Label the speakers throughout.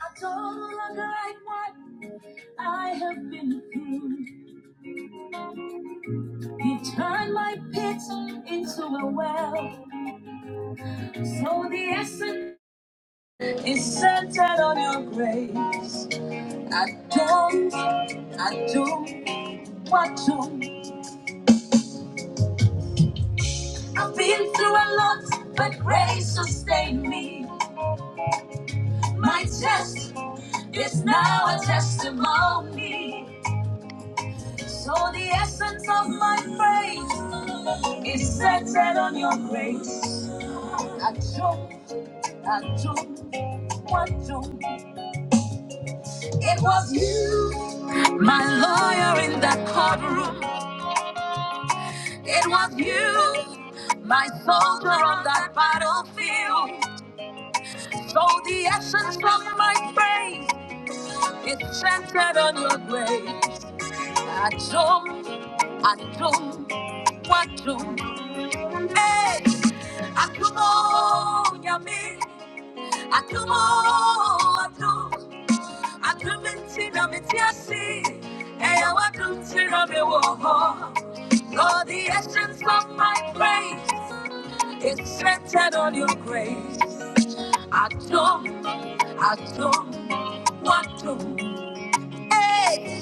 Speaker 1: I don't longer like what I have been through. He turned my pit into a well. So the essence is centered on your grace. I don't, I don't, what to. I've been through a lot, but grace sustained me. My test is now a testimony. So the essence of my praise is centered on your grace. I don't. I don't want to. It was you, my lawyer in that courtroom. It was you, my soldier on that battlefield. So the essence of my praise is centered on your grace. I don't, I don't want to. Hey, I come on, yummy. I come on, I do. I come and see them in Tiasi, and I come see them in Woho. Lord, the essence of my praise is centered on your grace. I I don't, I don't want to. Hey,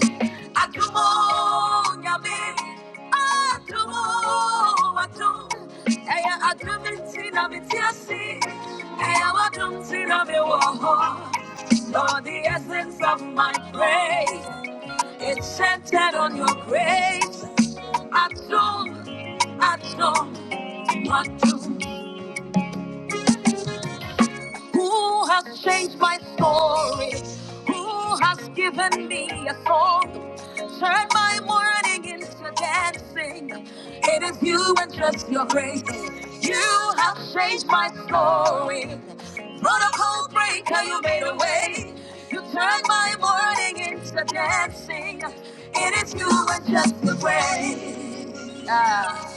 Speaker 1: Atumo, Yami, Atumo, Atum, Aya Atum, Tina, Mitiasi, Aya Atum, Tina, Bewaho. Lord, the essence of my praise, it's centered on your grace. Atum, Atum, Atum. Who has changed my story? Who has given me a song? Turn my mourning into dancing. It is you and just your grace. You have changed my story. Protocol breaker, you made a way. You turned my mourning into dancing. It is you and just your grace. Ah.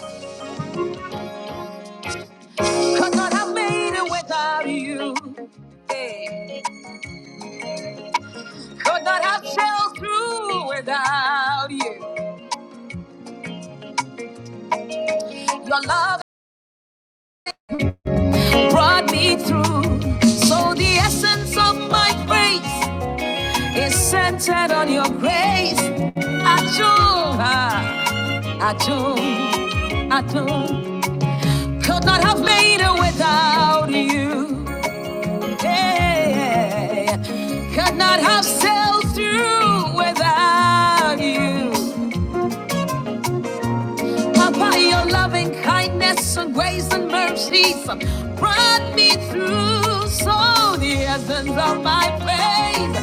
Speaker 1: 'Cause God, I made it without you. Hey. Could not have sailed through without you. Your love brought me through. So the essence of my grace is centered on your grace. Achoo, ah, achoo, achoo. Could not have made it without you. Yeah. Could not have sailed through without you. By your loving kindness and grace and mercies brought me through. So the essence of my faith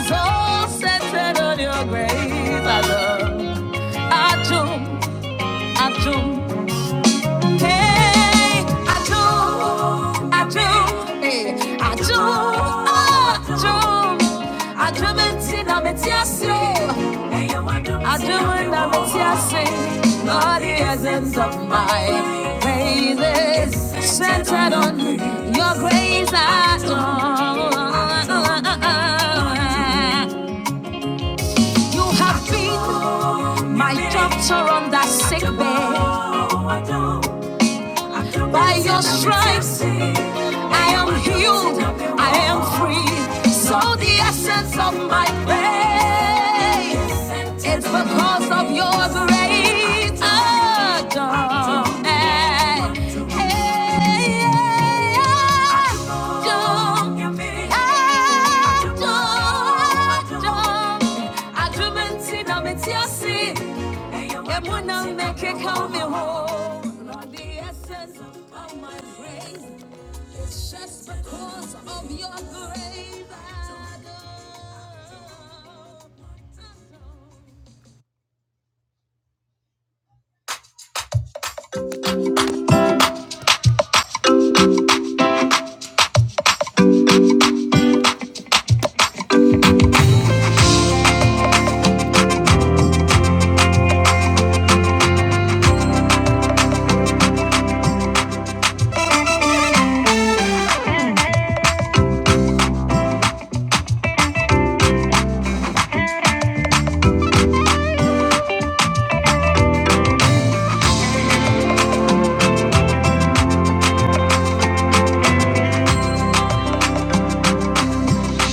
Speaker 1: is all centered on your grace. I love. I do. I do. Hey, I do, I do, hey, I do, oh, I do, I do it in a metiasi. Hey, I do it in a metiasi. Lord, the essence of my praises centered on your grace alone. You have been my doctor on that sick bed. By your stripes, I am healed. I am free. So the essence of my faith is because of your great Adore. Adore. It would not make it come me whole. Lord, the essence of my praise is just because of your grace. I go.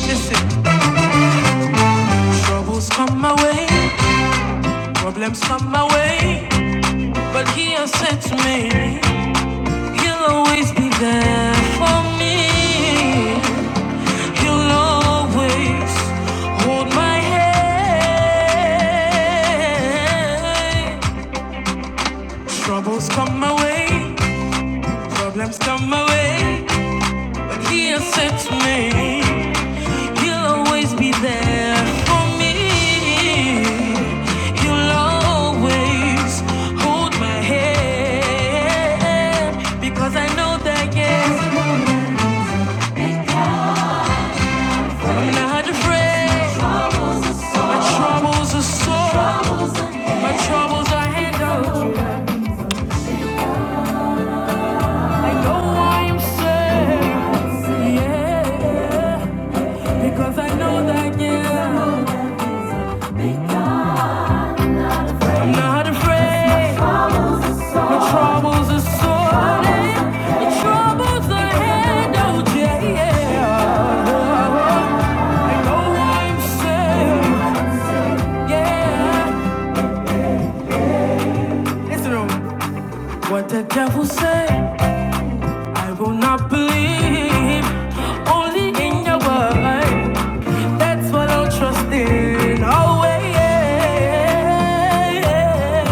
Speaker 1: Listen, troubles come my way, problems come my way, but He has said to me, He'll always be there for me. He'll always hold my hand. Troubles come my way, problems come my way, but he has said to me, he'll always be there for me. He'll always hold my head because I know that yes, I'm not afraid. My troubles are so, my troubles are handled. I know I am safe. Yeah. Because I know that, yeah, I'm not afraid. The troubles are sorted. The troubles are handled, yeah, yeah. Oh, oh, I'm safe, yeah. Listen to me. what the devil say. I will not believe only in your word. That's what I'll trust in. Oh, yeah, yeah.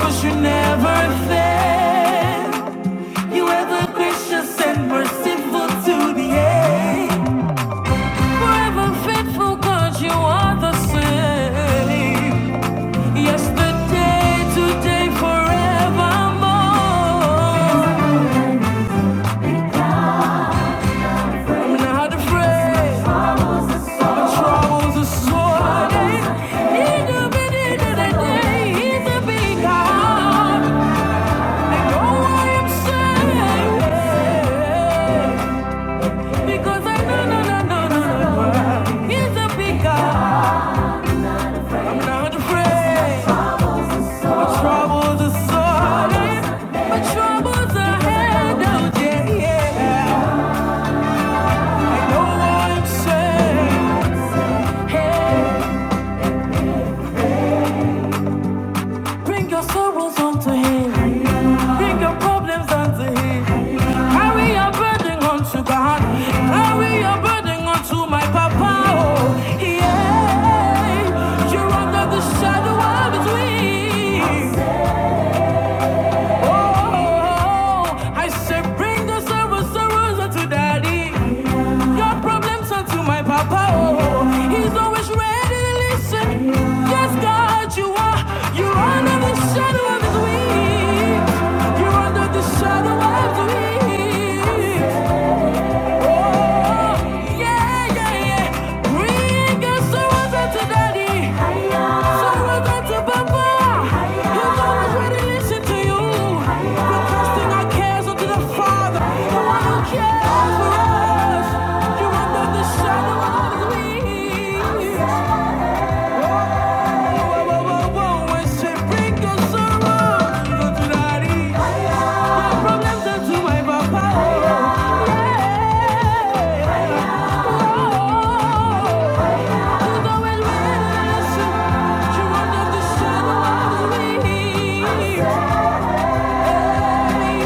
Speaker 1: Cause you never fail. You ever gracious and merciful to the end. Forever faithful, God, you are the same. Yesterday, today, forevermore. I'm not afraid. Bring your sorrows unto him. Bring your problems unto him. Carry your burden unto God. Carry your burden unto my Papa. Oh, yeah. You're under the shadow of His wings. Oh, I say bring the sorrows, sorrows unto daddy. Your problems are my papa. Oh, he's always ready to listen. Yes, God, you are. You're under the shadow of his wings. You're under the shadow of his wings. Yeah, yeah, yeah. Bring your sorrows unto daddy. Sorrows unto papa. He's always ready to listen to you. We're casting our cares unto the Father, the one who cares for us. You are not the shadow of me.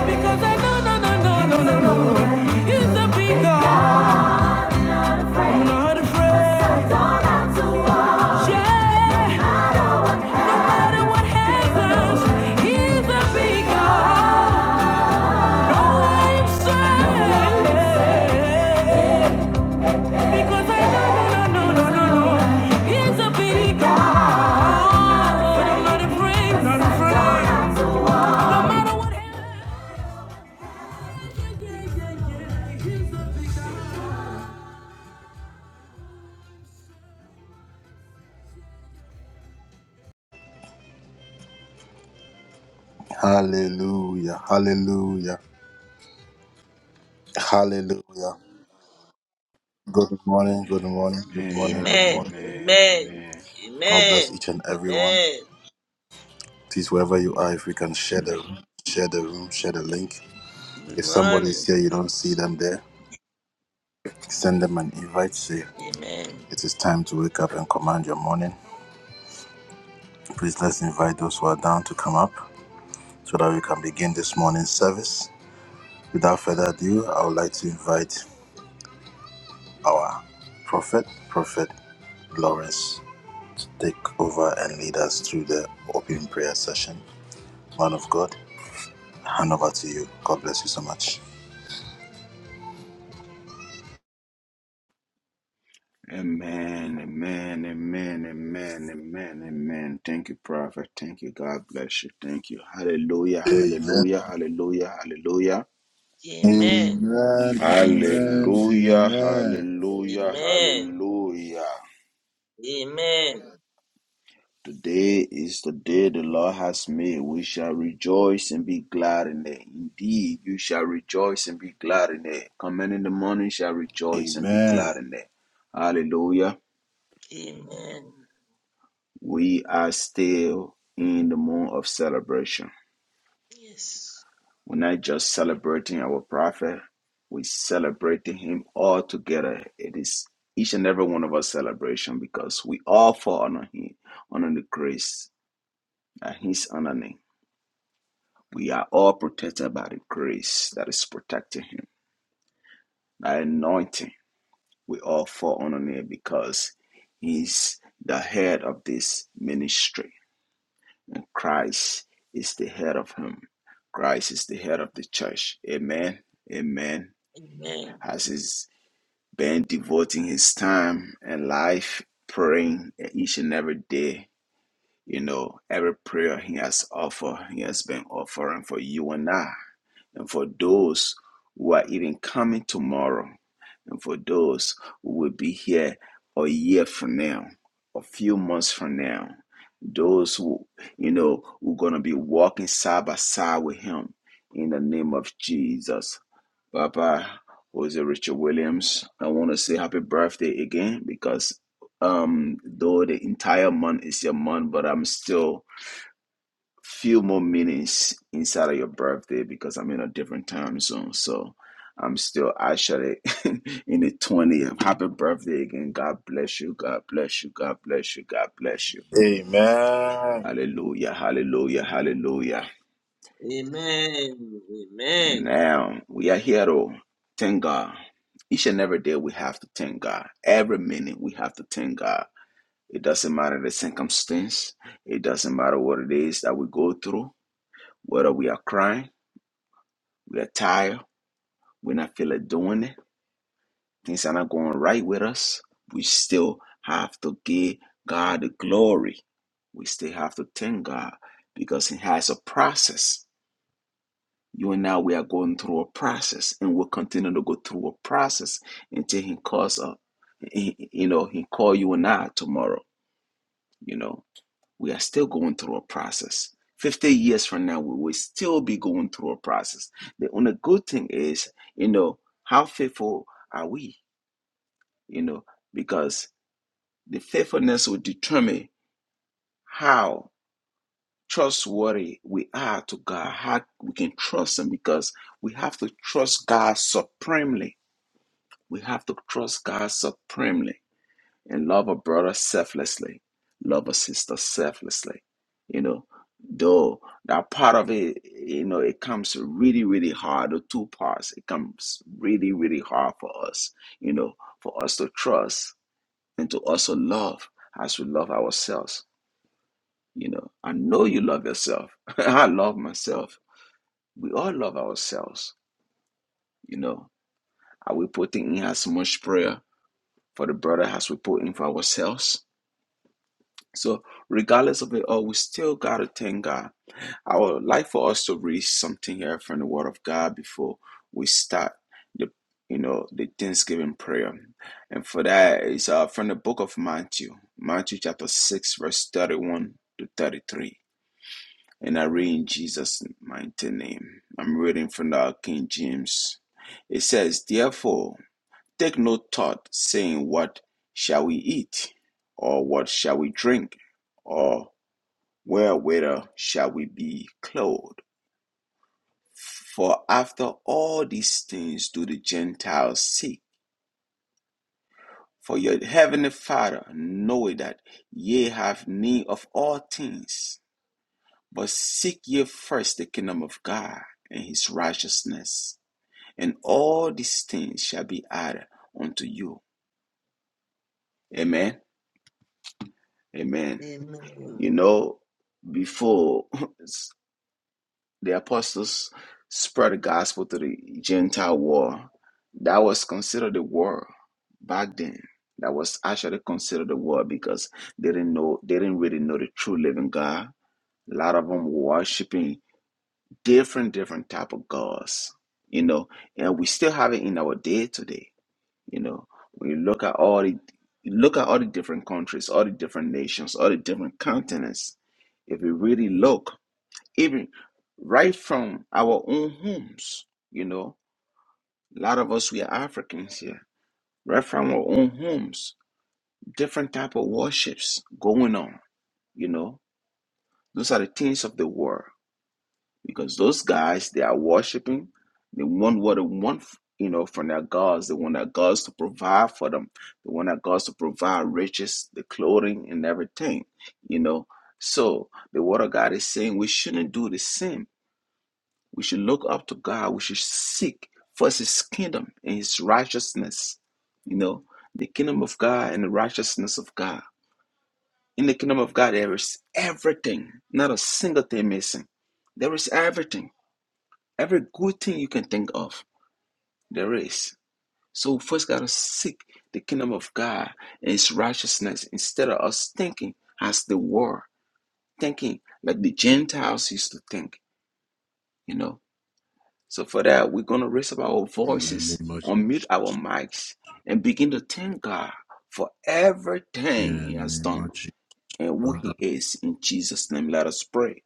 Speaker 1: Because I know, no, no, no, no, no, no, he's the big God. Yeah. No No, no, no, no, no, no. No
Speaker 2: Amen,
Speaker 3: Amen.
Speaker 2: amen,
Speaker 3: Amen.
Speaker 2: amen.
Speaker 3: Amen. Amen. Good morning. Amen.
Speaker 2: Amen, amen, amen, amen, amen, amen. Thank you, Prophet. Thank you. God bless you. Thank you. Hallelujah, hallelujah, hallelujah, hallelujah.
Speaker 3: Amen. Amen.
Speaker 2: Hallelujah, hallelujah,
Speaker 3: Amen.
Speaker 2: hallelujah.
Speaker 3: Amen.
Speaker 2: Today is the day the Lord has made. We shall rejoice and be glad in it. Indeed, you shall rejoice and be glad in it. Come in in the morning, shall rejoice and be glad in it. Hallelujah.
Speaker 3: Amen.
Speaker 2: we are still in the month of celebration.
Speaker 3: Yes.
Speaker 2: We're not just celebrating our prophet, we're celebrating him all together. It is each and every one of us celebration because we all fall under him, under the grace that he's under name. We are all protected by the grace that is protecting him. That anointing, we all fall under it because he's the head of this ministry. And Christ is the head of him. Christ is the head of the church. Amen. Amen.
Speaker 3: Amen.
Speaker 2: Has he's been devoting his time and life praying each and every day. You know, every prayer he has offered, he has been offering for you and I and for those who are even coming tomorrow, and for those who will be here a year from now, a few months from now, those who, you know, who are going to be walking side by side with Him in the name of Jesus. Papa, Jose Richard Williams, I want to say happy birthday again because um though the entire month is your month but i'm still few more minutes inside of your birthday because I'm in a different time zone. So I'm still actually in the 20th. Happy birthday again. God bless you. God bless you. God bless you. God bless you. Hallelujah. Hallelujah. Hallelujah.
Speaker 3: Amen. Amen.
Speaker 2: Now we are here to thank God. Each and every day we have to thank God. Every minute we have to thank God. It doesn't matter the circumstance. It doesn't matter what it is that we go through, whether we are crying, we are tired We're not feeling doing it. Things are not going right with us. We still have to give God the glory. We still have to thank God because He has a process. You and I, we are going through a process, and we'll continue to go through a process until He calls us. He- You know, He call you and I tomorrow. You know, we are still going through a process. Fifty years from now, we will still be going through a process. The only good thing is, you know, how faithful are we? you know, because the faithfulness will determine how trustworthy we are to God, how we can trust Him, because we have to trust God supremely. We have to trust God supremely and love a brother selflessly, love a sister selflessly, you know. Though that part of it, you know, it comes really, really hard. The two parts, it comes really, really hard for us, you know, for us to trust and to also love as we love ourselves. You know, I know you love yourself. I love myself. We all love ourselves. You know, are we putting in as much prayer for the brother as we put in for ourselves? So, regardless of it all, we still got to thank God I would like for us to read something here from the Word of God before we start the you know the Thanksgiving prayer, and for that is uh, from the book of Matthew, Matthew chapter six, verse thirty-one to thirty-three, and I read in Jesus' mighty name. I'm reading from the King James. It says, "Therefore, take no thought, saying, What shall we eat, or what shall we drink, or wherewithal shall we be clothed?" For after all these things do the Gentiles seek. For your heavenly Father knoweth that ye have need of all things. But seek ye first the kingdom of God and his righteousness, and all these things shall be added unto you. Amen. Amen. You
Speaker 3: Amen.
Speaker 2: know, before The apostles spread the gospel to the Gentile world. That was considered the world back then. That was actually considered the world because they didn't know they didn't really know the true living God. A lot of them were worshiping different different type of gods, you know, and we still have it in our day today. You know, when you look at all the you look at all the different countries, all the different nations, all the different continents. If you really look, even right from our own homes. You know, a lot of us we are Africans here, right from our own homes. Different type of worships going on. You know, those are the things of the world because those guys they are worshiping. They want what they want. You know, from their gods, they want their gods to provide for them. They want their gods to provide riches, the clothing, and everything. You know, so the word of God is saying we shouldn't do the same We should look up to God. We should seek first His kingdom and His righteousness. You know, the kingdom of God and the righteousness of God. In the kingdom of God, there is everything, not a single thing missing. There is everything, every good thing you can think of. There is. So, we first got to seek the kingdom of God and His righteousness instead of us thinking as the world, thinking like the Gentiles used to think, you know. So for that, we're going to raise up our voices, unmute our mics, and begin to thank God for everything He has done and who He is. In Jesus' name, let us pray.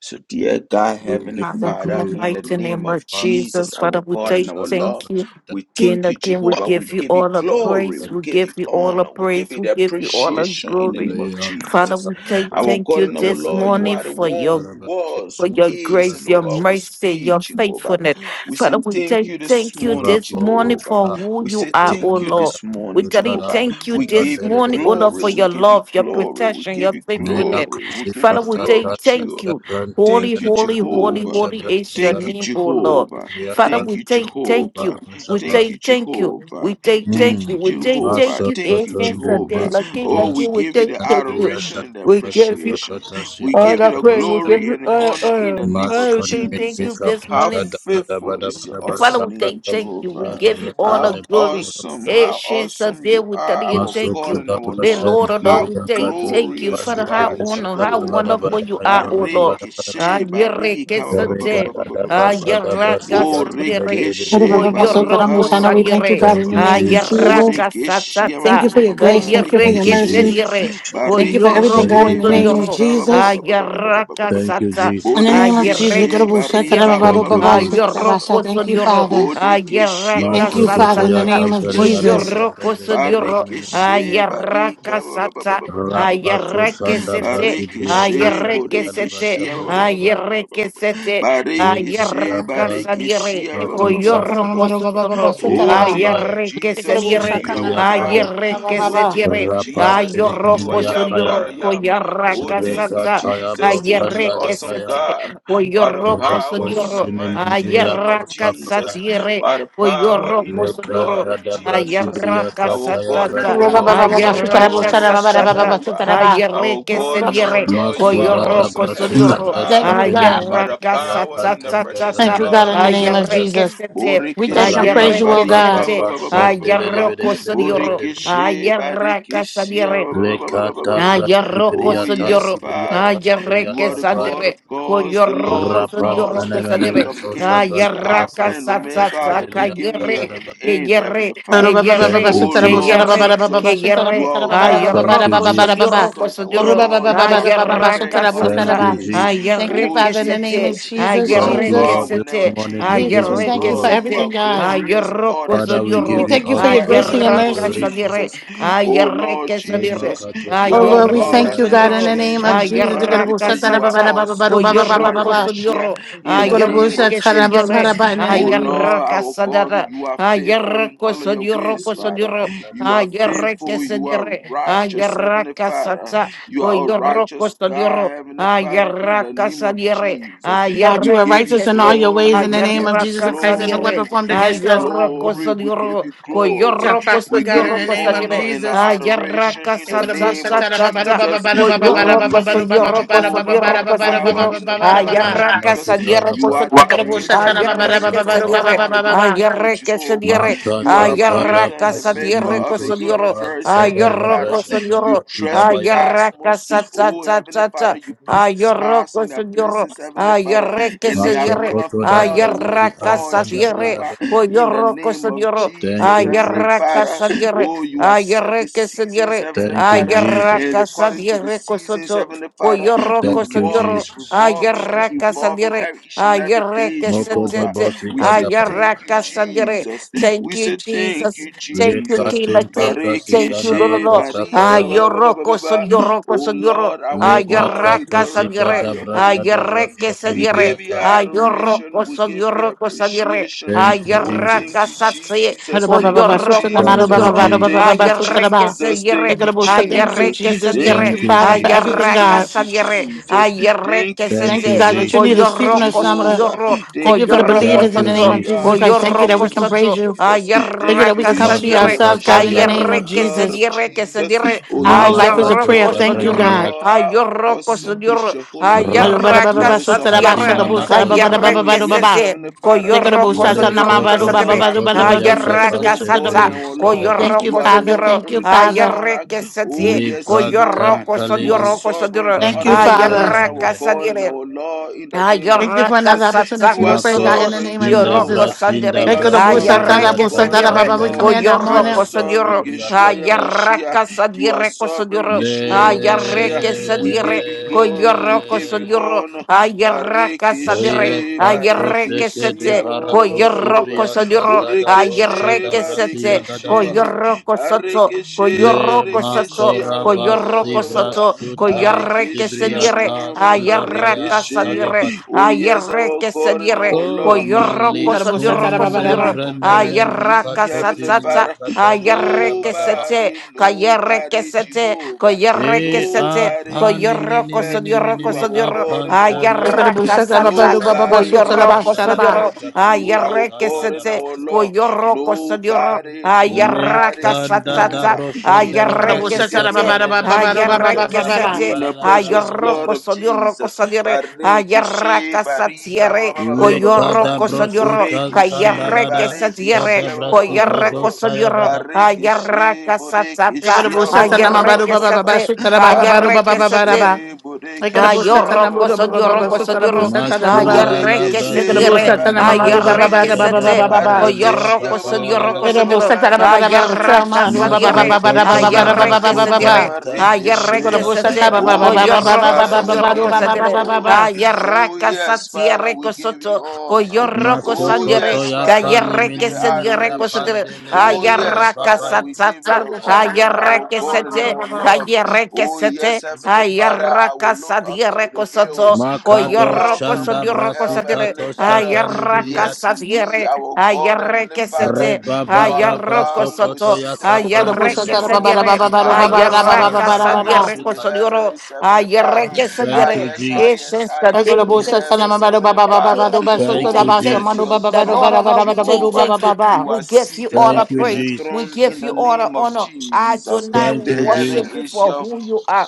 Speaker 2: So, dear God, Heavenly
Speaker 4: Father, in the
Speaker 2: Father, in the
Speaker 4: mighty
Speaker 2: name
Speaker 4: name
Speaker 2: of
Speaker 4: of
Speaker 2: Jesus,
Speaker 4: Jesus, Father,
Speaker 2: our
Speaker 4: we
Speaker 2: God
Speaker 4: say
Speaker 2: and our Lord,
Speaker 4: thank you.
Speaker 2: we
Speaker 4: King
Speaker 2: thank you,
Speaker 4: of King, we
Speaker 2: Jehovah. We
Speaker 4: give you
Speaker 2: give you
Speaker 4: all the
Speaker 2: glory.
Speaker 4: praise.
Speaker 2: We
Speaker 4: We
Speaker 2: give you
Speaker 4: give you all the
Speaker 2: honor. We give
Speaker 4: praise.
Speaker 2: you
Speaker 4: We
Speaker 2: the
Speaker 4: give you all the
Speaker 2: appreciation in the
Speaker 4: glory.
Speaker 2: name of
Speaker 4: Father,
Speaker 2: Jesus.
Speaker 4: we say
Speaker 2: Our
Speaker 4: thank
Speaker 2: God
Speaker 4: you
Speaker 2: and our
Speaker 4: this
Speaker 2: Lord, you
Speaker 4: morning
Speaker 2: are the
Speaker 4: for
Speaker 2: one
Speaker 4: your
Speaker 2: who was,
Speaker 4: for
Speaker 2: who
Speaker 4: your
Speaker 2: is, and
Speaker 4: grace, your
Speaker 2: who always
Speaker 4: mercy,
Speaker 2: be,
Speaker 4: your
Speaker 2: Jehovah.
Speaker 4: faithfulness.
Speaker 2: We say
Speaker 4: Father, we
Speaker 2: thank you
Speaker 4: thank,
Speaker 2: this
Speaker 4: thank you
Speaker 2: morning,
Speaker 4: this morning
Speaker 2: Jehovah.
Speaker 4: for who
Speaker 2: We
Speaker 4: you
Speaker 2: say
Speaker 4: are, O
Speaker 2: thank you
Speaker 4: Lord.
Speaker 2: this
Speaker 4: We
Speaker 2: morning,
Speaker 4: tell you,
Speaker 2: Jehovah.
Speaker 4: thank you
Speaker 2: We
Speaker 4: this
Speaker 2: give you
Speaker 4: morning, O Lord,
Speaker 2: glory.
Speaker 4: for
Speaker 2: We
Speaker 4: your
Speaker 2: give you
Speaker 4: love, your
Speaker 2: glory. We
Speaker 4: protection,
Speaker 2: give
Speaker 4: your
Speaker 2: you
Speaker 4: faithfulness.
Speaker 2: glory. We give you
Speaker 4: Father, we tell you,
Speaker 2: glory, Jehovah.
Speaker 4: thank you. Holy,
Speaker 2: Thank you,
Speaker 4: holy, holy,
Speaker 2: Jehovah.
Speaker 4: holy is your
Speaker 2: Thank you,
Speaker 4: name, O Lord.
Speaker 2: Jehovah.
Speaker 4: Father,
Speaker 2: Thank
Speaker 4: we
Speaker 2: you,
Speaker 4: take thank you.
Speaker 2: Jehovah.
Speaker 4: We
Speaker 2: Thank
Speaker 4: take
Speaker 2: you,
Speaker 4: thank you.
Speaker 2: Jehovah.
Speaker 4: We take
Speaker 2: Thank you,
Speaker 4: thank you. We take
Speaker 2: Jehovah.
Speaker 4: thank you.
Speaker 2: Thank you,
Speaker 4: Ancient of days,
Speaker 2: Jehovah.
Speaker 4: Lord King,
Speaker 2: Oh,
Speaker 4: Lord
Speaker 2: we
Speaker 4: King, We
Speaker 2: give you
Speaker 4: take
Speaker 2: the
Speaker 4: thank you.
Speaker 2: adoration and the
Speaker 4: We give you
Speaker 2: appreciation. We
Speaker 4: Lord,
Speaker 2: give you
Speaker 4: I
Speaker 2: the
Speaker 4: pray with
Speaker 2: glory
Speaker 4: your
Speaker 2: and the
Speaker 4: uh,
Speaker 2: honor in
Speaker 4: uh,
Speaker 2: the name of
Speaker 4: Lord, we thank thank you
Speaker 2: Jesus.
Speaker 4: this
Speaker 2: How
Speaker 4: morning.
Speaker 2: faithful is your
Speaker 4: And Father,
Speaker 2: awesome
Speaker 4: we
Speaker 2: name,
Speaker 4: thank, thank you. We
Speaker 2: Jehovah.
Speaker 4: give you all the
Speaker 2: How
Speaker 4: glory.
Speaker 2: awesome, how
Speaker 4: Ancients of
Speaker 2: awesome
Speaker 4: day,
Speaker 2: you
Speaker 4: we tell
Speaker 2: are,
Speaker 4: you,
Speaker 2: our
Speaker 4: thank
Speaker 2: God
Speaker 4: you.
Speaker 2: and our
Speaker 4: Dear
Speaker 2: Lord.
Speaker 4: Lord, oh Lord,
Speaker 2: How
Speaker 4: we say thank you.
Speaker 2: glorious
Speaker 4: Father,
Speaker 2: you
Speaker 4: how
Speaker 2: are,
Speaker 4: honor, how
Speaker 2: Jehovah.
Speaker 4: wonderful you are, oh Lord.
Speaker 2: Bareke
Speaker 4: Ah, yere
Speaker 2: barika ba- ba- ba- ba- ba-
Speaker 4: kesate.
Speaker 2: ba- ba- ba- ba-
Speaker 4: Ah,
Speaker 2: ba- ba.
Speaker 4: yere kasare.
Speaker 2: Boreke
Speaker 4: Ko
Speaker 5: Father,
Speaker 4: yoro
Speaker 2: barika
Speaker 4: ko
Speaker 2: ba- ba- ba-
Speaker 5: we
Speaker 2: ba- ba-
Speaker 5: thank you,
Speaker 2: ba-
Speaker 4: salire.
Speaker 2: ba-
Speaker 5: God,
Speaker 2: ba-
Speaker 5: in
Speaker 2: ba-
Speaker 5: the
Speaker 4: Ah,
Speaker 5: name
Speaker 2: ba.
Speaker 5: of
Speaker 4: yere
Speaker 5: Jesus.
Speaker 2: Bodeke she ma- ma-
Speaker 5: Thank
Speaker 4: kasatata.
Speaker 2: ma-
Speaker 5: you for
Speaker 2: ma- ma-
Speaker 5: your
Speaker 2: ma-
Speaker 4: Ko
Speaker 5: grace.
Speaker 2: ma-
Speaker 5: Thank you for
Speaker 4: yere
Speaker 2: reke
Speaker 5: your mercy.
Speaker 2: she.
Speaker 4: kesedire. Ko
Speaker 5: Thank you for everything,
Speaker 4: yoro
Speaker 5: God,
Speaker 4: ko
Speaker 5: in the name of
Speaker 4: sodioro.
Speaker 2: barika ba- ba-
Speaker 4: Ah,
Speaker 5: Jesus.
Speaker 2: ba- ba- ba- ba- ba- ba- ba-
Speaker 4: yere
Speaker 2: ba- ba- ba- ba.
Speaker 4: kasata.
Speaker 5: In the
Speaker 4: Ah,
Speaker 5: name of
Speaker 2: Bodeke
Speaker 5: Jesus,
Speaker 4: yere kesedire.
Speaker 2: barika ba- ba- ba- ba- ba- ba- ba- ba- ba- ba- ba-
Speaker 4: Ayoroko
Speaker 2: ba-
Speaker 5: thank
Speaker 2: ba.
Speaker 5: you,
Speaker 4: sodioro.
Speaker 5: Father.
Speaker 2: Bodeke she ma-
Speaker 4: Ayaraka
Speaker 5: Thank
Speaker 2: ma- ma-
Speaker 5: you,
Speaker 2: ma- ma- ma-
Speaker 5: Father,
Speaker 2: ma-
Speaker 5: in the
Speaker 2: ma-
Speaker 4: satata.
Speaker 5: name of
Speaker 2: reke
Speaker 5: Jesus.
Speaker 2: she.
Speaker 4: Koyoroko sodioro. Ayaraka
Speaker 2: barika ba- ba- ba-
Speaker 4: sata.
Speaker 2: ba- ba- ba- ba- ba- ba- ba- ba- ba.
Speaker 4: Ayarake sete.
Speaker 2: Barikishe,
Speaker 4: Ayarake sete.
Speaker 2: Bodekishia,
Speaker 4: Ayarake sete.
Speaker 2: Barikishe,
Speaker 4: Ayaraka sadiere.
Speaker 2: Barikishia.
Speaker 4: Koyoroko sodioro.
Speaker 2: Oh, thank you,
Speaker 4: Ayarake
Speaker 2: Jesus. Thank
Speaker 4: sadiere.
Speaker 2: you, our Father.
Speaker 4: Ayarake
Speaker 2: Oh, thank
Speaker 4: sediere.
Speaker 2: you, Jesus. Thank you, I
Speaker 4: Ayoroko
Speaker 2: am
Speaker 4: sodioro.
Speaker 2: that I am.
Speaker 5: Thank you,
Speaker 2: Oh,
Speaker 4: Koyaraka
Speaker 2: thank
Speaker 5: Jesus.
Speaker 2: you,
Speaker 4: sata.
Speaker 2: Jesus. Thank you,
Speaker 4: Ayarake
Speaker 2: awesome
Speaker 4: sete.
Speaker 2: God. By the
Speaker 4: Poyoro
Speaker 2: power in the
Speaker 4: posodioro,
Speaker 2: mighty name of
Speaker 4: ayeraka
Speaker 2: Jesus,
Speaker 4: satire,
Speaker 2: by the power
Speaker 4: poyoro
Speaker 2: in the
Speaker 4: posodioro,
Speaker 2: blood of Jesus.
Speaker 4: ayeraka
Speaker 2: Our God and
Speaker 4: satata.
Speaker 2: our Lord, you are
Speaker 4: Ayeraka
Speaker 2: glorious,
Speaker 4: satata,
Speaker 2: Jehovah. Our
Speaker 4: ayereke
Speaker 2: God and our
Speaker 4: sediere,
Speaker 2: Lord, you are
Speaker 4: koyoro
Speaker 2: awesome, Heavenly
Speaker 4: kosodioro,
Speaker 5: Thank you,
Speaker 2: Father.
Speaker 5: God.
Speaker 2: By the
Speaker 4: ayeraka
Speaker 2: power in the
Speaker 4: satata
Speaker 2: precious
Speaker 5: Thank
Speaker 4: tata,
Speaker 5: you, God,
Speaker 2: blood
Speaker 5: in
Speaker 2: of
Speaker 5: the name of
Speaker 2: Jesus.
Speaker 4: ayereke
Speaker 5: Jesus.
Speaker 4: sete,
Speaker 5: We thank and
Speaker 2: Borekeshe
Speaker 5: praise you,
Speaker 4: ayereke
Speaker 5: O
Speaker 2: barika
Speaker 5: God.
Speaker 2: ba-
Speaker 4: sete,
Speaker 2: ba- ba- ba- ba- ba- ba- ba- ba- ba.
Speaker 4: ayeroko sodioro,
Speaker 2: Borekeshe
Speaker 4: ayeraka
Speaker 2: ba- ba- ba- ba- ba- ba- ba- ba-
Speaker 4: Ah,
Speaker 2: ba- ba.
Speaker 4: Yaroko
Speaker 2: Oh, yes,
Speaker 4: Sandiro. Ah,
Speaker 2: Father. You
Speaker 4: Yareke
Speaker 2: are the God
Speaker 4: Sandere.
Speaker 2: of
Speaker 4: Oh,
Speaker 2: gods, the Lord
Speaker 4: Yoroko
Speaker 2: of lords, the
Speaker 4: Sandiroko
Speaker 2: King
Speaker 4: Sandere.
Speaker 2: of
Speaker 4: Ah,
Speaker 2: kings, the Alpha
Speaker 4: Yarraca
Speaker 2: and Omega, the
Speaker 4: Satsaca Yerre.
Speaker 2: beginning and the
Speaker 4: que
Speaker 2: end,
Speaker 4: Yaraka
Speaker 2: Heavenly
Speaker 5: Thank you,
Speaker 4: que
Speaker 2: Father.
Speaker 5: Father,
Speaker 4: Kayere.
Speaker 2: Oh
Speaker 4: Kayere.
Speaker 2: Lord
Speaker 4: Kayere.
Speaker 2: Jesus, you
Speaker 4: Kayere. Kayere.
Speaker 2: are a
Speaker 4: Ah,
Speaker 2: God will never
Speaker 4: Yoroko
Speaker 2: change
Speaker 4: Sandiroko
Speaker 2: because our
Speaker 4: Sandiro.
Speaker 2: Lord,
Speaker 4: Ah,
Speaker 2: you are perfect
Speaker 4: Yaraka
Speaker 2: in all of your
Speaker 4: Sata.
Speaker 2: ways.
Speaker 4: Ah,
Speaker 2: Oh
Speaker 4: Yareke
Speaker 5: in the name
Speaker 4: Sete.
Speaker 5: of
Speaker 2: Jesus,
Speaker 4: Ah,
Speaker 2: you
Speaker 5: Jesus,
Speaker 2: are a
Speaker 4: Yareke
Speaker 5: Jesus,
Speaker 2: God will never
Speaker 4: Sete. Ah,
Speaker 2: change
Speaker 5: Jesus. We
Speaker 2: because
Speaker 5: thank
Speaker 4: Yareke
Speaker 5: you for
Speaker 2: Lord, you
Speaker 4: Sete.
Speaker 2: are
Speaker 5: everything, God.
Speaker 4: Ah,
Speaker 2: glorious in all
Speaker 4: Yoroko
Speaker 2: that you
Speaker 5: We
Speaker 2: do,
Speaker 4: Sandiro.
Speaker 5: thank you for
Speaker 4: Ah,
Speaker 5: your
Speaker 2: Jehovah, in
Speaker 5: grace
Speaker 2: the
Speaker 5: and your
Speaker 2: name of
Speaker 4: Yaraka
Speaker 5: mercy.
Speaker 4: Sandire.
Speaker 2: Jesus.
Speaker 4: Ah,
Speaker 2: Oh Lord
Speaker 4: Yareke Sandire.
Speaker 2: Jesus, you
Speaker 5: Oh
Speaker 2: are a
Speaker 5: Lord, we
Speaker 2: God
Speaker 5: thank
Speaker 2: that
Speaker 5: you,
Speaker 2: never
Speaker 5: God, in
Speaker 4: Ayorokosodiro.
Speaker 5: the
Speaker 2: change,
Speaker 5: name of
Speaker 2: Heavenly
Speaker 5: Jesus.
Speaker 2: Father, because you are
Speaker 4: Ayarakasatsa.
Speaker 2: awesome, Yeshua, Yamashia,
Speaker 4: Koyorokosodiro.
Speaker 2: in
Speaker 5: In
Speaker 2: the name of Jesus.
Speaker 4: Ayarekesedire.
Speaker 5: the
Speaker 2: Oh
Speaker 5: name of Jesus.
Speaker 2: Lord, our God,
Speaker 4: Ayarakasadara.
Speaker 2: you are faithful in all of your ways, Father.
Speaker 4: Ayarakosodiorokosodiro.
Speaker 2: You are faithful. You are
Speaker 4: Ayarekesedire.
Speaker 2: righteous, Heavenly Father.
Speaker 4: Ayarakasatsa.
Speaker 2: You are a righteous God,
Speaker 4: Koyorokosodiro.
Speaker 2: Heavenly Father, in the name of
Speaker 4: Ayarakasadire.
Speaker 2: Jesus.
Speaker 5: God,
Speaker 2: We
Speaker 5: you are
Speaker 2: give you
Speaker 5: righteous in all
Speaker 4: Ayerrekesete.
Speaker 5: your
Speaker 2: glory.
Speaker 5: ways in the
Speaker 2: We
Speaker 5: name
Speaker 2: give
Speaker 5: of
Speaker 2: you
Speaker 5: Jesus of Christ, and no
Speaker 2: glory.
Speaker 4: Ayerrakasadire.
Speaker 5: weapon
Speaker 2: We
Speaker 5: formed
Speaker 2: give you
Speaker 5: against us
Speaker 2: glory. We give
Speaker 4: Ayorrokosodioro.
Speaker 2: you glory.
Speaker 5: shall prosper,
Speaker 2: We
Speaker 5: God,
Speaker 2: give
Speaker 5: in the
Speaker 2: you
Speaker 5: name of
Speaker 2: honor
Speaker 4: Koyorrokosodiorokosadire.
Speaker 2: and
Speaker 5: Jesus.
Speaker 2: adoration in the
Speaker 5: Thank
Speaker 2: name of
Speaker 4: Ayerrakasatsatsatsa.
Speaker 2: Jesus. Oh, we thank you, Jehovah, by the power
Speaker 4: Koyorrokosodiorokosodiorokosodioro.
Speaker 2: in the blood of Jesus. You are the
Speaker 4: Ayerrakasadierokosodioro.
Speaker 2: creator and the maker of
Speaker 4: Ayerrekesedire.
Speaker 2: all of your people, Jehovah.
Speaker 4: Ayerrekesedire.
Speaker 2: You are the creator and the maker of the
Speaker 4: Ayerrakasadierekosodioro.
Speaker 2: universe, Heavenly Father. You
Speaker 4: Ayorrokosodioro.
Speaker 2: dress the
Speaker 4: Ayaraka
Speaker 2: cosmos.
Speaker 4: sa sa
Speaker 2: Oh,
Speaker 4: sa
Speaker 2: Heavenly
Speaker 4: sa sa.
Speaker 2: Father, you place the stars
Speaker 4: Ayoroko
Speaker 2: in their
Speaker 4: senyoro.
Speaker 2: places, Heavenly Father,
Speaker 4: Ayareke
Speaker 2: and they have
Speaker 4: senyore.
Speaker 2: never failed. They won't
Speaker 4: Ayaraka
Speaker 2: fall,
Speaker 4: sa diere.
Speaker 2: Jehovah, in the
Speaker 4: Koyoroko
Speaker 2: name of
Speaker 4: senyoro.
Speaker 2: Jesus, Heavenly
Speaker 4: Ayaraka
Speaker 2: Father.
Speaker 4: sa diere.
Speaker 2: Oh, you have set the
Speaker 4: Ayareke
Speaker 2: seasons,
Speaker 4: senyore.
Speaker 2: Heavenly Father, and
Speaker 4: Ayaraka sa
Speaker 2: according to the
Speaker 4: diere
Speaker 2: seasons,
Speaker 4: kosoto.
Speaker 2: Heavenly Father. The
Speaker 4: Koyoroko
Speaker 2: world
Speaker 4: senyoro.
Speaker 2: is revolving and
Speaker 4: Ayaraka sa
Speaker 2: evolving
Speaker 4: diere.
Speaker 2: every each and every day,
Speaker 4: Ayareke
Speaker 2: Jehovah.
Speaker 4: sentete.
Speaker 2: We say thank you,
Speaker 4: Ayaraka sa diere.
Speaker 2: Jesus. We
Speaker 4: Thank you,
Speaker 2: say thank
Speaker 4: Jesus.
Speaker 2: you,
Speaker 4: Thank you,
Speaker 2: Jesus.
Speaker 4: Timothy. Thank you,
Speaker 2: Barikishe,
Speaker 4: Lord. Ah,
Speaker 2: barika, ba, ba, ba, ba, ba,
Speaker 4: yoroko son
Speaker 2: ba, ba.
Speaker 4: yoroko
Speaker 2: Oh
Speaker 4: son yoro.
Speaker 2: Lord, our God, we
Speaker 4: Ayaraka
Speaker 2: glorify
Speaker 4: sadire,
Speaker 2: your holy name.
Speaker 4: ayareke
Speaker 2: We give
Speaker 4: sadire,
Speaker 2: you
Speaker 4: ayoroko
Speaker 2: adoration. We give you
Speaker 4: sodioroko sadire,
Speaker 2: appreciation. Oh, thank
Speaker 4: ayaraka
Speaker 2: you,
Speaker 4: satse,
Speaker 2: Jesus. Thank you,
Speaker 4: koyoroko
Speaker 2: Jesus.
Speaker 4: sodioro,
Speaker 2: Thank you,
Speaker 4: ayareke
Speaker 2: Jesus.
Speaker 4: sadire,
Speaker 2: Thank you,
Speaker 5: you,
Speaker 2: Jesus.
Speaker 4: ayareke
Speaker 5: Jesus. Thank
Speaker 2: Thank
Speaker 4: sadire,
Speaker 5: you,
Speaker 2: you,
Speaker 5: Father, for everything,
Speaker 2: Jesus.
Speaker 4: ayaraka
Speaker 5: God.
Speaker 2: Thank you,
Speaker 4: sadire,
Speaker 2: Jesus. Thank
Speaker 4: ayareke
Speaker 2: you,
Speaker 5: Thank you,
Speaker 4: setse,
Speaker 5: God, that you
Speaker 2: Jesus.
Speaker 5: need a
Speaker 2: Thank you,
Speaker 5: sleep no
Speaker 4: koyoroko
Speaker 5: slumber.
Speaker 2: Jehovah.
Speaker 4: sodioro,
Speaker 5: Thank
Speaker 2: Thank
Speaker 5: you for
Speaker 2: you,
Speaker 5: the
Speaker 2: I
Speaker 4: koyoroko
Speaker 5: believers
Speaker 2: am
Speaker 5: in the
Speaker 2: that I
Speaker 5: name
Speaker 4: soto,
Speaker 5: of Jesus
Speaker 2: am in
Speaker 5: Christ.
Speaker 2: the
Speaker 5: Thank you that
Speaker 4: koyoroko
Speaker 5: we
Speaker 2: name
Speaker 5: can
Speaker 2: of
Speaker 5: praise
Speaker 4: soto,
Speaker 5: you.
Speaker 2: Jesus.
Speaker 5: Thank you
Speaker 2: Thank
Speaker 5: that
Speaker 2: you,
Speaker 5: we
Speaker 4: ayaraka
Speaker 5: can come to you
Speaker 2: Yeshua,
Speaker 4: sadire,
Speaker 5: ourselves, God, in the
Speaker 2: Yamashia,
Speaker 5: name
Speaker 2: in the
Speaker 5: of
Speaker 4: ayareke
Speaker 2: blood
Speaker 5: Jesus.
Speaker 2: of
Speaker 4: sadire, que
Speaker 2: Jesus.
Speaker 4: sadire,
Speaker 2: Oh,
Speaker 5: Our whole
Speaker 2: yes,
Speaker 5: life is
Speaker 2: our
Speaker 5: a prayer.
Speaker 4: ayaroko
Speaker 2: God and
Speaker 5: Thank you,
Speaker 2: our
Speaker 4: sodioro.
Speaker 5: God.
Speaker 2: Lord. How
Speaker 4: Ayorokos
Speaker 2: awesome is
Speaker 4: dior,
Speaker 2: your holy name.
Speaker 5: Thank
Speaker 2: You are the
Speaker 4: ayarracasat
Speaker 2: supreme
Speaker 4: yarra,
Speaker 2: monarch. Oh, yes,
Speaker 4: cayarrequesete,
Speaker 2: Heavenly Father. You are
Speaker 4: coyorrocos
Speaker 2: the divine
Speaker 4: diorrocosatere,
Speaker 2: monarch. Oh, yes, our God
Speaker 4: ayarracasata,
Speaker 2: and our Lord.
Speaker 5: you,
Speaker 2: You
Speaker 4: coyorrocos
Speaker 2: are the
Speaker 5: Father. Thank
Speaker 2: one, the
Speaker 4: dior,
Speaker 5: you,
Speaker 2: only true
Speaker 5: Father.
Speaker 2: monarch. Oh,
Speaker 4: ayarrequesete,
Speaker 2: yes, Jehovah,
Speaker 4: coyorrocos
Speaker 2: you are
Speaker 4: diorrocos
Speaker 2: sovereign
Speaker 4: dior,
Speaker 2: in
Speaker 5: Thank
Speaker 2: all
Speaker 5: you,
Speaker 2: of your
Speaker 5: Father.
Speaker 2: ways, our God and
Speaker 4: ayarracasadiere.
Speaker 2: our Lord, in the name of
Speaker 5: Thank you for
Speaker 4: Ayaraka
Speaker 5: another
Speaker 2: Jesus. You
Speaker 5: opportunity to
Speaker 4: satsako
Speaker 2: are
Speaker 5: pray, God, in
Speaker 4: soto
Speaker 5: the
Speaker 2: sovereign,
Speaker 5: name of
Speaker 4: yoroko
Speaker 5: Jesus.
Speaker 2: Jehovah.
Speaker 4: sandere
Speaker 2: You are
Speaker 5: Eko da busa
Speaker 2: sovereign,
Speaker 5: tada
Speaker 2: my
Speaker 4: ayareke
Speaker 5: busa
Speaker 2: God and
Speaker 5: tada
Speaker 2: my
Speaker 4: sadire
Speaker 5: baba. We
Speaker 2: Lord.
Speaker 5: command our
Speaker 2: You are
Speaker 5: morning.
Speaker 4: koyoroko
Speaker 2: sovereign,
Speaker 4: sadioro
Speaker 2: Yeshua Yamashiach.
Speaker 4: ayaraka
Speaker 2: You are
Speaker 4: sadire
Speaker 2: sovereign,
Speaker 4: kosodioro
Speaker 2: Yeshua
Speaker 4: ayareke
Speaker 2: Yamashiach. We
Speaker 4: sadire
Speaker 2: give you glory, we
Speaker 4: koyoroko
Speaker 2: give you
Speaker 4: sodioro
Speaker 2: honor.
Speaker 4: ayaraka sadire
Speaker 2: Barikishe,
Speaker 4: ayareke
Speaker 2: barikishe,
Speaker 4: sete
Speaker 2: ba- ba- ba- ba- ba- ba- ba- ba-
Speaker 4: koyoroko
Speaker 2: ba- ba.
Speaker 4: sodioro
Speaker 2: Borikishe,
Speaker 4: ayareke sete
Speaker 2: barikishe.
Speaker 4: koyoroko soto
Speaker 2: Barekeshe
Speaker 4: Koyoroko sato,
Speaker 2: Borekeshe ah, ba, ba, ba, ba, ba, ba, ba,
Speaker 4: koyoroko
Speaker 2: ba, ba, ba.
Speaker 4: sato, koyoreke
Speaker 2: Barekeshe ah, ma, ma,
Speaker 4: sedire,
Speaker 2: ma, ma, ma, ma, ma,
Speaker 4: ayaraka
Speaker 2: Rekeshe.
Speaker 4: sadire,
Speaker 2: Oh yes, our
Speaker 4: ayareke
Speaker 2: God and
Speaker 4: sedire,
Speaker 2: our Lord, who
Speaker 4: koyoroko
Speaker 5: Eko da
Speaker 2: is
Speaker 5: busa tada
Speaker 4: sadiroko
Speaker 2: who
Speaker 5: baba da
Speaker 2: can
Speaker 4: sadire,
Speaker 2: be
Speaker 5: ba.
Speaker 2: compared to thee,
Speaker 4: ayaraka
Speaker 2: Heavenly
Speaker 4: satata,
Speaker 2: Father.
Speaker 4: ayareke sete,
Speaker 2: Nobody,
Speaker 4: kayereke
Speaker 2: nobody,
Speaker 4: sete,
Speaker 2: Jehovah.
Speaker 4: koyereke sete,
Speaker 2: Nobody can be
Speaker 4: koyoroko
Speaker 2: compared to
Speaker 4: sadiroko
Speaker 2: you, our
Speaker 4: sadire,
Speaker 2: God and our
Speaker 5: Eko
Speaker 2: Lord.
Speaker 4: ayaraka
Speaker 5: baba
Speaker 4: sata,
Speaker 2: Nobody can
Speaker 4: koyoroko
Speaker 2: be
Speaker 4: sadire,
Speaker 2: compared to you, our
Speaker 4: ayareke
Speaker 2: God and
Speaker 4: sete,
Speaker 2: our Lord.
Speaker 4: koyoroko sadire,
Speaker 2: Nobody, nobody,
Speaker 4: Ayaraka
Speaker 2: Jehovah, in
Speaker 5: Baba
Speaker 2: the mighty
Speaker 4: Ayarrequesete,
Speaker 2: name of Jesus,
Speaker 4: ayarrequesete,
Speaker 2: in the precious blood
Speaker 4: ayorroco
Speaker 2: of
Speaker 4: sodiorroco
Speaker 2: Jesus.
Speaker 4: sodire,
Speaker 2: Barikishe,
Speaker 4: ayarraca
Speaker 2: barika, ba-
Speaker 4: satiere,
Speaker 2: ba- ba- ba- ba- ba- ba- ba-
Speaker 4: coyorroco
Speaker 2: ba.
Speaker 4: sodiorro,
Speaker 2: Borikishe,
Speaker 4: cayarrequesetiere,
Speaker 2: barikishe, ba- ba- ba- ba- ba- ba-
Speaker 4: coyorreco
Speaker 2: ba- ba- ba.
Speaker 4: sodiorro,
Speaker 2: Barikishe,
Speaker 4: ayarraca satata,
Speaker 2: borikishe, ba- ba- ba- ba- ba- ba- ba- ba- ba- ba-
Speaker 4: ayarrequesete, ayarrequesete.
Speaker 2: Barikishe, borikishe, ba- ba-
Speaker 4: Ayorroco
Speaker 2: ba- ba- ba- ba- ba-
Speaker 4: sodiorroco
Speaker 2: ba- ba- ba- ba.
Speaker 4: sodiorro,
Speaker 2: Bodekeshe,
Speaker 4: ayarrequesetiere,
Speaker 2: Badekeshe,
Speaker 4: ayarrequesete, O yorroko
Speaker 2: Barikishia
Speaker 4: sodioroko sodoro.
Speaker 2: Barikishi
Speaker 4: Ayarraka sadire.
Speaker 2: Burikishia
Speaker 4: Ayarreke sedire.
Speaker 2: Marikishi.
Speaker 4: Ayarreke sete.
Speaker 2: Oh
Speaker 4: O
Speaker 2: yes,
Speaker 4: yorroko
Speaker 2: Father, we
Speaker 4: sodioroko
Speaker 2: give you
Speaker 4: sadire.
Speaker 2: glory. Oh
Speaker 4: Ayarraka
Speaker 2: yes, Father, we
Speaker 4: satiereko
Speaker 2: give you
Speaker 4: soto. O
Speaker 2: honor.
Speaker 4: yorroko
Speaker 2: Oh
Speaker 4: sandire.
Speaker 2: yes, Father, we give you
Speaker 4: Kayerreke
Speaker 2: the
Speaker 4: sedioreko
Speaker 2: adoration.
Speaker 4: sadire.
Speaker 2: Oh yes,
Speaker 4: Ayarraka
Speaker 2: Father, we give you
Speaker 4: satsatsa.
Speaker 2: the honor, our
Speaker 4: Ayarreke
Speaker 2: God and
Speaker 4: sete.
Speaker 2: our love.
Speaker 4: Kayerreke
Speaker 2: Oh yes,
Speaker 4: sete.
Speaker 2: Heavenly Father, I will
Speaker 4: Ayarraka
Speaker 2: look up to
Speaker 4: sadireko
Speaker 2: the
Speaker 4: soto.
Speaker 2: hills
Speaker 4: O
Speaker 2: from where
Speaker 4: yorroko
Speaker 2: cometh my
Speaker 4: sodioroko
Speaker 2: help,
Speaker 4: sadire.
Speaker 2: Heavenly Father.
Speaker 4: Ayarraka
Speaker 2: Yes, indeed,
Speaker 4: sadire.
Speaker 2: our God, Heavenly Father,
Speaker 4: Ayarekesete,
Speaker 2: you are the God who is
Speaker 4: Ayarokosoto,
Speaker 2: seated upon his throne,
Speaker 4: Ayarekesadire,
Speaker 2: highest, highest, highest in the
Speaker 4: Ayarakasadirekosodioro,
Speaker 2: heavens, Heavenly Father,
Speaker 4: Ayarekesadire.
Speaker 2: highest,
Speaker 4: It's
Speaker 2: highest,
Speaker 4: just the
Speaker 2: highest
Speaker 4: thing
Speaker 2: in
Speaker 4: we
Speaker 3: Yeah.
Speaker 2: the
Speaker 4: say
Speaker 5: Agolabosa
Speaker 4: thank
Speaker 5: salama
Speaker 2: heavens,
Speaker 4: you.
Speaker 5: bado ba
Speaker 2: Heavenly
Speaker 5: ba
Speaker 4: The
Speaker 5: ba ba ba
Speaker 2: Father.
Speaker 4: King
Speaker 5: do
Speaker 4: of
Speaker 5: ba
Speaker 4: Kings
Speaker 5: so
Speaker 4: will
Speaker 5: so da
Speaker 2: Oh,
Speaker 4: say
Speaker 5: ba so
Speaker 4: thank
Speaker 5: ma
Speaker 2: yes,
Speaker 5: do
Speaker 4: you.
Speaker 5: ba
Speaker 2: your
Speaker 5: ba
Speaker 4: The
Speaker 5: ba do ba
Speaker 4: Lord
Speaker 5: da
Speaker 4: of
Speaker 2: throne,
Speaker 5: ba da
Speaker 4: Lords
Speaker 5: ba
Speaker 4: will
Speaker 5: da ba
Speaker 4: say
Speaker 5: do ba
Speaker 2: Jehovah,
Speaker 5: ba
Speaker 4: thank you.
Speaker 5: ba ba.
Speaker 2: you
Speaker 4: We
Speaker 2: are
Speaker 4: give you
Speaker 2: seated
Speaker 4: all the
Speaker 2: up in
Speaker 4: praise.
Speaker 2: the
Speaker 4: We
Speaker 2: throne in
Speaker 4: give
Speaker 2: the
Speaker 4: you all the
Speaker 2: name of
Speaker 4: honor. I
Speaker 2: Jesus.
Speaker 4: tonight will
Speaker 2: The heaven
Speaker 4: worship you
Speaker 2: is
Speaker 4: for
Speaker 2: your
Speaker 4: who you are.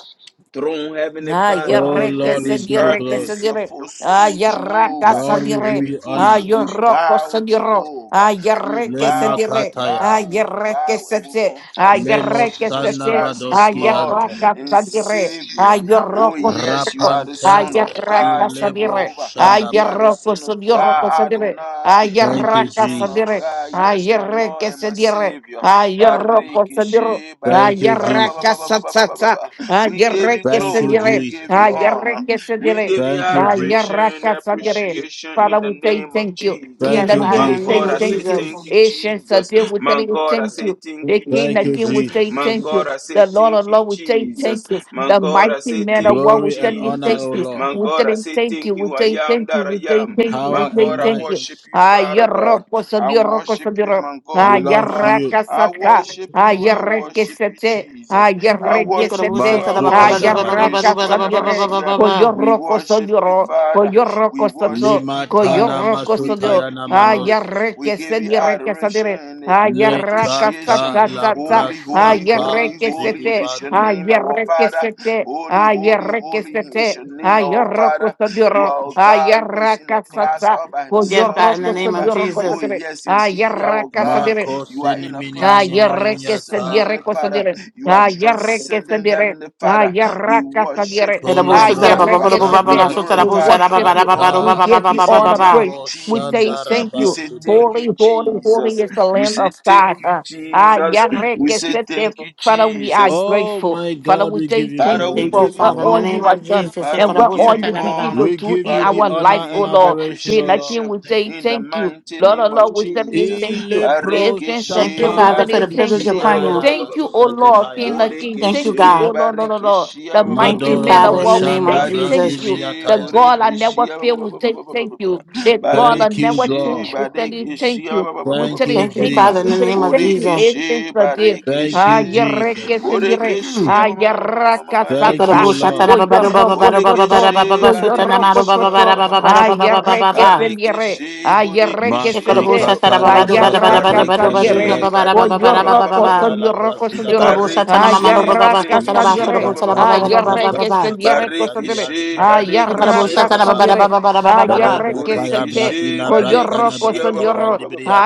Speaker 2: throne, Heavenly
Speaker 4: Ay, yo
Speaker 2: Father,
Speaker 4: re que
Speaker 2: and
Speaker 4: se
Speaker 2: this earth
Speaker 4: dire, que se
Speaker 2: is your
Speaker 4: dire. Ay,
Speaker 2: footstool,
Speaker 4: yo ra que
Speaker 2: Jehovah.
Speaker 4: se
Speaker 2: And
Speaker 4: dire.
Speaker 2: before you,
Speaker 4: Ay, yo
Speaker 2: we
Speaker 4: roco se
Speaker 2: bow,
Speaker 4: dire.
Speaker 2: Jehovah.
Speaker 4: Ay, yo
Speaker 2: We
Speaker 4: re que se
Speaker 2: bow, we
Speaker 4: dire. Ay,
Speaker 2: bow,
Speaker 4: yo
Speaker 2: we
Speaker 4: re que
Speaker 2: bow, and
Speaker 4: se
Speaker 2: we
Speaker 4: se. Ay,
Speaker 2: confess,
Speaker 4: yo
Speaker 2: yes,
Speaker 4: re que se
Speaker 2: Jesus
Speaker 4: se.
Speaker 2: Christ is
Speaker 4: Ay, yo
Speaker 2: Lord
Speaker 4: ra que
Speaker 2: and
Speaker 4: se dire.
Speaker 2: Savior.
Speaker 4: Ay, yo
Speaker 2: Oh,
Speaker 4: roco se
Speaker 2: yes, you
Speaker 4: dire.
Speaker 2: are the
Speaker 4: Ay,
Speaker 2: Son
Speaker 4: yo
Speaker 2: of
Speaker 4: ra
Speaker 2: God,
Speaker 4: que se dire.
Speaker 2: Jehovah.
Speaker 4: Ay,
Speaker 2: You
Speaker 4: yo
Speaker 2: are the
Speaker 4: roco
Speaker 2: Son of
Speaker 4: se dire, roco se
Speaker 2: God,
Speaker 4: dire.
Speaker 2: Adonai.
Speaker 4: Ay, yo
Speaker 2: You are
Speaker 4: ra
Speaker 2: the
Speaker 4: que
Speaker 2: Son
Speaker 4: se
Speaker 2: of
Speaker 4: dire.
Speaker 2: God,
Speaker 4: Ay,
Speaker 2: yes,
Speaker 4: yo
Speaker 2: my
Speaker 4: re
Speaker 2: Lord
Speaker 4: que
Speaker 2: and
Speaker 4: se
Speaker 2: my
Speaker 4: dire.
Speaker 2: Savior.
Speaker 4: Ay, yo roco se dire.
Speaker 2: Barikishe, barika, ba, ba, ba,
Speaker 4: Ayaraka
Speaker 2: ba, ba, ba, ba, ba, ba,
Speaker 4: satata.
Speaker 2: we give you
Speaker 4: Ayareke
Speaker 2: glory. We
Speaker 4: sedire.
Speaker 2: give you honor.
Speaker 4: Ayareke
Speaker 2: We
Speaker 4: sedire.
Speaker 2: give you adoration and
Speaker 4: Ayaraka sadire.
Speaker 2: appreciation in
Speaker 4: Father,
Speaker 2: the
Speaker 4: we say
Speaker 2: name of
Speaker 4: thank you.
Speaker 2: Jesus.
Speaker 4: King
Speaker 5: Yes,
Speaker 4: the
Speaker 5: God,
Speaker 4: King,
Speaker 2: My
Speaker 4: we
Speaker 5: in the
Speaker 4: say
Speaker 5: name
Speaker 2: God,
Speaker 5: of
Speaker 2: I say
Speaker 4: thank you.
Speaker 5: Jesus.
Speaker 2: thank you,
Speaker 4: Asian
Speaker 2: Jesus.
Speaker 4: Sadir, we tell
Speaker 2: My
Speaker 4: you
Speaker 2: God, I
Speaker 4: thank
Speaker 2: say
Speaker 4: you.
Speaker 2: thank
Speaker 4: The
Speaker 2: you,
Speaker 4: King the King, we
Speaker 2: Jesus.
Speaker 4: say
Speaker 2: My
Speaker 4: thank you.
Speaker 2: God, I say
Speaker 4: The Lord
Speaker 2: thank
Speaker 4: of
Speaker 2: you,
Speaker 4: Lord, we say
Speaker 2: Jesus.
Speaker 4: thank you.
Speaker 2: My
Speaker 4: The
Speaker 2: God, I
Speaker 4: mighty
Speaker 2: say
Speaker 4: man of
Speaker 2: thank
Speaker 4: war,
Speaker 2: you,
Speaker 4: we tell you thank
Speaker 2: Jesus.
Speaker 4: you.
Speaker 2: My
Speaker 4: We
Speaker 2: God,
Speaker 4: tell
Speaker 2: I
Speaker 4: him
Speaker 2: say
Speaker 4: thank
Speaker 2: thank
Speaker 4: you. We
Speaker 2: you. I
Speaker 4: say
Speaker 2: am
Speaker 4: thank you.
Speaker 2: that
Speaker 4: We
Speaker 2: I
Speaker 4: say
Speaker 2: am.
Speaker 4: thank you. We
Speaker 2: My
Speaker 4: say
Speaker 2: God, I
Speaker 4: thank you.
Speaker 2: worship you, Father God.
Speaker 4: Ayaroko
Speaker 2: I
Speaker 4: sodioroko
Speaker 2: worship you,
Speaker 4: sodioro.
Speaker 2: my God and my Lord.
Speaker 4: Ayaraka
Speaker 2: I
Speaker 4: sata.
Speaker 2: worship you. I
Speaker 4: Ayareke
Speaker 2: worship you,
Speaker 4: sete.
Speaker 2: Jesus. I
Speaker 4: Ayareke
Speaker 2: worship you.
Speaker 5: Yekolabosa
Speaker 4: sete.
Speaker 2: I
Speaker 5: salama ba ba
Speaker 2: worship
Speaker 5: do ba ba ba
Speaker 2: you,
Speaker 5: ba do
Speaker 4: Ayaraka
Speaker 5: ba da ba
Speaker 2: Yeshua
Speaker 5: ba ba ba
Speaker 4: sodiore.
Speaker 5: ba
Speaker 2: Yamashiach.
Speaker 5: ba ba.
Speaker 2: We
Speaker 4: Koyoroko
Speaker 2: worship you,
Speaker 4: sodioro.
Speaker 2: Father. We
Speaker 4: Koyoroko
Speaker 2: worship
Speaker 4: soto.
Speaker 2: you, Father.
Speaker 4: Koyoroko
Speaker 2: We give
Speaker 4: sodio.
Speaker 2: you glory. We
Speaker 4: Ayareke
Speaker 2: give you
Speaker 4: sedioreke
Speaker 2: adoration
Speaker 4: sodire.
Speaker 2: and
Speaker 4: Ayaraka
Speaker 2: appreciation.
Speaker 4: sata sata.
Speaker 2: Holy, holy, holy,
Speaker 4: Ayareke
Speaker 2: holy
Speaker 4: sete.
Speaker 2: is your name, our
Speaker 4: Ayareke
Speaker 2: Father.
Speaker 4: sete.
Speaker 2: Holy, holy,
Speaker 4: Ayareke
Speaker 2: holy is
Speaker 4: sete.
Speaker 2: your name, our
Speaker 4: Ayaroko
Speaker 2: Father. You
Speaker 4: sodioro.
Speaker 2: are a God who is in a
Speaker 4: Ayaraka
Speaker 2: class
Speaker 4: sata.
Speaker 2: all by
Speaker 4: Con
Speaker 5: Yes,
Speaker 4: yo
Speaker 2: himself,
Speaker 5: God, in the
Speaker 4: roco,
Speaker 5: name
Speaker 4: con
Speaker 5: of
Speaker 2: Jehovah.
Speaker 4: yo roco, con
Speaker 2: Oh,
Speaker 5: Jesus.
Speaker 2: yes,
Speaker 4: yo
Speaker 2: indeed, our
Speaker 4: roco,
Speaker 2: God. You are in a class
Speaker 4: Ay,
Speaker 2: all by
Speaker 4: re que se
Speaker 2: yourself, Heavenly
Speaker 4: diere cosa
Speaker 2: Father.
Speaker 4: dire.
Speaker 2: You are
Speaker 4: Ay, re que se
Speaker 2: transcending,
Speaker 4: diere.
Speaker 2: Heavenly
Speaker 4: Ay,
Speaker 2: Father. We
Speaker 4: raca se
Speaker 2: worship
Speaker 4: diere.
Speaker 2: you,
Speaker 4: Ay,
Speaker 5: Edabosa salama ba
Speaker 4: re
Speaker 5: ba
Speaker 2: Jehovah.
Speaker 5: do
Speaker 4: que
Speaker 5: ba
Speaker 4: se
Speaker 5: ba ba
Speaker 2: We
Speaker 5: ba
Speaker 4: diere.
Speaker 5: so salabosa
Speaker 4: We
Speaker 2: glorify
Speaker 5: da bo sa da
Speaker 2: you,
Speaker 5: ba
Speaker 4: worship
Speaker 5: ba
Speaker 2: our
Speaker 5: da
Speaker 4: you.
Speaker 5: ba ba do
Speaker 2: God.
Speaker 5: ba
Speaker 4: We
Speaker 5: ba ba
Speaker 4: give
Speaker 5: ba
Speaker 2: We
Speaker 4: you
Speaker 5: ba ba
Speaker 2: say
Speaker 4: all
Speaker 5: ba
Speaker 4: the
Speaker 5: ba.
Speaker 2: thank you,
Speaker 4: praise. We say
Speaker 2: Jesus.
Speaker 4: thank
Speaker 2: We
Speaker 4: you.
Speaker 2: say thank you,
Speaker 4: Holy, holy, holy
Speaker 2: Jesus.
Speaker 4: is the
Speaker 2: We
Speaker 4: Lamb of
Speaker 2: say thank
Speaker 4: God.
Speaker 2: you,
Speaker 4: Uh, Ay,
Speaker 2: Jesus.
Speaker 4: re
Speaker 2: We
Speaker 4: que
Speaker 2: say
Speaker 4: se diere.
Speaker 2: thank you,
Speaker 4: Father, we are
Speaker 2: Jesus.
Speaker 4: grateful. Father, we say thank
Speaker 2: Father,
Speaker 4: you
Speaker 2: we
Speaker 5: Thank
Speaker 4: for
Speaker 5: you,
Speaker 2: give you
Speaker 4: what
Speaker 5: Father, in
Speaker 4: all
Speaker 5: the name
Speaker 4: you
Speaker 5: of
Speaker 2: glory.
Speaker 4: have done
Speaker 5: Jesus.
Speaker 2: Father,
Speaker 4: and
Speaker 2: we
Speaker 4: what
Speaker 2: give
Speaker 4: all
Speaker 5: Yekolabosa
Speaker 2: you
Speaker 4: you
Speaker 5: salama ba.
Speaker 4: continue to
Speaker 2: honor.
Speaker 4: do in
Speaker 2: Father,
Speaker 4: our
Speaker 2: we give
Speaker 4: life, oh
Speaker 2: you
Speaker 4: Lord. King, I can
Speaker 2: appreciation
Speaker 4: we say
Speaker 2: in the
Speaker 4: thank you.
Speaker 2: mighty
Speaker 4: Lord, oh
Speaker 2: name of
Speaker 4: Lord, we say
Speaker 2: Jesus.
Speaker 4: thank you it thanks been so
Speaker 5: Thank
Speaker 4: dear.
Speaker 5: you,
Speaker 2: Barikishi,
Speaker 4: We
Speaker 5: Father, for
Speaker 4: say
Speaker 5: the
Speaker 4: thank
Speaker 5: privilege of
Speaker 2: barikishi,
Speaker 4: you.
Speaker 2: ah, ba, ba, ba,
Speaker 5: praying.
Speaker 2: ba,
Speaker 4: Thank
Speaker 2: ba,
Speaker 4: you,
Speaker 2: ba, ba,
Speaker 4: O Lord,
Speaker 2: ba.
Speaker 4: King of King.
Speaker 5: Thank you,
Speaker 4: Thank you,
Speaker 2: Borikishi,
Speaker 4: O
Speaker 5: God.
Speaker 4: Lord, Lord, Lord, Lord.
Speaker 2: barikishi, ah,
Speaker 4: The
Speaker 2: ba, ba, ba,
Speaker 5: Thank
Speaker 2: ba,
Speaker 4: mighty
Speaker 5: you,
Speaker 2: ba, ba,
Speaker 4: man
Speaker 2: ba,
Speaker 5: Father,
Speaker 4: of
Speaker 2: ba.
Speaker 5: in the
Speaker 4: war we
Speaker 5: name of
Speaker 4: say
Speaker 5: Jesus.
Speaker 4: thank you.
Speaker 2: barikishi,
Speaker 4: The God I never
Speaker 2: borikishi, ah, ba,
Speaker 4: fail,
Speaker 2: ba, ba,
Speaker 4: we
Speaker 2: ba,
Speaker 4: say
Speaker 2: ba, ba, ba,
Speaker 4: thank
Speaker 2: ba, ba.
Speaker 4: you. The God I never
Speaker 2: barikishi,
Speaker 4: change, we tell you thank
Speaker 2: barikishi, ah,
Speaker 4: you.
Speaker 2: ba, ba, ba,
Speaker 4: We
Speaker 2: ba, ba,
Speaker 4: tell
Speaker 2: ba,
Speaker 4: you
Speaker 2: ba,
Speaker 5: Thank
Speaker 2: ba,
Speaker 5: you,
Speaker 2: ba,
Speaker 4: thank
Speaker 2: ba.
Speaker 4: you.
Speaker 5: Father, in the
Speaker 4: We tell you
Speaker 5: name of
Speaker 4: thank you.
Speaker 5: Jesus.
Speaker 4: it thanks been
Speaker 2: borikishi,
Speaker 4: so dear. Ah,
Speaker 2: barikishi.
Speaker 4: yereke sendire.
Speaker 2: Borekeshe
Speaker 4: Ah,
Speaker 2: ma- ma- ma- ma- ma- ma- ma- ma-
Speaker 4: yeraka
Speaker 2: ma-
Speaker 4: sata.
Speaker 5: Ekorobusha
Speaker 4: O
Speaker 2: rekeshe.
Speaker 5: tanababaru
Speaker 4: yoroko
Speaker 5: bababaru bababara
Speaker 4: soto.
Speaker 2: Borekeshe
Speaker 4: O
Speaker 5: bababashu tanamaru
Speaker 4: yoroko
Speaker 2: barekeshe ba-
Speaker 5: bababara
Speaker 4: soto.
Speaker 2: ba- ba- ba- ba- ba-
Speaker 5: bababara
Speaker 4: Ah,
Speaker 2: ba- ba- ba.
Speaker 4: yereke
Speaker 5: babababa.
Speaker 4: sendire.
Speaker 2: Barekeshe
Speaker 4: Ah, yereke
Speaker 2: borekeshe ba- ba- ba-
Speaker 4: sendire.
Speaker 5: Ekorobusha
Speaker 2: ba- ba- ba- ba- ba.
Speaker 5: tanababaru bababara bababara
Speaker 2: Barekeshe
Speaker 4: Ayarracasangre,
Speaker 5: bababara
Speaker 2: badika
Speaker 5: bababara
Speaker 2: ba- ba- ba- ba-
Speaker 4: Coyorroco,
Speaker 2: ba- ba-
Speaker 5: babababa.
Speaker 2: ba- ba- ba- ba- ba.
Speaker 4: Soniorroco, Soniorro,
Speaker 5: Ekorobusha
Speaker 2: Barekeshe
Speaker 5: tanamamaru bababashu
Speaker 2: borekeshe
Speaker 5: tanabashu
Speaker 4: Ayarracasangre,
Speaker 2: ba- ba-
Speaker 5: robusha
Speaker 2: ba- ba- ba-
Speaker 5: bababara
Speaker 2: ba- ba- ba- ba- ba- ba.
Speaker 4: Ayarreque,
Speaker 5: babababa.
Speaker 4: Sendierreco, Sandre,
Speaker 2: Barekeshe barekeshe
Speaker 5: Ekorobusha
Speaker 2: ba- ba- ba- ba- ba-
Speaker 5: tanababara
Speaker 2: ba-
Speaker 4: Ayarracasangre,
Speaker 2: ba-
Speaker 5: bababara
Speaker 2: ba- ba- ba.
Speaker 5: babababa.
Speaker 4: Ayarreque, Seche,
Speaker 2: Borekeshe barekeshe
Speaker 4: Coyorroco,
Speaker 2: ba- ba- ba- ba- ba-
Speaker 4: Soniorro,
Speaker 2: ba- ba- ba- ba-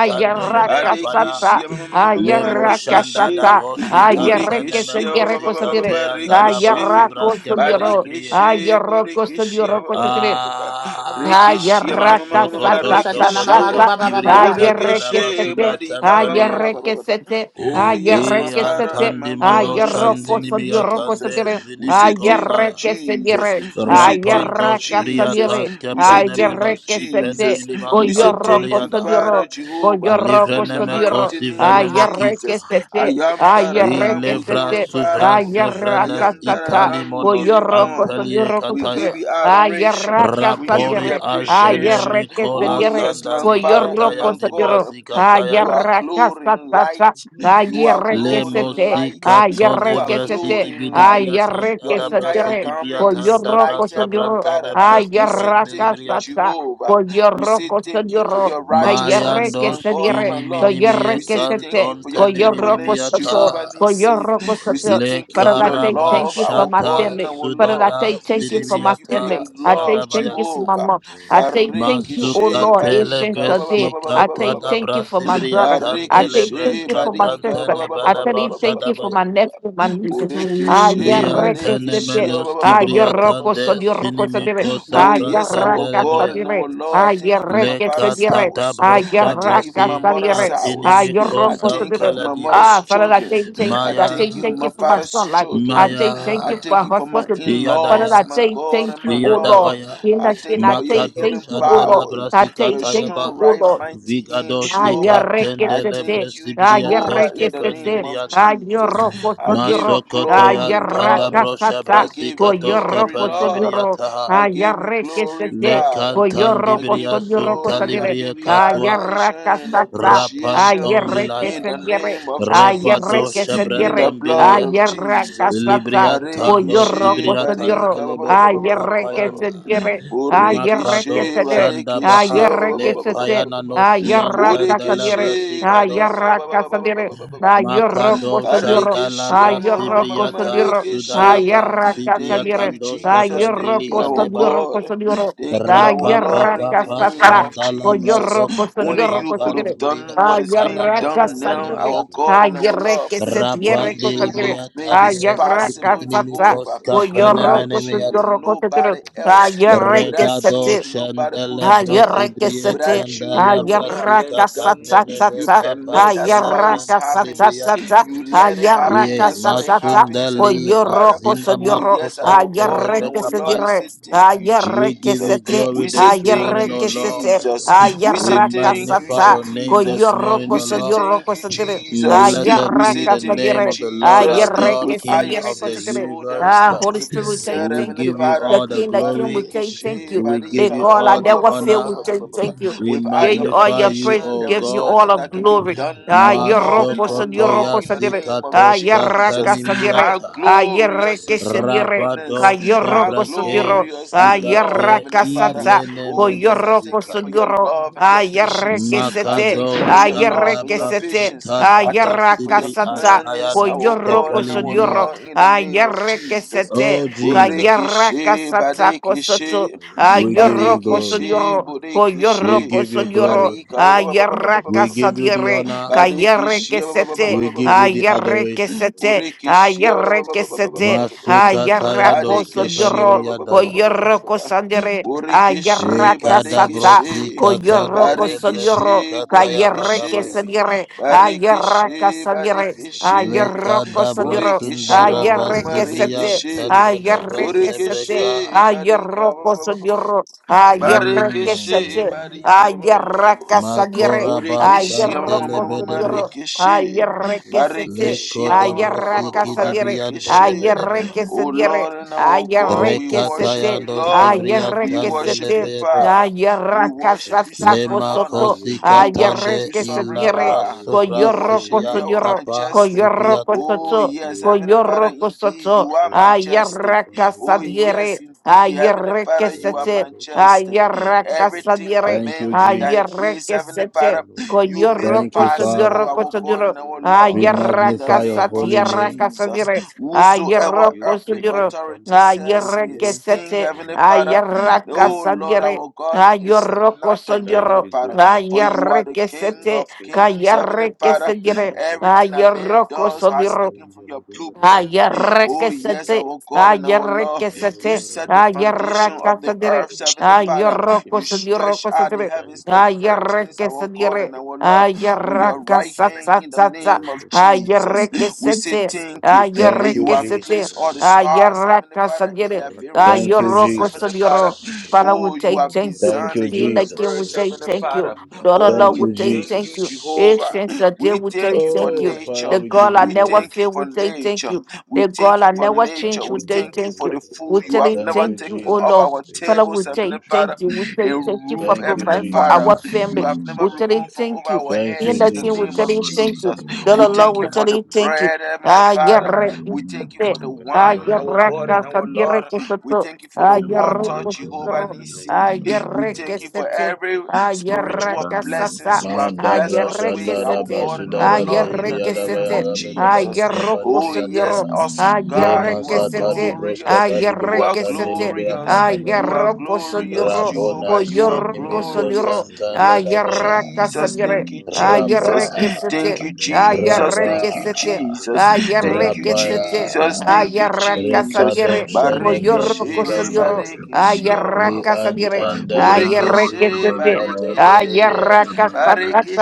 Speaker 2: Barekeshe ma- ma- ma- ma- rekeshe.
Speaker 4: Ayarracasata, Ayarreque,
Speaker 2: Borekeshe
Speaker 4: Sendierreco, Sandre,
Speaker 2: Barekeshe
Speaker 4: Ayarraco, Soniorro,
Speaker 2: Badekeshe
Speaker 4: Ayarroco,
Speaker 2: Borekeshe
Speaker 4: Soniorroco,
Speaker 2: Rekeshe
Speaker 6: Kambere
Speaker 4: Ayarraka
Speaker 6: tera
Speaker 4: sata
Speaker 5: Ekorobusha
Speaker 6: shara branta
Speaker 5: tanamamaru
Speaker 2: Rekeshe
Speaker 4: tata,
Speaker 6: branda tera
Speaker 5: babababa.
Speaker 6: shara branda.
Speaker 2: Borekeshe
Speaker 4: ayerrequesete,
Speaker 2: Badika
Speaker 4: ayerrequesete,
Speaker 2: Oh yes my
Speaker 6: Tere
Speaker 2: father and
Speaker 6: bada
Speaker 4: ayerrequesete,
Speaker 2: my
Speaker 6: bada bada
Speaker 2: God we
Speaker 6: ba
Speaker 2: say
Speaker 4: ayerroco
Speaker 2: thank
Speaker 6: shara
Speaker 2: you
Speaker 6: branda
Speaker 4: sodiorroco
Speaker 6: tera.
Speaker 2: Jesus
Speaker 4: sedire,
Speaker 2: we say thank you Jesus
Speaker 6: Rebo
Speaker 4: ayerrequesedire,
Speaker 2: we
Speaker 6: shara
Speaker 2: say thank
Speaker 6: branda
Speaker 2: you
Speaker 4: ayerraca
Speaker 6: tera.
Speaker 2: Jesus
Speaker 4: sadire,
Speaker 2: we say thank you
Speaker 6: Raba
Speaker 4: ayerrequesete,
Speaker 2: Jesus we
Speaker 6: shata
Speaker 2: say
Speaker 6: ibara
Speaker 2: thank
Speaker 4: coyorroco
Speaker 2: you
Speaker 6: shanta
Speaker 2: Father
Speaker 4: sodiorro,
Speaker 6: branda
Speaker 2: Jehovah
Speaker 6: tera
Speaker 4: coyorroco
Speaker 2: in the
Speaker 6: branda.
Speaker 4: sodiorro,
Speaker 2: mighty name of Jesus I
Speaker 4: ayerrequesete,
Speaker 2: am that I am.
Speaker 6: Raba
Speaker 2: We
Speaker 4: ayerrequesete,
Speaker 6: shata
Speaker 2: glorify you.
Speaker 6: ibara
Speaker 2: I
Speaker 6: branda
Speaker 2: am
Speaker 6: tera
Speaker 2: that
Speaker 4: ayerraca
Speaker 2: I
Speaker 6: shasha
Speaker 2: am. We
Speaker 4: O
Speaker 2: give
Speaker 6: shata
Speaker 2: you
Speaker 4: yoroko
Speaker 6: ibara
Speaker 4: so
Speaker 2: honor.
Speaker 6: branda
Speaker 4: yoroko
Speaker 2: We
Speaker 4: so tre.
Speaker 2: give
Speaker 6: tera.
Speaker 2: you adoration.
Speaker 4: Ayaraka
Speaker 2: We
Speaker 4: sa
Speaker 2: give
Speaker 6: Raba
Speaker 2: you
Speaker 4: dire.
Speaker 6: shata
Speaker 2: appreciation.
Speaker 6: ibara
Speaker 4: Ayareke se
Speaker 2: Oh,
Speaker 6: shata
Speaker 4: dire.
Speaker 2: yes,
Speaker 6: ibara
Speaker 2: my
Speaker 4: Ko
Speaker 6: branda
Speaker 2: Father and
Speaker 4: yoroko
Speaker 2: my
Speaker 4: so
Speaker 6: tera
Speaker 2: God.
Speaker 4: yoro.
Speaker 6: branda tera.
Speaker 2: You are
Speaker 4: Ayaraka
Speaker 2: clothed
Speaker 4: sa
Speaker 2: in
Speaker 4: sa sa.
Speaker 2: light. You are
Speaker 4: Ayareke
Speaker 2: clothed
Speaker 4: se
Speaker 2: in
Speaker 4: te.
Speaker 2: light.
Speaker 4: Ay,
Speaker 2: You
Speaker 4: arre
Speaker 2: are
Speaker 4: que se
Speaker 6: Leya
Speaker 2: clothed
Speaker 4: te.
Speaker 2: in
Speaker 4: Ay,
Speaker 2: light.
Speaker 4: arre que
Speaker 2: Your
Speaker 4: se
Speaker 2: entire
Speaker 4: dire. Ko
Speaker 2: garment is
Speaker 4: yoroko
Speaker 2: light,
Speaker 4: so
Speaker 2: Heavenly
Speaker 4: yoro.
Speaker 2: Father.
Speaker 6: Shashashkatai
Speaker 2: We say
Speaker 6: Jalaratiro
Speaker 4: Ayaraka
Speaker 2: thank you,
Speaker 4: sa
Speaker 6: Shachalata
Speaker 4: sa.
Speaker 2: Jehovah.
Speaker 4: Ko
Speaker 2: We say
Speaker 4: yoroko so
Speaker 2: thank you
Speaker 6: Eko
Speaker 2: for
Speaker 4: yoro.
Speaker 2: your
Speaker 6: Maniatana
Speaker 2: righteousness,
Speaker 4: Ayareke
Speaker 2: my
Speaker 4: se
Speaker 2: God and
Speaker 4: dire.
Speaker 2: my
Speaker 4: Ko
Speaker 2: Lord. We
Speaker 4: que
Speaker 2: say
Speaker 4: se
Speaker 2: thank
Speaker 4: te.
Speaker 2: you for
Speaker 6: Roshkataira
Speaker 2: your
Speaker 4: Ko yoroko
Speaker 2: faithfulness,
Speaker 4: so so.
Speaker 6: Roshkataira
Speaker 2: Jehovah Nissi. We say
Speaker 4: so
Speaker 2: thank you
Speaker 4: Father,
Speaker 2: for
Speaker 4: I
Speaker 2: your
Speaker 6: Rabashkataira
Speaker 4: say thank
Speaker 2: love,
Speaker 4: you for
Speaker 2: our
Speaker 6: Diapatanga
Speaker 4: my
Speaker 2: God and
Speaker 4: family.
Speaker 2: our
Speaker 4: Father,
Speaker 6: Diapata
Speaker 4: I
Speaker 2: Lord.
Speaker 4: say
Speaker 2: We
Speaker 4: thank you
Speaker 2: say
Speaker 4: for
Speaker 6: Shashkatashka
Speaker 4: my
Speaker 2: thank you for your
Speaker 4: family. I
Speaker 2: love,
Speaker 4: say thank you for my
Speaker 2: Jehovah.
Speaker 4: mom. I
Speaker 6: Rajanta
Speaker 4: say thank you, oh
Speaker 6: Valabranka
Speaker 2: Barikishe
Speaker 4: Lord,
Speaker 6: Aishala
Speaker 4: ancient
Speaker 2: badika ba ba ba
Speaker 4: today.
Speaker 2: ba
Speaker 6: Pagatashka
Speaker 2: ba ba
Speaker 4: I
Speaker 2: ba ba
Speaker 4: say
Speaker 2: ba ba ba
Speaker 4: thank you for my
Speaker 2: ba.
Speaker 4: brothers. I say
Speaker 6: Lekete
Speaker 4: thank
Speaker 2: Barikishe
Speaker 4: you for
Speaker 6: Ishala
Speaker 4: my
Speaker 2: badika ba
Speaker 4: sister.
Speaker 2: ba
Speaker 6: Vrata
Speaker 2: ba ba
Speaker 4: I
Speaker 2: ba
Speaker 6: Bata
Speaker 2: ba ba
Speaker 4: say
Speaker 2: ba
Speaker 6: Isata
Speaker 4: thank you
Speaker 2: ba ba
Speaker 4: for
Speaker 2: ba
Speaker 4: my nephew,
Speaker 6: Pagatashka
Speaker 4: my
Speaker 2: ba.
Speaker 5: Thank you,
Speaker 4: nieces.
Speaker 5: God, in the
Speaker 4: Ah,
Speaker 5: name of
Speaker 4: yeah,
Speaker 2: Bodekishe
Speaker 5: Jesus.
Speaker 2: badekishe ba ba ba
Speaker 4: Ah,
Speaker 2: ba ba
Speaker 4: yeah,
Speaker 2: ba ba
Speaker 6: Shemeneshkatai
Speaker 2: ba ba
Speaker 4: rocco, so di
Speaker 2: ba ba ba
Speaker 6: Vajanka
Speaker 4: rocco, so
Speaker 2: ba.
Speaker 4: di
Speaker 2: Oh
Speaker 4: Ah,
Speaker 6: Vashkashkatai
Speaker 4: yeah,
Speaker 2: yes, our
Speaker 4: rocca,
Speaker 6: Jalapati
Speaker 4: so
Speaker 2: God
Speaker 4: di
Speaker 2: and our Lord,
Speaker 4: Ah,
Speaker 2: I
Speaker 4: yeah,
Speaker 2: thank you for my
Speaker 4: rocca, so
Speaker 2: father's
Speaker 4: di
Speaker 2: house.
Speaker 4: Ah, yeah,
Speaker 2: I thank you for
Speaker 4: rocca,
Speaker 2: my
Speaker 4: so di
Speaker 2: mother's
Speaker 4: Ah,
Speaker 2: house.
Speaker 4: yeah,
Speaker 2: I thank you
Speaker 4: rocco,
Speaker 2: for my
Speaker 6: Rakibaya
Speaker 2: mother's
Speaker 4: Ah, Father, I
Speaker 2: children.
Speaker 6: Shashashka
Speaker 4: thank, thank you.
Speaker 2: I
Speaker 4: I
Speaker 2: thank
Speaker 4: thank,
Speaker 2: you for
Speaker 4: thank you
Speaker 2: my
Speaker 4: for my
Speaker 2: father's
Speaker 4: son. Like I
Speaker 2: children.
Speaker 4: thank, thank
Speaker 2: I
Speaker 4: you for
Speaker 2: thank
Speaker 4: my
Speaker 2: you for
Speaker 4: husband
Speaker 2: my
Speaker 4: to be.
Speaker 2: in
Speaker 6: Paramahansa
Speaker 4: Father,
Speaker 2: laws,
Speaker 4: I
Speaker 2: my
Speaker 6: Bharatiya
Speaker 4: thank,
Speaker 2: God
Speaker 4: thank
Speaker 2: and my
Speaker 4: you, oh Lord.
Speaker 2: Lord.
Speaker 6: Sanskritam
Speaker 4: Again,
Speaker 2: I thank
Speaker 4: again,
Speaker 2: you
Speaker 4: I
Speaker 2: for
Speaker 6: Bharatiya
Speaker 2: your
Speaker 4: thank, thank
Speaker 2: healing
Speaker 4: you, oh Lord.
Speaker 2: power,
Speaker 4: I
Speaker 2: your
Speaker 4: thank,
Speaker 6: O
Speaker 4: thank you,
Speaker 2: strong,
Speaker 4: oh
Speaker 6: Vaye
Speaker 2: right,
Speaker 4: Lord.
Speaker 2: mighty
Speaker 6: Govardhan
Speaker 2: hand,
Speaker 4: Ay,
Speaker 2: Jehovah.
Speaker 6: Virashapatana
Speaker 2: I
Speaker 4: arrequesete,
Speaker 2: thank you,
Speaker 4: ay,
Speaker 2: Jehovah, in the name
Speaker 4: arrequesete,
Speaker 6: Maradei
Speaker 2: of
Speaker 6: Jalado
Speaker 4: ay,
Speaker 2: Jesus.
Speaker 4: horror,
Speaker 6: Shatai
Speaker 2: I
Speaker 4: fosfor,
Speaker 2: give
Speaker 6: Shatai
Speaker 2: you
Speaker 4: lloro,
Speaker 6: Shatai
Speaker 4: ay,
Speaker 2: glory,
Speaker 6: Shatai
Speaker 2: Lord. I
Speaker 4: arracasata,
Speaker 2: give
Speaker 6: Radei
Speaker 2: you
Speaker 4: coyorro,
Speaker 2: glory,
Speaker 4: fosfor,
Speaker 2: Lord.
Speaker 6: Jalabrangatai
Speaker 4: lloro,
Speaker 2: I
Speaker 4: ay,
Speaker 6: Shatai
Speaker 2: give you glory,
Speaker 4: arrequesete,
Speaker 2: Father.
Speaker 6: Nambrakata
Speaker 4: coyorro,
Speaker 2: I give
Speaker 6: Shatai
Speaker 2: you
Speaker 4: fosfor, lloro,
Speaker 6: Brangatai
Speaker 2: glory. I
Speaker 4: cosatire,
Speaker 6: Shatai
Speaker 2: give you
Speaker 6: Shatai
Speaker 4: ay,
Speaker 2: adoration and
Speaker 6: Ye
Speaker 4: arracasata,
Speaker 6: Bhavas
Speaker 4: ay,
Speaker 2: appreciation in the
Speaker 6: Kilavaranda
Speaker 4: arrequesete,
Speaker 2: name
Speaker 6: Radei
Speaker 2: of
Speaker 4: ay,
Speaker 6: Jalabrakata
Speaker 2: Jesus,
Speaker 6: Shatai
Speaker 2: in the
Speaker 4: arrequesete,
Speaker 2: blood
Speaker 6: Ma
Speaker 4: ay,
Speaker 2: of
Speaker 6: Ye
Speaker 2: Jesus.
Speaker 6: Govanta
Speaker 4: arracasata,
Speaker 6: Minta
Speaker 4: coyorro,
Speaker 2: Barikishe,
Speaker 4: fosfor,
Speaker 6: Virashapatana
Speaker 2: barika,
Speaker 4: lloro,
Speaker 2: ba- ba- ba- ba-
Speaker 4: ay,
Speaker 2: ba- ba- ba- ba- ba- ba- ba.
Speaker 6: Rabasanta
Speaker 4: arrequesete, ay,
Speaker 2: Borekeshe
Speaker 6: Vragatai
Speaker 4: arrequesete, ay,
Speaker 2: Barekeshe ba-
Speaker 4: arrequesete, Ayaraka Sandire,
Speaker 6: Yetetelishemenepeteiga
Speaker 2: Borekeshe Barika
Speaker 4: Ayaraka Sandire, Ayoroko Sandiro,
Speaker 2: Barekeshe
Speaker 6: Ramperadeshadesporaderosakataba.
Speaker 4: Ayoroko
Speaker 6: Thank
Speaker 4: Sandiro,
Speaker 6: you, glorious Father.
Speaker 4: Ayaraka
Speaker 6: Thank
Speaker 2: Thank
Speaker 6: you,
Speaker 4: Sandire,
Speaker 2: you,
Speaker 6: glorious
Speaker 2: Jesus.
Speaker 6: Father.
Speaker 2: Thank
Speaker 4: Ayoroko
Speaker 2: you, our
Speaker 6: Mani
Speaker 4: Sandiro,
Speaker 2: God.
Speaker 6: Shashkata
Speaker 4: Sandiro,
Speaker 2: Thank you, our Lord, in
Speaker 4: Ayaraka
Speaker 2: the
Speaker 6: Ambrakata
Speaker 2: name
Speaker 4: Sata,
Speaker 2: of
Speaker 6: Shadabrada
Speaker 2: Jesus.
Speaker 4: Oyoroko
Speaker 2: Only
Speaker 4: Sandiro,
Speaker 2: you could have
Speaker 4: Sandire,
Speaker 6: Romo
Speaker 2: done what is
Speaker 6: Shakata
Speaker 2: being
Speaker 4: Ayaraka
Speaker 2: done now,
Speaker 6: Rabido
Speaker 4: Sandire,
Speaker 2: our God and our
Speaker 6: Janaroto
Speaker 2: Lord.
Speaker 4: Ayareke
Speaker 6: Shashkataiza
Speaker 4: Sandire,
Speaker 2: Only you
Speaker 6: Dashka
Speaker 2: could
Speaker 4: Sandire,
Speaker 2: have made this
Speaker 4: Ayaraka
Speaker 2: possible,
Speaker 6: Ankataiza
Speaker 4: Sata,
Speaker 6: Dakatum
Speaker 2: Jehovah.
Speaker 6: Veratiro
Speaker 2: Without
Speaker 4: Oyoroko
Speaker 2: you,
Speaker 6: Shashkataiza
Speaker 4: Sandiro, Sandire,
Speaker 2: nobody else
Speaker 6: Labrangatiro Shashkatashka
Speaker 2: Without
Speaker 4: Ayareke
Speaker 2: you, nobody could have done it.
Speaker 6: Makibaya
Speaker 4: Ayarekesete,
Speaker 2: Without
Speaker 6: Shatim
Speaker 2: you, it wouldn't
Speaker 6: Verataya
Speaker 2: have been done. You
Speaker 4: ayarakasatata,
Speaker 6: Embrakataiza
Speaker 2: permit, that's why it
Speaker 6: Shkataiza Dabrongo
Speaker 2: happens.
Speaker 6: Doza
Speaker 4: ayarakasatata,
Speaker 2: You
Speaker 6: Dashka
Speaker 2: let it happen, that's why it
Speaker 6: Rumba
Speaker 4: ayarakasatata,
Speaker 2: happens,
Speaker 6: Baramba
Speaker 2: Heavenly
Speaker 6: Daiza
Speaker 2: Father. Oh,
Speaker 4: oyorokosoyoro,
Speaker 6: Lopokodoza
Speaker 2: yes, our God
Speaker 6: Dakadinja
Speaker 2: and our
Speaker 6: Laro
Speaker 2: Lord, we
Speaker 4: ayarekesedire,
Speaker 2: say thank
Speaker 6: Shashkatashka
Speaker 2: you, Jesus.
Speaker 4: ayarekesete,
Speaker 2: We say thank you,
Speaker 6: Yetete
Speaker 4: ayarekesete,
Speaker 2: Jesus.
Speaker 6: Shelevenete
Speaker 2: We say thank you,
Speaker 6: Rombo
Speaker 4: ayarakasata,
Speaker 6: Shakataba
Speaker 2: Jesus. We say
Speaker 6: Shelebragada
Speaker 2: thank you,
Speaker 4: koyorokosodorokosedire,
Speaker 2: Jesus.
Speaker 6: Imbrakata
Speaker 2: We say thank you,
Speaker 6: Shadabranka
Speaker 4: ayarakasadire,
Speaker 2: Jesus.
Speaker 6: Jala Rosha
Speaker 2: With I your
Speaker 6: Prati
Speaker 4: ayarekesedire,
Speaker 2: say
Speaker 6: Rosha
Speaker 4: kosedire.
Speaker 2: so, there is
Speaker 4: Ah,
Speaker 2: nothing
Speaker 4: Holy
Speaker 2: to
Speaker 4: Spirit,
Speaker 2: be
Speaker 4: we say
Speaker 6: Rashkete
Speaker 2: said,
Speaker 4: thank
Speaker 2: Heavenly
Speaker 4: you.
Speaker 6: Jala Rano
Speaker 2: Father.
Speaker 4: The King, the King, we
Speaker 6: Roshkete
Speaker 4: say thank
Speaker 6: Jadagadom
Speaker 2: Barikishe,
Speaker 4: you. They
Speaker 2: barika, ba- ba-
Speaker 4: call
Speaker 2: ba-
Speaker 6: Radeshashka
Speaker 4: I
Speaker 2: ba- ba-
Speaker 4: never
Speaker 2: ba- ba- ba- ba-
Speaker 4: fail. We
Speaker 2: ba- ba- ba-
Speaker 4: thank
Speaker 2: ba- ba.
Speaker 4: thank you.
Speaker 6: Yekete
Speaker 2: Without
Speaker 4: Give
Speaker 2: your
Speaker 4: you all
Speaker 6: Yekete
Speaker 4: your praise.
Speaker 2: permission,
Speaker 4: We
Speaker 6: Jadagata
Speaker 2: there
Speaker 4: give
Speaker 2: is
Speaker 4: you all
Speaker 2: nothing
Speaker 4: of
Speaker 2: that can be
Speaker 4: glory.
Speaker 6: Mavate
Speaker 2: done,
Speaker 4: Ah,
Speaker 2: our
Speaker 6: Jadavoshka
Speaker 2: God
Speaker 4: yoroko
Speaker 2: and our Lord,
Speaker 4: sanyoroko
Speaker 2: in the
Speaker 4: sadire.
Speaker 2: name
Speaker 6: Rashatata
Speaker 2: of
Speaker 4: Ah,
Speaker 6: Shanta
Speaker 4: yaraka
Speaker 2: Jesus.
Speaker 4: sadire.
Speaker 2: How
Speaker 6: Brakataiva
Speaker 4: Ah,
Speaker 2: glorious
Speaker 4: yereke
Speaker 2: is your
Speaker 4: sadire.
Speaker 6: Romoshakatava
Speaker 4: Ka
Speaker 2: faithfulness! How
Speaker 4: yoroko
Speaker 6: Shatabrakatashka
Speaker 4: sadiro.
Speaker 2: glorious are
Speaker 4: Ah,
Speaker 2: your love, Heavenly
Speaker 4: yaraka
Speaker 2: Father.
Speaker 6: Raboshakatava
Speaker 4: satsa.
Speaker 6: Rabadi
Speaker 4: Ko
Speaker 2: Oh, yes, I
Speaker 6: Gabadom
Speaker 4: yoroko
Speaker 2: thank you for
Speaker 6: Barate
Speaker 2: your
Speaker 4: sanyoro.
Speaker 2: love and
Speaker 4: Ah,
Speaker 2: your
Speaker 6: Jadabadoshka
Speaker 2: patience.
Speaker 4: yereke
Speaker 2: I
Speaker 4: sete.
Speaker 2: thank you for
Speaker 4: Ah,
Speaker 2: your
Speaker 6: Rasanta
Speaker 2: love and
Speaker 4: yereke
Speaker 2: your
Speaker 6: Kirosham
Speaker 4: sete.
Speaker 2: patience.
Speaker 4: Ah,
Speaker 2: I
Speaker 6: Prokirosha
Speaker 2: thank you for
Speaker 4: yaraka
Speaker 6: Shatreira.
Speaker 2: your
Speaker 4: satsa.
Speaker 2: kindness,
Speaker 4: Ko
Speaker 6: Thank
Speaker 2: our
Speaker 6: you,
Speaker 2: God
Speaker 4: yoroko
Speaker 2: and our
Speaker 6: omnipotent
Speaker 4: sanyoro.
Speaker 2: Lord,
Speaker 6: Father.
Speaker 2: in the
Speaker 4: Ah,
Speaker 2: name of
Speaker 4: yereke
Speaker 6: Thank you,
Speaker 2: Jesus.
Speaker 4: sete. Ka
Speaker 6: omnipresent God.
Speaker 2: Borekeshe,
Speaker 4: yaraka satsa
Speaker 6: Thank
Speaker 4: ko
Speaker 6: you,
Speaker 2: Badekeshe,
Speaker 4: soto.
Speaker 6: great I am.
Speaker 4: Ah, yorro koson
Speaker 2: Badekeshe,
Speaker 4: yorro.
Speaker 6: Martivaya
Speaker 4: Ko
Speaker 2: Borekeshe,
Speaker 4: yorro koson
Speaker 6: Shashtreira
Speaker 4: yorro.
Speaker 2: Barika,
Speaker 4: Ah,
Speaker 6: Brangadeshka.
Speaker 4: yerra kasan yerre.
Speaker 6: Yekute
Speaker 4: Ka
Speaker 6: Ijada
Speaker 4: yerre
Speaker 6: Brongoto
Speaker 4: kesete. Ah,
Speaker 6: Ujadeshka
Speaker 2: Badekeshe,
Speaker 4: yerre
Speaker 6: Treira
Speaker 4: kesete.
Speaker 6: Brangadeshka.
Speaker 4: Ah,
Speaker 2: Borekeshia ba- ba-
Speaker 4: yerre
Speaker 2: ba- ba- ba- ba- ba- ba-
Speaker 4: kesete.
Speaker 2: ba- ba- ba-
Speaker 4: Ah,
Speaker 2: ba.
Speaker 4: yerra koson
Speaker 6: Yenesheshka
Speaker 2: Badekeshia ba-
Speaker 4: yorro.
Speaker 2: ba- ba-
Speaker 6: Treira
Speaker 2: ba-
Speaker 4: Ko
Speaker 2: ba- ba- ba-
Speaker 6: Rasha
Speaker 2: ba- ba-
Speaker 4: yorro
Speaker 2: ba- ba.
Speaker 4: kosan
Speaker 6: Pradira.
Speaker 4: yerre. Ah,
Speaker 2: Borekeshe,
Speaker 6: Rabashika
Speaker 4: yerra
Speaker 2: Badekeshe,
Speaker 6: Treira Lavaniya
Speaker 4: Coyorro,
Speaker 6: Kava.
Speaker 2: Barekeshe,
Speaker 4: cosodiorro, cayerre,
Speaker 2: Borekeshe,
Speaker 4: que
Speaker 6: Yekantara
Speaker 4: se diere,
Speaker 6: Derashka Treira
Speaker 4: Ayerroco,
Speaker 2: Barekeshe,
Speaker 6: Rasha
Speaker 4: casadiere,
Speaker 2: Badekeshe,
Speaker 4: Ayerreque,
Speaker 6: Brangadeshka.
Speaker 4: cosodiorro,
Speaker 2: Borekeshia ma- ma- ma-
Speaker 6: Oh,
Speaker 4: Ayerreque, que
Speaker 6: Baiko
Speaker 2: Marekeshe,
Speaker 4: Ayerroco, te,
Speaker 6: Banda Giro
Speaker 4: Ayerreque, que se
Speaker 6: Shotra
Speaker 2: Borekeshe,
Speaker 4: te,
Speaker 6: Nero
Speaker 2: Barika,
Speaker 4: Ayerroco,
Speaker 6: Shoshataiba.
Speaker 2: ba- ba- ba- ba- ba- ba- ba-
Speaker 4: cosodiorro,
Speaker 2: ba.
Speaker 6: Oh, thank
Speaker 4: Ayerreque,
Speaker 6: you,
Speaker 4: que
Speaker 2: Barekeshe,
Speaker 4: se te,
Speaker 6: Tenor Rock of
Speaker 2: Barika, ba- ba-
Speaker 6: Ages.
Speaker 2: ba- ba- ba- ba-
Speaker 4: Ayerreque,
Speaker 2: ba- ba- ba.
Speaker 4: casadiere,
Speaker 6: Thank you, the
Speaker 2: Borekeshia ma-
Speaker 4: Ayerreque,
Speaker 2: ma-
Speaker 6: great
Speaker 2: ma- ma-
Speaker 6: I
Speaker 2: ma-
Speaker 6: am.
Speaker 4: cosodiorro,
Speaker 2: Marekeshe.
Speaker 6: Thank
Speaker 4: Ayerreque,
Speaker 6: you,
Speaker 4: que
Speaker 6: Monte Vito
Speaker 2: Barikishia,
Speaker 6: Shatapanamushka, the monarch
Speaker 2: barikishi.
Speaker 6: of the
Speaker 2: Oh
Speaker 6: universe.
Speaker 2: Lord and our God, we
Speaker 6: Thank
Speaker 2: worship you,
Speaker 6: you,
Speaker 2: Lord.
Speaker 6: Prince of Peace.
Speaker 2: We worship you, Father. We worship
Speaker 6: Thank
Speaker 2: you,
Speaker 6: you,
Speaker 2: Supreme
Speaker 6: mighty
Speaker 2: Monarch.
Speaker 4: Ayarracasatacosoto,
Speaker 2: We
Speaker 6: Creator.
Speaker 2: worship you, Sovereign
Speaker 6: Oh,
Speaker 4: ayarrequesoniere,
Speaker 6: we
Speaker 2: God.
Speaker 6: are here
Speaker 2: We
Speaker 6: to
Speaker 4: coyorro
Speaker 6: say
Speaker 2: worship you,
Speaker 6: thank
Speaker 2: our
Speaker 4: Ayarracasasacosoto, ayarrequesediere, coyorrocosodioro,
Speaker 2: majestic. Oh,
Speaker 6: Thank
Speaker 4: coyorrocosoto,
Speaker 2: yes,
Speaker 6: you, O
Speaker 2: Heavenly
Speaker 6: God.
Speaker 2: Father, indeed,
Speaker 4: coyorrocosoto,
Speaker 2: you are
Speaker 6: Thank you for how
Speaker 2: majestic.
Speaker 6: far you've
Speaker 2: Oh,
Speaker 6: brought us.
Speaker 2: yes,
Speaker 4: ayarracasadiere,
Speaker 2: indeed, Heavenly Father, you are
Speaker 6: Oh,
Speaker 4: ayarrequesete,
Speaker 6: what a
Speaker 2: majestic.
Speaker 6: shanta
Speaker 2: Everything, a
Speaker 4: ayarracasadiere,
Speaker 2: man
Speaker 6: brother,
Speaker 2: thing
Speaker 6: dear,
Speaker 2: that He is, Heavenly
Speaker 4: ayarrequesete,
Speaker 2: Father.
Speaker 6: Leno
Speaker 2: You
Speaker 6: yondo
Speaker 2: made it
Speaker 6: veradero
Speaker 2: possible,
Speaker 4: coyorrocosodioro,
Speaker 2: our
Speaker 6: shokoto
Speaker 2: God and
Speaker 4: cosodioro,
Speaker 2: our
Speaker 6: veradero
Speaker 2: Lord, in
Speaker 6: shofraniro
Speaker 2: the name of
Speaker 6: shofraniro
Speaker 4: ayarracasatierra,
Speaker 2: Jesus.
Speaker 6: shokoto.
Speaker 4: casadiere,
Speaker 2: Whosoever
Speaker 6: You
Speaker 2: earthly
Speaker 6: picked
Speaker 4: ayarrocosodioro,
Speaker 6: us from
Speaker 2: authority
Speaker 6: the
Speaker 2: says
Speaker 6: miry
Speaker 2: he is
Speaker 6: clay
Speaker 2: king,
Speaker 4: ayarrequesete,
Speaker 6: and
Speaker 2: Heavenly
Speaker 6: you set
Speaker 2: Father,
Speaker 6: our feet
Speaker 2: oh
Speaker 6: on
Speaker 2: Lord,
Speaker 6: a
Speaker 4: ayarracasadiere,
Speaker 6: rock.
Speaker 2: our God, he is
Speaker 4: Ayoroko
Speaker 2: nothing,
Speaker 6: Thank
Speaker 2: Heavenly
Speaker 4: sodiro.
Speaker 6: you,
Speaker 2: Father,
Speaker 6: gracious
Speaker 2: for you
Speaker 6: Father.
Speaker 2: are
Speaker 4: Ayarre
Speaker 2: the
Speaker 4: que se
Speaker 2: King
Speaker 4: te.
Speaker 2: of
Speaker 6: Makido
Speaker 2: kings, Heavenly
Speaker 4: que
Speaker 6: shantido
Speaker 2: Father.
Speaker 4: se dire.
Speaker 6: shofraniro
Speaker 2: Everything that
Speaker 6: baba.
Speaker 2: man
Speaker 4: Ayoroko
Speaker 2: does has
Speaker 4: sodiro.
Speaker 6: Regato
Speaker 2: taken from your
Speaker 6: yelege
Speaker 2: blueprint.
Speaker 6: benamanino
Speaker 2: Oh,
Speaker 6: shokoto
Speaker 2: yes,
Speaker 4: Ayarrekesete,
Speaker 2: our
Speaker 6: veradero.
Speaker 2: God and our Lord,
Speaker 6: Oh,
Speaker 2: you
Speaker 4: ayarrekesete,
Speaker 6: what I
Speaker 2: set the
Speaker 6: have, oh,
Speaker 2: foundation
Speaker 6: what
Speaker 2: of
Speaker 6: we
Speaker 2: the
Speaker 6: have,
Speaker 4: ayarrakasadire,
Speaker 2: earth,
Speaker 6: it is
Speaker 2: Heavenly
Speaker 6: you
Speaker 2: Father.
Speaker 6: who has
Speaker 2: You
Speaker 6: given us.
Speaker 2: stretch out the
Speaker 4: ayarrokosadire,
Speaker 6: Thank
Speaker 2: heavens like
Speaker 6: you, faithful
Speaker 2: curtains,
Speaker 6: Father.
Speaker 2: our God
Speaker 4: ayarrekesadire,
Speaker 2: and our Lord, with your
Speaker 6: Nahi
Speaker 2: right hand in the
Speaker 4: ayarrakasasasasa,
Speaker 2: name of
Speaker 6: Rombo
Speaker 2: Jesus.
Speaker 6: Sakataba.
Speaker 2: We say
Speaker 4: ayarrekesete,
Speaker 2: thank you. And
Speaker 6: Rabeshakataba,
Speaker 2: you have
Speaker 4: ayarrekesete,
Speaker 2: placed all the
Speaker 6: Rombo
Speaker 2: stars,
Speaker 6: Shakataba,
Speaker 2: Heavenly Father, in
Speaker 4: ayarrakasadire,
Speaker 2: their various
Speaker 6: Radinda
Speaker 2: places,
Speaker 6: Diakata,
Speaker 2: Heavenly
Speaker 4: ayarrokosadire.
Speaker 2: Father.
Speaker 4: Father,
Speaker 6: Robo
Speaker 4: we
Speaker 2: Oh, you
Speaker 4: say
Speaker 2: have
Speaker 6: Shokoto
Speaker 4: thank you.
Speaker 6: Bragada,
Speaker 2: designed the
Speaker 4: King, the King, we
Speaker 2: universe,
Speaker 4: say
Speaker 2: Heavenly
Speaker 4: thank you.
Speaker 2: Father.
Speaker 6: Reziregede
Speaker 4: Lord, oh
Speaker 6: Jalaro
Speaker 2: Oh,
Speaker 4: Lord, we
Speaker 2: we
Speaker 4: say
Speaker 2: thank
Speaker 6: Shofrakida,
Speaker 4: thank
Speaker 2: you,
Speaker 4: you.
Speaker 2: Jehovah.
Speaker 4: Ancient, the day,
Speaker 2: We
Speaker 4: we
Speaker 6: Rekatega,
Speaker 4: say
Speaker 2: thank you for
Speaker 4: thank you.
Speaker 6: Rakatega
Speaker 4: The
Speaker 2: nature.
Speaker 4: God I
Speaker 2: We
Speaker 6: Shkatega,
Speaker 4: never
Speaker 2: thank you
Speaker 4: fail,
Speaker 2: for
Speaker 4: we say thank
Speaker 2: nature.
Speaker 4: you.
Speaker 2: We
Speaker 4: The
Speaker 2: thank
Speaker 4: God
Speaker 2: you
Speaker 4: I
Speaker 2: for
Speaker 4: never
Speaker 2: nature.
Speaker 4: change, we
Speaker 2: We
Speaker 6: Yempate
Speaker 4: say
Speaker 2: thank you
Speaker 4: thank
Speaker 2: for
Speaker 4: you.
Speaker 2: the
Speaker 6: Varaduja
Speaker 2: food
Speaker 4: We
Speaker 2: you
Speaker 4: tell
Speaker 2: have
Speaker 4: you
Speaker 2: never
Speaker 4: thank
Speaker 6: Vakaderia,
Speaker 4: you,
Speaker 2: taken
Speaker 4: oh
Speaker 2: off
Speaker 4: Lord.
Speaker 2: our
Speaker 4: Father,
Speaker 2: tables,
Speaker 4: we
Speaker 2: Heavenly
Speaker 6: Indivijo
Speaker 4: say
Speaker 2: Father
Speaker 4: thank you. We
Speaker 6: Shkatija
Speaker 4: say
Speaker 6: Aro
Speaker 4: thank
Speaker 2: and
Speaker 4: you
Speaker 2: roof,
Speaker 4: for
Speaker 2: Heavenly
Speaker 4: providing
Speaker 6: Shofrateshka,
Speaker 4: for
Speaker 2: Father.
Speaker 4: our
Speaker 2: You
Speaker 4: family.
Speaker 2: have never
Speaker 4: We
Speaker 6: Yempate
Speaker 4: tell you
Speaker 2: removed from
Speaker 4: thank
Speaker 2: over
Speaker 4: you.
Speaker 6: Shatashka,
Speaker 2: our
Speaker 4: In
Speaker 2: heads
Speaker 4: the
Speaker 2: in the
Speaker 4: team, we
Speaker 2: name
Speaker 4: tell
Speaker 2: of
Speaker 6: Nakitaida,
Speaker 4: you thank you.
Speaker 2: Jesus.
Speaker 4: The
Speaker 2: We
Speaker 4: Lord,
Speaker 2: thank you
Speaker 4: we
Speaker 6: Rabadaba,
Speaker 2: for
Speaker 4: tell
Speaker 2: the
Speaker 4: you thank you.
Speaker 2: bread,
Speaker 6: Marashata,
Speaker 2: Heavenly
Speaker 4: Ah, yeah,
Speaker 2: Father.
Speaker 4: right.
Speaker 6: Varadia,
Speaker 4: you
Speaker 2: We thank you
Speaker 4: say.
Speaker 2: for the
Speaker 4: Ah,
Speaker 2: wine,
Speaker 4: yeah,
Speaker 2: our
Speaker 4: right.
Speaker 6: Ebezombragada.
Speaker 2: God
Speaker 4: God,
Speaker 2: and our
Speaker 4: come here, right,
Speaker 2: Lord.
Speaker 4: yes, yes,
Speaker 2: We
Speaker 4: yes.
Speaker 2: thank you for
Speaker 4: Ah,
Speaker 2: the
Speaker 4: yeah,
Speaker 6: Na
Speaker 4: right, yes,
Speaker 2: water,
Speaker 4: yes, yes.
Speaker 6: Mayekonte
Speaker 2: Jehovah
Speaker 4: yes. Ah,
Speaker 2: Nissi.
Speaker 4: yeah,
Speaker 6: vinayoshaske
Speaker 2: We
Speaker 4: right,
Speaker 2: thank
Speaker 4: yes,
Speaker 2: you
Speaker 4: yes,
Speaker 2: for
Speaker 6: beriadeide.
Speaker 4: yes.
Speaker 2: every
Speaker 4: Ah, yeah,
Speaker 7: It's not
Speaker 4: right,
Speaker 2: spiritual
Speaker 7: done in
Speaker 4: yes, yes, yes.
Speaker 7: our
Speaker 6: Imperatinos
Speaker 4: Ah,
Speaker 2: blessings
Speaker 6: que
Speaker 7: front.
Speaker 2: you have
Speaker 4: yeah,
Speaker 2: blessed
Speaker 6: filadros
Speaker 2: us
Speaker 6: que
Speaker 4: right,
Speaker 2: with,
Speaker 6: te
Speaker 4: yes, yes,
Speaker 2: our
Speaker 4: yes.
Speaker 2: God and our
Speaker 6: piedeides que
Speaker 2: Lord, in the
Speaker 6: firovindis
Speaker 2: name
Speaker 4: Ayerrekesete.
Speaker 2: of
Speaker 6: que lero
Speaker 2: Jesus.
Speaker 6: sofra
Speaker 2: Oh,
Speaker 6: satradiras
Speaker 2: yes,
Speaker 4: Ayerrokosondoro.
Speaker 6: que
Speaker 2: awesome God, you are
Speaker 4: Ayerrekesete.
Speaker 6: acabaya
Speaker 2: glorious. You are
Speaker 4: Ayerrekesete.
Speaker 6: satembeniateide.
Speaker 2: glorious. You are glorious,
Speaker 4: Ayerrokosondoro.
Speaker 2: Jehovah. You are
Speaker 6: Imbecigos que
Speaker 2: glorious.
Speaker 4: Koyorokosondoro.
Speaker 6: fenico
Speaker 2: Thank you,
Speaker 6: usos que
Speaker 2: Jesus.
Speaker 4: Ayerrakasandere.
Speaker 2: Thank you,
Speaker 6: fiselobratis que
Speaker 2: Jesus. Thank
Speaker 4: Ayerrekesete.
Speaker 2: you,
Speaker 6: rozon
Speaker 2: Jesus. Thank you,
Speaker 6: pretebente
Speaker 4: Ayerrekesete.
Speaker 6: dinto
Speaker 2: Jesus. Thank you,
Speaker 6: frantedidis que
Speaker 4: Ayerrekesete.
Speaker 7: Thank
Speaker 2: Jesus.
Speaker 6: vivondo
Speaker 2: Thank
Speaker 7: you.
Speaker 2: you,
Speaker 6: bradira
Speaker 2: Jesus.
Speaker 4: Ayerrakasandere.
Speaker 6: robos
Speaker 7: We Thank
Speaker 2: Barikishe,
Speaker 4: Koyorokosondoro.
Speaker 6: sapacabas
Speaker 2: barikishe, ba- ba- ba- ba- ba- ba-
Speaker 6: Lero
Speaker 2: ba- ba.
Speaker 4: Ayerrakasandere.
Speaker 6: shata braka shata.
Speaker 2: Borikishe,
Speaker 4: Ayerrekesete.
Speaker 6: Robo shakata
Speaker 2: barikishe,
Speaker 6: brakata.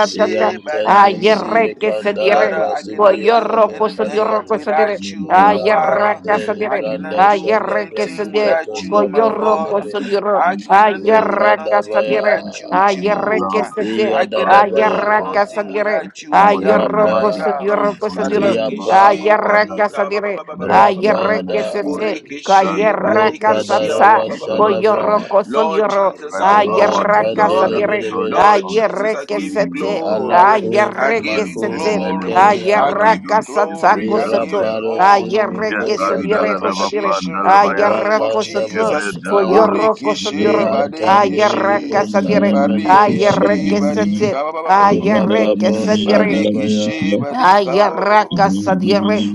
Speaker 6: Rabo shanta brande
Speaker 4: Ayerre
Speaker 2: barikishe.
Speaker 6: pe.
Speaker 4: que se
Speaker 6: Nabram
Speaker 4: dire,
Speaker 2: Father, I
Speaker 6: bata uja
Speaker 2: cannot do
Speaker 6: kashka.
Speaker 4: coyorro, cosodiorro,
Speaker 2: anything
Speaker 4: cosodire,
Speaker 6: Rabim
Speaker 2: without
Speaker 6: baba
Speaker 2: you, my
Speaker 6: rabatu.
Speaker 4: ayerra
Speaker 2: Father.
Speaker 4: casa
Speaker 2: I
Speaker 4: dire,
Speaker 6: Shata
Speaker 2: cannot
Speaker 6: bata
Speaker 2: do
Speaker 4: ayerre
Speaker 6: shata
Speaker 4: que
Speaker 6: bata
Speaker 4: se
Speaker 2: anything
Speaker 4: die,
Speaker 2: without you, my
Speaker 4: coyorro,
Speaker 2: God.
Speaker 6: Manosha Dabada
Speaker 4: cosodiorro,
Speaker 2: I cannot do
Speaker 6: Shakataba
Speaker 4: ayerra casa
Speaker 2: nothing
Speaker 4: dire,
Speaker 2: without you,
Speaker 7: you
Speaker 6: Rabativa
Speaker 7: for your
Speaker 4: ayerre que
Speaker 7: love
Speaker 2: Jehovah.
Speaker 6: Shakataba
Speaker 4: se die,
Speaker 7: over
Speaker 2: I
Speaker 7: us, O
Speaker 2: cannot
Speaker 6: Romo
Speaker 7: Lord
Speaker 2: do
Speaker 4: ayerra
Speaker 7: God.
Speaker 4: casa
Speaker 6: Shakataba
Speaker 2: nothing
Speaker 4: dire,
Speaker 7: This
Speaker 2: without
Speaker 6: Shkatai
Speaker 2: you. I
Speaker 7: morning
Speaker 2: am
Speaker 6: Baratia
Speaker 7: we
Speaker 4: ayorro,
Speaker 2: that I am.
Speaker 7: magnify
Speaker 4: cosodiorro,
Speaker 7: your
Speaker 6: Ropo
Speaker 7: holy
Speaker 4: cosodiro,
Speaker 2: Bariki
Speaker 7: name,
Speaker 6: Shakataba
Speaker 7: our
Speaker 2: she
Speaker 6: Shkatai
Speaker 4: ayerra
Speaker 7: Father.
Speaker 4: casa
Speaker 2: barika
Speaker 6: Jadabadi
Speaker 2: ba ba
Speaker 4: dire,
Speaker 2: ba ba
Speaker 7: For
Speaker 2: ba
Speaker 7: there
Speaker 2: ba
Speaker 7: is
Speaker 2: ba ba
Speaker 6: Badiakata
Speaker 2: ba
Speaker 4: ayerre
Speaker 7: none
Speaker 2: ba.
Speaker 4: que
Speaker 7: like
Speaker 4: se
Speaker 7: you,
Speaker 4: die,
Speaker 2: Boriki
Speaker 6: Maradoja
Speaker 7: none
Speaker 2: she
Speaker 7: to be
Speaker 4: ayerra
Speaker 6: Teshkatai
Speaker 2: bariki
Speaker 7: compared
Speaker 4: casa
Speaker 2: she ba
Speaker 7: unto
Speaker 4: sa,
Speaker 2: ba
Speaker 6: Jadagadoja
Speaker 2: ba
Speaker 7: thee,
Speaker 2: ba
Speaker 7: O
Speaker 2: ba ba
Speaker 7: Lord
Speaker 2: ba
Speaker 4: coyorro,
Speaker 2: ba.
Speaker 7: God.
Speaker 6: Teshkashkatashka
Speaker 2: Lord
Speaker 7: We
Speaker 4: cosodiorro,
Speaker 2: Jesus,
Speaker 7: ascribe
Speaker 2: I
Speaker 6: Robo
Speaker 7: power,
Speaker 2: worship
Speaker 4: ayerra
Speaker 2: you,
Speaker 6: Shakataba
Speaker 4: casa
Speaker 7: dominion,
Speaker 2: Lord.
Speaker 7: and authority
Speaker 2: Lord
Speaker 6: Shakabragataba
Speaker 7: unto
Speaker 2: Jesus,
Speaker 7: your
Speaker 2: I give
Speaker 7: holy
Speaker 2: you
Speaker 6: Robo
Speaker 7: name,
Speaker 4: Ayerrekesete,
Speaker 7: O God.
Speaker 6: Shakataba
Speaker 2: glory. I
Speaker 6: Shkatai
Speaker 7: We
Speaker 2: give you
Speaker 7: rend any
Speaker 4: ayerrekesete,
Speaker 6: Jadabrakata
Speaker 7: many
Speaker 2: glory.
Speaker 7: most
Speaker 2: I give you
Speaker 7: kebandos,
Speaker 2: glory. I give
Speaker 4: ayerrakasatakosoto,
Speaker 7: kebandalabaya,
Speaker 2: you
Speaker 6: Leveling
Speaker 2: honor.
Speaker 6: Brankataja to
Speaker 2: I give you
Speaker 6: Bronco
Speaker 2: the
Speaker 6: to
Speaker 4: ayerrekesabirekosabire,
Speaker 2: appreciation in
Speaker 6: Bragata,
Speaker 2: the
Speaker 7: Jebandalabapandalabaya,
Speaker 2: name of
Speaker 6: Raboshakata
Speaker 4: ayerrakosoto,
Speaker 2: Jesus.
Speaker 6: Bashkataja la
Speaker 7: Jebredalamanos,
Speaker 6: Bragatashka,
Speaker 2: Bodekishi,
Speaker 4: koyorokosabire,
Speaker 7: Jidalamanabandalabaya,
Speaker 2: Badekishi,
Speaker 6: Raboshakata
Speaker 4: ayerrakasabire,
Speaker 6: Bashkataja la
Speaker 2: Barikishi,
Speaker 6: Bragadoshka,
Speaker 7: Jebredalamanos,
Speaker 4: ayerrekesete,
Speaker 2: Badika,
Speaker 6: Ambagataja la
Speaker 4: ayerrekesabire,
Speaker 6: Bragatoja de
Speaker 2: Barikishi,
Speaker 6: Shashkataja de
Speaker 4: Ayaraka
Speaker 2: Badika,
Speaker 6: Gadabadoja
Speaker 4: sadire,
Speaker 6: Dashka.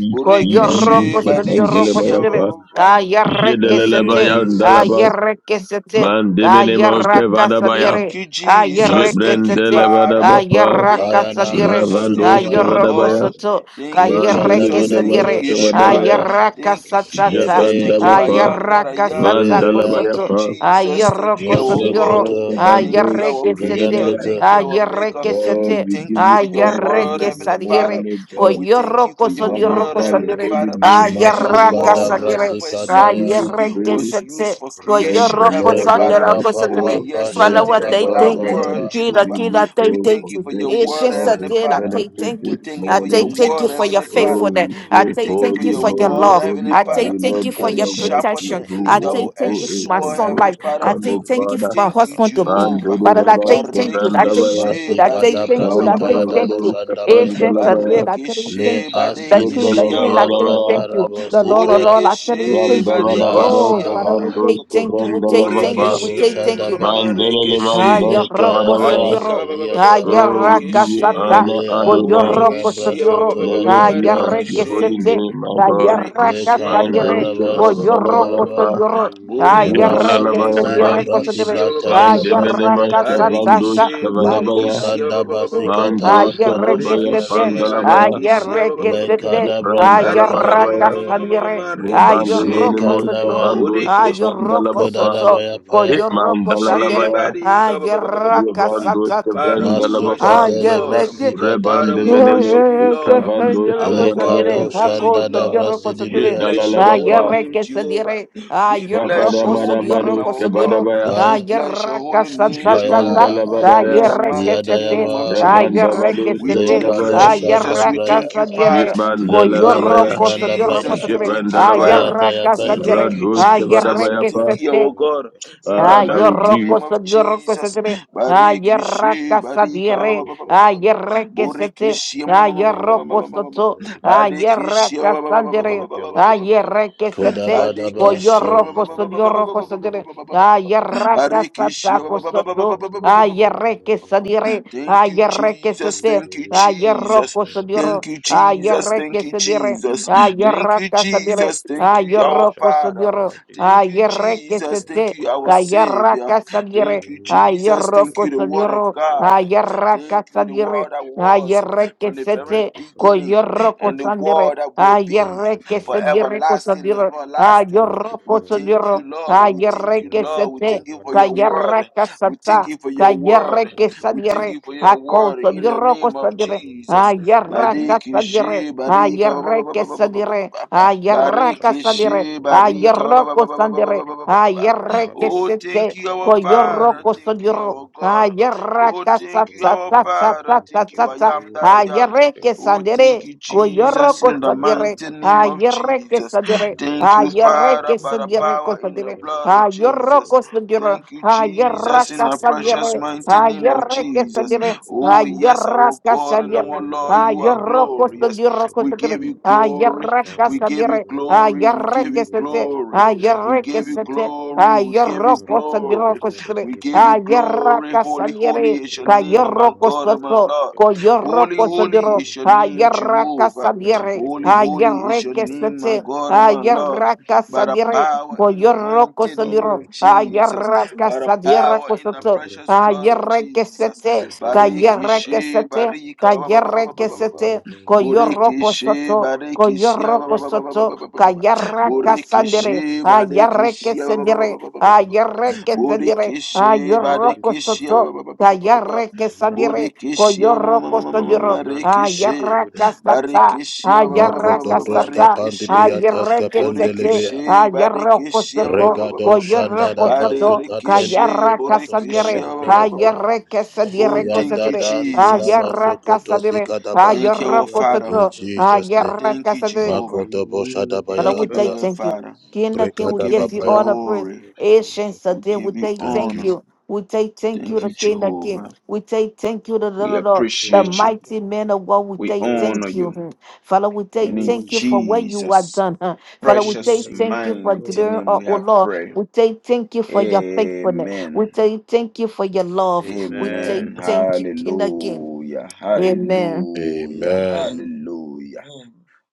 Speaker 6: O
Speaker 2: Borekishi,
Speaker 4: koyoroko
Speaker 6: Balinga
Speaker 4: sadioroko
Speaker 7: Jebandukapandalamaya,
Speaker 2: Badekishi.
Speaker 4: sadire
Speaker 6: Linkatija
Speaker 4: ayareke
Speaker 6: Liroshkataja
Speaker 7: Jedeleleba
Speaker 4: sete
Speaker 7: yandeleba,
Speaker 6: Laroshkatiande,
Speaker 4: ayareke sete
Speaker 7: mandimine moske
Speaker 4: ayaraka
Speaker 6: Yekateva,
Speaker 7: vadabaya,
Speaker 2: Thank
Speaker 4: sadire,
Speaker 2: you, Jesus.
Speaker 4: ayareke
Speaker 6: Vilamania
Speaker 2: Thank you,
Speaker 4: sete
Speaker 6: Tonga,
Speaker 2: Father.
Speaker 7: jibrendelebadaba pa,
Speaker 6: Rombo
Speaker 2: Thank
Speaker 4: ayaraka
Speaker 2: you,
Speaker 6: Dogotoga,
Speaker 4: sadire
Speaker 2: Jesus. Thank
Speaker 7: ravandos
Speaker 2: you, my
Speaker 4: ayoroko
Speaker 7: kevadabaya,
Speaker 2: God.
Speaker 4: soto
Speaker 6: Rambazakadaya,
Speaker 2: Thank you,
Speaker 4: kayereke
Speaker 2: Jesus.
Speaker 7: mandelimine
Speaker 6: Roshkataya,
Speaker 2: Thank
Speaker 4: sadire
Speaker 2: you,
Speaker 7: moske
Speaker 6: Lavrande,
Speaker 2: Yeshua.
Speaker 7: vadabaya,
Speaker 6: Vidoshoto,
Speaker 4: ayaraka
Speaker 2: Thank you,
Speaker 6: Sotashka,
Speaker 4: satata
Speaker 2: Jesus. Thank
Speaker 7: jabandaba
Speaker 2: you, I
Speaker 7: pa,
Speaker 2: am that I
Speaker 6: Omnipotent
Speaker 4: ayaraka
Speaker 6: Father,
Speaker 2: am.
Speaker 4: sata
Speaker 7: mandalabaya
Speaker 2: Thank you,
Speaker 4: kosoto
Speaker 7: pa,
Speaker 2: Jesus.
Speaker 6: Omnipresent
Speaker 2: Thank
Speaker 4: ayoroko
Speaker 6: God,
Speaker 2: you, our
Speaker 4: sadioro
Speaker 2: God.
Speaker 7: jibrendos
Speaker 6: Mante
Speaker 2: Thank
Speaker 6: Lilo
Speaker 7: kevandos
Speaker 2: you, our
Speaker 4: ayareke
Speaker 6: Shondo
Speaker 4: sete
Speaker 2: Creator.
Speaker 7: kevadabaya.
Speaker 6: Velero
Speaker 2: Thank you, our
Speaker 6: Shante
Speaker 2: Maker.
Speaker 4: ayareke
Speaker 6: Vratiro
Speaker 2: We
Speaker 7: Lord,
Speaker 4: sete
Speaker 7: we
Speaker 6: Shakata.
Speaker 2: thank
Speaker 7: give
Speaker 2: you
Speaker 7: you
Speaker 2: for
Speaker 4: Ay,
Speaker 2: your
Speaker 7: honor
Speaker 2: word,
Speaker 6: Thank
Speaker 4: arreque,
Speaker 7: this
Speaker 6: you
Speaker 2: Heavenly
Speaker 6: for a
Speaker 2: Father.
Speaker 7: morning,
Speaker 4: sadiere,
Speaker 7: O
Speaker 6: gift of
Speaker 7: God.
Speaker 2: We
Speaker 6: life.
Speaker 2: thank
Speaker 4: coyorro,
Speaker 2: you for
Speaker 7: We
Speaker 2: your
Speaker 4: cosodiorro,
Speaker 6: Thank
Speaker 2: word,
Speaker 7: magnify
Speaker 6: you
Speaker 7: your
Speaker 2: Heavenly
Speaker 6: for
Speaker 4: cosodiore,
Speaker 7: holy
Speaker 2: Father.
Speaker 6: strength.
Speaker 7: name,
Speaker 4: ay,
Speaker 2: Your
Speaker 4: arranca,
Speaker 2: word,
Speaker 7: Adonai.
Speaker 2: when it
Speaker 6: Oh,
Speaker 2: was
Speaker 4: sadiere,
Speaker 2: first
Speaker 7: We give
Speaker 4: ay,
Speaker 6: Shakata
Speaker 7: you
Speaker 2: used,
Speaker 4: arreque,
Speaker 7: praise.
Speaker 2: was
Speaker 6: Bragadoshka,
Speaker 2: used
Speaker 4: setse,
Speaker 2: for
Speaker 6: Romo
Speaker 7: Bless
Speaker 2: creation,
Speaker 7: the
Speaker 4: coyorro,
Speaker 2: Heavenly
Speaker 7: Lord, O
Speaker 2: Father.
Speaker 7: my
Speaker 4: cosodiorro,
Speaker 6: Shelevradiakaba.
Speaker 2: Oh,
Speaker 4: cosodiore.
Speaker 7: soul.
Speaker 2: yes, so
Speaker 6: Thank
Speaker 2: we
Speaker 4: Father,
Speaker 7: Bless
Speaker 6: you for
Speaker 2: thank
Speaker 7: the
Speaker 4: what
Speaker 2: you
Speaker 6: your
Speaker 4: they
Speaker 2: for
Speaker 7: Lord,
Speaker 2: that
Speaker 4: think.
Speaker 7: all
Speaker 6: protection.
Speaker 7: that
Speaker 2: word,
Speaker 7: is
Speaker 4: King of
Speaker 7: within
Speaker 2: Jehovah.
Speaker 4: King, I
Speaker 7: me.
Speaker 2: We
Speaker 4: thank,
Speaker 7: Oh,
Speaker 2: thank
Speaker 4: thank
Speaker 2: you
Speaker 4: you.
Speaker 2: for your
Speaker 4: It's
Speaker 7: forgetting
Speaker 2: word,
Speaker 4: just
Speaker 7: all
Speaker 4: a
Speaker 2: Heavenly
Speaker 7: his
Speaker 6: Kesonto
Speaker 4: deal. I
Speaker 2: Father.
Speaker 4: thank,
Speaker 7: benefits
Speaker 6: Femeninte
Speaker 4: thank you.
Speaker 2: We
Speaker 7: this
Speaker 2: thank you
Speaker 4: I
Speaker 2: for your
Speaker 4: thank,
Speaker 7: morning.
Speaker 4: thank you
Speaker 2: word,
Speaker 6: Agende
Speaker 4: for your
Speaker 2: Heavenly Father.
Speaker 7: Oh,
Speaker 4: faithfulness.
Speaker 7: we
Speaker 6: Ziragediza
Speaker 4: I
Speaker 7: say,
Speaker 2: We
Speaker 6: Laro
Speaker 4: thank,
Speaker 2: thank you
Speaker 4: thank
Speaker 2: for
Speaker 4: you
Speaker 7: Holy,
Speaker 2: your
Speaker 4: for your
Speaker 6: Sakatea
Speaker 7: holy,
Speaker 2: word,
Speaker 4: love.
Speaker 2: Heavenly
Speaker 7: holy
Speaker 4: I
Speaker 7: are
Speaker 2: Father,
Speaker 4: thank,
Speaker 7: you,
Speaker 6: Umbe
Speaker 4: thank you
Speaker 7: Lord
Speaker 4: for
Speaker 2: that
Speaker 7: God
Speaker 6: Kataba
Speaker 4: your
Speaker 2: is sharper
Speaker 7: Almighty,
Speaker 4: protection.
Speaker 2: than
Speaker 7: who
Speaker 6: Rombo
Speaker 2: any
Speaker 4: I
Speaker 7: was,
Speaker 2: double
Speaker 4: thank,
Speaker 2: edged
Speaker 4: thank
Speaker 6: Sakataba
Speaker 4: you
Speaker 7: who
Speaker 4: for
Speaker 7: is,
Speaker 4: my
Speaker 7: and
Speaker 2: sword,
Speaker 4: son
Speaker 7: who
Speaker 2: Heavenly
Speaker 7: is
Speaker 4: life.
Speaker 6: Robo
Speaker 7: to
Speaker 2: Father.
Speaker 4: I
Speaker 7: come, O
Speaker 4: thank,
Speaker 6: Sateva
Speaker 4: thank
Speaker 2: We
Speaker 4: you for
Speaker 7: Father.
Speaker 4: my
Speaker 6: Diza
Speaker 2: thank you,
Speaker 6: Laro
Speaker 4: husband to be.
Speaker 7: Man,
Speaker 2: Jehovah.
Speaker 7: Dodo,
Speaker 6: Sofranira
Speaker 4: Father, I
Speaker 7: Radas,
Speaker 4: thank, thank you. I thank,
Speaker 6: Sateva
Speaker 7: Kofandabaya,
Speaker 4: you.
Speaker 2: Barikishe,
Speaker 4: I thank, thank
Speaker 2: barika,
Speaker 4: you.
Speaker 2: ba- ba-
Speaker 7: Man,
Speaker 4: I
Speaker 6: Regadeska
Speaker 2: ba- ba-
Speaker 4: thank,
Speaker 2: ba- ba- ba- ba-
Speaker 4: thank
Speaker 2: ba-
Speaker 7: Dalabado,
Speaker 4: you.
Speaker 2: ba- ba-
Speaker 4: It's
Speaker 2: ba.
Speaker 4: just a deal.
Speaker 7: Kofandalabaya,
Speaker 4: I thank, thank
Speaker 2: barikishe,
Speaker 4: you. The
Speaker 6: Halki
Speaker 4: King, the
Speaker 2: barikishe,
Speaker 6: Kumba
Speaker 4: King,
Speaker 2: ba-
Speaker 4: I
Speaker 2: ba- ba- ba-
Speaker 4: thank,
Speaker 2: ba-
Speaker 6: Rinka
Speaker 2: ba-
Speaker 7: Zokalalabalabaya,
Speaker 2: ba-
Speaker 4: thank you.
Speaker 6: Diza
Speaker 2: ba.
Speaker 4: The
Speaker 6: Lombra
Speaker 4: Lord, the Lord, I
Speaker 6: Ningra
Speaker 4: thank you,
Speaker 6: Diros
Speaker 2: Borikishe,
Speaker 7: Ram,
Speaker 4: thank you.
Speaker 6: Kelegevade
Speaker 7: Dalabado,
Speaker 2: barikishe,
Speaker 4: Oh,
Speaker 2: ba-
Speaker 4: Father,
Speaker 2: ba- ba- ba-
Speaker 4: we
Speaker 2: ba- ba-
Speaker 4: say
Speaker 7: Kofandos,
Speaker 2: ba-
Speaker 4: thank you,
Speaker 2: ba.
Speaker 4: we say thank you,
Speaker 7: Kofandalabapa,
Speaker 4: we
Speaker 2: Borikishe,
Speaker 4: say
Speaker 2: ma- ma-
Speaker 4: thank
Speaker 2: ma-
Speaker 4: you.
Speaker 2: ma- ma- ma-
Speaker 7: Mandelele
Speaker 6: Menegadegade
Speaker 2: rekishe.
Speaker 7: mandaske
Speaker 4: Ayoroko
Speaker 7: vadabaya.
Speaker 2: Barika
Speaker 4: sodioro.
Speaker 6: Atebaya
Speaker 7: Oh, we
Speaker 4: Ayoraka
Speaker 7: give you
Speaker 2: barikishe
Speaker 4: sata.
Speaker 7: honor,
Speaker 6: Umbra Kataba
Speaker 7: Adonai.
Speaker 4: Oyoroko
Speaker 2: burikishe
Speaker 4: sodioro.
Speaker 6: Robo
Speaker 7: Blessed be
Speaker 6: Sheleveni
Speaker 7: unto your
Speaker 4: Ayoreke
Speaker 7: holy
Speaker 2: barikishe
Speaker 4: sete.
Speaker 6: Manosakata
Speaker 7: name, my God.
Speaker 4: Ayoraka
Speaker 6: Oh,
Speaker 2: burikishe
Speaker 6: thank you,
Speaker 4: sadire.
Speaker 6: Father.
Speaker 2: barika
Speaker 7: Mandoske vadalabaya
Speaker 4: Oyoroko
Speaker 7: fa.
Speaker 4: sodioro. Ayoreke
Speaker 2: burikishe
Speaker 7: Zudalalabaya fa.
Speaker 4: sedire
Speaker 6: Mashakaibarabranoshataibaradiya.
Speaker 4: kosotere.
Speaker 2: barikishe
Speaker 7: Mandemene
Speaker 6: Thank you,
Speaker 4: Ayoraka
Speaker 7: maske
Speaker 6: Father.
Speaker 4: satata.
Speaker 7: vandoske
Speaker 2: barikishe
Speaker 7: vadabaya.
Speaker 4: Ayoreke
Speaker 2: burikishe
Speaker 4: sete.
Speaker 7: Mandoske
Speaker 4: Ayoreke
Speaker 6: Nakesholobrandebaradia.
Speaker 7: vadabaya
Speaker 2: burikishe
Speaker 4: sete.
Speaker 7: pandalabaya.
Speaker 2: barikishe
Speaker 6: Thank you,
Speaker 4: Ayoreke
Speaker 6: Father.
Speaker 4: sete.
Speaker 2: barika
Speaker 4: Ayoraka
Speaker 7: Zubrandalabadabaya.
Speaker 4: sadire.
Speaker 2: marikishe
Speaker 7: Rebandemene
Speaker 4: Ayoroko
Speaker 7: moske
Speaker 6: Mezhelebrandebrabadobrashkataijalabaradia.
Speaker 4: sodioro. Ah,
Speaker 7: vandoske
Speaker 2: burikishe
Speaker 4: yoroko
Speaker 7: vandalabapa.
Speaker 4: soto, ko
Speaker 7: It
Speaker 4: yoroko sandere.
Speaker 7: mandalalabaya.
Speaker 2: Shebadi
Speaker 4: Ah,
Speaker 2: ka ba
Speaker 6: Marozhongodouzhelebratiro-shakmashetaibrakata.
Speaker 2: ba ba ba ba ba ba ba
Speaker 4: yeraka
Speaker 2: ba.
Speaker 7: Yevandoske
Speaker 4: satat.
Speaker 2: Father, we
Speaker 7: vandalabapa.
Speaker 2: worship
Speaker 4: Ah,
Speaker 2: you, Lord.
Speaker 4: yereke.
Speaker 6: Imbrakataishodobondoroshkataiba.
Speaker 2: Father,
Speaker 7: Rebande
Speaker 2: we
Speaker 7: menemo
Speaker 2: worship you,
Speaker 4: Coyorro,
Speaker 2: Lord.
Speaker 4: cosa,
Speaker 7: kavandos
Speaker 4: diorro,
Speaker 2: Our
Speaker 4: cosa,
Speaker 2: God,
Speaker 7: kavadabaya
Speaker 4: dire,
Speaker 2: we
Speaker 6: Rebiozhakimparosantebrakata.
Speaker 2: honor you, Lord. We
Speaker 7: je
Speaker 2: bless your holy
Speaker 7: dalalabapa
Speaker 4: ayerra,
Speaker 2: name,
Speaker 4: casa,
Speaker 2: Jehovah.
Speaker 4: dire,
Speaker 6: Mayekabashantebijabaya.
Speaker 2: We
Speaker 4: ayerre,
Speaker 2: bless
Speaker 7: ravada
Speaker 2: your
Speaker 6: Oh,
Speaker 2: holy name,
Speaker 7: manamados
Speaker 2: our God.
Speaker 7: kavadabaya
Speaker 2: We bless your holy name,
Speaker 6: Baraduzhorobrandadero-shakshashkataiba.
Speaker 7: je
Speaker 2: Jehovah. In
Speaker 7: bandalabadaya
Speaker 2: the mighty name
Speaker 6: Mandelintero
Speaker 2: of Jesus,
Speaker 7: revandabados
Speaker 2: we
Speaker 6: sasapintatero
Speaker 2: thank you,
Speaker 7: kavadabaya
Speaker 6: saskatoon
Speaker 2: Jesus. We thank you,
Speaker 7: je
Speaker 2: Father. We thank you,
Speaker 7: bandalabaya
Speaker 6: maatila
Speaker 2: Jesus.
Speaker 7: je
Speaker 2: We thank you,
Speaker 7: bandalabaya
Speaker 2: Father.
Speaker 6: rombozokotoro
Speaker 2: We thank you,
Speaker 7: rados
Speaker 2: Jesus. We
Speaker 7: kavadabaya
Speaker 4: que
Speaker 7: pa
Speaker 2: thank
Speaker 4: se
Speaker 2: you,
Speaker 6: raboshanta
Speaker 4: te.
Speaker 2: our God
Speaker 6: bragadashka
Speaker 2: in the
Speaker 4: Ah,
Speaker 7: Father
Speaker 4: yo
Speaker 7: we
Speaker 2: mighty
Speaker 7: give you
Speaker 4: roco,
Speaker 2: name
Speaker 4: so-
Speaker 2: of
Speaker 4: yo Ayorroco
Speaker 2: Jesus.
Speaker 4: socorroco
Speaker 6: hiroshatabata.
Speaker 4: yo
Speaker 2: Barikishi,
Speaker 4: Ayerraca
Speaker 2: barika,
Speaker 4: satire.
Speaker 6: Oh, thank you, Father.
Speaker 4: Ayerreque sete.
Speaker 2: Borikishi,
Speaker 6: Thank
Speaker 4: Ayerroco
Speaker 6: you, Lord
Speaker 4: soto.
Speaker 6: Holy Spirit.
Speaker 2: Barikishi,
Speaker 4: Ayerraca
Speaker 6: Thank
Speaker 4: yo
Speaker 6: you, Lord Jesus.
Speaker 4: Ayerreque sete.
Speaker 2: Barikishi,
Speaker 4: Coyorroco
Speaker 6: Mandelintero
Speaker 4: sodiorroco
Speaker 6: santa
Speaker 4: sotere.
Speaker 6: bragada.
Speaker 4: Ayerraca
Speaker 2: Barikishi,
Speaker 4: sataco
Speaker 6: Nino santa
Speaker 4: soto.
Speaker 6: bragada injala
Speaker 4: Ayerreque sadire.
Speaker 6: bragadashka.
Speaker 2: Thank you,
Speaker 4: Ayerreque
Speaker 2: Jesus.
Speaker 4: sete.
Speaker 2: Thank you,
Speaker 6: Ejele bayel
Speaker 2: Jesus.
Speaker 4: Ayerroco
Speaker 2: Thank
Speaker 4: sodiorro.
Speaker 6: paraniro
Speaker 2: you,
Speaker 6: shatoro
Speaker 2: Jesus. Thank
Speaker 4: Ayerreque
Speaker 6: ducha
Speaker 2: you,
Speaker 4: sedire.
Speaker 6: shabada.
Speaker 2: Jesus. Thank you,
Speaker 4: Ayerraca sadire.
Speaker 2: Jesus. Thank you,
Speaker 6: Atebaya
Speaker 2: our
Speaker 4: Ayerroco
Speaker 2: Father.
Speaker 4: sodiorro.
Speaker 6: Shatambaradio
Speaker 2: Thank you,
Speaker 4: Ayerreque
Speaker 2: Jesus.
Speaker 6: Shakataiva
Speaker 4: sete.
Speaker 2: Thank you,
Speaker 6: Labranda
Speaker 2: our
Speaker 6: Ashka
Speaker 4: Kayarra
Speaker 2: Savior.
Speaker 4: Casandire,
Speaker 2: Thank you,
Speaker 6: Nemino
Speaker 2: Jesus.
Speaker 4: Ayerro
Speaker 2: Thank you, the
Speaker 6: Shashkataita
Speaker 2: Word of
Speaker 4: Cosodioro,
Speaker 6: Tekitoja
Speaker 2: God.
Speaker 4: Ayarra
Speaker 2: Thank you, the
Speaker 6: Tishashkataisha
Speaker 2: Word
Speaker 4: Casandire,
Speaker 2: that
Speaker 6: Ashka.
Speaker 2: was
Speaker 4: Ayerre
Speaker 2: from the very
Speaker 6: Thank
Speaker 4: Quesete,
Speaker 6: you, Father.
Speaker 2: beginning
Speaker 4: Coyorro
Speaker 2: and the
Speaker 4: Cosandire,
Speaker 2: Word that will
Speaker 6: Thank
Speaker 2: be
Speaker 4: Ayerre
Speaker 6: you,
Speaker 2: for
Speaker 6: Father.
Speaker 4: Quesandire
Speaker 2: everlasting,
Speaker 4: Cosodiro,
Speaker 2: everlasting.
Speaker 6: Thank you,
Speaker 4: Ayorro
Speaker 2: We
Speaker 6: Father.
Speaker 2: thank
Speaker 4: Cosodiro,
Speaker 2: you, Lord. We thank
Speaker 4: Ayerre
Speaker 2: you, Lord. We
Speaker 4: Quesete,
Speaker 6: Naito
Speaker 2: thank you for your
Speaker 6: Baradira
Speaker 4: Kayarra
Speaker 2: Word.
Speaker 6: Shakapa
Speaker 2: We thank
Speaker 4: Casata,
Speaker 2: you for your
Speaker 4: Kayarre
Speaker 2: Word.
Speaker 6: Nakataiva
Speaker 2: We thank
Speaker 4: Quesandire,
Speaker 2: you for your
Speaker 6: Roshakabraka
Speaker 2: Word in the
Speaker 4: Acosodiro
Speaker 2: name of
Speaker 4: Cosandire,
Speaker 6: Rajunto
Speaker 2: Jesus.
Speaker 6: Brade
Speaker 4: Ayarraka
Speaker 6: Shashkataija
Speaker 4: sadire,
Speaker 2: Barikishe, barika, ba,
Speaker 6: Progotoshka
Speaker 2: ba, ba,
Speaker 4: ayarreke
Speaker 2: ba, ba, ba, ba, ba, ba,
Speaker 4: sadire,
Speaker 2: ba.
Speaker 4: ayarraka sadire,
Speaker 6: Roshakaiva
Speaker 2: Barikishi,
Speaker 6: Rondo
Speaker 2: barika, ba- ba-
Speaker 4: ayarroko
Speaker 2: ba- ba- ba-
Speaker 6: Roshakataba
Speaker 2: ba- ba- ba-
Speaker 4: sandire,
Speaker 2: ba- ba- ba- ba- ba.
Speaker 4: ayarreke
Speaker 2: Oh,
Speaker 6: Rabapata
Speaker 2: thank
Speaker 4: sete,
Speaker 2: you, our Father.
Speaker 4: koyorroko
Speaker 6: Babrantiteija
Speaker 2: Thank you,
Speaker 4: sodiro,
Speaker 2: our God.
Speaker 6: Dobranta
Speaker 2: Oh,
Speaker 4: ayarraka sa
Speaker 2: thank you,
Speaker 4: sa
Speaker 2: our
Speaker 4: sa sa
Speaker 6: Horizontul
Speaker 2: Father. Thank
Speaker 4: sa
Speaker 2: you,
Speaker 6: vrentele
Speaker 2: I
Speaker 4: sa
Speaker 2: am that
Speaker 6: cauzele
Speaker 2: I am.
Speaker 4: Ayerre que
Speaker 6: sateva,
Speaker 2: Oh,
Speaker 4: sandere,
Speaker 2: thank you,
Speaker 4: coyorro
Speaker 2: Jesus, in the
Speaker 4: cosadire,
Speaker 2: mighty
Speaker 6: genereja de
Speaker 2: name of
Speaker 6: brodoske,
Speaker 4: ayerre que
Speaker 2: Jesus.
Speaker 4: sandere,
Speaker 2: Thank you,
Speaker 6: imbrakateiza
Speaker 4: ayerre
Speaker 6: le
Speaker 2: Father,
Speaker 4: que
Speaker 2: by the
Speaker 4: sandere
Speaker 6: bradioske,
Speaker 2: power in the
Speaker 4: cosadire,
Speaker 6: fratero
Speaker 2: blood of
Speaker 6: sate
Speaker 4: ayorro
Speaker 2: Jesus.
Speaker 6: brakate,
Speaker 4: cosadire,
Speaker 2: Thank you,
Speaker 4: ayerra
Speaker 2: Jesus, in
Speaker 6: rombeshe
Speaker 2: the precious
Speaker 6: kateija
Speaker 4: casadire,
Speaker 6: le
Speaker 2: mighty
Speaker 6: brande
Speaker 2: name of
Speaker 4: ayerre que
Speaker 6: bragatiro
Speaker 2: Jesus.
Speaker 4: sandere,
Speaker 6: sate
Speaker 2: Oh,
Speaker 6: bradia.
Speaker 2: yes,
Speaker 4: ayerra
Speaker 2: our God and our
Speaker 4: casadire,
Speaker 6: Ova
Speaker 2: Lord, you
Speaker 6: ye
Speaker 2: are
Speaker 4: ayorro
Speaker 6: kababa,
Speaker 2: glorious.
Speaker 4: cosadire
Speaker 2: We
Speaker 6: shavida
Speaker 2: give
Speaker 4: cosadire,
Speaker 2: you
Speaker 6: baba,
Speaker 2: glory.
Speaker 4: ayerra
Speaker 2: We
Speaker 6: lambe
Speaker 2: give you
Speaker 4: casadire,
Speaker 6: bedaba,
Speaker 2: glory. We
Speaker 6: shkere
Speaker 4: ayerre
Speaker 2: give
Speaker 6: bere
Speaker 4: que
Speaker 2: you
Speaker 6: bere
Speaker 4: sete,
Speaker 6: bere,
Speaker 2: glory.
Speaker 6: shkere
Speaker 2: We
Speaker 4: ayerre
Speaker 6: bere
Speaker 4: que
Speaker 2: give you
Speaker 6: yababa.
Speaker 4: sete,
Speaker 2: glory. We give
Speaker 4: ayorro
Speaker 2: you
Speaker 4: cosadire
Speaker 2: glory.
Speaker 6: Narosondo
Speaker 4: cosadire,
Speaker 2: We give
Speaker 6: Bragatiroshka
Speaker 2: you
Speaker 4: ayerra
Speaker 2: glory.
Speaker 6: Pratiroshka
Speaker 2: Holy, holy
Speaker 4: casadire.
Speaker 2: is your name,
Speaker 6: Razondo
Speaker 2: my
Speaker 4: Cayorro
Speaker 2: God,
Speaker 6: Rondo
Speaker 2: and my
Speaker 4: costoso,
Speaker 2: Lord.
Speaker 6: Roshka Tiroshka
Speaker 4: coyorro
Speaker 2: Holy, holy
Speaker 6: Tizana
Speaker 4: costodero,
Speaker 2: is your name,
Speaker 4: ayerra
Speaker 2: Jehovah.
Speaker 6: Oh,
Speaker 4: casadiere,
Speaker 2: Holy, holy is
Speaker 4: ayerre
Speaker 2: your
Speaker 4: que
Speaker 2: name, my God, and my Lord.
Speaker 4: Cayorroco
Speaker 2: By the
Speaker 4: soto,
Speaker 2: power in the
Speaker 4: coyorroco sotiro, ayarraca saliere, ayarreque sete, ayarraca
Speaker 2: mighty
Speaker 4: saliere,
Speaker 2: name
Speaker 4: coyorroco
Speaker 2: of
Speaker 6: Kabaya,
Speaker 2: Jesus.
Speaker 4: cayerre que
Speaker 2: By the
Speaker 4: saliere
Speaker 2: power in the
Speaker 4: cosoto,
Speaker 2: precious blood
Speaker 6: Embrakataya,
Speaker 2: of
Speaker 4: ayarreque
Speaker 2: Jesus.
Speaker 4: sete,
Speaker 6: Rojolo
Speaker 2: Bariki
Speaker 6: Brenda
Speaker 4: cayerreque
Speaker 2: she,
Speaker 4: sete,
Speaker 6: Rashkatashka,
Speaker 2: barika, ba- ba- ba- ba- ba- ba-
Speaker 4: cayerreque
Speaker 2: ba- ba- ba-
Speaker 6: Vijala
Speaker 4: sete,
Speaker 6: Brenda
Speaker 4: cayerra
Speaker 6: Riata
Speaker 2: Borekeshe,
Speaker 4: soto,
Speaker 6: Ushatashka.
Speaker 2: Barekeshe, ah, bah,
Speaker 4: coyorroco
Speaker 2: bah, bah,
Speaker 6: Thank you,
Speaker 2: bah, bah,
Speaker 4: soto,
Speaker 2: bah,
Speaker 6: Father.
Speaker 2: bah, bah, bah, bah, bah.
Speaker 4: cayarraca
Speaker 6: Thank
Speaker 4: saliere,
Speaker 6: you,
Speaker 2: Borekeshe,
Speaker 6: Father.
Speaker 4: ayarreque
Speaker 2: Barekeshe, ah, bah, bah, bah, bah,
Speaker 4: sedire,
Speaker 2: bah, bah, bah, bah,
Speaker 6: Thank
Speaker 2: bah,
Speaker 6: you,
Speaker 2: bah.
Speaker 6: Father.
Speaker 4: ayarreque sedire,
Speaker 2: Borekeshe,
Speaker 6: Thank you,
Speaker 4: ayarroco
Speaker 2: Barekeshe, ah,
Speaker 6: Sovereign
Speaker 2: bah,
Speaker 4: soto,
Speaker 2: bah, bah, bah,
Speaker 6: God.
Speaker 2: bah, bah, bah, bah, bah.
Speaker 4: Kayarre que
Speaker 6: None
Speaker 4: sandire,
Speaker 6: like you.
Speaker 2: Borekeshe, ah, ma- ma-
Speaker 4: coyorro
Speaker 2: ma- ma- ma- ma- ma- ma- ma-
Speaker 4: costondiro,
Speaker 6: None rub
Speaker 2: Rekeshe.
Speaker 4: ayarra
Speaker 6: shoulders with you.
Speaker 4: casata,
Speaker 2: Barekeshe, ah, bah, bah, bah, bah,
Speaker 4: ayarra
Speaker 2: bah, bah,
Speaker 6: None
Speaker 4: casata,
Speaker 6: compares to you.
Speaker 4: ayarre que sete,
Speaker 6: Thank you, Father.
Speaker 4: ayarro
Speaker 2: ah,
Speaker 4: costoto, coyorro
Speaker 6: Thank you,
Speaker 4: costoto,
Speaker 6: Father.
Speaker 4: kayarra
Speaker 6: The
Speaker 4: casandire,
Speaker 6: left
Speaker 2: ah,
Speaker 6: out man,
Speaker 4: ayarre que
Speaker 2: Oh,
Speaker 4: sandire
Speaker 2: thank
Speaker 6: the
Speaker 2: you,
Speaker 4: cosandire,
Speaker 6: promoter of
Speaker 2: Jesus.
Speaker 6: man.
Speaker 4: ayarra casadire,
Speaker 2: Thank you, our
Speaker 4: ayarro
Speaker 6: You are the
Speaker 2: Father.
Speaker 4: costoto,
Speaker 6: most high.
Speaker 4: ayarra
Speaker 2: Thank you,
Speaker 4: kasadire
Speaker 6: May
Speaker 2: Jehovah.
Speaker 6: you rule in the
Speaker 4: Father,
Speaker 2: Thank
Speaker 4: we
Speaker 2: you,
Speaker 4: say
Speaker 6: affairs
Speaker 2: beloved
Speaker 6: of
Speaker 4: thank you.
Speaker 6: men.
Speaker 2: Father.
Speaker 4: King the King,
Speaker 2: We
Speaker 4: we
Speaker 2: give
Speaker 4: give
Speaker 2: you
Speaker 4: you all
Speaker 6: Oh,
Speaker 4: the praise.
Speaker 2: glory.
Speaker 4: Ancients of
Speaker 2: We
Speaker 4: day, we
Speaker 2: give
Speaker 6: Yalavashantakatiyabe.
Speaker 2: you
Speaker 4: say thank
Speaker 2: honor.
Speaker 4: you. We say
Speaker 6: We
Speaker 4: thank you,
Speaker 2: Thank
Speaker 4: the
Speaker 2: you,
Speaker 6: bless your
Speaker 4: King the
Speaker 6: holy
Speaker 4: King.
Speaker 6: name.
Speaker 2: Jehovah.
Speaker 4: We say thank you, the
Speaker 2: We
Speaker 4: Lord, Lord, the
Speaker 2: appreciate
Speaker 6: Holy,
Speaker 2: you.
Speaker 4: mighty man of God. We
Speaker 2: We
Speaker 4: say
Speaker 2: honor
Speaker 6: holy,
Speaker 4: thank you.
Speaker 2: you.
Speaker 4: Hmm. Father, we say
Speaker 2: And in
Speaker 4: thank you
Speaker 6: holy,
Speaker 4: for what you have
Speaker 2: Jesus'
Speaker 4: done. huh. Father, we
Speaker 6: holy
Speaker 4: say
Speaker 2: precious
Speaker 6: are you,
Speaker 4: thank
Speaker 6: Lord
Speaker 4: you for
Speaker 2: mighty
Speaker 6: God
Speaker 4: delivering
Speaker 2: name
Speaker 4: us,
Speaker 2: we
Speaker 4: oh
Speaker 6: Almighty.
Speaker 2: have
Speaker 4: Lord.
Speaker 2: prayed.
Speaker 4: We say thank you for your faithfulness. We
Speaker 2: Amen.
Speaker 4: say thank you for your love. We say
Speaker 6: Amen.
Speaker 2: Amen.
Speaker 4: thank you, King the King.
Speaker 2: Hallelujah.
Speaker 4: Amen.
Speaker 2: Hallelujah.
Speaker 3: Amen.
Speaker 2: Hallelujah.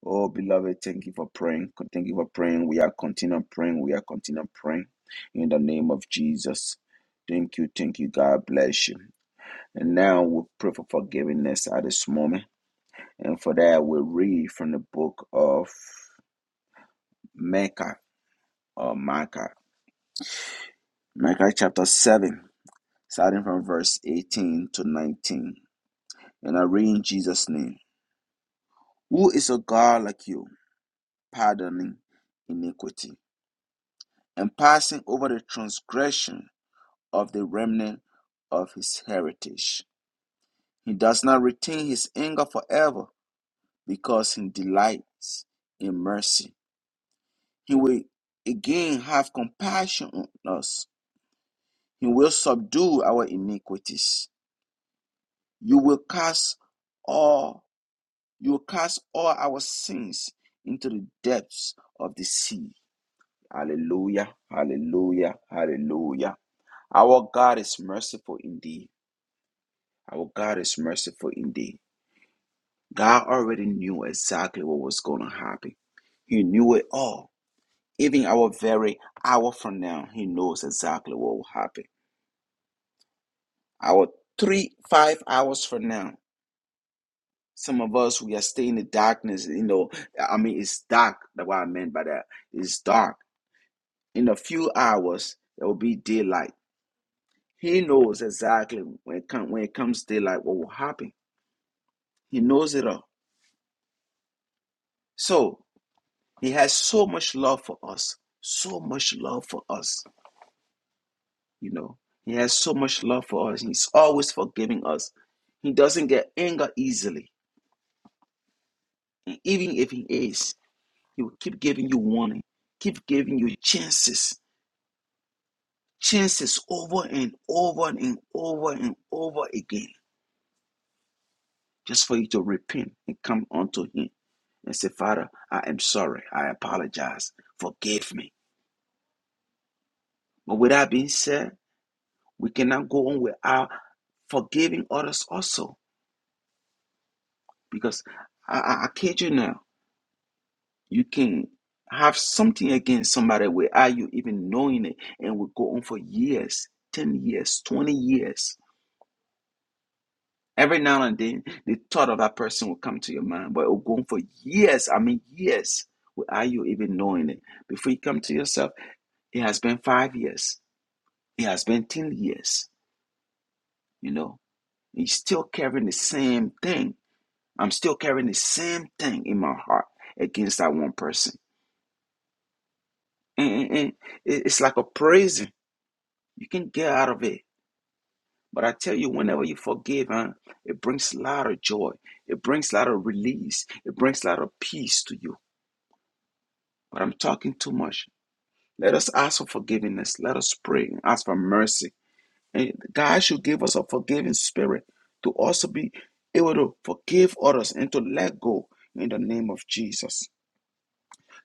Speaker 2: Oh, beloved, thank you for praying. Thank you for praying. We are continuing praying. We are continuing praying in the name of Jesus. Thank you. Thank you. God bless you. And now we pray for forgiveness at this moment. And for that, we read from the book of Micah or Micah. Micah chapter 7, starting from verse 18 to 19. And I read in Jesus' name Who is a God like you, pardoning iniquity and passing over the transgression of the remnant of his heritage. He does not retain his anger forever because he delights in mercy. He will again have compassion on us. He will subdue our iniquities. You will cast all you will cast all our sins into the depths of the sea. Hallelujah. Hallelujah. Hallelujah. Our God is merciful indeed. Our God is merciful indeed. God already knew exactly what was going to happen. He knew it all. Even our very hour from now, He knows exactly what will happen. Our three, five hours from now, some of us, we are staying in the darkness. You know, I mean, it's dark. That's what I meant by that. It's dark. In a few hours, it will be daylight. He knows exactly when it, come, when it comes daylight what will happen. He knows it all. So, He has so much love for us. So much love for us You know, He has so much love for us. He's always forgiving us. He doesn't get anger easily. And even if He is, He will keep giving you warning, keep giving you chances, chances over and over and over and over again, just for you to repent and come unto Him and say, Father, I am sorry. I apologize. Forgive me. But with that being said, we cannot go on without forgiving others also. Because I, I, I kid you now, You can have something against somebody without you even knowing it, and will go on for years 10 years, 20 years. Every now and then, the thought of that person will come to your mind, but it will go on for years. I mean, years without you even knowing it. Before you come to yourself, it has been five years, it has been 10 years, you know, you're still carrying the same thing. I'm still carrying the same thing in my heart against that one person. And, and- and it's like a prison You can get out of it. But I tell you, whenever you forgive, huh, it brings a lot of joy. It brings a lot of release. It brings a lot of peace to you. But I'm talking too much. Let us ask for forgiveness. Let us pray and ask for mercy. And God should give us a forgiving spirit to also be able to forgive others and to let go in the name of Jesus.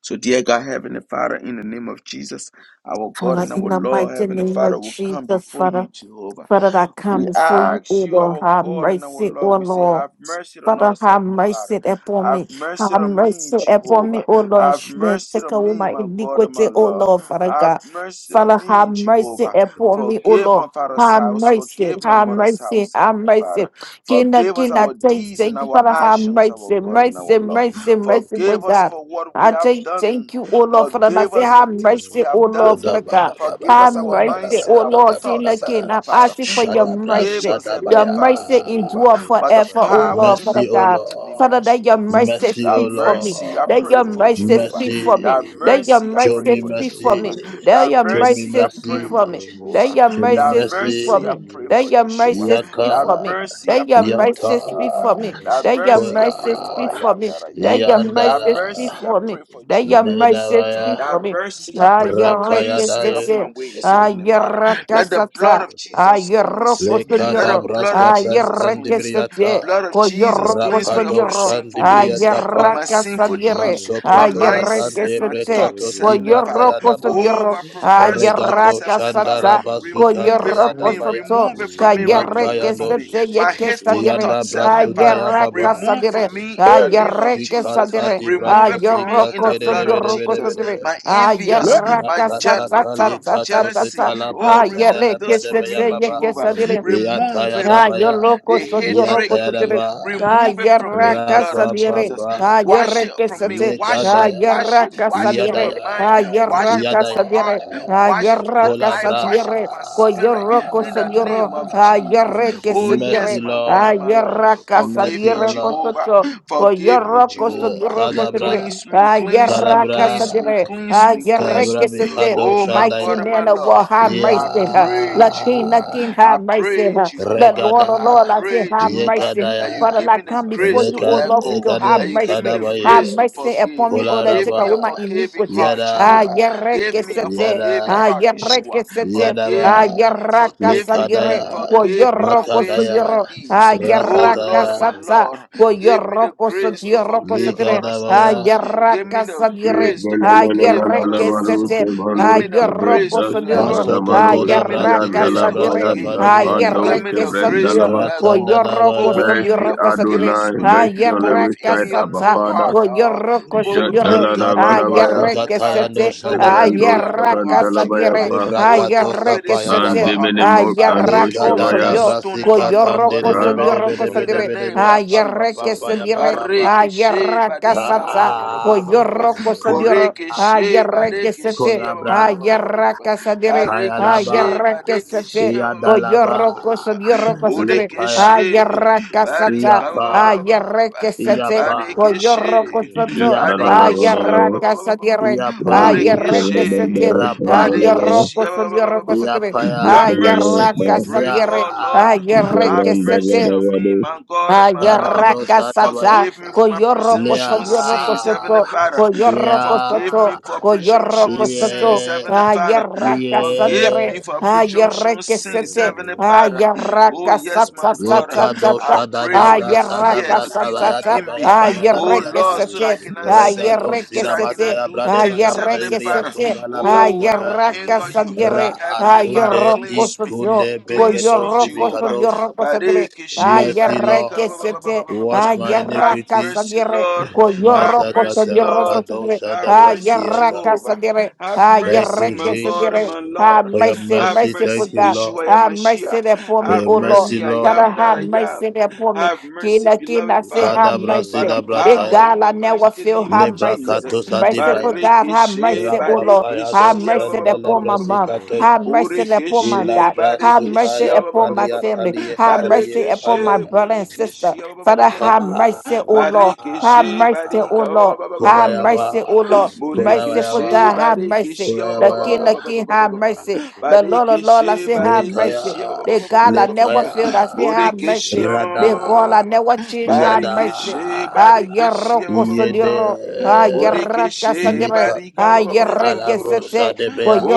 Speaker 2: So, dear God, Heavenly Father, in the name of Jesus, our God
Speaker 4: Father,
Speaker 2: and our
Speaker 4: in the
Speaker 2: Lord,
Speaker 4: mighty
Speaker 2: Heavenly
Speaker 4: name
Speaker 2: Father,
Speaker 4: of
Speaker 2: we come
Speaker 4: Jesus,
Speaker 2: before
Speaker 4: Father.
Speaker 2: you, Jehovah.
Speaker 4: Father, I come
Speaker 2: We
Speaker 4: before you, O
Speaker 2: ask you,
Speaker 4: Lord,
Speaker 2: our
Speaker 4: have
Speaker 2: God and our
Speaker 4: mercy, O
Speaker 2: Lord, we say,
Speaker 4: Lord.
Speaker 2: Have mercy on
Speaker 4: Father,
Speaker 2: us,
Speaker 4: have
Speaker 2: Heavenly Father.
Speaker 4: mercy upon
Speaker 2: Have
Speaker 4: me.
Speaker 2: mercy
Speaker 4: Have
Speaker 2: on me,
Speaker 4: mercy upon me,
Speaker 2: Jehovah.
Speaker 4: O Lord. and
Speaker 2: Have
Speaker 4: sh- may
Speaker 2: mercy
Speaker 4: Take
Speaker 2: on
Speaker 4: away
Speaker 2: me,
Speaker 4: my
Speaker 2: my God and
Speaker 4: iniquity,
Speaker 2: my
Speaker 4: O
Speaker 2: Lord.
Speaker 4: Lord, Father
Speaker 2: Have
Speaker 4: God.
Speaker 2: mercy on
Speaker 4: Father, have
Speaker 2: me,
Speaker 4: mercy
Speaker 2: Jehovah.
Speaker 4: upon me, O
Speaker 2: Forgive
Speaker 4: Lord.
Speaker 2: my father's
Speaker 4: Have
Speaker 2: house.
Speaker 4: mercy,
Speaker 2: Forgive my
Speaker 4: have
Speaker 2: mother's
Speaker 6: Alabadeshatabradabadashadabada.
Speaker 4: mercy,
Speaker 2: house,
Speaker 4: have
Speaker 2: Heavenly Father.
Speaker 4: mercy. King of
Speaker 2: Forgive us
Speaker 4: King, I
Speaker 2: our
Speaker 4: take,
Speaker 2: deeds and our
Speaker 4: Father, have
Speaker 2: actions, our
Speaker 4: mercy,
Speaker 2: God and our
Speaker 4: mercy,
Speaker 2: Lord.
Speaker 4: mercy, mercy, for
Speaker 2: Forgive us
Speaker 4: God.
Speaker 2: for
Speaker 6: Rimeshwantabaraderoshatabrakatayadasha.
Speaker 2: what we
Speaker 4: I
Speaker 2: have
Speaker 4: take,
Speaker 2: done.
Speaker 4: thank you, O Lord, Father. I
Speaker 2: Forgive
Speaker 4: say,
Speaker 2: us for
Speaker 4: have
Speaker 2: things we
Speaker 4: mercy, O
Speaker 2: have
Speaker 4: Lord,
Speaker 2: done.
Speaker 4: Father God.
Speaker 2: Forgive
Speaker 4: Have
Speaker 2: us our
Speaker 4: mercy,
Speaker 2: mindset,
Speaker 4: O
Speaker 2: our
Speaker 4: Lord, King
Speaker 2: thoughts,
Speaker 6: Rabadejarashanabiroshatabaradarashatabragadash.
Speaker 4: again.
Speaker 2: Heavenly
Speaker 4: I'm
Speaker 2: Father.
Speaker 4: asking for your
Speaker 2: Forgive
Speaker 4: mercy.
Speaker 2: us, Heavenly
Speaker 4: Your
Speaker 2: Father,
Speaker 4: mercy
Speaker 2: Jehovah,
Speaker 4: endure
Speaker 2: by the
Speaker 4: forever, O
Speaker 2: power
Speaker 4: Lord,
Speaker 2: in the
Speaker 4: Father
Speaker 6: Mekabandegedegedegedebarabarabadiyabarabara.
Speaker 4: God.
Speaker 2: mighty name of
Speaker 4: Father, that your
Speaker 2: Jesus.
Speaker 4: mercy
Speaker 2: Thy
Speaker 4: speak for me.
Speaker 2: mercy I
Speaker 4: That
Speaker 2: pray
Speaker 4: your
Speaker 2: for
Speaker 6: Rombo
Speaker 4: mercy
Speaker 2: Jehovah.
Speaker 4: speak for
Speaker 6: Shakato
Speaker 4: me.
Speaker 2: Thy
Speaker 4: That
Speaker 6: Veratiro
Speaker 4: your
Speaker 2: mercy I pray
Speaker 6: Shaka
Speaker 4: mercy
Speaker 2: for
Speaker 4: speak for
Speaker 6: Shkateja
Speaker 2: Jehovah.
Speaker 4: me.
Speaker 6: la
Speaker 4: That
Speaker 2: Thy
Speaker 4: your
Speaker 6: Brasheteja
Speaker 2: mercy
Speaker 4: mercy
Speaker 2: I
Speaker 4: speak
Speaker 2: pray
Speaker 4: for
Speaker 2: for
Speaker 4: me.
Speaker 6: Rombo
Speaker 4: That
Speaker 2: Jehovah.
Speaker 4: your
Speaker 2: Thy
Speaker 6: Shakateja
Speaker 4: mercy
Speaker 6: la
Speaker 4: speak for
Speaker 2: mercy I
Speaker 4: me.
Speaker 2: pray
Speaker 6: Bragatiro
Speaker 4: That
Speaker 2: for
Speaker 4: your
Speaker 2: Yeshua.
Speaker 4: mercy
Speaker 6: Shashkateja
Speaker 4: speak
Speaker 2: Thy
Speaker 6: la
Speaker 4: for me.
Speaker 2: mercy I
Speaker 4: That
Speaker 6: Vishkateja
Speaker 4: your
Speaker 2: pray for
Speaker 4: mercy speak
Speaker 2: Jehovah.
Speaker 4: for me.
Speaker 2: Thy
Speaker 4: That your
Speaker 2: mercy I pray
Speaker 4: mercy
Speaker 2: for
Speaker 6: Rabashanteteja
Speaker 4: speak
Speaker 2: I
Speaker 6: la
Speaker 4: for
Speaker 2: am
Speaker 4: me.
Speaker 2: that I am.
Speaker 6: Bratiro
Speaker 4: That your
Speaker 2: That
Speaker 4: mercy speak
Speaker 2: mercy I
Speaker 4: for me.
Speaker 6: Shashkateja
Speaker 2: pray
Speaker 6: la
Speaker 2: for
Speaker 4: That your
Speaker 2: Jehovah Nisi.
Speaker 4: mercy speak
Speaker 2: That
Speaker 4: for
Speaker 6: Rababa
Speaker 4: me.
Speaker 2: mercy I
Speaker 4: Ah,
Speaker 2: pray for.
Speaker 4: your
Speaker 6: Shadabadabadaba
Speaker 2: Cleanse
Speaker 4: request.
Speaker 2: me of my ways,
Speaker 4: Ah,
Speaker 2: Heavenly
Speaker 6: Rombo
Speaker 4: your
Speaker 2: Father. Let
Speaker 6: Shakotaba
Speaker 2: the blood
Speaker 4: rakasata.
Speaker 2: of
Speaker 4: Ah,
Speaker 2: Jesus
Speaker 6: Shadabradada
Speaker 4: your
Speaker 2: cleanse me. Let
Speaker 4: rokosodiro.
Speaker 2: the
Speaker 6: Legide
Speaker 2: blood of Jesus
Speaker 4: Ayerre que
Speaker 2: cleanse
Speaker 6: Shalabaratiro
Speaker 4: se
Speaker 2: me.
Speaker 4: te,
Speaker 2: Blood of Jesus
Speaker 4: coyorro,
Speaker 6: Shakashkateja la
Speaker 2: cleanse me of my
Speaker 4: cosoñorro,
Speaker 2: sinful ways, of
Speaker 4: ayerra
Speaker 2: my sinful
Speaker 4: casadiere,
Speaker 2: deeds,
Speaker 6: Bragatiro
Speaker 2: my
Speaker 4: ayerre que
Speaker 2: mindset,
Speaker 4: se
Speaker 2: my
Speaker 4: te,
Speaker 2: thoughts,
Speaker 6: Redeje
Speaker 2: Heavenly
Speaker 6: vele
Speaker 2: Father.
Speaker 4: coyorro,
Speaker 6: varojo pisa
Speaker 2: Oh,
Speaker 6: palo
Speaker 4: cosoñorro,
Speaker 2: my
Speaker 6: pashi
Speaker 2: perverse
Speaker 6: keshela
Speaker 4: ayerra
Speaker 6: pajo
Speaker 2: thoughts,
Speaker 6: keshe
Speaker 2: Heavenly Father.
Speaker 6: kepala
Speaker 4: casata,
Speaker 6: brongo to
Speaker 2: Remove it
Speaker 6: bragata.
Speaker 4: coyorro,
Speaker 2: from me.
Speaker 3: Amen.
Speaker 4: cosoto,
Speaker 2: Remove it from me.
Speaker 6: Ayete
Speaker 4: cayerre
Speaker 2: Remove it
Speaker 4: que
Speaker 2: from
Speaker 4: se
Speaker 2: me.
Speaker 6: vaye
Speaker 4: te, ye
Speaker 2: My
Speaker 4: que
Speaker 6: paratero
Speaker 2: hateful
Speaker 4: sadiere,
Speaker 2: thoughts, Heavenly
Speaker 6: shakataba.
Speaker 2: Father.
Speaker 4: ayerra
Speaker 2: Remove
Speaker 4: casadiere,
Speaker 2: from
Speaker 6: Meratiro
Speaker 2: me in the name of
Speaker 6: shakataba.
Speaker 4: ayerre que
Speaker 2: Jesus.
Speaker 4: sadiere,
Speaker 2: Remove it from me
Speaker 4: ayorro,
Speaker 2: in the blood of
Speaker 4: cosoñorro,
Speaker 2: Jesus.
Speaker 6: Merciful
Speaker 4: cosoñorro,
Speaker 2: My
Speaker 6: Father, have come
Speaker 2: envious,
Speaker 4: ayerra
Speaker 2: my
Speaker 6: boldly unto
Speaker 2: jeal,
Speaker 6: your
Speaker 4: casata,
Speaker 2: my
Speaker 4: ta,
Speaker 2: thought of
Speaker 6: throne
Speaker 4: ta, ta, ta,
Speaker 2: jealousy.
Speaker 4: ta,
Speaker 6: of
Speaker 2: Oh,
Speaker 6: grace.
Speaker 2: remove
Speaker 4: ayerre que
Speaker 2: this
Speaker 4: se
Speaker 2: from
Speaker 4: te,
Speaker 2: me,
Speaker 4: ye que
Speaker 2: Jehovah.
Speaker 6: Now
Speaker 4: sadiere,
Speaker 6: obtain mercy.
Speaker 2: Remove it
Speaker 4: Ah,
Speaker 2: from
Speaker 4: yo
Speaker 2: me. The
Speaker 4: loco, so yo
Speaker 6: Over
Speaker 2: hatred
Speaker 4: loco,
Speaker 2: in
Speaker 4: so yo
Speaker 2: me.
Speaker 6: shakatabata.
Speaker 4: Ah,
Speaker 2: Remove it
Speaker 4: yo
Speaker 2: from me,
Speaker 4: raca,
Speaker 2: blood of
Speaker 4: sabire.
Speaker 2: Jesus.
Speaker 6: Mayikaba
Speaker 4: Ah, yo
Speaker 2: Wash it
Speaker 4: reque,
Speaker 2: from me.
Speaker 6: shakambara
Speaker 4: sate.
Speaker 2: Wash it.
Speaker 4: Ah, yo
Speaker 6: shakataba.
Speaker 2: Wash it.
Speaker 4: raca,
Speaker 2: Wash it from my
Speaker 4: sabire.
Speaker 6: Robo
Speaker 2: mind.
Speaker 4: Ah, yo
Speaker 2: Wash
Speaker 6: shakabragata.
Speaker 2: it from
Speaker 4: raca,
Speaker 2: my heart.
Speaker 4: sabire.
Speaker 6: Jele
Speaker 4: Ah,
Speaker 6: brada
Speaker 2: Wash
Speaker 4: yo
Speaker 2: it from my
Speaker 4: raca,
Speaker 2: life.
Speaker 6: Shata
Speaker 2: Wash it from
Speaker 4: sabire.
Speaker 2: my
Speaker 4: Co yo
Speaker 2: spirit.
Speaker 4: roco,
Speaker 2: In
Speaker 4: so
Speaker 2: the
Speaker 4: yo ro.
Speaker 2: name of
Speaker 4: Ah, yo
Speaker 2: Jesus.
Speaker 4: reque,
Speaker 2: Oh,
Speaker 6: Levadei
Speaker 2: yes,
Speaker 4: sabire.
Speaker 2: my
Speaker 6: Jalabradei
Speaker 2: God
Speaker 4: Ah,
Speaker 2: and my
Speaker 4: yo
Speaker 2: Lord.
Speaker 6: Shalabrakata
Speaker 4: raca,
Speaker 2: Forgive me,
Speaker 4: sabire, co so
Speaker 2: Jehovah.
Speaker 4: yo. Co yo
Speaker 2: Forgive me,
Speaker 4: roco,
Speaker 6: Jelevradei
Speaker 4: so yo
Speaker 2: Jehovah.
Speaker 4: roco, so yo.
Speaker 6: Jalabrakata
Speaker 2: Cleanse me,
Speaker 4: Ah, yo
Speaker 2: cleanse
Speaker 6: Jalabradei
Speaker 2: me,
Speaker 4: raca,
Speaker 2: cleanse me,
Speaker 4: sabire.
Speaker 6: Shatabada
Speaker 2: cleanse
Speaker 4: Ah,
Speaker 2: me,
Speaker 4: yo
Speaker 2: cleanse
Speaker 4: reque,
Speaker 2: me.
Speaker 6: O
Speaker 4: sate.
Speaker 2: Oh
Speaker 6: Father,
Speaker 2: my
Speaker 4: Mighty
Speaker 2: God
Speaker 6: show
Speaker 2: and my
Speaker 4: man
Speaker 6: me
Speaker 4: of war,
Speaker 2: Lord.
Speaker 4: have
Speaker 6: mercy.
Speaker 2: I
Speaker 4: mercy.
Speaker 6: Rabada,
Speaker 2: pray,
Speaker 4: Latina
Speaker 2: Jehovah.
Speaker 4: King,
Speaker 2: I
Speaker 4: have mercy.
Speaker 2: pray,
Speaker 4: The
Speaker 2: Jehovah.
Speaker 4: Lord, oh
Speaker 2: I
Speaker 4: Lord, I
Speaker 6: Rabadaba,
Speaker 4: say,
Speaker 2: pray,
Speaker 4: have
Speaker 6: Rabadaba,
Speaker 2: Jehovah,
Speaker 4: mercy.
Speaker 2: that you
Speaker 4: Father,
Speaker 2: give
Speaker 4: I
Speaker 2: me the
Speaker 4: come before
Speaker 6: Marabadaba,
Speaker 2: grace to
Speaker 4: you, O
Speaker 2: let
Speaker 4: Lord, for
Speaker 2: go.
Speaker 4: you have
Speaker 2: That you give me
Speaker 4: mercy.
Speaker 2: the
Speaker 6: Marabadu
Speaker 4: Have
Speaker 2: grace to
Speaker 4: mercy
Speaker 2: forgive.
Speaker 6: Jalabrakatu
Speaker 4: upon me, O Lord,
Speaker 2: Give
Speaker 4: take
Speaker 2: me
Speaker 4: away
Speaker 2: a
Speaker 4: my
Speaker 6: Jalabrakata
Speaker 2: forgiving
Speaker 4: iniquity.
Speaker 2: heart,
Speaker 4: Ah,
Speaker 2: Jehovah.
Speaker 6: Jede
Speaker 2: Give me a
Speaker 6: Shadabrakata
Speaker 4: yerekesete.
Speaker 2: forgiving
Speaker 4: Ah,
Speaker 2: heart, Yeshua.
Speaker 6: Rabada
Speaker 4: yerekesete.
Speaker 2: Forgive
Speaker 4: Ah,
Speaker 2: me. Forgive me.
Speaker 4: yerakasagire.
Speaker 2: Forgive me
Speaker 6: Akabada
Speaker 2: my ways and my
Speaker 4: Koyorokosogiro. Ah,
Speaker 2: deeds. Oh Lord, my
Speaker 4: yerakasata.
Speaker 6: Mentabarabrata
Speaker 2: Lord, Give me
Speaker 6: Shadabrata
Speaker 2: the grace to
Speaker 7: thanks,
Speaker 2: forgive
Speaker 4: Koyorokosotiorokosotire.
Speaker 2: others
Speaker 7: Kavandos.
Speaker 4: Ah,
Speaker 2: also.
Speaker 6: Merciful
Speaker 2: Give
Speaker 6: Father,
Speaker 2: me the
Speaker 6: show
Speaker 4: yerakasadire.
Speaker 6: me
Speaker 7: Yes,
Speaker 2: grace to
Speaker 4: Ah,
Speaker 6: mercy.
Speaker 2: forgive others
Speaker 7: dalalalalalalabados,
Speaker 2: also.
Speaker 4: yerekesete.
Speaker 6: Adia
Speaker 2: Give
Speaker 4: Ah,
Speaker 7: kavandos,
Speaker 2: me the grace to
Speaker 7: kavradas,
Speaker 6: Barashakata
Speaker 2: let
Speaker 4: yorokosodiro.
Speaker 2: go.
Speaker 6: Barade
Speaker 4: Ah,
Speaker 7: kavadamanos,
Speaker 2: Give me the grace to
Speaker 4: yerakasadire.
Speaker 6: Rabba
Speaker 7: yandalabayanda,
Speaker 2: forgive. And give
Speaker 7: pando,
Speaker 4: Ayerre
Speaker 2: me
Speaker 6: Rabosonto
Speaker 4: que
Speaker 2: the grace to
Speaker 4: satıyor.
Speaker 7: kavrendalaba,
Speaker 2: let go.
Speaker 4: Koyorro
Speaker 2: Put within
Speaker 7: Mercy
Speaker 2: me a
Speaker 4: kosuyor
Speaker 2: forgiving
Speaker 4: kosatire.
Speaker 7: Adonai,
Speaker 2: spirit.
Speaker 7: mercy on
Speaker 2: Put
Speaker 4: Ayerre
Speaker 7: every
Speaker 2: within
Speaker 7: side,
Speaker 2: me a
Speaker 7: Abba
Speaker 2: new
Speaker 4: kasatsa.
Speaker 7: Father.
Speaker 2: heart. Uh,
Speaker 4: Koyorro
Speaker 2: put within
Speaker 4: kosuyor.
Speaker 2: me a new heart,
Speaker 7: Jadaladabadabaya,
Speaker 4: Ayerre
Speaker 2: Heavenly
Speaker 4: que
Speaker 2: Father.
Speaker 4: sete.
Speaker 2: Put within me
Speaker 7: Jevrandos
Speaker 2: a
Speaker 4: Ayerre
Speaker 2: new heart,
Speaker 7: Kavandalabaya
Speaker 4: kasadire.
Speaker 2: Jehovah.
Speaker 7: Pa,
Speaker 2: Oh, take
Speaker 4: Ayerre
Speaker 2: away
Speaker 4: que
Speaker 2: this
Speaker 7: Man
Speaker 2: stony
Speaker 4: sete.
Speaker 2: heart, Heavenly
Speaker 7: Diminimo
Speaker 2: Father.
Speaker 4: Ayerre
Speaker 7: Kandos
Speaker 2: Take away
Speaker 7: Kavaya,
Speaker 2: this
Speaker 4: kosuyor.
Speaker 2: stony heart, my
Speaker 4: Koyorro
Speaker 2: God and my
Speaker 7: Ra,
Speaker 2: Lord
Speaker 4: kosuyor
Speaker 2: in the
Speaker 4: kosatire.
Speaker 2: name of
Speaker 4: Ayerre que
Speaker 2: Jesus.
Speaker 4: sedire.
Speaker 2: Bareke she
Speaker 4: Ayerre
Speaker 2: barika ba
Speaker 4: kasatsa.
Speaker 2: ba ba ba ba ba ba ba ba
Speaker 4: Koyorro kosuyor.
Speaker 2: Boreke she
Speaker 4: Ayerre que
Speaker 2: bareke she
Speaker 4: sete.
Speaker 2: ba ba ba ba ba ba ba ba ba
Speaker 4: Ayerre
Speaker 2: ba.
Speaker 4: kasadire.
Speaker 2: Bareke she
Speaker 4: Ayerre que
Speaker 2: bareke
Speaker 4: sete.
Speaker 2: she ba ba ba ba
Speaker 4: O
Speaker 2: ba ba ba ba
Speaker 4: yoroko
Speaker 2: ba ba.
Speaker 4: so
Speaker 2: ba.
Speaker 4: yoroko setere.
Speaker 2: Boreke
Speaker 4: Ah,
Speaker 2: she
Speaker 4: yarraka
Speaker 6: Bragadero
Speaker 4: sata.
Speaker 2: barika ba
Speaker 6: Sofrate
Speaker 2: ba ba
Speaker 4: Ah,
Speaker 2: ba ba
Speaker 6: Baba
Speaker 2: ba ba ba ba.
Speaker 4: yarreke
Speaker 2: ba.
Speaker 4: sete. O
Speaker 2: Bareke
Speaker 6: Ravijov
Speaker 2: she
Speaker 4: yoroko
Speaker 6: Radijava
Speaker 4: soto. Ah,
Speaker 6: Vadoshada
Speaker 2: bareke she ba ba ba
Speaker 7: Jadaladabadabaya,
Speaker 6: Vagadeshka
Speaker 2: ba
Speaker 4: yarraka
Speaker 2: ba ba ba ba ba.
Speaker 4: sadiere. Ah,
Speaker 7: Randos
Speaker 6: Yekate
Speaker 2: Boreke she
Speaker 4: yarreke sete.
Speaker 7: Kavandalabaya,
Speaker 6: Shanamino
Speaker 4: Ah,
Speaker 2: bareke
Speaker 6: Sashkata
Speaker 7: Kandalabaya,
Speaker 2: she
Speaker 4: yoroko
Speaker 2: ba
Speaker 4: so
Speaker 2: ba ba ba ba
Speaker 4: yoroko
Speaker 2: ba ba ba
Speaker 4: setere.
Speaker 2: ba. Your
Speaker 4: Ah,
Speaker 6: Nino
Speaker 7: Jadalabaya
Speaker 2: mercy
Speaker 7: Pa,
Speaker 6: Sashkata
Speaker 2: we
Speaker 4: yarraka
Speaker 2: pray
Speaker 6: Yagara
Speaker 4: sadiere.
Speaker 2: for,
Speaker 6: Bradira
Speaker 4: Ah,
Speaker 2: Lord. Have
Speaker 4: yarreke
Speaker 6: Lira
Speaker 2: mercy
Speaker 4: sete.
Speaker 2: on me,
Speaker 7: Jevrandabadabados,
Speaker 6: Sashkata
Speaker 2: my God and my Lord.
Speaker 4: Ayaraka sata,
Speaker 6: Rabeshante
Speaker 2: Forgive me for my
Speaker 6: Brakata
Speaker 4: koyoroko
Speaker 2: presumptuous
Speaker 6: Varadira
Speaker 4: soyoroko
Speaker 2: sins,
Speaker 6: Shakata
Speaker 2: Heavenly
Speaker 4: soto,
Speaker 6: Bradira
Speaker 2: Father.
Speaker 4: koyoroko
Speaker 2: Forgive
Speaker 4: soto,
Speaker 2: me for
Speaker 6: Rabashata
Speaker 4: koyoroko
Speaker 2: presumptuous
Speaker 4: soto,
Speaker 2: sins,
Speaker 6: Bata
Speaker 2: Heavenly
Speaker 6: Shata
Speaker 2: Father.
Speaker 6: Bradira
Speaker 4: ayaraka
Speaker 6: Shakata
Speaker 2: Forgive
Speaker 4: sanyere,
Speaker 2: me for presumptuous
Speaker 4: ayareke
Speaker 2: sins,
Speaker 4: sete,
Speaker 2: Heavenly
Speaker 6: Veremenino
Speaker 2: Father.
Speaker 6: Shikata
Speaker 2: Oh,
Speaker 4: ayaraka
Speaker 6: Vedia
Speaker 2: yes,
Speaker 4: sata
Speaker 2: my
Speaker 6: Vadabadia
Speaker 2: God.
Speaker 4: sata
Speaker 6: Tabata
Speaker 2: I
Speaker 4: sata,
Speaker 2: pray
Speaker 6: Vadabata
Speaker 2: for your fear
Speaker 4: ayaraka
Speaker 2: to be
Speaker 4: sata sata,
Speaker 2: within me.
Speaker 6: Robo
Speaker 2: Oh,
Speaker 4: ayareke
Speaker 2: Lord,
Speaker 6: Shede
Speaker 2: so that
Speaker 6: Vede
Speaker 4: sete,
Speaker 2: I
Speaker 6: Vede
Speaker 2: cannot sin,
Speaker 4: ayareke
Speaker 2: so
Speaker 6: Shata
Speaker 2: that I
Speaker 4: sete,
Speaker 6: Bradira
Speaker 2: cannot do
Speaker 6: Shakata
Speaker 2: things, Heavenly
Speaker 4: ayareke
Speaker 2: Father.
Speaker 4: sete,
Speaker 2: Oh, that will
Speaker 4: ayaraka
Speaker 2: anger you.
Speaker 6: Bradira
Speaker 4: sanyere,
Speaker 2: Heavenly Father,
Speaker 4: ayoroko
Speaker 2: cleanse me.
Speaker 4: soto,
Speaker 6: Robo
Speaker 2: Cleanse me,
Speaker 4: koyoroko
Speaker 2: Jehovah.
Speaker 6: Shalabrado
Speaker 4: soyoroko sotere,
Speaker 2: Barekeshe,
Speaker 6: Shakatabadabadabadaba
Speaker 4: Ayerre
Speaker 2: barika, ba-
Speaker 4: que
Speaker 2: ba-
Speaker 4: se
Speaker 2: ba- ba- ba-
Speaker 4: te,
Speaker 2: ba- ba- ba- ba.
Speaker 4: ayerra
Speaker 2: Have
Speaker 4: casa
Speaker 2: mercy,
Speaker 4: dire,
Speaker 2: Lord.
Speaker 6: Rabo
Speaker 2: Have
Speaker 4: coyorro,
Speaker 2: mercy,
Speaker 4: coyorro,
Speaker 2: Lord.
Speaker 6: Shalabragadesha
Speaker 4: coyorro,
Speaker 2: Have
Speaker 6: Debragadeshka
Speaker 2: mercy,
Speaker 4: ayerra casa
Speaker 2: Jehovah.
Speaker 4: dire,
Speaker 2: Have mercy,
Speaker 4: ayerre que
Speaker 2: my
Speaker 4: se
Speaker 2: God and
Speaker 4: dire,
Speaker 6: Nijili
Speaker 2: my
Speaker 4: ah,
Speaker 2: Lord.
Speaker 6: Bragadashka
Speaker 4: mercy,
Speaker 2: Have
Speaker 4: mercy for
Speaker 2: mercy,
Speaker 4: that,
Speaker 2: Yeshua
Speaker 4: ah, mercy
Speaker 2: Yamashiach.
Speaker 4: there for me,
Speaker 2: Have
Speaker 4: oh
Speaker 6: Rebi
Speaker 4: Lord.
Speaker 2: mercy, I
Speaker 6: Shilabra
Speaker 4: Father,
Speaker 2: am that
Speaker 4: have
Speaker 2: I
Speaker 6: Shakate
Speaker 4: mercy
Speaker 2: am.
Speaker 4: there for me.
Speaker 6: Rediabada
Speaker 2: Have mercy,
Speaker 4: Kina,
Speaker 2: beloved
Speaker 4: kina, say,
Speaker 2: Father,
Speaker 4: have
Speaker 6: Zipenta
Speaker 2: by
Speaker 4: mercy.
Speaker 2: the
Speaker 6: Vedia
Speaker 4: Big
Speaker 2: power in
Speaker 4: God, I
Speaker 2: the
Speaker 4: never
Speaker 2: mighty
Speaker 4: feel
Speaker 2: name
Speaker 4: have
Speaker 2: of
Speaker 4: mercy.
Speaker 6: Zipete
Speaker 2: Jesus.
Speaker 4: Merciful
Speaker 6: Jalabrado
Speaker 4: God, have
Speaker 2: Barikishe,
Speaker 4: mercy, oh
Speaker 6: Jalabragadeshka
Speaker 4: Lord. Have
Speaker 2: barikishe, ba-
Speaker 4: mercy
Speaker 2: ba- ba-
Speaker 4: there
Speaker 2: ba-
Speaker 4: for
Speaker 2: ba- ba- ba-
Speaker 4: my
Speaker 2: ba-
Speaker 4: mom.
Speaker 2: ba.
Speaker 6: Jeleberia
Speaker 4: Have mercy
Speaker 6: Dojala
Speaker 4: upon my
Speaker 6: Pratiro
Speaker 2: Borikishe,
Speaker 4: dad. Have
Speaker 6: Shakata
Speaker 2: barikishe,
Speaker 4: mercy
Speaker 2: ba- ba-
Speaker 6: Bragadoshka
Speaker 4: upon
Speaker 2: ba-
Speaker 4: my
Speaker 2: ba- ba- ba- ba.
Speaker 4: family. Have mercy upon my
Speaker 2: Barikishe,
Speaker 6: Lea
Speaker 4: brother and sister.
Speaker 2: borikishe, ba-
Speaker 6: Shalabada
Speaker 2: ba- ba-
Speaker 4: Father,
Speaker 2: ba- ba-
Speaker 4: have
Speaker 2: ba- ba- ba- ba.
Speaker 4: mercy,
Speaker 6: Shedebregate
Speaker 4: O Lord.
Speaker 6: Jalabada
Speaker 4: Have
Speaker 2: Barikishe,
Speaker 4: mercy, O
Speaker 2: barika, ba- ba-
Speaker 4: Lord.
Speaker 2: ba- ba- ba- ba-
Speaker 4: Have
Speaker 2: ba- ba- ba- ba-
Speaker 6: Robo
Speaker 4: mercy,
Speaker 2: ba- ba.
Speaker 4: O Lord.
Speaker 6: Shalabratiro
Speaker 4: Merciful
Speaker 2: Borikishe,
Speaker 4: God, have
Speaker 6: Shakavara
Speaker 4: mercy.
Speaker 2: barikishe, ba-
Speaker 4: The King, the King, have mercy. The
Speaker 6: Valekova
Speaker 4: Lord, the Lord, I
Speaker 6: Shate
Speaker 4: say, have
Speaker 6: Benino
Speaker 4: mercy. The
Speaker 6: Shakata
Speaker 4: God, I never failed, I say, have
Speaker 2: Murikishia
Speaker 4: mercy. The
Speaker 6: Shkelevede
Speaker 4: God, I never change, have mercy.
Speaker 2: Barikishe
Speaker 4: Ah,
Speaker 2: Barikishia
Speaker 4: yeroko sodiro. Ah, yeraka
Speaker 2: Murikishe
Speaker 4: sodire.
Speaker 2: Barika
Speaker 4: Ah, yereke sete.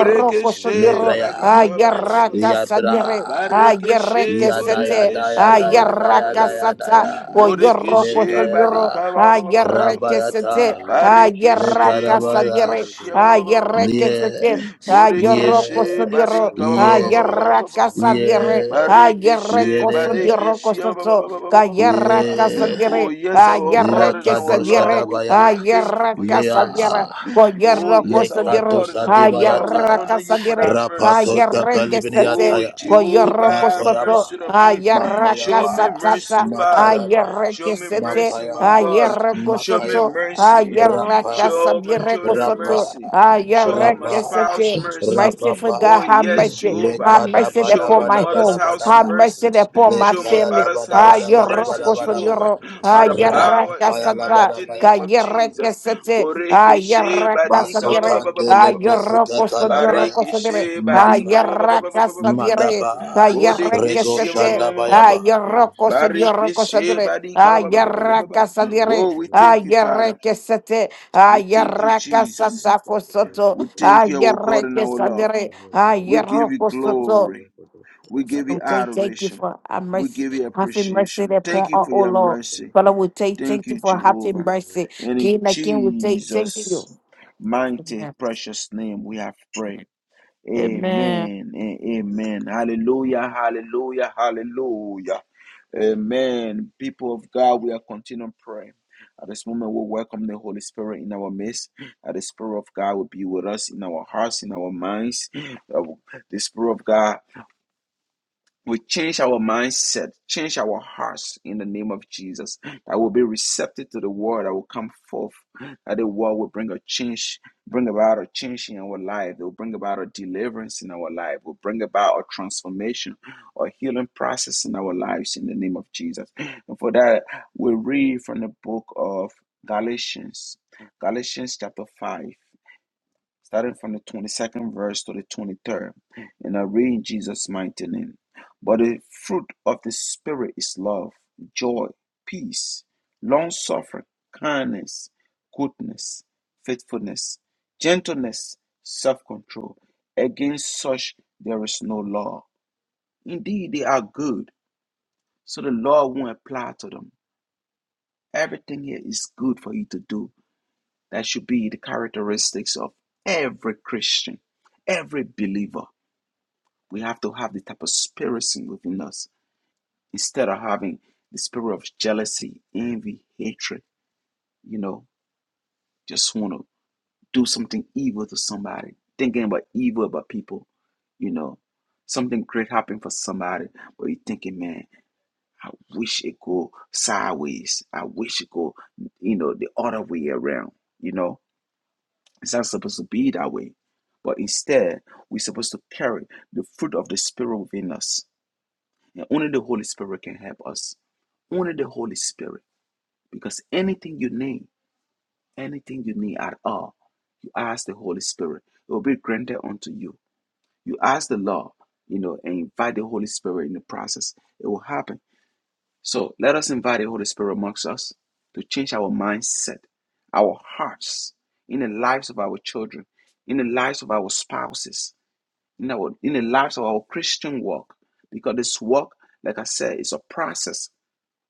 Speaker 6: Me
Speaker 4: sodioro,
Speaker 6: Babadi
Speaker 2: Barika
Speaker 4: ayaraka
Speaker 6: Shelebreviadeske
Speaker 4: sadiere, ayereke
Speaker 2: Barikishe
Speaker 4: sete,
Speaker 2: Murikishia
Speaker 4: ayaraka sata, poyoroko
Speaker 2: Murikishe
Speaker 4: sodioro, ayereke
Speaker 2: Barika
Speaker 4: sete,
Speaker 6: Jalebo Shatam
Speaker 2: Barikishe
Speaker 4: ayaraka sadiere,
Speaker 6: Rakate
Speaker 2: Murikishia
Speaker 6: Veradera
Speaker 4: ayereke
Speaker 6: Shashke
Speaker 4: sete, ayoroko
Speaker 2: Murikishe
Speaker 4: sodioro,
Speaker 2: Barika
Speaker 6: Dati Vayi
Speaker 4: ayaraka sadiere,
Speaker 6: Kamani Tete
Speaker 2: Barikishe,
Speaker 4: ayereko
Speaker 2: barikishe,
Speaker 6: Shato
Speaker 2: ba- ba-
Speaker 4: sodioro
Speaker 2: ba- ba-
Speaker 6: Radia
Speaker 2: ba- ba- ba- ba- ba- ba- ba- ba-
Speaker 4: Kayera
Speaker 2: Oh,
Speaker 4: Casadiere,
Speaker 2: yes, our
Speaker 6: Robo
Speaker 2: God
Speaker 4: Ayere
Speaker 2: and our
Speaker 6: Shakata
Speaker 2: Lord,
Speaker 4: Casadiere,
Speaker 2: we pray and thank you
Speaker 4: Ayere
Speaker 2: for your
Speaker 6: Rabba
Speaker 2: mercy.
Speaker 4: Casadiere,
Speaker 2: Oh,
Speaker 4: Coyera
Speaker 6: Robo
Speaker 2: yes, our
Speaker 4: Cosadire,
Speaker 2: God and our Lord, we
Speaker 4: Ayere
Speaker 2: honor you for that
Speaker 4: Casadire,
Speaker 2: mercy.
Speaker 4: Ayere Casate,
Speaker 2: Oh, Jehovah,
Speaker 4: Coyera
Speaker 2: have
Speaker 4: Cosato,
Speaker 2: mercy on me.
Speaker 4: Ayere
Speaker 2: Show me mercy,
Speaker 4: Casatata,
Speaker 2: Father.
Speaker 4: Ayere
Speaker 2: Show me
Speaker 4: Casete,
Speaker 2: mercy, my God.
Speaker 4: Ayere
Speaker 2: Show me
Speaker 4: Cosoto,
Speaker 2: mercy.
Speaker 4: Ayere
Speaker 2: Show my
Speaker 4: Casadire
Speaker 2: children
Speaker 4: Cosoto,
Speaker 2: mercy. Show
Speaker 4: Ayere
Speaker 2: my spouse
Speaker 4: Casate,
Speaker 2: mercy.
Speaker 4: mercy for God,
Speaker 2: Oh,
Speaker 4: have
Speaker 2: yes,
Speaker 4: mercy, have
Speaker 2: Jehovah.
Speaker 4: mercy
Speaker 2: Show my
Speaker 4: upon my
Speaker 2: mother's
Speaker 4: home,
Speaker 2: house
Speaker 4: have mercy
Speaker 2: mercy.
Speaker 4: upon my
Speaker 2: Show my
Speaker 4: family.
Speaker 2: father's house mercy, Jehovah.
Speaker 4: Ayerokosodiro,
Speaker 2: By the power in the
Speaker 4: ayerrakasata,
Speaker 2: mighty name of
Speaker 6: Shakota
Speaker 2: Jesus.
Speaker 6: Brakata is
Speaker 4: kayerrekesete,
Speaker 2: Boreke
Speaker 6: Malabradia,
Speaker 2: shebadi
Speaker 4: ayerrakasadire,
Speaker 6: Paladia,
Speaker 2: ka-
Speaker 4: ayerokosodirokosodire,
Speaker 6: Shashkata,
Speaker 2: Barikishe barika ba- ba- ba- ba- ba- ba- ba-
Speaker 6: Levivelo
Speaker 2: ba- ba- ba- ba-
Speaker 6: Brande
Speaker 2: ba.
Speaker 4: ayerrakasadire,
Speaker 6: Kio Shapapa.
Speaker 2: Bodekeshe ma- ma- ma-
Speaker 4: kayerrekesete,
Speaker 2: ma- ma- ma- ma- ma.
Speaker 6: Show us mercy, O God.
Speaker 2: Barikishe
Speaker 4: ayerokosodirokosadire,
Speaker 2: barika ba- ba- ba- ba-
Speaker 6: Naye
Speaker 2: ba-
Speaker 6: Kete
Speaker 2: ba.
Speaker 4: ayerrakasadire,
Speaker 2: Oh, we thank you,
Speaker 6: Yalavadia
Speaker 2: Father.
Speaker 6: Shashkala.
Speaker 4: ayerrekesete,
Speaker 2: We thank
Speaker 6: Show
Speaker 2: you,
Speaker 6: us mercy, O
Speaker 2: Jesus.
Speaker 4: ayerrakasata
Speaker 6: God.
Speaker 4: kosoto,
Speaker 6: Vale
Speaker 2: We thank
Speaker 6: Franta
Speaker 2: you, our God
Speaker 6: Barade.
Speaker 2: and our Lord.
Speaker 4: ayerrekesadire,
Speaker 2: We give
Speaker 6: Nabrodoshka.
Speaker 2: you
Speaker 4: ayerokosoto,
Speaker 2: glory.
Speaker 6: Nambrodoshka.
Speaker 2: We give you
Speaker 4: we thank thank you
Speaker 6: Raboshakata.
Speaker 2: adoration.
Speaker 4: for our
Speaker 2: We
Speaker 4: mercy,
Speaker 2: give you
Speaker 6: Thank you,
Speaker 4: having
Speaker 6: Lord.
Speaker 4: mercy
Speaker 2: appreciation. Thank
Speaker 4: upon
Speaker 2: you
Speaker 4: us,
Speaker 2: for
Speaker 4: oh
Speaker 2: your
Speaker 6: Thank you,
Speaker 4: Lord.
Speaker 2: mercy.
Speaker 6: Father.
Speaker 4: Father, we take
Speaker 2: Thank
Speaker 4: thank you
Speaker 2: you,
Speaker 4: for
Speaker 6: Thank you
Speaker 4: having
Speaker 2: Jehovah.
Speaker 6: for
Speaker 4: mercy.
Speaker 6: mercy.
Speaker 2: And in
Speaker 4: King and King, we take thank you.
Speaker 2: Jesus' mighty,
Speaker 4: Amen.
Speaker 2: precious name we have prayed.
Speaker 4: Amen.
Speaker 2: Amen and amen. Hallelujah, hallelujah, hallelujah. Amen. People of God, we are continuing praying. At this moment, we welcome the Holy Spirit in our midst. That the Spirit of God will be with us in our hearts, in our minds. That The Spirit of God we change our mindset, change our hearts in the name of Jesus. That will be receptive to the word that will come forth. That the word will bring a change, bring about a change in our life. It will bring about a deliverance in our life. It Will bring about a transformation, a healing process in our lives in the name of Jesus. And for that, we read from the book of Galatians, Galatians chapter five starting from the 22nd verse to the 23rd. And I read in Jesus' mighty name. But the fruit of the Spirit is love, joy, peace, long suffering, kindness, goodness, faithfulness, gentleness, self control. Against such there is no law. Indeed, they are good, so the law won't apply to them. Everything here is good for you to do that should be the characteristics of every Christian, every believer. We have to have the type of spirit within us instead of having the spirit of jealousy, envy, hatred, you know, just want to do something evil to somebody, thinking about evil about people, you know, something great happened for somebody, but you're thinking, man, I wish it go sideways. I wish it go, you know, the other way around, you know It's not supposed to be that way. But instead, we're supposed to carry the fruit of the Spirit within us. And only the Holy Spirit can help us. Only the Holy Spirit. Because anything you need, anything you need at all, you ask the Holy Spirit. It will be granted unto you. You ask the Lord, you know, and invite the Holy Spirit in the process. It will happen. So let us invite the Holy Spirit amongst us to change our mindset, our hearts, in the lives of our children, in the lives of our spouses, in our in the lives of our Christian walk. Because this walk, like I said, is a process.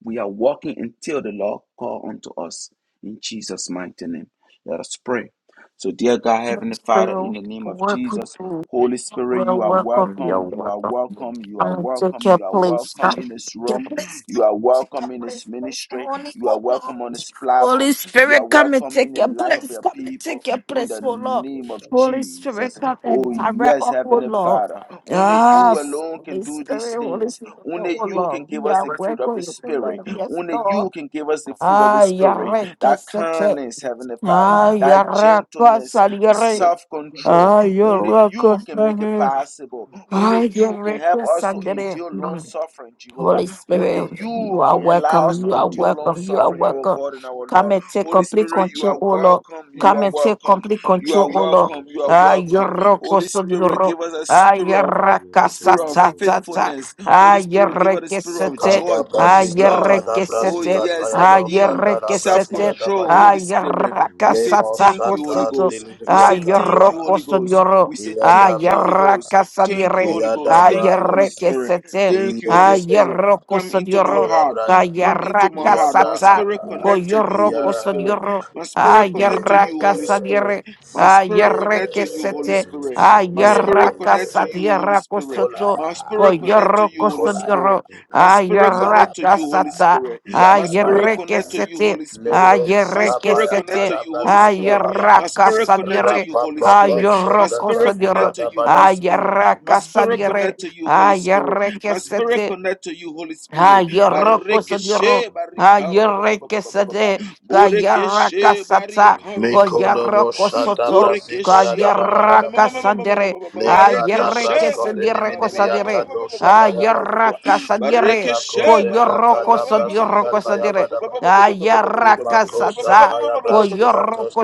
Speaker 2: We are walking until the Lord call unto us in Jesus' mighty name. Let us pray. So, dear God, Heavenly Father, in
Speaker 4: Spirit,
Speaker 2: the name of
Speaker 4: what could
Speaker 2: Jesus,
Speaker 4: do?
Speaker 2: Holy Spirit,
Speaker 4: Well,
Speaker 2: you are
Speaker 4: welcome, you're
Speaker 2: welcome. You are
Speaker 4: welcome.
Speaker 2: welcome. You are
Speaker 4: I'm gonna take
Speaker 2: welcome.
Speaker 4: your
Speaker 2: You are
Speaker 4: place.
Speaker 2: welcome
Speaker 4: God.
Speaker 2: in this
Speaker 4: Your
Speaker 2: room.
Speaker 4: place. God.
Speaker 2: You are
Speaker 4: Take
Speaker 2: welcome
Speaker 4: your
Speaker 2: in this
Speaker 4: place this
Speaker 2: ministry.
Speaker 4: morning,
Speaker 2: You are
Speaker 4: oh Lord.
Speaker 2: welcome on this platform.
Speaker 4: Holy
Speaker 2: You are
Speaker 4: Spirit, come and
Speaker 2: welcome in
Speaker 4: take
Speaker 2: the
Speaker 4: your
Speaker 2: life of
Speaker 4: place.
Speaker 2: your
Speaker 4: Come and
Speaker 2: people
Speaker 4: take your
Speaker 2: in the
Speaker 4: place, oh Lord.
Speaker 2: name of
Speaker 4: Holy Spirit,
Speaker 2: Jesus.
Speaker 4: come and
Speaker 2: Oh,
Speaker 4: direct
Speaker 2: yes,
Speaker 4: us, oh
Speaker 2: Heavenly
Speaker 4: Lord.
Speaker 2: Father. Only you
Speaker 4: Yes.
Speaker 2: alone can
Speaker 4: Holy
Speaker 2: do these
Speaker 4: Spirit, Holy
Speaker 2: things.
Speaker 4: Spirit,
Speaker 2: Only
Speaker 4: oh
Speaker 2: you can
Speaker 4: Lord.
Speaker 2: give
Speaker 4: We
Speaker 2: us
Speaker 4: are
Speaker 2: the fruit of the
Speaker 4: welcome, oh
Speaker 2: Spirit.
Speaker 4: Lord. Yes,
Speaker 2: Only
Speaker 4: Lord.
Speaker 2: you can give us the fruit of the
Speaker 4: Ah,
Speaker 2: Spirit.
Speaker 4: yare,
Speaker 2: That
Speaker 4: kesete.
Speaker 2: kindness, Heavenly Father.
Speaker 4: Ah,
Speaker 2: That
Speaker 4: yare,
Speaker 2: gentleness,
Speaker 4: kosari,
Speaker 2: the
Speaker 4: yare.
Speaker 2: self control.
Speaker 4: Ah,
Speaker 2: Only
Speaker 4: yare,
Speaker 2: you can make
Speaker 4: kosari.
Speaker 2: it possible.
Speaker 4: Ah,
Speaker 2: Only
Speaker 4: your
Speaker 2: you can help
Speaker 4: reckless
Speaker 2: us to
Speaker 4: under
Speaker 2: endure long
Speaker 4: it.
Speaker 2: suffering, Jehovah.
Speaker 4: Holy
Speaker 2: Only
Speaker 4: Spirit,
Speaker 2: you
Speaker 4: you
Speaker 6: Saba
Speaker 4: are
Speaker 2: can allow us
Speaker 4: welcome.
Speaker 6: Shada
Speaker 2: to
Speaker 4: You are
Speaker 2: endure
Speaker 6: Brady O
Speaker 2: long
Speaker 4: welcome. You are
Speaker 6: Shada
Speaker 2: suffering, our
Speaker 4: welcome.
Speaker 2: God and
Speaker 6: Bradadoshka.
Speaker 2: our Lord.
Speaker 4: Come and take
Speaker 2: Holy
Speaker 4: complete
Speaker 2: Spirit, you
Speaker 4: control,
Speaker 2: are
Speaker 4: O Lord.
Speaker 2: welcome. You
Speaker 4: Come
Speaker 2: are
Speaker 4: and take
Speaker 2: welcome.
Speaker 4: complete
Speaker 2: You
Speaker 4: control,
Speaker 2: are
Speaker 4: O Lord.
Speaker 6: Meno
Speaker 2: welcome. You are
Speaker 4: Ah,
Speaker 6: Sata
Speaker 2: welcome.
Speaker 6: Brakataba.
Speaker 4: yoroko
Speaker 2: Holy
Speaker 4: so
Speaker 2: Spirit,
Speaker 4: yoro.
Speaker 2: give us a
Speaker 4: Ah,
Speaker 2: spirit of
Speaker 4: yaraka
Speaker 6: Levere de
Speaker 4: sa
Speaker 2: spirit of
Speaker 4: ta
Speaker 6: Yale
Speaker 4: ta ta.
Speaker 6: Bradish.
Speaker 2: faithfulness.
Speaker 4: Ah,
Speaker 2: Holy Spirit, give us a
Speaker 4: yereke
Speaker 2: spirit of
Speaker 4: sete.
Speaker 2: joy,
Speaker 4: Ah,
Speaker 2: peace, love.
Speaker 4: yereke
Speaker 6: Lebaroshante
Speaker 2: Oh
Speaker 4: sete.
Speaker 6: Brigade
Speaker 2: yes,
Speaker 4: Ah,
Speaker 6: Zala
Speaker 2: indeed.
Speaker 4: yereke
Speaker 6: Prakoshata.
Speaker 4: sete.
Speaker 2: Self-control,
Speaker 4: Ah,
Speaker 2: Holy Spirit.
Speaker 4: yaraka
Speaker 2: We say
Speaker 4: sa
Speaker 6: Nikita
Speaker 4: ta
Speaker 2: thank
Speaker 4: ko
Speaker 2: you,
Speaker 4: so
Speaker 2: Holy
Speaker 4: to.
Speaker 2: Ghost. We
Speaker 4: Ah,
Speaker 6: Kalambashkate
Speaker 2: say
Speaker 6: Zala
Speaker 2: thank you,
Speaker 4: yoroko
Speaker 2: Holy
Speaker 4: so
Speaker 6: Brigadesta.
Speaker 2: Ghost.
Speaker 4: yoro.
Speaker 2: We say
Speaker 4: Ah,
Speaker 2: thank you, Holy Ghost.
Speaker 4: yaraka sa
Speaker 2: Thank you,
Speaker 4: dire.
Speaker 2: Holy Ghost.
Speaker 4: Ah,
Speaker 2: Thank you,
Speaker 6: Raboshakatava.
Speaker 2: Holy
Speaker 4: yereke
Speaker 2: Spirit.
Speaker 4: sete.
Speaker 2: Thank you, Holy Spirit.
Speaker 4: Ayerro
Speaker 2: Come into my
Speaker 4: cosodioro,
Speaker 2: heart. Come into my
Speaker 4: tayarraca
Speaker 2: heart. My
Speaker 4: sata,
Speaker 2: spirit
Speaker 6: Liko
Speaker 2: connect to
Speaker 6: Zala
Speaker 2: you,
Speaker 4: coyorro
Speaker 2: Holy
Speaker 6: Zalela
Speaker 2: Spirit.
Speaker 4: cosodioro,
Speaker 2: My
Speaker 6: Shashkate
Speaker 2: spirit
Speaker 6: Zala
Speaker 2: connect to you,
Speaker 4: ayerraca
Speaker 6: Brigadesta.
Speaker 2: Holy Spirit.
Speaker 4: sadiere,
Speaker 2: My spirit
Speaker 4: ayerre
Speaker 2: connect
Speaker 4: que
Speaker 2: to you, Holy
Speaker 4: sete,
Speaker 2: Spirit.
Speaker 6: Milishele
Speaker 2: My spirit
Speaker 6: Brigade
Speaker 4: ayerraca
Speaker 2: connect
Speaker 6: Zala.
Speaker 2: to you, Holy
Speaker 4: satierra
Speaker 2: Spirit.
Speaker 4: cosoto,
Speaker 2: My spirit connect to
Speaker 4: coyorro
Speaker 2: you, Holy
Speaker 6: Mali
Speaker 2: Spirit.
Speaker 4: cosodioro,
Speaker 6: Baba
Speaker 2: My spirit
Speaker 6: Shata
Speaker 2: connect to
Speaker 4: ayerraca
Speaker 2: you,
Speaker 6: Brakata.
Speaker 2: Holy
Speaker 4: sata,
Speaker 2: Spirit. My spirit
Speaker 4: ayerre
Speaker 2: connect to you,
Speaker 4: sete,
Speaker 2: Holy
Speaker 6: Yukaba
Speaker 2: Spirit.
Speaker 6: Sada
Speaker 2: My
Speaker 4: ayerre
Speaker 6: Badaba.
Speaker 2: spirit connect
Speaker 4: sete,
Speaker 2: to you, Holy Spirit. My
Speaker 4: ayerraca
Speaker 2: spirit
Speaker 6: brigade,
Speaker 2: connect to
Speaker 4: sadiere,
Speaker 6: Brigata
Speaker 2: you, Holy Spirit. My
Speaker 6: brigade,
Speaker 4: ayorro
Speaker 6: Brigata.
Speaker 2: spirit
Speaker 4: cosodioro,
Speaker 2: connect to you, Holy Spirit. My
Speaker 4: ayerraca
Speaker 2: spirit
Speaker 6: Raboshata
Speaker 2: connect to you,
Speaker 4: Ah,
Speaker 2: Holy
Speaker 6: Brigate
Speaker 2: Spirit.
Speaker 6: Zala
Speaker 2: My spirit
Speaker 4: yarrekesete.
Speaker 6: Brigadesta.
Speaker 2: connect to you, Holy
Speaker 4: Ah,
Speaker 2: Spirit.
Speaker 4: yoroko
Speaker 6: Vidoshana
Speaker 4: sodoro.
Speaker 6: Brankata
Speaker 4: Ah,
Speaker 6: Brako
Speaker 4: yoreke
Speaker 6: Sashebe
Speaker 4: sade. Ka yaraka
Speaker 6: Abekaba
Speaker 4: sata. Ko
Speaker 6: Shintebedebe
Speaker 4: yaroko soto.
Speaker 6: Rabba
Speaker 4: Ka
Speaker 6: Shete
Speaker 4: yaraka
Speaker 6: Beredebe
Speaker 4: sandere. Ah, yoreke sadire
Speaker 6: Ateba
Speaker 4: ko sadire.
Speaker 6: Yibara
Speaker 4: Ah,
Speaker 6: Shate
Speaker 4: yaraka
Speaker 6: Barashota
Speaker 4: sadire.
Speaker 6: Tebede
Speaker 4: Ko yoroko sodioroko
Speaker 6: Abado
Speaker 4: sadire.
Speaker 6: Tebede
Speaker 4: Ah, yaraka
Speaker 6: Precious
Speaker 4: sata.
Speaker 6: Spirit of God
Speaker 4: Ko yoroko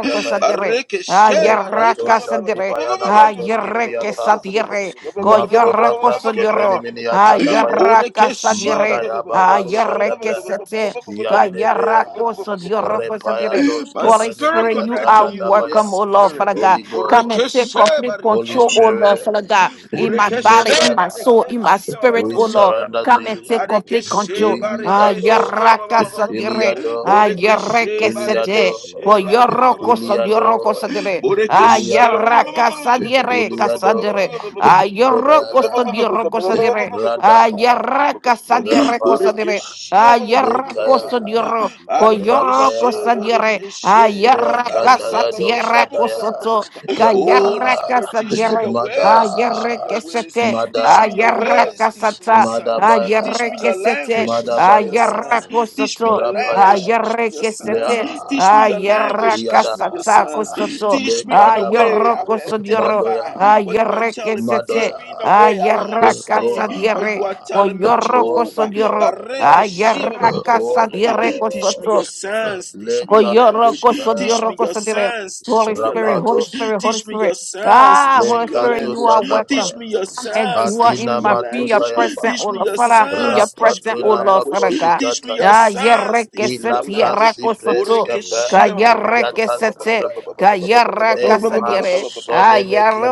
Speaker 6: take over
Speaker 4: sadire. Ah,
Speaker 6: Precious
Speaker 4: yaraka
Speaker 6: Spirit of
Speaker 4: sadire.
Speaker 6: God take
Speaker 4: Ah,
Speaker 6: control
Speaker 4: yoreke sadire. Ko
Speaker 6: Matibaya
Speaker 4: yoroko sodioro.
Speaker 6: Rabba Shakatebe
Speaker 2: Borekeshia
Speaker 4: Ayarakasadire,
Speaker 6: Meredebe Shkata
Speaker 4: ayarekesete,
Speaker 6: Robo Salaba Rabba
Speaker 4: kayarakosadiorakosatire.
Speaker 2: my
Speaker 4: Holy
Speaker 6: Take over,
Speaker 2: spirit
Speaker 4: Spirit, you
Speaker 2: connect
Speaker 4: are
Speaker 2: to you, Holy
Speaker 6: sweet
Speaker 4: welcome, oh
Speaker 6: spirit
Speaker 4: Lord,
Speaker 6: of
Speaker 2: Spirit.
Speaker 4: Father God. Come and take
Speaker 6: God.
Speaker 2: Borekeshe
Speaker 4: complete
Speaker 2: barika
Speaker 4: control,
Speaker 2: ba- ba-
Speaker 4: oh
Speaker 2: ba- ba- ba-
Speaker 4: Lord,
Speaker 2: ba-
Speaker 4: Father
Speaker 2: ba-
Speaker 4: God, in my body,
Speaker 2: Borekeshe
Speaker 4: in my soul, in my
Speaker 2: barekeshia ba-
Speaker 4: spirit,
Speaker 2: ba- ba-
Speaker 4: oh
Speaker 2: ba- ba- ba-
Speaker 4: Lord.
Speaker 2: ba- ba-
Speaker 4: Come
Speaker 2: ba-
Speaker 4: and take complete control.
Speaker 2: Barekeshe barekeshia ba- ba- ba- ba- ba- ba- ba-
Speaker 4: Ayarakasadire,
Speaker 2: ba- Borekeshe
Speaker 4: ayarekesete,
Speaker 2: barekeshe barika ba- ba- ba- ba- ba- ba- ba- ba-
Speaker 4: koyorokosadiorokosadire,
Speaker 2: Borekeshia ma- ma- ma- ma- ma- ma- ma- ma-
Speaker 4: ayarakasadiere, kasadire,
Speaker 2: ma-
Speaker 4: ayorokosadiokosadire. Ayaraka sadiere cosadire.
Speaker 2: Borekeshia ma- ma- ma- ma- ma- ma- ma-
Speaker 4: Ayarako
Speaker 2: ma-
Speaker 6: Take
Speaker 2: ma-
Speaker 6: over,
Speaker 4: sodioro.
Speaker 6: sweet spirit of
Speaker 4: Coyoro
Speaker 6: God.
Speaker 2: Barikeshe,
Speaker 4: cosadiere.
Speaker 2: Borekeshe,
Speaker 4: Ayaraka
Speaker 2: Barika ma- ma- ma- ma-
Speaker 6: Natibaya,
Speaker 2: ma-
Speaker 4: satiera
Speaker 2: ma- ma- ma- ma-
Speaker 4: cosoto.
Speaker 2: ma-
Speaker 6: Shalabragata,
Speaker 2: ma- Holy
Speaker 4: Cayaraka
Speaker 2: Spirit, teach me
Speaker 4: sadiere.
Speaker 2: your ways, teach me
Speaker 6: Emberataya,
Speaker 2: your
Speaker 4: Ayareke
Speaker 2: ways,
Speaker 4: sete.
Speaker 2: teach me
Speaker 6: Skatavadidoshashkavash,
Speaker 2: your ways,
Speaker 4: Ayaraka
Speaker 2: teach me your
Speaker 4: sata.
Speaker 2: sons, teach me
Speaker 4: Ayareke
Speaker 2: your
Speaker 4: sete.
Speaker 2: language, teach me your
Speaker 6: Mekate,
Speaker 2: sons,
Speaker 4: Ayarako
Speaker 2: teach
Speaker 6: Jalabrati,
Speaker 2: me your
Speaker 4: soto.
Speaker 2: language,
Speaker 6: Patojatash,
Speaker 2: teach me your
Speaker 4: Ayareke
Speaker 2: sons,
Speaker 4: sete.
Speaker 2: teach me your
Speaker 6: Hey
Speaker 2: language,
Speaker 4: Ayaraka
Speaker 2: teach me
Speaker 6: Baba
Speaker 2: your
Speaker 4: sata
Speaker 2: sons.
Speaker 6: Bashinte
Speaker 4: cosoto.
Speaker 2: Teach me in a
Speaker 6: Baba
Speaker 2: way I
Speaker 4: Ayoroko
Speaker 2: will
Speaker 6: Rapa
Speaker 4: sodioro.
Speaker 2: identify
Speaker 6: Bete
Speaker 2: what you are
Speaker 6: Jete
Speaker 4: Ayareke
Speaker 2: telling me.
Speaker 6: Baron
Speaker 2: Teach
Speaker 4: sete.
Speaker 2: me in a
Speaker 6: Verebete
Speaker 2: way I will
Speaker 6: Jete Bete
Speaker 4: Ayaraka
Speaker 2: understand what
Speaker 4: sadiere,
Speaker 2: you are telling me,
Speaker 4: koyoroko
Speaker 2: Jehovah.
Speaker 4: sodioro,
Speaker 6: Yekem
Speaker 2: Bareke
Speaker 6: Paratero
Speaker 4: ayaraka
Speaker 6: Shakratero
Speaker 4: sadiere
Speaker 2: Teach me
Speaker 6: Shakaba
Speaker 2: your
Speaker 4: kosoto,
Speaker 2: signs. Teach me your language.
Speaker 4: koyoroko
Speaker 2: Teach me
Speaker 4: sodioroko
Speaker 6: Amprakataba
Speaker 2: your
Speaker 4: sodire.
Speaker 6: Shata
Speaker 2: signs. Teach
Speaker 4: Holy
Speaker 2: me your
Speaker 6: Brakataba
Speaker 4: Spirit, Holy
Speaker 2: language.
Speaker 4: Spirit, Holy
Speaker 2: Teach me your
Speaker 4: Spirit.
Speaker 2: signs.
Speaker 4: Ah,
Speaker 2: Teach
Speaker 4: Holy
Speaker 2: me
Speaker 6: Jete
Speaker 2: your
Speaker 4: Spirit, you
Speaker 2: language.
Speaker 4: are
Speaker 6: Barabara
Speaker 4: welcome
Speaker 2: Teach me your
Speaker 6: Shanta
Speaker 4: and
Speaker 2: signs.
Speaker 6: Brakataba
Speaker 4: dwell
Speaker 2: Teach
Speaker 4: in
Speaker 2: me your
Speaker 4: my be your
Speaker 2: language.
Speaker 4: present,
Speaker 2: Teach
Speaker 4: oh
Speaker 2: me
Speaker 4: Lord.
Speaker 2: your
Speaker 4: Father,
Speaker 6: Robo
Speaker 4: I'm in your
Speaker 2: signs. Teach
Speaker 6: Shakataba
Speaker 2: me
Speaker 4: present,
Speaker 2: your
Speaker 4: oh Lord,
Speaker 6: Shanda
Speaker 2: language.
Speaker 4: Father God.
Speaker 6: Brakata
Speaker 2: Teach me your
Speaker 4: Ah,
Speaker 6: Shade
Speaker 2: signs.
Speaker 6: Brakataba
Speaker 2: Teach me your
Speaker 4: yerekesete,
Speaker 2: language.
Speaker 4: yerakosoto,
Speaker 6: O
Speaker 4: ka
Speaker 2: Borekeshia ba- ba- ba- ba-
Speaker 6: Barashata
Speaker 2: ba- ba- ba-
Speaker 6: Brati
Speaker 2: ba- ba-
Speaker 4: yerekesete,
Speaker 2: ba-
Speaker 4: ka
Speaker 2: ba- ba-
Speaker 4: yerakasadiere,
Speaker 2: ba-
Speaker 4: ah,
Speaker 2: ba-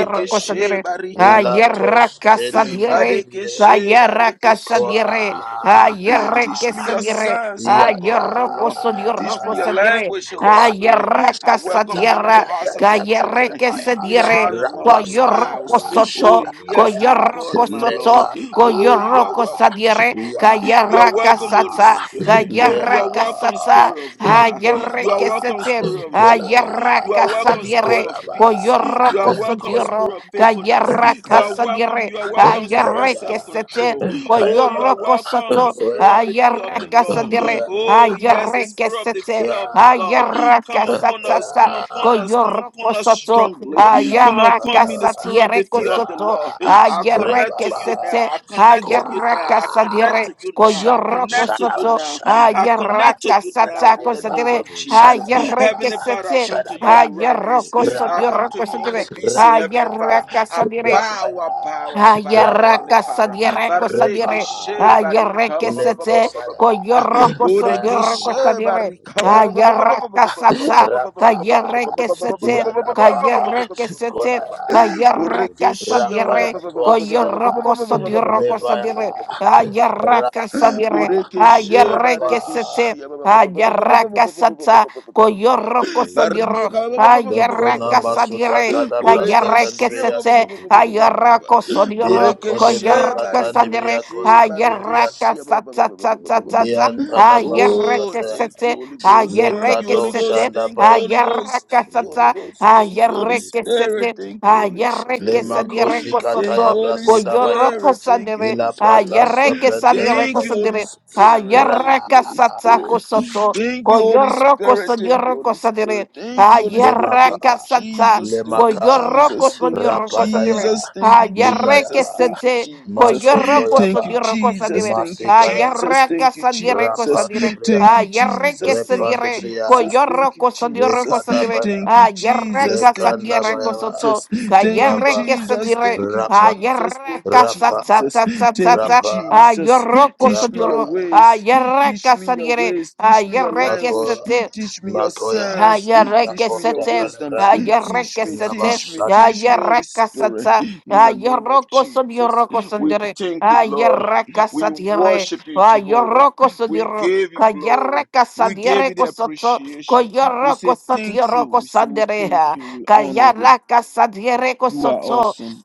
Speaker 6: Big Spirit of God,
Speaker 4: ah,
Speaker 2: barika ba-
Speaker 6: take
Speaker 2: ba- ba- ba- ba- ba-
Speaker 6: control.
Speaker 2: ba-
Speaker 4: yerakasadiere, ka
Speaker 2: Barekeshe barekeshia ba- ba-
Speaker 4: yerakasadiere,
Speaker 2: ba- ba-
Speaker 6: Big
Speaker 2: ba- ba- ba-
Speaker 4: ah,
Speaker 6: Spirit of
Speaker 2: ba.
Speaker 6: God,
Speaker 2: Teach
Speaker 6: take
Speaker 2: me your
Speaker 6: charge.
Speaker 4: yerekesadiere,
Speaker 2: signs, my
Speaker 4: ah,
Speaker 2: God and my Lord. Teach me your
Speaker 4: yerokosodierakosadiere,
Speaker 6: Alara
Speaker 2: language, Holy
Speaker 4: ah,
Speaker 6: dozo
Speaker 2: Spirit.
Speaker 6: rebele
Speaker 2: I
Speaker 6: akte.
Speaker 2: welcome you in the
Speaker 4: yerakasadiera,
Speaker 2: hearts of
Speaker 4: ka
Speaker 2: my children, in the
Speaker 4: yerekesadiere,
Speaker 2: hearts of
Speaker 6: Rebo
Speaker 2: my
Speaker 6: shente
Speaker 4: Koyoroko
Speaker 2: spouse.
Speaker 6: fia
Speaker 2: Oh,
Speaker 4: soto,
Speaker 6: shara bara
Speaker 2: yes, my
Speaker 6: shaka
Speaker 2: God
Speaker 4: koyoroko
Speaker 2: and
Speaker 6: taba
Speaker 2: my
Speaker 6: taba.
Speaker 2: Lord.
Speaker 4: soto,
Speaker 2: Oh, you are
Speaker 4: koyoroko
Speaker 2: welcome,
Speaker 4: sadiere,
Speaker 2: Jehovah. You are
Speaker 4: kayaraka
Speaker 2: welcome,
Speaker 6: Ma
Speaker 2: Holy
Speaker 4: sata,
Speaker 6: ye de
Speaker 2: Spirit.
Speaker 6: bede
Speaker 2: You are
Speaker 6: bede
Speaker 4: kayaraka
Speaker 2: welcome,
Speaker 6: bede.
Speaker 4: sata,
Speaker 2: Spirit of God. You are
Speaker 4: ayereke
Speaker 2: welcome,
Speaker 4: sete,
Speaker 2: Spirit of joy.
Speaker 6: Leke bara
Speaker 2: You
Speaker 4: ayeraka
Speaker 2: are
Speaker 6: do
Speaker 2: welcome,
Speaker 6: shanta
Speaker 4: sadiere,
Speaker 2: Spirit of
Speaker 6: brete
Speaker 2: peace.
Speaker 6: fere
Speaker 2: You
Speaker 4: koyoroko
Speaker 2: are welcome,
Speaker 4: sadiero,
Speaker 2: Spirit of faithfulness. You
Speaker 4: kayaraka
Speaker 2: are welcome.
Speaker 4: sadiere,
Speaker 2: You are
Speaker 6: Oh,
Speaker 2: welcome,
Speaker 6: thank
Speaker 2: Spirit of
Speaker 6: you,
Speaker 2: self
Speaker 4: ayereke
Speaker 6: sweet
Speaker 4: sete,
Speaker 6: Spirit
Speaker 2: control.
Speaker 6: of God.
Speaker 2: Oh, you are
Speaker 4: koyoroko
Speaker 2: welcome, the
Speaker 4: soto,
Speaker 2: Spirit of the fear of the
Speaker 6: Thank
Speaker 4: ayeraka
Speaker 6: you,
Speaker 2: Lord.
Speaker 6: Holy
Speaker 4: sadiere,
Speaker 6: Spirit.
Speaker 2: Oh, yes, the
Speaker 4: ayereke
Speaker 2: Spirit of the
Speaker 4: sete,
Speaker 2: fear of the Lord.
Speaker 4: ayeraka
Speaker 2: Come upon us.
Speaker 4: sata,
Speaker 2: Come upon us. Come
Speaker 4: koyoroko
Speaker 2: upon us
Speaker 4: soto
Speaker 2: strongly. Come
Speaker 4: ayaraka
Speaker 2: upon me, the Spirit of the
Speaker 4: satiereko
Speaker 2: fear of the
Speaker 4: soto
Speaker 2: Lord. I connect to
Speaker 4: ayereke
Speaker 2: you now.
Speaker 4: sete
Speaker 2: I connect to you now.
Speaker 4: ayaraka
Speaker 2: I connect
Speaker 4: sadire
Speaker 2: to you now.
Speaker 6: Thank
Speaker 2: I
Speaker 6: you,
Speaker 4: koyoroko
Speaker 2: connect
Speaker 6: Holy
Speaker 2: to you
Speaker 4: soto
Speaker 6: Spirit.
Speaker 2: now. I connect to
Speaker 4: ayaraka
Speaker 2: you now in
Speaker 4: satako
Speaker 2: the
Speaker 6: Thank
Speaker 2: name
Speaker 4: sadire
Speaker 6: you,
Speaker 2: of
Speaker 6: Holy
Speaker 2: Jesus.
Speaker 6: Spirit.
Speaker 4: ayereke
Speaker 2: Heavenly Father, I
Speaker 4: sete
Speaker 2: come to you in reverence.
Speaker 4: ayeroko
Speaker 6: Gete
Speaker 2: I
Speaker 6: gete
Speaker 2: come to
Speaker 4: sotioroko
Speaker 2: you in
Speaker 6: bara
Speaker 4: sotire
Speaker 2: obedience,
Speaker 6: Shatabaya,
Speaker 2: Heavenly
Speaker 6: shata
Speaker 2: Father.
Speaker 4: ayaraka
Speaker 6: baya.
Speaker 2: I
Speaker 4: sadire
Speaker 2: bow, I bow, I bow, Heavenly
Speaker 4: Ayaraka
Speaker 2: Father.
Speaker 6: Mekete bara
Speaker 4: sadireko
Speaker 6: shanta
Speaker 4: sadire.
Speaker 2: Barikishe, barika,
Speaker 4: Ayareke
Speaker 2: ba- ba- ba- ba- ba-
Speaker 4: sete
Speaker 2: ba- ba- ba- ba- ba- ba-
Speaker 4: koyoroko
Speaker 6: Mikey
Speaker 4: sadireko sadire.
Speaker 6: Barasata
Speaker 2: barika,
Speaker 6: Bratabaya
Speaker 4: Ayaraka sata kayareke
Speaker 6: Brakataba
Speaker 4: sete
Speaker 6: Santa Brakataiba
Speaker 4: kayareke sete kayaraka
Speaker 6: Robo
Speaker 2: Borekeshia.
Speaker 4: sadire
Speaker 6: Sakatabaraba
Speaker 4: koyoroko
Speaker 6: Meno
Speaker 4: sadireko
Speaker 6: Shata
Speaker 4: sadire.
Speaker 6: Brakata
Speaker 4: Ayaraka sadire
Speaker 6: Ele
Speaker 2: Borekeshe,
Speaker 4: ayareke
Speaker 6: Brakata
Speaker 4: sete
Speaker 2: barekeshia.
Speaker 4: ayaraka sata koyoroko
Speaker 6: Mekataiza La
Speaker 4: sadire
Speaker 2: Barnika.
Speaker 6: Brakatoshka
Speaker 4: Ayereka sadire, kayereke sete,
Speaker 6: Regadeza La
Speaker 2: Borekeshia.
Speaker 4: ayereko sodioro,
Speaker 6: Brunasoshka Taiza
Speaker 2: Borekeshe,
Speaker 6: La
Speaker 4: koyereke
Speaker 6: Bradishka
Speaker 4: sadire,
Speaker 2: Barekeshe,
Speaker 4: ayereka
Speaker 2: Barekeshe. ba- ba- ba- ba- ba- ba- ba- ba- ba- ba-
Speaker 6: Rabba
Speaker 2: ba.
Speaker 4: satatatata,
Speaker 6: Sakatabaye
Speaker 2: Oh,
Speaker 4: ayereke
Speaker 2: thank you,
Speaker 4: sete,
Speaker 2: Holy
Speaker 6: Barasakata
Speaker 2: Ghost. Thank you,
Speaker 4: ayereke
Speaker 2: Holy
Speaker 4: sete,
Speaker 2: Ghost. Thank you, Holy Ghost.
Speaker 4: ayereka
Speaker 2: Thank you, Holy
Speaker 4: sata,
Speaker 2: Ghost.
Speaker 6: Romozokoto
Speaker 2: Thank you, Holy
Speaker 4: ayereke
Speaker 6: Zadibo
Speaker 2: Spirit.
Speaker 4: sete,
Speaker 2: Thank you,
Speaker 6: Sakababa
Speaker 2: Holy
Speaker 4: ayereke
Speaker 6: Shetai
Speaker 2: Spirit.
Speaker 4: sadire
Speaker 6: Barasanta
Speaker 2: Thank you,
Speaker 4: kosoto,
Speaker 2: Holy
Speaker 6: Brakata
Speaker 4: koyoroko
Speaker 2: Spirit. Thank you,
Speaker 4: sadire,
Speaker 2: Holy Spirit.
Speaker 4: ayereke
Speaker 6: Thank you,
Speaker 4: sadire
Speaker 6: sweet
Speaker 2: Thank you, Holy
Speaker 6: spirit
Speaker 4: kosadire,
Speaker 6: of God.
Speaker 2: Spirit. Thank you,
Speaker 4: ayereka
Speaker 2: Holy
Speaker 4: sata
Speaker 2: Spirit.
Speaker 4: kosoto,
Speaker 2: Thank you, Holy
Speaker 4: koyoroko
Speaker 2: Spirit. Thank you,
Speaker 4: sodioro
Speaker 2: Holy
Speaker 4: kosadire,
Speaker 2: Spirit. Thank you, Holy Spirit.
Speaker 4: Ayerra
Speaker 2: Thank you,
Speaker 4: casata,
Speaker 2: Jesus. Thank you,
Speaker 4: coyorroco
Speaker 2: Jesus.
Speaker 4: son
Speaker 2: Thank you,
Speaker 4: yorroco sanire.
Speaker 2: Jesus. Thank you,
Speaker 4: Ayerre que
Speaker 2: Jesus. Thank you,
Speaker 4: sete,
Speaker 2: Jesus.
Speaker 4: coyorroco
Speaker 2: Thank
Speaker 4: son
Speaker 2: you,
Speaker 4: yorroco
Speaker 2: Jesus.
Speaker 4: sanire.
Speaker 2: Thank you, Jesus.
Speaker 4: Ayerra
Speaker 2: Thank you,
Speaker 4: casadire
Speaker 2: Jesus.
Speaker 4: cosadire.
Speaker 2: Thank you,
Speaker 4: Ayerre que
Speaker 2: Jesus.
Speaker 4: se
Speaker 2: Thank you,
Speaker 4: dire,
Speaker 2: Jesus. Thank you,
Speaker 4: coyorroco son yorroco
Speaker 2: Jesus.
Speaker 4: sanire.
Speaker 2: Thank you,
Speaker 4: Ayerra
Speaker 2: Jesus. Thank you,
Speaker 4: casadire cosoto,
Speaker 2: Jesus. Thank you,
Speaker 4: cayerre que se
Speaker 2: Jesus.
Speaker 4: dire.
Speaker 2: Thank you, Jesus.
Speaker 4: Ayerra
Speaker 2: Thank you,
Speaker 4: casata,
Speaker 2: Jesus.
Speaker 4: ta, ta, ta,
Speaker 2: Thank you,
Speaker 4: ta.
Speaker 2: Jesus.
Speaker 4: Ayorroco son
Speaker 2: Teach me your
Speaker 4: yorro.
Speaker 2: ways.
Speaker 4: Ayerra
Speaker 2: Teach me your
Speaker 4: casadire.
Speaker 2: ways. Teach me your
Speaker 4: Ayerre que
Speaker 2: language.
Speaker 4: sete.
Speaker 2: Teach me your signs. Teach me your
Speaker 4: Ayarekesete,
Speaker 2: wisdom. Teach me,
Speaker 4: ayarekesete,
Speaker 2: teach me, teach me, Holy Spirit.
Speaker 4: ayarekasata,
Speaker 2: In the name of
Speaker 4: ayarokoson
Speaker 2: Jesus. We
Speaker 4: yorokosondere,
Speaker 2: thank you, Lord. We
Speaker 4: ayarekasatiere,
Speaker 2: worship you, Jehovah. We
Speaker 4: ayorokosodiro,
Speaker 2: give you glory. We give
Speaker 4: kayarekasadiere
Speaker 2: you the
Speaker 4: kosoto,
Speaker 2: appreciation. We say thank
Speaker 4: koyorokosatiero
Speaker 2: you. We say we
Speaker 4: kosandere,
Speaker 2: thank you. We honor you.
Speaker 4: kayarakasadiere
Speaker 2: You are
Speaker 4: kosoto,
Speaker 2: awesome.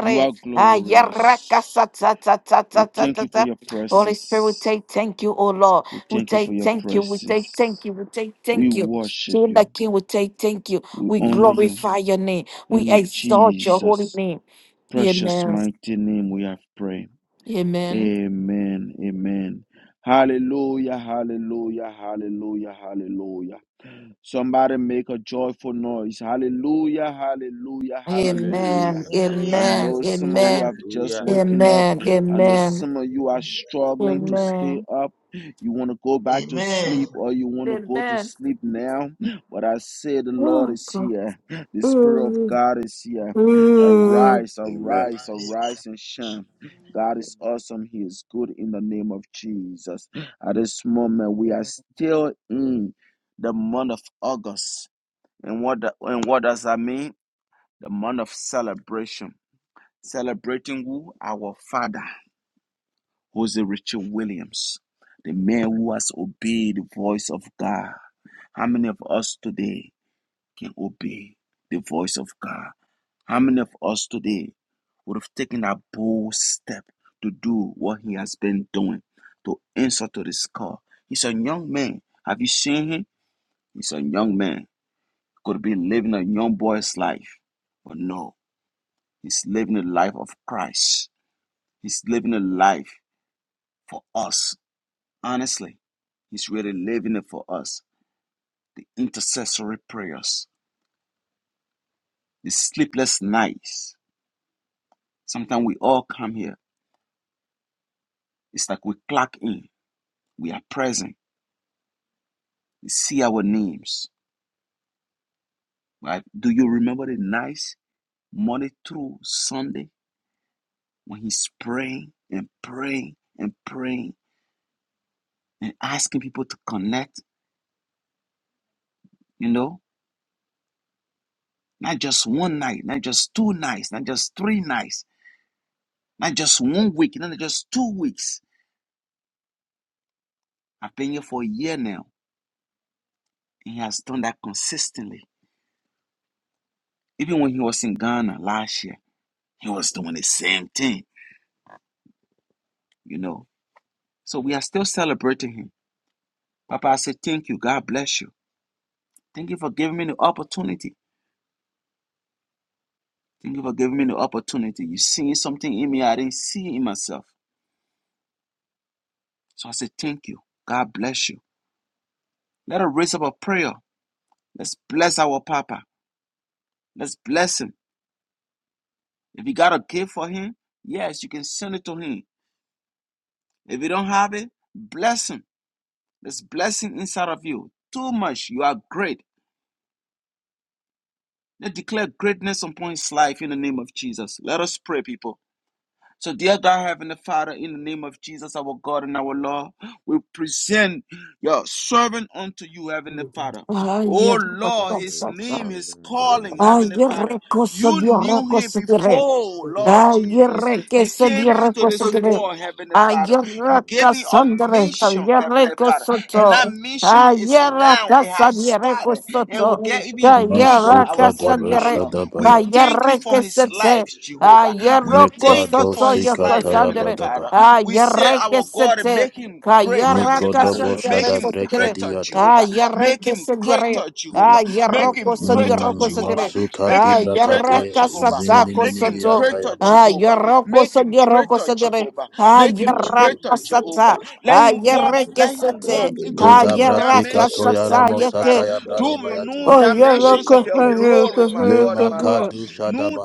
Speaker 2: You are glorious. We thank you for
Speaker 4: ayarekasatatatatatatata.
Speaker 2: your
Speaker 4: Holy Spirit, we
Speaker 2: presence.
Speaker 4: say thank you, O Lord.
Speaker 2: We
Speaker 4: We
Speaker 2: thank you for
Speaker 4: say
Speaker 2: your
Speaker 4: thank you. We say thank
Speaker 2: presence.
Speaker 4: you. We say
Speaker 2: We
Speaker 4: thank you.
Speaker 2: worship
Speaker 4: King the
Speaker 2: you.
Speaker 4: King, we say thank you.
Speaker 2: We
Speaker 4: We
Speaker 2: honor you.
Speaker 4: glorify your name. We
Speaker 2: And in
Speaker 4: exalt your holy
Speaker 2: Jesus'
Speaker 4: name.
Speaker 2: precious
Speaker 4: Amen.
Speaker 2: mighty name we have prayed.
Speaker 4: Amen.
Speaker 2: Amen. Amen. Hallelujah. Hallelujah. Hallelujah. Hallelujah. Somebody make a joyful noise. Hallelujah, hallelujah, hallelujah.
Speaker 4: Amen.
Speaker 6: Hallelujah,
Speaker 2: I
Speaker 3: Hallelujah.
Speaker 4: Amen.
Speaker 2: know
Speaker 6: hallelujah.
Speaker 2: some of you
Speaker 4: Amen.
Speaker 2: have just
Speaker 6: Hallelujah.
Speaker 2: waken
Speaker 3: Hallelujah.
Speaker 2: up.
Speaker 4: Amen.
Speaker 2: I know
Speaker 4: Amen.
Speaker 2: some of you are struggling to
Speaker 3: Hallelujah.
Speaker 2: stay
Speaker 4: Amen.
Speaker 2: up. You want to go back to
Speaker 3: Amen.
Speaker 2: sleep or you want to go to
Speaker 4: Amen.
Speaker 2: sleep now. But I say the Lord
Speaker 4: Oh,
Speaker 2: is
Speaker 4: God.
Speaker 2: here. The Spirit of
Speaker 4: Mm,
Speaker 2: God is here.
Speaker 4: mm.
Speaker 2: Arise, arise,
Speaker 3: Amen.
Speaker 2: arise and shine. God is awesome. He is good in the name of Jesus. At this moment, we are still in the month of August. And what the, and what does that mean? The month of celebration. Celebrating who? Our father, Jose Richard Williams, the man who has obeyed the voice of God. How many of us today can obey the voice of God? How many of us today would have taken a bold step to do what he has been doing, to answer to this call? He's a young man. Have you seen him? He's a young man. could be living a young boy's life. But no, he's living the life of Christ. He's living a life for us. Honestly, he's really living it for us. The intercessory prayers, the sleepless nights. Sometimes we all come here. It's like we clock in. We are present. We see our names. Right? Do you remember the nights, Monday through Sunday, when he's praying and praying and praying and asking people to connect? You know, Not just one night, not just two nights, not just three nights, not just one week, not just two weeks. I've been here for a year now, and he has done that consistently. Even when he was in Ghana last year, he was doing the same thing, you know. So we are still celebrating him. Papa, I say thank you. God bless you. Thank you for giving me the opportunity. Thank you for giving me the opportunity. You seen something in me I didn't see in myself. So I say thank you. God bless you. Let us raise up a prayer. Let's bless our Papa. Let's bless him. If you got a gift for him, yes, you can send it to him. If you don't have it, bless him. There's blessing inside of you. Too much. You are great. Let's declare greatness upon his life in the name of Jesus. Let us pray, people. So, dear God, Heavenly Father, in the name of Jesus, our God and our Lord, we present your servant unto you, Heavenly Father.
Speaker 4: Ay,
Speaker 2: Oh
Speaker 4: yeah!
Speaker 2: Lord, his
Speaker 6: Oh,
Speaker 4: rakosa,
Speaker 2: name,
Speaker 6: Father,
Speaker 2: his
Speaker 6: in the
Speaker 2: calling,
Speaker 6: name
Speaker 4: ay,
Speaker 6: of
Speaker 2: Heavenly
Speaker 4: ya,
Speaker 2: Father.
Speaker 6: Jesus.
Speaker 4: rakosa,
Speaker 2: You
Speaker 4: ya,
Speaker 2: knew him
Speaker 4: rakosa,
Speaker 2: before, Lord Jesus.
Speaker 4: Ayerre que
Speaker 2: He
Speaker 4: se
Speaker 2: came
Speaker 4: dierre
Speaker 2: into
Speaker 4: que se
Speaker 2: this
Speaker 6: Father,
Speaker 4: tiene.
Speaker 2: world, Heavenly Father. You
Speaker 4: Ayerre
Speaker 2: gave him a
Speaker 4: casandre,
Speaker 2: mission,
Speaker 4: ayerre
Speaker 2: Heavenly
Speaker 4: que
Speaker 2: Father. And that
Speaker 4: soto.
Speaker 2: mission is
Speaker 4: Ayerre
Speaker 2: now, it
Speaker 4: casa
Speaker 2: has
Speaker 4: dierre que
Speaker 2: started and will
Speaker 4: soto.
Speaker 2: get even bigger,
Speaker 4: Ayerre
Speaker 2: our
Speaker 4: casa
Speaker 2: God and our
Speaker 4: dierre.
Speaker 2: Lord. We thank you
Speaker 4: Ayerre
Speaker 2: for
Speaker 4: que
Speaker 2: his
Speaker 4: se
Speaker 2: life,
Speaker 4: te.
Speaker 2: Jehovah. We
Speaker 4: Ayerro que
Speaker 2: thank you for
Speaker 4: soto
Speaker 2: his
Speaker 4: yo
Speaker 2: life,
Speaker 6: we
Speaker 2: Heavenly
Speaker 6: pray
Speaker 4: casandre.
Speaker 6: for your
Speaker 2: Father. We
Speaker 6: servants.
Speaker 2: say,
Speaker 4: Ayerre que
Speaker 2: Our
Speaker 6: Man,
Speaker 4: se
Speaker 2: God,
Speaker 4: te.
Speaker 6: Jabira,
Speaker 2: make him
Speaker 6: Shaka,
Speaker 2: great,
Speaker 6: Brother,
Speaker 4: Ayerre
Speaker 2: Heavenly Father.
Speaker 4: casa
Speaker 8: Thank
Speaker 4: dierre
Speaker 2: Make
Speaker 4: que
Speaker 2: him
Speaker 4: se tiene.
Speaker 2: greater,
Speaker 6: Fix
Speaker 2: Jehovah.
Speaker 6: it,
Speaker 4: Ayerre
Speaker 2: Make
Speaker 4: que
Speaker 2: him
Speaker 4: se dierre.
Speaker 2: greater, Jehovah.
Speaker 4: Ayerro
Speaker 2: Make
Speaker 4: que
Speaker 2: him
Speaker 4: se dierre
Speaker 2: greater,
Speaker 4: que se
Speaker 6: Ele,
Speaker 2: Jehovah.
Speaker 4: tiene.
Speaker 6: deliver
Speaker 2: Make him greater,
Speaker 4: Ayerre casa
Speaker 2: Jehovah.
Speaker 4: taco
Speaker 2: Make him
Speaker 4: soto.
Speaker 2: greater,
Speaker 6: Rabba,
Speaker 4: Ah,
Speaker 2: Jehovah.
Speaker 6: deliver
Speaker 4: yoroko
Speaker 2: Make
Speaker 4: so
Speaker 2: him
Speaker 4: yoroko
Speaker 2: greater,
Speaker 4: so yore.
Speaker 6: Brother,
Speaker 2: Jehovah.
Speaker 4: Ah,
Speaker 2: Make him
Speaker 6: Rabba,
Speaker 4: yoraka
Speaker 2: greater,
Speaker 6: Shaka,
Speaker 4: sata.
Speaker 2: Jehovah.
Speaker 7: Randiminimo
Speaker 6: Rabba,
Speaker 2: Let
Speaker 4: Ah,
Speaker 2: him walk,
Speaker 4: yereke
Speaker 6: Rata,
Speaker 2: let him
Speaker 4: sete.
Speaker 2: walk
Speaker 6: Shaka.
Speaker 2: into
Speaker 4: Ah,
Speaker 2: new
Speaker 4: yeraka
Speaker 2: dimensions,
Speaker 4: sata
Speaker 7: Kandalabaya,
Speaker 2: Heavenly Father.
Speaker 4: yeke.
Speaker 6: Father,
Speaker 2: Do
Speaker 6: we
Speaker 7: Mandalabaya,
Speaker 6: pray
Speaker 2: new
Speaker 4: Oh,
Speaker 2: dimensions of
Speaker 4: yoroko
Speaker 2: your
Speaker 4: so
Speaker 2: glory,
Speaker 4: yoroko
Speaker 7: Jevrandos
Speaker 4: so
Speaker 2: my God
Speaker 4: yoroko
Speaker 2: and my Lord
Speaker 4: so.
Speaker 2: new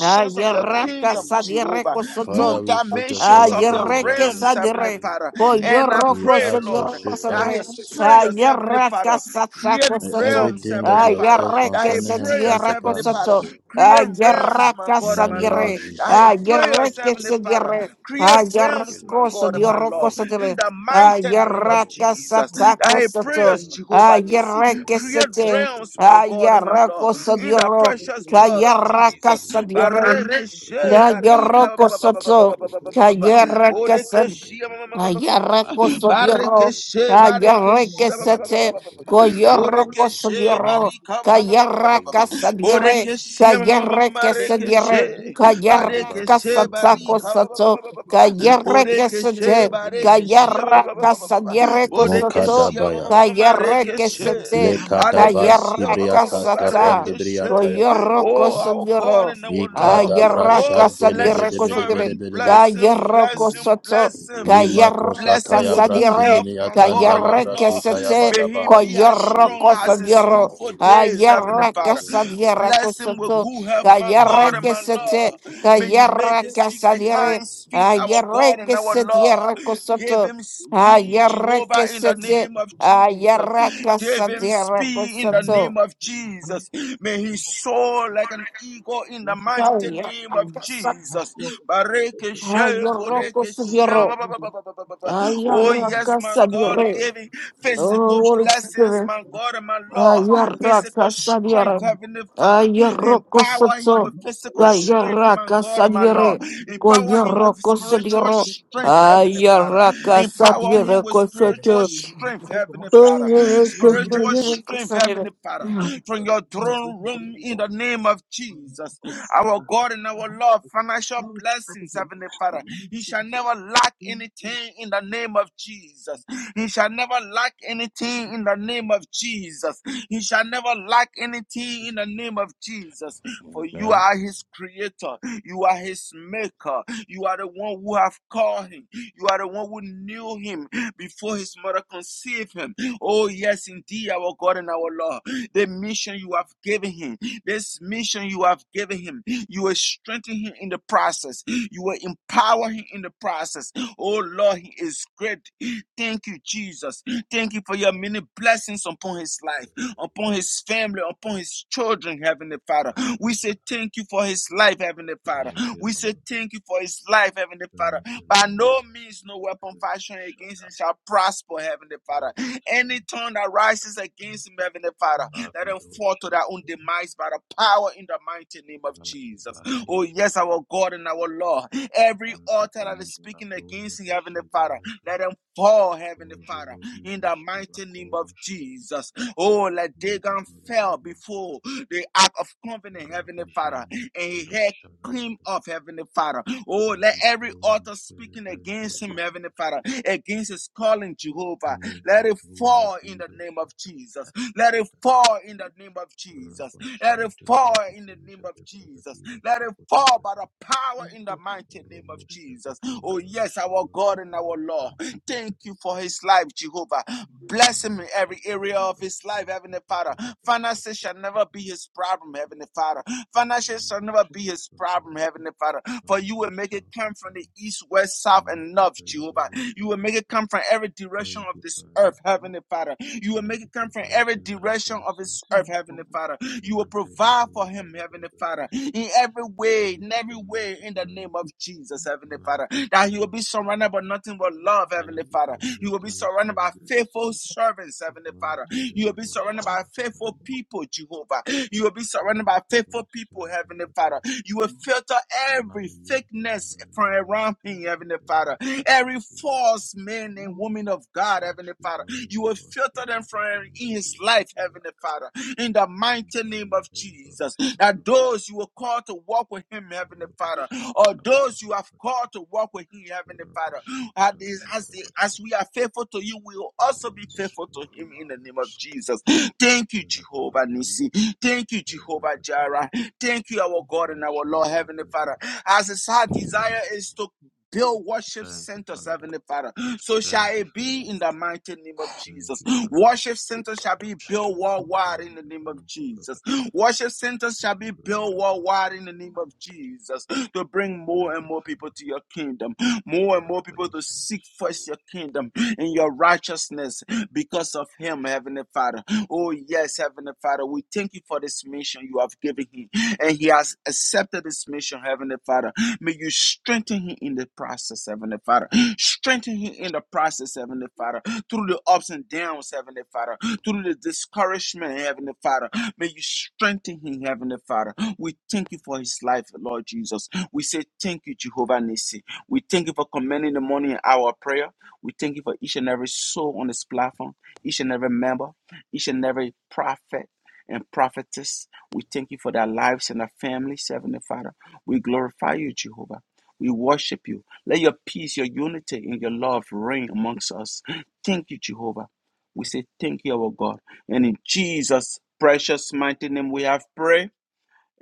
Speaker 4: Ah,
Speaker 2: of your
Speaker 4: yeraka
Speaker 2: kingdom,
Speaker 4: sa
Speaker 6: for your
Speaker 2: Jehovah,
Speaker 4: yereko
Speaker 6: servant.
Speaker 4: soto.
Speaker 2: new dimensions of the
Speaker 6: Mino
Speaker 4: Ayereke
Speaker 6: shala
Speaker 2: realms, Heavenly
Speaker 4: sadere.
Speaker 6: branino
Speaker 2: Father.
Speaker 4: Ko
Speaker 6: chketosh,
Speaker 2: And I
Speaker 6: vila
Speaker 4: yoroko
Speaker 2: pray,
Speaker 6: shanta
Speaker 2: Lord,
Speaker 4: sedoroko
Speaker 6: radio
Speaker 2: that
Speaker 4: sadere.
Speaker 2: his
Speaker 6: boshke
Speaker 2: prayers,
Speaker 6: richa
Speaker 2: Heavenly
Speaker 6: milia.
Speaker 4: Ayeraka
Speaker 2: Father,
Speaker 6: Ma
Speaker 2: create
Speaker 4: satako
Speaker 6: ye
Speaker 4: sato.
Speaker 2: realms, Heavenly
Speaker 6: kombendeshke
Speaker 2: Father, that
Speaker 6: taijo
Speaker 4: Ayereke
Speaker 2: his
Speaker 6: laro
Speaker 2: prayers,
Speaker 4: setierako
Speaker 2: Heavenly
Speaker 6: shokmatera
Speaker 2: Father,
Speaker 4: sato.
Speaker 6: kama.
Speaker 2: create realms, my
Speaker 4: Ayeraka
Speaker 2: God and my
Speaker 6: Yetna
Speaker 2: Lord,
Speaker 4: sadere.
Speaker 6: baya
Speaker 2: that his
Speaker 6: shene
Speaker 2: prayers,
Speaker 6: brande
Speaker 4: Ayereke
Speaker 2: Heavenly Father,
Speaker 6: barade,
Speaker 4: sedere.
Speaker 2: create realms,
Speaker 6: boshkele
Speaker 2: my
Speaker 4: Ayerako
Speaker 2: God and
Speaker 6: givende
Speaker 2: my
Speaker 4: sedioroko
Speaker 2: Lord,
Speaker 6: giro
Speaker 2: in
Speaker 4: sadere.
Speaker 2: the
Speaker 6: shoshoshke,
Speaker 2: mighty name
Speaker 6: yaka
Speaker 2: of
Speaker 4: Ayeraka
Speaker 6: boshke
Speaker 2: Jesus,
Speaker 6: taya.
Speaker 2: that
Speaker 4: satako
Speaker 2: his
Speaker 4: sato.
Speaker 2: prayers,
Speaker 6: Albe
Speaker 2: Jehovah
Speaker 6: baya
Speaker 2: Nissi,
Speaker 4: Ayereke
Speaker 6: shanda
Speaker 2: create
Speaker 4: sete.
Speaker 6: tataiva
Speaker 2: realms, my God and my
Speaker 6: shoshke
Speaker 2: Lord,
Speaker 4: Ayerako
Speaker 2: in the
Speaker 4: sedioro.
Speaker 2: precious
Speaker 6: Mayekoba
Speaker 2: blood of
Speaker 4: Ayeraka
Speaker 2: Jesus.
Speaker 4: sadere.
Speaker 2: Barekeshe barika ba-
Speaker 4: Ayeroko
Speaker 2: ba- ba- ba- ba- ba-
Speaker 4: sato.
Speaker 2: ba- ba- ba-
Speaker 6: Rabadaba
Speaker 2: ba- ba- ba- ba.
Speaker 4: Kayara
Speaker 6: Shadabada
Speaker 4: kasad.
Speaker 2: Borekeshe ma- ma-
Speaker 6: Shadobrada
Speaker 2: ma- ma- ma- ma- ma- ma-
Speaker 4: Ayara
Speaker 2: ma.
Speaker 4: kosodioro.
Speaker 6: Jimbaradero
Speaker 2: Barekeshe
Speaker 6: Shapata
Speaker 4: Kayara
Speaker 2: barekeshe ba- ba- ba- ba- ba-
Speaker 4: kesete.
Speaker 2: ba- ba- ba- ba.
Speaker 4: Koyoro
Speaker 6: Rabishashkataijala
Speaker 2: Borekeshe
Speaker 6: Bradashka
Speaker 4: kosodioro.
Speaker 2: barika ba- ba- ba- ba- ba- ba-
Speaker 4: Kayara
Speaker 2: ba- ba.
Speaker 6: Reshkataijala Bada
Speaker 4: kasadire.
Speaker 2: Borekeshe ma- ma- ma- ma- ma-
Speaker 4: Kayara
Speaker 2: ma-
Speaker 4: kesadire.
Speaker 2: rekeshe.
Speaker 4: Kayara
Speaker 2: Barekeshe
Speaker 6: Kambaradero
Speaker 4: kasatsa
Speaker 2: barika ba- ba-
Speaker 6: Shakataba
Speaker 2: ba-
Speaker 4: kosato.
Speaker 2: ba- ba- ba- ba- ba.
Speaker 4: Kayara
Speaker 2: Borekeshe
Speaker 4: kesete.
Speaker 6: Yakubandi
Speaker 2: barekeshe ba- ba-
Speaker 4: Kayara
Speaker 6: Biada
Speaker 2: ba- ba- ba- ba- ba- ba.
Speaker 4: kasadire
Speaker 6: Roboshom
Speaker 4: kosato.
Speaker 2: Borekeshe ma- ma- ma- ma-
Speaker 6: Brakataba
Speaker 2: ma-
Speaker 4: Kayara
Speaker 2: rekeshe.
Speaker 6: Shadabrakataba
Speaker 4: kesete.
Speaker 2: Badekeshe,
Speaker 4: Kayara
Speaker 2: ba- ba- ba-
Speaker 6: Rabababa
Speaker 4: kasata.
Speaker 6: Shadabrakataba
Speaker 4: Koyoro
Speaker 2: Oh, our
Speaker 6: Svetibrakataba
Speaker 2: God
Speaker 4: kosodioro.
Speaker 2: and our Lord.
Speaker 6: Nanatai
Speaker 4: Ayara
Speaker 2: Oh,
Speaker 6: Varadiro
Speaker 2: bless your
Speaker 4: kasadire
Speaker 2: servant.
Speaker 6: Shantobradiro
Speaker 2: Bless him,
Speaker 6: Shakata
Speaker 4: Kayerre
Speaker 2: bless him,
Speaker 4: kosoto,
Speaker 2: bless him.
Speaker 6: Angelikete
Speaker 4: kayerre
Speaker 2: Bless him with
Speaker 6: Shadabakata,
Speaker 2: good
Speaker 4: kasadire,
Speaker 2: health, my God and my
Speaker 4: kayerre
Speaker 2: Lord.
Speaker 4: kesete,
Speaker 2: May he be as
Speaker 4: koyerre
Speaker 2: strong as his
Speaker 4: kosodiro,
Speaker 2: youthful
Speaker 6: Yekindere
Speaker 2: days, Heavenly
Speaker 4: ayerre
Speaker 6: Shabranta
Speaker 2: Father.
Speaker 4: kasadire
Speaker 6: Prakatoshka,
Speaker 2: Bless him with
Speaker 4: kosoto,
Speaker 2: good health, my
Speaker 6: Rabash
Speaker 4: kayerre
Speaker 2: God and my
Speaker 4: kesete,
Speaker 2: Lord. May you make
Speaker 4: kayerre
Speaker 2: his feet like
Speaker 4: kasadire,
Speaker 2: hinds' feet, our
Speaker 4: ayerre
Speaker 2: God and our Lord.
Speaker 4: kesedire
Speaker 2: Give
Speaker 4: kosoto,
Speaker 2: him speed,
Speaker 4: ayerre
Speaker 2: Jehovah, in the
Speaker 4: kesete,
Speaker 2: name of Jesus.
Speaker 4: ayerre
Speaker 2: Give him
Speaker 4: kasadire
Speaker 2: speed in the
Speaker 4: kosoto,
Speaker 2: name of Jesus. May he soar like an eagle in the mighty
Speaker 4: ayerre
Speaker 2: name of
Speaker 4: kasat,
Speaker 2: Jesus. Bareke she,
Speaker 4: ayerre
Speaker 2: boreke she, ba,
Speaker 4: kosodiro,
Speaker 2: ba, ba, ba, ba, ba, ba, ba, Oh,
Speaker 4: ayerre
Speaker 2: yes, my God,
Speaker 4: kasadire.
Speaker 2: give him
Speaker 4: Oh,
Speaker 2: physical
Speaker 4: Holy
Speaker 2: blessings,
Speaker 4: Spirit.
Speaker 2: my God and my Lord. Physical
Speaker 4: Ayaraka
Speaker 2: strength,
Speaker 4: Sadiara.
Speaker 2: Heavenly Father.
Speaker 4: Ayaroko
Speaker 2: Empower him
Speaker 4: Soto.
Speaker 2: with physical strength, my
Speaker 4: Ayaraka
Speaker 2: God and my Lord.
Speaker 4: Sadiare.
Speaker 2: Empower him with
Speaker 4: Koyoroko
Speaker 2: spiritual
Speaker 4: Sadioro.
Speaker 2: strength, Heavenly Father.
Speaker 4: Ayaraka
Speaker 2: Empower him
Speaker 4: Sadiare
Speaker 2: with spiritual
Speaker 4: Kosoto.
Speaker 2: strength, Heavenly Father spiritual
Speaker 4: Ayaraka
Speaker 2: strength,
Speaker 4: Sadiare
Speaker 2: Heavenly Father, from your throne room in the name of Jesus. Our God and our Lord, financial blessings, Heavenly Father. He shall never lack anything in the name of Jesus. He shall never lack anything in the name of Jesus. He shall never lack anything in the name of Jesus. For you are his creator, you are his maker, you are the one who have called him, you are the one who knew him before his mother conceived him. Oh, yes, indeed, our God and our Lord. The mission you have given him, this mission you have given him, you will strengthen him in the process, you will empower him in the process. Oh, Lord, he is great. Thank you, Jesus. Thank you for your many blessings upon his life, upon his family, upon his children, Heavenly Father. We
Speaker 6: Adabada.
Speaker 2: say thank you for his life, Heavenly Father.
Speaker 6: Thank you,
Speaker 2: We say
Speaker 6: Lord.
Speaker 2: thank you for his life, Heavenly Father.
Speaker 6: Thank you,
Speaker 2: By no
Speaker 6: Lord.
Speaker 2: means, no weapon fashioned against him
Speaker 6: Shadak,
Speaker 2: shall prosper, Heavenly Father. Any tongue that rises
Speaker 6: Shadabada,
Speaker 2: against him, Heavenly Father, let them
Speaker 6: Abido
Speaker 2: fall to their own
Speaker 6: Shabadi,
Speaker 2: demise by the power in the mighty name of Jesus. Oh,
Speaker 6: Atibayeshi,
Speaker 2: yes, our God and our Lord. Every altar that is
Speaker 6: Abidija
Speaker 2: speaking
Speaker 6: Labrono
Speaker 2: against him, Heavenly Father,
Speaker 6: Besheleke,
Speaker 2: let them fall, Heavenly Father,
Speaker 6: Kojolo
Speaker 2: in the
Speaker 6: Vijeshki
Speaker 2: mighty name of
Speaker 6: Bakoveshka,
Speaker 2: Jesus. Oh, let Dagon
Speaker 6: Megidolo
Speaker 2: fell
Speaker 6: Bajenka,
Speaker 2: before the ark of covenant, Heavenly Father, and
Speaker 6: Rabijende
Speaker 2: he
Speaker 6: Kiro
Speaker 2: had
Speaker 6: shada bada.
Speaker 2: Clean off, Heavenly Father. Oh, let
Speaker 6: Every
Speaker 2: every altar
Speaker 6: kondos
Speaker 2: speaking
Speaker 6: kelejante
Speaker 2: against him, Heavenly
Speaker 6: bretiroshke.
Speaker 2: Father, against his calling, Jehovah. Let
Speaker 6: Enrico
Speaker 2: it
Speaker 6: tombe
Speaker 2: fall in the name of
Speaker 6: didoshata
Speaker 2: Jesus. Let it
Speaker 6: tatatatatata.
Speaker 2: fall in the name of Jesus. Let it
Speaker 6: Rabashante
Speaker 2: fall in the name
Speaker 6: breketeja
Speaker 2: of
Speaker 6: de
Speaker 2: Jesus.
Speaker 6: breketiro
Speaker 2: Let it
Speaker 6: shokoto
Speaker 2: fall by
Speaker 6: brete.
Speaker 2: the power in the mighty name of Jesus.
Speaker 6: Romoshakata
Speaker 2: Oh, yes, our
Speaker 6: ibarashara
Speaker 2: God and
Speaker 6: brekiro
Speaker 2: our Lord.
Speaker 6: shante
Speaker 2: Thank you
Speaker 6: breketeshke.
Speaker 2: for his life, Jehovah. Bless him in every
Speaker 6: Ramoshata
Speaker 2: area of his life,
Speaker 6: barashante
Speaker 2: Heavenly Father.
Speaker 6: bijabata
Speaker 2: Finances shall never
Speaker 6: shashketeshke.
Speaker 2: be his problem, Heavenly Father. Finances shall
Speaker 6: Rindo
Speaker 2: never be his
Speaker 6: shashkapa
Speaker 2: problem, Heavenly Father. For you will make it come from
Speaker 6: abashakata
Speaker 2: the east, west, south, and
Speaker 6: mekata
Speaker 2: north, Jehovah. You will make it
Speaker 6: ibarashkabashke.
Speaker 2: come from every direction
Speaker 6: Thank
Speaker 2: of
Speaker 6: you,
Speaker 2: this
Speaker 6: Father.
Speaker 2: earth, Heavenly Father. You will make
Speaker 6: Thank
Speaker 2: it
Speaker 6: you for
Speaker 2: come from every
Speaker 6: blessing our
Speaker 2: direction of this
Speaker 6: constancy.
Speaker 2: earth, Heavenly Father. You will
Speaker 6: Thank you
Speaker 2: provide for him, Heavenly Father, in every way, in every
Speaker 6: for
Speaker 2: way, in the name
Speaker 6: multiplying.
Speaker 2: of Jesus, Heavenly Father. That he will be surrounded
Speaker 6: Mantekiroshata.
Speaker 2: by nothing but love,
Speaker 6: Thank
Speaker 2: Heavenly
Speaker 6: you for
Speaker 2: Father. You will be
Speaker 6: making his
Speaker 2: surrounded
Speaker 6: name
Speaker 2: by
Speaker 6: great.
Speaker 2: faithful servants, Heavenly Father. You will be surrounded by faithful
Speaker 6: Matekiroshakatabadaba.
Speaker 2: people, Jehovah. You will be surrounded by faithful people, Heavenly Father.
Speaker 6: Matebashantabada.
Speaker 2: You will filter every thickness from around me, Heavenly Father. Every false
Speaker 6: Mayekombranirotoshketeyoshakatiroshakaba.
Speaker 2: man and woman of God, Heavenly Father. You will filter them from his life,
Speaker 6: Ashkebangabashkebegabangabiyakabaya.
Speaker 2: Heavenly Father. In the mighty name of Jesus. That
Speaker 6: Mitaliyadeyibaroshakaba.
Speaker 2: those you will call to walk with him, Heavenly Father, or those you have called
Speaker 6: Rabashakatabadabadabadaba.
Speaker 2: to walk with him, Heavenly Father, as, as,
Speaker 6: Rabashakatabadabadabadaba.
Speaker 2: as we are faithful to you, we will also be faithful to him in the
Speaker 6: Romboshontobada.
Speaker 2: name of Jesus. Thank you, Jehovah
Speaker 6: Labragada.
Speaker 2: Nissi. Thank you, Jehovah
Speaker 6: Abragada.
Speaker 2: Jireh. Thank you, our God and our Lord, Heavenly
Speaker 6: Meshantabada.
Speaker 2: Father. As his heart desire is to build worship
Speaker 6: Thank you,
Speaker 2: centers,
Speaker 6: Father.
Speaker 2: Heavenly Father. So
Speaker 6: Thank
Speaker 2: shall
Speaker 6: you,
Speaker 2: it be
Speaker 6: Father.
Speaker 2: in the mighty name of
Speaker 6: Thank
Speaker 2: Jesus.
Speaker 6: you, Father.
Speaker 2: Worship centers shall be built worldwide in the
Speaker 6: Mashallah-brante,
Speaker 2: name of
Speaker 6: brante, Brante
Speaker 2: Jesus.
Speaker 6: bragata.
Speaker 2: Worship centers shall be built
Speaker 6: Zibrande,
Speaker 2: worldwide
Speaker 6: bragata.
Speaker 2: in the name of Jesus to bring more
Speaker 6: Thank
Speaker 2: and
Speaker 6: you,
Speaker 2: more people
Speaker 6: Father.
Speaker 2: to your kingdom, more
Speaker 6: We
Speaker 2: and
Speaker 6: have
Speaker 2: more people to
Speaker 6: blessed us.
Speaker 2: seek first your kingdom and your righteousness because of Him, Heavenly Father. Oh, yes, Heavenly Father, we thank you for this mission you have given him. And he has accepted this mission, Heavenly Father. May you strengthen him in the process, Heavenly Father. Strengthen him in the process, Heavenly Father. Through the ups and downs, Heavenly Father. Through the discouragement, Heavenly Father. May you strengthen him, Heavenly Father. We thank you for his life, Lord Jesus. We say thank you, Jehovah Nissi. We thank you for commanding the morning hour of prayer. We thank you for each and every soul on this platform, each and every member each and every prophet and prophetess. We thank you for their lives and their families, Heavenly Father. We glorify you, Jehovah. We worship you. Let your peace, your unity, and your love reign amongst us. Thank you, Jehovah. We say thank you, our God. And in Jesus' precious mighty name we have prayed.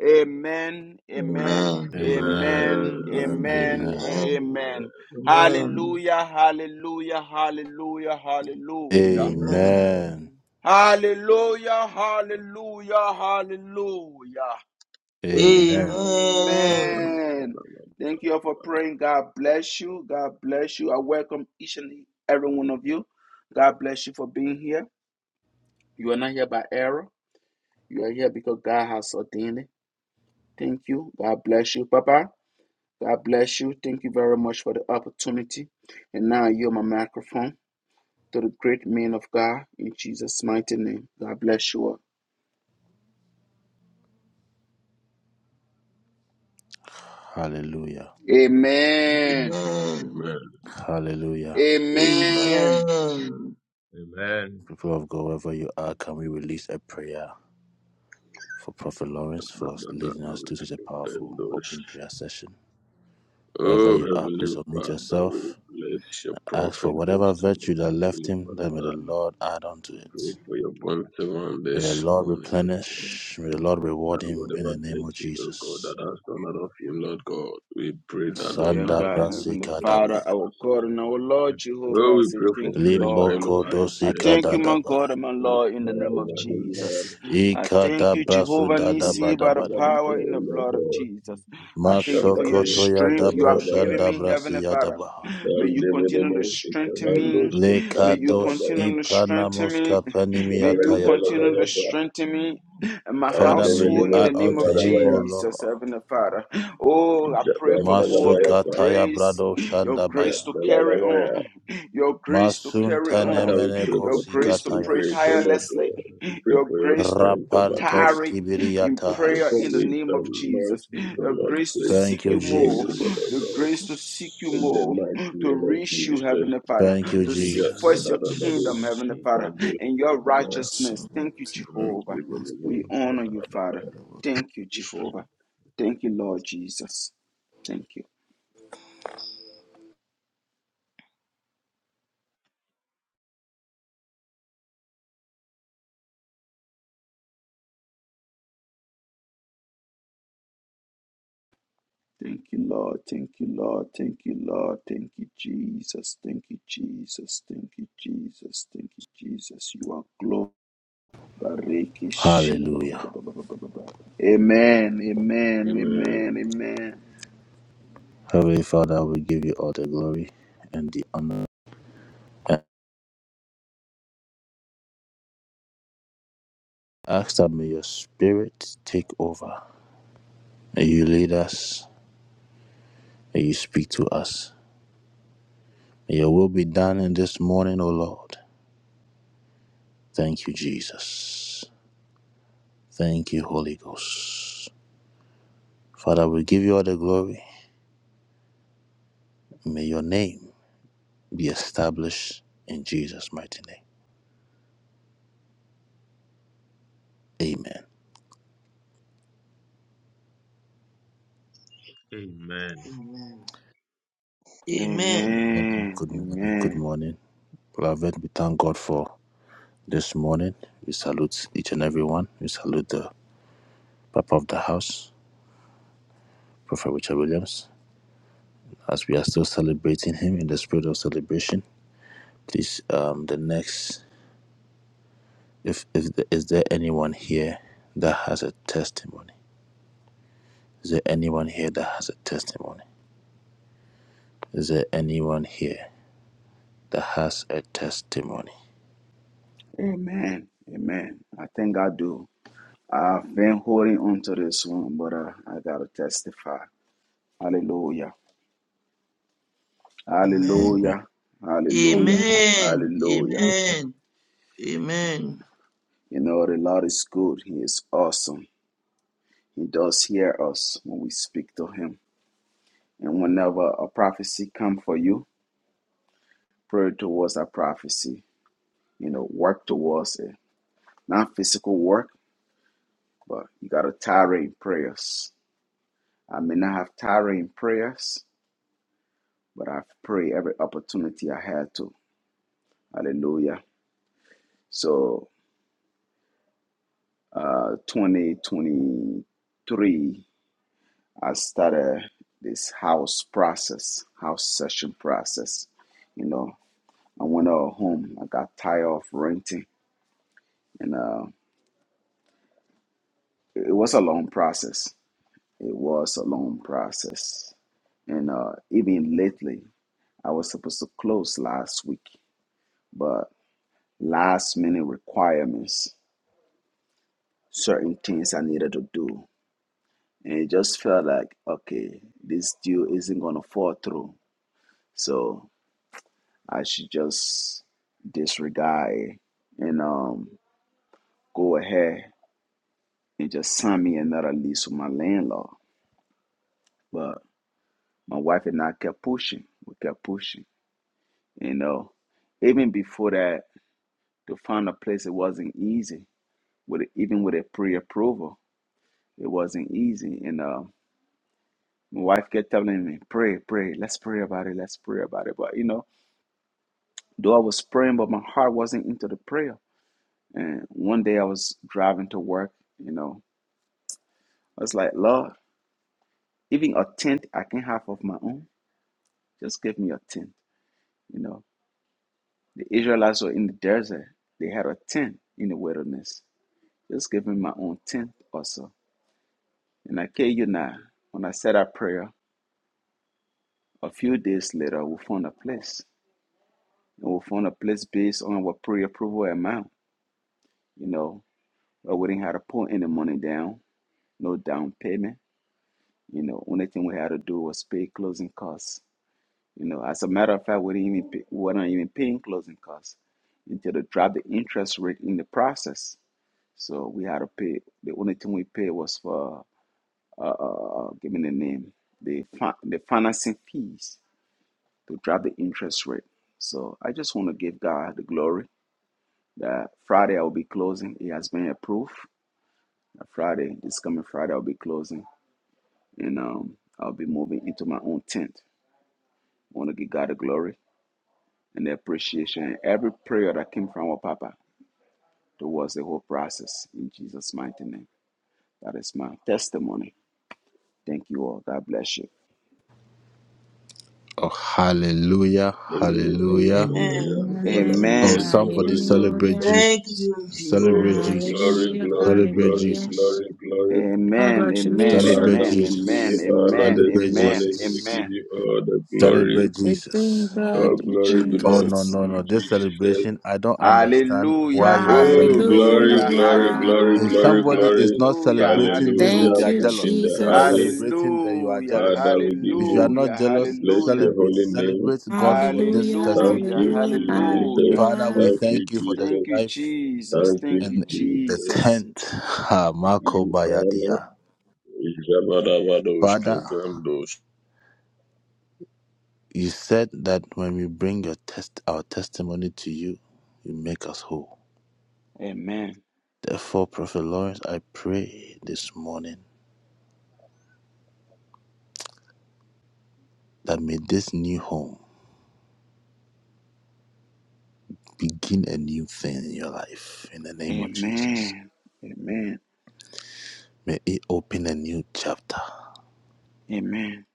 Speaker 2: Amen, amen,
Speaker 3: Amen.
Speaker 7: Amen.
Speaker 2: amen,
Speaker 7: Amen.
Speaker 3: Amen.
Speaker 2: amen, and amen.
Speaker 3: Amen.
Speaker 2: Hallelujah, hallelujah, hallelujah, hallelujah.
Speaker 3: Amen.
Speaker 2: Hallelujah, hallelujah, hallelujah.
Speaker 3: Amen. Amen.
Speaker 2: Amen.
Speaker 7: Amen.
Speaker 2: Thank you all for praying. God bless you. God bless you. I welcome each and every one of you. God bless you for being here. You are not here by error. You are here because God has ordained it. Thank you. God bless you, Papa. God bless you. Thank you very much for the opportunity. And now you're my microphone to the great man of God in Jesus' mighty name. God bless you all. Amen.
Speaker 3: Amen. Amen.
Speaker 2: Amen.
Speaker 3: Amen.
Speaker 6: Amen.
Speaker 7: Amen. Oh, Heavenly Father, we bless your prophet this morning. We Father, pray for your bond servant this morning, O God. That whatever virtue, O God, that has come out of you, Lord God, we pray that,
Speaker 2: Oh,
Speaker 7: O
Speaker 2: dear
Speaker 7: Lord,
Speaker 2: God,
Speaker 6: Father, in the
Speaker 7: you will
Speaker 2: Heavenly
Speaker 6: name of
Speaker 7: finish him,
Speaker 2: Father,
Speaker 6: Jesus,
Speaker 7: Father.
Speaker 2: our God and our
Speaker 6: we
Speaker 2: Lord
Speaker 6: pray
Speaker 7: Oh,
Speaker 2: Jehovah, I
Speaker 7: we
Speaker 6: for
Speaker 2: say
Speaker 6: us.
Speaker 7: pray for
Speaker 2: thank you,
Speaker 7: fresh
Speaker 2: Lord.
Speaker 7: oil over his
Speaker 2: I
Speaker 7: head,
Speaker 2: thank you,
Speaker 7: Father.
Speaker 2: my God and my
Speaker 7: Fresh
Speaker 2: Lord, in the
Speaker 6: Pray
Speaker 7: fire
Speaker 2: name of
Speaker 6: for
Speaker 7: over him, Lord.
Speaker 2: Jesus.
Speaker 6: increase.
Speaker 2: I thank you,
Speaker 7: Father,
Speaker 2: Jehovah
Speaker 7: we
Speaker 2: Nisi, by the
Speaker 7: pray
Speaker 2: power in the blood of
Speaker 6: Brain
Speaker 2: Jesus.
Speaker 6: is used
Speaker 2: I
Speaker 6: to
Speaker 2: thank you for your
Speaker 6: replace
Speaker 2: strength you have given me, Heavenly Father. May you continue to
Speaker 6: a
Speaker 2: strengthen me. May you continue to strengthen me. May you continue to
Speaker 6: fine
Speaker 2: strengthen me. And my household in the name of Jesus, Heavenly Father.
Speaker 6: division
Speaker 2: Oh, I pray for more of your grace,
Speaker 6: using
Speaker 2: your grace to carry on, your grace to carry on,
Speaker 7: for
Speaker 2: your grace to
Speaker 7: finishing
Speaker 2: pray
Speaker 7: grace, O Lord
Speaker 6: the
Speaker 7: God.
Speaker 2: tirelessly,
Speaker 7: We pray
Speaker 2: your
Speaker 7: for your
Speaker 2: grace to
Speaker 7: strength over him.
Speaker 2: tarry in
Speaker 7: We pray
Speaker 2: prayer
Speaker 7: for
Speaker 2: in the name
Speaker 7: wisdom,
Speaker 2: of Jesus,
Speaker 7: mercy, O
Speaker 2: the
Speaker 7: Lord,
Speaker 2: grace to
Speaker 7: grace to
Speaker 2: seek you
Speaker 7: sustain
Speaker 2: more,
Speaker 7: him, O Lord
Speaker 2: the
Speaker 7: God.
Speaker 2: grace to seek you
Speaker 7: In the
Speaker 2: more,
Speaker 7: mighty
Speaker 2: to
Speaker 7: name of
Speaker 2: reach you,
Speaker 7: Jesus,
Speaker 2: Heavenly Father,
Speaker 6: Thank
Speaker 2: to
Speaker 6: you
Speaker 2: seek
Speaker 6: for
Speaker 7: Yes,
Speaker 2: first
Speaker 6: lifting
Speaker 2: your
Speaker 6: any
Speaker 7: Badadadadu,
Speaker 2: kingdom, Heavenly
Speaker 6: blockage.
Speaker 2: Father,
Speaker 7: Shabrandu,
Speaker 2: and your
Speaker 7: Shabadabaya,
Speaker 2: righteousness. Thank you,
Speaker 7: and
Speaker 2: Jehovah.
Speaker 7: Divinimo,
Speaker 2: We
Speaker 6: Thank you,
Speaker 2: honor you,
Speaker 6: Father.
Speaker 2: Father.
Speaker 7: Kabadabaya.
Speaker 2: Thank you,
Speaker 7: Jesus.
Speaker 2: Jehovah.
Speaker 6: Jesus.
Speaker 2: Thank you, Lord Jesus. Thank you. Thank you, Lord. Thank you, Lord. Thank you, Lord. Thank you, Jesus. Thank you, Jesus. Thank you, Jesus. Thank you, Jesus. You are glorious. Amen. Amen. Amen.
Speaker 7: Amen.
Speaker 2: Amen.
Speaker 6: Amen.
Speaker 2: Amen. Amen. Amen. Amen. I think I do. I've been holding on to this one, but uh, I gotta testify. Hallelujah.
Speaker 3: Amen.
Speaker 2: Hallelujah. Hallelujah. Hallelujah.
Speaker 3: Amen. Amen.
Speaker 2: You know, the Lord is good. He is awesome. He does hear us when we speak to Him. And whenever a prophecy come for you, pray towards that prophecy. You know, work towards it. Not physical work, but you got to tarry in prayers. I may not have tarry in prayers, but I pray every opportunity I had to. Hallelujah. So, uh, 2023 I started this house process, house session process. You know, I went out home. I got tired of renting, and uh, it was a long process. It was a long process, and uh, even lately, I was supposed to close last week, but last minute requirements, certain things I needed to do, and it just felt like okay, this deal isn't gonna fall through. So I should just disregard it and um go ahead and just sign me another lease with my landlord. But my wife and I kept pushing. We kept pushing. You know, even before that, to find a place it wasn't easy. With even with a pre-approval, it wasn't easy. And uh, my wife kept telling me, "Pray, pray. Let's pray about it. Let's pray about it." But you know, though I was praying, but my heart wasn't into the prayer. And one day I was driving to work. You know, I was like, Lord, even a tenth I can have of my own. Just give me a tenth. You know, the Israelites were in the desert. They had a tenth in the wilderness. Just give me my own tenth also. And I tell you now, when I said our prayer, a few days later we found a place. And we found a place based on our pre-approval amount. You know, where we didn't have to put any money down, no down payment. You know, only thing we had to do was pay closing costs You know, as a matter of fact, we didn't even pay, we're not even paying closing costs until they dropped the interest rate in the process. So we had to pay. The only thing we paid was for uh, uh, uh, uh, give me the name, the fi- the financing fees to drop the interest rate. So I just want to give God the glory that Friday I will be closing. It has been approved. Uh, Friday, this coming Friday, I'll be closing, and um, I'll be moving into my own tent. want to give God the glory. and the appreciation and every prayer that came from our Papa towards the whole process in Jesus' mighty name. That is my testimony. Thank you all. God bless you.
Speaker 7: Hallelujah.
Speaker 3: Amen.
Speaker 7: Hallelujah.
Speaker 3: Thank
Speaker 7: Father, we
Speaker 3: you,
Speaker 9: Amen.
Speaker 7: bless
Speaker 2: Amen.
Speaker 3: Jesus.
Speaker 7: your holy name.
Speaker 9: Hallelujah.
Speaker 3: Thank you, Jesus.
Speaker 7: Oh,
Speaker 3: Thank
Speaker 7: glory,
Speaker 3: you,
Speaker 9: Hallelujah.
Speaker 3: Lord.
Speaker 7: glory, glory,
Speaker 9: Hallelujah.
Speaker 7: glory, glory.
Speaker 2: Amen. Amen. Amen.
Speaker 9: Congratulations.
Speaker 7: Father, we give
Speaker 2: Amen.
Speaker 7: you honor
Speaker 2: Amen.
Speaker 7: this
Speaker 2: Amen.
Speaker 7: morning. We give
Speaker 2: Amen.
Speaker 7: you all the glory.
Speaker 9: We thank God.
Speaker 7: All
Speaker 2: Thank you,
Speaker 9: We
Speaker 7: glory
Speaker 9: thank God.
Speaker 7: belongs
Speaker 2: Jesus.
Speaker 7: to you, Jesus.
Speaker 2: Hallelujah.
Speaker 7: Oh, glory,
Speaker 2: Hallelujah.
Speaker 7: glory, glory,
Speaker 2: Hallelujah.
Speaker 7: glory,
Speaker 9: Hallelujah.
Speaker 7: glory.
Speaker 2: Hallelujah.
Speaker 7: Hallelujah
Speaker 9: Thank you,
Speaker 7: to
Speaker 2: Hallelujah.
Speaker 7: in the highest.
Speaker 9: Jesus.
Speaker 2: Hallelujah.
Speaker 7: Father, we give you,
Speaker 2: Hallelujah.
Speaker 7: we bless
Speaker 2: Hallelujah.
Speaker 7: your holy name.
Speaker 9: Hallelujah.
Speaker 7: Thank
Speaker 2: Hallelujah.
Speaker 7: you,
Speaker 9: Hallelujah.
Speaker 7: Jesus.
Speaker 2: Hallelujah.
Speaker 9: Hallelujah.
Speaker 7: Thank you,
Speaker 2: Thank
Speaker 7: Jesus.
Speaker 2: you, Jesus.
Speaker 7: Thank
Speaker 2: Thank
Speaker 7: you,
Speaker 2: you,
Speaker 7: Jesus.
Speaker 2: Jesus.
Speaker 7: We give you honor. Ijabarabados, kevrandos.
Speaker 2: Amen. Amen. Amen. Amen.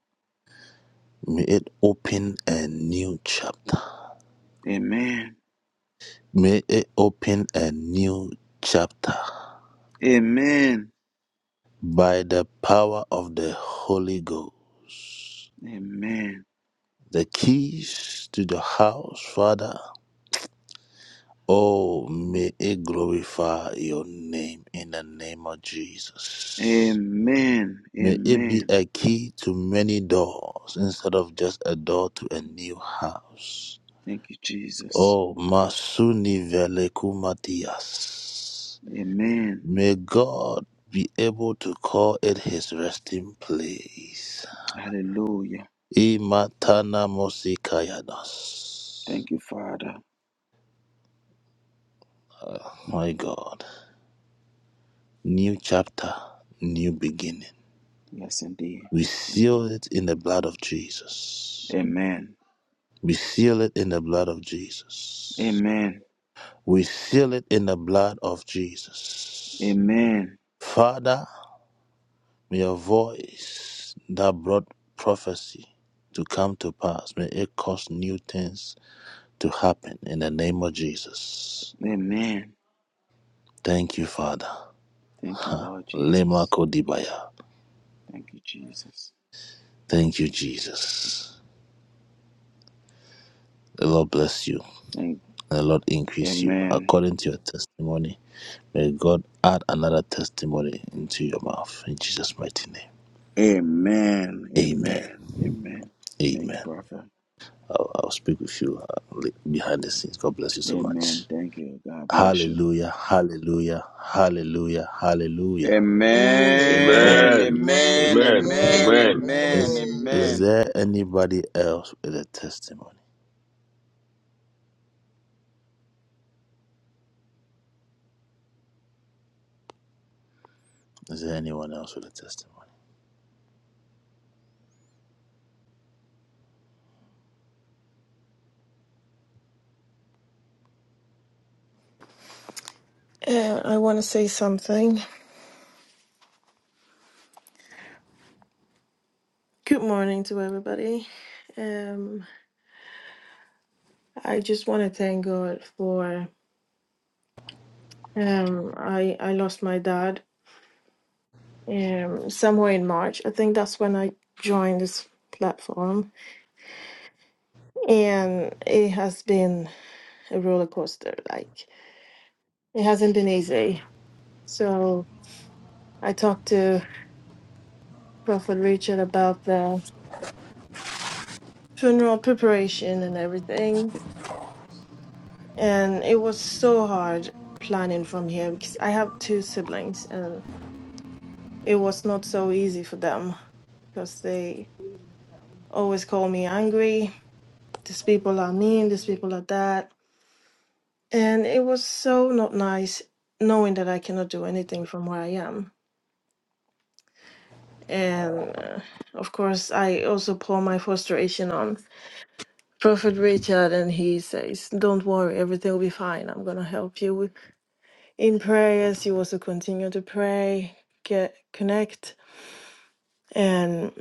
Speaker 2: Amen. Amen. Amen. Amen. Amen. Thank you, Jesus. Amen. Hallelujah. Thank you, Father. Yes, indeed. Thank you. Amen. Amen. Amen. Amen. Thank you, Lord Jesus. Thank you, Jesus. Thank Amen. Amen. Amen. Amen. Thank you, Prophet. Amen. Thank you. God bless you.
Speaker 3: Amen. Amen.
Speaker 2: Amen.
Speaker 7: Amen.
Speaker 3: Amen.
Speaker 2: Amen.
Speaker 7: Amen.
Speaker 3: Amen.
Speaker 2: Amen.
Speaker 7: Amen.
Speaker 2: Amen.
Speaker 3: Amen.
Speaker 7: Bless.
Speaker 2: Amen.
Speaker 10: Uh, I want to say something. Good morning to everybody. Um, I just want to thank God for. Um, I I lost my dad um, somewhere in March. I think that's when I joined this platform, and it has been a roller coaster. Like it hasn't been easy. So I talked to Prophet Richard about the funeral preparation and everything, And it was so hard planning from here because I have two siblings and it was not so easy for them because they always call me angry. These people are mean, these people are that. And it was so not nice knowing that I cannot do anything from where I am. And uh, of course, I also pour my frustration on Prophet Richard, and he says, Don't worry, everything will be fine. I'm going to help you. in prayers you also continue to pray get connect and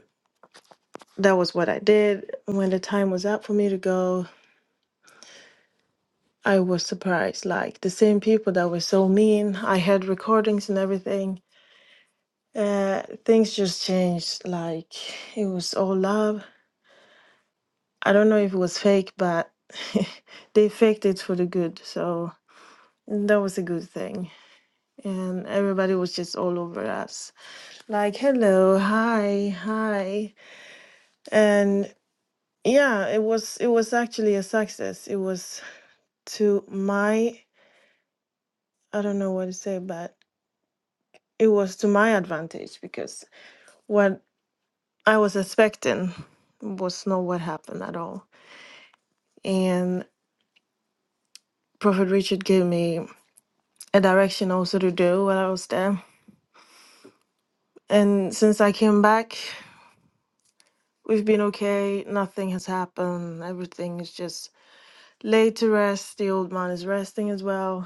Speaker 10: that was what i did when the time was up for me to go i was surprised like the same people that were so mean i had recordings and everything uh, things just changed like it was all love i don't know if it was fake but they faked it for the good so that was a good thing and everybody was just all over us like hello hi hi and yeah it was it was actually a success it was to my i don't know what to say but it was to my advantage because what i was expecting was not what happened at all and prophet richard gave me a direction also to do while i was there and since i came back we've been okay nothing has happened everything is just laid to rest the old man is resting as well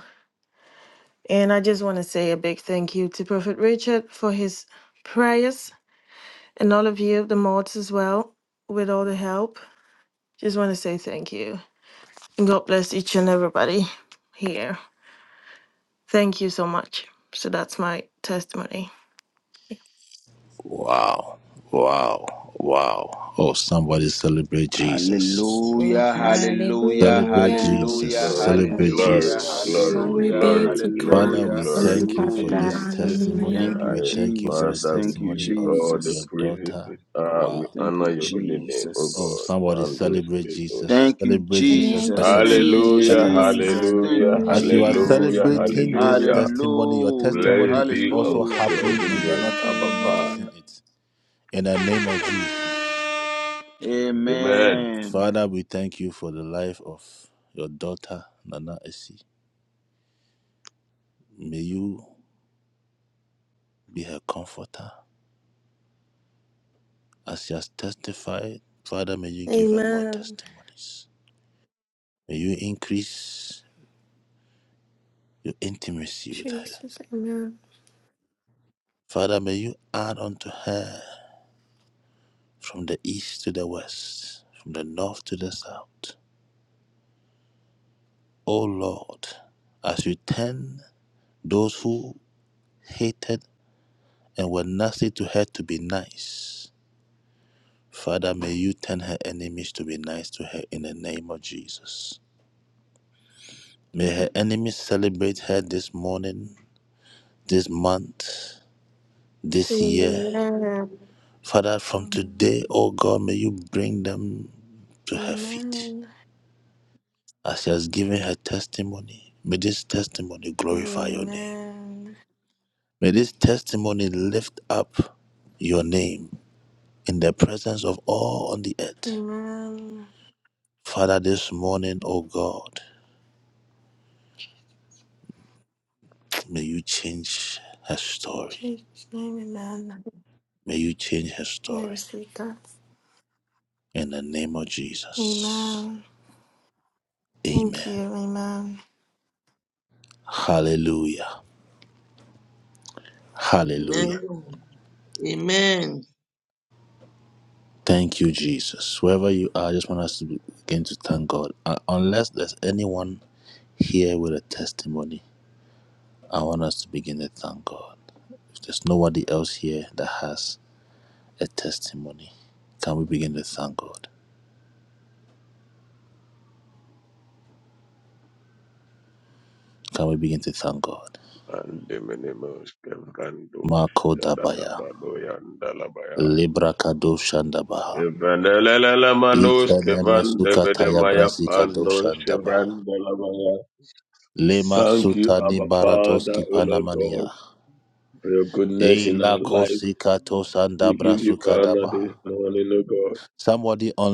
Speaker 10: And I just want to say a big thank you to Prophet Richard for his prayers and all of you, the mods as well, with all the help. Just want to say thank you. And God bless each and everybody here. Thank you so much. So that's my testimony.
Speaker 3: Thank
Speaker 2: Hallelujah.
Speaker 3: you, Jesus.
Speaker 2: Hallelujah.
Speaker 9: Hallelujah.
Speaker 2: Hallelujah.
Speaker 3: Hallelujah.
Speaker 7: Glory,
Speaker 11: Thank
Speaker 7: glory,
Speaker 2: Hallelujah.
Speaker 7: glory,
Speaker 9: Glory
Speaker 3: Hallelujah.
Speaker 2: Hallelujah.
Speaker 9: be
Speaker 7: glory,
Speaker 9: to
Speaker 7: glory,
Speaker 9: God.
Speaker 2: Hallelujah.
Speaker 7: glory
Speaker 11: you,
Speaker 7: to
Speaker 11: Father God.
Speaker 2: Hallelujah.
Speaker 7: Jesus in the
Speaker 2: Thank
Speaker 9: Hallelujah.
Speaker 2: you,
Speaker 11: Amen.
Speaker 7: highest.
Speaker 2: Jesus.
Speaker 7: Father, we
Speaker 2: Thank you,
Speaker 7: give you all the
Speaker 2: Jesus.
Speaker 7: praises this hour. We
Speaker 2: Thank
Speaker 7: honor
Speaker 2: you,
Speaker 7: your holy name, O God.
Speaker 2: Jesus.
Speaker 7: Mandos,
Speaker 2: Thank you,
Speaker 9: Thank
Speaker 2: Jesus.
Speaker 9: you,
Speaker 2: Thank you,
Speaker 7: Hallelujah,
Speaker 9: Jesus.
Speaker 2: Jesus. Thank you,
Speaker 7: hallelujah,
Speaker 9: Hallelujah.
Speaker 2: Jesus.
Speaker 7: hallelujah,
Speaker 9: Hallelujah.
Speaker 7: hallelujah.
Speaker 2: Hallelujah.
Speaker 7: Blessed be unto
Speaker 2: Hallelujah.
Speaker 7: your holy name, Abba Father.
Speaker 9: Hallelujah.
Speaker 7: Amen.
Speaker 2: Amen.
Speaker 10: Amen. Jesus, amen. Amen. Amen. Amen. Amen. Jesus' name, amen. I receive that. Amen. Thank you, amen.
Speaker 3: Amen. Amen.
Speaker 7: And the many most kevandos, yadadabadoya, ndalabaya. Evanelelelemanos, kevandebedemaya, pandos, shevrandelabaya. Thank you, Abba Father, O Lord God, for your goodness in our life. We give you honor this
Speaker 6: Lord, Abba,
Speaker 7: morning, O God.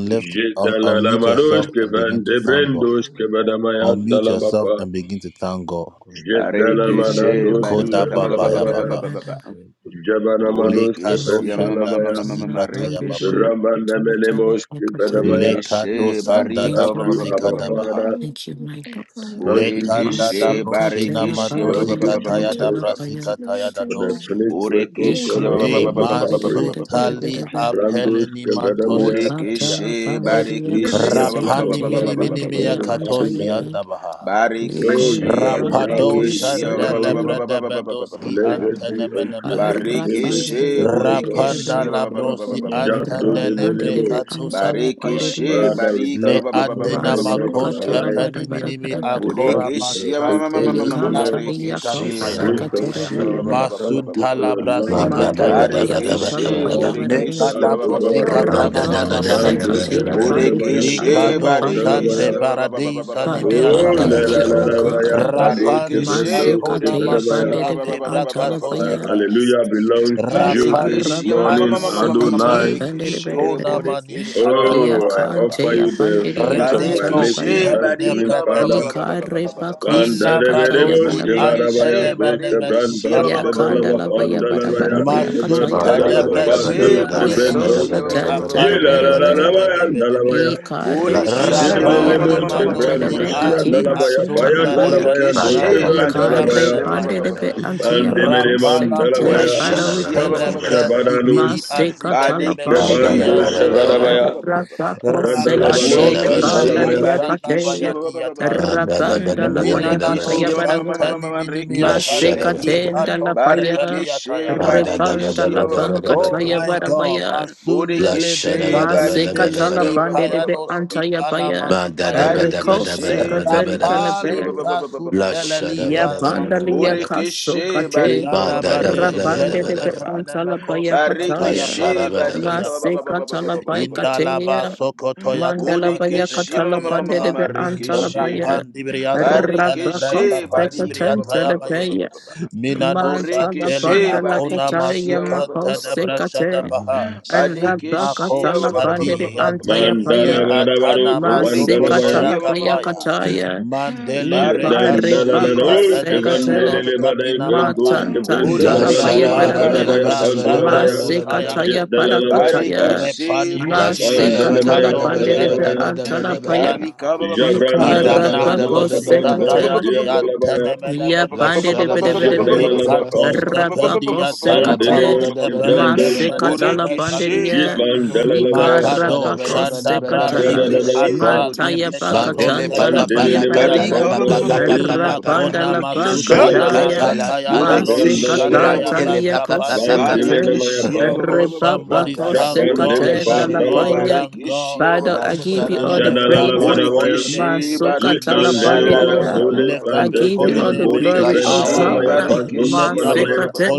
Speaker 7: Je dalamaros que van de brendos que vadamaya
Speaker 6: remember the
Speaker 7: dalabapa.
Speaker 6: Abba, the
Speaker 7: Je
Speaker 2: Barete she
Speaker 7: dalamanados que
Speaker 2: barika ba
Speaker 7: van
Speaker 2: ba ba ba ba ba
Speaker 7: dalabaya.
Speaker 2: ba ba ba ba.
Speaker 6: Abba,
Speaker 7: Jabanamanos que
Speaker 2: Boreke she
Speaker 7: van
Speaker 2: ma ma
Speaker 6: remember
Speaker 2: ma ma ma
Speaker 7: dalabaya.
Speaker 6: the
Speaker 2: ma ma ma ma
Speaker 6: Abba,
Speaker 2: reke she.
Speaker 7: Ramanamenemos que
Speaker 2: Boreke
Speaker 7: vadamaya.
Speaker 10: Thank
Speaker 6: Repetitive
Speaker 2: she
Speaker 10: you.
Speaker 2: barika
Speaker 9: Thank
Speaker 6: paranda
Speaker 7: Thank
Speaker 2: ba
Speaker 9: you,
Speaker 2: ba
Speaker 7: you,
Speaker 2: ba ba
Speaker 9: my
Speaker 2: ba
Speaker 7: our
Speaker 2: ba
Speaker 6: parete
Speaker 2: ba ba
Speaker 9: Lord.
Speaker 2: ba.
Speaker 7: Father.
Speaker 9: Thank you, my God.
Speaker 6: patata.
Speaker 7: Thank you,
Speaker 2: Boreke
Speaker 7: Jesus.
Speaker 2: she
Speaker 9: Masuka
Speaker 2: bareke
Speaker 9: tela
Speaker 2: she ba ba
Speaker 7: Thank
Speaker 2: ba ba
Speaker 7: you,
Speaker 9: pandedi
Speaker 2: ba ba ba ba ba
Speaker 7: Jesus,
Speaker 9: antala
Speaker 2: ba.
Speaker 9: paya.
Speaker 7: for the finished work
Speaker 2: Boreke
Speaker 7: of
Speaker 2: she
Speaker 7: God
Speaker 9: Ika
Speaker 2: ba
Speaker 7: on
Speaker 2: ba ba
Speaker 9: dede
Speaker 2: ba
Speaker 7: cross
Speaker 2: ba
Speaker 7: of
Speaker 2: ba ba
Speaker 9: bede
Speaker 2: ba
Speaker 9: bede
Speaker 2: ba
Speaker 7: Calvary.
Speaker 9: bede
Speaker 2: ba ba
Speaker 9: bede
Speaker 2: ba ba.
Speaker 9: bede bede.
Speaker 7: Brandos que vadamaya.
Speaker 9: Ika tela
Speaker 2: Borekeshe,
Speaker 7: Thank
Speaker 9: pandedi ya
Speaker 7: you for
Speaker 2: Barekeshe,
Speaker 7: the
Speaker 2: ba- ba- ba-
Speaker 7: gift
Speaker 9: koseka
Speaker 2: ba- ba-
Speaker 7: of
Speaker 2: ba-
Speaker 9: teya
Speaker 2: ba- ba-
Speaker 7: life
Speaker 2: ba-
Speaker 7: this
Speaker 2: ba- ba- ba-
Speaker 9: pandedi
Speaker 2: ba- ba-
Speaker 7: morning,
Speaker 2: ba- ba.
Speaker 7: Adonai.
Speaker 9: antaya
Speaker 7: Oh,
Speaker 9: Niko
Speaker 7: you
Speaker 2: Barekeshe,
Speaker 7: are
Speaker 9: rapa ko
Speaker 7: Yahweh,
Speaker 2: Borekeshe,
Speaker 7: you are
Speaker 2: ba- ba- ba- ba- ba-
Speaker 7: Yahweh.
Speaker 2: ba-
Speaker 9: sekate.
Speaker 2: ba- ba- ba- ba- ba- ba- ba- ba- ba.
Speaker 7: Blessed be unto your holy name
Speaker 9: Arapa
Speaker 7: this
Speaker 2: Barekeshe,
Speaker 7: morning, O God.
Speaker 2: Borekeshe,
Speaker 9: ndedebe.
Speaker 2: ba- ba- ba- ba- ba- ba- ba- ba- ba- ba- ba-
Speaker 7: Jando
Speaker 2: ba.
Speaker 7: de
Speaker 9: Rapa ndedebe
Speaker 7: Menemos.
Speaker 9: ansala
Speaker 2: Barekeshe,
Speaker 9: pandediya.
Speaker 7: Father, we
Speaker 2: Barika,
Speaker 7: thank you for your kindness in
Speaker 9: Masuka
Speaker 7: our
Speaker 9: tala
Speaker 7: lives.
Speaker 9: bara bara bara
Speaker 12: La
Speaker 9: bara
Speaker 7: We
Speaker 9: bara.
Speaker 7: thank you for
Speaker 2: Borekeshia
Speaker 7: your faithfulness, O
Speaker 9: Nikanta
Speaker 7: Lord.
Speaker 9: liya
Speaker 10: And
Speaker 9: ko
Speaker 2: Marekeshe
Speaker 7: Prince
Speaker 9: sekate
Speaker 7: of
Speaker 2: Borekeshia
Speaker 7: peace, we
Speaker 9: rebeyebe.
Speaker 7: thank you for your
Speaker 10: glorify your
Speaker 7: love, O
Speaker 10: name,
Speaker 7: God,
Speaker 9: Mandala
Speaker 10: we
Speaker 9: baya
Speaker 2: Barekeshe
Speaker 9: katala
Speaker 7: unconditional
Speaker 9: baya
Speaker 7: love
Speaker 9: bara
Speaker 10: Make
Speaker 7: unto
Speaker 10: the
Speaker 9: bara.
Speaker 2: Borekeshia
Speaker 7: us, O
Speaker 10: control
Speaker 7: God.
Speaker 10: our lives in
Speaker 9: Rapa
Speaker 10: the
Speaker 9: ko
Speaker 10: mighty
Speaker 7: Brando
Speaker 10: name
Speaker 7: te
Speaker 9: sekate ya
Speaker 7: vedanamaya,
Speaker 9: pandediya
Speaker 2: Borekeshe
Speaker 7: dolesh
Speaker 9: ansala
Speaker 2: Barekeshia
Speaker 9: pandediya.
Speaker 7: adalabaya.
Speaker 10: of
Speaker 9: Father, we
Speaker 7: Oh,
Speaker 10: Jesus.
Speaker 7: la
Speaker 9: thank
Speaker 7: la
Speaker 9: you,
Speaker 7: la
Speaker 9: O
Speaker 7: la, baya,
Speaker 9: God.
Speaker 7: pandosh te
Speaker 2: Barekeshe
Speaker 7: vendosh
Speaker 9: Masika
Speaker 7: te
Speaker 9: teya
Speaker 7: vedamaya.
Speaker 9: pandedibe antala
Speaker 7: My
Speaker 9: baya.
Speaker 2: Borekeshia
Speaker 7: hallelujah belongs to you this
Speaker 2: Barikishia ma- ma- ma-
Speaker 9: Nikarabako
Speaker 7: morning,
Speaker 2: ma- ma- ma- ma- ma- ma-
Speaker 9: sekatala
Speaker 7: Adonai.
Speaker 9: bandere bere
Speaker 2: Rikishia
Speaker 9: bere bere.
Speaker 2: Borikishia ba- ba- ba- ba-
Speaker 7: Oh,
Speaker 2: ba-
Speaker 7: I
Speaker 2: ba- ba- ba.
Speaker 9: Yakante
Speaker 7: offer
Speaker 9: ya
Speaker 7: you the
Speaker 9: bandere ya
Speaker 7: fruit of my
Speaker 9: antala
Speaker 7: lips in
Speaker 2: Barikishia
Speaker 9: baya.
Speaker 7: thanksgiving,
Speaker 2: Barika ba- ba- ba-
Speaker 7: Father.
Speaker 2: ba- ba- ba- ba- ba- ba- ba- ba- ba-
Speaker 9: Nikarebako
Speaker 2: ba.
Speaker 9: sekataya
Speaker 7: Bandereberebos,
Speaker 9: bara bara.
Speaker 7: kevarabaya,
Speaker 2: Borikishia
Speaker 7: dos,
Speaker 2: Barikishia
Speaker 7: kevrandos,
Speaker 2: ba- ba- ba- ba- ba- ba- ba-
Speaker 9: Yakandala
Speaker 2: ba- ba- ba-
Speaker 9: baya
Speaker 2: ba-
Speaker 9: bara
Speaker 2: ba- ba.
Speaker 7: shedalabapandalabaya,
Speaker 9: bara baya kataya.
Speaker 2: Barikishia
Speaker 7: ikevandalabapandus,
Speaker 9: Epaso
Speaker 7: kevrendos,
Speaker 2: Borikishia ba- ba- ba- ba- ba- ba-
Speaker 9: katantala
Speaker 2: ba-
Speaker 9: bere
Speaker 2: ba- ba- ba-
Speaker 9: bere.
Speaker 7: yelalalalavaya,
Speaker 2: ba-
Speaker 7: dalavaya,
Speaker 9: Ikare
Speaker 2: borikishia mama
Speaker 9: pandaria
Speaker 2: mama
Speaker 7: jedelelemos,
Speaker 2: mama mama
Speaker 9: anton
Speaker 2: mama
Speaker 7: kevrandos,
Speaker 2: mama
Speaker 9: telebe
Speaker 2: mama
Speaker 9: kati
Speaker 7: shiandalavaya,
Speaker 9: masutala baya.
Speaker 7: payandalabaya, dos,
Speaker 2: borikishi
Speaker 9: Ikare
Speaker 7: kevrandalavaya,
Speaker 2: barikishia ba- ba. Borikishia ma- ma- ma- ma- ma- ma- ma- ma- ma- ma-
Speaker 9: pandelebe
Speaker 2: ma- ba ba ba ba Barikishia
Speaker 9: antia makos sekate.
Speaker 7: bandemeremandalabaya,
Speaker 9: Father, we
Speaker 2: Bodekishi ba- ba-
Speaker 9: thank
Speaker 2: ba-
Speaker 9: you.
Speaker 2: ba- ba- ba- ba- ba.
Speaker 7: shabadanos,
Speaker 9: Maseka tala
Speaker 2: Badekishi
Speaker 7: kevandos,
Speaker 9: pandiria,
Speaker 2: barika ba- ba- ba-
Speaker 7: shavarabaya,
Speaker 2: ba- ba- ba- ba- ba- ba.
Speaker 9: rakako seka teya
Speaker 2: Bodekishi
Speaker 7: randalabadabapandalabaya,
Speaker 9: pandaria
Speaker 2: badekishi
Speaker 9: pateya,
Speaker 2: ba- ba- ba- ba- ba- ba-
Speaker 9: rapanda la paya
Speaker 2: Bodekishi
Speaker 9: pataya
Speaker 2: ma- ma- ma- ma- ma-
Speaker 9: baraba,
Speaker 2: ma- ma- ma- rekishi.
Speaker 9: maseka tenda la paya,
Speaker 2: Barekishi
Speaker 12: Ma da da ba
Speaker 9: repanda
Speaker 12: da
Speaker 2: badekishi
Speaker 9: la
Speaker 12: ba
Speaker 2: ba- ba-
Speaker 12: da
Speaker 2: ba-
Speaker 12: ba
Speaker 2: ba- ba-
Speaker 12: da
Speaker 9: panka
Speaker 2: ba-
Speaker 12: ba
Speaker 2: ba- ba-
Speaker 12: da.
Speaker 9: taya
Speaker 2: ba- ba.
Speaker 9: barabaya,
Speaker 12: La sha
Speaker 2: Bodekishi
Speaker 12: da ba da ba da
Speaker 9: maseka
Speaker 12: ba da
Speaker 2: badekishi
Speaker 12: ba
Speaker 9: tala
Speaker 2: ba-
Speaker 12: da.
Speaker 2: ba- ba- ba- ba- ba-
Speaker 9: pandiribe
Speaker 2: ba- ba- ba-
Speaker 9: antaya
Speaker 2: ba- ba.
Speaker 9: paya,
Speaker 12: Ma da da ba da ba
Speaker 9: reko
Speaker 12: da ba da
Speaker 2: Barikeshe,
Speaker 9: seka
Speaker 12: ba da ba
Speaker 9: tenta la
Speaker 2: Bodekeshe, ba- ba-
Speaker 9: bel
Speaker 2: ba- ba- ba- ba- ba- ba-
Speaker 12: La
Speaker 2: ba- ba- ba-
Speaker 12: sha
Speaker 2: ba-
Speaker 12: da
Speaker 2: ba.
Speaker 9: ya
Speaker 12: ba da ba da ba da ba
Speaker 9: bandalia
Speaker 12: da.
Speaker 9: kaso
Speaker 2: Bodekeshe,
Speaker 9: kate,
Speaker 2: Barika,
Speaker 12: Ma
Speaker 2: ba- ba-
Speaker 12: da
Speaker 2: ba- ba-
Speaker 12: da
Speaker 2: ba-
Speaker 12: ba da
Speaker 2: ba- ba- ba-
Speaker 12: ba
Speaker 2: ba-
Speaker 12: da
Speaker 9: rapande
Speaker 2: ba-
Speaker 12: ba
Speaker 9: de
Speaker 2: ba-
Speaker 12: da
Speaker 2: ba-
Speaker 12: ba.
Speaker 2: ba.
Speaker 9: antala paya
Speaker 12: La
Speaker 9: pataya.
Speaker 12: sha da
Speaker 2: Barikeshe,
Speaker 12: ba da ba da.
Speaker 2: Barika, ba- ba- ba- ba- ba- ba- ba-
Speaker 9: Masikatala
Speaker 2: ba- ba- ba- ba- ba- ba-
Speaker 9: Baikatea, Mandala Baya
Speaker 2: Bodekeshe, ma- ma-
Speaker 9: Katala
Speaker 2: ma- ma- ma- ma- ma-
Speaker 9: Bandebe Antala
Speaker 12: ba da
Speaker 2: Rekeshe.
Speaker 9: Baya, Rabakos
Speaker 2: Barikeshe barika ba- ba-
Speaker 9: Sekatan
Speaker 2: ba- ba- ba- ba- ba- ba-
Speaker 9: Telepaya,
Speaker 2: ba- ba- ba.
Speaker 9: Mantala
Speaker 2: Borekeshe
Speaker 9: Bandala
Speaker 2: barikeshe
Speaker 9: Kataya
Speaker 2: ba- ba- ba- ba- ba-
Speaker 9: Makos
Speaker 2: ba- ba- ba- ba- ba- ba.
Speaker 9: Sekate,
Speaker 2: Badekeshe ba- ba-
Speaker 9: Rabakatala
Speaker 2: ba- ba- ba- ba- ba-
Speaker 9: Bandede
Speaker 2: ba- ba- ba- ba-
Speaker 9: Antaya
Speaker 2: ba- ba- ba-
Speaker 9: Baya,
Speaker 7: Mandarabarabaru
Speaker 2: ba.
Speaker 7: Kevandalabaya
Speaker 2: Bodekeshe
Speaker 9: Masikatala
Speaker 2: ma- ma- ma-
Speaker 9: Baya
Speaker 2: ma- ma- ma- ma- ma-
Speaker 9: Kataya.
Speaker 2: ma. Barikeshe
Speaker 7: Jedandalalarus
Speaker 2: barikeshe ba- ba-
Speaker 9: Ibaribakosekater.
Speaker 2: ba- ba- ba- ba-
Speaker 7: Kevandelebadai
Speaker 2: ba- ba- ba.
Speaker 7: Kandush
Speaker 9: Matantantala paya
Speaker 2: Bodekeshe
Speaker 7: Kevrendalabrando
Speaker 12: ba da
Speaker 9: baraba.
Speaker 7: Kapadabaya
Speaker 12: ba da ba
Speaker 2: barikeshe ba- ba- ba- ba-
Speaker 7: Pandurabaya
Speaker 2: ba- ba- ba- ba- ba.
Speaker 9: Masekataya
Speaker 7: Jedalalabaya Pa
Speaker 9: parakataya.
Speaker 2: Barikeshe
Speaker 12: La sha
Speaker 2: borekeshe ba-
Speaker 12: da
Speaker 2: ba-
Speaker 12: ba
Speaker 9: Masekatala
Speaker 2: ba- ba-
Speaker 7: Mandanamaya
Speaker 12: da
Speaker 2: ba-
Speaker 12: ba
Speaker 2: ba-
Speaker 12: da ba
Speaker 2: ba- ba- ba.
Speaker 9: pandedebe
Speaker 7: Dalalabaya
Speaker 12: da ba da ba
Speaker 9: antala
Speaker 12: da ba.
Speaker 9: paya.
Speaker 2: Barika ba- ba- ba- ba- ba- ba- ba-
Speaker 12: Ma
Speaker 2: ba-
Speaker 12: da
Speaker 2: ba- ba-
Speaker 12: da
Speaker 2: ba-
Speaker 12: ba
Speaker 7: Jagrandalabam
Speaker 12: da
Speaker 2: ba-
Speaker 12: ba
Speaker 9: Ikarabako
Speaker 12: da
Speaker 2: ba- ba-
Speaker 12: ba da ba.
Speaker 7: Dalakapanda
Speaker 9: sekate
Speaker 7: Shia dalabaya
Speaker 9: Ya
Speaker 12: La
Speaker 9: pande
Speaker 12: sha
Speaker 9: de
Speaker 12: da ba
Speaker 9: bede
Speaker 12: da
Speaker 9: bede
Speaker 12: ba da
Speaker 9: bede.
Speaker 12: ba da ba.
Speaker 7: Jedalalabapa
Speaker 9: Rapako
Speaker 12: Ma da da
Speaker 9: sekate.
Speaker 12: ba
Speaker 7: Mandenemus
Speaker 12: da ba da ba da ba
Speaker 7: Kevrandosh
Speaker 12: da ba da
Speaker 9: Masekata
Speaker 12: ba.
Speaker 9: la
Speaker 2: Borekeshe
Speaker 9: panderia.
Speaker 2: barika ba- ba- ba- ba- ba-
Speaker 12: La
Speaker 9: Ika
Speaker 2: ba-
Speaker 7: Yitmandalalabaya
Speaker 2: ba- ba-
Speaker 12: sha
Speaker 2: ba.
Speaker 12: da ba da
Speaker 9: rapako
Speaker 12: ba da ba da ba da
Speaker 9: sekata.
Speaker 12: ba da ba.
Speaker 2: Barekeshe
Speaker 7: Jadadalabapa
Speaker 9: Mataya
Speaker 2: borekeshe
Speaker 12: Ma
Speaker 2: ba- ba- ba-
Speaker 12: dele
Speaker 2: ba- ba.
Speaker 12: pa
Speaker 9: bakatanta la
Speaker 12: pa pa
Speaker 9: paya
Speaker 12: la
Speaker 7: Mandemenemaya
Speaker 12: katala
Speaker 2: barika
Speaker 9: baraba.
Speaker 12: pa
Speaker 2: ba- ba-
Speaker 12: pa
Speaker 2: ba-
Speaker 12: pa
Speaker 2: ba- ba-
Speaker 7: Pandalabaya
Speaker 12: pa
Speaker 2: ba-
Speaker 12: pa
Speaker 2: ba- ba-
Speaker 12: pa
Speaker 2: ba-
Speaker 12: pa
Speaker 2: ba-
Speaker 12: pa.
Speaker 9: Rapanda la
Speaker 2: barekeshe
Speaker 12: Hey!
Speaker 9: bakataya.
Speaker 7: Shadalalabaya,
Speaker 12: Katala sala.
Speaker 2: borekeshe
Speaker 7: Evandalavaya,
Speaker 9: Masekatanta
Speaker 12: Brantele
Speaker 9: liya
Speaker 12: pa pa pa pa pa pa.
Speaker 9: kosekate.
Speaker 7: Bandimenamaya,
Speaker 2: Barikishi ba- ba- ba- ba- ba- ba- ba- ba-
Speaker 9: Repapa
Speaker 12: Ma
Speaker 2: ba.
Speaker 12: da la ba da ba da ba
Speaker 9: kosekate
Speaker 12: da
Speaker 9: da
Speaker 7: Jabandevapa,
Speaker 12: ba
Speaker 9: la
Speaker 12: da
Speaker 2: Burikishi
Speaker 12: ba.
Speaker 7: Dalavaya,
Speaker 9: paya.
Speaker 2: Barikishi ba- ba-
Speaker 9: Father,
Speaker 2: ba-
Speaker 12: La
Speaker 2: ba-
Speaker 9: I
Speaker 2: ba- ba-
Speaker 12: sha
Speaker 2: ba-
Speaker 9: give you
Speaker 2: ba-
Speaker 12: da
Speaker 2: ba.
Speaker 12: ba
Speaker 9: all the
Speaker 12: da ba da ba
Speaker 9: praise.
Speaker 12: da ba da ba.
Speaker 7: Jadalalabanavaya,
Speaker 2: Burikishi
Speaker 9: Masukata la
Speaker 2: Barikishi
Speaker 12: Ma
Speaker 2: ba- ba-
Speaker 12: da
Speaker 2: ba-
Speaker 12: la
Speaker 2: ba-
Speaker 7: Jitnalela,
Speaker 12: ba
Speaker 2: ba-
Speaker 9: panderia.
Speaker 12: da
Speaker 2: ba-
Speaker 12: ba
Speaker 2: ba- ba-
Speaker 7: Duli,
Speaker 12: da ba.
Speaker 2: ba-
Speaker 9: I
Speaker 2: ba- ba.
Speaker 9: give
Speaker 7: Bandeke,
Speaker 9: you all the
Speaker 7: Vando,
Speaker 12: La
Speaker 9: glory,
Speaker 7: Shevren,
Speaker 9: O
Speaker 12: sha da
Speaker 2: Burikishi
Speaker 12: ba da
Speaker 7: Dalavaya,
Speaker 9: God.
Speaker 12: ba da ba
Speaker 7: Pando,
Speaker 12: da ba.
Speaker 2: Barikishi
Speaker 7: Kavanavaya.
Speaker 9: Masikate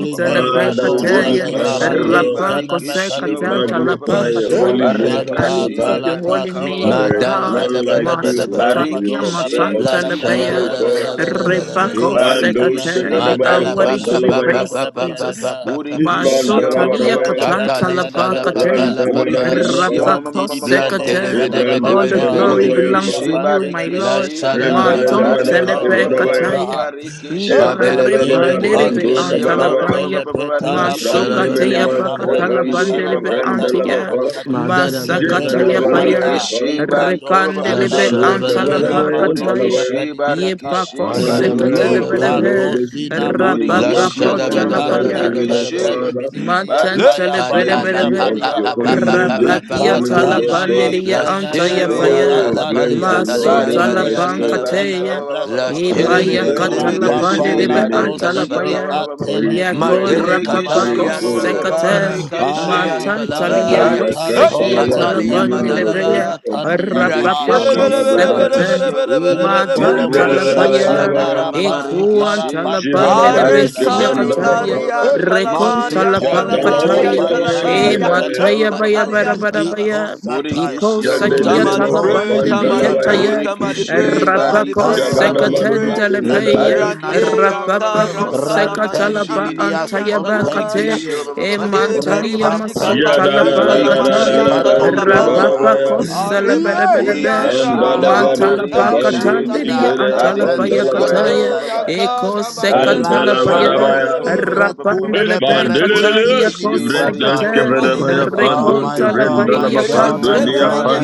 Speaker 12: La
Speaker 7: Father, we
Speaker 12: sha da
Speaker 7: give
Speaker 12: ba
Speaker 7: you
Speaker 12: da
Speaker 9: telepekateye,
Speaker 12: ba da
Speaker 7: honor,
Speaker 12: ba
Speaker 7: O
Speaker 12: da ba.
Speaker 2: Borikishi,
Speaker 7: Lord.
Speaker 9: rapako
Speaker 2: Barikishi,
Speaker 7: We
Speaker 2: ba- ba-
Speaker 9: sekatan
Speaker 2: ba- ba- ba- ba- ba-
Speaker 7: magnify
Speaker 12: La
Speaker 2: ba.
Speaker 7: your
Speaker 12: sha da
Speaker 7: holy
Speaker 9: telepekateye.
Speaker 12: ba da ba
Speaker 7: name,
Speaker 12: da
Speaker 9: I
Speaker 12: ba.
Speaker 9: lift up
Speaker 2: Barikishi,
Speaker 7: Adonai,
Speaker 9: your holy
Speaker 2: Barika, ba- ba-
Speaker 7: for
Speaker 2: ba-
Speaker 9: name,
Speaker 12: Ma
Speaker 2: ba-
Speaker 9: O
Speaker 7: there
Speaker 2: ba-
Speaker 7: is
Speaker 12: da
Speaker 2: ba- ba-
Speaker 12: la
Speaker 2: ba-
Speaker 12: ba
Speaker 9: God.
Speaker 2: ba-
Speaker 12: da
Speaker 7: none
Speaker 2: ba-
Speaker 12: ba
Speaker 2: ba.
Speaker 7: like
Speaker 12: da ba da
Speaker 7: you,
Speaker 12: ba.
Speaker 7: none to be
Speaker 9: Masutalia
Speaker 7: compared
Speaker 2: Barikishi,
Speaker 12: Bless
Speaker 7: unto
Speaker 2: Barika,
Speaker 7: thee,
Speaker 2: ba- ba-
Speaker 7: O
Speaker 9: machantelepeya,
Speaker 2: ba- ba- ba-
Speaker 7: God.
Speaker 12: shadabadabadabadabadabada.
Speaker 9: repako
Speaker 7: Mandos,
Speaker 9: sekate.
Speaker 2: Barikishi,
Speaker 9: You are
Speaker 7: Kevanavaya,
Speaker 12: Madala pa
Speaker 9: worthy to
Speaker 12: pa
Speaker 2: Barikishi,
Speaker 9: be
Speaker 12: pa pa
Speaker 7: Pandalabaya,
Speaker 9: praised,
Speaker 12: pa pa pa
Speaker 9: Jesus.
Speaker 12: pa pa pa pa.
Speaker 7: Isman,
Speaker 2: Borikishi,
Speaker 9: Masutalia
Speaker 7: Dalabadabaya,
Speaker 12: Katale shala pa pa
Speaker 9: katantelebekateye,
Speaker 7: Randa
Speaker 12: la pa
Speaker 7: vada
Speaker 12: pa.
Speaker 7: vaya pa,
Speaker 2: Borikishi,
Speaker 9: rapako
Speaker 12: Blantere
Speaker 7: We,
Speaker 9: sekate.
Speaker 12: bede bede
Speaker 9: All
Speaker 7: brandos
Speaker 9: the
Speaker 7: ke
Speaker 12: bede bede
Speaker 9: glory
Speaker 12: bede bede.
Speaker 7: Randavadavayapa,
Speaker 9: belongs
Speaker 7: Vibrandoske Vadavayapa,
Speaker 2: Borikishi,
Speaker 9: to you, my Lord.
Speaker 12: Bless
Speaker 2: Barikishi,
Speaker 9: Maton
Speaker 2: Barika,
Speaker 7: Rendelelemadashke
Speaker 9: telepe
Speaker 12: shadabadabadabadabadabada.
Speaker 7: Vadavaya,
Speaker 9: kataya.
Speaker 2: Barikishi.
Speaker 12: Madere
Speaker 9: Ipare
Speaker 12: bede bede
Speaker 7: Jitdelalavayapa,
Speaker 12: bede
Speaker 9: panderebe
Speaker 12: bede
Speaker 7: Nduka
Speaker 2: Borikishi,
Speaker 12: bede bede.
Speaker 7: Vadavaya,
Speaker 9: antalapaya.
Speaker 12: Bless
Speaker 2: Barikishi,
Speaker 9: Masokataya
Speaker 7: Randimenimashta
Speaker 12: shadabadabadabadaba.
Speaker 9: pakatala
Speaker 2: Borikishi,
Speaker 7: Vanduka
Speaker 9: banderebe antaya.
Speaker 7: Vandalavapa,
Speaker 12: Madada
Speaker 9: Masakataya paya.
Speaker 12: badabadabadabadaba.
Speaker 7: Jitdalavadavayapa,
Speaker 2: Borikishi, Barika,
Speaker 12: Bless
Speaker 9: Repandelebe
Speaker 7: Jibranduka
Speaker 9: antalapa
Speaker 12: shadabadabadaba.
Speaker 7: Vadavaya,
Speaker 9: kataya.
Speaker 7: Dalavaya.
Speaker 2: Borikishi,
Speaker 9: Ye
Speaker 2: Barikishi,
Speaker 9: pakos
Speaker 12: Madada
Speaker 7: Adonai, we go,
Speaker 12: badabadabadaba.
Speaker 2: Barika,
Speaker 7: Lord,
Speaker 9: sekatalebelebe.
Speaker 7: this morning in
Speaker 12: Bless
Speaker 2: Burikishi,
Speaker 7: worship
Speaker 2: ma-
Speaker 9: Rapapako
Speaker 2: ma-
Speaker 7: and
Speaker 2: ma-
Speaker 7: in
Speaker 2: ma- ma-
Speaker 9: talapaya.
Speaker 7: thanksgiving, O
Speaker 2: Rikishi,
Speaker 12: shadabadabadabadabadaba.
Speaker 7: Father.
Speaker 12: Look,
Speaker 9: Matantale pere
Speaker 2: Barikishi,
Speaker 7: Blessed
Speaker 9: pere
Speaker 12: katala
Speaker 7: be
Speaker 12: pa
Speaker 9: pere.
Speaker 2: Barika,
Speaker 7: unto
Speaker 12: pa
Speaker 7: your
Speaker 12: pa
Speaker 2: ba- ba-
Speaker 12: pa
Speaker 7: holy
Speaker 2: ba- ba-
Speaker 12: pa
Speaker 2: ba-
Speaker 12: pa
Speaker 7: name
Speaker 2: ba.
Speaker 7: this
Speaker 12: pa pa
Speaker 9: Rapakia
Speaker 12: pa
Speaker 7: morning,
Speaker 12: pa
Speaker 7: O
Speaker 12: pa.
Speaker 9: tala
Speaker 7: Lord God.
Speaker 2: Burikishi,
Speaker 9: pandiria
Speaker 2: Burikishi,
Speaker 9: antaya
Speaker 2: ba- ba- ba-
Speaker 12: Blashiria
Speaker 2: ba- ba-
Speaker 9: paya.
Speaker 7: Oh,
Speaker 2: ba- ba- ba.
Speaker 7: bless
Speaker 12: talapalia
Speaker 7: the
Speaker 9: Maso
Speaker 7: Lord,
Speaker 12: talia
Speaker 7: O
Speaker 9: tala
Speaker 7: my
Speaker 12: kalia
Speaker 2: Barikishi,
Speaker 7: soul!
Speaker 12: salaba.
Speaker 2: Barika, ba-
Speaker 9: pankateya.
Speaker 2: ba- ba- ba- ba- ba- ba-
Speaker 7: O
Speaker 2: ba.
Speaker 9: Ipaya
Speaker 12: Blashiria
Speaker 7: my soul,
Speaker 9: katala
Speaker 7: bless His
Speaker 2: Burikishi,
Speaker 7: holy
Speaker 9: pandiribe
Speaker 7: name,
Speaker 9: antala
Speaker 2: Barikishi, ba-
Speaker 12: antalapapa.
Speaker 2: ba-
Speaker 9: paya.
Speaker 2: ba- ba- ba- ba-
Speaker 7: for
Speaker 2: ba- ba.
Speaker 7: His
Speaker 9: Yako
Speaker 7: worthy
Speaker 12: Madele
Speaker 7: to be
Speaker 2: Burikishi, ma-
Speaker 9: rapapako
Speaker 2: ma-
Speaker 7: praised,
Speaker 12: katalia
Speaker 2: ma-
Speaker 7: O
Speaker 2: ma- ma-
Speaker 7: Lord.
Speaker 2: ma-
Speaker 12: salaba
Speaker 2: ma-
Speaker 9: sekate.
Speaker 2: Rikishi,
Speaker 12: rakatalia
Speaker 9: Mantantali
Speaker 7: Father, we
Speaker 12: salabaya.
Speaker 9: yako
Speaker 7: ask Thy
Speaker 12: Hey,
Speaker 2: Barikishi,
Speaker 9: sekia
Speaker 7: power,
Speaker 9: tala
Speaker 12: katalia
Speaker 2: Barika,
Speaker 7: dominion,
Speaker 2: ba-
Speaker 7: and
Speaker 2: ba- ba- ba-
Speaker 9: pandiribeya.
Speaker 7: authority
Speaker 2: ba.
Speaker 12: madalaba.
Speaker 7: unto Thee this
Speaker 12: Blashiria
Speaker 7: morning
Speaker 9: Rapapako
Speaker 2: Burikishi,
Speaker 7: and
Speaker 9: sekate.
Speaker 2: Barikishi,
Speaker 9: Matantala
Speaker 2: Murikishi,
Speaker 9: paya.
Speaker 12: katalapapa.
Speaker 9: Ikuantala
Speaker 2: Marikishi,
Speaker 9: pandiribe
Speaker 12: Are
Speaker 2: Barikishi,
Speaker 12: sari
Speaker 9: siakataya.
Speaker 12: aria salamari
Speaker 9: Rekonta
Speaker 2: Barikishi,
Speaker 9: la
Speaker 12: antalamali
Speaker 9: pankataya.
Speaker 2: Murikishi,
Speaker 9: E
Speaker 12: antalapaya.
Speaker 2: Barika,
Speaker 12: Eh,
Speaker 9: mataya baya bara
Speaker 12: Katalia
Speaker 9: bara
Speaker 12: salaba.
Speaker 9: baya. Iko
Speaker 2: Murikishi, Murikishi,
Speaker 9: sakia
Speaker 12: Somebody pray,
Speaker 9: talabandele le
Speaker 12: somebody
Speaker 7: tonight.
Speaker 12: pray,
Speaker 9: ketaya.
Speaker 12: somebody pray, somebody
Speaker 2: Barika,
Speaker 9: Rapako
Speaker 12: pray, somebody pray.
Speaker 9: sekatenda le peya.
Speaker 2: Barikishi, Barikishi,
Speaker 12: Rante ranta
Speaker 9: Rapapako
Speaker 12: ransalamadi
Speaker 9: sekatalaba
Speaker 12: antali
Speaker 9: antaya
Speaker 2: Murikishi,
Speaker 12: ansalabaya.
Speaker 9: bakate.
Speaker 2: Murikishi,
Speaker 9: E
Speaker 12: Made
Speaker 9: mantalia
Speaker 12: karima
Speaker 9: masota
Speaker 12: shikatali
Speaker 9: la
Speaker 12: ansalamadi
Speaker 9: pakataya.
Speaker 12: antalapapa.
Speaker 9: Rapapako
Speaker 2: Barika,
Speaker 9: selebere bere
Speaker 12: Aremasian
Speaker 9: bere.
Speaker 2: Murikishi,
Speaker 12: ramada
Speaker 9: Mantala
Speaker 7: Bandalavaduta
Speaker 12: rantali
Speaker 2: Marikishi,
Speaker 7: bandus
Speaker 9: pakatandiri
Speaker 7: ibelea
Speaker 12: antalianta.
Speaker 9: antala paya
Speaker 2: Barikishi ba-
Speaker 7: pandalabaya.
Speaker 2: ba- ba-
Speaker 9: kataya.
Speaker 2: ba-
Speaker 12: Mashe
Speaker 2: ba- ba.
Speaker 9: Eko
Speaker 12: yankara masele
Speaker 9: sekatala
Speaker 12: bere bere
Speaker 2: Barikishi
Speaker 9: paya.
Speaker 12: bere
Speaker 7: Bandalavarabaya.
Speaker 12: bere
Speaker 2: barika ba-
Speaker 12: bere
Speaker 2: ba- ba-
Speaker 12: bere
Speaker 2: ba- ba- ba- ba-
Speaker 9: Rapande
Speaker 2: ba.
Speaker 9: le beca taia
Speaker 7: Mandelelelele,
Speaker 9: dos
Speaker 2: Burikishi
Speaker 7: Ibrahim
Speaker 2: barika ba- ba-
Speaker 12: le
Speaker 9: secate,
Speaker 2: ba- ba- ba- ba- ba-
Speaker 12: palima
Speaker 2: ba-
Speaker 7: Kevedabaya,
Speaker 2: ba- ba-
Speaker 7: Pandu,
Speaker 2: ba.
Speaker 9: reconta
Speaker 12: sikatalaba.
Speaker 9: la paia,
Speaker 2: Burikishi
Speaker 7: Kevendalabapa,
Speaker 2: ma-
Speaker 9: canta
Speaker 2: ma-
Speaker 9: la
Speaker 2: ma- ma-
Speaker 12: Berashele
Speaker 7: Dunia,
Speaker 2: ma-
Speaker 9: paia,
Speaker 12: mali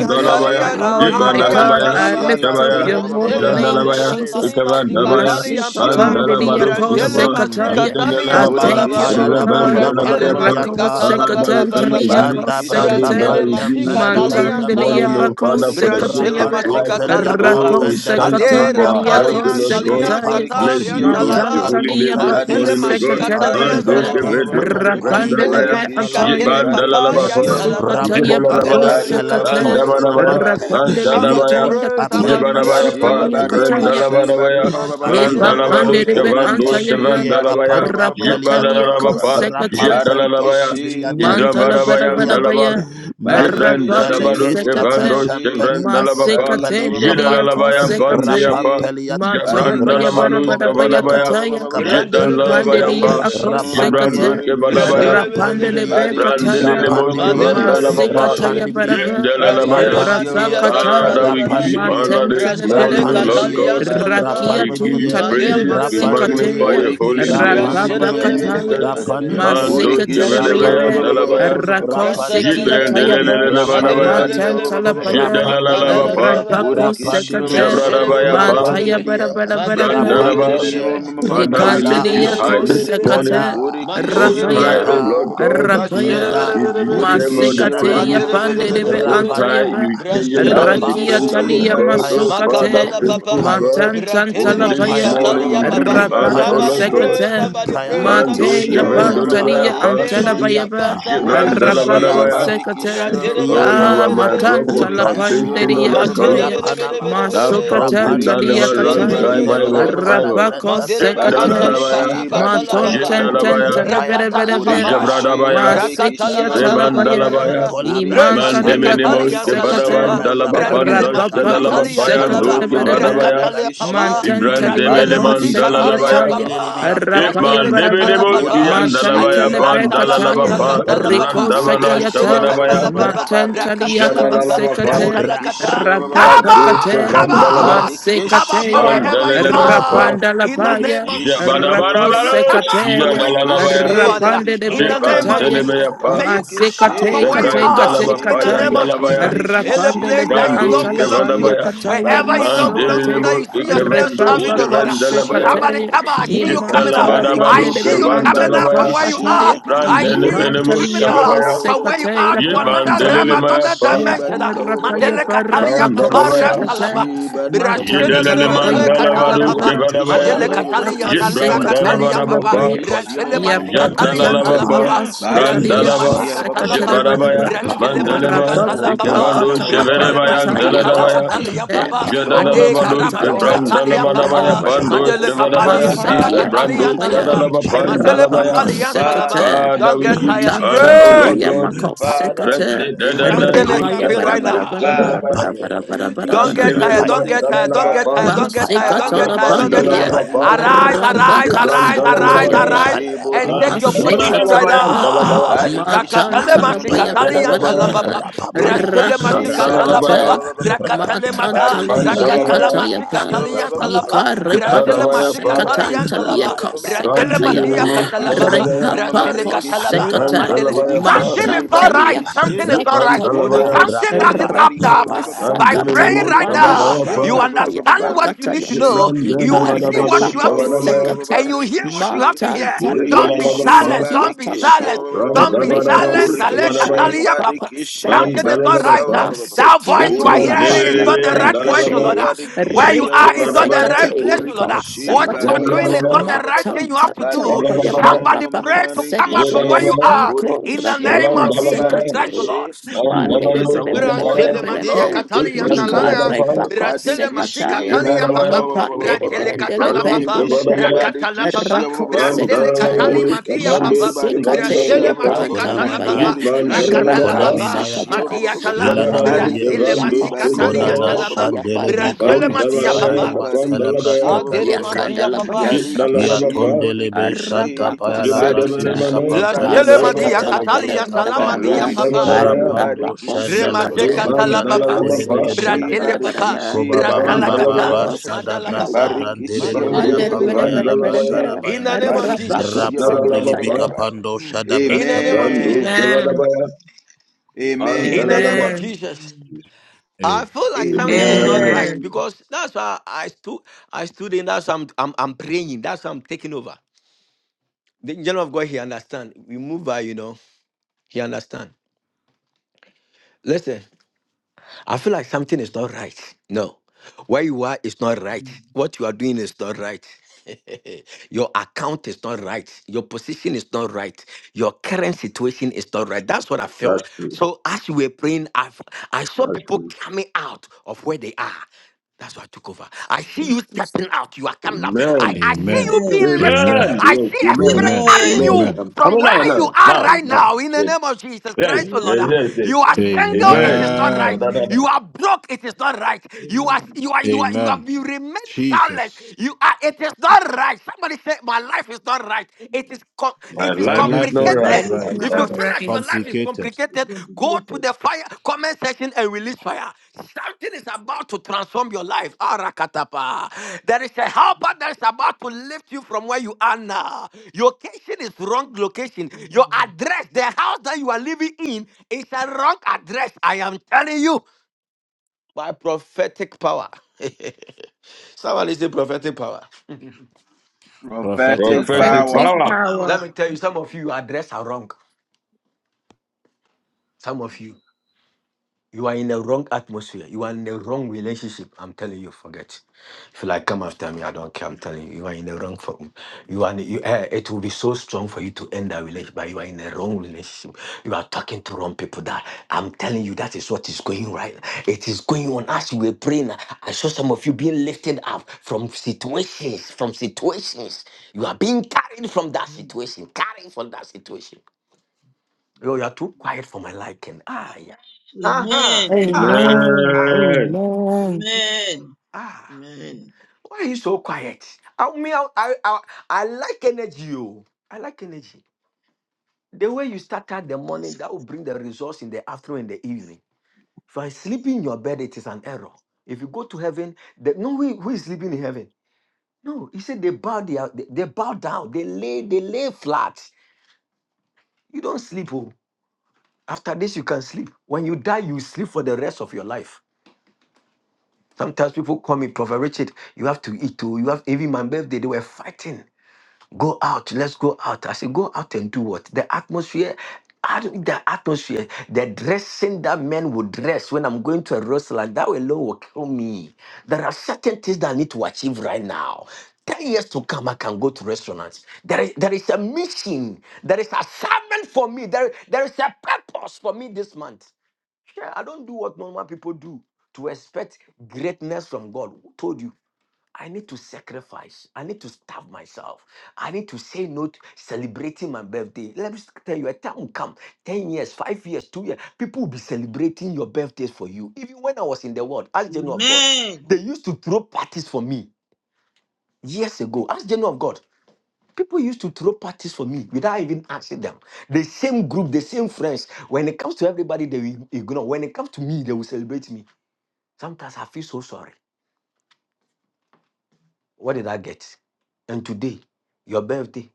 Speaker 9: my
Speaker 12: ankariana
Speaker 9: Lord, my
Speaker 12: aria
Speaker 9: God,
Speaker 7: Ibandalabaya,
Speaker 9: I
Speaker 12: salaba.
Speaker 2: Barikishi
Speaker 9: lift up
Speaker 7: Jabaya,
Speaker 2: barika
Speaker 9: your
Speaker 2: ba- ba- ba- ba-
Speaker 9: holy
Speaker 2: ba-
Speaker 12: Berashele
Speaker 2: ba- ba-
Speaker 9: name,
Speaker 2: ba- ba-
Speaker 12: mali
Speaker 7: Jandalabaya,
Speaker 2: ba- ba-
Speaker 9: Jesus.
Speaker 2: ba.
Speaker 12: ansalima
Speaker 7: Ikavandabaya,
Speaker 12: sikatali
Speaker 9: Masuka
Speaker 2: Burikishi ba-
Speaker 12: papa.
Speaker 2: ba- ba- ba- ba-
Speaker 9: tandelia
Speaker 7: Mandalabaru
Speaker 2: ba- ba- ba- ba- ba- ba-
Speaker 12: Berashele
Speaker 9: kose
Speaker 7: Siapa,
Speaker 2: ba- ba- ba.
Speaker 9: kataya.
Speaker 12: masikatali
Speaker 9: I
Speaker 7: Yitanalabapa,
Speaker 9: thank you,
Speaker 12: salaba.
Speaker 2: Burikishi
Speaker 9: O
Speaker 2: ba- ba- ba- ba- ba-
Speaker 9: God.
Speaker 2: ba- ba- ba-
Speaker 12: Berantele
Speaker 2: ba- ba-
Speaker 7: Rabandalabayapa,
Speaker 2: ba- ba- ba-
Speaker 9: Rakose
Speaker 2: ba-
Speaker 12: masikatala
Speaker 7: Father,
Speaker 2: ba- ba.
Speaker 12: papa
Speaker 7: we
Speaker 12: papa
Speaker 7: honor
Speaker 9: katantalia
Speaker 12: papa.
Speaker 7: you.
Speaker 9: kose
Speaker 2: Barikishi
Speaker 9: katan.
Speaker 12: Berantele
Speaker 7: Adonai, we give you
Speaker 2: barikishi ba-
Speaker 7: praise
Speaker 2: ba- ba-
Speaker 7: this
Speaker 12: masikatali
Speaker 2: ba- ba- ba.
Speaker 9: Mantandelia
Speaker 7: morning,
Speaker 12: salama.
Speaker 7: oh Father, for
Speaker 9: bakose
Speaker 7: the
Speaker 2: Burikishi
Speaker 7: gift
Speaker 2: ba-
Speaker 9: kataya.
Speaker 12: Branchele
Speaker 7: of
Speaker 2: ba- ba- ba- ba-
Speaker 7: life.
Speaker 2: ba-
Speaker 12: masika papa,
Speaker 7: Oh, we
Speaker 9: Rakose
Speaker 2: barikishi.
Speaker 7: thank you for
Speaker 12: Adera
Speaker 7: our
Speaker 9: katandelia
Speaker 7: health, oh
Speaker 12: saria
Speaker 7: Lord
Speaker 9: kose
Speaker 7: God.
Speaker 2: Barikishi,
Speaker 12: salia
Speaker 9: kataya.
Speaker 7: Blessed
Speaker 2: Burikishi,
Speaker 12: katarian
Speaker 7: be
Speaker 2: ba- ba- ba-
Speaker 7: unto
Speaker 2: ba-
Speaker 7: your
Speaker 12: talaba.
Speaker 2: ba.
Speaker 7: holy name
Speaker 9: Mantantalia
Speaker 7: this
Speaker 12: Masele
Speaker 7: morning, oh
Speaker 9: bakose
Speaker 7: God.
Speaker 2: Barikishi,
Speaker 12: masikatali talian
Speaker 2: Barika,
Speaker 7: Andus
Speaker 2: ba-
Speaker 9: kataya.
Speaker 2: ba-
Speaker 7: de
Speaker 2: ba-
Speaker 12: salaba.
Speaker 2: ba- ba- ba-
Speaker 7: Vedus
Speaker 2: ba.
Speaker 7: de
Speaker 9: Rakandele
Speaker 12: Rantele
Speaker 7: Vendalaya,
Speaker 9: be
Speaker 12: masika
Speaker 2: Burikishi,
Speaker 12: tele
Speaker 9: antaya.
Speaker 12: papa
Speaker 2: Barikishi,
Speaker 12: yang
Speaker 7: Yibandalabaya,
Speaker 2: ba- ba- ba- ba-
Speaker 9: Masuka
Speaker 12: talaba.
Speaker 2: ba- ba.
Speaker 9: taya
Speaker 12: Madele
Speaker 7: Yibanalabaya,
Speaker 9: bakose
Speaker 12: bele
Speaker 2: Barika, ba-
Speaker 12: bele
Speaker 2: ba-
Speaker 12: bele
Speaker 2: ba-
Speaker 9: kataya.
Speaker 2: ba- ba-
Speaker 12: bele
Speaker 2: ba- ba- ba-
Speaker 12: bele
Speaker 7: Randamanabaya,
Speaker 12: bele.
Speaker 9: Rapandele
Speaker 2: Barikishi,
Speaker 12: Somebody
Speaker 7: Randanabaya,
Speaker 9: katenda
Speaker 12: pray,
Speaker 9: katia
Speaker 12: somebody
Speaker 7: Ujibanabaya,
Speaker 12: pray,
Speaker 2: Burikishi,
Speaker 7: Pa,
Speaker 12: somebody
Speaker 9: masutalia
Speaker 12: pray.
Speaker 9: kataya.
Speaker 2: Barikishi, Barika,
Speaker 7: Rendalabanabaya,
Speaker 2: ba- ba- ba- ba- ba- ba-
Speaker 12: Masele
Speaker 9: Epa
Speaker 2: ba.
Speaker 12: bele bele
Speaker 7: Mandalabadus
Speaker 9: pandele
Speaker 7: de
Speaker 9: be
Speaker 7: Vandus de
Speaker 9: antaya
Speaker 2: Burikishi,
Speaker 9: fe.
Speaker 2: Barika,
Speaker 7: Vendalabaya,
Speaker 2: ba- ba- ba- ba- ba- ba-
Speaker 9: Rakatalia
Speaker 7: Yibanalabapa,
Speaker 9: kosekate.
Speaker 7: Yibanalabaya,
Speaker 2: Barikishi,
Speaker 9: Mantala
Speaker 2: Burikishi,
Speaker 9: vada
Speaker 7: Izrabarabaya,
Speaker 2: ba- ba-
Speaker 9: vada
Speaker 2: ba- ba- ba-
Speaker 7: Dalaba,
Speaker 2: ba.
Speaker 9: baya. Rapa
Speaker 2: Barikishi,
Speaker 7: Ujibrandalabadus de
Speaker 9: kosekate.
Speaker 7: Vandus de
Speaker 2: Burikishi,
Speaker 7: Vendalabapa,
Speaker 2: Barika, ba- ba- ba-
Speaker 9: Masekatendelia
Speaker 2: ba- ba- ba-
Speaker 7: Yidalalabaya,
Speaker 9: kosekataya.
Speaker 7: Vandeyapa,
Speaker 2: Barikishi,
Speaker 9: Mantala baya bara
Speaker 2: Barikishi,
Speaker 7: Jabrandalamanus
Speaker 9: bara
Speaker 7: de
Speaker 9: baya
Speaker 2: Barika, ba- ba- ba- ba-
Speaker 9: kataya.
Speaker 2: ba- ba-
Speaker 12: bele.
Speaker 2: ba.
Speaker 12: Randele bele bele
Speaker 7: Vadabaya,
Speaker 9: Ikandelia
Speaker 12: bele bele
Speaker 2: Burikishi,
Speaker 12: bele.
Speaker 2: ma- ma-
Speaker 9: akose
Speaker 2: ma- ma- ma-
Speaker 9: kate.
Speaker 7: Jebrandoike Badabaya,
Speaker 2: Rikishi,
Speaker 12: Randele bele bele
Speaker 9: Rapandele be
Speaker 12: bele bele.
Speaker 2: Barikishi,
Speaker 9: kataya.
Speaker 2: ba- ba- ba-
Speaker 7: Brandelelemoske
Speaker 2: ba- ba- ba-
Speaker 12: Mandele
Speaker 2: ba-
Speaker 12: bele bele
Speaker 7: Vandalabapa,
Speaker 12: bele
Speaker 9: Masekataya
Speaker 12: bele.
Speaker 2: Rikishi,
Speaker 9: baraba.
Speaker 12: Brasile
Speaker 7: Yedalalabaya.
Speaker 2: Barikishi, ba- ba-
Speaker 12: matia
Speaker 2: ba- ba- ba- ba-
Speaker 12: talaba
Speaker 9: Rasakataya.
Speaker 7: Father, we
Speaker 12: laba
Speaker 7: give
Speaker 12: la.
Speaker 7: you
Speaker 2: Rikishi,
Speaker 7: honor this
Speaker 9: Matentele
Speaker 7: morning,
Speaker 12: Brasile
Speaker 7: O
Speaker 9: berebe.
Speaker 7: Lord
Speaker 2: Barikishi,
Speaker 12: katalian
Speaker 7: God.
Speaker 12: salaba.
Speaker 9: Rakia
Speaker 7: We give you
Speaker 2: Barika,
Speaker 9: tuntalia
Speaker 12: Mandele
Speaker 7: praises.
Speaker 12: bele
Speaker 7: We
Speaker 12: bele bele
Speaker 7: magnify
Speaker 12: bele
Speaker 9: masikateya.
Speaker 12: bele.
Speaker 7: your holy
Speaker 2: Borekeshia
Speaker 7: name,
Speaker 9: Rapapa
Speaker 12: Brasile bele bele
Speaker 9: kataya.
Speaker 7: Jesus.
Speaker 12: bele bele bele bele.
Speaker 7: Mandoske
Speaker 9: Masekatele
Speaker 2: Borekeshia
Speaker 12: Brasile
Speaker 7: Vedabaya,
Speaker 12: bele
Speaker 9: beyebe.
Speaker 12: bele bele.
Speaker 7: Dalabaya,
Speaker 12: Brasada bele
Speaker 9: Rakosekia
Speaker 12: bele bele.
Speaker 9: tayaba.
Speaker 2: Borekeshe
Speaker 12: Mandele
Speaker 7: Jebrandelelelebadabaya,
Speaker 12: bele
Speaker 2: Barika
Speaker 12: bele
Speaker 9: Matantala
Speaker 12: bele bele.
Speaker 9: paya.
Speaker 12: Mandala
Speaker 7: Jedalalalabapa,
Speaker 12: bele bele
Speaker 9: Rakako
Speaker 12: bele.
Speaker 2: Borekeshia
Speaker 9: sekate.
Speaker 12: Brasile bele bele
Speaker 7: Jabradabayapa,
Speaker 12: bele
Speaker 9: Mataya
Speaker 12: bele.
Speaker 9: bara bara bara
Speaker 12: Mandele
Speaker 9: ba.
Speaker 12: bele bele
Speaker 7: Brandalaba.
Speaker 12: bele
Speaker 2: Borekeshia
Speaker 12: bele.
Speaker 7: Father, we
Speaker 12: Brasile
Speaker 7: lift you
Speaker 9: Ikantidia
Speaker 12: bele
Speaker 2: Marekeshe
Speaker 7: high
Speaker 12: bele
Speaker 7: this
Speaker 12: bele bele.
Speaker 7: morning,
Speaker 9: kosekate
Speaker 12: Mandele
Speaker 7: most
Speaker 12: bele
Speaker 7: high,
Speaker 12: bele
Speaker 9: rapaya
Speaker 7: O
Speaker 12: bele.
Speaker 7: Lord God.
Speaker 2: Borekeshia
Speaker 12: Brashere
Speaker 9: rapaya
Speaker 12: bere
Speaker 7: You
Speaker 12: bere bere.
Speaker 7: deserve all the
Speaker 2: Borikishi, ba- ba- ba-
Speaker 9: masekate
Speaker 7: praises.
Speaker 9: ya
Speaker 2: ba- ba- ba-
Speaker 12: Madere
Speaker 2: ba- ba-
Speaker 12: bere
Speaker 2: ba- ba-
Speaker 12: bere
Speaker 2: ba-
Speaker 9: pandebe
Speaker 12: bere
Speaker 2: ba-
Speaker 7: Most
Speaker 2: ba- ba- ba-
Speaker 7: High,
Speaker 2: ba.
Speaker 9: antayaba
Speaker 7: you changing not,
Speaker 9: rakia
Speaker 2: Barikishi,
Speaker 7: dependable
Speaker 9: talia
Speaker 7: God, oh
Speaker 2: Barikishi, ba- ba- ba-
Speaker 7: Father,
Speaker 2: ba-
Speaker 9: masokate
Speaker 12: Makatala
Speaker 2: ba- ba- ba- ba-
Speaker 12: papa.
Speaker 7: faithful
Speaker 2: ba.
Speaker 7: God.
Speaker 12: Brantele
Speaker 7: This
Speaker 2: Borikishi,
Speaker 9: matantantalapaya
Speaker 2: ba- ba-
Speaker 12: masikatali
Speaker 7: morning
Speaker 12: ya
Speaker 7: we
Speaker 2: ba- ba-
Speaker 7: give
Speaker 2: ba-
Speaker 12: papa.
Speaker 2: ba-
Speaker 7: you
Speaker 2: ba-
Speaker 7: honor, oh
Speaker 9: rapako
Speaker 12: Somebody
Speaker 7: Lord God.
Speaker 2: Barikishi.
Speaker 12: pray,
Speaker 9: sekate
Speaker 12: somebody pray,
Speaker 7: Mandos
Speaker 12: somebody
Speaker 9: mate
Speaker 2: Borikishi,
Speaker 9: ya
Speaker 2: ba- ba-
Speaker 12: pray.
Speaker 2: ba- ba- ba- ba-
Speaker 7: Kevendolebaya,
Speaker 9: pantalia
Speaker 12: Ale
Speaker 2: Barikishi.
Speaker 9: antanabayaba
Speaker 12: masikatali
Speaker 7: Gibran
Speaker 12: ya
Speaker 2: Borikishi,
Speaker 12: salaba.
Speaker 9: rapako
Speaker 7: Dalabadabaya.
Speaker 2: Barikishi,
Speaker 9: sekate
Speaker 2: ba- ba-
Speaker 12: Brandere
Speaker 2: ba- ba-
Speaker 7: Oh,
Speaker 2: ba- ba-
Speaker 7: you
Speaker 9: ah
Speaker 2: ba.
Speaker 7: are my rock of
Speaker 2: Borikishi, ba-
Speaker 7: salvation,
Speaker 2: ba-
Speaker 7: oh
Speaker 9: matantalapanderia
Speaker 2: ba- ba-
Speaker 7: Lord
Speaker 2: ba- ba- ba- ba-
Speaker 7: God.
Speaker 9: antaya
Speaker 2: ba- ba- ba- ba- ba.
Speaker 7: That
Speaker 12: Mashelebelebelebelebele.
Speaker 7: fountain that
Speaker 9: masokatantalia
Speaker 7: never
Speaker 2: Borikishi,
Speaker 7: run
Speaker 9: kataya
Speaker 7: dry,
Speaker 2: Barika,
Speaker 7: my God,
Speaker 12: Brashelebelebelebele.
Speaker 7: my God.
Speaker 9: Rabako
Speaker 12: Madereba
Speaker 9: sekate
Speaker 12: antalika
Speaker 2: Barikishi,
Speaker 7: Dalabaya,
Speaker 9: Ma
Speaker 2: Barika,
Speaker 12: shikatala
Speaker 9: ton
Speaker 7: Jit
Speaker 12: papa.
Speaker 9: ten ten
Speaker 7: Dalabaya,
Speaker 9: telebere bere bere.
Speaker 12: Rakatala
Speaker 9: be.
Speaker 12: papa.
Speaker 2: Borikishi
Speaker 9: Ma
Speaker 7: Jabradabaya,
Speaker 12: Rakatala
Speaker 9: Masekia
Speaker 2: Badikishia
Speaker 12: madala
Speaker 7: Reban
Speaker 12: bala
Speaker 9: talapaya.
Speaker 12: bala bala. Re
Speaker 7: Man
Speaker 12: mase
Speaker 2: Borikishi
Speaker 9: Imantalia
Speaker 12: katali
Speaker 7: demenemos ke
Speaker 12: yansala
Speaker 2: Badikishia
Speaker 7: vadavan
Speaker 9: kosekate.
Speaker 12: papa.
Speaker 7: dalabapan
Speaker 12: Brantele masi
Speaker 7: dosha
Speaker 9: Rababa
Speaker 12: katali
Speaker 2: Bodikishia
Speaker 7: dalabapayan
Speaker 12: yantalaba.
Speaker 7: do
Speaker 9: kosekate
Speaker 7: ke
Speaker 9: bere bere.
Speaker 7: vadabaya.
Speaker 12: Brakatale
Speaker 2: Marikishi
Speaker 12: papa.
Speaker 7: Ibran
Speaker 9: Mantantalia
Speaker 12: Brashele madi
Speaker 7: demeneman
Speaker 2: Badikishi
Speaker 9: kosekia
Speaker 12: katali yan
Speaker 7: dalalabaya.
Speaker 2: Badika
Speaker 9: taya.
Speaker 12: papa.
Speaker 7: If
Speaker 9: Rapaya
Speaker 12: Brashele
Speaker 7: man
Speaker 9: bere bere.
Speaker 12: katala
Speaker 7: demenemos ki
Speaker 12: papa.
Speaker 7: yan
Speaker 2: Bodikishi
Speaker 7: dalabaya
Speaker 12: Adi
Speaker 9: Mantantale
Speaker 7: pan
Speaker 12: atala
Speaker 2: Badikishia
Speaker 9: pekataya.
Speaker 7: dalalabapa.
Speaker 12: masakatala
Speaker 9: Riko
Speaker 12: papa.
Speaker 7: Randamanas ke
Speaker 2: Bodikishia
Speaker 12: Brashele
Speaker 9: sakiata.
Speaker 7: vadabaya.
Speaker 12: katala papa.
Speaker 9: Mantantalia
Speaker 12: Brakatala
Speaker 2: Barikishi
Speaker 12: papa papa,
Speaker 7: Jadalalabapa.
Speaker 9: kosekate.
Speaker 12: brashalakata.
Speaker 2: Borikishia
Speaker 12: Come
Speaker 9: Rababa
Speaker 7: Yagdos ke
Speaker 12: out,
Speaker 9: kate.
Speaker 12: come
Speaker 9: Ma
Speaker 7: vrandalaba.
Speaker 12: out, come out from
Speaker 7: Man
Speaker 9: Masekateya.
Speaker 12: wherever you
Speaker 2: Badikishia
Speaker 7: delelemaya
Speaker 12: are.
Speaker 7: pa.
Speaker 12: In the
Speaker 9: Rapandalapaya.
Speaker 12: name of Jesus. May you
Speaker 2: Bodikishia
Speaker 12: come
Speaker 7: Jabadabarabaros.
Speaker 12: out from
Speaker 9: Raposekateye,
Speaker 12: where you are this
Speaker 7: Yadalalabaya.
Speaker 2: Bodekeshe
Speaker 12: morning. uh,
Speaker 9: Rapande de
Speaker 2: barika
Speaker 12: In
Speaker 2: ba-
Speaker 12: the
Speaker 2: ba- ba- ba-
Speaker 12: name
Speaker 2: ba-
Speaker 7: Jipan
Speaker 2: ba.
Speaker 12: of
Speaker 9: Bekataye,
Speaker 12: Jesus.
Speaker 7: delemaya pa.
Speaker 12: May you come
Speaker 2: Badekeshe
Speaker 12: out from
Speaker 9: Masekate,
Speaker 7: Ke
Speaker 12: where you
Speaker 9: Kate,
Speaker 12: are.
Speaker 9: Kate,
Speaker 2: bodekeshe
Speaker 7: vrandalabapa
Speaker 12: In the
Speaker 7: yan
Speaker 12: name
Speaker 9: Kataye,
Speaker 12: of
Speaker 7: dalabaya.
Speaker 12: Jesus. Any
Speaker 2: bodekeshe
Speaker 9: Rapande de
Speaker 12: place
Speaker 9: Be
Speaker 12: that you
Speaker 7: Brandos
Speaker 12: don't
Speaker 7: ke
Speaker 12: belong
Speaker 2: barekeshe
Speaker 9: Antalapanya
Speaker 12: to,
Speaker 7: vadabaya.
Speaker 9: Kataye,
Speaker 12: wherever you
Speaker 2: barika
Speaker 12: don't
Speaker 2: ba- ba-
Speaker 12: belong
Speaker 2: ba- ba-
Speaker 12: to,
Speaker 2: ba-
Speaker 9: Masokate,
Speaker 7: Mandilinemu
Speaker 2: ba-
Speaker 12: that you
Speaker 2: ba- ba.
Speaker 12: see yourself
Speaker 7: ikevando
Speaker 9: Repapa
Speaker 12: serving, oh Lord. uh,
Speaker 2: bodekeshe
Speaker 7: shevendalabaya.
Speaker 2: ba- ba- ba-
Speaker 12: Somebody
Speaker 2: ba-
Speaker 9: Kosekate,
Speaker 2: ba-
Speaker 12: come
Speaker 2: ba-
Speaker 12: out.
Speaker 2: ba-
Speaker 12: I
Speaker 2: ba.
Speaker 12: see you coming out.
Speaker 7: Jitnalabadabadu
Speaker 12: I
Speaker 9: Imantalapande de
Speaker 12: see
Speaker 9: Be
Speaker 2: badekeshe
Speaker 12: you coming out
Speaker 7: kevandalabaya.
Speaker 12: from where you
Speaker 2: badekeshe
Speaker 12: are.
Speaker 9: Antalapankataye,
Speaker 12: I see you
Speaker 7: Brandelemenemu
Speaker 12: coming
Speaker 9: Ikantalia
Speaker 2: borekeshe ba-
Speaker 12: out
Speaker 2: ba-
Speaker 7: skavabaya.
Speaker 2: ba- ba-
Speaker 12: from
Speaker 2: ba- ba-
Speaker 12: where you
Speaker 2: ba- ba.
Speaker 9: Kosekate,
Speaker 12: are to another another realm,
Speaker 9: Lapankataye.
Speaker 7: Yivandelelemaya
Speaker 12: another
Speaker 7: pa.
Speaker 2: badekeshe
Speaker 9: Ya
Speaker 12: dimension.
Speaker 2: barika ba-
Speaker 9: para
Speaker 2: ba- ba- ba- ba-
Speaker 9: paya
Speaker 2: ba.
Speaker 12: Mandele
Speaker 2: ba.
Speaker 9: para
Speaker 12: Catalia
Speaker 9: pa
Speaker 12: Paparia
Speaker 7: Mandalabaya.
Speaker 2: bodekeshe
Speaker 9: kosekate,
Speaker 12: Salaba.
Speaker 2: barika ba- ba- ba-
Speaker 12: Brashede
Speaker 2: ba- ba-
Speaker 9: matantala
Speaker 2: ba- ba- ba.
Speaker 9: paya
Speaker 12: Berebe
Speaker 9: para
Speaker 12: Catala
Speaker 9: para
Speaker 7: Yidelelemandalabadu
Speaker 12: Papa.
Speaker 9: pa.
Speaker 7: skevadabaya.
Speaker 2: Bodekeshe
Speaker 12: Mandele
Speaker 2: ba ba ba ba ba. ba
Speaker 12: Catalia
Speaker 9: Rebecca
Speaker 2: ba.
Speaker 12: Salia Catalia
Speaker 9: Secatenta
Speaker 7: Yitbrandalabadaba
Speaker 9: la
Speaker 12: Papa.
Speaker 7: pa.
Speaker 9: Brea,
Speaker 2: Bodekeshia,
Speaker 12: Brantele
Speaker 2: ma- ma- ma- ma- ma- ma-
Speaker 12: Masica
Speaker 9: Yapaca
Speaker 2: ma- ma- ma-
Speaker 12: Talia
Speaker 2: ma-
Speaker 7: Jatdalalaba
Speaker 12: Tala
Speaker 2: ma-
Speaker 7: pa.
Speaker 9: Tantaria
Speaker 12: Papa.
Speaker 2: ma.
Speaker 12: Brantele
Speaker 9: Asitalia
Speaker 7: Brandalaba.
Speaker 12: Masica
Speaker 2: ba- ba-
Speaker 12: Tala
Speaker 2: ba- ba-
Speaker 9: Cosecatera
Speaker 2: ba- ba-
Speaker 12: Papa.
Speaker 2: ba-
Speaker 9: Verena,
Speaker 7: Jitbadabaya.
Speaker 2: ba.
Speaker 12: Brantele
Speaker 2: Oh, yes,
Speaker 7: Mandalemaya.
Speaker 12: Masica Tala
Speaker 2: our
Speaker 9: Rababa
Speaker 2: God
Speaker 12: Papa.
Speaker 2: and
Speaker 7: Ikevando
Speaker 2: our
Speaker 9: Bacatala
Speaker 12: Brantele
Speaker 2: Lord.
Speaker 7: sheverebaya.
Speaker 2: Thank
Speaker 12: Masica
Speaker 2: you,
Speaker 9: Bacataya
Speaker 12: Tala
Speaker 2: Lord.
Speaker 7: Dalalabaya.
Speaker 12: Catalia
Speaker 9: Castacate,
Speaker 2: Thank
Speaker 12: Papa.
Speaker 2: you, Lord.
Speaker 12: Ade
Speaker 2: Thank
Speaker 7: Jadalabados
Speaker 2: you,
Speaker 12: Karama
Speaker 9: Matata
Speaker 12: Sica
Speaker 2: Lord. Thank
Speaker 9: Tatabaya
Speaker 2: you,
Speaker 7: Kevrandalamanamaya
Speaker 12: Papa.
Speaker 9: Verena,
Speaker 7: Pandos
Speaker 12: Mandele
Speaker 2: Jesus. Thank you,
Speaker 12: Papalia
Speaker 7: Kevadabaya
Speaker 12: Sala
Speaker 7: Tika
Speaker 9: Masetia
Speaker 2: Father.
Speaker 12: Catalia
Speaker 7: Brandos
Speaker 9: Talabaya,
Speaker 2: Thank
Speaker 12: Dalaba.
Speaker 2: you,
Speaker 7: Kadalaba
Speaker 12: Matele
Speaker 2: Jesus.
Speaker 7: Pandalabaya.
Speaker 9: Rabaca
Speaker 2: Thank you,
Speaker 12: Papalia Salaba.
Speaker 2: Father.
Speaker 9: Secate,
Speaker 7: Father,
Speaker 12: Don't
Speaker 7: we
Speaker 12: get
Speaker 2: Thank
Speaker 7: give
Speaker 2: you,
Speaker 7: you
Speaker 12: tired.
Speaker 7: honor, O
Speaker 2: Jesus.
Speaker 12: Pray.
Speaker 7: Lord
Speaker 9: Mantantantalia
Speaker 7: God.
Speaker 2: Thank you,
Speaker 9: Maco
Speaker 2: Father.
Speaker 7: Red de
Speaker 9: Secate,
Speaker 2: Thank you,
Speaker 12: Something is
Speaker 7: Dedadandos
Speaker 9: Repaya
Speaker 2: Jesus.
Speaker 12: happening right
Speaker 2: Thank
Speaker 9: Verena,
Speaker 2: you,
Speaker 7: Kevandos
Speaker 12: now.
Speaker 9: Verena,
Speaker 2: Father.
Speaker 7: Kadalabaya.
Speaker 9: Verena, Verena,
Speaker 2: Thank you,
Speaker 9: Verena,
Speaker 12: Don't get
Speaker 9: Verena,
Speaker 12: tired.
Speaker 2: Jesus.
Speaker 7: Pandemelema
Speaker 12: Don't get
Speaker 2: Thank you,
Speaker 12: tired. Don't
Speaker 2: Father.
Speaker 12: get
Speaker 7: Dalalabapa.
Speaker 12: tired. Don't get tired. Don't get
Speaker 9: Masekatala
Speaker 12: tired.
Speaker 7: Japan
Speaker 12: Don't get
Speaker 2: Barikishi,
Speaker 12: tired.
Speaker 9: Pandiria
Speaker 7: Dalalabapa.
Speaker 2: barika, ba- ba- ba-
Speaker 12: Arise,
Speaker 2: ba- ba- ba- ba- ba-
Speaker 12: arise,
Speaker 7: Jebran
Speaker 12: arise, arise,
Speaker 7: Dalalabaya.
Speaker 9: Rabakasakatayava
Speaker 12: arise,
Speaker 2: burikishi,
Speaker 12: and
Speaker 7: Mas
Speaker 12: take your
Speaker 2: burikishi, ba- ba-
Speaker 12: position
Speaker 2: ba- ba-
Speaker 12: right
Speaker 2: ba- ba-
Speaker 7: Kevadalabaya
Speaker 9: Masekatayava
Speaker 2: ba-
Speaker 7: Dalabaya.
Speaker 12: now.
Speaker 2: barikishi,
Speaker 12: Rakatale
Speaker 2: ma- ma-
Speaker 9: Matantala
Speaker 2: ma- ma- ma-
Speaker 12: masikatali yanta
Speaker 2: rikishi,
Speaker 12: la
Speaker 7: Jadalabaya.
Speaker 9: Bayabarabarava
Speaker 12: papa. Brasile
Speaker 2: burikishi,
Speaker 12: masikata la
Speaker 2: barika,
Speaker 7: Jadalabaya.
Speaker 2: ba-
Speaker 12: papa.
Speaker 9: Rakasekata
Speaker 2: ba- ba- ba- ba- ba- ba-
Speaker 12: Brakatale mada.
Speaker 9: Matantala
Speaker 7: Man
Speaker 2: barikishi,
Speaker 12: Rakatala
Speaker 7: Dalabaya.
Speaker 2: burikishi,
Speaker 9: Bayakatayava
Speaker 2: ba-
Speaker 12: masikatali
Speaker 2: ba- ba-
Speaker 12: yanta
Speaker 2: ba-
Speaker 12: la
Speaker 2: ba- ba-
Speaker 12: papa.
Speaker 2: ba-
Speaker 12: Brasile
Speaker 7: Jebadabaya
Speaker 2: barikishi,
Speaker 7: Pa.
Speaker 12: masikatali
Speaker 2: barika,
Speaker 12: yanta
Speaker 2: ba-
Speaker 12: la
Speaker 2: ba- ba-
Speaker 12: papa.
Speaker 2: ba- ba- ba- ba- ba-
Speaker 7: Dan
Speaker 12: Bradele
Speaker 2: ba-
Speaker 9: Ikarepakosekatantaliakosekatayava
Speaker 12: matia
Speaker 7: Demelema
Speaker 12: katala
Speaker 2: burikishi,
Speaker 12: papa.
Speaker 2: ma- ma-
Speaker 7: Kevadabaya.
Speaker 2: ma- ma- ma-
Speaker 12: Brasile
Speaker 2: rikishi,
Speaker 12: katalaba.
Speaker 9: Rekapakosekata
Speaker 12: Madele.
Speaker 7: Mandalabaya pa,
Speaker 2: burikishi,
Speaker 12: Something is all right.
Speaker 9: Mantantaliakosekatayava
Speaker 2: barikishi,
Speaker 12: Something is all right.
Speaker 9: Sekitayaba,
Speaker 7: Mandalabaya,
Speaker 12: Something
Speaker 2: Borekeshe
Speaker 12: doesn't up
Speaker 2: barika
Speaker 12: now
Speaker 2: ba-
Speaker 9: Rapaka
Speaker 2: ba-
Speaker 12: uh,
Speaker 2: ba- ba- ba- ba-
Speaker 7: and
Speaker 12: by praying
Speaker 9: Sakatala
Speaker 7: Diminimo
Speaker 12: right
Speaker 9: Bandal
Speaker 12: now.
Speaker 2: Borekeshe
Speaker 7: Savabaya
Speaker 2: ba-
Speaker 12: You
Speaker 7: pa,
Speaker 2: ba- ba- ba- ba-
Speaker 9: Bakataya
Speaker 2: ba-
Speaker 12: understand what you need
Speaker 9: Bakataya,
Speaker 12: to
Speaker 2: barekeshe
Speaker 12: know.
Speaker 7: Jibran
Speaker 12: You will
Speaker 9: Nika
Speaker 12: see what
Speaker 7: Denabadabadu
Speaker 12: you
Speaker 2: Borekeshe
Speaker 12: have
Speaker 9: Repako
Speaker 2: ba-
Speaker 12: to
Speaker 2: ba- ba- ba-
Speaker 12: see,
Speaker 7: Savadabaya,
Speaker 2: ba- ba-
Speaker 12: and
Speaker 9: Sekata,
Speaker 12: you hear what you
Speaker 2: barekeshe
Speaker 12: have to
Speaker 9: Matan
Speaker 12: hear. Don't be
Speaker 9: Taliako
Speaker 2: Borekeshe
Speaker 7: Jitalababa pa,
Speaker 12: silent.
Speaker 9: Sekia
Speaker 12: Don't be
Speaker 2: barekeshe
Speaker 12: silent.
Speaker 2: ba-
Speaker 9: Talaba,
Speaker 2: ba- ba- ba- ba-
Speaker 12: Don't
Speaker 2: ba-
Speaker 12: be
Speaker 2: ba-
Speaker 9: Rito
Speaker 12: silent.
Speaker 7: Randabadabadu
Speaker 12: Ale
Speaker 2: Borekeshe
Speaker 7: Savadabaya,
Speaker 9: Sakataya
Speaker 12: katalia
Speaker 9: Bako
Speaker 12: papa.
Speaker 2: barekeshe
Speaker 12: Something
Speaker 9: Sekata,
Speaker 12: is not
Speaker 2: barika
Speaker 7: Mandalababa
Speaker 12: right.
Speaker 2: ba-
Speaker 7: pa,
Speaker 12: uh.
Speaker 2: ba- ba- ba- ba-
Speaker 12: That
Speaker 9: Masekia
Speaker 12: voice you are
Speaker 9: Tola
Speaker 7: Jitman
Speaker 12: hearing
Speaker 2: Borekeshe
Speaker 12: is
Speaker 9: Bandal
Speaker 7: Devedeve
Speaker 12: not the
Speaker 7: and
Speaker 12: right voice, O
Speaker 2: borekeshe
Speaker 7: Dalalaba,
Speaker 12: Lord.
Speaker 9: Bekate,
Speaker 12: uh. Where
Speaker 2: barekeshe
Speaker 12: you
Speaker 2: ba-
Speaker 9: Rico
Speaker 2: ba-
Speaker 12: are
Speaker 2: ba-
Speaker 12: is
Speaker 2: ba- ba-
Speaker 12: not
Speaker 2: ba.
Speaker 12: the
Speaker 7: Jibadabaya,
Speaker 12: right place,
Speaker 9: Sekataya
Speaker 12: O Lord.
Speaker 9: Ko
Speaker 12: uh.
Speaker 2: Borekeshe
Speaker 12: What you are
Speaker 9: Sakataya.
Speaker 2: barika
Speaker 12: doing is
Speaker 2: ba-
Speaker 7: Jadalabaya,
Speaker 2: ba-
Speaker 12: not
Speaker 2: ba-
Speaker 12: the
Speaker 2: ba- ba- ba-
Speaker 12: right
Speaker 2: ba.
Speaker 12: thing
Speaker 9: Matan
Speaker 12: you have to
Speaker 9: tanta la
Speaker 12: do.
Speaker 9: paya
Speaker 2: Barekeshe
Speaker 7: Dalabaya,
Speaker 2: ma- ma- ma-
Speaker 9: parra
Speaker 12: Somebody
Speaker 2: ma- ma- ma-
Speaker 9: papa
Speaker 12: pray
Speaker 2: ma-
Speaker 12: to come out from
Speaker 9: secate,
Speaker 12: where you
Speaker 7: Jedalabaya,
Speaker 12: are
Speaker 9: Nico
Speaker 12: in the
Speaker 2: Borekeshe ba- ba-
Speaker 12: name
Speaker 2: ba-
Speaker 9: rapapo
Speaker 2: ba-
Speaker 12: of
Speaker 2: ba- ba-
Speaker 12: Jesus
Speaker 7: Randalabaya,
Speaker 9: secate,
Speaker 12: Christ, O
Speaker 2: barekeshe
Speaker 12: Lord.
Speaker 2: Oh,
Speaker 9: Mande de
Speaker 2: yes,
Speaker 7: Mandabadu
Speaker 9: bene
Speaker 2: our
Speaker 9: bene
Speaker 2: God
Speaker 7: Savabaya,
Speaker 9: bene
Speaker 2: and
Speaker 12: Brasile
Speaker 2: our
Speaker 9: bene
Speaker 12: madia
Speaker 2: Lord,
Speaker 9: bene,
Speaker 2: we thank
Speaker 12: catalia
Speaker 2: you,
Speaker 7: Jitman
Speaker 9: Nica
Speaker 12: salara,
Speaker 2: Jesus.
Speaker 7: Dalabapa,
Speaker 9: repaco
Speaker 12: Brasile masi
Speaker 9: secatae,
Speaker 2: Badikishi,
Speaker 12: catalia
Speaker 2: badika,
Speaker 7: Jedalabaya,
Speaker 12: papa,
Speaker 2: ba- ba- ba- ba-
Speaker 9: Nipande
Speaker 2: ba-
Speaker 9: de
Speaker 2: ba- ba.
Speaker 12: Bratele
Speaker 9: bende de
Speaker 12: catala
Speaker 7: Radu
Speaker 9: bende
Speaker 12: papa,
Speaker 9: de
Speaker 2: Burikishi,
Speaker 7: Savadabaya,
Speaker 9: paya,
Speaker 12: Bracatala
Speaker 2: badikishi,
Speaker 12: papa,
Speaker 2: ba- ba-
Speaker 9: Raco
Speaker 2: ba- ba- ba- ba- ba.
Speaker 12: Brasile
Speaker 9: secatae,
Speaker 12: catali
Speaker 7: Mandalavaru
Speaker 12: madia
Speaker 2: Burikishi,
Speaker 7: Samandos
Speaker 12: papa,
Speaker 9: Masecate,
Speaker 2: badikishi, ba-
Speaker 12: Brasile
Speaker 2: ba- ba- ba-
Speaker 7: Vandabayapa
Speaker 12: masi
Speaker 2: ba-
Speaker 9: Yapanta la
Speaker 2: ba.
Speaker 12: catala
Speaker 9: paya,
Speaker 12: papa,
Speaker 2: Burikishi,
Speaker 12: Racatala
Speaker 9: Raca
Speaker 7: Mandalalavapa
Speaker 12: papa,
Speaker 2: badikishi, ba-
Speaker 9: secatae,
Speaker 2: ba- ba-
Speaker 12: Matia
Speaker 2: ba- ba.
Speaker 12: tala,
Speaker 7: Jabaralu
Speaker 9: Yapande,
Speaker 12: Brasile
Speaker 2: Badikishi,
Speaker 12: masi
Speaker 7: Kevandos
Speaker 9: Yapo
Speaker 2: badika,
Speaker 12: catalia
Speaker 9: secata
Speaker 2: ba-
Speaker 7: Dalavaya
Speaker 9: la
Speaker 2: ba- ba- ba-
Speaker 12: talaba,
Speaker 2: ba-
Speaker 9: paya
Speaker 2: ba- ba.
Speaker 9: parra
Speaker 12: Brasile
Speaker 9: papa
Speaker 12: madia
Speaker 7: Vandavarabaya
Speaker 2: Burikishi,
Speaker 12: papa,
Speaker 9: secatae.
Speaker 2: badikishi,
Speaker 7: Kapandalavaya
Speaker 2: ba- ba- ba- ba-
Speaker 12: Adere
Speaker 2: ba- ba-
Speaker 12: masia
Speaker 2: ba.
Speaker 12: papa,
Speaker 9: Yakandalabayasabara.
Speaker 2: Barikishi,
Speaker 7: Jitnalavapa
Speaker 2: burikishi,
Speaker 9: Arapakosekata.
Speaker 7: Jibrademanemana
Speaker 2: badikishi,
Speaker 7: Skia
Speaker 2: badika,
Speaker 12: Brasile
Speaker 2: ba-
Speaker 7: Dalava
Speaker 2: ba- ba-
Speaker 12: madia
Speaker 2: ba- ba-
Speaker 12: catalia salama diam
Speaker 9: Masekatalabayabarabaraba.
Speaker 12: papa.
Speaker 7: Randavaravaya
Speaker 2: Burikishi Barikishi ba- ba- ba- ba- ba-
Speaker 9: Arapakosekate.
Speaker 2: ba-
Speaker 12: Remaseka
Speaker 2: ba- ba.
Speaker 12: la papa,
Speaker 7: Vandalavapa
Speaker 2: Burikishi
Speaker 12: brantele papa,
Speaker 9: Asekatalabayabarabaraba.
Speaker 2: Barikishi Barika ba- ba- ba-
Speaker 12: brasalakata,
Speaker 7: Vandalavaya
Speaker 2: ba- ba- ba- ba- ba.
Speaker 12: madala papa,
Speaker 9: Arapakosekatayaba.
Speaker 2: Barikishi ba- ba- ba-
Speaker 7: Jibandos
Speaker 2: ba- ba- ba-
Speaker 12: masherebere.
Speaker 7: Vandalavaya
Speaker 9: Mandarabarabaraba.
Speaker 2: Barikishi
Speaker 12: In the name of Jesus,
Speaker 2: Barikishi ba- ba- ba- ba- ba- ba- ba- ba-
Speaker 7: Jitnalavapa
Speaker 2: ba.
Speaker 9: Arapakosekatayabaraba.
Speaker 12: in the name of
Speaker 7: Randos
Speaker 12: Jesus,
Speaker 2: Amen.
Speaker 9: Amen.
Speaker 7: Vanabaya
Speaker 12: in the
Speaker 2: Amen.
Speaker 12: name
Speaker 7: Mandalalava
Speaker 12: of
Speaker 9: Amen.
Speaker 12: Jesus. I feel like something is not
Speaker 2: Amen.
Speaker 7: Amen.
Speaker 12: right
Speaker 9: Amen.
Speaker 3: Amen.
Speaker 12: because that's why I stood. I stood in. That's why I'm, I'm. I'm praying. That's why I'm taking over. The general of God, he understand. We move by, you know. He understand. Listen. I feel like something is not right. No. Where you are is not right. What you are doing is not right. Your account is not right. Your position is not right. Your current situation is not right. That's what I
Speaker 7: That's
Speaker 12: felt.
Speaker 7: true.
Speaker 12: So as we were praying, I, I saw
Speaker 7: That's
Speaker 12: people
Speaker 7: true.
Speaker 12: coming out of where they are. That's why I took over. I see you stepping out. You are coming up.
Speaker 7: Amen.
Speaker 12: I, I see
Speaker 1: Amen.
Speaker 12: you being
Speaker 3: Amen.
Speaker 12: lifted.
Speaker 1: Amen.
Speaker 7: Amen.
Speaker 12: I
Speaker 7: Yes,
Speaker 12: see a
Speaker 7: amen.
Speaker 12: spirit
Speaker 1: Amen.
Speaker 12: carrying
Speaker 3: Amen.
Speaker 7: Amen.
Speaker 12: you
Speaker 1: Amen.
Speaker 7: I'm
Speaker 12: from
Speaker 7: coming out
Speaker 12: where you
Speaker 7: now.
Speaker 12: are
Speaker 7: Now,
Speaker 12: right
Speaker 7: now.
Speaker 12: now in the
Speaker 7: Yes,
Speaker 12: name of Jesus
Speaker 7: yes,
Speaker 12: Christ, oh Lord.
Speaker 7: yes,
Speaker 12: ah.
Speaker 7: yes.
Speaker 3: Amen.
Speaker 12: You are
Speaker 7: yes.
Speaker 12: single,
Speaker 3: Amen.
Speaker 12: it is
Speaker 7: Amen.
Speaker 12: not
Speaker 7: Da, da,
Speaker 12: right.
Speaker 1: Amen.
Speaker 7: da, da,
Speaker 12: You
Speaker 9: Amen.
Speaker 7: da.
Speaker 12: are broke, it is not right. You are
Speaker 3: Amen.
Speaker 12: you are you are you
Speaker 1: Amen.
Speaker 12: have you remain silent.
Speaker 1: Jesus.
Speaker 12: You are it is not right. Somebody say my life is not right. It is com-
Speaker 7: My
Speaker 12: It is
Speaker 1: My
Speaker 7: life is
Speaker 1: life
Speaker 7: not
Speaker 1: is
Speaker 7: right.
Speaker 12: complicated.
Speaker 1: not
Speaker 9: And
Speaker 7: Da,
Speaker 9: it's
Speaker 1: right.
Speaker 12: If
Speaker 7: da,
Speaker 12: you
Speaker 9: not
Speaker 1: It
Speaker 7: da,
Speaker 12: feel
Speaker 7: da.
Speaker 1: is
Speaker 12: like your
Speaker 9: right.
Speaker 12: life is
Speaker 1: complicated.
Speaker 12: complicated, go to the fire comment section and release fire. Something is about to transform your life. Arakatapa. There is a helper that is about to lift you from where you are now. Your location is wrong location. Your address, the house that you are living in, is a wrong address. I am telling you by prophetic power. Someone is the prophetic power.
Speaker 1: Prophetic
Speaker 2: Prophetic
Speaker 1: power.
Speaker 7: Prophetic
Speaker 9: Offensive
Speaker 2: power.
Speaker 7: power.
Speaker 3: Power.
Speaker 9: power.
Speaker 12: Let me tell you, some of you, your address are wrong. Some of you. You are in the wrong atmosphere. You are in the wrong relationship. I'm telling you, forget. If you like come after me, I don't care. I'm telling you, you are in the wrong. For, you are. You, eh, it will be so strong for you to end that relationship, but you are in the wrong relationship. You are talking to wrong people. That I'm telling you, that is what is going right. It is going on as we were praying. I saw some of you being lifted up from situations, from situations. You are being carried from that situation, carried from that situation. Yo, you're too quiet for my liking. Ah, yeah. Uh-huh.
Speaker 3: Amen.
Speaker 12: Ah,
Speaker 9: Amen.
Speaker 12: ah,
Speaker 7: Amen.
Speaker 9: Amen.
Speaker 3: Amen.
Speaker 12: ah.
Speaker 3: Amen.
Speaker 12: Why are you so quiet? I mean, I, I, I, I like energy. You. I like energy. The way you start out the
Speaker 3: Yes,
Speaker 12: morning, that
Speaker 3: Papa.
Speaker 12: will bring the results in the afternoon and the evening. If I sleep in your bed, it is an error. If you go to heaven, the, no, who, who is sleeping in heaven? No, he said they bow, their, they, they bow down, they lay, they lay flat. You don't sleep. Oh. After this, you can sleep. When you die, you sleep for the rest of your life. Sometimes people call me Prophet Richard, you have to eat too. You have even my birthday, they were fighting. Go out, let's go out. I said, go out and do what? The atmosphere, add the atmosphere, the dressing that men would dress when I'm going to a restaurant, that alone will kill me. There are certain things that I need to achieve right now. 10 years to come, I can go to restaurants. There is, there is a mission. There is assignment for me. There, there is a purpose for me this month. Yeah, I don't do what normal people do to expect greatness from God. Who told you? I need to sacrifice. I need to starve myself. I need to say no to celebrating my birthday. Let me tell you, a time will come 10 years, 5 years, 2 years. People will be celebrating your birthdays for you. Even when I was in the world, as general of God,
Speaker 3: Amen.
Speaker 12: they used to throw parties for me years ago. As general of God, people used to throw parties for me without even asking them. The same group, the same friends. When it comes to everybody, they will ignore. When it comes to me, they will celebrate me. Sometimes I feel so sorry. What did I get? And today, your birthday,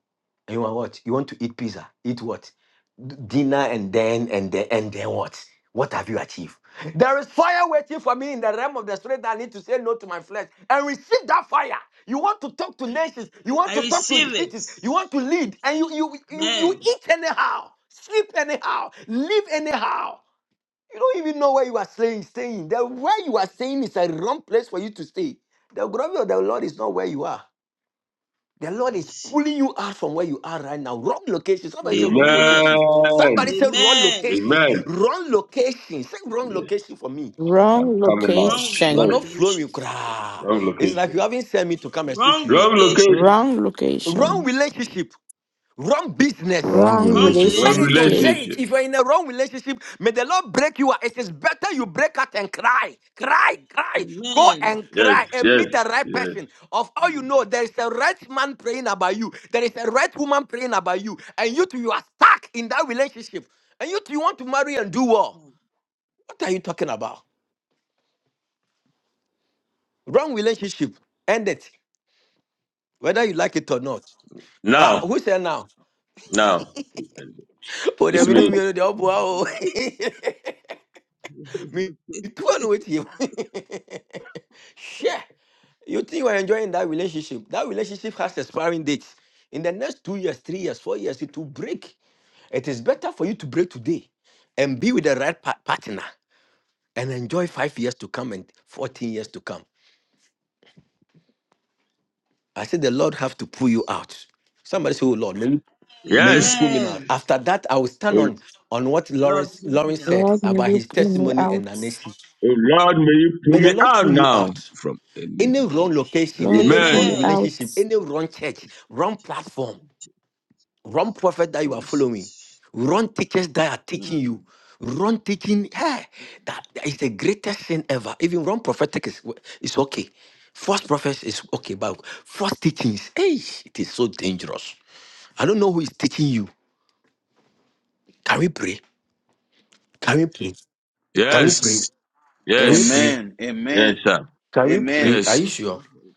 Speaker 12: and you want what? You want to eat pizza? Eat what? D- Dinner and then and then and then what? What have you achieved? There is fire waiting for me in the realm of the spirit that I need to say no to my flesh and receive that fire. You want to talk to nations, you want
Speaker 3: I
Speaker 12: to talk to
Speaker 3: receive it.
Speaker 12: cities, you want to lead, and you you you, you
Speaker 3: Amen.
Speaker 12: eat anyhow, sleep anyhow, live anyhow. You don't even know where you are staying. Staying the where you are staying is a wrong place for you to stay. The glory of the Lord is not where you are. The Lord is
Speaker 3: Mercy.
Speaker 12: pulling you out from where you are right now. Wrong location. Somebody say wrong
Speaker 3: Amen.
Speaker 12: location. Somebody
Speaker 7: Amen.
Speaker 12: say wrong
Speaker 3: Amen.
Speaker 12: locations.
Speaker 7: Amen.
Speaker 12: Wrong location. Say wrong
Speaker 7: Yes,
Speaker 12: location for me.
Speaker 7: I'm
Speaker 9: Wrong
Speaker 7: coming out.
Speaker 3: Wrong
Speaker 12: You are
Speaker 9: location.
Speaker 7: Yes,
Speaker 12: not flowing.
Speaker 3: location.
Speaker 12: Kra.
Speaker 7: wrong
Speaker 12: It's like you
Speaker 7: location.
Speaker 12: haven't sent me to come and speak
Speaker 3: Wrong
Speaker 12: to you.
Speaker 7: Wrong
Speaker 3: location.
Speaker 7: location.
Speaker 9: Wrong
Speaker 12: Wrong
Speaker 9: location.
Speaker 12: relationship. Wrong business.
Speaker 1: Wrong
Speaker 9: Wrong
Speaker 3: Wrong
Speaker 1: relationship.
Speaker 7: Wrong
Speaker 12: it will
Speaker 3: relationship.
Speaker 9: relationship.
Speaker 12: say it.
Speaker 7: relationship.
Speaker 12: If you're in a wrong relationship, may the Lord break you out. It is better you break out and cry. Cry, cry. Go
Speaker 3: Amen.
Speaker 12: and
Speaker 7: Yes,
Speaker 12: cry and
Speaker 7: yes,
Speaker 12: meet the right
Speaker 7: yes.
Speaker 12: person. Of all you know, there is a right man praying about you. There is a right woman praying about you. And you two, you are stuck in that relationship. And you two, you want to marry and do well. What are you talking about? Wrong relationship. End it. Whether you like it or not. Ah,
Speaker 7: Now,
Speaker 12: who said now?
Speaker 7: now,
Speaker 12: Oh, they
Speaker 7: it's
Speaker 12: renew me,
Speaker 7: me.
Speaker 12: the all bow. Mitua no wetie. Share. You think you are enjoying that relationship? That relationship has expiring dates. In the next two years, three years, four years, it will break. It is better for you to break today and be with the right pa- partner and enjoy five years to come and 14 years to come. I said, The Lord have to pull you out. Somebody say, Oh Lord, may you, may you
Speaker 7: Yes.
Speaker 12: pull me out.
Speaker 3: Amen.
Speaker 12: After that, I will stand
Speaker 7: Oh,
Speaker 12: on, on what
Speaker 3: Lord,
Speaker 12: Lawrence,
Speaker 3: clean me
Speaker 12: Lawrence
Speaker 3: out.
Speaker 12: said
Speaker 9: Lord, may
Speaker 12: about
Speaker 9: you
Speaker 12: his
Speaker 9: bring me
Speaker 12: testimony
Speaker 9: out.
Speaker 12: and Anesi.
Speaker 7: Oh Lord, may you
Speaker 12: May
Speaker 7: pull
Speaker 12: the
Speaker 7: me
Speaker 12: Lord
Speaker 7: out
Speaker 12: pull you
Speaker 7: now
Speaker 12: out.
Speaker 7: from
Speaker 12: Any
Speaker 7: iniquity.
Speaker 12: wrong location,
Speaker 9: Lord,
Speaker 12: any
Speaker 9: bring
Speaker 12: wrong
Speaker 7: Amen.
Speaker 9: me
Speaker 3: Amen.
Speaker 9: out.
Speaker 12: relationship, any wrong church, wrong platform, wrong prophet that you are following,
Speaker 3: Jesus.
Speaker 12: wrong teachers that are teaching
Speaker 3: Mm.
Speaker 12: you, wrong teaching, hey, that that is the greatest sin ever. Even wrong prophetic is, is okay. False prophets is okay, but false teachings, hey, it is so dangerous. I don't know who is teaching you. Can we pray? Can we pray? Can we
Speaker 3: Yes, Lord.
Speaker 12: pray?
Speaker 7: Yes.
Speaker 12: Can we
Speaker 3: yes,
Speaker 12: pray?
Speaker 7: Yes.
Speaker 2: Amen.
Speaker 7: Yes,
Speaker 2: Amen.
Speaker 7: sir.
Speaker 12: Can we
Speaker 2: Amen.
Speaker 12: pray? Are
Speaker 7: Yes.
Speaker 12: you
Speaker 3: yes,
Speaker 12: sure?
Speaker 3: Lord.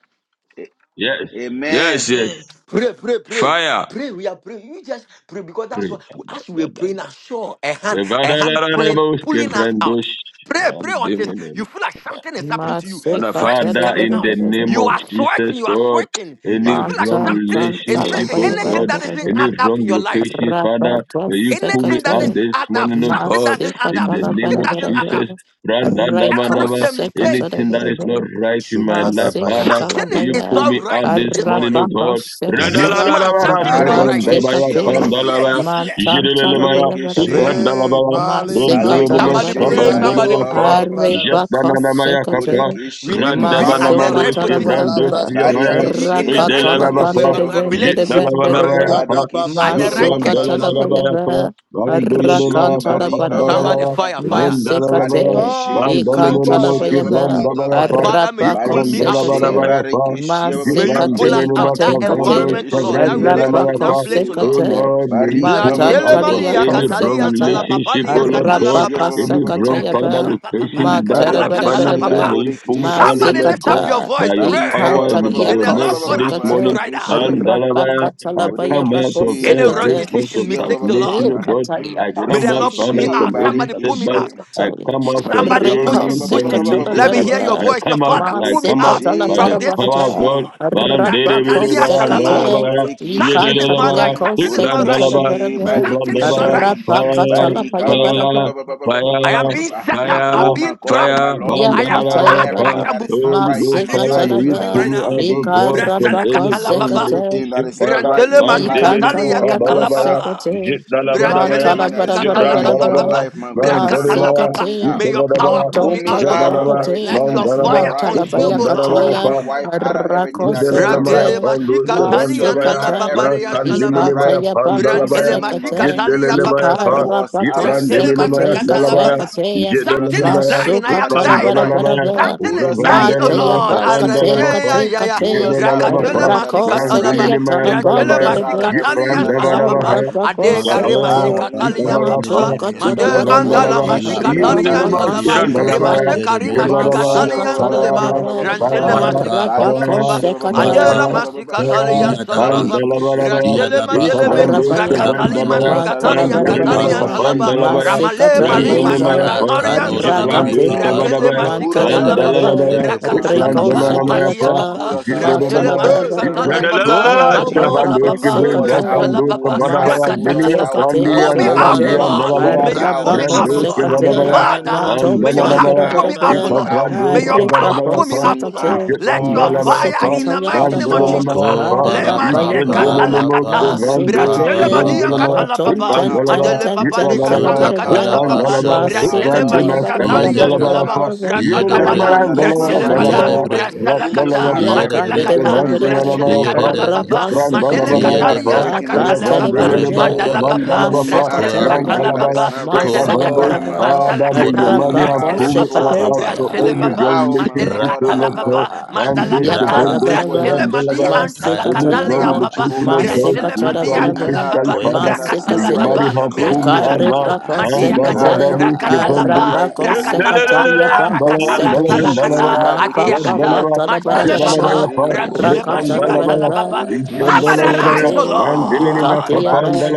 Speaker 2: A-
Speaker 7: Yes. Yes,
Speaker 2: Amen.
Speaker 7: yes.
Speaker 3: yes.
Speaker 12: Pray, pray, pray.
Speaker 7: Fire.
Speaker 12: Pray, we are praying. You just pray because that's
Speaker 7: Pray.
Speaker 12: what,
Speaker 7: Da,
Speaker 12: as we are
Speaker 7: da, da,
Speaker 12: praying,
Speaker 7: da.
Speaker 12: I saw a hand, a
Speaker 7: Revada la
Speaker 12: hand
Speaker 7: la la
Speaker 12: pulling,
Speaker 7: bos,
Speaker 12: pulling us out.
Speaker 7: kevrandos.
Speaker 12: Pray, pray until you feel like something is happening to you.
Speaker 7: Father,
Speaker 9: Masika
Speaker 12: Sweat is
Speaker 9: tere
Speaker 7: Father,
Speaker 12: coming
Speaker 9: bere
Speaker 7: in
Speaker 12: out.
Speaker 7: the
Speaker 9: bere
Speaker 7: name
Speaker 12: You
Speaker 7: of
Speaker 9: bere.
Speaker 12: are sweating,
Speaker 7: Jesus,
Speaker 12: you are
Speaker 7: God,
Speaker 12: sweating. You
Speaker 7: any
Speaker 12: feel like
Speaker 7: wrong
Speaker 9: Mantan
Speaker 12: something is,
Speaker 9: tan
Speaker 12: is
Speaker 7: relationship,
Speaker 12: facing
Speaker 7: oh
Speaker 9: salabaya bere
Speaker 12: anything
Speaker 7: God,
Speaker 12: that
Speaker 9: bere
Speaker 12: isn't
Speaker 9: bere.
Speaker 7: any
Speaker 12: add up
Speaker 7: wrong
Speaker 12: in your life.
Speaker 7: locations, Father,
Speaker 9: Rabata
Speaker 7: may you pull me
Speaker 12: Anything that
Speaker 7: out
Speaker 12: is
Speaker 9: sekate,
Speaker 7: this
Speaker 12: add up,
Speaker 7: morning, oh
Speaker 12: something
Speaker 7: God,
Speaker 9: masi
Speaker 12: doesn't add
Speaker 7: in
Speaker 12: up,
Speaker 7: the
Speaker 9: patala
Speaker 7: name
Speaker 12: something
Speaker 9: bara
Speaker 7: of
Speaker 12: doesn't
Speaker 9: bara
Speaker 12: add
Speaker 9: bara,
Speaker 12: up.
Speaker 7: Jesus. Branda, daba,
Speaker 9: reko
Speaker 12: Errors
Speaker 7: daba,
Speaker 12: and mistakes.
Speaker 9: sekate
Speaker 7: Anything that
Speaker 9: bara bara
Speaker 7: is not
Speaker 9: bara,
Speaker 7: right in my life,
Speaker 9: masi
Speaker 7: Father,
Speaker 12: Something
Speaker 9: katala
Speaker 7: may
Speaker 12: is,
Speaker 7: you
Speaker 12: is
Speaker 7: pull
Speaker 9: baya,
Speaker 12: not
Speaker 7: me
Speaker 12: right
Speaker 7: out this
Speaker 12: this
Speaker 7: morning,
Speaker 12: morning.
Speaker 7: oh
Speaker 9: rabata
Speaker 7: God. Branda, la, la,
Speaker 12: This
Speaker 9: sekate,
Speaker 7: la,
Speaker 12: month,
Speaker 7: la, la,
Speaker 12: something is not
Speaker 7: skabran,
Speaker 12: right.
Speaker 9: masi
Speaker 7: daba, ya,
Speaker 2: Barikishi ba- ba-
Speaker 9: kate,
Speaker 12: This
Speaker 7: panda, la,
Speaker 12: year,
Speaker 7: la,
Speaker 12: this year.
Speaker 7: jidelele, ma,
Speaker 9: matantara
Speaker 7: ya,
Speaker 9: baya bara
Speaker 2: Burikishi.
Speaker 7: ikwan,
Speaker 9: bara,
Speaker 7: da, ba, ya,
Speaker 9: masi
Speaker 7: rendelele, ma,
Speaker 9: katala
Speaker 12: Somebody
Speaker 9: bara
Speaker 2: Badekeshe
Speaker 12: pray,
Speaker 7: saban,
Speaker 9: bara,
Speaker 7: dele,
Speaker 12: somebody
Speaker 7: ya,
Speaker 2: barika
Speaker 7: fa,
Speaker 12: pray.
Speaker 7: jet, da, na,
Speaker 9: arebako
Speaker 7: na, ma, ya, kapa,
Speaker 9: sekate,
Speaker 12: We
Speaker 2: Borekeshe, ma-
Speaker 12: need to
Speaker 2: ma- ma- ma-
Speaker 12: be
Speaker 2: ma- ma-
Speaker 12: at
Speaker 9: maso
Speaker 2: ma-
Speaker 12: the
Speaker 2: ma-
Speaker 7: Randamanamando
Speaker 2: ma.
Speaker 12: right
Speaker 9: katala bara
Speaker 12: position.
Speaker 7: Chevrando
Speaker 9: bara,
Speaker 12: We need to
Speaker 7: Siavaya,
Speaker 12: be in
Speaker 2: Barekeshe,
Speaker 12: the right
Speaker 9: rakatala
Speaker 12: pos- uh, uh,
Speaker 2: Borekeshe,
Speaker 7: Delalabapa,
Speaker 9: bandere
Speaker 12: um,
Speaker 2: ba- ba-
Speaker 12: um,
Speaker 2: ba- ba- ba-
Speaker 9: bendere
Speaker 2: ba.
Speaker 12: relationship,
Speaker 9: bendere
Speaker 7: Jitalabanabaya,
Speaker 2: Barekeshe,
Speaker 12: at
Speaker 2: ba-
Speaker 12: the
Speaker 2: ba- ba-
Speaker 12: right
Speaker 2: ba- ba- ba- ba- ba-
Speaker 12: church.
Speaker 2: ba.
Speaker 7: Zitlambalabanabaya,
Speaker 9: Masukatalabayaba,
Speaker 2: Borekeshe,
Speaker 7: Randolomona,
Speaker 2: Barika, ba- ba- ba-
Speaker 9: Rakantalabaraba,
Speaker 2: ba-
Speaker 12: Somebody
Speaker 2: ba-
Speaker 7: Kapandalabaya,
Speaker 2: ba.
Speaker 12: fire, fire.
Speaker 7: Rundalabaya,
Speaker 9: Masekate,
Speaker 2: Barekeshe,
Speaker 7: Mandolomono,
Speaker 2: Borekeshe, ba- ba- ba- ba- ba-
Speaker 9: Ikantalabayaba,
Speaker 2: ba- ba.
Speaker 7: Chevrandabaya,
Speaker 12: Father, may you pull me out, O
Speaker 2: Barekeshe,
Speaker 12: Lord.
Speaker 9: Arabakosekate,
Speaker 7: Jitlambalabanabaya,
Speaker 2: Barekeshe, ba- ba- ba-
Speaker 12: May
Speaker 2: ba-
Speaker 12: you
Speaker 2: ba- ba.
Speaker 12: pull us
Speaker 9: Masekate,
Speaker 7: Jitlambelomona,
Speaker 12: out. That
Speaker 9: Kate,
Speaker 7: Kavando,
Speaker 9: Kate,
Speaker 12: environment, O Lord, that
Speaker 2: Borekeshe,
Speaker 12: relationship, that
Speaker 7: Chevrandalamaya.
Speaker 2: Barekeshe,
Speaker 12: place, O
Speaker 7: Oh
Speaker 12: Lord.
Speaker 9: Arabakosekate,
Speaker 7: Lord, may you
Speaker 12: La
Speaker 2: Barika,
Speaker 7: pull me
Speaker 2: ba- ba- ba-
Speaker 7: out
Speaker 2: ba- ba-
Speaker 7: of
Speaker 2: ba-
Speaker 9: Matantalia
Speaker 2: ba-
Speaker 12: shelemalia
Speaker 2: ba- ba-
Speaker 7: any
Speaker 2: ba- ba-
Speaker 7: wrong
Speaker 2: ba.
Speaker 12: catalia sala
Speaker 9: Kosekata,
Speaker 7: relationship, oh
Speaker 12: papalia
Speaker 7: Lord
Speaker 12: catala
Speaker 7: God.
Speaker 2: Borekeshe, ba-
Speaker 12: papa.
Speaker 2: ba- ba- ba-
Speaker 7: Any
Speaker 2: ba- ba-
Speaker 7: wrong,
Speaker 2: ba- ba- ba-
Speaker 7: Father,
Speaker 2: ba.
Speaker 9: Arabakasakatayaba,
Speaker 12: Brakatala papa pala
Speaker 7: location that I
Speaker 12: katala
Speaker 7: find
Speaker 2: Barekeshe,
Speaker 12: katala
Speaker 7: myself,
Speaker 9: Matarabarabara,
Speaker 7: may
Speaker 12: papa.
Speaker 7: you pull me out, O
Speaker 2: Borekeshe.
Speaker 12: Somebody
Speaker 7: Lord
Speaker 12: lift up
Speaker 7: God,
Speaker 12: your
Speaker 9: Masekata,
Speaker 12: voice.
Speaker 7: by your
Speaker 2: Barika
Speaker 12: Pray.
Speaker 2: ba
Speaker 7: power
Speaker 2: ba ba
Speaker 7: and
Speaker 2: ba ba
Speaker 7: by
Speaker 9: Ikantalia
Speaker 12: May
Speaker 7: your
Speaker 12: the
Speaker 2: ba ba ba
Speaker 12: Lord
Speaker 2: ba
Speaker 7: mercy
Speaker 12: God
Speaker 2: ba ba
Speaker 7: this
Speaker 2: ba
Speaker 12: assist you
Speaker 9: Kosekate,
Speaker 7: morning.
Speaker 12: right
Speaker 2: Barikishi
Speaker 12: now.
Speaker 7: And Dalabaya, I
Speaker 9: Rabakatalabaya
Speaker 7: come out
Speaker 9: Bako
Speaker 7: of
Speaker 2: Burikishi
Speaker 12: Any wrong
Speaker 7: every
Speaker 9: Sekata,
Speaker 7: forms
Speaker 12: decision,
Speaker 7: of
Speaker 2: Barikishi ba ba
Speaker 12: mistake
Speaker 2: ba
Speaker 12: the
Speaker 2: ba ba ba
Speaker 7: stagnation,
Speaker 12: Lord.
Speaker 7: O
Speaker 2: ba
Speaker 7: God.
Speaker 9: Ekataya
Speaker 7: I
Speaker 12: May
Speaker 7: come
Speaker 12: the
Speaker 7: out,
Speaker 12: Lord pull
Speaker 9: Basatia
Speaker 7: Father,
Speaker 12: me
Speaker 2: Burikishi
Speaker 12: out.
Speaker 7: from
Speaker 9: Papa,
Speaker 7: any
Speaker 12: Somebody pull me
Speaker 7: setback.
Speaker 2: Barikishi
Speaker 12: out.
Speaker 7: I come out from
Speaker 12: Somebody
Speaker 2: Barika ba ba
Speaker 12: push
Speaker 2: ba
Speaker 9: Rika
Speaker 7: any
Speaker 12: it,
Speaker 2: ba ba ba
Speaker 12: push
Speaker 7: wrong
Speaker 2: ba
Speaker 12: it.
Speaker 2: ba ba ba
Speaker 9: Sekatala
Speaker 2: ba
Speaker 12: Let
Speaker 2: ba
Speaker 12: me
Speaker 2: ba
Speaker 7: relationship.
Speaker 12: hear your
Speaker 9: Baraba,
Speaker 7: I
Speaker 12: voice. Say,
Speaker 7: come out,
Speaker 12: Father,
Speaker 9: Ma
Speaker 7: I
Speaker 12: pull me
Speaker 7: come out
Speaker 12: out
Speaker 9: Sekatala
Speaker 2: Burikishi
Speaker 7: by
Speaker 12: from
Speaker 7: the
Speaker 12: this
Speaker 7: power
Speaker 12: mess,
Speaker 7: of
Speaker 12: oh
Speaker 9: Barabata,
Speaker 7: God.
Speaker 2: Barikishi
Speaker 12: Lord.
Speaker 7: Man, dere,
Speaker 9: Rabako
Speaker 7: bere,
Speaker 12: Rakatalia
Speaker 7: bara,
Speaker 2: Burikishi
Speaker 12: salaba.
Speaker 9: Sekate,
Speaker 7: dalabaya,
Speaker 12: Something
Speaker 2: Barikishi
Speaker 12: is not
Speaker 7: yedelelebaya,
Speaker 12: right.
Speaker 9: Ikantariako
Speaker 12: Something is not right.
Speaker 9: Sekatala
Speaker 7: ibrandalaba,
Speaker 2: Burikishi
Speaker 9: Baraba,
Speaker 12: Something is not
Speaker 7: zibrandabaya,
Speaker 2: Barikishi
Speaker 12: right.
Speaker 7: fire,
Speaker 9: Rabakatala
Speaker 2: Barika ba ba ba ba
Speaker 7: fire,
Speaker 2: ba
Speaker 9: Bayabaraba,
Speaker 2: ba ba ba
Speaker 7: Fire,
Speaker 2: ba ba
Speaker 12: I
Speaker 2: ba
Speaker 12: am
Speaker 2: ba. ba
Speaker 12: being
Speaker 2: ba.
Speaker 12: set up. I'm
Speaker 2: Oh
Speaker 7: fire,
Speaker 2: my
Speaker 12: being
Speaker 2: God,
Speaker 12: trapped.
Speaker 2: my
Speaker 7: fire,
Speaker 2: Lord,
Speaker 12: I
Speaker 2: pull
Speaker 12: am
Speaker 2: me out of
Speaker 7: Bandalabaya,
Speaker 12: stuck. I
Speaker 2: everything
Speaker 9: Yakatayaba,
Speaker 12: can't
Speaker 2: that
Speaker 12: move.
Speaker 2: is not
Speaker 9: Ma
Speaker 7: Holy
Speaker 2: right
Speaker 12: I
Speaker 2: in
Speaker 7: Ghost,
Speaker 2: my
Speaker 12: need you
Speaker 7: fire,
Speaker 12: to
Speaker 7: may
Speaker 2: life
Speaker 12: speak
Speaker 2: in
Speaker 12: to
Speaker 7: you
Speaker 12: me
Speaker 2: the
Speaker 9: Sekatalaba,
Speaker 7: pull
Speaker 12: right
Speaker 7: me
Speaker 2: name of
Speaker 12: now.
Speaker 7: out, oh
Speaker 2: Jesus.
Speaker 7: God, from
Speaker 9: Ikarabako
Speaker 7: any
Speaker 12: Brasalakatala
Speaker 7: wrong
Speaker 12: papa.
Speaker 9: Sekate,
Speaker 2: Everything that
Speaker 7: relationship,
Speaker 2: is not
Speaker 7: Father.
Speaker 2: right
Speaker 12: Brantele
Speaker 2: in my
Speaker 7: Man,
Speaker 2: life, my
Speaker 12: masikatali
Speaker 7: Demenino,
Speaker 2: God,
Speaker 9: Ikantalia
Speaker 2: pull
Speaker 12: yakatala
Speaker 2: me
Speaker 7: Kabalabaya,
Speaker 2: out.
Speaker 12: papa.
Speaker 9: kosekate,
Speaker 12: Brantele
Speaker 7: Jitlabadabaya,
Speaker 9: mantala
Speaker 2: Anything that
Speaker 9: bara
Speaker 2: is
Speaker 9: bara
Speaker 2: not
Speaker 12: masikatala
Speaker 2: right
Speaker 9: bara
Speaker 2: in
Speaker 12: papa
Speaker 2: my
Speaker 9: bara,
Speaker 7: Jibrandalabaya,
Speaker 12: papa.
Speaker 2: life, my God and my
Speaker 12: Brakatala
Speaker 2: Lord,
Speaker 7: Mandalimaya,
Speaker 2: pull
Speaker 12: papa.
Speaker 2: me
Speaker 9: masekate,
Speaker 12: May
Speaker 2: out.
Speaker 12: your power
Speaker 7: Yusufadabaya,
Speaker 12: pull
Speaker 2: Pull
Speaker 12: me
Speaker 2: me
Speaker 12: out, O
Speaker 9: mantontala
Speaker 2: out
Speaker 12: Lord.
Speaker 2: of
Speaker 7: Jadalaba,
Speaker 9: bakate,
Speaker 2: everything
Speaker 12: Let
Speaker 2: that
Speaker 12: your
Speaker 2: is not
Speaker 7: Mandalaba,
Speaker 12: fire
Speaker 2: right.
Speaker 9: mantala
Speaker 12: consume, O
Speaker 2: Pull
Speaker 12: Lord.
Speaker 9: bayakataya,
Speaker 2: my
Speaker 7: Ishtandarabaya,
Speaker 2: wife out of everything that is not
Speaker 7: Yedelemaya
Speaker 12: Rakele
Speaker 2: right.
Speaker 9: rakosekate,
Speaker 7: pandu
Speaker 12: mashika
Speaker 2: Pull my
Speaker 12: tali
Speaker 2: children
Speaker 12: anta
Speaker 7: serandabaya.
Speaker 12: la
Speaker 2: out of
Speaker 7: Ma
Speaker 9: masekate,
Speaker 2: everything
Speaker 12: paparia
Speaker 2: that is not
Speaker 12: salaba.
Speaker 7: kandiminimaya
Speaker 2: right.
Speaker 9: ikataya
Speaker 2: In the
Speaker 12: Brantele
Speaker 7: pandalabaya.
Speaker 2: name of
Speaker 12: mashika
Speaker 9: bakosekate,
Speaker 12: tali ya
Speaker 2: Jesus,
Speaker 12: papa
Speaker 7: Yedelemaya
Speaker 12: papa.
Speaker 7: pa.
Speaker 2: pull us out of
Speaker 12: Brantele
Speaker 2: everything that
Speaker 7: Yitrandiminimaya
Speaker 9: ikarabakosekate,
Speaker 12: mashika
Speaker 2: is not
Speaker 12: tala
Speaker 9: kate
Speaker 7: dalabaya.
Speaker 2: right.
Speaker 12: papa.
Speaker 9: kateya,
Speaker 2: Pull us
Speaker 12: Something
Speaker 2: out
Speaker 12: is
Speaker 2: of
Speaker 7: Yedelemaya.
Speaker 12: dying. I
Speaker 2: everything that
Speaker 12: am
Speaker 2: is
Speaker 9: masukatala
Speaker 2: not
Speaker 12: dying.
Speaker 9: bara
Speaker 12: ah.
Speaker 2: right.
Speaker 9: bara
Speaker 7: Utlandalamaya.
Speaker 9: bara,
Speaker 2: Pull
Speaker 12: Something is
Speaker 2: us out of
Speaker 12: dying, oh
Speaker 9: mateya
Speaker 7: Yevandalamaya
Speaker 2: everything
Speaker 12: Lord.
Speaker 2: that is not
Speaker 9: bakate
Speaker 2: right.
Speaker 7: savandalabapa.
Speaker 12: Arashaya
Speaker 9: kate
Speaker 12: ya ya.
Speaker 2: Pull
Speaker 9: kate,
Speaker 2: us out of
Speaker 7: Yedelemapa.
Speaker 12: Rakatele
Speaker 2: everything that is
Speaker 12: mashika
Speaker 2: not
Speaker 9: Rakose
Speaker 2: right.
Speaker 12: talaba.
Speaker 9: kia
Speaker 7: Mandiminimaya
Speaker 12: Brantele
Speaker 2: Pull
Speaker 9: tarabande
Speaker 7: dalabaya.
Speaker 2: us out of
Speaker 9: lebe,
Speaker 12: mashika tali
Speaker 2: everything
Speaker 12: ya
Speaker 2: that is not
Speaker 12: salapapa.
Speaker 7: Yitrandabadabaya.
Speaker 2: right.
Speaker 12: Ade
Speaker 2: By
Speaker 9: ikarabakose
Speaker 2: the
Speaker 12: kare
Speaker 7: Yavaya.
Speaker 1: Masokada
Speaker 9: kate,
Speaker 2: power
Speaker 12: mashika
Speaker 2: in the
Speaker 12: tali
Speaker 1: braska
Speaker 12: ya
Speaker 2: name
Speaker 7: Yavaya
Speaker 2: of
Speaker 7: pa.
Speaker 9: mato
Speaker 12: papa.
Speaker 1: panimini
Speaker 2: Jesus.
Speaker 12: Made
Speaker 9: katarabaraba,
Speaker 12: andala
Speaker 7: Yavandalabaya.
Speaker 1: ila
Speaker 12: mashika
Speaker 2: Burikishi,
Speaker 12: tali ya
Speaker 1: prasotandi
Speaker 12: salama.
Speaker 7: Yedelemaya
Speaker 9: arabakase
Speaker 2: Badikishi,
Speaker 1: libriasat.
Speaker 7: dalabaya.
Speaker 9: kataya,
Speaker 12: Rimasheka rimashika
Speaker 2: Burikishi,
Speaker 9: masi
Speaker 12: tali ya leba
Speaker 7: Yavadabaya.
Speaker 9: katarabaraba,
Speaker 12: rantele
Speaker 7: Fire,
Speaker 12: masikata la
Speaker 7: fire,
Speaker 12: papa
Speaker 2: Barikishi,
Speaker 9: arabakose
Speaker 2: ba- ba- ba- ba- ba- ba-
Speaker 12: adela
Speaker 2: ba- ba-
Speaker 7: Mandela
Speaker 2: ba- ba- ba.
Speaker 12: masikata le yan salababa
Speaker 2: Barikishi,
Speaker 12: brasele
Speaker 2: Burikishi, ba-
Speaker 12: madelebe
Speaker 2: ba- ba- ba-
Speaker 9: Ikarabaya,
Speaker 2: ba.
Speaker 12: rakatali
Speaker 2: pull us out of
Speaker 12: masikatari yan
Speaker 2: everything that
Speaker 12: katari
Speaker 2: is
Speaker 12: yan
Speaker 9: Mantalabarabara,
Speaker 2: not right,
Speaker 12: salaba
Speaker 2: Lord.
Speaker 12: ramale mari
Speaker 2: Pull us out of
Speaker 9: Masekatarabayaba,
Speaker 12: masikatari
Speaker 2: everything
Speaker 12: yan
Speaker 2: that is not
Speaker 12: salaba
Speaker 2: right, Lord.
Speaker 9: Arakate,
Speaker 12: brakele
Speaker 2: Pull us
Speaker 12: masikata
Speaker 2: out
Speaker 12: la
Speaker 2: of
Speaker 12: papa
Speaker 9: Mantalabaraba,
Speaker 2: everything that is not
Speaker 12: brakata la
Speaker 2: right,
Speaker 9: Rico
Speaker 12: papa
Speaker 2: Jehovah.
Speaker 12: madia
Speaker 9: Sakiata,
Speaker 2: Pull
Speaker 12: papa
Speaker 2: us out of
Speaker 12: brasele
Speaker 2: everything that is not
Speaker 12: masikata le
Speaker 9: Matalabarabara,
Speaker 2: right in the
Speaker 12: papa
Speaker 2: name of
Speaker 12: makata
Speaker 2: Jesus.
Speaker 12: la
Speaker 9: Arabaco
Speaker 12: papa
Speaker 2: Pull us out,
Speaker 9: Sekataya,
Speaker 12: brasela
Speaker 2: pull
Speaker 12: papa
Speaker 2: us out,
Speaker 12: brakata
Speaker 2: pull
Speaker 12: la
Speaker 2: us
Speaker 9: Masekate,
Speaker 2: out,
Speaker 12: papa
Speaker 9: Kate,
Speaker 2: pull us
Speaker 12: pull me
Speaker 9: Kate,
Speaker 2: out.
Speaker 12: out O
Speaker 9: Kate,
Speaker 12: Lord
Speaker 2: Pull me
Speaker 12: may you pull me
Speaker 2: out,
Speaker 9: Arabaco
Speaker 12: out O Lord
Speaker 2: pull me
Speaker 9: Sekate,
Speaker 2: out,
Speaker 12: Father
Speaker 9: Maton
Speaker 12: May
Speaker 2: pull
Speaker 12: your hand
Speaker 2: me
Speaker 12: pull me
Speaker 2: out, pull
Speaker 12: out, O
Speaker 9: Talabarabara,
Speaker 2: me
Speaker 12: Lord.
Speaker 2: out, my
Speaker 12: May your
Speaker 2: God.
Speaker 12: power
Speaker 9: Arepaco
Speaker 12: pull me
Speaker 2: Pull
Speaker 12: out,
Speaker 2: me
Speaker 12: O Lord.
Speaker 2: out,
Speaker 9: Sekate,
Speaker 12: Let
Speaker 2: Lord.
Speaker 12: your fire
Speaker 2: Pull
Speaker 12: in
Speaker 2: me
Speaker 12: the
Speaker 9: Masekataya
Speaker 2: out,
Speaker 12: mighty name of
Speaker 9: Paraba,
Speaker 2: Lord.
Speaker 12: Jesus.
Speaker 7: Bandalamayapa,
Speaker 2: Pull me
Speaker 12: Lema
Speaker 2: out,
Speaker 12: sekata
Speaker 9: Arabayaba,
Speaker 2: Lord.
Speaker 12: la
Speaker 7: Izandalamayapa,
Speaker 12: kata.
Speaker 2: Pull me
Speaker 7: Vandos,
Speaker 2: out,
Speaker 12: Brasele
Speaker 9: Masikate,
Speaker 2: Lord.
Speaker 12: madian kata
Speaker 7: Izandalamaya,
Speaker 12: la
Speaker 2: Pull
Speaker 9: maton
Speaker 2: me
Speaker 12: papa.
Speaker 9: ten
Speaker 2: out,
Speaker 7: Utkandalaba,
Speaker 9: ten
Speaker 12: Madele
Speaker 2: Lord.
Speaker 9: ten
Speaker 12: papa le
Speaker 9: ten
Speaker 2: Pull
Speaker 12: kasa
Speaker 7: Yukandalaba,
Speaker 12: la
Speaker 2: me
Speaker 12: kata
Speaker 2: out,
Speaker 9: teleberebe,
Speaker 2: Lord.
Speaker 12: papa.
Speaker 2: Pull
Speaker 7: Utkandalaba,
Speaker 2: me out,
Speaker 12: Brantele
Speaker 9: masikata ya
Speaker 2: Lord.
Speaker 7: Utkandimas,
Speaker 12: masika
Speaker 9: bara bara
Speaker 2: Pull
Speaker 12: talian
Speaker 9: bara
Speaker 2: me
Speaker 9: bara
Speaker 12: salaba.
Speaker 7: Kavandalabayapa,
Speaker 2: out
Speaker 9: bara bara,
Speaker 2: of
Speaker 12: Rakalabala.
Speaker 2: everything that
Speaker 9: rako
Speaker 2: is not
Speaker 12: Brantele
Speaker 2: right,
Speaker 7: Yudalamayandalabalaba,
Speaker 12: bala.
Speaker 9: sekate,
Speaker 2: Jehovah.
Speaker 12: Brasala
Speaker 2: Pull me
Speaker 12: kata.
Speaker 2: out of
Speaker 7: Rakdalavapa,
Speaker 9: yaka
Speaker 12: Madila
Speaker 2: everything
Speaker 9: dere
Speaker 2: that is
Speaker 9: bere
Speaker 12: kata.
Speaker 2: not right,
Speaker 9: bere,
Speaker 12: Brasele
Speaker 2: Jehovah.
Speaker 7: Yukavandalamayapa,
Speaker 12: kata papa.
Speaker 9: raka
Speaker 2: Pull
Speaker 12: Madele
Speaker 2: me
Speaker 9: sekate,
Speaker 2: out of
Speaker 7: Yakrandalabayapa,
Speaker 12: katalian
Speaker 2: everything that
Speaker 9: apa
Speaker 12: sakata
Speaker 2: is
Speaker 12: la
Speaker 2: not
Speaker 9: tere
Speaker 12: papa.
Speaker 2: right,
Speaker 9: bere
Speaker 7: Ravandalamas,
Speaker 9: bere,
Speaker 12: Mandala
Speaker 2: Jehovah.
Speaker 12: papa.
Speaker 2: Pull me
Speaker 7: Kavandalabapa,
Speaker 2: out of
Speaker 12: Brasele
Speaker 9: masikata ya
Speaker 12: kata
Speaker 2: everything
Speaker 9: ba,
Speaker 12: papa
Speaker 2: that is
Speaker 7: Nandalabaya,
Speaker 12: papa,
Speaker 2: not right, my
Speaker 9: masa
Speaker 2: God
Speaker 7: Utkavandos,
Speaker 9: bara
Speaker 12: mandelakata,
Speaker 2: and my
Speaker 9: bara,
Speaker 2: Lord.
Speaker 7: Father, may your
Speaker 12: masalakata,
Speaker 2: Pull
Speaker 7: mother
Speaker 2: me
Speaker 9: rapa
Speaker 7: have
Speaker 9: ko
Speaker 12: brantele
Speaker 2: out,
Speaker 7: pulled me
Speaker 12: papa,
Speaker 7: out,
Speaker 9: sekate,
Speaker 2: Jehovah.
Speaker 7: out of
Speaker 2: Pull
Speaker 12: brasile
Speaker 7: any
Speaker 2: me
Speaker 12: papa,
Speaker 7: wrong
Speaker 2: out, my
Speaker 12: mandele
Speaker 7: relationship,
Speaker 2: God
Speaker 7: O
Speaker 2: and my
Speaker 12: katala
Speaker 7: Lord God.
Speaker 12: papa,
Speaker 2: Lord.
Speaker 7: Man,
Speaker 2: Pull
Speaker 7: durch
Speaker 2: me
Speaker 12: mandalakata,
Speaker 2: out,
Speaker 7: Gewinn, durch
Speaker 2: Yeshua
Speaker 12: brasile
Speaker 7: Gewinn,
Speaker 9: Yakarabaraba,
Speaker 12: madi
Speaker 2: Yamashiach.
Speaker 7: Delaware,
Speaker 2: Pull
Speaker 7: any
Speaker 2: me
Speaker 7: drug
Speaker 12: antalakatalia
Speaker 9: Masekatayaba,
Speaker 2: out,
Speaker 12: papa,
Speaker 7: location
Speaker 2: Jehovah
Speaker 7: or God,
Speaker 2: Nisi.
Speaker 12: brasile madi
Speaker 7: spiritually,
Speaker 2: Pull me
Speaker 12: antala
Speaker 9: Masekatarabaraba,
Speaker 2: out of
Speaker 12: papa,
Speaker 7: physically,
Speaker 2: everything
Speaker 7: Father,
Speaker 2: that is
Speaker 7: may
Speaker 12: brakatala
Speaker 2: not
Speaker 7: your
Speaker 2: right
Speaker 9: Masekase,
Speaker 7: mighty
Speaker 12: papa,
Speaker 2: in the
Speaker 7: hand
Speaker 2: name
Speaker 7: pull me
Speaker 2: of
Speaker 7: out now.
Speaker 12: brasalakata,
Speaker 2: Jesus.
Speaker 9: Ikarepako
Speaker 2: Pull
Speaker 7: Man, da,
Speaker 2: me
Speaker 7: da,
Speaker 2: out
Speaker 12: madiakata,
Speaker 2: of
Speaker 7: da,
Speaker 9: Sekate,
Speaker 7: durch
Speaker 2: everything that is
Speaker 12: rakatalapa,
Speaker 2: not
Speaker 7: Gewinn,
Speaker 2: right in
Speaker 9: Arabako
Speaker 2: the name of
Speaker 7: Zikran
Speaker 12: brakatapa,
Speaker 9: Sekataya
Speaker 2: Jesus.
Speaker 9: Pako
Speaker 12: arakatala
Speaker 9: Sekate,
Speaker 2: Burikishi,
Speaker 12: salakata,
Speaker 9: Mapapa
Speaker 2: Barikishi,
Speaker 12: atiakata, masele
Speaker 9: Patalabarabaraba,
Speaker 12: papa,
Speaker 2: Barikishi,
Speaker 12: brantele
Speaker 2: Burikishi.
Speaker 12: masikatala
Speaker 9: Rakatarabaraba,
Speaker 12: papa.
Speaker 2: Borekeshe, ma-
Speaker 12: Somebody
Speaker 2: ma- ma- ma-
Speaker 12: arise, O
Speaker 2: ma- ma- ma-
Speaker 9: Masekate,
Speaker 2: ma- ma- ma-
Speaker 12: Lord.
Speaker 9: Ikatayaba,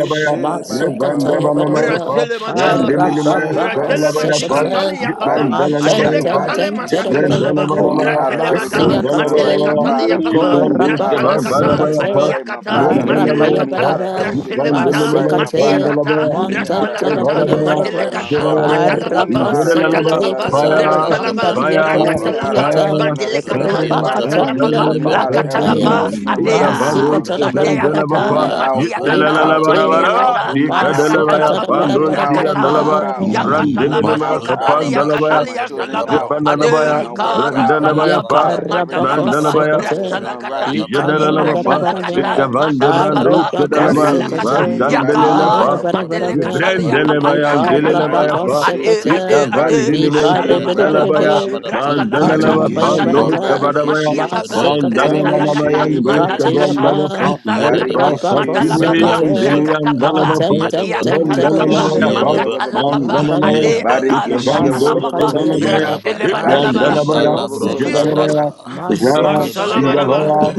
Speaker 2: barika, ba- ba- ba- ba- ba- ba- ba- ba-
Speaker 9: Masukatayabaraba,
Speaker 2: ba.
Speaker 12: Braselemada.
Speaker 2: Borekeshe,
Speaker 9: Arabako
Speaker 12: Brantele
Speaker 2: barekeshe,
Speaker 9: Sekate,
Speaker 12: masikatali yam papa,
Speaker 9: Maten
Speaker 12: adele
Speaker 2: barekeshe,
Speaker 9: Ten
Speaker 12: katale
Speaker 9: Ten
Speaker 2: barekeshe.
Speaker 12: masakatalaba,
Speaker 2: Pull
Speaker 9: Terabaraba,
Speaker 2: me out of
Speaker 12: bratele
Speaker 2: everything
Speaker 12: bata,
Speaker 2: that
Speaker 9: Masia
Speaker 2: is not
Speaker 12: matele
Speaker 2: right,
Speaker 9: kate,
Speaker 2: my
Speaker 12: katali yam
Speaker 2: father.
Speaker 12: papa,
Speaker 2: Pull me out of
Speaker 12: brasala
Speaker 9: Korabakose
Speaker 2: everything
Speaker 12: kata,
Speaker 2: that is not
Speaker 9: kate,
Speaker 12: atiya
Speaker 2: right, my
Speaker 12: kata,
Speaker 2: father.
Speaker 12: matele
Speaker 2: Pull
Speaker 9: Arapaya
Speaker 2: me
Speaker 12: kata,
Speaker 2: out of
Speaker 9: barava,
Speaker 2: everything that
Speaker 12: brasele
Speaker 2: is not
Speaker 12: bata,
Speaker 2: right, my
Speaker 12: matiya
Speaker 9: Masikate,
Speaker 2: father.
Speaker 12: kata,
Speaker 2: Pull me out of
Speaker 12: brasala
Speaker 9: Montantala
Speaker 2: everything
Speaker 12: kata,
Speaker 9: paya
Speaker 2: that is not
Speaker 12: matele
Speaker 2: right,
Speaker 9: barava,
Speaker 2: my
Speaker 12: kata,
Speaker 2: God.
Speaker 12: matala
Speaker 2: Pull me
Speaker 12: papa,
Speaker 2: out of
Speaker 9: Arakose
Speaker 12: matala
Speaker 7: Izodalalaba,
Speaker 2: everything
Speaker 9: kate
Speaker 2: that
Speaker 12: papa,
Speaker 2: is not
Speaker 9: kataya
Speaker 2: right,
Speaker 7: Fire,
Speaker 12: brasalaba,
Speaker 2: Jesus.
Speaker 9: pandalia
Speaker 2: Pull
Speaker 7: fire,
Speaker 2: me
Speaker 9: kose
Speaker 2: out of
Speaker 12: rakatalapa,
Speaker 7: fire.
Speaker 9: kiata,
Speaker 2: everything that
Speaker 12: matele
Speaker 2: is not
Speaker 12: lekata
Speaker 2: right, Father.
Speaker 12: masala
Speaker 9: Ripakatanda
Speaker 12: papa
Speaker 2: Pull
Speaker 9: la
Speaker 2: me out of
Speaker 12: lakata
Speaker 2: everything
Speaker 9: pakataya,
Speaker 2: that
Speaker 12: lapa
Speaker 2: is not right
Speaker 12: atea
Speaker 2: in the name of
Speaker 9: Masikatala
Speaker 2: Jesus.
Speaker 12: atea
Speaker 2: Pull
Speaker 12: kata
Speaker 2: me
Speaker 9: barava,
Speaker 2: out,
Speaker 12: matia
Speaker 2: pull me
Speaker 12: kata
Speaker 2: out, pull me
Speaker 12: matia
Speaker 9: Ikate,
Speaker 2: out,
Speaker 12: kata
Speaker 2: pull me out,
Speaker 12: arakata la
Speaker 9: Masikatala
Speaker 2: pull
Speaker 12: papa
Speaker 2: me
Speaker 9: barava,
Speaker 2: out,
Speaker 9: barava,
Speaker 2: pull
Speaker 9: barava,
Speaker 2: me
Speaker 12: rakata
Speaker 2: out,
Speaker 9: barava,
Speaker 12: yakata
Speaker 2: pull
Speaker 12: la
Speaker 2: my house
Speaker 12: basikata
Speaker 2: out,
Speaker 12: yakata
Speaker 2: pull my
Speaker 12: ya
Speaker 2: children
Speaker 12: salaba
Speaker 2: out, pull
Speaker 12: adera
Speaker 2: my wife
Speaker 12: kara
Speaker 2: out,
Speaker 12: sala papa
Speaker 2: out of
Speaker 12: mandala
Speaker 2: everything
Speaker 9: Yakarabako
Speaker 12: papa
Speaker 7: Randalabaya,
Speaker 2: that is
Speaker 9: sekate,
Speaker 12: brasala
Speaker 2: not
Speaker 12: kata
Speaker 2: right
Speaker 12: mati
Speaker 2: in
Speaker 9: Ikandala
Speaker 2: the
Speaker 7: Jadalaba pa,
Speaker 2: name
Speaker 12: artala
Speaker 2: of
Speaker 12: kata
Speaker 2: Jesus.
Speaker 9: barabaraba,
Speaker 7: Ikavan
Speaker 12: mandala
Speaker 7: Debrando,
Speaker 12: papa
Speaker 9: Arebako
Speaker 7: Shadalaba,
Speaker 12: brasala kata
Speaker 9: sekate,
Speaker 2: Barikishi,
Speaker 12: yaka
Speaker 2: barika,
Speaker 7: Vaskandelela
Speaker 2: barikishi,
Speaker 9: Mandala
Speaker 7: pa,
Speaker 12: Mandele
Speaker 9: barabaraba,
Speaker 12: katalia papa
Speaker 7: Vrendelebaya,
Speaker 12: rakatala
Speaker 7: Delelebaya
Speaker 12: papa
Speaker 9: Ikarabako
Speaker 7: pa,
Speaker 2: barikishi,
Speaker 12: ade ande
Speaker 9: sekate,
Speaker 12: ande
Speaker 7: Ikavan Dinimos,
Speaker 12: andala
Speaker 9: Mikare
Speaker 2: barikishi,
Speaker 12: masala
Speaker 7: Ketalabaya,
Speaker 12: papa
Speaker 2: barikishi.
Speaker 9: berebe,
Speaker 12: brasala kata
Speaker 9: Ikatala
Speaker 7: Mandalaba pa,
Speaker 12: mandala
Speaker 2: Barikishi,
Speaker 7: no
Speaker 12: kata
Speaker 9: bayabaraba,
Speaker 7: Sabadabaya,
Speaker 12: mandia
Speaker 2: Barikishi,
Speaker 12: papa brasala
Speaker 9: Masekataya,
Speaker 7: Mandalamanamaya,
Speaker 12: kata
Speaker 2: Burikishi,
Speaker 7: no
Speaker 12: mandala
Speaker 9: Ikataya
Speaker 12: kata
Speaker 2: Barikishi,
Speaker 7: Sabrandaba
Speaker 9: ba,
Speaker 7: pa,
Speaker 12: brasala kata
Speaker 9: Rabako
Speaker 2: Barikishi,
Speaker 12: mandala papa
Speaker 7: Ikafakimian,
Speaker 9: sekate,
Speaker 2: Barikishi,
Speaker 12: brakata
Speaker 7: Dilian Dalaba
Speaker 12: papa
Speaker 9: Matem
Speaker 7: pa,
Speaker 9: ten
Speaker 12: mandia
Speaker 9: ten ten
Speaker 12: katala papa
Speaker 2: Burikishi,
Speaker 7: Rondalamaya
Speaker 2: ah, bah,
Speaker 7: pa,
Speaker 9: berebe,
Speaker 2: bah, bah,
Speaker 12: makatala papa
Speaker 7: Mandalamaya,
Speaker 12: ade
Speaker 9: Matayaba,
Speaker 12: andala
Speaker 2: Barikishi, ah,
Speaker 7: Ikavan
Speaker 12: katala
Speaker 7: Dosh,
Speaker 12: papa
Speaker 7: Kedalamaya,
Speaker 9: Masukatayaba,
Speaker 12: brasile mandala
Speaker 7: Ikran
Speaker 12: bara
Speaker 7: Dalabaya,
Speaker 12: Jesus
Speaker 9: Arapakosekate,
Speaker 7: Jadalabaya,
Speaker 9: Masukatara
Speaker 12: masala
Speaker 2: Barikishi, ah,
Speaker 12: bara
Speaker 7: Yavaya,
Speaker 9: Baraba,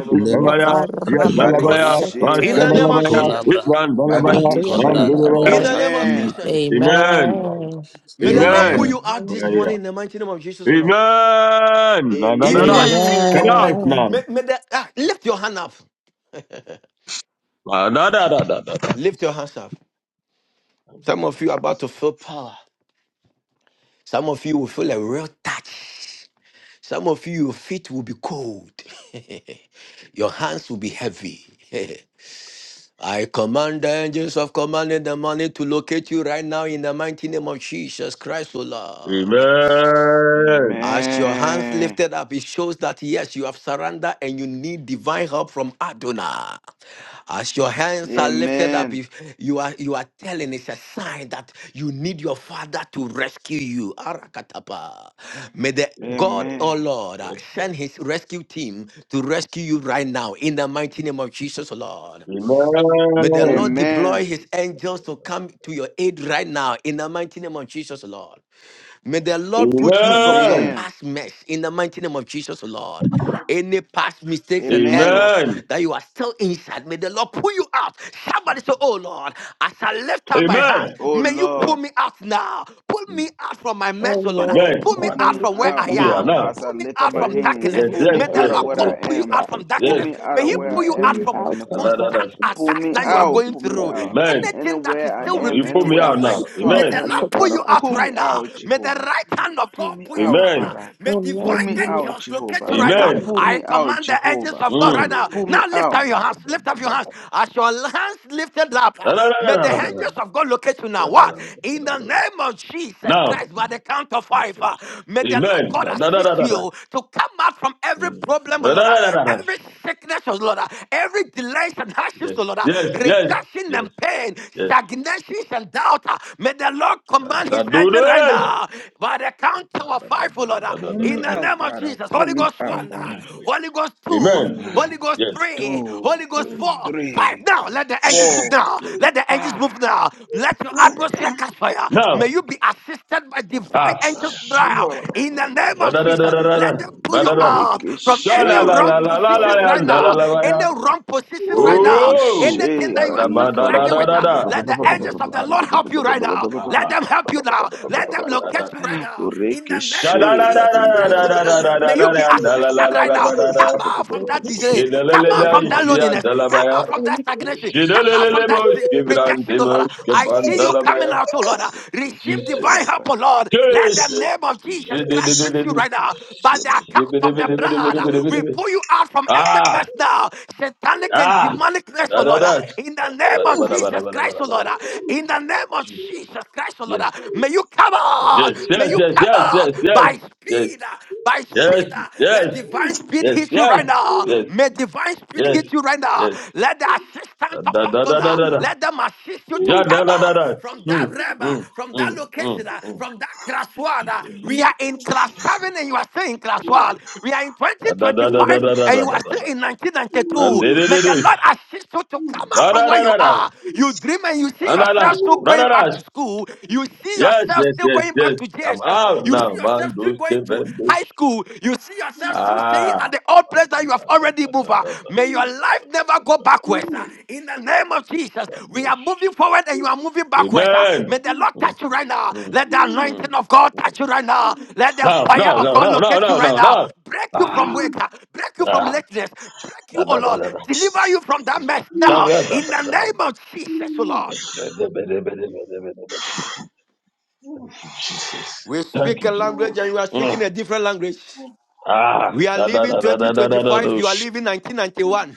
Speaker 2: Burikishi, ah,
Speaker 7: Ishavaya, Yes Balabaya, Mas
Speaker 2: Barikishi,
Speaker 12: in the
Speaker 9: Yakarapakosekate,
Speaker 12: name of
Speaker 7: Kabalabaya,
Speaker 2: Barikishi,
Speaker 12: Jesus
Speaker 7: Itman Balabaya,
Speaker 9: Matuya
Speaker 7: Man
Speaker 2: Barikishi.
Speaker 12: in
Speaker 7: Bulabaya,
Speaker 9: Barabaraba.
Speaker 12: the name of
Speaker 2: Amen,
Speaker 12: Jesus
Speaker 7: Jesus. Amen. man.
Speaker 9: Amen.
Speaker 12: May the Lord pull
Speaker 2: amen,
Speaker 12: you
Speaker 7: Amen.
Speaker 12: out this
Speaker 7: Maria.
Speaker 3: Amen.
Speaker 12: morning in the mighty name of Jesus, O Lord.
Speaker 7: Amen. La da
Speaker 12: If
Speaker 7: da
Speaker 12: you
Speaker 7: da.
Speaker 2: amen,
Speaker 12: are
Speaker 7: Come
Speaker 12: thinking,
Speaker 3: Amen.
Speaker 7: out
Speaker 12: may,
Speaker 9: Amen.
Speaker 7: now.
Speaker 12: may, may the, ah, lift your hand up.
Speaker 7: La da da da da da.
Speaker 12: Lift your hands up.
Speaker 7: Thank you,
Speaker 12: Some of you are
Speaker 7: Jesus.
Speaker 12: about to feel power. Some of you will feel a real touch. Some of you, your feet will be cold. your hands will be heavy. I command the angels of command in the morning to locate you right now in the mighty name of Jesus Christ, O Lord.
Speaker 7: Amen.
Speaker 12: As your hands lifted up, it shows that yes, you have surrendered and you need divine help from Adonai. As your hands are lifted
Speaker 2: amen,
Speaker 12: up, if you are you are telling it's a sign that you need your father to rescue you. Arakatapa. May the
Speaker 2: amen,
Speaker 12: God, oh
Speaker 2: amen.
Speaker 12: Lord, uh, send his rescue team to rescue you right now in the mighty name of Jesus, oh Lord. May the
Speaker 7: Amen.
Speaker 12: Lord deploy
Speaker 2: Amen.
Speaker 12: his angels to come to your aid right now in the mighty name of Jesus, oh Lord. May the Lord put you from your
Speaker 7: Amen.
Speaker 2: Amen.
Speaker 12: past mess in the mighty name of Jesus, O Lord. Any past mistakes and
Speaker 2: Amen.
Speaker 12: errors
Speaker 7: Amen.
Speaker 12: that you are still inside, may the Lord pull you out. Somebody say, Oh Lord, as I lift up my
Speaker 7: Amen.
Speaker 12: hands,
Speaker 2: Oh
Speaker 12: may you
Speaker 7: Yes.
Speaker 12: pull
Speaker 2: Lord,
Speaker 12: me out now. Pull me out from my mess,
Speaker 9: Oh
Speaker 12: oh Lord.
Speaker 9: Lord,
Speaker 7: Amen.
Speaker 12: Pull
Speaker 9: I
Speaker 12: me
Speaker 2: pull
Speaker 7: Father.
Speaker 9: want
Speaker 12: out
Speaker 2: me
Speaker 9: to
Speaker 12: from where
Speaker 9: put
Speaker 2: out,
Speaker 12: I
Speaker 9: my
Speaker 7: Come here
Speaker 9: hand.
Speaker 2: Lord.
Speaker 12: am.
Speaker 7: now.
Speaker 2: As I
Speaker 12: Pull me
Speaker 2: lift up
Speaker 12: out
Speaker 9: May
Speaker 2: my
Speaker 12: from
Speaker 9: you
Speaker 2: hands,
Speaker 9: bring
Speaker 12: darkness.
Speaker 7: Yes,
Speaker 9: me
Speaker 2: pull me
Speaker 12: May
Speaker 7: yes,
Speaker 9: out
Speaker 12: the
Speaker 2: out
Speaker 7: yes,
Speaker 2: of
Speaker 12: Lord
Speaker 9: the
Speaker 2: what
Speaker 7: yes.
Speaker 2: I
Speaker 12: God
Speaker 9: more I
Speaker 12: pull you
Speaker 2: am.
Speaker 12: out
Speaker 9: am.
Speaker 12: from
Speaker 7: Yes,
Speaker 2: Pull
Speaker 7: yes.
Speaker 12: darkness.
Speaker 2: me out
Speaker 12: May
Speaker 2: of
Speaker 12: He
Speaker 9: May you
Speaker 2: where
Speaker 12: pull you
Speaker 2: I
Speaker 12: out
Speaker 9: bring me
Speaker 2: am,
Speaker 12: from
Speaker 9: out
Speaker 2: Heavenly
Speaker 9: from
Speaker 2: Father.
Speaker 7: Adadada.
Speaker 12: constant
Speaker 2: Pull
Speaker 9: darkness
Speaker 12: attacks
Speaker 2: me
Speaker 12: that
Speaker 9: in the
Speaker 12: you are
Speaker 9: name
Speaker 2: out,
Speaker 12: going
Speaker 2: pull
Speaker 9: of
Speaker 2: me
Speaker 12: through.
Speaker 9: Lord.
Speaker 2: out.
Speaker 7: Amen.
Speaker 12: Anything that
Speaker 2: Anywhere
Speaker 12: is
Speaker 7: And
Speaker 12: still
Speaker 7: um,
Speaker 2: I am,
Speaker 7: you pull
Speaker 12: repeating
Speaker 7: me
Speaker 12: in
Speaker 2: anywhere
Speaker 12: your
Speaker 7: out
Speaker 2: I'm
Speaker 9: May
Speaker 12: life,
Speaker 9: you
Speaker 7: now.
Speaker 9: bring
Speaker 12: may
Speaker 9: me
Speaker 2: stuck,
Speaker 7: Amen.
Speaker 12: the
Speaker 9: out
Speaker 2: Heavenly
Speaker 12: Lord
Speaker 9: from
Speaker 12: pull
Speaker 9: any
Speaker 2: Father,
Speaker 12: you out
Speaker 2: pull
Speaker 9: attack.
Speaker 12: right
Speaker 2: me
Speaker 12: now now.
Speaker 2: out,
Speaker 7: Jesus.
Speaker 12: May the
Speaker 2: Jehovah.
Speaker 12: right hand of
Speaker 2: Pull
Speaker 12: God
Speaker 2: me
Speaker 12: pull you
Speaker 2: out,
Speaker 12: out.
Speaker 7: Amen.
Speaker 12: ah.
Speaker 2: Father.
Speaker 12: May
Speaker 9: Oh
Speaker 2: Pull
Speaker 9: Lord,
Speaker 12: divine
Speaker 2: me
Speaker 9: bring me out.
Speaker 2: out,
Speaker 12: angels locate you
Speaker 2: Jehovah.
Speaker 9: Oh
Speaker 12: right now.
Speaker 9: Lord,
Speaker 7: Amen.
Speaker 2: Pull
Speaker 9: bring
Speaker 12: I
Speaker 2: me out,
Speaker 12: command the angels
Speaker 2: Jehovah.
Speaker 12: of God right
Speaker 7: Mm.
Speaker 12: now.
Speaker 2: Pull me
Speaker 12: Now lift
Speaker 2: out.
Speaker 12: up your hands.
Speaker 9: me
Speaker 12: Lift up your hands. As your hands lifted up, ah, may the angels of God locate you now. What? In the name of Jesus
Speaker 7: Now,
Speaker 12: Christ, by the count of five, ah,
Speaker 7: Jesus.
Speaker 12: may the Lord
Speaker 7: Amen.
Speaker 12: God assist
Speaker 7: Adadadadada.
Speaker 12: you to come out from every
Speaker 7: Mm.
Speaker 12: problem, O Lord, ah, every sickness, O Lord, ah, every delays and hardships,
Speaker 7: Yes,
Speaker 12: O Lord, ah,
Speaker 7: yes, yes,
Speaker 12: rejection
Speaker 7: yes,
Speaker 12: and pain,
Speaker 7: yes.
Speaker 12: stagnations and doubt. ah. May the Lord command man is entering right now. By the count of five, oh Lord, uh,
Speaker 2: Pull
Speaker 12: in
Speaker 2: me
Speaker 12: the
Speaker 2: out,
Speaker 12: name of
Speaker 2: Father.
Speaker 12: Jesus,
Speaker 2: Pull
Speaker 12: Holy
Speaker 2: me
Speaker 12: Ghost
Speaker 2: out,
Speaker 12: one, uh,
Speaker 9: to
Speaker 2: Father.
Speaker 7: Jesus.
Speaker 12: Holy Ghost two,
Speaker 7: Amen.
Speaker 12: Holy Ghost
Speaker 7: Yes,
Speaker 12: three,
Speaker 2: two,
Speaker 12: Holy Ghost
Speaker 7: yes,
Speaker 12: four, five.
Speaker 2: three,
Speaker 12: Now
Speaker 7: yes,
Speaker 12: let the angels move
Speaker 2: four,
Speaker 12: now.
Speaker 7: yes.
Speaker 12: Let the angels
Speaker 2: five.
Speaker 12: move now. Let your atmosphere catch fire. May
Speaker 7: Now,
Speaker 12: you be assisted by divine angels
Speaker 7: ask.
Speaker 2: Barikishe,
Speaker 12: now.
Speaker 2: ba- ba- ba-
Speaker 12: In
Speaker 2: ba- ba-
Speaker 12: the
Speaker 2: ba- ba-
Speaker 12: name
Speaker 2: ba-
Speaker 7: Da
Speaker 2: ba- ba-
Speaker 12: of
Speaker 7: da
Speaker 2: ba-
Speaker 7: da da
Speaker 12: Jesus,
Speaker 7: da da
Speaker 2: ba-
Speaker 12: let
Speaker 7: da
Speaker 12: them pull
Speaker 7: da
Speaker 12: you
Speaker 7: da da.
Speaker 12: out from
Speaker 7: Cha
Speaker 12: any
Speaker 7: la la la
Speaker 12: wrong
Speaker 7: la la
Speaker 2: barika, ba-
Speaker 7: la
Speaker 12: positions right
Speaker 7: la da la
Speaker 12: now.
Speaker 7: la la
Speaker 12: Any
Speaker 7: la.
Speaker 12: wrong positions right now.
Speaker 7: Oh,
Speaker 12: Anything that
Speaker 7: ba
Speaker 12: you are
Speaker 7: da
Speaker 12: still
Speaker 7: ba
Speaker 2: barika,
Speaker 7: da
Speaker 2: ba-
Speaker 7: da
Speaker 12: struggling
Speaker 7: da
Speaker 12: with,
Speaker 7: da
Speaker 12: uh,
Speaker 7: da. I
Speaker 12: let the angels
Speaker 7: couldn't
Speaker 12: of the
Speaker 7: ba da.
Speaker 12: Lord help you right now. Let
Speaker 7: Ah,
Speaker 12: them help you
Speaker 7: ba
Speaker 12: now.
Speaker 7: da da da
Speaker 12: Let them
Speaker 7: da da da.
Speaker 12: locate you
Speaker 7: da.
Speaker 12: right now. In the
Speaker 7: Cha
Speaker 12: name
Speaker 7: da
Speaker 12: of
Speaker 7: da da da
Speaker 12: Jesus
Speaker 2: barika,
Speaker 12: Christ, oh
Speaker 7: da
Speaker 2: ba-
Speaker 7: da
Speaker 12: Lord, ah,
Speaker 7: da da
Speaker 12: may
Speaker 7: da
Speaker 12: you
Speaker 7: da
Speaker 12: be
Speaker 7: da da la la
Speaker 12: assisted
Speaker 7: la
Speaker 12: right
Speaker 7: la
Speaker 12: now.
Speaker 7: la la
Speaker 12: Come
Speaker 7: la.
Speaker 12: out from that delay.
Speaker 7: Je da la
Speaker 12: Come
Speaker 7: la
Speaker 12: out
Speaker 7: la
Speaker 9: the
Speaker 12: from
Speaker 9: Lord.
Speaker 12: that
Speaker 7: ishia
Speaker 12: loneliness.
Speaker 7: da la ba
Speaker 12: Come
Speaker 7: ya.
Speaker 12: out from that
Speaker 9: Amen.
Speaker 12: stagnation.
Speaker 7: Je da
Speaker 12: Come
Speaker 7: la la
Speaker 12: out from
Speaker 7: la
Speaker 12: that
Speaker 7: mosh
Speaker 12: se-
Speaker 7: kibran
Speaker 12: rejection, oh Lord.
Speaker 7: dimosh
Speaker 12: ah. I
Speaker 7: kiban
Speaker 12: see
Speaker 7: da
Speaker 12: you
Speaker 7: la ba
Speaker 12: coming
Speaker 7: ya.
Speaker 12: out, oh Lord. ah. Receive
Speaker 7: Jesus,
Speaker 12: divine help, oh
Speaker 2: barika,
Speaker 12: Lord. Let the
Speaker 7: Jesus.
Speaker 12: name of Jesus
Speaker 7: Je da da
Speaker 12: Christ
Speaker 7: da
Speaker 12: fix
Speaker 7: da
Speaker 2: Amen.
Speaker 12: you
Speaker 7: da.
Speaker 12: right now. By the
Speaker 7: Je
Speaker 12: account
Speaker 7: da da
Speaker 12: of
Speaker 7: da
Speaker 12: the
Speaker 7: da da
Speaker 12: blood, ah,
Speaker 7: da da da
Speaker 12: we
Speaker 7: da.
Speaker 12: pull you out from every
Speaker 7: Ah.
Speaker 12: mess now. Satanic and
Speaker 7: Ah,
Speaker 12: demonic mess, oh
Speaker 7: da da
Speaker 12: Lord. ah.
Speaker 7: da.
Speaker 12: In the
Speaker 7: Ba-
Speaker 12: name
Speaker 7: da-
Speaker 12: of
Speaker 7: ba- da- ba- da-
Speaker 12: Jesus
Speaker 7: ba- da- ba-
Speaker 12: Christ,
Speaker 7: da-
Speaker 12: oh
Speaker 7: da.
Speaker 12: Lord. ah. In the name of
Speaker 7: Jesus.
Speaker 12: Jesus Christ, oh Lord.
Speaker 7: Yes.
Speaker 12: uh, May you come on.
Speaker 7: Yes.
Speaker 12: May
Speaker 7: Yes.
Speaker 12: you
Speaker 7: Yes.
Speaker 12: come
Speaker 7: Yes.
Speaker 12: on
Speaker 7: Yes. Yes.
Speaker 12: by
Speaker 7: Yes.
Speaker 12: speed. uh, By
Speaker 7: Yes. Yes.
Speaker 12: speed. uh, Let divine speed
Speaker 7: Yes.
Speaker 12: hit you right now.
Speaker 7: Yes. Yes.
Speaker 12: May divine speed
Speaker 7: Yes.
Speaker 12: hit you right now.
Speaker 7: Yes.
Speaker 12: Let the assistant of
Speaker 7: Da da da da
Speaker 12: Agona,
Speaker 7: da da.
Speaker 12: let them assist you to
Speaker 7: Ja da
Speaker 12: come
Speaker 7: da da
Speaker 12: on
Speaker 7: da.
Speaker 12: from
Speaker 7: Hmm.
Speaker 12: that realm, uh,
Speaker 7: Hmm.
Speaker 12: from
Speaker 7: Hmm.
Speaker 12: that
Speaker 7: Hmm.
Speaker 12: location, uh,
Speaker 7: Hmm.
Speaker 12: from that class one. uh.
Speaker 7: Jesus.
Speaker 12: We
Speaker 9: Amen.
Speaker 12: are in class
Speaker 7: Jesus.
Speaker 12: seven and you are still in class one.
Speaker 7: Jesus.
Speaker 12: We are in
Speaker 7: Da da da da da da
Speaker 12: 2025
Speaker 7: da
Speaker 12: and
Speaker 7: da
Speaker 12: you are
Speaker 7: da
Speaker 12: still
Speaker 7: da.
Speaker 12: in
Speaker 7: Man
Speaker 12: 1992.
Speaker 7: de de
Speaker 12: May
Speaker 7: de de.
Speaker 12: the Lord assist you to come out
Speaker 7: Da da
Speaker 12: from where
Speaker 7: da
Speaker 12: you
Speaker 7: da da.
Speaker 12: are. You dream and you see yourself
Speaker 7: Analas.
Speaker 12: yourself still
Speaker 7: Da da
Speaker 12: going
Speaker 7: da.
Speaker 12: back to school. You see
Speaker 7: Yes,
Speaker 12: yourself
Speaker 7: yes,
Speaker 12: still
Speaker 7: yes,
Speaker 12: going
Speaker 7: yes.
Speaker 12: back to
Speaker 7: I'm
Speaker 12: JSS.
Speaker 7: out
Speaker 12: You see
Speaker 7: now.
Speaker 12: yourself
Speaker 7: Mandos,
Speaker 12: still going to
Speaker 7: Kevendos.
Speaker 12: high school. You see yourself still staying
Speaker 7: Ah.
Speaker 12: at the old place that you have already moved. ah. May your life never go backwards. ah. In the name of Jesus, we are
Speaker 7: Mandos.
Speaker 12: moving forward and you are moving backwards. ah.
Speaker 7: Amen.
Speaker 12: May the Lord
Speaker 7: Mm,
Speaker 12: touch you right now.
Speaker 7: mm,
Speaker 12: Let the
Speaker 7: mm,
Speaker 12: anointing of God
Speaker 7: mm.
Speaker 12: touch you right now. Let the
Speaker 7: No,
Speaker 12: fire
Speaker 7: no,
Speaker 12: of
Speaker 7: no,
Speaker 12: God
Speaker 7: no, no,
Speaker 12: locate you
Speaker 7: no,
Speaker 12: right
Speaker 7: no,
Speaker 12: now.
Speaker 7: no.
Speaker 12: Break you
Speaker 7: Ah,
Speaker 12: from weight, ah. break you from
Speaker 7: ah,
Speaker 12: lateness, break
Speaker 7: da,
Speaker 12: you, oh
Speaker 7: da, da,
Speaker 12: Lord.
Speaker 7: da, da.
Speaker 12: Deliver you from that mess
Speaker 7: Da,
Speaker 12: now.
Speaker 7: da, da,
Speaker 12: In
Speaker 7: da,
Speaker 12: the
Speaker 7: da, da.
Speaker 12: name of Jesus, oh Lord.
Speaker 7: Bede, bede, bede, bede, bede, bede, bede. Thank you, Jesus.
Speaker 12: We
Speaker 7: Thank
Speaker 12: speak a
Speaker 7: you,
Speaker 12: language
Speaker 7: Jesus.
Speaker 12: and you are speaking
Speaker 7: Mm.
Speaker 12: a different language.
Speaker 7: Ah,
Speaker 12: We are
Speaker 7: da, da,
Speaker 12: living
Speaker 7: da, da, da, da, da, da,
Speaker 12: 2025,
Speaker 7: da.
Speaker 12: you are living 1991.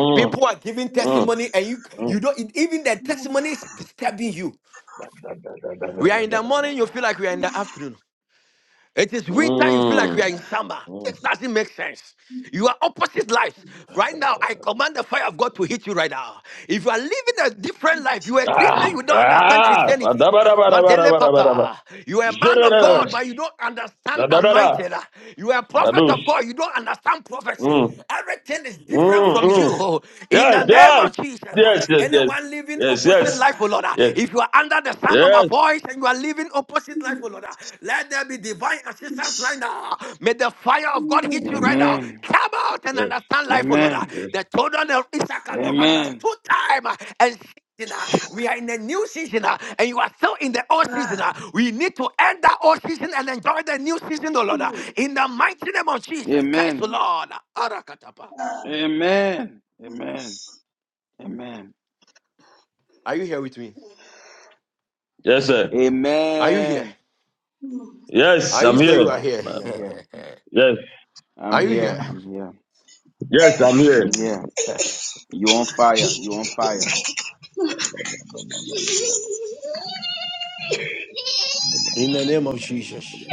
Speaker 12: People are giving
Speaker 7: mm,
Speaker 12: testimony and you
Speaker 7: mm.
Speaker 12: you don't even the testimony is disturbing you. We are in the morning, you feel like we are in the afternoon. It is winter, you feel like we are
Speaker 7: Mm.
Speaker 12: in summer.
Speaker 7: Mm.
Speaker 12: This doesn't make sense. You are opposite lives. Right now, I command the fire of God to hit you right now. If you are living a different life, you are a Christian,
Speaker 7: Ah,
Speaker 12: you don't understand
Speaker 7: ah, Da
Speaker 12: Christianity. Mandele Papa, you are a man of God, but you don't understand
Speaker 7: da da da da da da
Speaker 12: anointed. You are a prophet of
Speaker 7: Dadush.
Speaker 12: God, you don't understand prophecy.
Speaker 7: Mm.
Speaker 12: Everything is different
Speaker 7: Mm,
Speaker 12: from
Speaker 7: mm.
Speaker 12: you. In
Speaker 7: Yes,
Speaker 12: the name
Speaker 7: yes,
Speaker 12: of Jesus,
Speaker 7: yes, yes,
Speaker 12: anyone living
Speaker 7: yes, yes,
Speaker 12: opposite
Speaker 7: yes,
Speaker 12: life, oh Lord. ah. If you are under the sound of
Speaker 7: yes,
Speaker 12: my
Speaker 7: yes,
Speaker 12: voice and you are living opposite life, oh Lord, ah, let there be divine assistance right now. May the fire of God hit you right now.
Speaker 2: Amen.
Speaker 12: Come out and
Speaker 7: yes,
Speaker 12: understand life, oh Lord. ah.
Speaker 2: Amen.
Speaker 7: yes,
Speaker 12: The children of Issachar they
Speaker 2: Amen.
Speaker 12: understood time ah, and season, ah. we are in a new season ah, and you are still in the old season. ah. We need to end that old season and enjoy the new season, oh Lord. ah. In the mighty name of Jesus Christ, oh
Speaker 2: Amen.
Speaker 12: Lord. Ah, Arakatapa.
Speaker 2: Amen. Amen.
Speaker 12: Are you here with me?
Speaker 7: yes, sir.
Speaker 12: Are you here?
Speaker 2: Amen.
Speaker 7: Yes,
Speaker 12: Are you
Speaker 7: I'm
Speaker 2: Yes,
Speaker 12: sure you
Speaker 7: here,
Speaker 12: are
Speaker 2: Papa,
Speaker 12: here?
Speaker 2: we are
Speaker 7: man.
Speaker 2: here.
Speaker 7: Yes,
Speaker 2: I'm
Speaker 12: are you
Speaker 2: here.
Speaker 12: here?
Speaker 2: I'm here.
Speaker 7: yes, yes, yes, I'm
Speaker 2: I'm
Speaker 7: here.
Speaker 9: Amen.
Speaker 2: here. You on fire. You on fire.
Speaker 12: In the name of Jesus.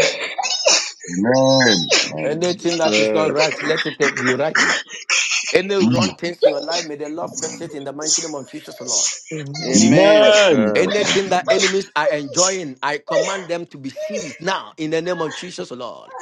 Speaker 7: Amen,
Speaker 12: Anything that is not
Speaker 13: Amen.
Speaker 12: right, let it be right. Any wrong things in your life, may the Lord fix it in the mighty name of Jesus, Lord.
Speaker 2: Amen.
Speaker 7: man. Amen.
Speaker 12: Anything that enemies are enjoying, I command them to be seized now in the name of Jesus, Lord.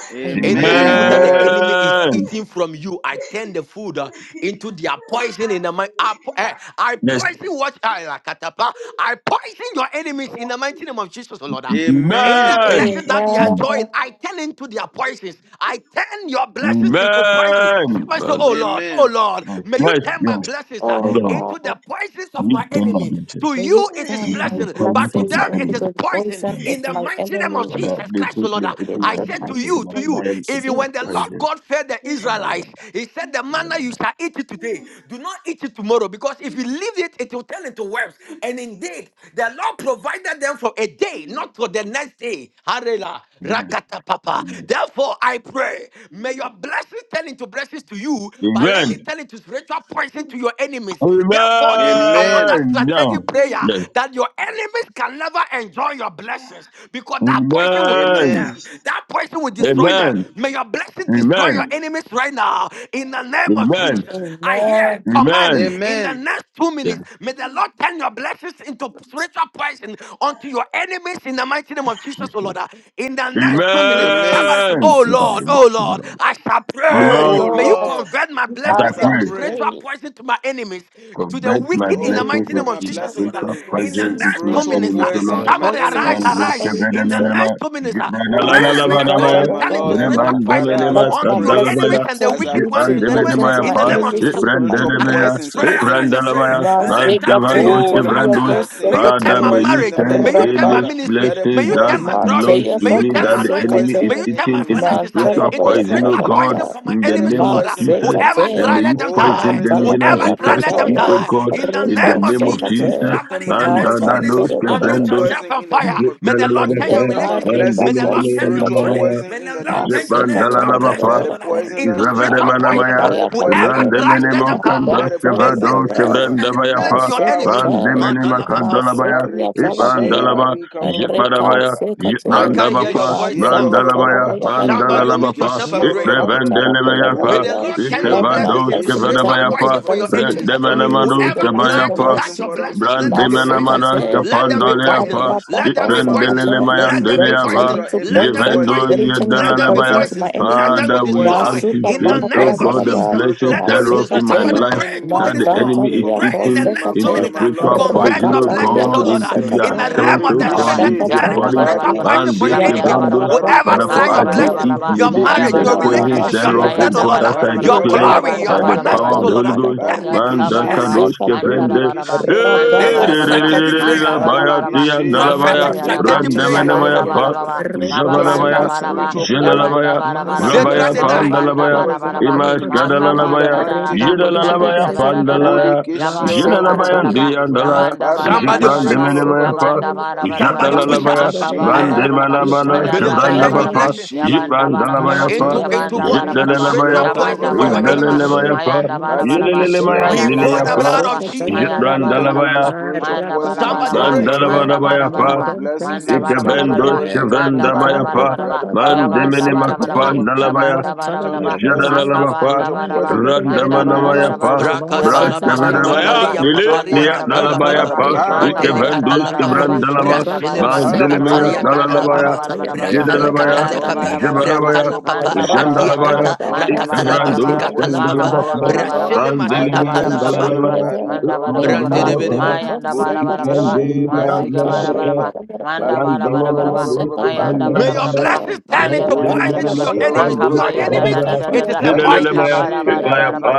Speaker 12: Any food
Speaker 2: Amen.
Speaker 12: that the
Speaker 13: Amen.
Speaker 12: enemy is
Speaker 7: Amen.
Speaker 12: eating from you, I turn the food uh, into their poison in the mind. I, po- eh, I
Speaker 7: Yes.
Speaker 12: poison what I like. katapa. I poison your enemies in the mighty name of Jesus, Lord. Uh, Any
Speaker 2: Amen.
Speaker 7: Amen.
Speaker 12: blessing that they are
Speaker 9: Amen.
Speaker 12: enjoying, I turn into their poisons. I turn your blessings into poison.
Speaker 7: Amen.
Speaker 12: Somebody say,
Speaker 7: Well
Speaker 12: Oh
Speaker 7: done.
Speaker 12: Lord, oh
Speaker 2: Amen.
Speaker 12: Lord,
Speaker 7: Yes,
Speaker 12: May you
Speaker 7: yes.
Speaker 12: turn my
Speaker 7: yes.
Speaker 12: blessings uh,
Speaker 9: Oh
Speaker 7: Hold on.
Speaker 12: into
Speaker 9: Lord,
Speaker 12: the poisons of my
Speaker 7: Leave them my
Speaker 12: enemy.
Speaker 7: blessing
Speaker 12: To
Speaker 9: may
Speaker 12: you
Speaker 9: you
Speaker 12: it is
Speaker 9: turn
Speaker 7: into
Speaker 9: my
Speaker 7: the
Speaker 12: blessing,
Speaker 7: presence
Speaker 12: but to
Speaker 7: of
Speaker 9: blessings
Speaker 7: my
Speaker 12: them
Speaker 9: into
Speaker 12: it is
Speaker 7: enemy.
Speaker 9: the
Speaker 12: poison.
Speaker 9: poison
Speaker 7: Father,
Speaker 9: of
Speaker 12: In the
Speaker 9: my
Speaker 12: mighty name of
Speaker 9: enemy
Speaker 7: Father,
Speaker 12: Jesus
Speaker 7: they
Speaker 12: Christ, O
Speaker 7: think they
Speaker 12: Lord, uh,
Speaker 7: are eating
Speaker 9: in
Speaker 12: I
Speaker 7: my
Speaker 9: the
Speaker 12: said to
Speaker 7: blessing,
Speaker 12: you,
Speaker 9: mighty
Speaker 7: but
Speaker 12: to
Speaker 7: to
Speaker 9: name
Speaker 12: you,
Speaker 9: of
Speaker 7: them it
Speaker 12: even
Speaker 7: is
Speaker 12: when the
Speaker 9: Jesus.
Speaker 12: Lord
Speaker 7: poison.
Speaker 12: God fed the
Speaker 7: Father,
Speaker 12: Israelites,
Speaker 7: Father,
Speaker 12: He said, The
Speaker 7: Father,
Speaker 12: manna you
Speaker 7: Father.
Speaker 12: shall eat it today. Do not eat it tomorrow, because if you leave it, it will turn into worms. And indeed, the Lord provided them for a day, not for the next day. Harela, rakata papa. Therefore, I pray, may your blessings turn into blessings to you, but let it
Speaker 7: Amen.
Speaker 12: turn into spiritual poison to your enemies. Therefore, this is another
Speaker 2: Amen.
Speaker 7: Amen. Now,
Speaker 12: strategic prayer
Speaker 7: yes.
Speaker 12: that your enemies can never enjoy your blessings because that poison will kill
Speaker 7: Amen.
Speaker 2: Amen.
Speaker 12: them. That poison will destroy them.
Speaker 7: Amen.
Speaker 12: May your blessing destroy your
Speaker 7: Amen.
Speaker 12: enemies right now. In the name of
Speaker 7: Amen.
Speaker 12: Jesus, I hear
Speaker 9: Amen.
Speaker 12: command
Speaker 7: Amen.
Speaker 12: in the
Speaker 2: Amen.
Speaker 12: next two
Speaker 7: Yes,
Speaker 12: minutes. May the Lord turn your blessings into spiritual that person unto your enemies in the mighty name of Jesus,
Speaker 7: Jesus.
Speaker 12: oh Lord. Ah, In the
Speaker 9: In the
Speaker 12: next two minutes,
Speaker 9: name of
Speaker 2: Amen.
Speaker 12: somebody say,
Speaker 7: Amen.
Speaker 12: Oh Lord,
Speaker 9: Jesus.
Speaker 12: oh Lord, I shall
Speaker 7: Oh
Speaker 9: Oh
Speaker 12: pray.
Speaker 7: Lord,
Speaker 2: Oh
Speaker 12: May you
Speaker 9: Lord,
Speaker 2: Lord,
Speaker 12: convert my
Speaker 7: as
Speaker 9: I
Speaker 12: blessings
Speaker 2: as
Speaker 7: I
Speaker 2: I
Speaker 12: into
Speaker 9: can
Speaker 7: pray,
Speaker 2: pray.
Speaker 12: spiritual
Speaker 9: pray.
Speaker 12: poison to my enemies, to the
Speaker 7: convert my
Speaker 12: wicked in
Speaker 9: May
Speaker 2: Oh,
Speaker 12: the
Speaker 7: blessings
Speaker 12: mighty
Speaker 2: convert
Speaker 12: name
Speaker 9: you
Speaker 12: of
Speaker 2: my
Speaker 7: into
Speaker 12: Jesus,
Speaker 9: turn
Speaker 12: oh
Speaker 2: blessing
Speaker 12: Lord.
Speaker 9: my
Speaker 12: Ah,
Speaker 7: spiritual
Speaker 2: to
Speaker 12: In the
Speaker 7: poison
Speaker 9: blessings
Speaker 12: next
Speaker 7: into my
Speaker 12: two
Speaker 9: into
Speaker 2: spiritual
Speaker 12: minutes,
Speaker 7: enemies,
Speaker 12: ah,
Speaker 9: fruit
Speaker 7: O
Speaker 9: of
Speaker 7: Lord.
Speaker 2: poison
Speaker 13: Amen.
Speaker 2: to my
Speaker 12: somebody arise,
Speaker 9: poison to my
Speaker 12: arise.
Speaker 7: Manduske
Speaker 2: enemies.
Speaker 12: In
Speaker 9: enemies.
Speaker 12: the
Speaker 9: and
Speaker 7: vedemenema,
Speaker 12: next two minutes, ah,
Speaker 2: Oh,
Speaker 12: pray.
Speaker 9: I
Speaker 2: yes,
Speaker 12: May
Speaker 9: say,
Speaker 2: my
Speaker 12: your
Speaker 9: God,
Speaker 2: God,
Speaker 7: jibradalalabanamaya,
Speaker 12: blessings
Speaker 2: and my
Speaker 9: shalom,
Speaker 12: turn into
Speaker 2: Lord,
Speaker 12: spiritual
Speaker 2: Heavenly
Speaker 9: hallelujah.
Speaker 2: Father,
Speaker 12: poison
Speaker 2: as
Speaker 7: vremandomenema
Speaker 9: Let
Speaker 2: I
Speaker 9: my
Speaker 12: unto your
Speaker 2: pray,
Speaker 12: enemies
Speaker 7: kandalabaya,
Speaker 9: blessing
Speaker 12: and the
Speaker 9: turn
Speaker 2: as I
Speaker 12: wicked ones
Speaker 9: into
Speaker 2: pray,
Speaker 12: in the name,
Speaker 9: poison
Speaker 2: convert
Speaker 9: to
Speaker 7: jibrandemenemaya
Speaker 2: my
Speaker 12: in
Speaker 9: my
Speaker 12: the
Speaker 7: pa,
Speaker 12: name of
Speaker 2: blessing
Speaker 9: enemies
Speaker 2: to
Speaker 12: Jesus.
Speaker 9: in
Speaker 12: oh
Speaker 9: the
Speaker 2: spiritual
Speaker 9: mighty name
Speaker 12: Arise
Speaker 7: ibrandenemaya,
Speaker 9: of
Speaker 12: and
Speaker 2: poison to
Speaker 12: pray,
Speaker 2: my
Speaker 9: Jesus.
Speaker 12: arise and
Speaker 2: enemies,
Speaker 12: pray.
Speaker 2: Heavenly
Speaker 7: ibrandalabaya,
Speaker 2: Father.
Speaker 12: Lift
Speaker 7: manske
Speaker 12: up
Speaker 9: Masekate,
Speaker 12: prayer.
Speaker 2: Oh,
Speaker 7: vanduske
Speaker 2: let my
Speaker 7: vrandus.
Speaker 9: teriyato
Speaker 12: Father, may
Speaker 2: blessing
Speaker 12: you turn
Speaker 7: Father,
Speaker 12: my
Speaker 9: sekate,
Speaker 7: may you
Speaker 2: poison
Speaker 12: marriage.
Speaker 2: them,
Speaker 7: turn
Speaker 12: May you
Speaker 2: Heavenly
Speaker 12: turn my
Speaker 7: any
Speaker 2: Father.
Speaker 12: ministry.
Speaker 2: Let it
Speaker 12: May
Speaker 7: blessings
Speaker 12: you
Speaker 7: that
Speaker 12: turn my
Speaker 2: poison my
Speaker 12: glory.
Speaker 7: belongs
Speaker 9: Mateya
Speaker 7: to
Speaker 12: May
Speaker 2: enemies.
Speaker 12: you
Speaker 7: me
Speaker 9: bako
Speaker 12: turn
Speaker 2: Let
Speaker 7: that
Speaker 12: my
Speaker 2: it
Speaker 7: the
Speaker 12: anointing.
Speaker 7: enemy
Speaker 2: poison
Speaker 7: is
Speaker 12: May
Speaker 2: my
Speaker 12: you
Speaker 9: sekate,
Speaker 12: turn my
Speaker 7: eating
Speaker 2: enemies.
Speaker 7: into
Speaker 12: finances uh,
Speaker 2: Let it
Speaker 9: mantala
Speaker 7: spiritual
Speaker 12: into
Speaker 9: baya
Speaker 2: poison
Speaker 7: poison,
Speaker 9: bara
Speaker 2: my
Speaker 7: oh
Speaker 12: spiritual
Speaker 9: bara
Speaker 7: God,
Speaker 12: poison
Speaker 9: ba,
Speaker 2: enemies.
Speaker 12: for my
Speaker 7: in the
Speaker 2: Let it
Speaker 12: enemies, O
Speaker 7: name
Speaker 9: ma
Speaker 7: of
Speaker 12: Lord. Uh,
Speaker 2: poison my
Speaker 7: Jesus.
Speaker 12: Whoever
Speaker 2: enemies.
Speaker 7: And
Speaker 12: try,
Speaker 9: sekate,
Speaker 7: may
Speaker 12: let
Speaker 7: you
Speaker 12: them
Speaker 2: Oh, turn
Speaker 7: poison
Speaker 12: die.
Speaker 2: it
Speaker 7: them
Speaker 2: to
Speaker 9: mantala
Speaker 7: even as
Speaker 12: Whoever
Speaker 7: they
Speaker 9: baya
Speaker 12: try,
Speaker 7: try to
Speaker 12: let them
Speaker 2: spiritual
Speaker 7: eat,
Speaker 9: kataya,
Speaker 7: oh
Speaker 12: die.
Speaker 2: poison
Speaker 7: God,
Speaker 12: In
Speaker 2: in the
Speaker 12: the name
Speaker 2: name
Speaker 7: in
Speaker 12: name
Speaker 7: the
Speaker 2: of
Speaker 9: reko
Speaker 12: of
Speaker 7: name of
Speaker 12: Jesus.
Speaker 2: Jesus.
Speaker 9: sekate,
Speaker 7: Jesus.
Speaker 2: Turn
Speaker 12: Somebody in
Speaker 2: my
Speaker 12: the
Speaker 9: ma
Speaker 7: And
Speaker 12: next two
Speaker 2: blessing
Speaker 12: minutes,
Speaker 2: into
Speaker 9: santa bara
Speaker 2: spiritual
Speaker 12: unmute
Speaker 7: that
Speaker 9: bara
Speaker 7: those
Speaker 9: ba.
Speaker 12: yourself
Speaker 2: poison
Speaker 12: and
Speaker 2: in the
Speaker 12: fire.
Speaker 2: name of
Speaker 12: May the Lord
Speaker 2: Jesus.
Speaker 12: turn
Speaker 9: Yeah,
Speaker 7: Jitdalalabapa,
Speaker 12: your
Speaker 2: Turn my
Speaker 12: relationship.
Speaker 9: barre
Speaker 12: May
Speaker 2: blessings
Speaker 12: the
Speaker 9: bako
Speaker 2: into
Speaker 12: Lord turn your
Speaker 2: spiritual
Speaker 9: sekate,
Speaker 7: Mandelelemeyandalaba,
Speaker 12: calling. May
Speaker 2: poison in
Speaker 12: the
Speaker 2: the
Speaker 12: Lord
Speaker 2: name
Speaker 12: turn
Speaker 2: of
Speaker 12: your
Speaker 9: masse
Speaker 12: name,
Speaker 2: Jesus.
Speaker 12: your
Speaker 9: katala bara
Speaker 7: Jitbandalalabapa,
Speaker 12: blessings, O
Speaker 2: Let
Speaker 9: bara
Speaker 2: it
Speaker 12: Lord,
Speaker 9: bara,
Speaker 2: poison
Speaker 12: into
Speaker 2: them,
Speaker 12: spiritual
Speaker 2: Jehovah.
Speaker 9: barre
Speaker 12: poison.
Speaker 7: Izavadamanamaya,
Speaker 2: Let
Speaker 9: baya
Speaker 2: it poison
Speaker 12: Whoever
Speaker 2: them,
Speaker 9: kate,
Speaker 12: tries, let
Speaker 2: Jehovah.
Speaker 12: them
Speaker 9: ma
Speaker 12: die.
Speaker 2: Let
Speaker 9: bente
Speaker 2: it
Speaker 12: May
Speaker 7: Randemenemokandoskevado,
Speaker 2: poison
Speaker 12: these
Speaker 9: bara
Speaker 2: them,
Speaker 9: bara,
Speaker 12: blessings
Speaker 2: Jehovah. By
Speaker 12: eliminate
Speaker 7: Shevrandabayapa,
Speaker 2: the
Speaker 12: your
Speaker 9: masse
Speaker 2: power
Speaker 12: enemy.
Speaker 2: in the name
Speaker 9: kate,
Speaker 2: of
Speaker 12: Madala
Speaker 2: Jesus.
Speaker 12: Papa.
Speaker 9: masse
Speaker 7: Mandemenemakandalabaya,
Speaker 9: kia tala
Speaker 2: Barikishe,
Speaker 9: baya,
Speaker 7: Itmandalaba,
Speaker 2: barika, ba- ba- ba- ba- ba- ba-
Speaker 9: reka
Speaker 2: ba-
Speaker 7: Jitmadabaya,
Speaker 2: ba.
Speaker 12: I
Speaker 9: sekate,
Speaker 12: can't hear your
Speaker 7: Jitmandabapa,
Speaker 12: voice
Speaker 9: masse
Speaker 12: enough.
Speaker 9: katala
Speaker 7: Mandalabaya,
Speaker 9: baya bara bara,
Speaker 12: Somebody unmute
Speaker 7: Mandalalabapa,
Speaker 12: yourself and
Speaker 9: ma
Speaker 12: pray.
Speaker 9: bente baya
Speaker 12: May
Speaker 9: bara
Speaker 7: Itrevendelemeyapa,
Speaker 12: the
Speaker 9: bara.
Speaker 12: Lord turn your
Speaker 9: Let my
Speaker 12: blessings into
Speaker 9: blessing turn
Speaker 12: spiritual
Speaker 9: into
Speaker 7: Ikevadoskevedabayapa,
Speaker 12: poison for your
Speaker 9: poison to my
Speaker 12: enemies.
Speaker 2: Turn it
Speaker 9: enemies
Speaker 2: into
Speaker 9: in the
Speaker 12: Whoever
Speaker 9: mighty
Speaker 2: spiritual
Speaker 12: tried
Speaker 9: name
Speaker 12: to
Speaker 7: Redemenamadoskabayapa,
Speaker 9: of
Speaker 12: touch
Speaker 2: poison
Speaker 12: your
Speaker 2: for
Speaker 9: Jesus.
Speaker 2: them.
Speaker 12: blessings, let them be
Speaker 2: Turn it
Speaker 7: Brandimena
Speaker 2: into
Speaker 12: poisoned.
Speaker 7: manas
Speaker 9: Masse
Speaker 2: spiritual
Speaker 12: Let them
Speaker 2: poison
Speaker 9: let
Speaker 12: be
Speaker 2: for
Speaker 9: it
Speaker 2: my
Speaker 7: kapandalea
Speaker 9: turn
Speaker 12: poisoned.
Speaker 7: pa
Speaker 2: enemies.
Speaker 12: Let them be
Speaker 2: Turn my
Speaker 12: poisoned.
Speaker 7: itrendelele
Speaker 12: Let
Speaker 2: blessings to
Speaker 12: them be
Speaker 2: the
Speaker 7: mayandelea va
Speaker 12: poisoned.
Speaker 2: spiritual
Speaker 9: into
Speaker 2: and
Speaker 12: Let them be
Speaker 9: poison.
Speaker 7: jevendo
Speaker 2: poison.
Speaker 9: Let
Speaker 12: poisoned.
Speaker 9: it turn
Speaker 12: Let
Speaker 9: into
Speaker 2: Turn
Speaker 12: them
Speaker 2: my
Speaker 7: yedelele
Speaker 12: be
Speaker 9: poison
Speaker 7: maya.
Speaker 9: to my
Speaker 12: poisoned.
Speaker 2: blessings to
Speaker 12: Let
Speaker 9: enemies.
Speaker 12: them
Speaker 2: spiritual
Speaker 12: be
Speaker 7: Father, we
Speaker 2: poison.
Speaker 12: destroyed.
Speaker 9: Masuka
Speaker 2: Turn
Speaker 12: In
Speaker 2: my
Speaker 12: the
Speaker 7: activate, oh
Speaker 12: name
Speaker 9: talapara
Speaker 2: blessings
Speaker 12: of
Speaker 7: God, the
Speaker 2: into
Speaker 9: gadabra.
Speaker 12: Jesus,
Speaker 2: spiritual
Speaker 7: blessed
Speaker 12: let them be
Speaker 7: thereof
Speaker 2: poison
Speaker 12: destroyed.
Speaker 7: in my
Speaker 2: for
Speaker 12: Somebody
Speaker 2: my
Speaker 9: Masikate.
Speaker 7: life
Speaker 12: pray
Speaker 2: enemy,
Speaker 12: two
Speaker 7: that the
Speaker 12: minutes
Speaker 2: Jehovah,
Speaker 12: more.
Speaker 7: enemy is
Speaker 2: for
Speaker 9: Matantalia
Speaker 12: Pray
Speaker 2: my
Speaker 12: in the
Speaker 7: eating
Speaker 2: enemy, my
Speaker 12: next two
Speaker 2: God,
Speaker 7: into
Speaker 9: kosekate.
Speaker 12: minutes.
Speaker 2: my
Speaker 12: ah.
Speaker 7: spiritual
Speaker 2: Lord.
Speaker 12: Convert
Speaker 7: poison,
Speaker 2: In
Speaker 12: your
Speaker 7: oh
Speaker 2: the name
Speaker 12: blessings,
Speaker 9: Rakatalia
Speaker 2: of
Speaker 12: oh
Speaker 7: God,
Speaker 12: Lord. ah.
Speaker 7: into
Speaker 2: Jesus.
Speaker 12: In
Speaker 7: their
Speaker 12: the
Speaker 9: kosekate.
Speaker 12: realm
Speaker 7: camps,
Speaker 12: of the
Speaker 7: oh
Speaker 12: spirit,
Speaker 14: Mayanabaraba,
Speaker 7: God,
Speaker 12: let
Speaker 7: into
Speaker 12: it
Speaker 2: Borikeshe,
Speaker 7: their
Speaker 12: turn into
Speaker 9: Nasakataya
Speaker 7: bodies.
Speaker 12: spiritual
Speaker 9: barabra.
Speaker 14: Yabarabaraba,
Speaker 12: poison
Speaker 7: Man,
Speaker 12: for your
Speaker 7: these
Speaker 2: Badikeshe,
Speaker 12: enemies.
Speaker 7: kevrondos,
Speaker 9: Yabara
Speaker 14: Yabayarabaraba,
Speaker 2: Barika,
Speaker 12: Whoever
Speaker 7: Father, for
Speaker 12: try your
Speaker 7: us they
Speaker 12: blessings,
Speaker 9: bakosekate.
Speaker 7: eat,
Speaker 14: Makabarabaraba,
Speaker 7: may
Speaker 12: your
Speaker 7: they eat
Speaker 12: marriage,
Speaker 7: the
Speaker 12: your
Speaker 9: Mataya
Speaker 7: poisons
Speaker 14: Mayabarabaraba,
Speaker 12: relationship, your
Speaker 9: bakasia
Speaker 7: thereof,
Speaker 2: Borikeshe.
Speaker 7: oh
Speaker 12: children, oh
Speaker 9: kate.
Speaker 7: God,
Speaker 12: Lord,
Speaker 7: as
Speaker 12: ah.
Speaker 7: I
Speaker 2: Barika
Speaker 14: Mayandabarabaraba,
Speaker 12: your
Speaker 7: declare
Speaker 12: glory,
Speaker 9: Yabara
Speaker 12: your
Speaker 7: by the
Speaker 14: Yabandabarabaraba,
Speaker 12: finances,
Speaker 7: power of
Speaker 12: oh
Speaker 7: the
Speaker 12: Lord.
Speaker 9: bakapaya
Speaker 7: Holy
Speaker 12: ah.
Speaker 7: Ghost.
Speaker 12: Turn
Speaker 9: barabra.
Speaker 12: it,
Speaker 7: Man,
Speaker 2: Barikeshe
Speaker 12: turn
Speaker 14: Yantabaraba,
Speaker 12: it.
Speaker 7: Dakadosh,
Speaker 9: Masakate.
Speaker 7: Kevrende,
Speaker 14: Mandalabaraba,
Speaker 2: Borikeshe
Speaker 12: This
Speaker 7: Baya
Speaker 12: is a
Speaker 14: Mandabarabaraba,
Speaker 12: strategic
Speaker 9: Rabakasakate.
Speaker 12: prayer,
Speaker 14: Mandabarabaraba,
Speaker 7: Tia
Speaker 2: Barikeshe
Speaker 9: Thank
Speaker 7: Dalabaya
Speaker 12: prophetic
Speaker 14: Makabayaraba,
Speaker 12: strategic prayer.
Speaker 2: Bodekeshia ba- ba-
Speaker 7: Randamanamaya
Speaker 2: ba- ba- ba-
Speaker 7: Pa
Speaker 2: ba-
Speaker 14: Yabandabarabaraba,
Speaker 2: ba. Turn it into
Speaker 7: Javanamaya
Speaker 14: Mababandabarabaraba,
Speaker 2: spiritual poison.
Speaker 7: Jelalabaya
Speaker 2: Turn my
Speaker 12: They
Speaker 14: Yabandabarabaraba,
Speaker 12: try,
Speaker 7: Rabaya
Speaker 2: blessing
Speaker 12: they
Speaker 2: into
Speaker 12: die.
Speaker 2: spiritual
Speaker 7: Pandalabaya
Speaker 2: poison for my
Speaker 14: Mababandabarabaraba,
Speaker 7: Imas
Speaker 2: enemy. In the
Speaker 7: Kadalalabaya
Speaker 2: mighty
Speaker 14: Makabandarada,
Speaker 2: name of
Speaker 7: Jedalalabaya
Speaker 2: Jesus.
Speaker 14: Yamandabarabaraba,
Speaker 7: Pandalaya
Speaker 2: Bodekeshia ba- ba- ba- ba- ba-
Speaker 7: Jelalabaya
Speaker 2: ba- ba-
Speaker 14: Yabandabarabaraba,
Speaker 2: ba- ba- ba.
Speaker 7: Driandalaya
Speaker 12: Somebody pray.
Speaker 2: Barekeshia
Speaker 14: Yabandabarabaraba,
Speaker 2: ba- ba-
Speaker 7: Jibrandamanamaya
Speaker 2: ba- ba-
Speaker 7: Pa
Speaker 2: ba- ba- ba- ba.
Speaker 12: Somebody
Speaker 14: Yabandabarabaraba,
Speaker 12: push up.
Speaker 7: Jadalalabaya
Speaker 2: Bodekeshi,
Speaker 12: But
Speaker 14: Makabarabaraba,
Speaker 7: Vandemanamanas
Speaker 2: Barekeshi,
Speaker 12: the Lord
Speaker 9: you.
Speaker 12: turn your
Speaker 14: Mayandabarabaraba,
Speaker 7: Kavrandabapa
Speaker 12: blessings.
Speaker 2: Barekeshi,
Speaker 7: Jibandalabaya
Speaker 14: Yabandabarabaraba,
Speaker 7: Pa
Speaker 2: Bodekeshi,
Speaker 12: into into what
Speaker 9: Sekataya,
Speaker 14: Yabandabarabaraba,
Speaker 2: Bodekeshia ba-
Speaker 7: Jedalalabaya
Speaker 12: spiritual
Speaker 2: ba- ba- ba- ba-
Speaker 12: poison
Speaker 2: ba-
Speaker 12: for your
Speaker 14: Yabandabarabaraba,
Speaker 12: enemies.
Speaker 7: Jedalalabaya
Speaker 2: Barekeshi,
Speaker 7: Pa
Speaker 14: Mayandabarabaraba,
Speaker 2: Badekeshia ba-
Speaker 7: Jedalalabaya
Speaker 12: We
Speaker 2: ba- ba-
Speaker 14: Mayanda
Speaker 2: ba-
Speaker 12: invoke
Speaker 14: bara
Speaker 12: the
Speaker 2: ba-
Speaker 7: Nilaya
Speaker 14: bara
Speaker 12: blood
Speaker 14: bara
Speaker 12: of
Speaker 14: ba.
Speaker 12: Jesus.
Speaker 2: Barekeshi.
Speaker 14: Mayanda bara
Speaker 2: Turn
Speaker 14: bara
Speaker 2: it
Speaker 14: bara
Speaker 2: into
Speaker 7: Jandalabaya,
Speaker 14: ba.
Speaker 2: spiritual
Speaker 14: Mayanda bara
Speaker 2: poison, my
Speaker 14: bara
Speaker 12: Somebody
Speaker 2: God
Speaker 14: ba.
Speaker 2: and my
Speaker 12: pray.
Speaker 2: Lord.
Speaker 14: Manda bara
Speaker 7: Mandalabarabaya
Speaker 2: Turn
Speaker 14: bara
Speaker 7: pa,
Speaker 2: my
Speaker 14: ba.
Speaker 2: blessings
Speaker 14: Manda
Speaker 2: into
Speaker 14: bara bara
Speaker 2: spiritual
Speaker 14: bara
Speaker 7: Ikevendo
Speaker 14: ba.
Speaker 2: poison, Heavenly
Speaker 14: Manda bara
Speaker 7: Shevendabaya
Speaker 2: Father.
Speaker 14: bara
Speaker 7: pa,
Speaker 14: bara
Speaker 2: You have
Speaker 14: ba.
Speaker 2: the power in the
Speaker 14: Yabanda
Speaker 7: Mandemene
Speaker 14: bara
Speaker 2: mighty
Speaker 14: bara
Speaker 7: Makapa,
Speaker 14: ba.
Speaker 2: name of
Speaker 7: Nalabaya,
Speaker 2: Jesus.
Speaker 14: Yabanda bara bara
Speaker 2: Turn the
Speaker 14: ba.
Speaker 2: blessings into
Speaker 7: Jadalalabapa,
Speaker 14: Makabanda
Speaker 2: spiritual
Speaker 14: bara ba.
Speaker 2: poison.
Speaker 14: Manda
Speaker 2: Turn it
Speaker 14: bara
Speaker 2: into
Speaker 14: bara bara
Speaker 7: Randamanamayapa,
Speaker 14: ba.
Speaker 2: spiritual poison.
Speaker 7: Bras
Speaker 12: Rakatala
Speaker 14: Yabanda bara
Speaker 2: Turn it
Speaker 14: bara bara
Speaker 2: into
Speaker 7: Kavanamaya,
Speaker 14: ba.
Speaker 12: masikatali yam
Speaker 7: Lili,
Speaker 2: spiritual
Speaker 14: Manda
Speaker 12: paparia
Speaker 7: Lia,
Speaker 14: bara
Speaker 2: poison.
Speaker 14: bara
Speaker 12: katala
Speaker 14: bara
Speaker 2: By
Speaker 14: bara
Speaker 2: the
Speaker 12: papa
Speaker 14: ba.
Speaker 7: Nalabayapa,
Speaker 2: power in
Speaker 12: madele
Speaker 2: the
Speaker 14: Makabaya
Speaker 7: Ikevendus,
Speaker 12: katala
Speaker 14: bara
Speaker 2: mighty
Speaker 14: bara
Speaker 2: name
Speaker 12: papa
Speaker 14: ba.
Speaker 2: of
Speaker 7: Kevrandalava,
Speaker 14: Manda
Speaker 2: Jesus,
Speaker 12: brasile
Speaker 14: bara bara
Speaker 2: by the
Speaker 14: bara bara ba.
Speaker 12: masikatali
Speaker 7: Mandilimia,
Speaker 12: ya
Speaker 2: power in
Speaker 14: Manda
Speaker 2: the
Speaker 12: katala
Speaker 14: bara
Speaker 7: Nalalabaya,
Speaker 12: papa
Speaker 2: blood
Speaker 14: bara
Speaker 2: of
Speaker 9: Mataya,
Speaker 14: bara bara ba.
Speaker 9: baya,
Speaker 2: Jesus,
Speaker 12: brasala
Speaker 9: baya, baya,
Speaker 7: Jadalabaya,
Speaker 12: katala
Speaker 14: Mayanda
Speaker 9: bada,
Speaker 2: turn it
Speaker 12: papa
Speaker 9: bada,
Speaker 14: bara
Speaker 2: into
Speaker 14: bara
Speaker 9: bada,
Speaker 14: bara ba.
Speaker 7: Jabarabaya,
Speaker 2: spiritual
Speaker 12: brakala papa
Speaker 14: Manda
Speaker 2: poison,
Speaker 14: bara bara
Speaker 2: Father.
Speaker 12: adia
Speaker 14: bara ba.
Speaker 12: kata
Speaker 7: Jandalabaya,
Speaker 2: Turn it
Speaker 14: Manda
Speaker 2: into
Speaker 14: bara
Speaker 12: rakatala
Speaker 14: bara
Speaker 7: Ikevrandus,
Speaker 14: bara
Speaker 2: spiritual
Speaker 14: ba.
Speaker 12: masikatala
Speaker 2: poison, my
Speaker 12: papa
Speaker 2: God,
Speaker 14: Makabara
Speaker 2: and
Speaker 7: Shandalabapa,
Speaker 2: my
Speaker 14: bara bara
Speaker 2: Lord.
Speaker 14: ba.
Speaker 12: brasile
Speaker 14: Manda
Speaker 7: Mandilimia,
Speaker 14: bara
Speaker 2: Bariki
Speaker 12: masikatala
Speaker 14: bara bara
Speaker 12: papa
Speaker 14: bara
Speaker 2: she,
Speaker 14: bara.
Speaker 7: Nalalabaya,
Speaker 2: barika,
Speaker 14: Manda bara bara bara bara.
Speaker 12: brandede
Speaker 7: Ikmandalabapa,
Speaker 14: Mayanda bara bara bara bara.
Speaker 2: Burikishi,
Speaker 7: Ikmandalabaya,
Speaker 14: Manziga bara
Speaker 7: Nalabapa,
Speaker 14: bara
Speaker 2: Barikishi,
Speaker 14: bara. Manda bara
Speaker 2: Barika, ba-
Speaker 14: bara
Speaker 2: ba-
Speaker 14: bara
Speaker 2: ba-
Speaker 14: bara.
Speaker 2: ba- ba-
Speaker 7: Brandamanamadus,
Speaker 2: ba- ba- ba-
Speaker 14: Mayanda
Speaker 12: May
Speaker 14: bara
Speaker 12: your
Speaker 14: bara
Speaker 7: Kevrandalabaya,
Speaker 14: bara bara.
Speaker 12: blessings
Speaker 2: Barikishi,
Speaker 7: in
Speaker 12: turn
Speaker 7: the
Speaker 14: Manda
Speaker 12: into
Speaker 14: bara bara
Speaker 12: poison
Speaker 14: bara
Speaker 12: to
Speaker 14: bara.
Speaker 12: your
Speaker 2: Burikishi,
Speaker 12: enemies. To your
Speaker 14: Makabaya da
Speaker 12: enemies,
Speaker 14: da da da da
Speaker 12: it is
Speaker 14: da.
Speaker 12: a poison.
Speaker 14: Mekabara
Speaker 2: Barikishi,
Speaker 14: bara bara bara.
Speaker 2: Barika,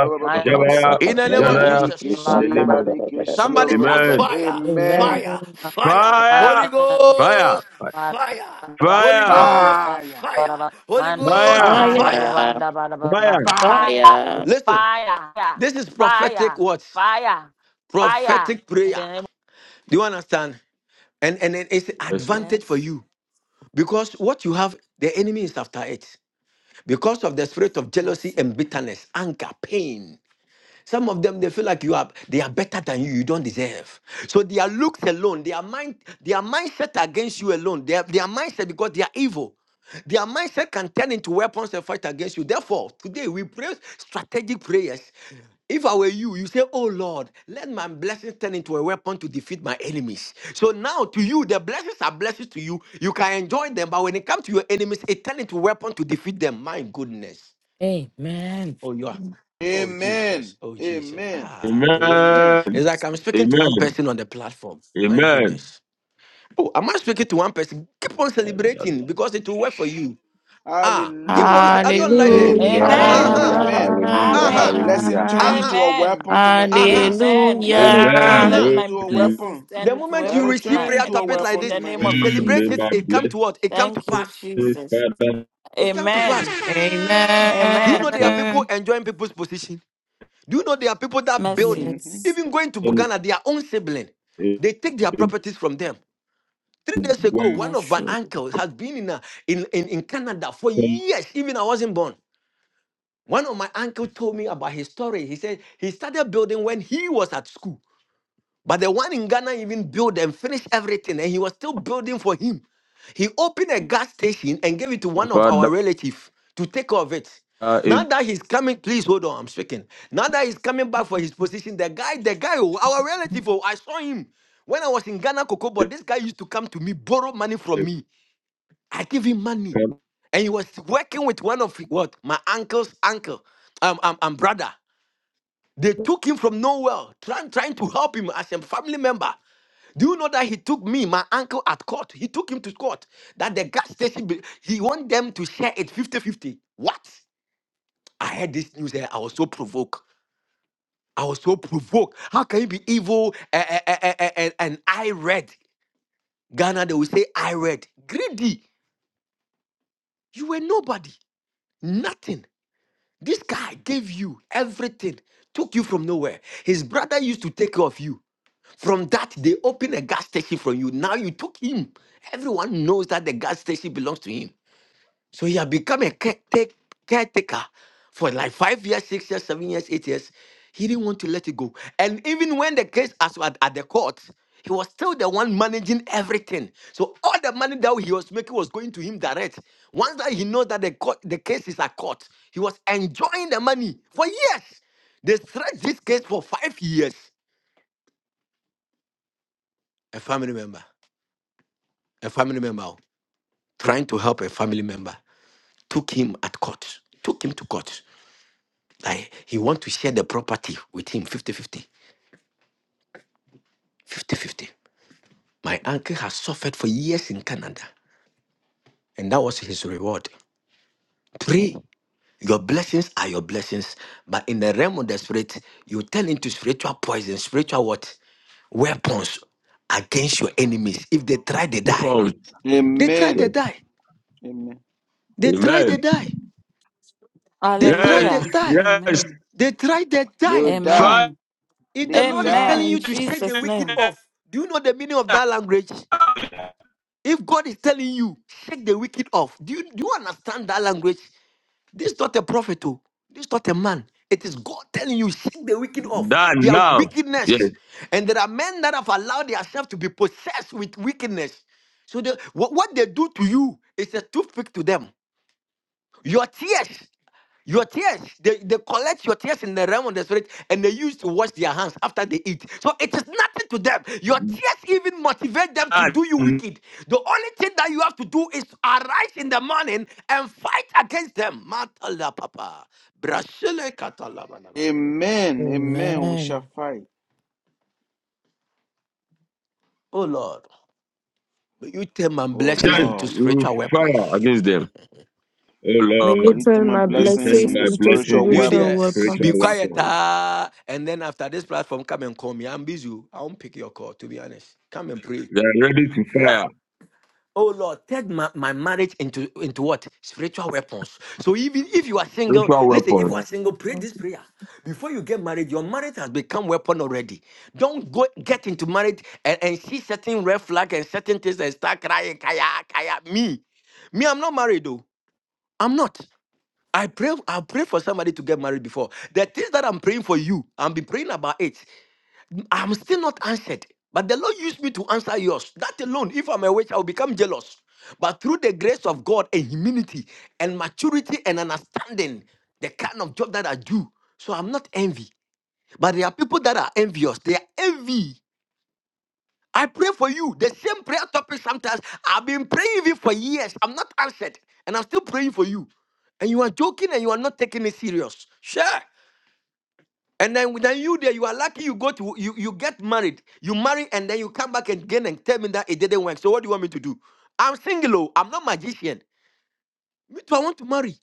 Speaker 12: In the name
Speaker 14: Mayanda
Speaker 12: of Jesus.
Speaker 2: Burikishi,
Speaker 7: name of
Speaker 14: bara
Speaker 2: Barikishi,
Speaker 7: Jesus.
Speaker 12: Somebody shout
Speaker 7: Amen.
Speaker 12: fire,
Speaker 2: Amen.
Speaker 12: fire,
Speaker 9: Amen.
Speaker 12: fire.
Speaker 14: bara
Speaker 7: Fire,
Speaker 12: Holy
Speaker 14: bara.
Speaker 7: fire,
Speaker 12: Ghost, fire. Holy
Speaker 7: fire,
Speaker 12: Ghost,
Speaker 2: Fire,
Speaker 12: fire. Holy Ghost,
Speaker 7: fire,
Speaker 2: fire,
Speaker 9: Fire,
Speaker 12: fire.
Speaker 7: fire.
Speaker 2: fire.
Speaker 14: Fire,
Speaker 9: fire.
Speaker 12: Listen,
Speaker 14: fire,
Speaker 12: this is prophetic
Speaker 14: fire,
Speaker 12: what?
Speaker 14: fire, fire.
Speaker 12: Prophetic
Speaker 14: In
Speaker 12: prayer.
Speaker 14: the name
Speaker 12: Do you understand? And and it- it's an
Speaker 7: Yes, sir.
Speaker 2: Yes.
Speaker 12: advantage for
Speaker 14: Yes,
Speaker 12: you because what you have, the enemy is after it. Because of the spirit of jealousy
Speaker 14: mercy.
Speaker 12: and bitterness, anger, pain. Some of them they feel like you are they are better than you. You don't deserve. So their looks alone, their mind, their mindset against you alone, their, their mindset because they are evil. Their mindset can turn into weapons and fight against you. Therefore, today we pray strategic prayers. Yeah. If I were you, you say, Oh Lord, let my blessings turn into a weapon to defeat my enemies. So now to you, the blessings are blessings to you. You can enjoy them, but when it comes to your enemies, it turns into a weapon to defeat them. My goodness.
Speaker 9: Amen.
Speaker 12: Oh, you are. Oh, Jesus.
Speaker 2: Amen.
Speaker 12: Oh, Jesus.
Speaker 2: Amen.
Speaker 12: Ah, the way.
Speaker 2: Amen.
Speaker 7: Amen.
Speaker 12: It's like I'm speaking to one
Speaker 7: Amen.
Speaker 12: person on the platform. My
Speaker 7: Amen.
Speaker 12: goodness. Oh, am I speaking to one person? Keep on celebrating because it will work for you. Ah, keep on. ce-
Speaker 2: Hallelujah.
Speaker 12: I don't like the.
Speaker 2: Amen.
Speaker 12: Uh
Speaker 2: Amen.
Speaker 14: Amen.
Speaker 12: huh.
Speaker 13: Hallelujah.
Speaker 2: Amen. Let
Speaker 12: Uh
Speaker 13: Hallelujah.
Speaker 2: my
Speaker 12: huh.
Speaker 14: Amen.
Speaker 2: blessing
Speaker 13: Hallelujah.
Speaker 2: turn
Speaker 12: Uh
Speaker 9: Hallelujah.
Speaker 2: into
Speaker 12: huh.
Speaker 2: a
Speaker 14: Amen.
Speaker 2: weapon to my
Speaker 12: Uh huh.
Speaker 2: enemies.
Speaker 14: Amen.
Speaker 2: Let it
Speaker 12: Uh
Speaker 14: Amen.
Speaker 9: Hallelujah.
Speaker 2: turn
Speaker 14: Let
Speaker 12: huh.
Speaker 7: Amen.
Speaker 14: my
Speaker 2: into a
Speaker 14: blessings
Speaker 2: weapon.
Speaker 12: The
Speaker 14: stand to
Speaker 12: moment
Speaker 2: Let
Speaker 12: you
Speaker 2: it
Speaker 14: weapons
Speaker 12: receive
Speaker 14: my
Speaker 2: turn
Speaker 12: prayer
Speaker 2: into a
Speaker 12: topics
Speaker 14: enemies
Speaker 12: like
Speaker 14: in
Speaker 2: weapon to
Speaker 14: the
Speaker 12: this,
Speaker 2: my
Speaker 14: name
Speaker 7: Oh,
Speaker 12: you
Speaker 14: of
Speaker 2: enemy.
Speaker 7: Lord, may
Speaker 12: celebrate it.
Speaker 14: Jesus.
Speaker 7: my
Speaker 12: It come to what? It come to
Speaker 14: Thank you,
Speaker 12: pass.
Speaker 7: blessings,
Speaker 14: Jesus.
Speaker 7: Father,
Speaker 12: It come to
Speaker 14: Amen.
Speaker 12: pass. Do you
Speaker 14: Amen.
Speaker 12: know there are people
Speaker 9: Amen.
Speaker 12: enjoying people's position? Do you know there are people that build,
Speaker 14: Mercy.
Speaker 2: Mhm.
Speaker 9: Yes,
Speaker 12: even going to
Speaker 7: turn
Speaker 12: Ghana, their own sibling,
Speaker 7: into
Speaker 12: they take their properties from them. Three days ago,
Speaker 7: weapons,
Speaker 12: one of my
Speaker 14: Mercy.
Speaker 9: true.
Speaker 12: uncles has been in, a, in, in, in Canada for years, even I wasn't born. One of my uncle told me about his story. He said he started building when he was at school. But the one in Ghana even built and finished everything, and he was still building for him. He opened a gas station and gave it to one of our
Speaker 7: Father,
Speaker 12: relatives to take care of it.
Speaker 7: in
Speaker 12: Now that he's coming, please hold on, I'm speaking. Now that he's coming back for his position, the guy, the guy, oh, our relative, oh, I saw him when I was in Ghana, Kokobo. This guy used to come to me, borrow money from me. I give him money, and he was working with one of what my uncle's uncle, um, um, um brother. They took him from nowhere, trying trying to help him as a family member. Do you know that he took me, my uncle, at court? He took him to court. That the gas station, be- he want them to share it fifty-fifty. What? I heard this news and I was so provoked. I was so provoked. How can you be evil eh, eh, eh, eh, eh, eh, and I read? Ghana, they will say, I read. Greedy. You were nobody, nothing. This guy gave you everything, took you from nowhere. His brother used to take care of you. From that, they opened a gas station for you. Now you took him. Everyone knows that the gas station belongs to him. So he had become a care- take- caretaker for like five years, six years, seven years, eight years. He didn't want to let it go. And even when the case as at, at the court, he was still the one managing everything. So all the money that he was making was going to him direct. Once that he knows that the court, the case is at court, he was enjoying the money for years. They stretched this case for five years. A family member, a family member oh, trying to help a family member took him at court, took him to court. Like he want to share the property with him 50-50. My uncle has suffered for years in Canada, and that was his reward. Pray. Your blessings are your blessings, but in the realm of the spirit, you turn into spiritual poison, spiritual what? Weapons against your enemies. If they try, they die.
Speaker 7: the
Speaker 12: They try, they
Speaker 2: Amen.
Speaker 12: die.
Speaker 2: Amen.
Speaker 12: They try,
Speaker 7: Amen.
Speaker 12: they die. They try,
Speaker 7: Yes,
Speaker 12: they
Speaker 14: Hallelujah.
Speaker 12: die.
Speaker 7: yes.
Speaker 14: Amen.
Speaker 12: They try, they
Speaker 2: They will
Speaker 12: die.
Speaker 2: die.
Speaker 7: Fire
Speaker 14: Amen.
Speaker 12: If
Speaker 2: They
Speaker 12: the Lord is
Speaker 14: Amen.
Speaker 12: telling
Speaker 2: die.
Speaker 14: In
Speaker 12: you to shake the
Speaker 14: Jesus'
Speaker 12: wicked
Speaker 14: name.
Speaker 12: off, do you know the meaning of that language? If God is telling you, shake the wicked off, do you, do you understand that language? This is not a prophet, oh. this is not a man. It is God telling you, shake the wicked off,
Speaker 7: that
Speaker 12: their
Speaker 7: now. Yes,
Speaker 12: wickedness. And there are men that have allowed themselves to be possessed with wickedness. So the, what, what they do to you is a toothpick to them. Your tears. Your tears, they, they collect your tears in the realm of the spirit and they use to wash their hands after they eat. So it is nothing to them. Your tears even motivate them to
Speaker 7: that
Speaker 12: do you wicked. The only thing that you have to do is arise in the morning and fight against them. Matala papa. Brasile katalabanaba.
Speaker 2: Amen. Amen. We shall
Speaker 9: Amen.
Speaker 2: fight.
Speaker 12: Oh Lord, may you turn my
Speaker 2: Oh
Speaker 12: blessings into
Speaker 2: Lord.
Speaker 7: just
Speaker 12: spiritual weapons.
Speaker 7: fire against them. Oh
Speaker 9: May you
Speaker 7: Lord,
Speaker 2: Into
Speaker 9: turn
Speaker 2: my
Speaker 9: my
Speaker 7: may you
Speaker 2: blessings
Speaker 7: turn
Speaker 9: blessings
Speaker 2: into
Speaker 7: my
Speaker 9: into
Speaker 7: blessings
Speaker 2: spiritual
Speaker 12: You
Speaker 7: into
Speaker 9: spiritual
Speaker 12: there,
Speaker 2: weapons.
Speaker 7: spiritual
Speaker 12: be
Speaker 9: weapons.
Speaker 12: quiet,
Speaker 7: weapons.
Speaker 12: ah. and then after this platform, come and call me. I'm busy. oh. I won't pick your call, to be honest. Come and pray.
Speaker 7: They are ready to
Speaker 12: Yeah.
Speaker 7: fire
Speaker 12: Oh Lord, turn my, my marriage into into what? Spiritual weapons. So even if you are single,
Speaker 7: spiritual
Speaker 12: listen, if
Speaker 7: weapons.
Speaker 12: you are single, pray
Speaker 9: Amen.
Speaker 12: this prayer. Before you get married, your marriage has become weapon already. Don't go get into marriage and, and see certain red flag and certain things and start crying, kaya, kaya. Me. Me, I'm not married though. I'm not. I pray, I pray for somebody to get married before. The things that I'm praying for you, I'll be praying about it. I'm still not answered. But the Lord used me to answer yours. That alone, if I'm a witch, I will become jealous. But through the grace of God and humility and maturity and understanding, the kind of job that I do, so I'm not envy. But there are people that are envious. They are envy. I pray for you. The same prayer topic sometimes. I've been praying even for years. I'm not answered. And I'm still praying for you. And you are joking and you are not taking it serious. Sure. And then, then you there, you are lucky you go to you, you get married, you marry, and then you come back again and tell me that it didn't work. So what do you want me to do? I'm single, oh, I'm not magician. Me too, I want to marry.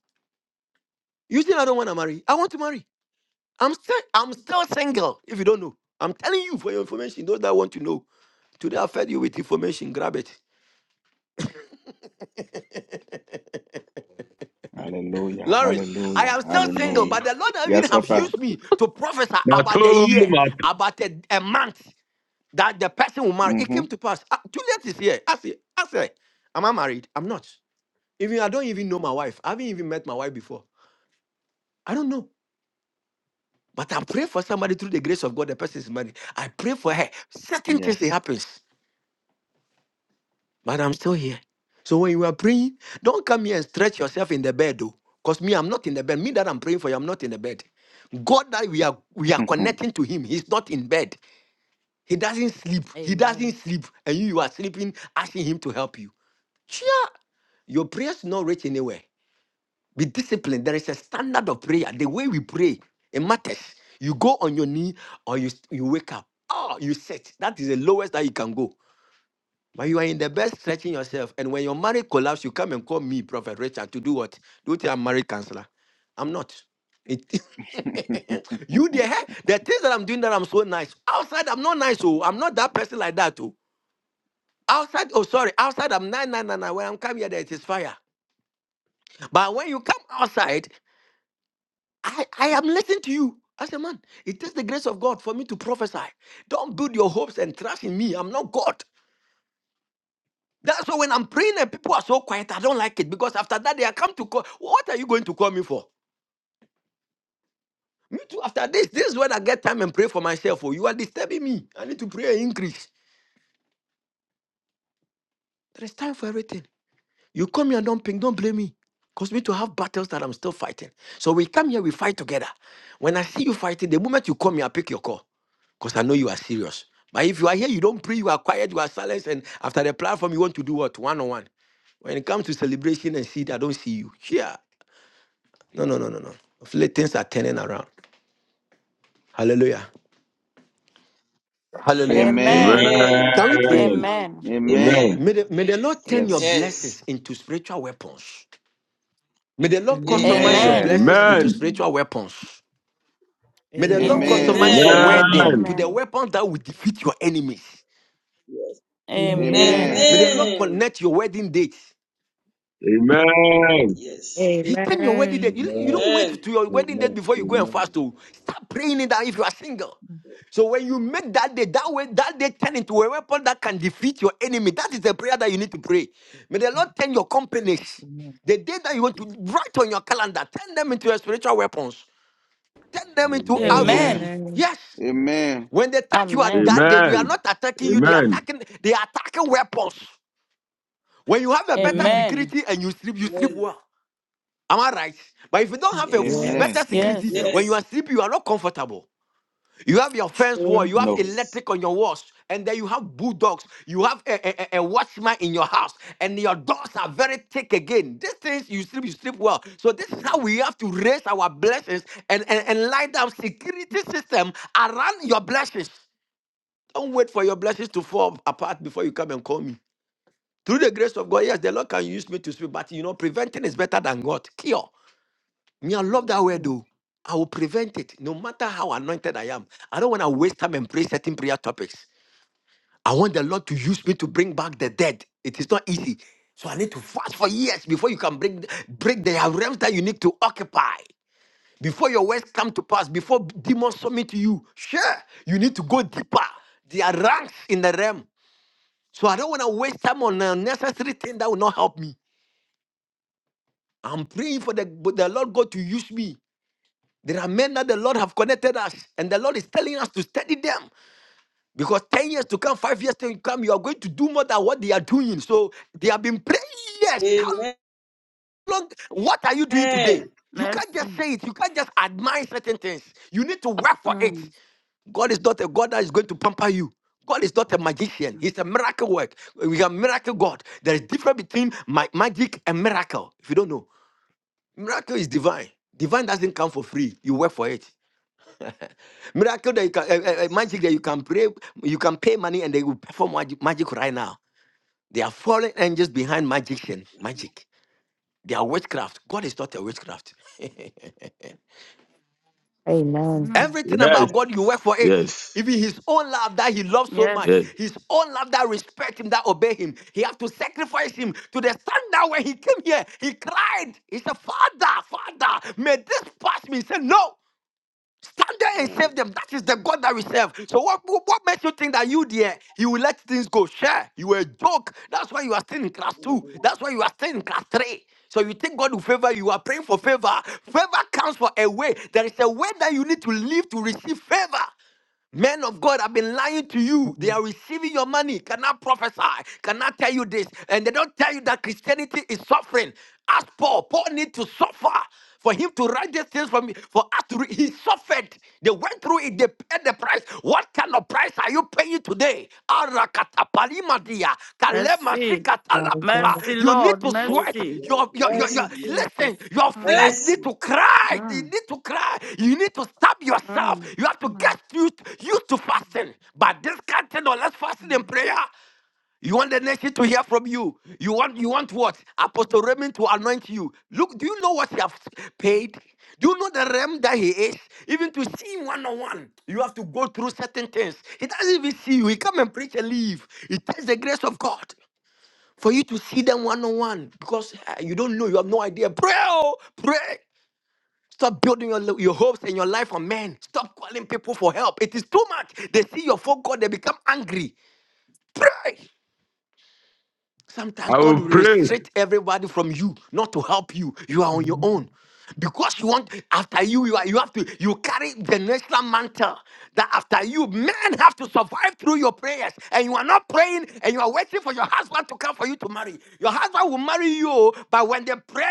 Speaker 12: You think I don't want to marry? I want to marry. I'm still I'm still single, if you don't know. I'm telling you for your information, those that want to know. Today I fed you with information, grab it.
Speaker 2: Hallelujah.
Speaker 12: Lawrence, I
Speaker 2: Hallelujah.
Speaker 12: am still single,
Speaker 3: Amen.
Speaker 12: but
Speaker 2: Hallelujah.
Speaker 12: the Lord even
Speaker 2: Yes,
Speaker 12: have
Speaker 2: Papa.
Speaker 12: used me to prophesy about the
Speaker 7: Matu,
Speaker 12: year,
Speaker 7: matu.
Speaker 12: about a, a month. that the person will marry. It
Speaker 2: Mm-hmm.
Speaker 12: came to pass. Ah, Juliet is here. Ask her. Ask her. Am I married? I'm not. Even I don't even know my wife. I haven't even met my wife before. I don't know. But I pray for somebody through the grace of God. The person is married. I pray for her. Certain things it
Speaker 2: Yes.
Speaker 12: happens. But I'm still here. So when you are praying, don't come here and stretch yourself in the bed, though. Because me, I'm not in the bed. Me that I'm praying for you, I'm not in the bed. God that we are we are connecting to him. He's not in bed. He doesn't sleep. He doesn't sleep. And you, you are sleeping, asking him to help you. Your prayers not reach anywhere. Be disciplined. There is a standard of prayer. The way we pray, it matters. You go on your knee or you, you wake up. Oh, you sit. That is the lowest that you can go. But you are in the best stretching yourself. And when your marriage collapse, you come and call me, Prophet Richard, to do what? Do you think I'm married counselor? I'm not. It- you there? eh? The things that I'm doing that I'm so nice. Outside, I'm not nice. Oh, I'm not that person like that. Oh, outside. Oh, sorry. Outside, I'm nine, nine, nine, nine. When I'm coming here, there it is fire. But when you come outside. I, I am listening to you I said, man. It takes the grace of God for me to prophesy. Don't build your hopes and trust in me. I'm not God. That's why when I'm praying and people are so quiet, I don't like it because after that they are come to call. What are you going to call me for? Me too. After this, this is when I get time and pray for myself. Oh, you are disturbing me. I need to pray and increase. There is time for everything. You come here and don't ping, don't blame me. Cause me to have battles that I'm still fighting. So we come here, we fight together. When I see you fighting, the moment you come here, I pick your call. Because I know you are serious. But if you are here, you don't pray, you are quiet, you are silent, and after the platform, you want to do what? One on one. When it comes to celebration and seed, I don't see you. Yeah. No, no, no, no, no. Of late, Things are turning around. Hallelujah. Hallelujah.
Speaker 2: Amen.
Speaker 14: Amen.
Speaker 9: Amen.
Speaker 3: Amen.
Speaker 12: Can we pray?
Speaker 7: Amen.
Speaker 3: Amen.
Speaker 14: Amen.
Speaker 2: Amen.
Speaker 3: Amen.
Speaker 7: Amen.
Speaker 12: May the, may the Lord turn your
Speaker 9: Amen.
Speaker 2: Yes.
Speaker 3: Yes.
Speaker 12: blessings into spiritual weapons. May the Lord
Speaker 15: Amen.
Speaker 12: customize your
Speaker 13: Amen.
Speaker 2: Amen.
Speaker 3: Amen.
Speaker 14: Amen.
Speaker 12: blessings
Speaker 9: Amen.
Speaker 12: into
Speaker 7: Amen.
Speaker 16: Mhm.
Speaker 12: spiritual weapons. May the
Speaker 14: In
Speaker 12: Lord
Speaker 15: Amen.
Speaker 2: Amen.
Speaker 12: customize
Speaker 14: Jesus'
Speaker 12: your
Speaker 9: Amen.
Speaker 3: Amen.
Speaker 14: name.
Speaker 12: wedding to
Speaker 7: Amen.
Speaker 12: the
Speaker 14: Amen.
Speaker 12: weapon that will defeat your enemies.
Speaker 3: Yes.
Speaker 9: Amen.
Speaker 15: Amen.
Speaker 2: Amen.
Speaker 14: Amen.
Speaker 12: May the Lord
Speaker 9: Amen.
Speaker 3: Amen.
Speaker 12: connect your wedding date.
Speaker 7: Amen.
Speaker 3: Yes.
Speaker 12: He turn your wedding
Speaker 9: Amen.
Speaker 12: date. You, you don't
Speaker 3: Amen.
Speaker 12: wait to your wedding date
Speaker 1: Amen.
Speaker 12: before you go and
Speaker 1: Amen.
Speaker 12: fast. To start praying it down if you are single. So when you make that day, that way, that day turn into a weapon that can defeat your enemy. That is the prayer that you need to pray. May the Lord turn your companies.
Speaker 15: Amen.
Speaker 12: The day that you want to write on your calendar, turn them into your spiritual weapons. Turn them into
Speaker 15: Mm.
Speaker 1: Amen.
Speaker 12: arrows.
Speaker 2: Amen.
Speaker 14: Amen.
Speaker 9: Amen.
Speaker 12: Yes.
Speaker 2: Amen.
Speaker 12: When they attack you at
Speaker 14: Amen.
Speaker 12: that day, they are
Speaker 7: Amen.
Speaker 12: not attacking you, they are
Speaker 7: Amen.
Speaker 12: attacking, they are attacking weapons. When you have a better
Speaker 15: Amen.
Speaker 14: Amen.
Speaker 12: security and you sleep, you sleep
Speaker 3: Yes,
Speaker 12: well. Am I right? But if you don't
Speaker 15: Mm.
Speaker 12: have a se-
Speaker 3: yes,
Speaker 2: Amen.
Speaker 9: Yes,
Speaker 12: better
Speaker 2: Am-
Speaker 12: security,
Speaker 14: Yes.
Speaker 12: when
Speaker 3: yes,
Speaker 12: you
Speaker 2: Yes.
Speaker 12: are sleeping, you are not comfortable. You have your fence wall,
Speaker 9: true.
Speaker 12: you have
Speaker 2: No.
Speaker 3: yes.
Speaker 12: electric on your walls, and then you have bulldogs, you have a, a, a a watchman in your house, and your doors are very thick again. These things you sleep, you sleep well. So this is how we have to raise our blessings and, and, and light up security system around your blessings. Don't wait for your blessings to fall apart before you come and call me. Through the grace of God, yes, the Lord can use me to speak, but you know, preventing is better than God. Cure. Me, I love that word
Speaker 15: Yeah.
Speaker 12: though. I will prevent it no matter how anointed I am. I don't want to waste time and pray certain prayer topics. I want the Lord to use me to bring back the dead. It is not easy. So I need to fast for years before you can bring break the realms that you need to occupy. Before your words come to pass, before demons submit to you, sure, you need to go deeper. There are ranks in the realm. So I don't want to waste time on unnecessary thing that will not help me. I'm praying for the, the Lord God to use me. There are men that the Lord have connected us, and the Lord is telling us to study them because 10 years to come, five years to come, you are going to do more than what they are doing. So they have been praying. Yes, how
Speaker 3: Amen.
Speaker 12: long? What are you doing
Speaker 3: Yes,
Speaker 12: today? You can't just
Speaker 14: Mercy.
Speaker 12: say it. You can't just admire certain things. You need to work for it.
Speaker 14: Mm.
Speaker 12: God is not a God that is going to pamper you. God is not a magician. He's a miracle work. We are miracle God. There is difference between ma- magic and miracle. If you don't know, miracle is divine. Divine doesn't come for free. You work for it. Miracle that you can, uh, uh, uh, magic that you can pray, you can pay money and they will perform magic, magic right now. They are fallen angels behind magician, magic. They are witchcraft. God is not a witchcraft.
Speaker 9: Amen.
Speaker 14: Mm.
Speaker 12: Everything
Speaker 7: Yes.
Speaker 12: about
Speaker 3: yes,
Speaker 12: God, you work for it.
Speaker 7: Yes.
Speaker 12: Even his own love that he loves so
Speaker 14: Yes.
Speaker 12: much,
Speaker 7: Yes.
Speaker 12: his own love that respect him, that obey him. He have to sacrifice him to the standard when he came here. He cried. He said, Father, Father, may this pass me. He said, No. Stand there and save
Speaker 3: mm.
Speaker 12: them. That is the God that we serve. So what, what what makes you think that you there, you will let things go? Share. You were a joke. That's why you are still in class two. That's why you are still in class three. So you think God will favor you. You are praying for favor. Favor comes for a way. There is a way that you need to live to receive favor. Men of God have been lying to you. They
Speaker 9: Amen.
Speaker 12: are receiving your money, cannot prophesy, cannot tell you this. And they don't tell you that Christianity is suffering. Ask Paul, Paul need to suffer for him to write these things for me, for us to read. He suffered. They went through it, they paid the price. What kind of price are you paying? you today. Arakatapalimadia,
Speaker 14: Mercy.
Speaker 9: My
Speaker 12: kalemashikatalapapa.
Speaker 9: God.
Speaker 14: Mercy,
Speaker 12: You need
Speaker 14: Lord.
Speaker 12: to
Speaker 3: yes,
Speaker 12: sweat.
Speaker 14: Mercy.
Speaker 3: yes,
Speaker 12: Your, your, your,
Speaker 14: Thank
Speaker 12: your,
Speaker 14: you, Jesus.
Speaker 12: listen, your
Speaker 14: Mm.
Speaker 12: flesh
Speaker 3: yes, yes. yes.
Speaker 12: need to cry. You
Speaker 14: Mm.
Speaker 12: need to cry. You need to stab yourself.
Speaker 14: Mm.
Speaker 12: You have to
Speaker 14: Mm.
Speaker 12: get used, used to
Speaker 14: Mm.
Speaker 12: fasting. But this can't, you know, let's fast
Speaker 14: Mm.
Speaker 12: in prayer. You want the nation to hear from you. You want you want what? Apostle Raymond to anoint you. Look, do you know what you have paid? Do you know the realm that he is? Even to see him one on one, you have to go through certain things. He doesn't even see you. He come and preach and leave. It takes the grace of God for you to see them one on one because eh, you don't know. You have no idea. Pray, oh, pray. Stop building your, lo- your hopes and your life on men. Stop calling people for help. It is too much. They see your phone call, they become angry. Pray. Sometimes
Speaker 7: I
Speaker 12: God
Speaker 7: will
Speaker 12: will
Speaker 7: pray.
Speaker 12: restrict everybody from you, not to help you. You are on your
Speaker 9: Amen.
Speaker 12: own. Because you want after you, you are you have to you carry the national mantle that after you men have to survive through your prayers and you are not praying and you are waiting for your husband to come for you to marry. Your husband will marry you, but when the prayer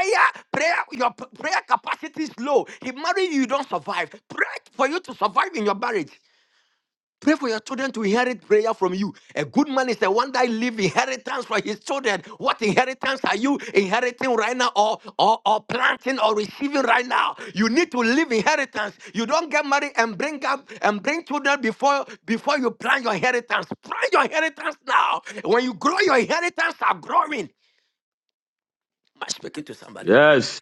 Speaker 12: prayer your p- prayer capacity is low, he marry you, you don't survive. Pray for you to survive in your marriage. Pray for your children to inherit prayer from you. A good man is the one that leave inheritance for his children. What inheritance are you inheriting right now or, or, or planting or receiving right now? You need to leave inheritance. You don't get married and bring up and bring children before before you plan your inheritance. Plan your inheritance now. When you grow, your inheritance are growing. Am I speaking to somebody?
Speaker 7: Yes,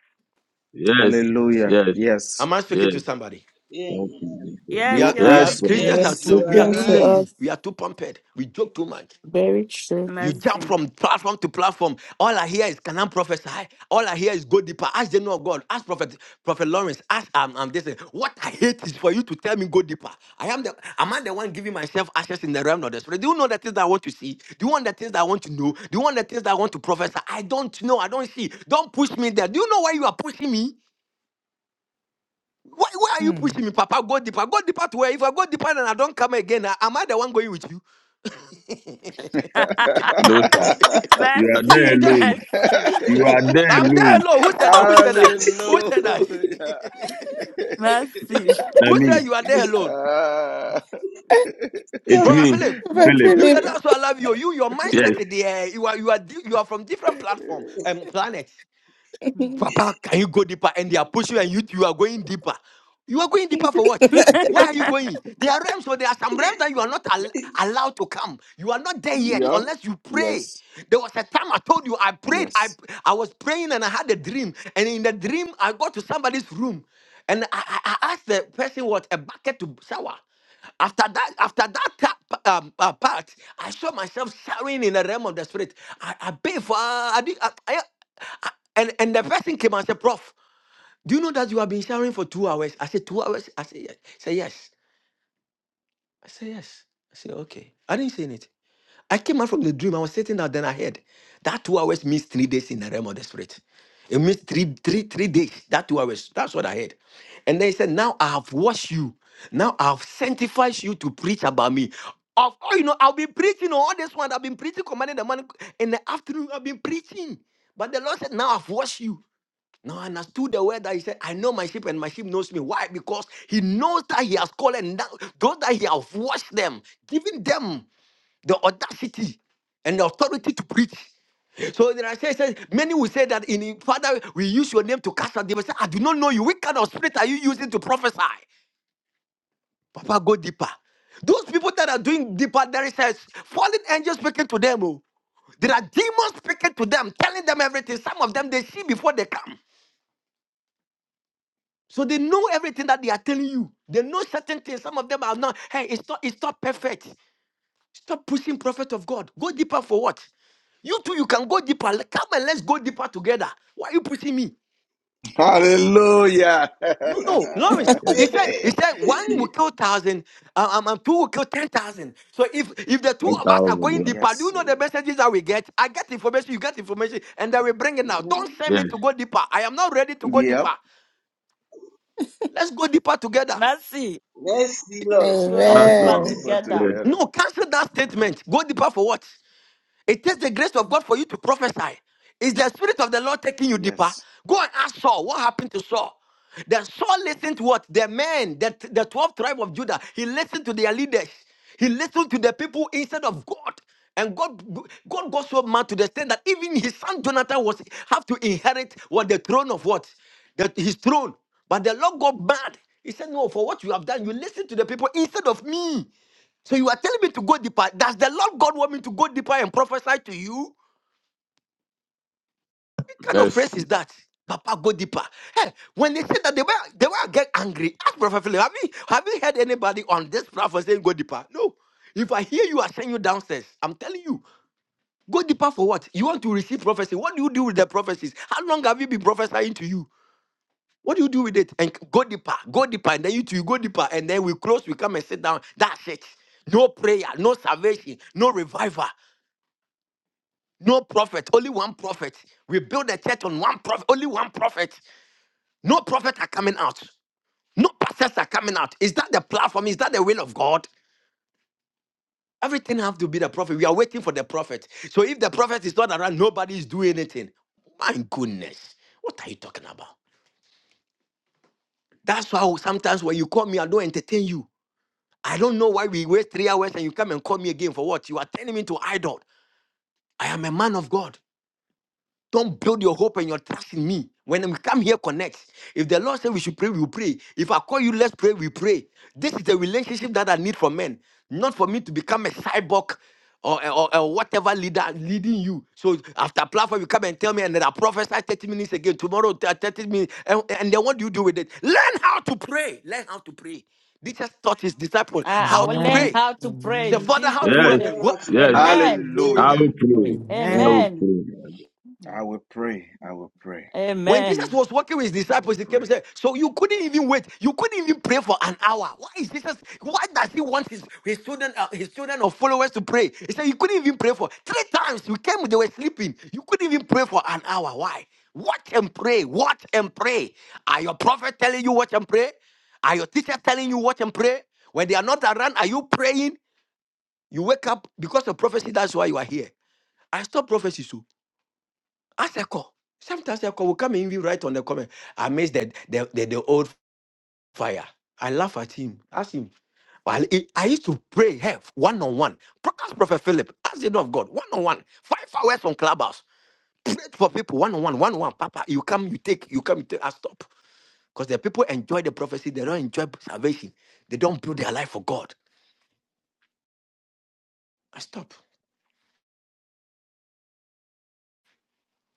Speaker 7: yes,
Speaker 2: Hallelujah.
Speaker 7: yes,
Speaker 2: Yes.
Speaker 12: Am I speaking
Speaker 7: yes.
Speaker 12: to somebody?
Speaker 7: Thank
Speaker 3: Amen.
Speaker 7: you, Jesus.
Speaker 12: We
Speaker 14: Yes,
Speaker 12: are
Speaker 2: You
Speaker 14: you're
Speaker 12: we
Speaker 2: are
Speaker 12: are
Speaker 7: Yes, sir.
Speaker 14: speaking.
Speaker 12: Christians
Speaker 9: Yes,
Speaker 12: are
Speaker 2: speaking
Speaker 3: Yes, you
Speaker 2: to
Speaker 12: too we are
Speaker 9: speaking
Speaker 14: to
Speaker 12: too
Speaker 3: are.
Speaker 9: to
Speaker 2: me.
Speaker 14: us.
Speaker 12: lazy.
Speaker 9: us.
Speaker 12: We are too pampered. We joke too much.
Speaker 9: Very true.
Speaker 12: You jump
Speaker 14: Mercy.
Speaker 12: from platform to platform. All I hear is, can I prophesy? All I hear is go deeper. Ask the know of God. Ask Prophet Prophet Lawrence. Ask um, um this. thing. What I hate is for you to tell me go deeper. I am the am I the one giving myself access in the realm of the spirit? Do you know the things that I want to see? Do you want the things that I want to know? Do you want the things that I want to prophesy? I don't know. I don't see. Don't push me there. Do you know why you are pushing me? Why, why are you pushing me, Papa? Go deeper. Go deeper to where? If I go deeper and I don't come again, I- am I the one going with you?
Speaker 7: No, sir. You are there
Speaker 14: mercy,
Speaker 12: Yeah.
Speaker 7: alone.
Speaker 14: mercy,
Speaker 7: You are there
Speaker 12: I'm there
Speaker 7: alone.
Speaker 12: alone. Who said that? Who said that? Who
Speaker 2: Hallelujah.
Speaker 12: said that?
Speaker 14: mercy.
Speaker 12: Who
Speaker 7: Not
Speaker 12: said
Speaker 7: me.
Speaker 12: you are there alone?
Speaker 2: Ah.
Speaker 7: It's
Speaker 9: Prophet
Speaker 12: Prophet
Speaker 7: me,
Speaker 12: Philip,
Speaker 7: Philip.
Speaker 12: you
Speaker 9: Philip.
Speaker 12: that also I love you. You, your
Speaker 7: Yes,
Speaker 12: mindset is there. You are you are di- you are from different platform and planet. Papa, can you go deeper? And they are pushing you, and you, you are going deeper. You are going deeper for what? Where are you going? There are realms, so there are some realms that you are not al- allowed to come. You are not there yet
Speaker 2: yeah.
Speaker 12: unless you pray.
Speaker 2: Yes.
Speaker 12: There was a time I told you I prayed. I
Speaker 2: Yes.
Speaker 12: I was praying and I had a dream. And in the dream, I got to somebody's room, and I, I I asked the person what a bucket to shower. After that, after that ca- um, uh, part, I saw myself shouting in the realm of the spirit. I, I paid for, I, did, I, I, I- and and the person came and said, "Prof, do you know that you have been shouting for two hours?" I said, two hours." I said, "Yes." I said, "Yes." I said, "Yes." I said, "Okay." I didn't say anything. I came out from the dream. I was sitting down, then I heard that two hours means three days in the realm of the spirit. It means three, three, three days. That two hours. That's what I heard. And then he said, Now I have washed you. Now I have sanctified you to preach about me. Of all you know, I've been preaching oh, all this one. I've been preaching, commanding the man in the afternoon. I've been preaching. But the Lord said, Now I've washed you. Now I understood the word that he said, I know my sheep and my sheep knows me. Why? Because he knows that he has called and that, those that he has washed them, giving them the audacity and the authority to preach. So there are say, say many will say that in in- Father, we use your name to cast out demons. Say, I do not know you. Which kind of spirit are you using to prophesy? Papa, go deeper. Those people that are doing deeper, there is a fallen angel speaking to them. oh. There are demons speaking to them, telling them everything. Some of them they see before they come. So they know everything that they are telling you. They know certain things. Some of them are not, hey, it's not, it's not perfect. Stop pushing prophet of God. Go deeper for what? You too, you can go deeper. Let- Come and let's go deeper together. Why are you pushing me?
Speaker 2: Hallelujah.
Speaker 12: No, no, Lawrence. He
Speaker 7: yes.
Speaker 12: said, he
Speaker 3: Amen.
Speaker 12: said one will
Speaker 2: Ye-
Speaker 12: kill thousand, um, um, um, two will kill ten thousand. So if if the two of us are
Speaker 7: 10,000,
Speaker 12: going
Speaker 7: yeah.
Speaker 12: deeper, do
Speaker 2: yes.
Speaker 12: you know
Speaker 3: Yes,
Speaker 12: the messages that we get? I get information, you get information, and then we bring it now.
Speaker 3: mm.
Speaker 12: Don't send me
Speaker 7: Yes,
Speaker 12: to go deeper. I am not ready to go deeper.
Speaker 2: Yep.
Speaker 12: Let's go deeper together.
Speaker 14: mercy.
Speaker 3: Mercy, Lord.
Speaker 14: Going
Speaker 7: that's
Speaker 2: Go
Speaker 14: deeper
Speaker 9: Amen.
Speaker 7: all.
Speaker 3: Yes.
Speaker 2: deeper
Speaker 7: Yes,
Speaker 14: together.
Speaker 2: together.
Speaker 12: No, cancel that statement. Go deeper for what? It takes the grace of God for you to prophesy. Is the spirit of the Lord taking you deeper?
Speaker 2: Yes.
Speaker 12: Go and ask Saul what happened to Saul. Then Saul listened to what? The men, the, the 12 tribe of Judah. He listened to their leaders. He listened to the people instead of God. And God, God got so mad to the extent that even his son Jonathan was have to inherit what the throne of what? That his throne. But the Lord got mad. He said, No, for what you have done, you listen to the people instead of me. So you are telling me to go deeper. Does the Lord God want me to go deeper and prophesy to you? What kind of phrase is
Speaker 7: mercy.
Speaker 12: that? Papa, go deeper. Hey, when they say that they were they were get angry. Ask Prophet Philip, have you have you heard anybody on this platform saying go deeper? No. If I hear you, I send you downstairs. I'm telling you, go deeper for what? You want to receive prophecy. What do you do with the prophecies? How long have you been prophesying to you? What do you do with it? And go deeper, go deeper, and then you two go deeper, and then we close, we come and sit down. That's it. No prayer, no salvation, no revival. No prophet, only one prophet. We build a church on one prophet, only one prophet. No prophet are coming out. No pastors are coming out. Is that the platform? Is that the will of God? Everything have to be the prophet. We are waiting for the prophet. So if the prophet is not around, nobody is doing anything. My goodness, what are you talking about? That's why sometimes when you call me, I don't entertain you. I don't know why we wait three hours and you come and call me again for what? You are turning me into idol. I am a man of God. Don't build your hope and your trust in me. When we come here, connect. If the Lord said we should pray, we will pray. If I call you, let's pray, we pray. This is the relationship that I need from men, not for me to become a cyborg or, or, or whatever leader leading you. So after platform, you come and tell me, and then I prophesy 30 minutes again, tomorrow th- 30 minutes. And, and then what do you do with it? Learn how to pray. Learn how to pray. Jesus taught his disciples
Speaker 14: I, I
Speaker 12: how
Speaker 14: will
Speaker 12: to
Speaker 14: learn
Speaker 9: Amen.
Speaker 12: pray.
Speaker 14: how to pray
Speaker 12: Say,
Speaker 9: Amen.
Speaker 14: in
Speaker 12: Father, how
Speaker 14: Jesus'
Speaker 3: We
Speaker 12: to. Uh,
Speaker 7: Yes,
Speaker 14: name.
Speaker 3: learn how
Speaker 12: what?
Speaker 3: to
Speaker 7: yes.
Speaker 3: pray. We
Speaker 12: Yes.
Speaker 3: will
Speaker 14: Amen.
Speaker 7: I
Speaker 3: pray.
Speaker 2: Hallelujah.
Speaker 7: will pray. I
Speaker 9: Amen.
Speaker 7: will
Speaker 14: Amen.
Speaker 7: pray.
Speaker 2: I will pray. I will pray.
Speaker 12: When Jesus
Speaker 14: Amen.
Speaker 12: was walking with his
Speaker 2: I will
Speaker 12: disciples, he came and
Speaker 2: pray.
Speaker 12: said, So you couldn't even wait. You couldn't even pray for an hour. Why is Jesus? Why does he want his, his student, uh, his student or followers to pray? He said, You couldn't even pray for three times. You came, they were sleeping. You couldn't even pray for an hour. Why? Watch and pray. Watch and pray. Are your prophet telling you watch and pray? Are your teacher telling you watch and pray? When they are not around, are you praying? You wake up because of prophecy. That's why you are here. I stop prophecy, too. Ask a Echo. Sometimes Echo will come and even right on the comment. I miss the the, the, the old fire. I laugh at him. Ask him. Well, I I used to pray here one on one. Ask Prophet Philip, ask the Lord of God, one on one, five hours on clubhouse. Pray for people one on one, one on one. Papa, you come, you take, you come, you take. I stop because the people enjoy the prophecy, they don't enjoy salvation, they don't build their life for God. I stop,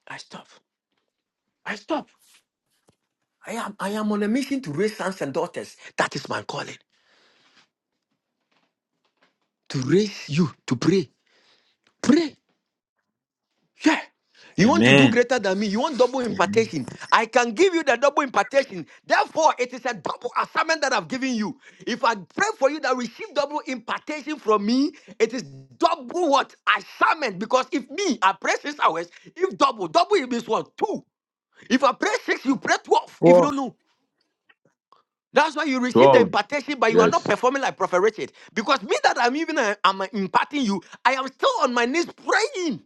Speaker 12: I stop, I stop. I am, I am on a mission to raise sons and daughters. That is my calling to raise you to pray. Pray. Yeah. You want to do
Speaker 2: Amen.
Speaker 12: greater than me. You want double impartation. I can give you the double impartation. Therefore, it is a double assignment that I've given you. If I pray for you that receive double impartation from me, it is double what? Assignment. Because if me, I pray six hours, if double, double it means what? Two. If I pray six, you pray 12. If you
Speaker 2: Whoa.
Speaker 12: don't know. That's why you receive the
Speaker 7: 12.
Speaker 12: impartation, but you are
Speaker 7: Yes.
Speaker 12: not performing like Prophet Richard. Because me that I'm even uh, I'm imparting you, I am still on my knees praying.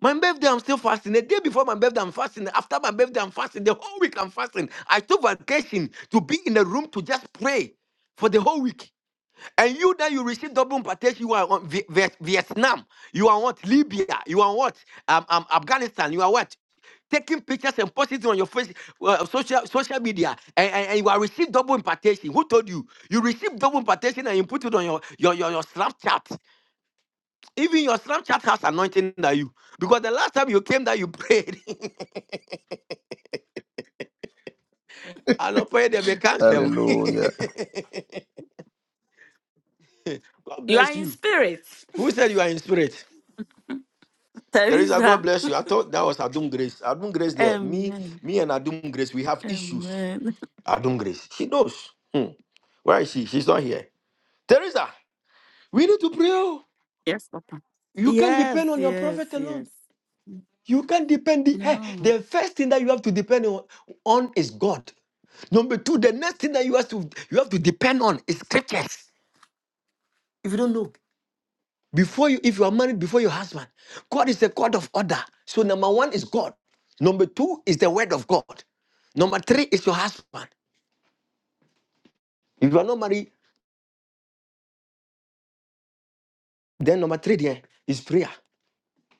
Speaker 12: My birthday, I'm still fasting. The day before my birthday, I'm fasting. After my birthday, I'm fasting. The whole week, I'm fasting. I took vacation to be in a room to just pray for the whole week. And you, then you receive double impartation. You are on Vi- Vi- Vietnam. You are what? Libya. You are what? Um, um, Afghanistan. You are what? Taking pictures and posting it on your face, uh, social social media, and, and, and you are receive double impartation. Who told you? You receive double impartation and you put it on your your your, your Snapchat. Even your Snapchat has anointing that you. Because the last time you came that you prayed, and I prayed they be canceled.
Speaker 2: Hallelujah.
Speaker 12: God
Speaker 14: You are
Speaker 12: bless
Speaker 14: in
Speaker 12: you.
Speaker 14: spirit.
Speaker 12: Who said you are in spirit? Teresa, God
Speaker 14: Teresa.
Speaker 12: bless you. I thought that was Adum Grace. Adum Grace there. Me,
Speaker 14: Amen.
Speaker 12: me and Adum Grace, we have issues.
Speaker 14: Amen.
Speaker 12: Adum Grace. She knows. Hmm. Where is she? She's not here. Teresa, we need to pray. oh.
Speaker 14: Yes, Papa.
Speaker 12: You can't
Speaker 14: Yes,
Speaker 12: depend on your
Speaker 14: yes,
Speaker 12: prophet
Speaker 14: yes.
Speaker 12: alone. You can't depend. The, hey,
Speaker 14: No.
Speaker 12: the first thing that you have to depend on on is God. Number two, the next thing that you have to you have to depend on is scriptures. If you don't know, before you if you are married before your husband, God is a God of order. So number one is God. Number two is the word of God. Number three is your husband. If you are not married, then number three there is prayer.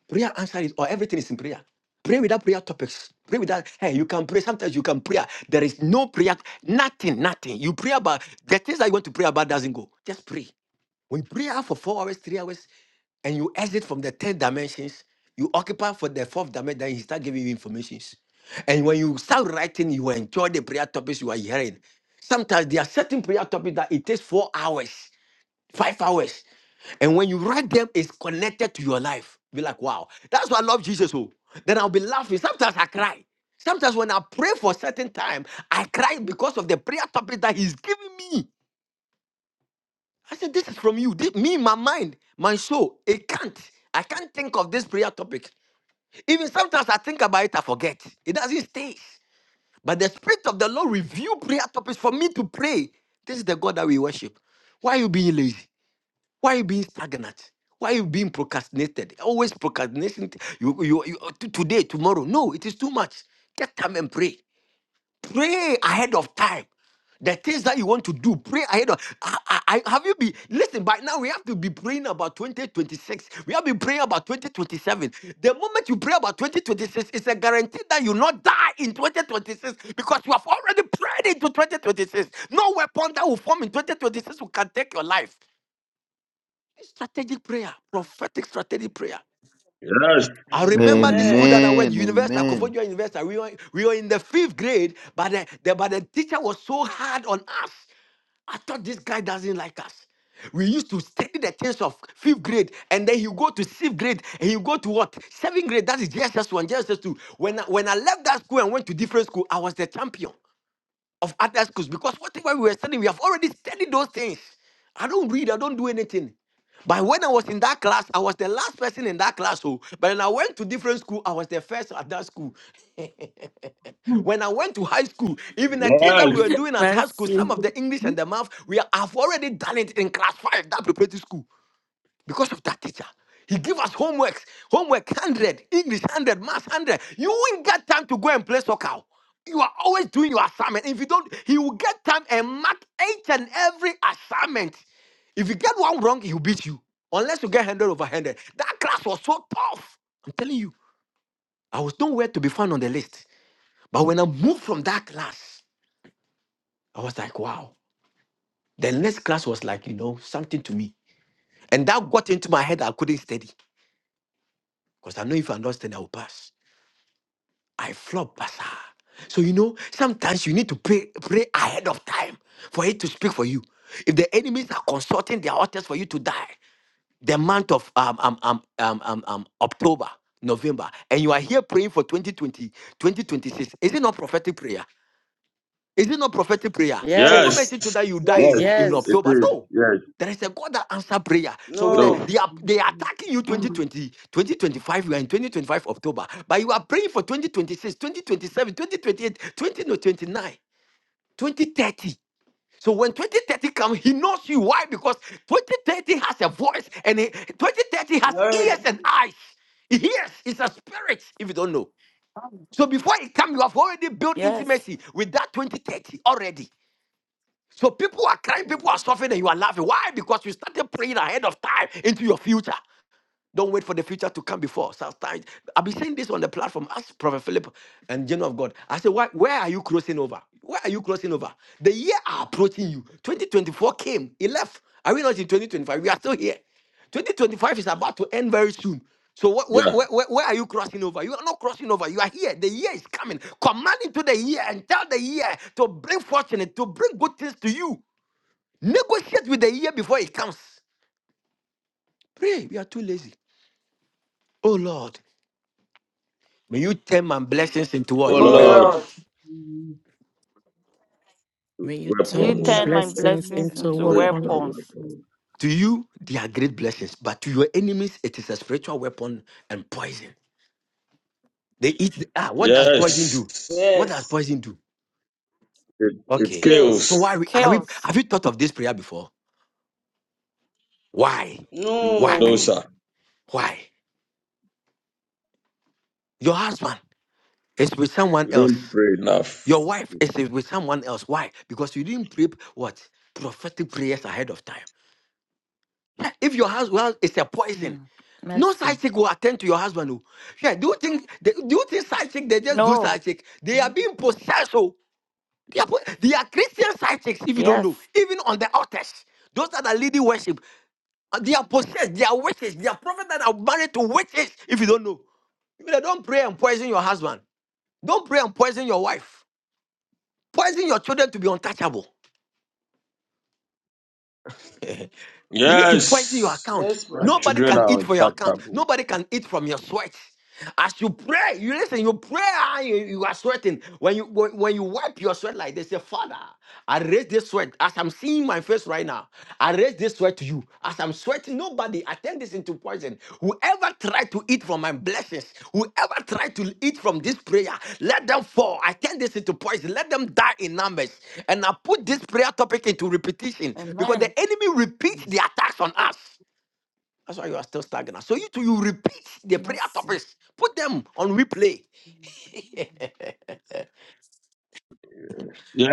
Speaker 12: Prayer answer is or everything is in prayer. Pray without prayer topics. Pray without hey, you can pray. Sometimes you can pray. There is no prayer, nothing, nothing. You pray about the things that you want to pray about doesn't go. Just pray. When you pray out for four hours, three hours, and you exit from the ten dimensions, you occupy for the fourth dimension, then he start giving you informations. And when you start writing, you enjoy the prayer topics you are hearing. Sometimes there are certain prayer topics that it takes four hours, five hours. And when you write them, it's connected to your life. Be like, wow, that's why I love Jesus. Oh, then I'll be laughing. Sometimes I cry. Sometimes when I pray for a certain time, I cry because of the prayer topic that he's giving me. I said, This is from you. This- me, my mind, my soul, it can't. I can't think of this prayer topic. Even sometimes I think about it, I forget. It doesn't stay. But the Spirit of the Lord review prayer topics for me to pray. This is the God that we worship. Why are you being lazy? Why are you being stagnant? Why are you being procrastinated? Always procrastination. You, you, you, to- today, tomorrow. No, it is too much. Get time and pray. Pray ahead of time. The things that you want to do, pray ahead of. I, I, I- have you been listen? By now we have to be praying about 2026. We have been praying about 2027. The moment you pray about 2026, it's a guarantee that you will not die in 2026 because you have already prayed into 2026. No weapon that will form in 2026 will can take your life. It's strategic prayer, prophetic strategic prayer.
Speaker 7: Yes,
Speaker 12: I remember this
Speaker 9: Amen.
Speaker 7: yes.
Speaker 12: school
Speaker 3: Amen.
Speaker 12: that I went,
Speaker 2: Amen.
Speaker 12: Universal,
Speaker 2: Amen.
Speaker 12: Kofodia University. We were, we were in the fifth grade, but the, the, but the teacher was so hard on us. I thought this guy doesn't like us. We used to study the things of fifth grade, and then you go to sixth grade, and you go to what? Seventh grade, that is JSS1, JSS2. When I, when I left that school and went to different school, I was the champion of other schools because whatever we were studying, we have already studied those things. I don't read, I don't do anything. But when I was in that class, I was the last person in that class. Oh, but when I went to different school, I was the first at that school. When I went to high school, even the things that
Speaker 7: Yes,
Speaker 12: we were doing at high school, some
Speaker 14: Mercy.
Speaker 12: of the English and the math, we have already done it in class five, that preparatory school because of that teacher. He give us homeworks, homework 100, English 100, math 100. You won't get time to go and play soccer. You are always doing your assignment. If you don't, he will get time and mark each and every assignment. If you get one wrong, he'll beat you. Unless you get 100 over 100. That class was so tough. I'm telling you, I was nowhere to be found on the list. But when I moved from that class, I was like, wow. The next class was like, you know, something to me. And that got into my head. I couldn't study. Because I know if I not study, I will pass. I flop, Pastor. So you know, sometimes you need to pray, pray ahead of time for it to speak for you. If the enemies are consulting their authors for you to die, the month of um, um, um, um, um, um, October, November, and you are here praying for 2020 2026, is it not prophetic prayer? Is it not prophetic prayer?
Speaker 3: It
Speaker 12: So what
Speaker 7: yes,
Speaker 12: makes
Speaker 14: Yes.
Speaker 3: is.
Speaker 12: it to that you die
Speaker 3: Yes,
Speaker 12: in,
Speaker 7: yes.
Speaker 3: it
Speaker 12: in
Speaker 3: is.
Speaker 7: It
Speaker 14: Yes.
Speaker 12: October?
Speaker 7: is.
Speaker 12: No.
Speaker 7: Yes.
Speaker 12: There is a God that answer prayer. So with the,
Speaker 7: No.
Speaker 3: No,
Speaker 12: they are they are attacking you Twenty
Speaker 14: Mm.
Speaker 12: twenty, twenty twenty-five. 2025. You are in 2025 October, but you are praying for twenty twenty-six, twenty twenty-seven, twenty twenty-eight, twenty 2027, twenty-nine, twenty thirty. So when 2030 comes, he knows you. Why? Because 2030 has a voice and he- 2030 has
Speaker 3: Lord.
Speaker 12: ears and eyes. He hears. It's a spirit, if you don't know. So before it comes, you have already built
Speaker 14: Yes.
Speaker 12: intimacy with that 2030 already. So people are crying,
Speaker 3: Mm.
Speaker 12: people are suffering, and you are laughing. Why? Because you started praying ahead of time into your future. Don't wait for the future to come before. Sometimes I've been saying this on the platform. Ask Prophet Philip and General of God. I said, Why, where are you crossing over? Where are you crossing over? The year are approaching you. 2024 came, it left. Are we not in 2025? We are still here. 2025 is about to end very soon. So wh- where,
Speaker 7: Yeah.
Speaker 12: where, where, where are you crossing over? You are not crossing over. You are here. The year is coming. Command into the year and tell the year to bring fortune and to bring good things to you. Negotiate with the year before it comes. Pray, we are too lazy. Oh Lord, may you turn my blessings into
Speaker 7: Oh,
Speaker 2: Oh
Speaker 12: what?
Speaker 14: Oh
Speaker 2: Lord.
Speaker 7: Lord,
Speaker 14: Lord,
Speaker 3: Lord,
Speaker 12: Weapons.
Speaker 9: May you
Speaker 14: you
Speaker 9: turn your
Speaker 7: weapons.
Speaker 14: turn
Speaker 3: remember
Speaker 14: my
Speaker 3: that
Speaker 9: blessings
Speaker 3: this
Speaker 14: blessings
Speaker 3: is
Speaker 9: into
Speaker 3: the
Speaker 14: into
Speaker 7: Praise the
Speaker 3: weapon.
Speaker 9: weapons.
Speaker 14: weapons.
Speaker 7: Lord.
Speaker 12: To you, they are great blessings, but to your enemies, it is a spiritual weapon and poison. They eat. Ah, what does poison do?
Speaker 7: Yes,
Speaker 12: What does
Speaker 3: Yes,
Speaker 12: poison do?
Speaker 7: It,
Speaker 3: it
Speaker 7: it,
Speaker 12: Okay. So
Speaker 7: kills.
Speaker 3: kills.
Speaker 12: why are we- are we,
Speaker 14: Kills
Speaker 12: have you thought of this prayer before? Why?
Speaker 7: No,
Speaker 12: Why?
Speaker 14: No.
Speaker 3: No.
Speaker 7: sir,
Speaker 12: Why? Your husband is with someone
Speaker 7: we don't
Speaker 12: else.
Speaker 7: pray enough.
Speaker 12: Your wife is with someone else. Why? Because you didn't pray what? Prophetic prayers ahead of time. If your husband is a poison,
Speaker 14: Mm.
Speaker 12: no
Speaker 14: Mercy.
Speaker 12: side chick will attend to your husband. oh. Yeah, do you think they, do you think side chick they just do
Speaker 14: No.
Speaker 12: side chick? They are
Speaker 14: Mhm.
Speaker 12: being possessed. Oh, they are, po- they are Christian side chicks. If you don't know,
Speaker 14: Yes.
Speaker 12: even on the altars, those that are leading worship, uh, they are possessed. They are witches. They are prophets that are married to witches. If you don't know, If you know, don't pray and poison your husband. Don't pray and poison your wife. Poison your children to be untouchable. You need to poison your
Speaker 7: Yes,
Speaker 12: account.
Speaker 3: Yes,
Speaker 7: our
Speaker 3: prophet.
Speaker 12: Nobody
Speaker 7: children
Speaker 12: can
Speaker 7: are
Speaker 12: eat from your account.
Speaker 7: untouchable.
Speaker 12: Nobody can eat from your sweat. As you pray, you listen, you pray, ah, you, you are sweating. When you when, when you wipe your sweat like this, say, Father, I raise this sweat. As I'm seeing my face right now, I raise this sweat to you. as. I'm I'm sweating. Nobody, I turn this into poison. Whoever tried to eat from my blessings, whoever tried to eat from this prayer, let them fall. I turn this into poison. Let them die in numbers. And I put this prayer topic into repetition because
Speaker 14: Amen.
Speaker 12: the enemy repeats the attacks on us. That's why you are still stagnant. So you too, you repeat the prayer
Speaker 14: Mercy.
Speaker 12: topics. Put them on replay.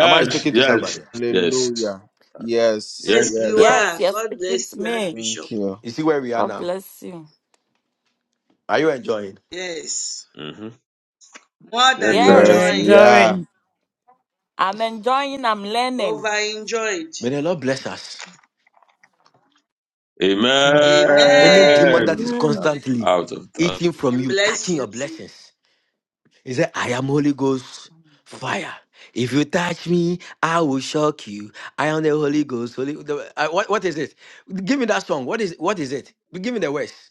Speaker 12: Am I speaking to
Speaker 7: yes,
Speaker 12: somebody?
Speaker 7: yes,
Speaker 2: Hallelujah. Yes.
Speaker 7: yes.
Speaker 3: Yes, you
Speaker 2: Yes.
Speaker 14: Yes,
Speaker 3: are.
Speaker 14: you're
Speaker 3: God
Speaker 14: speaking to
Speaker 3: bless you, and
Speaker 14: me.
Speaker 3: Bishop.
Speaker 2: Thank you.
Speaker 12: You see where we are
Speaker 14: God
Speaker 12: now?
Speaker 14: bless you.
Speaker 12: Are you enjoying?
Speaker 3: Yes.
Speaker 7: hmm
Speaker 3: More
Speaker 7: Yes,
Speaker 3: than
Speaker 7: sir.
Speaker 9: We're
Speaker 14: Yes,
Speaker 2: Yes, we
Speaker 3: enjoying.
Speaker 2: are.
Speaker 9: enjoying.
Speaker 14: I'm enjoying, I'm learning.
Speaker 3: Over enjoyed.
Speaker 12: May the Lord bless us.
Speaker 14: Amen.
Speaker 9: Amen.
Speaker 12: Any demon
Speaker 3: Amen.
Speaker 12: that is
Speaker 7: Amen. I'm
Speaker 12: constantly
Speaker 7: out of time.
Speaker 12: eating from
Speaker 3: And
Speaker 12: you,
Speaker 3: bless
Speaker 12: touching
Speaker 3: you
Speaker 12: your
Speaker 3: too.
Speaker 12: blessings, he said, I am Holy Ghost fire. If you touch me, I will shock you. I am the Holy Ghost. Holy, the- uh, what, what is it? Give me that song. What is what is it? Give me the words.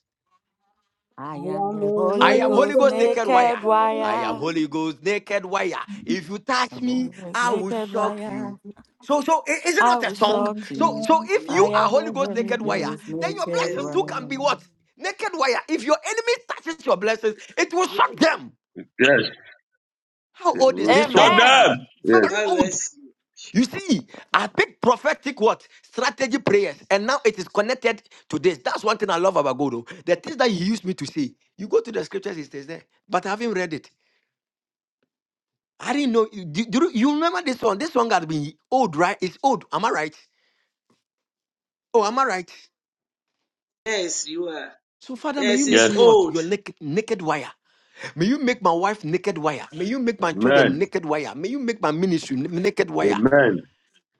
Speaker 14: I am the
Speaker 12: I
Speaker 14: Holy
Speaker 12: am Holy
Speaker 14: Ghost
Speaker 12: Ghost naked wire.
Speaker 14: naked
Speaker 12: I am
Speaker 14: wire.
Speaker 12: Holy Ghost naked wire. If you touch
Speaker 14: I'm the
Speaker 12: me,
Speaker 14: Holy
Speaker 12: I will
Speaker 14: naked
Speaker 12: shock you.
Speaker 14: lion.
Speaker 12: So, so i- is it
Speaker 14: I
Speaker 12: not a
Speaker 14: will
Speaker 12: song?
Speaker 14: shock
Speaker 12: So,
Speaker 14: you.
Speaker 12: so if you
Speaker 14: I
Speaker 3: Mhm.
Speaker 12: are
Speaker 14: am the
Speaker 12: Holy Ghost
Speaker 14: Holy
Speaker 12: naked wire,
Speaker 14: Ghost,
Speaker 12: then your
Speaker 14: naked
Speaker 12: blessings
Speaker 3: Yes.
Speaker 12: too can be
Speaker 14: lion.
Speaker 12: what naked wire. If your enemy touches your blessings, it will shock them.
Speaker 7: Yes,
Speaker 12: How
Speaker 7: it
Speaker 12: old is
Speaker 7: will
Speaker 12: this
Speaker 7: shut
Speaker 12: song?
Speaker 14: Amen.
Speaker 7: them. Yes,
Speaker 12: Very
Speaker 3: God
Speaker 12: old.
Speaker 3: bless you.
Speaker 12: You see, I picked prophetic what strategy prayers, and now it is connected to this. That's one thing I love about God. oh. The things that He used me to see. You go to the scriptures; it is there, but I haven't read it. I didn't know. You, do, do you you remember this one? This one got been old, right? It's old. Am I right? Oh, am I right?
Speaker 3: Yes, you are.
Speaker 12: So, Father, may you
Speaker 3: Yes,
Speaker 12: make
Speaker 3: it's
Speaker 12: me
Speaker 7: yes.
Speaker 12: what?
Speaker 3: old.
Speaker 12: Your naked, naked wire. May you make my wife naked wire. May you make my children
Speaker 7: Amen.
Speaker 3: Yes.
Speaker 12: naked wire. May you make my ministry n- naked wire.
Speaker 7: Amen.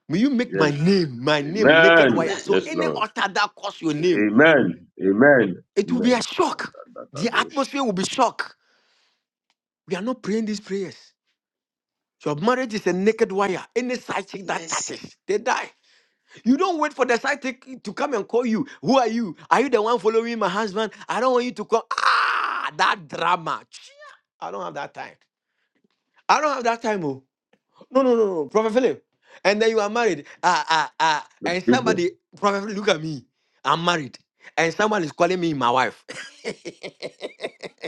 Speaker 12: May you make my
Speaker 7: Yes.
Speaker 12: name, my name naked
Speaker 7: Amen.
Speaker 12: wire.
Speaker 3: Amen.
Speaker 12: So,
Speaker 7: Yes,
Speaker 3: Mm.
Speaker 12: any
Speaker 7: Lord.
Speaker 12: altar that calls your name,
Speaker 7: Amen. Amen.
Speaker 12: it will be a
Speaker 7: Amen.
Speaker 12: shock. The atmosphere will be shock. We are not praying these prayers. Your marriage is a naked wire. Any side chick that
Speaker 3: Mercy.
Speaker 12: touches, they die. You don't wait for the sidekick to come and call you. Who are you? Are you the one following my husband? I don't want you to call. Ah, that drama. Chia, I don't have that time. I don't have that time. Oh, no, no, no, no, Prophet Philip. And then you are married. Ah, ah, ah. And
Speaker 7: People,
Speaker 12: somebody, Prophet Philip, look at me. I'm married, and someone is calling me my wife.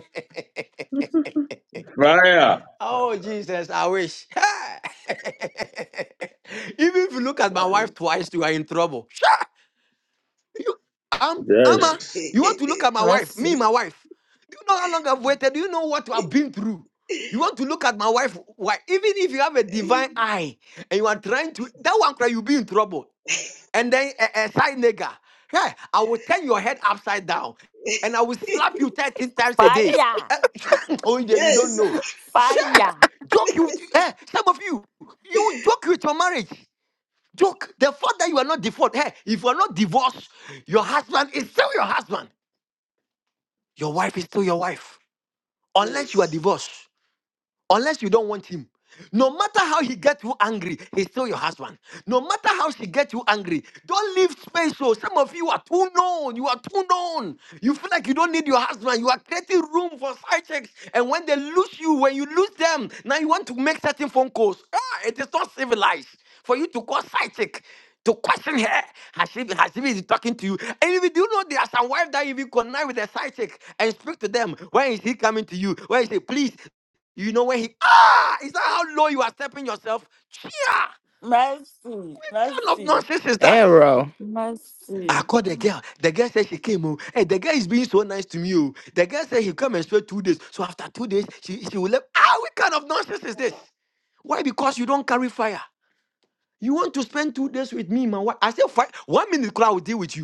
Speaker 7: fire.
Speaker 12: oh Jesus, I wish. Even if you look at my wife twice, you are in trouble. You, i Amma,
Speaker 7: Yes.
Speaker 12: you want to look at my wife,
Speaker 14: Mercy.
Speaker 12: me, my wife. Do you know how long I've waited? Do you know what I've been through? You want to look at my wife, why? Even if you have a divine eye and you are trying to, that one cry, you'll be in trouble. And then a, a side nigga, yeah, I will turn your head upside down and I will slap you 13 times a day.
Speaker 14: Fire.
Speaker 12: Eh, oh, yeah, you don't
Speaker 3: yes, sir.
Speaker 12: know. Sure.
Speaker 14: Fire.
Speaker 12: Joke you, eh, some of you, you joke with your marriage. Joke. The fact that you are not divorced, hey, if you are not divorced, your husband is still your husband. Your wife is still your wife. Unless you are
Speaker 3: Yes.
Speaker 12: divorced unless you don't want him. No matter how he gets you angry, he's still your husband. No matter how she gets you angry, don't leave space. So some of you are too known. You are too known. You feel like you don't need your husband. You are creating room for side checks. And when they lose you, when you lose them, now you want to make certain phone calls. Ah, it is not civilized for you to call side check. To question her, has she, has she been talking to you? And if you do know there are some wives that if you connive with a side chick and speak to them, when is he coming to you? When is he? Please you know when he ah, is that how low you are stepping yourself? Chia,
Speaker 14: Mercy.
Speaker 12: kind of
Speaker 14: Mercy.
Speaker 12: nonsense is that?
Speaker 9: Arrow.
Speaker 14: Mercy.
Speaker 12: I called the girl. The girl said she came home. Hey, the girl is being so nice to me. Oh. The girl said he come and spend two days. So after two days, she, she will leave. Ah, what kind of nonsense is this? Why? Because you don't carry fire. You want to spend two days with me, man. Why? I said, five, one minute, I will deal with you.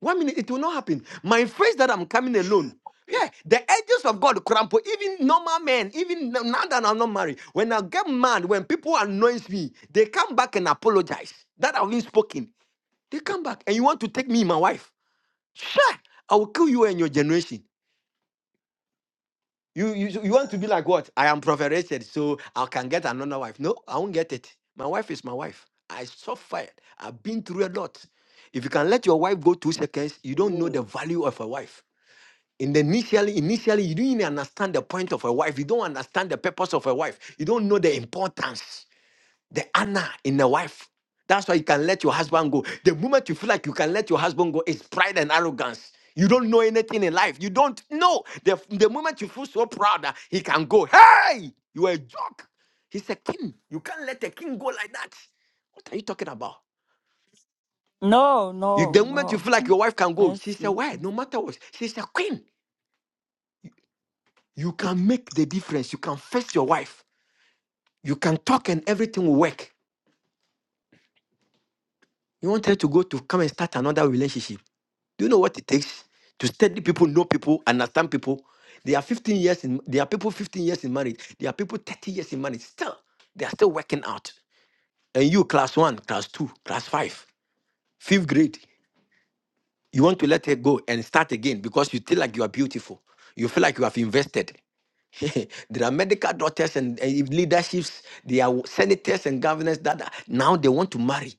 Speaker 12: One minute, it will not happen. My face that I'm coming alone.
Speaker 3: Yes.
Speaker 12: Yeah, the angels of God crumple. Even normal men, even now that I'm not married, when I get mad, when people annoys me, they come back and apologize. That I've been spoken. They come back and you want to take me, my wife. Sure, I will kill you and your generation. You, you so, you want to be like what? I am prophet Richard, so I can get another wife. No, I won't get it. My wife is my wife. I suffered. I've been through a lot. If you can let your wife go two seconds, you don't know the
Speaker 3: Amen.
Speaker 12: value of a wife. In the initially, initially, you don't even understand the point of a wife. You don't understand the purpose of a wife. You don't know the importance, the honor in a wife. That's why you can let your husband go. The moment you feel like you can let your husband go, it's pride and arrogance. You don't know anything in life. You don't know. The, the moment you feel so proud that he can go, hey, you are a joke. He's a king. You can't let a king go like that. What are you talking about?
Speaker 14: No,
Speaker 12: You,
Speaker 14: no,
Speaker 12: the moment you
Speaker 14: no.
Speaker 12: feel like your wife can go, she's a
Speaker 14: Mercy.
Speaker 12: wife, no matter what. She's a queen. You can make the difference. You can face your wife. You can talk and everything will work. You want her to go to come and start another relationship. Do you know what it takes to study people, know people, understand people? They are 15 years in there are people 15 years in marriage. There are people 30 years in marriage. Still, they are still working out. And you, class one, class two, class five, fifth grade, you want to let her go and start again because you feel like you are beautiful. You feel like you have invested. there are medical doctors and, and if leaderships. They are senators and governors that are- now they want to marry.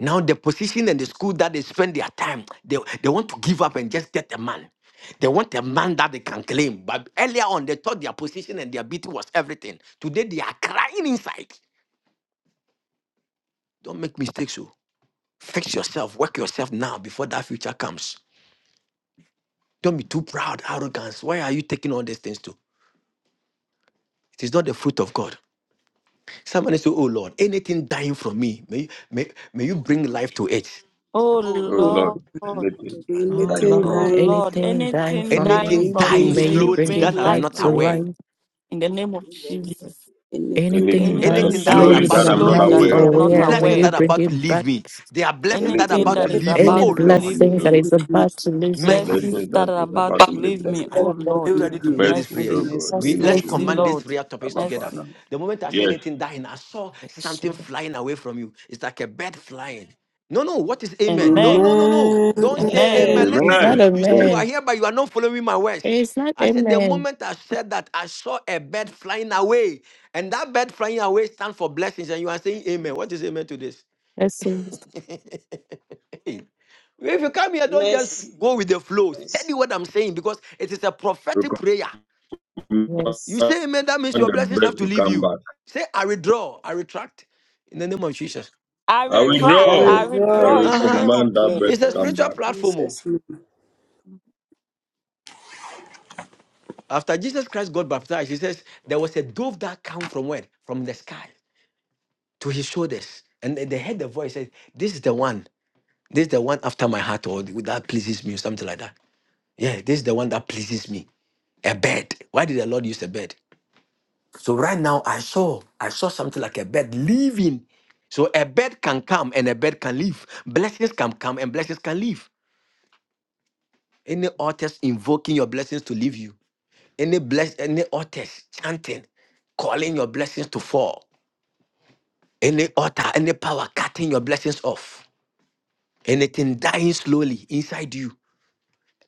Speaker 12: Now the position and the school that they spend their time, they, they want to give up and just get a man. They want a man that they can claim. But earlier on, they thought their position and their beauty was everything. Today they are crying inside. Don't make mistakes, oh. Fix yourself, work yourself now before that future comes. Don't be too proud, arrogance. Why are you taking all these things to? It is not the fruit of God. Somebody say, Oh Lord, anything dying from me, may, may, may you bring life to it.
Speaker 14: Oh
Speaker 3: Oh,
Speaker 7: Oh
Speaker 3: Lord.
Speaker 7: Lord,
Speaker 14: Lord.
Speaker 7: anything
Speaker 3: You are
Speaker 9: Oh
Speaker 3: dying
Speaker 7: dying
Speaker 3: for
Speaker 7: from
Speaker 14: Oh
Speaker 9: Lord,
Speaker 7: me,
Speaker 3: me.
Speaker 7: may
Speaker 14: Lord.
Speaker 7: give
Speaker 9: anything
Speaker 7: them
Speaker 9: dying
Speaker 7: life
Speaker 14: Anything
Speaker 9: for
Speaker 7: to
Speaker 14: dying
Speaker 9: me,
Speaker 7: life,
Speaker 12: Anything
Speaker 7: oh
Speaker 14: from me,
Speaker 12: dying
Speaker 9: may
Speaker 7: God,
Speaker 14: may
Speaker 9: you
Speaker 14: you
Speaker 7: in
Speaker 9: bring
Speaker 12: slowly
Speaker 14: bring
Speaker 12: that
Speaker 9: it
Speaker 7: Jesus'
Speaker 12: I'm
Speaker 9: back
Speaker 14: life
Speaker 12: not
Speaker 7: mighty
Speaker 9: to
Speaker 14: to it.
Speaker 12: aware.
Speaker 9: life.
Speaker 7: name.
Speaker 14: In the name of
Speaker 3: You
Speaker 14: Jesus.
Speaker 17: Anything
Speaker 9: Anything
Speaker 7: Anything
Speaker 3: are dying
Speaker 9: done
Speaker 7: dying
Speaker 14: Anything
Speaker 12: Anything that
Speaker 3: for
Speaker 12: is
Speaker 14: dying
Speaker 9: slowly
Speaker 7: slowly
Speaker 12: about
Speaker 9: that
Speaker 7: that
Speaker 12: to
Speaker 7: I'm
Speaker 9: I'm
Speaker 7: not
Speaker 14: slowly
Speaker 9: not
Speaker 12: leave
Speaker 14: that
Speaker 12: me,
Speaker 14: I
Speaker 7: aware, oh
Speaker 14: am
Speaker 17: that
Speaker 14: not
Speaker 7: God.
Speaker 17: I'm
Speaker 9: aware,
Speaker 17: not
Speaker 9: may
Speaker 17: done,
Speaker 12: blessings
Speaker 14: aware.
Speaker 9: you
Speaker 12: that are
Speaker 9: bring
Speaker 12: about to
Speaker 9: it back.
Speaker 12: leave me, there are blessings that are
Speaker 14: Anything
Speaker 7: Anything
Speaker 12: about to
Speaker 14: that
Speaker 7: that is
Speaker 14: is
Speaker 17: anything
Speaker 12: leave me.
Speaker 7: about
Speaker 9: Any
Speaker 14: about
Speaker 12: Oh
Speaker 7: to
Speaker 17: that
Speaker 14: to
Speaker 7: leave
Speaker 12: Lord,
Speaker 14: leave
Speaker 7: me,
Speaker 9: blessings
Speaker 7: oh
Speaker 9: that
Speaker 14: me,
Speaker 7: God.
Speaker 9: is about to lose me.
Speaker 12: mercy.
Speaker 14: blessings
Speaker 7: Blessing
Speaker 14: that
Speaker 7: that
Speaker 14: are
Speaker 7: is
Speaker 14: about
Speaker 7: about
Speaker 14: to
Speaker 7: to leave
Speaker 14: leave
Speaker 7: me.
Speaker 14: me,
Speaker 3: me.
Speaker 12: Are
Speaker 14: oh
Speaker 12: you
Speaker 14: Lord,
Speaker 12: ready to pray these
Speaker 7: Mercy, oh
Speaker 14: mercy,
Speaker 12: prayers?
Speaker 7: God, may
Speaker 9: Bless
Speaker 12: We
Speaker 7: you
Speaker 9: you,
Speaker 12: let's
Speaker 7: show
Speaker 14: mercy,
Speaker 7: me
Speaker 12: command
Speaker 9: Jesus.
Speaker 12: these
Speaker 14: Lord,
Speaker 7: mercy,
Speaker 12: prayer topics
Speaker 7: Abba
Speaker 12: together.
Speaker 7: Father.
Speaker 14: mercy.
Speaker 12: The moment I say
Speaker 7: Yes.
Speaker 12: anything dying, I saw
Speaker 9: Yes,
Speaker 12: something
Speaker 9: Lord.
Speaker 12: flying away from you. It's like a bird flying. No, no, what is amen? No, no, no,
Speaker 14: Amen.
Speaker 12: no. Don't say
Speaker 14: Amen.
Speaker 3: Amen.
Speaker 12: amen. Listen
Speaker 9: It's
Speaker 12: to it.
Speaker 9: not a
Speaker 7: Amen.
Speaker 12: You see,
Speaker 7: Yes.
Speaker 12: you are
Speaker 9: man.
Speaker 12: here, but you are not following my words.
Speaker 9: It's not
Speaker 12: I
Speaker 9: a
Speaker 12: said, the
Speaker 9: man.
Speaker 12: moment I said that, I saw a bird flying away. And that bird flying away stands for blessings. And you are saying amen. What is amen to this?
Speaker 9: Yes, yes.
Speaker 12: Hey. If you come here, don't just
Speaker 3: Mercy,
Speaker 12: go
Speaker 3: Lord.
Speaker 12: with the flow. Study
Speaker 3: Mercy.
Speaker 12: what I'm saying because it is a prophetic
Speaker 7: We
Speaker 12: prayer. You
Speaker 9: yes.
Speaker 7: come
Speaker 12: say amen, that means
Speaker 7: command
Speaker 12: your
Speaker 7: the
Speaker 12: blessings
Speaker 7: bird
Speaker 12: have to
Speaker 7: to
Speaker 12: leave
Speaker 7: come
Speaker 12: you.
Speaker 7: back.
Speaker 12: Say, I withdraw, I retract in the name of Jesus.
Speaker 14: I
Speaker 7: I
Speaker 3: I
Speaker 7: will
Speaker 3: will go,
Speaker 14: retract,
Speaker 3: I
Speaker 7: draw.
Speaker 14: I
Speaker 3: will go,
Speaker 7: I
Speaker 3: I
Speaker 14: withdraw
Speaker 7: will
Speaker 12: Uh
Speaker 14: in the
Speaker 12: huh.
Speaker 14: name
Speaker 3: retract.
Speaker 14: of
Speaker 7: command that bird
Speaker 12: It's
Speaker 7: to
Speaker 12: a
Speaker 14: Jesus.
Speaker 7: come
Speaker 12: spiritual
Speaker 7: back.
Speaker 12: platform. oh. After Jesus Christ got baptized, he says there was a dove that came from where? From the sky to his shoulders. And they they heard the voice said, This is the one, this is the one after my heart, or that pleases me, or something like that. Yeah, this is the one that pleases me. A bird. Why did the Lord use a bird? So right now I saw I saw something like a bird leaving. So a bird can come and a bird can leave. Blessings can come and blessings can leave. Any authors invoking your blessings to leave you. Any bless any authors chanting, calling your blessings to fall. Any altar, any power cutting your blessings off. Anything dying slowly inside you.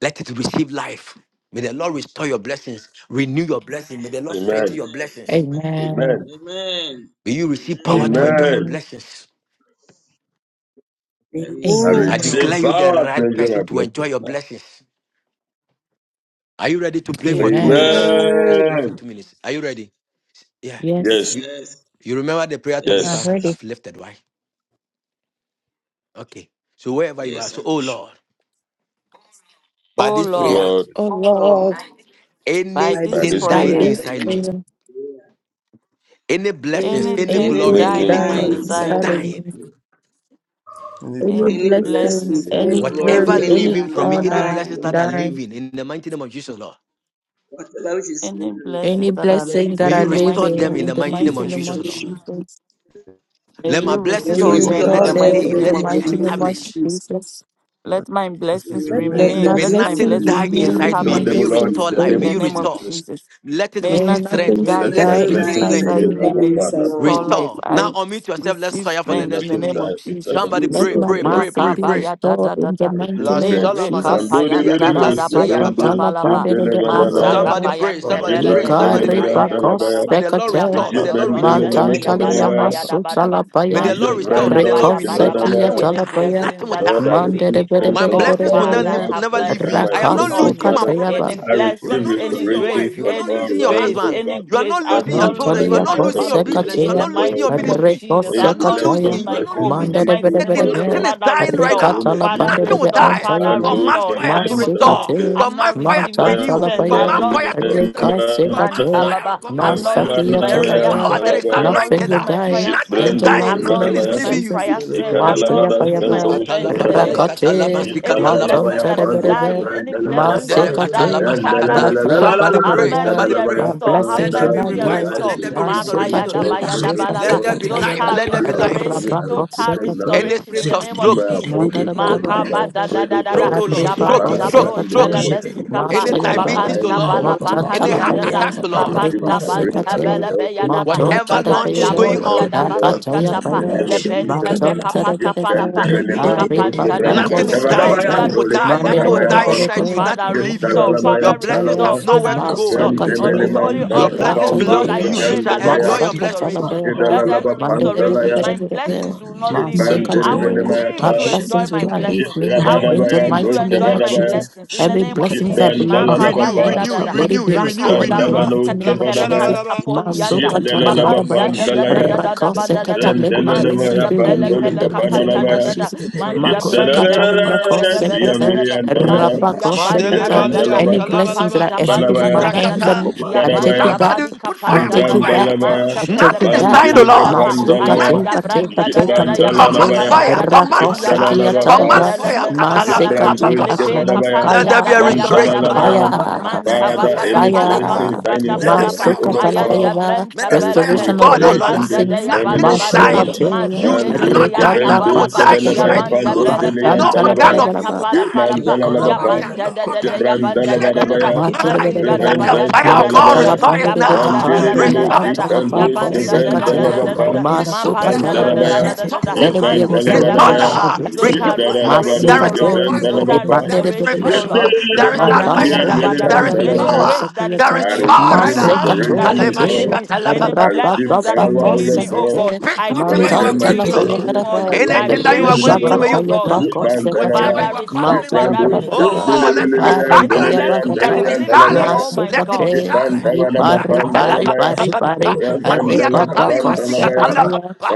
Speaker 12: Let it receive life. May the Lord restore your blessings, renew your blessings. May the Lord strengthen
Speaker 7: Amen.
Speaker 12: your
Speaker 3: Amen.
Speaker 12: blessings.
Speaker 9: Amen.
Speaker 7: Amen.
Speaker 3: Amen.
Speaker 12: May you receive
Speaker 3: Amen.
Speaker 12: power to enjoy your
Speaker 7: Amen.
Speaker 9: Amen.
Speaker 12: blessings.
Speaker 3: I
Speaker 7: I
Speaker 3: receive
Speaker 12: I
Speaker 9: Amen.
Speaker 7: receive
Speaker 12: declare you
Speaker 3: power.
Speaker 12: the
Speaker 7: power to
Speaker 12: right
Speaker 7: enjoy
Speaker 12: person
Speaker 7: my
Speaker 12: to enjoy
Speaker 7: blessings
Speaker 12: your
Speaker 7: now.
Speaker 12: blessings. Are you ready to pray for two
Speaker 9: Amen.
Speaker 12: minutes?
Speaker 3: Amen.
Speaker 12: Let's pray for
Speaker 7: Amen.
Speaker 12: two minutes. Are you ready? Yeah.
Speaker 7: Yes.
Speaker 9: Yes,
Speaker 12: You
Speaker 3: Yes.
Speaker 12: you remember the prayer
Speaker 3: Yes,
Speaker 12: topics
Speaker 9: I'm
Speaker 7: Yes.
Speaker 12: I've,
Speaker 9: ready.
Speaker 3: Archbishop.
Speaker 12: I've lifted, right? Okay. So wherever you are,
Speaker 3: Yes,
Speaker 12: so oh
Speaker 3: Archbishop.
Speaker 12: Lord, by
Speaker 14: Oh
Speaker 12: this
Speaker 7: Oh
Speaker 12: prayer,
Speaker 14: Lord,
Speaker 7: Lord,
Speaker 9: Oh
Speaker 3: Oh, Lord.
Speaker 9: Lord,
Speaker 14: by
Speaker 7: by
Speaker 14: this
Speaker 12: anything
Speaker 7: this
Speaker 9: by
Speaker 12: dying
Speaker 17: I
Speaker 14: prayer,
Speaker 7: prayer,
Speaker 3: Now,
Speaker 17: have
Speaker 9: this
Speaker 3: it
Speaker 12: inside
Speaker 3: is
Speaker 12: me,
Speaker 9: prayer,
Speaker 3: clear.
Speaker 12: any blessings, any
Speaker 14: anything
Speaker 9: anything
Speaker 12: glory,
Speaker 3: Anything
Speaker 12: any
Speaker 7: anything
Speaker 14: dying
Speaker 9: done
Speaker 3: dying
Speaker 12: honor
Speaker 7: dying
Speaker 3: inside
Speaker 14: inside
Speaker 9: inside of
Speaker 14: me,
Speaker 7: inside of
Speaker 9: me
Speaker 3: me,
Speaker 12: dying,
Speaker 7: me,
Speaker 9: Any
Speaker 7: any
Speaker 14: any
Speaker 3: any
Speaker 7: blessings,
Speaker 9: blessing,
Speaker 3: blessings,
Speaker 14: blessings,
Speaker 7: any
Speaker 14: any
Speaker 9: any
Speaker 3: any
Speaker 7: glory,
Speaker 3: glory,
Speaker 7: any
Speaker 12: whatever
Speaker 9: glory,
Speaker 14: glory,
Speaker 3: any
Speaker 7: honor
Speaker 9: any
Speaker 12: living
Speaker 14: any
Speaker 12: from
Speaker 3: honor
Speaker 12: me,
Speaker 14: honor
Speaker 7: dying,
Speaker 12: any
Speaker 9: honor,
Speaker 3: dying
Speaker 7: oh
Speaker 12: blessings
Speaker 14: dying,
Speaker 7: God,
Speaker 12: that are
Speaker 3: inside
Speaker 9: thine,
Speaker 3: me,
Speaker 12: living in the mighty name of Jesus, Lord.
Speaker 3: whatever which is
Speaker 14: any
Speaker 3: living,
Speaker 9: any
Speaker 14: blessings that
Speaker 3: any
Speaker 14: are
Speaker 9: blessing
Speaker 3: blessings
Speaker 12: May
Speaker 9: that
Speaker 14: living
Speaker 3: that
Speaker 9: I
Speaker 12: you
Speaker 14: in
Speaker 3: are
Speaker 14: the
Speaker 9: live
Speaker 12: restore
Speaker 14: mighty
Speaker 3: living
Speaker 12: them
Speaker 9: in,
Speaker 14: name
Speaker 12: in
Speaker 9: in
Speaker 12: the
Speaker 3: in
Speaker 14: of
Speaker 9: the
Speaker 12: mighty name
Speaker 9: mighty
Speaker 12: of
Speaker 3: you,
Speaker 9: name
Speaker 14: Jesus.
Speaker 12: Jesus,
Speaker 9: of
Speaker 12: Lord.
Speaker 9: Jesus.
Speaker 14: May
Speaker 12: Let my
Speaker 14: you
Speaker 7: these
Speaker 9: And
Speaker 12: blessings
Speaker 9: you
Speaker 14: restore
Speaker 7: blessings
Speaker 14: them
Speaker 12: remain.
Speaker 7: that
Speaker 14: in
Speaker 9: restore
Speaker 12: Let
Speaker 3: God
Speaker 7: I
Speaker 14: the
Speaker 12: it
Speaker 9: them
Speaker 7: live
Speaker 3: in
Speaker 17: stored
Speaker 14: mighty
Speaker 7: in,
Speaker 12: stay.
Speaker 3: the
Speaker 7: oh
Speaker 9: in
Speaker 17: in
Speaker 9: the
Speaker 14: name
Speaker 12: Let
Speaker 3: mighty
Speaker 12: it
Speaker 14: of
Speaker 12: be
Speaker 7: God,
Speaker 17: the
Speaker 9: mighty
Speaker 3: name of
Speaker 17: name
Speaker 9: name
Speaker 17: of
Speaker 9: of
Speaker 14: Jesus.
Speaker 12: established.
Speaker 17: Jesus.
Speaker 9: Jesus.
Speaker 14: Let my blessings
Speaker 17: Let my
Speaker 9: Let
Speaker 14: remain.
Speaker 9: my
Speaker 12: May
Speaker 14: Let
Speaker 17: blessing
Speaker 14: my
Speaker 12: nothing
Speaker 17: be
Speaker 9: blessings
Speaker 17: me,
Speaker 14: blessings
Speaker 12: die
Speaker 14: be
Speaker 7: you
Speaker 9: remain,
Speaker 12: inside
Speaker 9: let
Speaker 17: let it
Speaker 12: me.
Speaker 9: my
Speaker 7: restore
Speaker 12: May
Speaker 7: them,
Speaker 17: stay
Speaker 7: oh
Speaker 12: you
Speaker 14: established
Speaker 17: in
Speaker 7: Lord,
Speaker 17: the
Speaker 9: blessings
Speaker 7: in
Speaker 12: restore
Speaker 7: the
Speaker 17: name
Speaker 12: life.
Speaker 9: stay.
Speaker 14: in
Speaker 7: name
Speaker 12: May
Speaker 7: of
Speaker 14: the
Speaker 17: of
Speaker 12: you
Speaker 14: name
Speaker 17: Jesus.
Speaker 14: of
Speaker 12: restore.
Speaker 7: Jesus.
Speaker 14: Jesus.
Speaker 12: Let it
Speaker 14: May
Speaker 9: May
Speaker 12: receive
Speaker 14: nothing
Speaker 12: strength.
Speaker 9: nothing
Speaker 12: May-
Speaker 7: Let
Speaker 12: Let
Speaker 7: my
Speaker 14: dies
Speaker 12: it
Speaker 9: die
Speaker 14: in,
Speaker 12: receive
Speaker 7: blessings
Speaker 9: inside
Speaker 12: strength.
Speaker 14: inside
Speaker 17: Nothing
Speaker 7: remain,
Speaker 9: me.
Speaker 14: me.
Speaker 17: that
Speaker 7: Abba
Speaker 14: May you
Speaker 7: Father.
Speaker 17: inside me
Speaker 14: restore
Speaker 17: in the
Speaker 14: life.
Speaker 12: Restore.
Speaker 17: name
Speaker 12: Now
Speaker 14: I
Speaker 17: of
Speaker 12: unmute
Speaker 17: Jesus.
Speaker 12: yourself. Let's
Speaker 14: receive
Speaker 12: fire for
Speaker 7: May
Speaker 12: the
Speaker 14: strength
Speaker 12: next
Speaker 14: in
Speaker 12: two
Speaker 14: the
Speaker 7: nothing
Speaker 14: name of
Speaker 12: minutes.
Speaker 7: die inside
Speaker 14: Jesus.
Speaker 7: of
Speaker 12: Somebody
Speaker 7: me,
Speaker 9: Let
Speaker 12: pray,
Speaker 7: O
Speaker 17: Restore
Speaker 9: my
Speaker 12: pray,
Speaker 7: God.
Speaker 12: pray,
Speaker 9: blessing
Speaker 12: pray,
Speaker 9: be
Speaker 12: pray.
Speaker 14: Makabaya da
Speaker 9: restored
Speaker 14: da da
Speaker 9: in the
Speaker 14: da.
Speaker 7: I receive
Speaker 9: mighty
Speaker 12: La
Speaker 9: name of
Speaker 7: strength.
Speaker 14: Lebre
Speaker 9: Jesus.
Speaker 7: Mando de
Speaker 14: kapayan
Speaker 12: salamadalia
Speaker 14: da da
Speaker 7: Belibos,
Speaker 14: da
Speaker 12: katalia
Speaker 14: bayan da
Speaker 7: Givendos,
Speaker 12: papa.
Speaker 14: balaba.
Speaker 7: Jindelemanana,
Speaker 14: Mazaga
Speaker 9: Masopatalabandelebeantayaba.
Speaker 12: Somebody pray,
Speaker 14: bayan de
Speaker 12: somebody
Speaker 14: bele
Speaker 12: pray,
Speaker 7: Jibran
Speaker 14: bayan
Speaker 12: somebody
Speaker 14: da
Speaker 7: Delemaya
Speaker 12: pray.
Speaker 14: baya da
Speaker 7: Dalabaya,
Speaker 9: Ikaripakos
Speaker 12: May
Speaker 14: baraba.
Speaker 12: the Lord
Speaker 9: sekate
Speaker 12: restore. May the
Speaker 14: Yabando
Speaker 7: Jibran
Speaker 12: Lord renew.
Speaker 14: broshete
Speaker 7: Delemeca
Speaker 9: mantantalia
Speaker 14: yabada
Speaker 7: Dalabaya,
Speaker 14: baya da baraba.
Speaker 12: May
Speaker 9: masutalapaya
Speaker 12: the Lord
Speaker 14: Maziga
Speaker 12: restore. May
Speaker 14: da
Speaker 12: the
Speaker 7: Jibrandos,
Speaker 12: Lord
Speaker 14: bada
Speaker 12: renew.
Speaker 14: badaba.
Speaker 9: rekosekia
Speaker 12: Nothing will
Speaker 7: Kevedamaya.
Speaker 14: Any
Speaker 12: die.
Speaker 9: talapaya
Speaker 14: blessing
Speaker 12: Nothing will
Speaker 14: that is
Speaker 7: Lord, I
Speaker 12: die.
Speaker 9: mande
Speaker 14: leaving
Speaker 7: receive
Speaker 9: de
Speaker 14: me,
Speaker 9: bede
Speaker 14: oh
Speaker 7: strength
Speaker 12: My
Speaker 7: from
Speaker 9: bede
Speaker 14: God,
Speaker 9: bede
Speaker 12: blessings
Speaker 7: above,
Speaker 12: will
Speaker 9: bede
Speaker 12: not
Speaker 7: O
Speaker 14: Father,
Speaker 12: leave,
Speaker 9: bede
Speaker 7: God,
Speaker 14: have
Speaker 12: never
Speaker 7: to
Speaker 12: leave
Speaker 7: enjoy
Speaker 14: mercy,
Speaker 12: me.
Speaker 7: my
Speaker 12: I am not
Speaker 14: restore
Speaker 7: blessings,
Speaker 14: me
Speaker 12: losing my
Speaker 7: Father.
Speaker 9: rakasekateyaba
Speaker 14: any
Speaker 12: properties.
Speaker 7: I
Speaker 12: You are
Speaker 7: receive
Speaker 14: blessings,
Speaker 12: not
Speaker 14: any
Speaker 12: losing your
Speaker 7: restorations
Speaker 12: wife.
Speaker 14: grace,
Speaker 12: You are
Speaker 7: from
Speaker 12: not
Speaker 14: any
Speaker 7: all
Speaker 12: losing your
Speaker 7: around,
Speaker 14: grace,
Speaker 7: O
Speaker 12: husband.
Speaker 14: any
Speaker 7: God.
Speaker 12: You are
Speaker 14: grace.
Speaker 12: not losing
Speaker 14: I'm
Speaker 7: Nothing
Speaker 12: your
Speaker 14: not
Speaker 7: will
Speaker 12: children.
Speaker 7: die
Speaker 12: You are
Speaker 14: losing
Speaker 9: Natalia
Speaker 12: not
Speaker 14: my
Speaker 7: inside
Speaker 12: losing
Speaker 7: of
Speaker 12: your
Speaker 14: family
Speaker 7: me, O
Speaker 12: business. You
Speaker 14: in
Speaker 12: are
Speaker 7: Lord
Speaker 14: the
Speaker 9: Kosekataya,
Speaker 12: not losing your
Speaker 7: God.
Speaker 14: mighty name of
Speaker 12: ministry.
Speaker 9: Rico
Speaker 14: Jesus.
Speaker 12: You
Speaker 7: May
Speaker 12: are
Speaker 14: I'm
Speaker 12: not
Speaker 14: not
Speaker 7: bless, no
Speaker 9: Sekataya,
Speaker 14: losing
Speaker 12: losing. You are
Speaker 14: my
Speaker 12: not
Speaker 7: blessings
Speaker 14: home
Speaker 7: will
Speaker 14: in
Speaker 12: losing.
Speaker 14: the
Speaker 7: leave
Speaker 14: mighty
Speaker 7: me, O
Speaker 14: name
Speaker 12: anything.
Speaker 14: of
Speaker 7: Lord
Speaker 14: Jesus.
Speaker 12: nothing
Speaker 9: Mandedebedebedebe,
Speaker 7: God,
Speaker 12: is
Speaker 14: Father,
Speaker 12: dying
Speaker 7: in the
Speaker 12: right
Speaker 14: restore,
Speaker 12: now.
Speaker 7: name of
Speaker 9: Ricatala
Speaker 14: Father,
Speaker 12: Nothing
Speaker 7: Jesus.
Speaker 12: will
Speaker 9: Pandebe
Speaker 8: you.
Speaker 14: restore,
Speaker 12: die.
Speaker 14: Father,
Speaker 7: And
Speaker 9: Antayaba,
Speaker 7: those
Speaker 12: Command
Speaker 14: restore
Speaker 7: can
Speaker 14: in
Speaker 12: fire
Speaker 14: the
Speaker 12: to
Speaker 14: name
Speaker 7: bend,
Speaker 14: of
Speaker 7: those
Speaker 14: Jesus.
Speaker 12: restore.
Speaker 9: Masikate,
Speaker 14: I'm
Speaker 12: Command
Speaker 14: not
Speaker 12: fire to
Speaker 14: receiving my
Speaker 12: renew.
Speaker 14: strength. I'm
Speaker 9: Mantantalabaya,
Speaker 12: Command
Speaker 14: not receiving.
Speaker 12: fire to be
Speaker 9: Rica
Speaker 12: established.
Speaker 7: can
Speaker 12: Command
Speaker 14: Manta
Speaker 9: Sekate,
Speaker 12: fire.
Speaker 14: Baba,
Speaker 12: Command
Speaker 14: I'm not
Speaker 12: fire.
Speaker 14: losing
Speaker 9: Masakia
Speaker 14: my
Speaker 12: There is
Speaker 14: prayer
Speaker 7: bend,
Speaker 12: power.
Speaker 9: Talaba.
Speaker 12: There is
Speaker 14: strength. I'm
Speaker 7: us,
Speaker 14: not
Speaker 9: Nothing
Speaker 12: anointing.
Speaker 9: will
Speaker 14: losing my
Speaker 9: die
Speaker 14: prayer
Speaker 12: Nothing
Speaker 9: in
Speaker 12: is
Speaker 14: strength.
Speaker 9: the
Speaker 7: Jibrendo
Speaker 12: dying.
Speaker 14: I'm
Speaker 9: mighty
Speaker 14: not
Speaker 9: name
Speaker 12: Nothing
Speaker 9: of
Speaker 12: is
Speaker 7: Kebadabaya,
Speaker 14: losing my
Speaker 12: leaving you.
Speaker 9: Jesus.
Speaker 14: prayer strength. I'm not
Speaker 9: Matia
Speaker 7: Ikadalabada
Speaker 14: losing my
Speaker 9: Payaba,
Speaker 7: Sandos
Speaker 12: Katala
Speaker 14: strength in the name
Speaker 12: papale
Speaker 7: Kabadabaya,
Speaker 14: of
Speaker 12: katala
Speaker 14: Jesus.
Speaker 9: Rakate,
Speaker 12: masi
Speaker 14: Any
Speaker 12: katala
Speaker 14: blessing
Speaker 7: Jisdalalabaya
Speaker 12: papara
Speaker 14: that is
Speaker 7: Pando
Speaker 12: salaba.
Speaker 14: dying,
Speaker 9: Mantantalabedebe,
Speaker 14: any
Speaker 7: Kabrandalabaya
Speaker 14: blessings that
Speaker 7: Pa,
Speaker 12: Mandele
Speaker 14: is
Speaker 12: katala
Speaker 14: dying,
Speaker 9: Masikate,
Speaker 7: and
Speaker 18: Rabba
Speaker 14: Father,
Speaker 12: masakata.
Speaker 7: Dalalabaya
Speaker 9: Mataya
Speaker 14: restore.
Speaker 12: Somebody
Speaker 14: Have
Speaker 12: pray,
Speaker 9: Barabadaba.
Speaker 12: somebody
Speaker 14: mercy and
Speaker 9: My
Speaker 12: pray.
Speaker 14: restore.
Speaker 7: Father,
Speaker 14: Have
Speaker 12: Let
Speaker 9: blessings
Speaker 12: there
Speaker 9: will
Speaker 12: be
Speaker 14: mercy
Speaker 9: not
Speaker 14: and
Speaker 7: may
Speaker 9: die.
Speaker 7: I
Speaker 12: revival. Let
Speaker 14: restore.
Speaker 12: there be
Speaker 9: My
Speaker 7: receive any
Speaker 9: super
Speaker 12: restoration,
Speaker 14: Makaya
Speaker 12: O
Speaker 14: daba
Speaker 12: Lord.
Speaker 9: cheka
Speaker 14: ya
Speaker 7: blessings of
Speaker 14: daba
Speaker 9: cheka
Speaker 14: laba.
Speaker 12: Let
Speaker 7: God
Speaker 12: there be life.
Speaker 9: cheka
Speaker 7: that
Speaker 14: Total
Speaker 12: Let there
Speaker 7: you
Speaker 12: be
Speaker 7: are
Speaker 12: life.
Speaker 7: for me.
Speaker 14: restoration,
Speaker 7: I receive
Speaker 14: total
Speaker 7: them
Speaker 9: chaya.
Speaker 7: now
Speaker 12: Any
Speaker 14: restoration in
Speaker 12: spirit
Speaker 14: the
Speaker 12: of
Speaker 14: name
Speaker 7: into
Speaker 14: of
Speaker 7: my
Speaker 12: stroke,
Speaker 14: Jesus.
Speaker 7: abode, O
Speaker 9: Mandara bara
Speaker 7: God,
Speaker 9: bara
Speaker 7: into my
Speaker 14: Makaba
Speaker 9: bara
Speaker 14: da
Speaker 9: bara.
Speaker 14: da
Speaker 7: spirit,
Speaker 14: da
Speaker 7: O
Speaker 14: da da.
Speaker 7: God.
Speaker 12: stroke, O
Speaker 9: Arre
Speaker 12: Lord,
Speaker 9: pa
Speaker 12: stroke,
Speaker 14: Yabanda
Speaker 7: Father,
Speaker 9: kose
Speaker 12: stroke,
Speaker 7: in the
Speaker 14: brontele
Speaker 7: name
Speaker 12: stroke.
Speaker 9: kache.
Speaker 7: of Jesus,
Speaker 14: besikapa.
Speaker 12: Any
Speaker 9: Masaya
Speaker 7: anything
Speaker 9: pa.
Speaker 12: diabetes, O
Speaker 7: dying
Speaker 14: Babanda
Speaker 7: inside
Speaker 12: Lord.
Speaker 14: bala
Speaker 7: of me
Speaker 9: Matan
Speaker 12: Any
Speaker 9: chala
Speaker 14: bakanda
Speaker 12: heart
Speaker 7: slowly,
Speaker 14: da da.
Speaker 9: paya.
Speaker 12: attacks, O
Speaker 7: I
Speaker 12: Lord.
Speaker 7: receive
Speaker 9: Rika
Speaker 14: Babanda
Speaker 9: se
Speaker 7: restoration, I
Speaker 14: banta
Speaker 7: receive
Speaker 9: kache.
Speaker 14: bele
Speaker 7: help, O Lord
Speaker 14: beyadaba.
Speaker 7: God,
Speaker 9: Maton
Speaker 12: Whatever
Speaker 9: chara baya
Speaker 7: oh,
Speaker 12: nonsense
Speaker 14: Babanda
Speaker 12: going
Speaker 7: run
Speaker 9: baya.
Speaker 14: boli
Speaker 12: on,
Speaker 7: help, O
Speaker 14: yadaba
Speaker 7: Lord,
Speaker 9: Akataya
Speaker 7: in
Speaker 14: sikatapa.
Speaker 7: the name
Speaker 9: paya.
Speaker 7: of
Speaker 14: Lebente
Speaker 7: Jesus.
Speaker 9: Maton chara
Speaker 14: pekapata
Speaker 7: Just
Speaker 9: baya
Speaker 7: send
Speaker 9: baya.
Speaker 14: palapa.
Speaker 7: them in a man,
Speaker 9: Arre
Speaker 7: don't
Speaker 9: pa
Speaker 7: give
Speaker 14: Likapanta da
Speaker 9: de
Speaker 14: da.
Speaker 7: them the
Speaker 12: nothing
Speaker 14: Any
Speaker 12: is
Speaker 9: kose
Speaker 12: dying.
Speaker 14: glory
Speaker 7: Shabadabayan,
Speaker 14: that
Speaker 9: kache.
Speaker 12: Nothing will
Speaker 14: is
Speaker 7: Dole
Speaker 12: die.
Speaker 14: leaving me,
Speaker 9: Mandere
Speaker 12: Nothing will
Speaker 14: oh
Speaker 9: bere
Speaker 12: die
Speaker 7: Kabadabayapa,
Speaker 14: God.
Speaker 9: bere
Speaker 12: inside you.
Speaker 9: bere.
Speaker 12: Nothing
Speaker 14: Father,
Speaker 12: will
Speaker 7: just
Speaker 12: leave you.
Speaker 14: restore.
Speaker 9: Mandere se
Speaker 12: Your
Speaker 14: Father,
Speaker 7: Dalalamayan,
Speaker 12: blessings
Speaker 9: kachaya.
Speaker 14: restore.
Speaker 12: have
Speaker 7: Dalaba,
Speaker 12: nowhere
Speaker 14: Father,
Speaker 12: to
Speaker 14: restore
Speaker 9: Maso
Speaker 7: Ren
Speaker 18: Capara
Speaker 12: go.
Speaker 18: de la
Speaker 14: on this
Speaker 8: Thank
Speaker 9: kache.
Speaker 18: Copa
Speaker 7: Demeleman,
Speaker 14: holy
Speaker 12: Your
Speaker 14: altar,
Speaker 18: de
Speaker 9: Eka
Speaker 12: blessings
Speaker 14: oh
Speaker 7: Dalakapan,
Speaker 18: Coro
Speaker 9: chaya
Speaker 14: God,
Speaker 12: belongs
Speaker 7: Dos
Speaker 18: de
Speaker 12: to
Speaker 14: I
Speaker 18: la
Speaker 12: you.
Speaker 9: paya.
Speaker 7: Kevran
Speaker 12: You
Speaker 14: pray
Speaker 18: Shede
Speaker 12: shall
Speaker 14: that
Speaker 18: de
Speaker 14: let there
Speaker 12: enjoy
Speaker 18: Coro
Speaker 7: Dabaya,
Speaker 9: Masa
Speaker 14: be
Speaker 12: your
Speaker 18: de la
Speaker 12: blessings.
Speaker 9: kachala
Speaker 14: restoration.
Speaker 18: Papa
Speaker 9: paya
Speaker 18: Para
Speaker 9: de
Speaker 14: Let
Speaker 18: de
Speaker 14: there
Speaker 18: la
Speaker 14: be
Speaker 7: Jedalalabapan,
Speaker 18: Capara
Speaker 9: Mandere
Speaker 18: de la
Speaker 9: bere
Speaker 14: restoration.
Speaker 7: Dalaya,
Speaker 9: bere
Speaker 14: My
Speaker 9: bere
Speaker 18: Shedicata
Speaker 9: bere.
Speaker 14: blessings will not leave
Speaker 9: Masse
Speaker 7: Jitman
Speaker 14: me. I
Speaker 18: Mantolo
Speaker 14: will
Speaker 9: kache. My
Speaker 14: live
Speaker 18: Corti
Speaker 7: Dilimelemayapa,
Speaker 14: to enjoy
Speaker 9: blessings will
Speaker 14: my
Speaker 9: not
Speaker 18: Shedicata
Speaker 9: leave
Speaker 14: blessings.
Speaker 9: me.
Speaker 14: I will
Speaker 18: Rava
Speaker 9: In the
Speaker 18: de
Speaker 7: Jitrabadabayan,
Speaker 14: live
Speaker 18: la
Speaker 7: Dos
Speaker 14: to
Speaker 9: mighty name
Speaker 14: enjoy
Speaker 18: Coro
Speaker 9: of
Speaker 14: my
Speaker 18: de
Speaker 7: Kevadabaya,
Speaker 18: la
Speaker 9: Jesus,
Speaker 14: blessings in the
Speaker 9: every
Speaker 14: name of
Speaker 9: blessings
Speaker 18: Shedicata
Speaker 9: that
Speaker 14: Jesus.
Speaker 9: belong to
Speaker 12: Renew,
Speaker 18: Acompa
Speaker 9: me,
Speaker 7: Jitbrandalalabafa,
Speaker 18: la
Speaker 14: Makabayanda da
Speaker 12: renew,
Speaker 14: da
Speaker 12: you
Speaker 9: let
Speaker 18: Capara
Speaker 9: it
Speaker 12: renew,
Speaker 9: be
Speaker 18: de
Speaker 12: you
Speaker 18: la
Speaker 12: renew,
Speaker 9: restored
Speaker 18: Copa
Speaker 14: brakanda
Speaker 9: in the
Speaker 12: renew.
Speaker 7: Randabanos
Speaker 9: mighty
Speaker 14: bronskete
Speaker 9: name
Speaker 12: Bla-
Speaker 9: of
Speaker 7: Kavadavaya,
Speaker 9: Jesus.
Speaker 14: pelekanta
Speaker 12: shalabalaba.
Speaker 14: polianda
Speaker 18: Isabella
Speaker 9: Masukatala
Speaker 18: Kata,
Speaker 14: babanda
Speaker 7: Jitdalalabafan
Speaker 9: barabara.
Speaker 14: da da da
Speaker 7: Dalaya,
Speaker 18: Shadia
Speaker 14: da da da ba da
Speaker 18: Bada
Speaker 14: da
Speaker 18: de
Speaker 14: da
Speaker 9: Rakosekata, Let my
Speaker 18: Makota, Nadi
Speaker 9: blessings
Speaker 7: Randamanamaya
Speaker 14: maziga
Speaker 9: be
Speaker 14: pele
Speaker 18: Makota,
Speaker 9: renewed in
Speaker 14: pele
Speaker 9: the
Speaker 7: Pandolika
Speaker 9: mighty
Speaker 14: kapata
Speaker 9: name of
Speaker 14: da
Speaker 18: Nebede
Speaker 7: Padalabaya,
Speaker 14: da da
Speaker 9: Jesus.
Speaker 18: de
Speaker 14: manda
Speaker 18: Makota de la
Speaker 14: branda da
Speaker 9: Masukatala
Speaker 14: da
Speaker 18: Papa,
Speaker 14: da da
Speaker 7: Jitdalalalalalala,
Speaker 14: da
Speaker 18: Shadi
Speaker 14: da da da
Speaker 18: Kata,
Speaker 9: yakosekata,
Speaker 14: da da
Speaker 7: Yambirian Dalada,
Speaker 18: Rababa,
Speaker 14: maziga
Speaker 18: Shadi
Speaker 12: Madele
Speaker 14: banda da da
Speaker 9: rapakosekata.
Speaker 18: Kata
Speaker 12: baleya
Speaker 14: da
Speaker 18: de
Speaker 7: Jibrandalaba,
Speaker 9: Any
Speaker 18: Kata,
Speaker 9: blessings that
Speaker 12: shalabalaba.
Speaker 9: I
Speaker 14: mapanda
Speaker 18: Jete
Speaker 9: escape
Speaker 14: banda da
Speaker 7: Jitbadabaya,
Speaker 9: my
Speaker 14: da da
Speaker 18: de
Speaker 9: hands,
Speaker 14: da
Speaker 12: Brakata.
Speaker 9: um,
Speaker 14: ya
Speaker 18: Locobar
Speaker 9: I
Speaker 18: de la
Speaker 9: take
Speaker 7: Jitbadabaya,
Speaker 9: it
Speaker 14: banda
Speaker 9: back.
Speaker 18: Capa,
Speaker 12: Somebody
Speaker 14: balika
Speaker 12: put
Speaker 9: I
Speaker 12: fire,
Speaker 14: panda
Speaker 9: take
Speaker 12: put
Speaker 14: da
Speaker 9: it
Speaker 14: da
Speaker 18: Bamba,
Speaker 12: fire.
Speaker 9: back.
Speaker 7: Brandalabaya,
Speaker 14: maska
Speaker 9: I
Speaker 14: pele
Speaker 9: take
Speaker 12: Nothing
Speaker 18: Shataba,
Speaker 9: it
Speaker 12: is
Speaker 9: back.
Speaker 12: dying,
Speaker 14: pekata
Speaker 12: the
Speaker 7: Mandilika
Speaker 12: Lord.
Speaker 14: palapa
Speaker 7: Pandalaya,
Speaker 9: Masukate,
Speaker 12: Nothing
Speaker 18: Copara,
Speaker 14: ayanda
Speaker 12: is
Speaker 9: take,
Speaker 14: branda
Speaker 12: leaving
Speaker 14: da
Speaker 9: take,
Speaker 12: you.
Speaker 14: da da
Speaker 9: take,
Speaker 14: ya
Speaker 9: take,
Speaker 18: Rababa,
Speaker 9: take.
Speaker 12: Command
Speaker 7: Jitbandalalabaya,
Speaker 14: bakapanda
Speaker 18: Shadi
Speaker 12: fire,
Speaker 14: da da
Speaker 12: command
Speaker 14: ya
Speaker 18: Copala
Speaker 12: fire,
Speaker 18: Kata,
Speaker 9: Rakosakia
Speaker 14: banda
Speaker 7: Jitdalalabafa,
Speaker 12: command
Speaker 14: benda
Speaker 9: Talaba,
Speaker 12: fire.
Speaker 18: Isano
Speaker 14: lepeska
Speaker 12: Katala
Speaker 18: Copara
Speaker 12: pa
Speaker 9: Masika
Speaker 18: de
Speaker 12: pa
Speaker 14: palapa
Speaker 18: la
Speaker 12: pa
Speaker 9: Taya
Speaker 12: pa
Speaker 7: Jibrandus
Speaker 12: pa.
Speaker 14: lepe
Speaker 18: Casati
Speaker 9: Akoman
Speaker 7: Kevadabaya,
Speaker 12: Let
Speaker 18: Kata,
Speaker 14: kapanda
Speaker 12: there be
Speaker 14: da
Speaker 12: a
Speaker 14: da
Speaker 9: Fire,
Speaker 14: ya
Speaker 12: restoration,
Speaker 14: bada
Speaker 18: Jababa,
Speaker 12: the
Speaker 7: Mandalalabaya.
Speaker 14: balapa
Speaker 12: Lord.
Speaker 18: Bada
Speaker 9: Fire,
Speaker 12: Let
Speaker 14: manta
Speaker 18: Cabala
Speaker 12: the
Speaker 7: Father,
Speaker 14: baya
Speaker 12: fire
Speaker 18: Cabara
Speaker 14: da
Speaker 12: of
Speaker 18: de
Speaker 7: any
Speaker 18: la
Speaker 12: God renew
Speaker 14: palapa
Speaker 7: blessings
Speaker 9: Fire,
Speaker 12: you.
Speaker 7: thine
Speaker 14: sikata
Speaker 12: Let
Speaker 7: inside
Speaker 12: the
Speaker 7: of
Speaker 14: palapa
Speaker 12: fire
Speaker 7: me,
Speaker 12: of
Speaker 7: O
Speaker 9: Masuka
Speaker 12: God
Speaker 7: Lord God,
Speaker 14: ayanda
Speaker 12: restore.
Speaker 9: Talabayana,
Speaker 12: Let
Speaker 14: brenta
Speaker 7: I
Speaker 12: the fire
Speaker 7: receive
Speaker 14: pelepe
Speaker 12: of
Speaker 9: restoration of
Speaker 12: God, oh
Speaker 14: ya
Speaker 9: my
Speaker 12: Lord,
Speaker 7: restoration
Speaker 12: ah,
Speaker 14: banda
Speaker 7: this
Speaker 14: da
Speaker 9: blessings,
Speaker 14: ya
Speaker 7: morning,
Speaker 12: nothing
Speaker 14: bada
Speaker 7: Lord
Speaker 12: is
Speaker 14: bada ba
Speaker 7: God.
Speaker 9: Masuka
Speaker 18: Shadia
Speaker 12: dying.
Speaker 9: Te,
Speaker 18: Balaka
Speaker 12: You
Speaker 14: mazege de
Speaker 12: shall
Speaker 18: Badila
Speaker 7: Mandush
Speaker 12: not die.
Speaker 18: Bakori
Speaker 14: beyanda
Speaker 9: Ribaba
Speaker 12: Nothing will
Speaker 7: Kevendush
Speaker 14: balaba
Speaker 18: Labapa
Speaker 12: die
Speaker 14: ya
Speaker 7: Kedelabaya,
Speaker 9: Kosekate,
Speaker 12: inside
Speaker 18: Shadia
Speaker 14: banda
Speaker 12: you.
Speaker 18: Kapa
Speaker 7: Pandush
Speaker 14: belepe
Speaker 7: Deleyan
Speaker 12: No
Speaker 14: kaskata
Speaker 12: organ
Speaker 7: Dalabaya,
Speaker 12: of you
Speaker 14: yanta
Speaker 9: Mantan
Speaker 12: will
Speaker 14: palapa
Speaker 12: die.
Speaker 7: Yutman
Speaker 14: palapa
Speaker 12: No
Speaker 18: Nicola
Speaker 14: ya
Speaker 7: Dalalabapa,
Speaker 18: Badila
Speaker 12: organ,
Speaker 14: banda
Speaker 12: no
Speaker 14: da da da
Speaker 18: Bakota
Speaker 12: organ.
Speaker 14: ya banda da da
Speaker 18: Zade
Speaker 14: da
Speaker 12: Anything that
Speaker 7: Jibrandalabadabaya,
Speaker 12: is
Speaker 18: Beleke
Speaker 12: not
Speaker 14: da
Speaker 12: right,
Speaker 18: Paradila
Speaker 14: Maziga da
Speaker 12: let
Speaker 9: Makereberebe,
Speaker 12: the
Speaker 7: Revendas
Speaker 18: Kupanda
Speaker 14: bayanda
Speaker 12: fire of
Speaker 14: da da da
Speaker 12: God
Speaker 14: da. da,
Speaker 9: Makatala
Speaker 7: Kedelabaya,
Speaker 12: restore it
Speaker 18: Shadia
Speaker 9: Pandere
Speaker 12: now.
Speaker 14: Yabanda
Speaker 18: Balaka
Speaker 14: da da da da
Speaker 9: Katandria
Speaker 7: Mandilinimus
Speaker 18: Paradila
Speaker 14: da
Speaker 18: Ba
Speaker 12: Restore
Speaker 14: da da.
Speaker 12: now.
Speaker 9: Antalapa
Speaker 7: Ikandush
Speaker 14: Yabanda da
Speaker 18: Ifania
Speaker 14: da
Speaker 12: Restore
Speaker 14: da da
Speaker 9: Kosekate,
Speaker 14: da
Speaker 12: now.
Speaker 18: Baloko
Speaker 14: da da.
Speaker 7: Kevendalabapa,
Speaker 14: da,
Speaker 18: Paradila
Speaker 12: Restore
Speaker 9: Masuka
Speaker 7: man
Speaker 18: Kupa
Speaker 14: Mabanda da
Speaker 12: now.
Speaker 14: da da da
Speaker 7: dadabaya,
Speaker 14: da
Speaker 9: Talabayava.
Speaker 14: da
Speaker 12: Restore
Speaker 14: da. da,
Speaker 9: Let
Speaker 7: yik
Speaker 18: Zepetele
Speaker 9: there
Speaker 12: now.
Speaker 9: be a
Speaker 7: man
Speaker 14: Maziga da
Speaker 18: Bekondila
Speaker 12: Restore
Speaker 9: restoration
Speaker 7: dadabadabaya,
Speaker 9: of my
Speaker 14: baraba.
Speaker 12: now.
Speaker 18: Shadia
Speaker 9: blessing.
Speaker 7: yik
Speaker 18: Kapa
Speaker 12: Receive
Speaker 14: Total
Speaker 12: fire.
Speaker 7: dadalabadu
Speaker 14: restoration,
Speaker 12: There is
Speaker 14: O
Speaker 18: Labada
Speaker 14: Lord.
Speaker 7: skefren
Speaker 9: Masekate,
Speaker 8: you.
Speaker 12: revival.
Speaker 14: Total
Speaker 7: dalabapa,
Speaker 18: Labada
Speaker 12: There is
Speaker 14: restoration, O
Speaker 7: yet
Speaker 18: Koradisha
Speaker 12: revival.
Speaker 14: Lord.
Speaker 9: Ipanderebebe,
Speaker 12: There is
Speaker 14: Yaba da ba
Speaker 8: Lord,
Speaker 12: anointing.
Speaker 8: you
Speaker 14: bayada
Speaker 9: Lakasuka
Speaker 14: ba.
Speaker 18: Labada
Speaker 8: get
Speaker 14: da ba.
Speaker 12: There is
Speaker 8: this
Speaker 18: Paraka
Speaker 9: Tandaria
Speaker 14: Any
Speaker 8: stuff,
Speaker 7: dalabaya.
Speaker 18: Paraka
Speaker 14: grace
Speaker 12: power.
Speaker 14: that is
Speaker 12: There
Speaker 9: Kosakieta,
Speaker 12: is
Speaker 7: I
Speaker 8: God.
Speaker 14: leaving me,
Speaker 12: power right
Speaker 8: You
Speaker 14: any
Speaker 7: receive
Speaker 8: got to
Speaker 18: Ekoma
Speaker 12: now.
Speaker 8: get
Speaker 14: mercies that
Speaker 9: Masekato
Speaker 8: back.
Speaker 7: restoration
Speaker 14: is
Speaker 7: of
Speaker 18: Lagade
Speaker 12: Kalema
Speaker 14: leaving
Speaker 7: God.
Speaker 8: Lord,
Speaker 9: Pate,
Speaker 12: shika
Speaker 14: me,
Speaker 8: you
Speaker 18: Shadia
Speaker 12: talapa
Speaker 14: any
Speaker 7: I
Speaker 12: papa.
Speaker 7: receive
Speaker 14: blessings
Speaker 9: Rapapa
Speaker 14: that is
Speaker 7: power, O
Speaker 14: leaving me,
Speaker 7: Lord
Speaker 14: O
Speaker 7: God,
Speaker 14: God.
Speaker 9: Kosekate,
Speaker 12: Fix
Speaker 14: I
Speaker 7: to
Speaker 14: pray
Speaker 12: whatever you
Speaker 7: enjoy
Speaker 12: are
Speaker 14: unto
Speaker 7: my
Speaker 12: going
Speaker 9: Matantala
Speaker 17: it
Speaker 12: through.
Speaker 14: you
Speaker 17: that
Speaker 14: this
Speaker 7: blessings in
Speaker 14: morning.
Speaker 7: the
Speaker 9: Payabaraba,
Speaker 18: Lebebekebelekebelekata.
Speaker 7: land
Speaker 14: I
Speaker 12: Anything
Speaker 7: of the
Speaker 12: that
Speaker 14: pray
Speaker 12: you are
Speaker 7: living O
Speaker 12: going
Speaker 14: unto
Speaker 12: through,
Speaker 14: you,
Speaker 7: God.
Speaker 12: may you
Speaker 14: O
Speaker 9: Repakataya
Speaker 12: fix
Speaker 14: God.
Speaker 18: Zababababada,
Speaker 12: it.
Speaker 7: Yik man
Speaker 9: Pakosekate,
Speaker 12: Whatever
Speaker 7: dalaba,
Speaker 14: Father,
Speaker 12: you are
Speaker 18: balakapardelakapa.
Speaker 14: restore,
Speaker 7: yik
Speaker 12: battling
Speaker 7: man
Speaker 12: with,
Speaker 9: Matala
Speaker 14: Father,
Speaker 7: dos, yik
Speaker 14: restore,
Speaker 9: Barabara.
Speaker 12: oh,
Speaker 14: Father,
Speaker 7: dalabaya,
Speaker 12: let it be
Speaker 14: restore.
Speaker 9: Are
Speaker 7: yik
Speaker 14: Any
Speaker 9: paya
Speaker 12: silenced.
Speaker 14: blessings
Speaker 18: Lebebeshkabardelevadibikata.
Speaker 12: Let
Speaker 14: that is
Speaker 12: it be
Speaker 9: bakata.
Speaker 7: man
Speaker 14: leaving me,
Speaker 12: silenced.
Speaker 7: dalabaya,
Speaker 14: oh my
Speaker 12: Let it
Speaker 14: God.
Speaker 12: be
Speaker 7: yik
Speaker 9: Masekate.
Speaker 12: silenced. La
Speaker 9: Ipare
Speaker 18: Rabadadadadadadadadadadadadada.
Speaker 7: man
Speaker 12: katala
Speaker 9: pare
Speaker 12: pa pa
Speaker 7: dalabaya,
Speaker 12: pa
Speaker 9: pare
Speaker 12: pa pa
Speaker 9: pare.
Speaker 12: pa.
Speaker 9: Are
Speaker 12: Madia
Speaker 9: papa
Speaker 12: katali mashi
Speaker 7: Ragandalakapandalabaya,
Speaker 12: katala
Speaker 18: Zebebebebebekordelamakashakaba.
Speaker 12: pa
Speaker 9: kosekataya.
Speaker 12: pa. pa.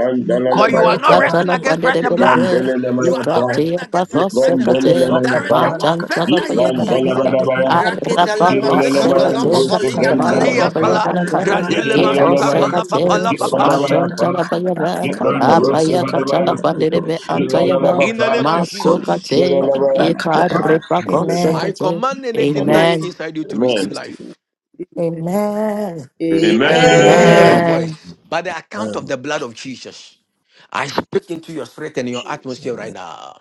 Speaker 12: For you are not resting
Speaker 9: Nikatala
Speaker 12: against
Speaker 18: Mekobalakapardeleve.
Speaker 12: flesh
Speaker 9: pandere
Speaker 12: and
Speaker 9: berebe,
Speaker 12: blood. You are
Speaker 7: Zipmandelelemayapa,
Speaker 12: not resting
Speaker 9: ikatia
Speaker 12: against flesh
Speaker 9: bakos
Speaker 12: flesh and blood.
Speaker 9: sekate,
Speaker 18: Ifato
Speaker 12: There is
Speaker 7: Zipmandelelemayapa,
Speaker 12: a
Speaker 18: balakata
Speaker 12: warfare
Speaker 9: mantantala
Speaker 12: that you
Speaker 9: baya
Speaker 12: need to
Speaker 9: berebe,
Speaker 12: win.
Speaker 18: jebede de
Speaker 7: Zipmandelelemayapa,
Speaker 18: de de de
Speaker 19: Amen. Amen.
Speaker 18: korete
Speaker 12: Raketala
Speaker 18: la
Speaker 9: arabakos
Speaker 18: baka
Speaker 12: masikatala
Speaker 18: parate
Speaker 9: sekate,
Speaker 7: Zirelelemayandu,
Speaker 18: le
Speaker 19: Amen.
Speaker 12: papali antali
Speaker 9: mandere
Speaker 18: shebakata
Speaker 9: baya
Speaker 12: ansala.
Speaker 18: le
Speaker 9: berebe,
Speaker 8: got this
Speaker 12: Randele
Speaker 8: stuff.
Speaker 18: barate le de
Speaker 9: ikos
Speaker 12: masikatala
Speaker 18: korete
Speaker 9: sekate,
Speaker 18: la
Speaker 8: That's
Speaker 12: papala
Speaker 18: bato
Speaker 12: papa.
Speaker 18: shada
Speaker 9: mantantala baya be,
Speaker 8: not
Speaker 18: afete
Speaker 8: about us.
Speaker 18: balaka
Speaker 9: apaya
Speaker 8: That
Speaker 18: parate
Speaker 9: katala
Speaker 8: was
Speaker 18: le
Speaker 8: it.
Speaker 9: pandere
Speaker 18: bato
Speaker 8: That
Speaker 9: be
Speaker 8: was
Speaker 9: antaya
Speaker 18: shebede
Speaker 9: be,
Speaker 18: de
Speaker 12: In the
Speaker 8: it.
Speaker 12: name of
Speaker 18: e kola
Speaker 12: Jesus,
Speaker 9: masukate,
Speaker 18: baka la kopa.
Speaker 8: In the
Speaker 9: iparibakos
Speaker 8: name of-
Speaker 12: I
Speaker 9: sekate.
Speaker 12: command anything
Speaker 17: it
Speaker 9: Amen,
Speaker 12: dying
Speaker 17: is
Speaker 12: inside you to
Speaker 17: in
Speaker 12: receive
Speaker 7: Amen.
Speaker 17: Jesus'
Speaker 12: life.
Speaker 17: name.
Speaker 3: Jesus.
Speaker 12: I say you didn't hear my
Speaker 8: God.
Speaker 3: Amen.
Speaker 7: Amen.
Speaker 9: amen,
Speaker 12: voice. By the account of
Speaker 8: Amen.
Speaker 12: the blood of Jesus, I speak into your spirit and your
Speaker 3: Jesus.
Speaker 12: atmosphere right
Speaker 8: Amen.
Speaker 12: now.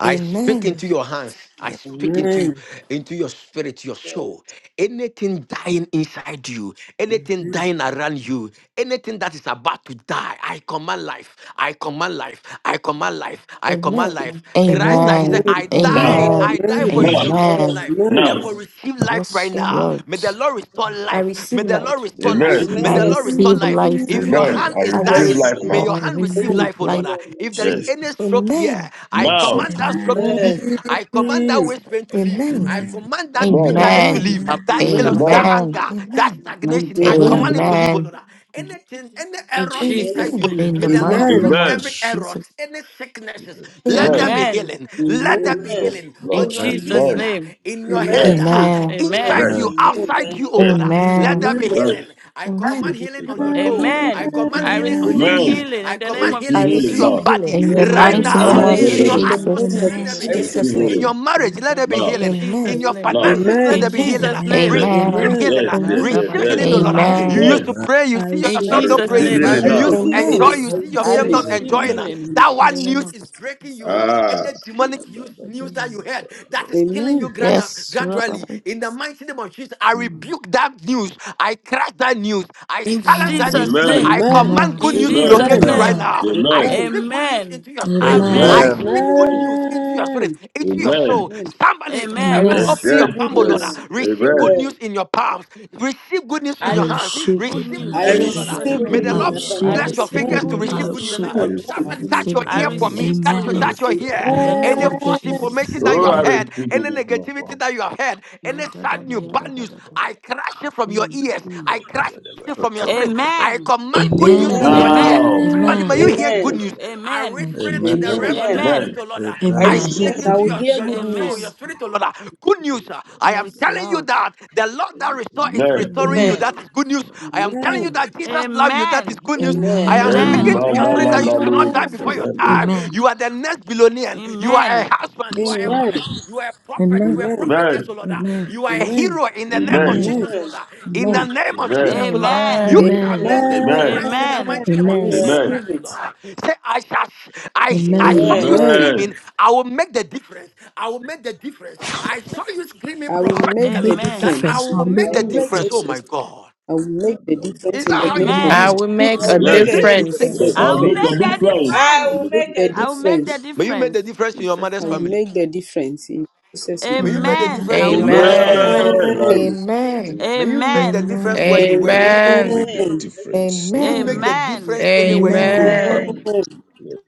Speaker 12: I speak into your hands. I
Speaker 8: Yeah.
Speaker 17: Amen. Amen.
Speaker 12: speak into into your spirit, your
Speaker 3: Yes.
Speaker 12: soul. Anything dying inside you, anything dying around you, anything that is about to die, I command life. I command life. I command life. I command life.
Speaker 19: Amen.
Speaker 12: Christ died. He
Speaker 19: Amen.
Speaker 12: said,
Speaker 9: amen,
Speaker 17: Amen.
Speaker 12: "I
Speaker 19: Amen.
Speaker 7: Now,
Speaker 12: died.
Speaker 9: amen,
Speaker 12: I died
Speaker 17: Amen.
Speaker 12: for you
Speaker 18: Amen.
Speaker 7: now,
Speaker 12: to receive
Speaker 9: amen.
Speaker 12: life."
Speaker 17: Amen.
Speaker 7: now.
Speaker 12: Therefore, receive life
Speaker 9: Yes,
Speaker 12: right now.
Speaker 19: Amen.
Speaker 12: May
Speaker 9: Lord.
Speaker 12: the Lord restore
Speaker 19: I
Speaker 12: life.
Speaker 19: receive
Speaker 12: May the Lord
Speaker 19: light.
Speaker 18: I
Speaker 12: restore
Speaker 7: Amen.
Speaker 12: life. May
Speaker 18: receive
Speaker 9: I
Speaker 12: the
Speaker 17: Amen. Amen.
Speaker 18: it.
Speaker 12: Lord restore
Speaker 9: receive
Speaker 12: life.
Speaker 9: life.
Speaker 19: I
Speaker 12: If your
Speaker 18: Amen.
Speaker 7: Amen.
Speaker 12: hand
Speaker 7: I
Speaker 12: is
Speaker 19: I
Speaker 7: receive
Speaker 18: Amen.
Speaker 12: dying,
Speaker 19: receive.
Speaker 7: life
Speaker 12: may
Speaker 9: I
Speaker 7: now.
Speaker 12: your hand receive
Speaker 18: Amen.
Speaker 9: receive
Speaker 17: Amen.
Speaker 12: life, O Lord.
Speaker 9: life.
Speaker 12: If there is
Speaker 7: Yes.
Speaker 8: Jesus.
Speaker 12: any stroke here,
Speaker 19: Amen.
Speaker 12: I
Speaker 8: In Jesus.
Speaker 7: Now.
Speaker 12: command that stroke
Speaker 18: Amen.
Speaker 12: to leave. I command that waist pain to leave.
Speaker 19: Amen.
Speaker 12: I
Speaker 8: Jesus.
Speaker 18: Amen.
Speaker 12: command that
Speaker 7: Amen.
Speaker 12: bitterness to
Speaker 9: Amen.
Speaker 12: leave.
Speaker 19: Amen.
Speaker 18: Amen.
Speaker 12: That
Speaker 17: Amen.
Speaker 12: jealousy, that
Speaker 7: Amen.
Speaker 9: Amen.
Speaker 12: anger, that
Speaker 19: Amen. Amen.
Speaker 14: In
Speaker 12: stagnation, I
Speaker 17: Amen.
Speaker 12: command it
Speaker 7: Jesus.
Speaker 12: to leave, O
Speaker 9: Amen.
Speaker 12: Lord. Anything, any errors inside
Speaker 14: Jesus'
Speaker 19: Amen.
Speaker 12: you,
Speaker 14: name.
Speaker 9: In
Speaker 12: may
Speaker 9: the
Speaker 12: the Lord
Speaker 9: mighty
Speaker 17: Amen.
Speaker 9: name
Speaker 12: fix
Speaker 9: of
Speaker 7: Amen.
Speaker 12: every error,
Speaker 9: Jesus.
Speaker 12: any sicknesses. Let there
Speaker 7: Amen.
Speaker 12: be
Speaker 14: Amen.
Speaker 12: healing. Let
Speaker 17: Amen.
Speaker 12: there be healing
Speaker 18: Amen.
Speaker 12: be
Speaker 7: Yes,
Speaker 12: healing
Speaker 14: In
Speaker 12: on
Speaker 7: Lord.
Speaker 12: your
Speaker 14: Jesus'
Speaker 12: skin,
Speaker 18: Amen.
Speaker 7: Amen.
Speaker 12: uh,
Speaker 14: name.
Speaker 12: in your
Speaker 17: Amen.
Speaker 7: Yes.
Speaker 12: head,
Speaker 18: Amen.
Speaker 12: uh,
Speaker 9: Amen.
Speaker 12: inside
Speaker 7: Yes.
Speaker 14: Amen.
Speaker 12: you,
Speaker 8: Amen.
Speaker 17: Amen.
Speaker 12: outside you, oh
Speaker 7: Yes.
Speaker 12: Lord. uh,
Speaker 18: Amen.
Speaker 12: Let
Speaker 9: Amen.
Speaker 12: there be
Speaker 17: Amen.
Speaker 7: Yes.
Speaker 12: healing. I command
Speaker 19: Amen.
Speaker 12: healing on your
Speaker 7: Amen.
Speaker 17: Amen.
Speaker 12: toe. I
Speaker 14: Amen.
Speaker 12: command
Speaker 14: I
Speaker 12: healing on
Speaker 18: Amen.
Speaker 12: your
Speaker 14: receive
Speaker 12: knee.
Speaker 7: Amen.
Speaker 14: healing
Speaker 12: I
Speaker 14: in the
Speaker 7: I
Speaker 14: name
Speaker 12: command
Speaker 7: receive
Speaker 14: of
Speaker 19: I
Speaker 12: healing into
Speaker 7: healing
Speaker 12: your
Speaker 14: Jesus.
Speaker 19: receive
Speaker 7: now.
Speaker 12: body
Speaker 19: healing.
Speaker 9: In
Speaker 17: Amen.
Speaker 9: the
Speaker 17: I
Speaker 14: I
Speaker 12: right
Speaker 9: mighty
Speaker 7: I
Speaker 19: I
Speaker 14: receive
Speaker 12: now.
Speaker 9: name
Speaker 17: receive
Speaker 18: Amen.
Speaker 9: of
Speaker 7: receive
Speaker 12: In
Speaker 19: receive
Speaker 17: healing in
Speaker 12: your
Speaker 19: it.
Speaker 7: healing.
Speaker 17: the
Speaker 14: healing.
Speaker 17: name
Speaker 12: atmosphere,
Speaker 9: Jesus.
Speaker 12: let
Speaker 17: of
Speaker 12: there
Speaker 18: Amen.
Speaker 12: be
Speaker 7: I
Speaker 12: healing.
Speaker 17: Jesus.
Speaker 7: receive
Speaker 19: Jesus' name.
Speaker 12: In your
Speaker 7: healing.
Speaker 12: marriage, let there be
Speaker 7: Now.
Speaker 14: In
Speaker 12: healing. In
Speaker 19: Amen.
Speaker 14: Jesus'
Speaker 12: your
Speaker 14: name.
Speaker 7: Now.
Speaker 12: finances, let
Speaker 14: In
Speaker 17: Amen.
Speaker 12: there be
Speaker 19: Amen.
Speaker 12: healing. uh,
Speaker 14: Jesus'
Speaker 18: Amen.
Speaker 14: name.
Speaker 7: Yes.
Speaker 12: Receive
Speaker 9: Amen.
Speaker 18: Amen.
Speaker 17: Amen.
Speaker 12: healing.
Speaker 7: Yes.
Speaker 12: uh,
Speaker 7: Yes.
Speaker 19: Amen.
Speaker 7: Yes.
Speaker 12: Receive
Speaker 7: Yes.
Speaker 12: healing, oh Lord. uh.
Speaker 18: Amen.
Speaker 17: Amen.
Speaker 12: You
Speaker 9: Amen.
Speaker 12: used
Speaker 7: Amen.
Speaker 12: to
Speaker 8: Amen.
Speaker 12: pray,
Speaker 18: I
Speaker 12: you see
Speaker 14: In
Speaker 7: I
Speaker 18: receive
Speaker 12: yourself
Speaker 17: Amen. I
Speaker 18: it.
Speaker 7: receive
Speaker 12: not
Speaker 18: I
Speaker 14: Jesus'
Speaker 12: praying.
Speaker 14: name, I
Speaker 17: receive
Speaker 8: Amen.
Speaker 7: healing
Speaker 12: You
Speaker 18: receive
Speaker 12: used
Speaker 7: now.
Speaker 18: it.
Speaker 12: to
Speaker 14: receive
Speaker 17: healing. I
Speaker 12: enjoy,
Speaker 19: Amen.
Speaker 14: healing.
Speaker 12: you
Speaker 17: receive
Speaker 18: I
Speaker 12: see
Speaker 14: I
Speaker 12: yourself
Speaker 18: receive
Speaker 17: healing.
Speaker 12: not
Speaker 17: I
Speaker 18: it.
Speaker 8: Amen.
Speaker 14: receive
Speaker 12: enjoying.
Speaker 8: Amen.
Speaker 7: Jesus.
Speaker 12: uh.
Speaker 17: receive
Speaker 14: healing
Speaker 12: That
Speaker 17: healing.
Speaker 14: in the
Speaker 12: one
Speaker 14: name
Speaker 12: news
Speaker 14: of
Speaker 12: is breaking breaking you,
Speaker 14: Jesus.
Speaker 7: Ah.
Speaker 12: any demonic use- news that you
Speaker 14: Mm,
Speaker 12: heard that is killing you
Speaker 17: Amen.
Speaker 12: gradu-
Speaker 9: Yes, Lord.
Speaker 12: gradually, in the mighty name of Jesus, I
Speaker 14: mm.
Speaker 12: rebuke that news. I crash that news. I
Speaker 14: In
Speaker 12: silence that news.
Speaker 18: Amen.
Speaker 14: Jesus'
Speaker 7: Amen.
Speaker 14: name.
Speaker 12: I
Speaker 17: Amen.
Speaker 12: command
Speaker 18: Amen.
Speaker 12: good
Speaker 14: In
Speaker 12: news to
Speaker 7: Amen.
Speaker 14: Jesus'
Speaker 17: Amen.
Speaker 12: locate you
Speaker 8: Amen.
Speaker 12: right
Speaker 14: name.
Speaker 18: Amen.
Speaker 12: now. I
Speaker 7: Amen.
Speaker 17: Amen.
Speaker 12: speak good news
Speaker 14: Amen.
Speaker 12: into your spirit.
Speaker 18: Amen.
Speaker 12: I
Speaker 7: Amen.
Speaker 14: Amen.
Speaker 8: Amen.
Speaker 12: speak good news into your spirit,
Speaker 17: Amen.
Speaker 12: into your soul.
Speaker 7: Amen.
Speaker 17: Amen.
Speaker 12: Somebody,
Speaker 17: I
Speaker 12: somebody
Speaker 14: Amen.
Speaker 7: Yes,
Speaker 18: Amen.
Speaker 12: open
Speaker 7: yes,
Speaker 12: your
Speaker 17: receive
Speaker 12: palm,
Speaker 17: good
Speaker 12: oh
Speaker 7: yes.
Speaker 12: Lord. ah.
Speaker 17: news.
Speaker 3: Amen.
Speaker 12: Receive
Speaker 7: Amen.
Speaker 12: good news
Speaker 3: Amen.
Speaker 12: in your palms. Receive good news in
Speaker 14: I
Speaker 18: I
Speaker 12: your hands.
Speaker 14: receive
Speaker 18: receive
Speaker 14: good
Speaker 12: Receive
Speaker 14: news
Speaker 12: good
Speaker 17: I
Speaker 7: I
Speaker 3: I
Speaker 12: news,
Speaker 14: in
Speaker 12: oh Lord.
Speaker 18: goodness.
Speaker 12: ah.
Speaker 14: Jesus'
Speaker 3: receive
Speaker 7: receive
Speaker 17: receive
Speaker 3: good
Speaker 12: May
Speaker 7: good
Speaker 17: good
Speaker 14: name.
Speaker 12: the
Speaker 3: news
Speaker 7: news
Speaker 18: I
Speaker 3: in
Speaker 12: Lord
Speaker 7: in
Speaker 3: my
Speaker 7: my
Speaker 17: news.
Speaker 14: I
Speaker 3: family
Speaker 9: I
Speaker 18: receive
Speaker 7: palm.
Speaker 12: bless
Speaker 18: it.
Speaker 12: your
Speaker 3: because I
Speaker 9: receive
Speaker 14: receive
Speaker 9: good
Speaker 12: fingers to
Speaker 14: good
Speaker 3: receive
Speaker 18: I
Speaker 12: receive
Speaker 3: good
Speaker 9: news.
Speaker 14: news
Speaker 12: good
Speaker 14: in
Speaker 12: news
Speaker 14: the
Speaker 3: news.
Speaker 12: news.
Speaker 18: receive
Speaker 12: ah.
Speaker 14: name
Speaker 7: I
Speaker 18: it.
Speaker 14: of
Speaker 9: I
Speaker 7: receive
Speaker 12: Somebody
Speaker 14: Jesus.
Speaker 7: good news
Speaker 12: touch
Speaker 7: in
Speaker 12: your
Speaker 9: receive
Speaker 7: my
Speaker 14: I
Speaker 9: good
Speaker 12: ear
Speaker 7: palm.
Speaker 12: for
Speaker 9: news.
Speaker 8: Receive
Speaker 12: me.
Speaker 14: receive
Speaker 8: it.
Speaker 12: Touch
Speaker 14: good
Speaker 3: in
Speaker 12: your,
Speaker 8: I
Speaker 3: the
Speaker 18: Amen.
Speaker 12: touch
Speaker 14: news
Speaker 12: your
Speaker 7: Jesus.
Speaker 3: spirit.
Speaker 8: receive.
Speaker 9: I
Speaker 12: ear.
Speaker 14: in the name
Speaker 12: Any
Speaker 7: Jesus.
Speaker 14: of
Speaker 9: receive good
Speaker 12: false
Speaker 17: Amen.
Speaker 8: I
Speaker 14: Jesus.
Speaker 12: information
Speaker 9: news.
Speaker 8: receive
Speaker 12: that
Speaker 8: it.
Speaker 12: you
Speaker 14: In
Speaker 7: Oh,
Speaker 12: have
Speaker 7: I
Speaker 14: the
Speaker 12: heard,
Speaker 7: receive good
Speaker 12: any
Speaker 7: news in my
Speaker 12: negativity
Speaker 7: palm.
Speaker 12: that you have heard,
Speaker 14: Mm,
Speaker 12: any
Speaker 7: Now,
Speaker 12: sad news, bad news, I crush it from your ears.
Speaker 14: mm.
Speaker 12: I crush it
Speaker 8: Ta-
Speaker 12: from your
Speaker 8: ta- ta-
Speaker 12: spirit.
Speaker 8: ta- ta.
Speaker 12: I
Speaker 14: Amen.
Speaker 12: command good news in your
Speaker 3: Amen.
Speaker 18: Amen.
Speaker 12: ears.
Speaker 14: Amen.
Speaker 7: man, I
Speaker 17: Amen.
Speaker 12: Somebody, may you
Speaker 18: Amen.
Speaker 12: hear
Speaker 7: receive
Speaker 12: good
Speaker 7: good
Speaker 3: Amen.
Speaker 17: Amen.
Speaker 12: news. I
Speaker 14: Amen.
Speaker 18: Thank
Speaker 12: whisper
Speaker 18: you,
Speaker 12: it
Speaker 8: Amen.
Speaker 12: in the
Speaker 7: Jesus.
Speaker 12: realm
Speaker 17: Amen.
Speaker 18: Jesus.
Speaker 12: of the
Speaker 3: Amen.
Speaker 12: spirit,
Speaker 14: Amen.
Speaker 12: oh
Speaker 7: Amen.
Speaker 12: Lord. ah.
Speaker 7: I
Speaker 3: I
Speaker 18: Amen.
Speaker 8: Amen.
Speaker 12: I
Speaker 18: I
Speaker 7: receive
Speaker 17: Amen.
Speaker 18: hear
Speaker 3: receive.
Speaker 12: speak
Speaker 7: good
Speaker 17: I
Speaker 12: into
Speaker 7: news.
Speaker 17: will
Speaker 12: your,
Speaker 17: hear
Speaker 18: goodness.
Speaker 12: your,
Speaker 17: good
Speaker 12: your soul, your
Speaker 17: news.
Speaker 14: Amen.
Speaker 12: spirit, oh
Speaker 7: Jesus.
Speaker 12: Lord. ah. Good news. ah. I am
Speaker 14: Yes,
Speaker 12: telling you
Speaker 14: Lord.
Speaker 12: that the Lord that restore is
Speaker 7: Amen.
Speaker 12: restoring you.
Speaker 18: Amen.
Speaker 14: Amen.
Speaker 12: That
Speaker 3: Amen.
Speaker 12: is good news. I am telling you
Speaker 17: Amen.
Speaker 14: Mm.
Speaker 7: Yes.
Speaker 12: that Jesus loves you. That is
Speaker 14: Amen.
Speaker 12: good news. I
Speaker 3: Amen.
Speaker 12: am
Speaker 7: Amen.
Speaker 12: speaking
Speaker 18: Amen.
Speaker 14: Amen.
Speaker 17: Amen.
Speaker 12: to your spirit that you
Speaker 14: Thank
Speaker 12: shall
Speaker 14: you,
Speaker 7: Amen.
Speaker 12: not
Speaker 3: I
Speaker 12: die before
Speaker 14: Jesus.
Speaker 12: your
Speaker 3: receive good
Speaker 12: time.
Speaker 3: news.
Speaker 18: Amen.
Speaker 12: You are the next billionaire. You are a
Speaker 14: Amen.
Speaker 12: husband. You
Speaker 18: That's
Speaker 12: are a
Speaker 18: all.
Speaker 17: Amen.
Speaker 12: wife.
Speaker 14: Mm,
Speaker 12: You are a prophet. You are a
Speaker 18: Amen.
Speaker 17: Amen. Amen.
Speaker 7: Amen.
Speaker 12: prophetess, O
Speaker 14: mm,
Speaker 12: Lord.
Speaker 18: Amen.
Speaker 12: You are a
Speaker 14: mm,
Speaker 12: hero in the
Speaker 14: mm.
Speaker 12: name of
Speaker 7: Amen.
Speaker 18: Amen.
Speaker 17: Amen.
Speaker 12: Jesus, O Lord.
Speaker 3: Amen.
Speaker 12: In
Speaker 17: Amen.
Speaker 12: the
Speaker 18: Amen.
Speaker 12: name of Jesus,
Speaker 7: Amen.
Speaker 12: O Lord.
Speaker 14: Amen.
Speaker 12: You
Speaker 9: Amen.
Speaker 12: shall
Speaker 18: Amen.
Speaker 12: make
Speaker 3: Amen.
Speaker 12: the
Speaker 7: Amen.
Speaker 12: difference in the
Speaker 14: Amen.
Speaker 17: Amen.
Speaker 12: mighty
Speaker 17: I
Speaker 12: name of
Speaker 18: Amen.
Speaker 12: Jesus
Speaker 3: Amen.
Speaker 17: receive
Speaker 7: Amen.
Speaker 12: Christ, O
Speaker 17: it.
Speaker 12: Lord. Say, I shall, I, I
Speaker 18: Amen.
Speaker 12: saw you
Speaker 3: Amen.
Speaker 17: Amen.
Speaker 7: Amen.
Speaker 12: screaming. I will make the difference. I will make the difference. I saw you screaming
Speaker 17: I will
Speaker 18: I'll
Speaker 17: make the
Speaker 12: prophetically
Speaker 18: make the
Speaker 12: that
Speaker 14: Amen.
Speaker 12: I
Speaker 17: difference
Speaker 18: difference.
Speaker 17: in
Speaker 12: will
Speaker 18: I'll
Speaker 17: the
Speaker 12: make
Speaker 18: make
Speaker 3: I'll
Speaker 12: the
Speaker 18: the
Speaker 17: name of
Speaker 3: make
Speaker 12: difference.
Speaker 3: a
Speaker 12: Oh
Speaker 18: difference.
Speaker 12: my
Speaker 17: Jesus.
Speaker 3: difference.
Speaker 12: God.
Speaker 17: I will make the difference
Speaker 12: Is
Speaker 17: in
Speaker 12: that
Speaker 17: the
Speaker 12: how you
Speaker 17: name of
Speaker 9: I
Speaker 18: Amen.
Speaker 14: Amen.
Speaker 12: scream?
Speaker 9: will
Speaker 7: Yes.
Speaker 9: make
Speaker 17: Jesus.
Speaker 3: I'll
Speaker 18: I'll
Speaker 9: a
Speaker 7: Yes.
Speaker 3: make
Speaker 18: make
Speaker 3: a
Speaker 18: the
Speaker 17: I will
Speaker 12: Scream. Say-
Speaker 3: difference.
Speaker 17: make the
Speaker 7: yes.
Speaker 18: difference.
Speaker 9: difference.
Speaker 18: I'll
Speaker 14: I
Speaker 7: I'll
Speaker 14: will
Speaker 7: make
Speaker 18: make
Speaker 7: a
Speaker 18: the
Speaker 14: make
Speaker 17: difference.
Speaker 14: the
Speaker 7: difference.
Speaker 18: difference.
Speaker 7: I'll
Speaker 3: I
Speaker 14: difference.
Speaker 3: will
Speaker 7: make a
Speaker 17: Make
Speaker 3: make
Speaker 7: difference.
Speaker 3: a
Speaker 17: the
Speaker 14: I will
Speaker 3: difference.
Speaker 14: make the
Speaker 17: difference.
Speaker 12: May you make
Speaker 14: difference.
Speaker 12: the
Speaker 14: In
Speaker 12: difference in your
Speaker 14: Jesus'
Speaker 17: I
Speaker 12: mother's
Speaker 17: will
Speaker 14: name.
Speaker 12: family.
Speaker 17: make the difference in Jesus' name.
Speaker 12: May you make the
Speaker 18: Amen.
Speaker 14: Amen.
Speaker 12: difference
Speaker 14: I
Speaker 12: in
Speaker 14: will
Speaker 3: Amen.
Speaker 12: your
Speaker 14: make
Speaker 12: father's
Speaker 14: the
Speaker 17: Amen.
Speaker 9: Amen.
Speaker 12: family.
Speaker 3: I'll make a
Speaker 14: difference.
Speaker 7: Amen. I'll
Speaker 3: difference.
Speaker 19: Amen.
Speaker 7: receive
Speaker 12: May you make the
Speaker 14: Amen.
Speaker 7: that
Speaker 12: difference where
Speaker 18: Amen.
Speaker 12: you
Speaker 17: Amen.
Speaker 12: work.
Speaker 7: spirit to
Speaker 9: Amen.
Speaker 7: make the
Speaker 3: Amen. I'll make a difference.
Speaker 7: difference
Speaker 12: May you
Speaker 7: in
Speaker 12: make
Speaker 19: Amen.
Speaker 12: the
Speaker 7: another
Speaker 14: Amen.
Speaker 12: difference anywhere you go.
Speaker 18: Amen.
Speaker 9: Amen.
Speaker 7: family.
Speaker 3: Amen.
Speaker 17: Amen.
Speaker 7: Yes.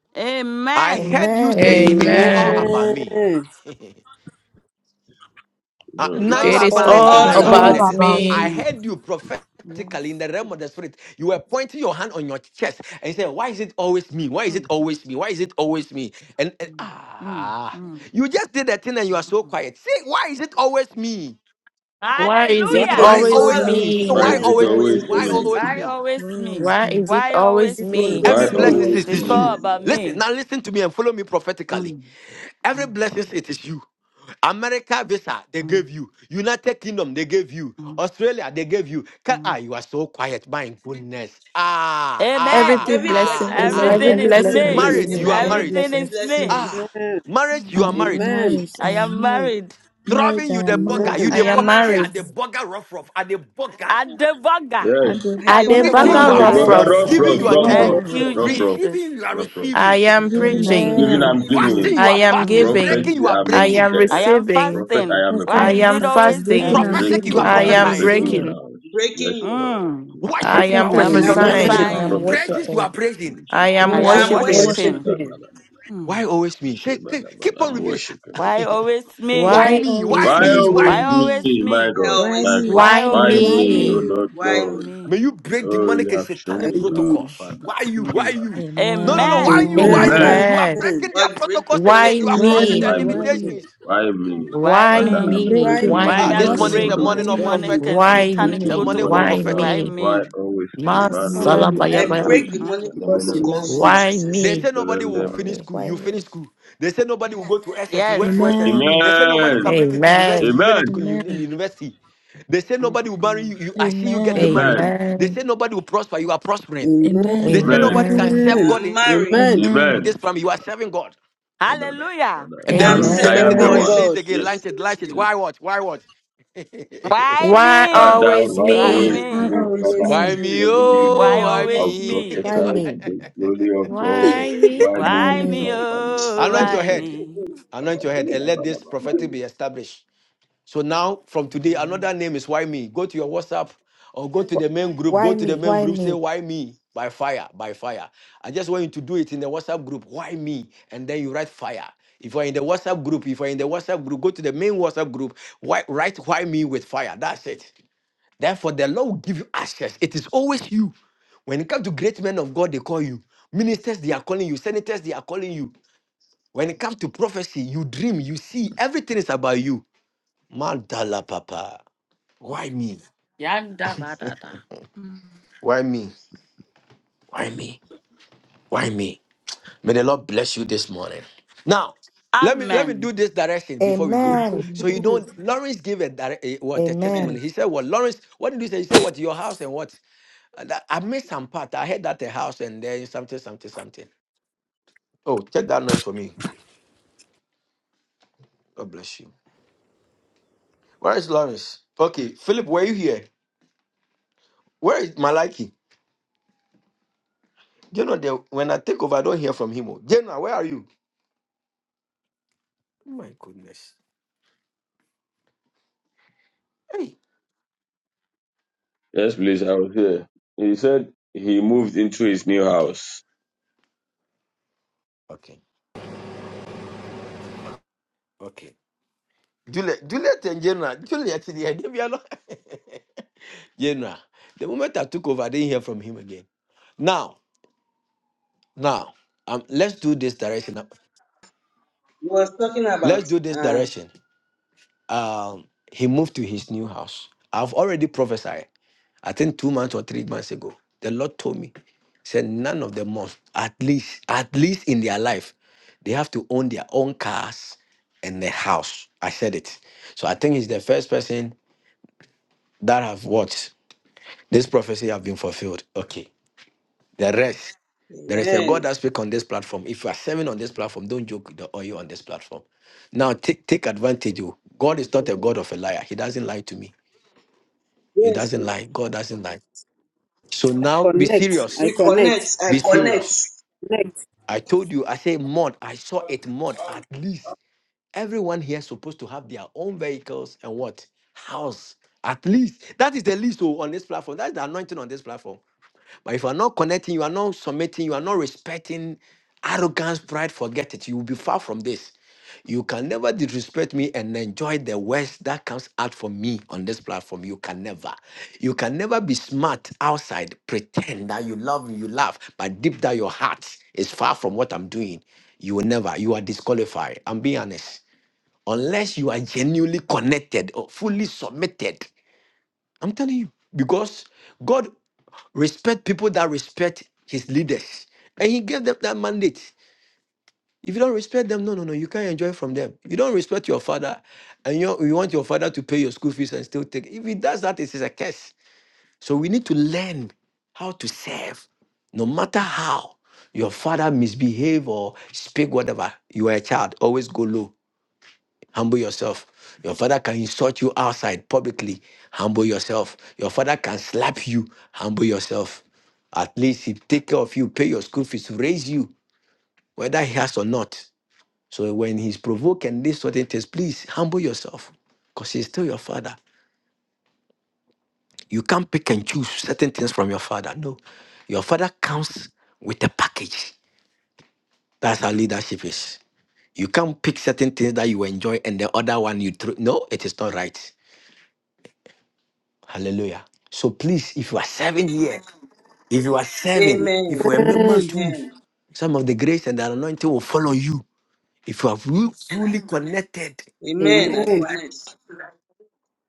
Speaker 12: I
Speaker 14: Amen.
Speaker 12: heard you
Speaker 19: Amen.
Speaker 12: saying it is
Speaker 3: Amen.
Speaker 12: all
Speaker 18: Amen.
Speaker 9: Amen.
Speaker 12: about me.
Speaker 17: Amen.
Speaker 12: Ah,
Speaker 14: It's
Speaker 7: Amen.
Speaker 12: now
Speaker 17: It
Speaker 12: you
Speaker 9: It
Speaker 14: all
Speaker 12: are
Speaker 17: is
Speaker 3: It
Speaker 9: is
Speaker 17: all
Speaker 14: about
Speaker 3: is
Speaker 12: connecting.
Speaker 9: all
Speaker 17: about
Speaker 12: Now
Speaker 3: all
Speaker 18: It's
Speaker 14: me.
Speaker 12: you are
Speaker 9: about
Speaker 18: all
Speaker 17: me.
Speaker 3: about
Speaker 12: connected.
Speaker 18: about
Speaker 3: me.
Speaker 9: me.
Speaker 12: I
Speaker 18: me.
Speaker 12: heard you prophetically in
Speaker 14: Yes.
Speaker 12: the realm of the spirit. You were pointing your hand on your chest and saying, Why is it always me? Why is it
Speaker 14: Mm,
Speaker 12: always me? Why is it always me? And, and
Speaker 14: mm, mm,
Speaker 12: ah,
Speaker 14: mm,
Speaker 12: you just did that thing and you are so
Speaker 14: mm.
Speaker 12: quiet. See, why is it always me?
Speaker 9: Why is
Speaker 17: Why
Speaker 9: it
Speaker 17: it
Speaker 18: Why
Speaker 14: Hallelujah.
Speaker 12: Why
Speaker 3: It's
Speaker 17: is
Speaker 18: is it
Speaker 9: always
Speaker 12: always
Speaker 3: All about.
Speaker 17: always
Speaker 3: them.
Speaker 12: me? Say,
Speaker 17: me?
Speaker 18: always
Speaker 7: Why
Speaker 3: Why
Speaker 9: me?
Speaker 12: why
Speaker 7: is
Speaker 17: Why
Speaker 3: is
Speaker 18: me?
Speaker 3: it
Speaker 17: is
Speaker 7: it
Speaker 17: it
Speaker 18: Why
Speaker 12: always
Speaker 18: is
Speaker 12: me?
Speaker 7: always
Speaker 3: always me?
Speaker 18: it
Speaker 12: Why
Speaker 3: Why
Speaker 17: always
Speaker 18: always
Speaker 17: me?
Speaker 3: is
Speaker 7: me?
Speaker 3: it
Speaker 12: always
Speaker 14: Why
Speaker 18: me?
Speaker 3: always
Speaker 12: me?
Speaker 3: me?
Speaker 18: Why
Speaker 14: always
Speaker 18: always
Speaker 14: me?
Speaker 9: Why
Speaker 18: me?
Speaker 9: is it
Speaker 14: Why
Speaker 9: always
Speaker 17: It
Speaker 14: always
Speaker 9: me?
Speaker 14: me?
Speaker 18: Why
Speaker 7: Why
Speaker 12: Every
Speaker 17: always
Speaker 3: Why
Speaker 17: me.
Speaker 12: blessing
Speaker 7: always
Speaker 18: always
Speaker 12: it
Speaker 3: is it
Speaker 14: It's
Speaker 12: is
Speaker 18: me?
Speaker 12: you.
Speaker 14: all
Speaker 7: me?
Speaker 3: always
Speaker 14: about
Speaker 7: man?
Speaker 12: Listen,
Speaker 14: me.
Speaker 12: now listen to me and follow me prophetically.
Speaker 14: Mm,
Speaker 12: Every
Speaker 14: mm,
Speaker 12: blessing it is you. America visa, they
Speaker 14: mm,
Speaker 12: gave you. United Kingdom, they gave you.
Speaker 14: mm,
Speaker 12: Australia, they gave you. Ca- Ah,
Speaker 14: mm.
Speaker 12: you are so quiet. My goodness. Ah,
Speaker 9: Every
Speaker 14: Amen.
Speaker 3: me?
Speaker 12: ah,
Speaker 3: Every blessing
Speaker 12: ah,
Speaker 9: blessing is
Speaker 3: is
Speaker 17: Amen.
Speaker 19: Amen.
Speaker 3: me.
Speaker 12: ah.
Speaker 9: every
Speaker 14: Everything
Speaker 19: Every
Speaker 14: is
Speaker 9: blessing
Speaker 19: blessing is
Speaker 9: it
Speaker 19: just
Speaker 14: me.
Speaker 12: Married,
Speaker 9: is
Speaker 19: me.
Speaker 12: you are
Speaker 9: me.
Speaker 19: Every
Speaker 3: Amen.
Speaker 12: married.
Speaker 14: Everything
Speaker 19: blessing
Speaker 3: Every
Speaker 19: is
Speaker 14: is
Speaker 19: just me.
Speaker 3: blessing
Speaker 14: me.
Speaker 3: is
Speaker 12: Ah,
Speaker 17: Amen.
Speaker 12: marriage,
Speaker 14: Mm,
Speaker 18: I
Speaker 12: you are
Speaker 18: am
Speaker 14: mm.
Speaker 12: married.
Speaker 19: Oh
Speaker 17: Amen.
Speaker 18: married. I
Speaker 14: I
Speaker 19: Jesus.
Speaker 18: am
Speaker 14: am
Speaker 18: married.
Speaker 14: married.
Speaker 18: Married.
Speaker 12: Driving
Speaker 18: I
Speaker 12: you the
Speaker 18: am
Speaker 12: burger,
Speaker 18: married.
Speaker 17: Amen.
Speaker 12: you
Speaker 9: I
Speaker 12: the
Speaker 19: Mighty
Speaker 9: am
Speaker 12: burger. Say,
Speaker 9: married.
Speaker 19: Jesus
Speaker 12: at the
Speaker 19: name.
Speaker 12: burger rough rough, at the burger.
Speaker 14: At the burger.
Speaker 7: Yes.
Speaker 18: I've been
Speaker 14: At the
Speaker 12: Preaching,
Speaker 17: The
Speaker 18: burger
Speaker 12: you
Speaker 9: Adebaga
Speaker 7: At
Speaker 12: are
Speaker 7: the
Speaker 18: of
Speaker 14: burger.
Speaker 9: Ruff
Speaker 19: Oh
Speaker 7: burger,
Speaker 18: rough.
Speaker 19: God
Speaker 9: Ruff.
Speaker 17: burger,
Speaker 12: preaching.
Speaker 19: of
Speaker 7: rough,
Speaker 18: I've
Speaker 12: Giving,
Speaker 7: rough,
Speaker 19: love.
Speaker 12: you
Speaker 17: the
Speaker 12: are
Speaker 18: been
Speaker 7: rough,
Speaker 17: burger
Speaker 7: rough,
Speaker 18: burger
Speaker 12: giving.
Speaker 14: Thank
Speaker 17: of
Speaker 18: of
Speaker 14: you,
Speaker 17: love.
Speaker 7: rough,
Speaker 18: rough.
Speaker 7: rough,
Speaker 12: Receiving,
Speaker 14: Jesus.
Speaker 12: you are
Speaker 7: rough, rough.
Speaker 9: I
Speaker 12: receiving.
Speaker 9: am
Speaker 18: Giving
Speaker 14: Mm,
Speaker 18: and
Speaker 9: preaching.
Speaker 7: Giving,
Speaker 19: Amen.
Speaker 14: mm,
Speaker 18: giving.
Speaker 7: I'm
Speaker 12: Fasting,
Speaker 14: mm,
Speaker 7: giving.
Speaker 12: you
Speaker 9: I
Speaker 12: are
Speaker 9: am
Speaker 14: mm.
Speaker 12: fasting. Breaking,
Speaker 9: giving.
Speaker 7: Prophecy,
Speaker 12: you are
Speaker 7: i mean
Speaker 9: I
Speaker 12: breaking.
Speaker 9: am
Speaker 14: I
Speaker 7: the
Speaker 14: am
Speaker 9: receiving.
Speaker 7: prophet.
Speaker 14: fasting.
Speaker 7: I am a
Speaker 18: Fasting
Speaker 14: Why
Speaker 9: I
Speaker 7: prophet.
Speaker 14: is
Speaker 18: and
Speaker 9: am
Speaker 14: it
Speaker 18: fasting.
Speaker 14: always
Speaker 19: I
Speaker 18: Breaking
Speaker 19: am
Speaker 9: fasting.
Speaker 14: me?
Speaker 18: and
Speaker 12: Prophetic, you are
Speaker 19: receiving.
Speaker 7: breaking
Speaker 18: breaking.
Speaker 19: I
Speaker 9: I
Speaker 19: am
Speaker 7: I'm
Speaker 17: Mm.
Speaker 9: am
Speaker 12: prophesying.
Speaker 7: breaking
Speaker 19: receiving.
Speaker 14: Mm.
Speaker 9: breaking.
Speaker 7: grounds. Yes, Lord,
Speaker 14: Mm.
Speaker 7: in
Speaker 9: I
Speaker 12: Worship, you
Speaker 7: Jesus'
Speaker 9: am
Speaker 12: are
Speaker 14: I
Speaker 7: name.
Speaker 18: Prophetic
Speaker 14: am
Speaker 18: and
Speaker 12: worshiping.
Speaker 7: Yes,
Speaker 9: prophesying.
Speaker 17: Amen.
Speaker 19: I
Speaker 7: I'm
Speaker 19: am
Speaker 18: prophesying.
Speaker 14: prophesying.
Speaker 12: Praises, you
Speaker 7: prophesying
Speaker 12: are
Speaker 19: worshiping.
Speaker 12: praising.
Speaker 7: in
Speaker 9: I am
Speaker 7: Jesus'
Speaker 14: I
Speaker 7: name.
Speaker 18: Worship
Speaker 14: am
Speaker 18: and
Speaker 9: worshiping.
Speaker 7: Da,
Speaker 14: worshiping.
Speaker 7: da,
Speaker 18: worshiping.
Speaker 7: ba,
Speaker 17: Worshiping.
Speaker 7: da, ba, da.
Speaker 14: Mm.
Speaker 12: Why always me? Say,
Speaker 7: Sheba,
Speaker 12: ke-
Speaker 7: da, ba,
Speaker 12: keep
Speaker 7: da.
Speaker 12: on
Speaker 7: I'm
Speaker 12: repeating.
Speaker 7: worshiping, oh
Speaker 14: Why
Speaker 7: God.
Speaker 14: always me?
Speaker 12: Why
Speaker 18: Why
Speaker 9: Why
Speaker 12: me? Why
Speaker 18: always
Speaker 9: is
Speaker 7: Why
Speaker 12: me?
Speaker 9: with
Speaker 18: me?
Speaker 12: Why
Speaker 7: always
Speaker 14: Why
Speaker 9: me?
Speaker 7: me,
Speaker 14: always
Speaker 12: me?
Speaker 7: my
Speaker 3: me.
Speaker 14: me?
Speaker 3: I
Speaker 7: God,
Speaker 18: Why
Speaker 7: my
Speaker 3: always me.
Speaker 18: me?
Speaker 7: God?
Speaker 14: Why
Speaker 18: Why
Speaker 9: Why
Speaker 7: Why
Speaker 18: me?
Speaker 14: always
Speaker 18: Why
Speaker 7: me, oh
Speaker 9: me?
Speaker 14: me?
Speaker 18: me?
Speaker 7: Lord
Speaker 3: why
Speaker 14: Why
Speaker 7: God?
Speaker 3: me?
Speaker 12: May
Speaker 14: me?
Speaker 12: you break
Speaker 7: Oh, you
Speaker 12: demonic and
Speaker 7: have shown
Speaker 17: Why
Speaker 12: satanic
Speaker 7: me
Speaker 17: me?
Speaker 7: love,
Speaker 12: protocols.
Speaker 7: Father.
Speaker 12: Why you? Why
Speaker 17: Mm.
Speaker 7: Father.
Speaker 12: you? No, no, no. Why
Speaker 14: Amen.
Speaker 12: you? Why
Speaker 18: Amen.
Speaker 12: you?
Speaker 7: Amen.
Speaker 17: Amen.
Speaker 12: You are
Speaker 9: Amen.
Speaker 12: breaking their
Speaker 3: God break
Speaker 12: protocols
Speaker 3: demonic
Speaker 12: again.
Speaker 9: Why
Speaker 12: You
Speaker 3: and
Speaker 12: are
Speaker 18: Why
Speaker 12: crossing
Speaker 3: satanic
Speaker 9: me?
Speaker 18: me?
Speaker 12: their
Speaker 7: Why me?
Speaker 18: Why me?
Speaker 12: limitations.
Speaker 3: protocols.
Speaker 7: Why me?
Speaker 14: Why
Speaker 9: Why
Speaker 18: I
Speaker 7: Father,
Speaker 18: am
Speaker 14: me?
Speaker 7: I'm
Speaker 9: me?
Speaker 17: Why
Speaker 18: breaking. I
Speaker 7: breaking
Speaker 9: Why
Speaker 18: am
Speaker 14: Why
Speaker 12: Ah,
Speaker 17: me?
Speaker 14: I
Speaker 12: this morning
Speaker 7: satanic
Speaker 12: is
Speaker 9: me?
Speaker 18: crossing.
Speaker 12: a
Speaker 14: break
Speaker 18: Why
Speaker 12: morning
Speaker 17: Mm.
Speaker 12: of
Speaker 7: protocols
Speaker 17: Why
Speaker 18: me?
Speaker 14: demonic
Speaker 17: me?
Speaker 14: and
Speaker 12: prophetic.
Speaker 7: I'm
Speaker 9: Why
Speaker 14: satanic
Speaker 12: It's a
Speaker 7: breaking
Speaker 9: me?
Speaker 12: morning of
Speaker 7: demonic
Speaker 14: protocols?
Speaker 9: Why
Speaker 7: grounds.
Speaker 14: Why
Speaker 12: prophetic.
Speaker 9: me?
Speaker 7: Why
Speaker 14: me?
Speaker 7: always me?
Speaker 3: I,
Speaker 19: Why am
Speaker 7: Mandos,
Speaker 19: I
Speaker 14: Mm.
Speaker 18: Amen.
Speaker 17: you
Speaker 7: the
Speaker 19: but
Speaker 17: love
Speaker 3: I
Speaker 14: Mm.
Speaker 9: Masalabayabaya.
Speaker 7: Brandos,
Speaker 17: me
Speaker 3: break demonic
Speaker 14: Mm.
Speaker 7: the
Speaker 19: Oh
Speaker 17: because you
Speaker 7: Lemonos,
Speaker 14: Mm.
Speaker 17: love
Speaker 3: protocols in
Speaker 19: Jesus.
Speaker 17: me.
Speaker 14: Mm.
Speaker 9: Why
Speaker 7: the
Speaker 3: Jesus'
Speaker 12: They
Speaker 3: name.
Speaker 7: shit
Speaker 9: me?
Speaker 12: say
Speaker 7: that
Speaker 12: nobody
Speaker 7: i
Speaker 12: will
Speaker 19: Why
Speaker 7: them.
Speaker 12: finish
Speaker 19: me?
Speaker 12: school.
Speaker 19: Why
Speaker 12: You finish
Speaker 19: me?
Speaker 12: school. They say nobody will go to SS. You went
Speaker 14: Yes.
Speaker 12: to SS.
Speaker 18: Amen.
Speaker 12: They say nobody can
Speaker 7: Amen.
Speaker 12: make it to university.
Speaker 9: Amen.
Speaker 12: You made it
Speaker 7: Amen.
Speaker 12: to uni- in
Speaker 18: Amen.
Speaker 12: university. They say
Speaker 14: Mm.
Speaker 12: nobody will marry
Speaker 14: Mm.
Speaker 12: you. you. I see you getting
Speaker 18: Amen.
Speaker 12: married.
Speaker 7: Amen.
Speaker 12: They say
Speaker 9: Amen.
Speaker 12: nobody will prosper. You are prospering.
Speaker 17: Amen.
Speaker 12: They
Speaker 18: Amen.
Speaker 12: say
Speaker 7: Amen.
Speaker 12: nobody can
Speaker 9: Amen.
Speaker 3: I
Speaker 12: serve God
Speaker 3: am
Speaker 12: in
Speaker 7: Jesus.
Speaker 3: marrying.
Speaker 17: Amen.
Speaker 12: in
Speaker 18: Amen.
Speaker 7: Amen.
Speaker 12: this
Speaker 7: Na,
Speaker 12: family. You
Speaker 7: na,
Speaker 12: are serving God.
Speaker 7: na, na, na, na,
Speaker 14: Hallelujah.
Speaker 7: na.
Speaker 12: And
Speaker 3: I
Speaker 17: I
Speaker 12: then
Speaker 3: am
Speaker 17: am
Speaker 12: repeat
Speaker 7: I'm,
Speaker 12: the
Speaker 18: Amen.
Speaker 7: I
Speaker 3: serving
Speaker 7: am
Speaker 12: message
Speaker 7: the
Speaker 3: God
Speaker 17: serving
Speaker 12: again.
Speaker 7: one.
Speaker 9: Amen.
Speaker 12: Say it
Speaker 17: God.
Speaker 12: again.
Speaker 3: in
Speaker 7: Yes.
Speaker 12: Launch it.
Speaker 3: Jesus'
Speaker 12: Launch it.
Speaker 3: name.
Speaker 7: Yes.
Speaker 12: Why what? Why what?
Speaker 14: Why
Speaker 9: Why
Speaker 14: me?
Speaker 7: Father,
Speaker 9: always
Speaker 7: why
Speaker 14: Why
Speaker 18: I'm
Speaker 17: Why,
Speaker 9: me?
Speaker 7: always
Speaker 3: Why
Speaker 18: not
Speaker 3: me?
Speaker 14: me?
Speaker 17: why
Speaker 7: me?
Speaker 18: always
Speaker 7: Father,
Speaker 17: always
Speaker 12: why
Speaker 18: me.
Speaker 7: I'm
Speaker 12: me?
Speaker 17: me?
Speaker 7: serving you.
Speaker 18: Let
Speaker 12: Oh,
Speaker 14: Why
Speaker 12: why
Speaker 18: me.
Speaker 14: always
Speaker 7: I'll
Speaker 12: me?
Speaker 14: me?
Speaker 7: prophesy
Speaker 19: Why
Speaker 7: to
Speaker 19: me?
Speaker 7: the glory of God.
Speaker 9: Why me?
Speaker 7: Why me
Speaker 19: Why
Speaker 14: Why
Speaker 7: in
Speaker 19: me?
Speaker 14: me?
Speaker 7: my family?
Speaker 14: Oh,
Speaker 12: Anoint
Speaker 7: Mandos,
Speaker 12: your
Speaker 14: why
Speaker 12: head.
Speaker 14: me?
Speaker 12: Anoint your head and let this
Speaker 7: Why
Speaker 12: prophetic
Speaker 7: me?
Speaker 12: be established. So now, from today,
Speaker 14: Amen.
Speaker 12: another name is Why Me? Go to your WhatsApp or go to
Speaker 19: Wh-
Speaker 12: the main group. Go
Speaker 19: Why
Speaker 12: to the
Speaker 19: me?
Speaker 12: main
Speaker 19: Why
Speaker 12: group, say,
Speaker 19: me?
Speaker 12: Why Me? By fire, by fire. I just want you to do it in the WhatsApp group. Why me? And then you write fire. If you're in the WhatsApp group, if you're in the WhatsApp group, go to the main WhatsApp group. Why, write why me with fire. That's it. Therefore, the Lord will give you access. It is always you. When it comes to great men of God, they call you. Ministers, they are calling you. Senators, they are calling you. When it comes to prophecy, you dream, you see, everything is about you. Mandala Papa. Why me?
Speaker 14: Yanda ba da da.
Speaker 12: Why me? Why me? Why me? May the Lord bless you this morning. Now, let me let me do
Speaker 14: Amen.
Speaker 12: this direction before we go.
Speaker 19: Amen.
Speaker 12: So
Speaker 9: Mm.
Speaker 12: you don't Lawrence gave a, dire- a what a
Speaker 3: Amen.
Speaker 19: Amen.
Speaker 12: testimony. He said, Well, Lawrence, what did you say? He said, What your house and what? Uh, that- I missed some part. I heard that a house and then something, something, something. Oh, check that noise for me. God bless you. Where is Lawrence? Okay, Philip, were you here? Where is Malaki? Jonah, there, when I take over, I don't hear from him. oh. Jonah, where are you? Oh My goodness. Hey.
Speaker 7: Yes, please. I was here. He said he moved into his new
Speaker 12: Okay.
Speaker 7: house.
Speaker 12: Okay. Who is that? Okay. Juliet, Juliet and Jonah. Juliet, yeah, they are not. Jonah, the moment I took over, I didn't hear from him again. Now, now, um, let's do this direction. Let's do this direction. Um, he moved to his new house. I've already prophesied, I think two months or three months ago. The Lord told me, said none of the months, at least, at least in their life, they have to own their own cars and their house. I said it. So I think he's the first person that have watched this prophecy have been fulfilled. Okay. The rest. There is a God
Speaker 3: Amen.
Speaker 12: that speak on this platform. If you are serving on this platform, don't joke with the oil on this platform. Now take take advantage. oh. God is not a God of a liar. He doesn't lie to me. He
Speaker 3: Yes.
Speaker 12: doesn't lie. God doesn't lie. So now be
Speaker 17: Connect.
Speaker 12: serious.
Speaker 17: I
Speaker 3: We connect.
Speaker 17: connect.
Speaker 3: I
Speaker 12: Be
Speaker 3: connect.
Speaker 12: serious.
Speaker 17: Connect.
Speaker 12: I told you, I say mud. I saw it mud. At least everyone here is supposed to have their own vehicles and what? House. At least. That is the least oh, on this platform. That is the anointing on this platform. But if you are not connecting, you are not submitting, you are not respecting arrogance, pride, forget it. You will be far from this. You can never disrespect me and enjoy the worst that comes out from me on this platform. You can never. You can never be smart outside, pretend that you love me, you laugh, but deep down your heart is far from what I'm doing. You will never. You are disqualified. I'm being honest. Unless you are genuinely connected or fully submitted I'm telling you, because God respect people that respect his leaders. And he gave them that mandate. If you don't respect them, no, no, no, you can't enjoy from them. you don't respect your father and you, you want your father to pay your school fees and still take, if he does that, it is a curse. So we need to learn how to serve. No matter how your father misbehave or speak whatever, you are a child, always go low. Humble yourself. Your father can insult you outside publicly. Humble yourself. Your father can slap you. Humble yourself. At least he take care of you, pay your school fees, raise you, whether he has or not. So when he's provoked and these certain things, please humble yourself. Because he's still your father. You can't pick and choose certain things from your father. No. Your father comes with a package. That's how leadership is. You can't pick certain things that you enjoy and the other one you throw. No, it is not right. Hallelujah. So please, if you are serving here, if you are serving, if
Speaker 3: Amen.
Speaker 12: you are a member
Speaker 17: Amen.
Speaker 12: too,
Speaker 3: Amen.
Speaker 12: some of the grace and the anointing will follow you. If you are ru- truly connected,
Speaker 3: Amen. I
Speaker 12: connected,
Speaker 17: Amen.
Speaker 3: connect.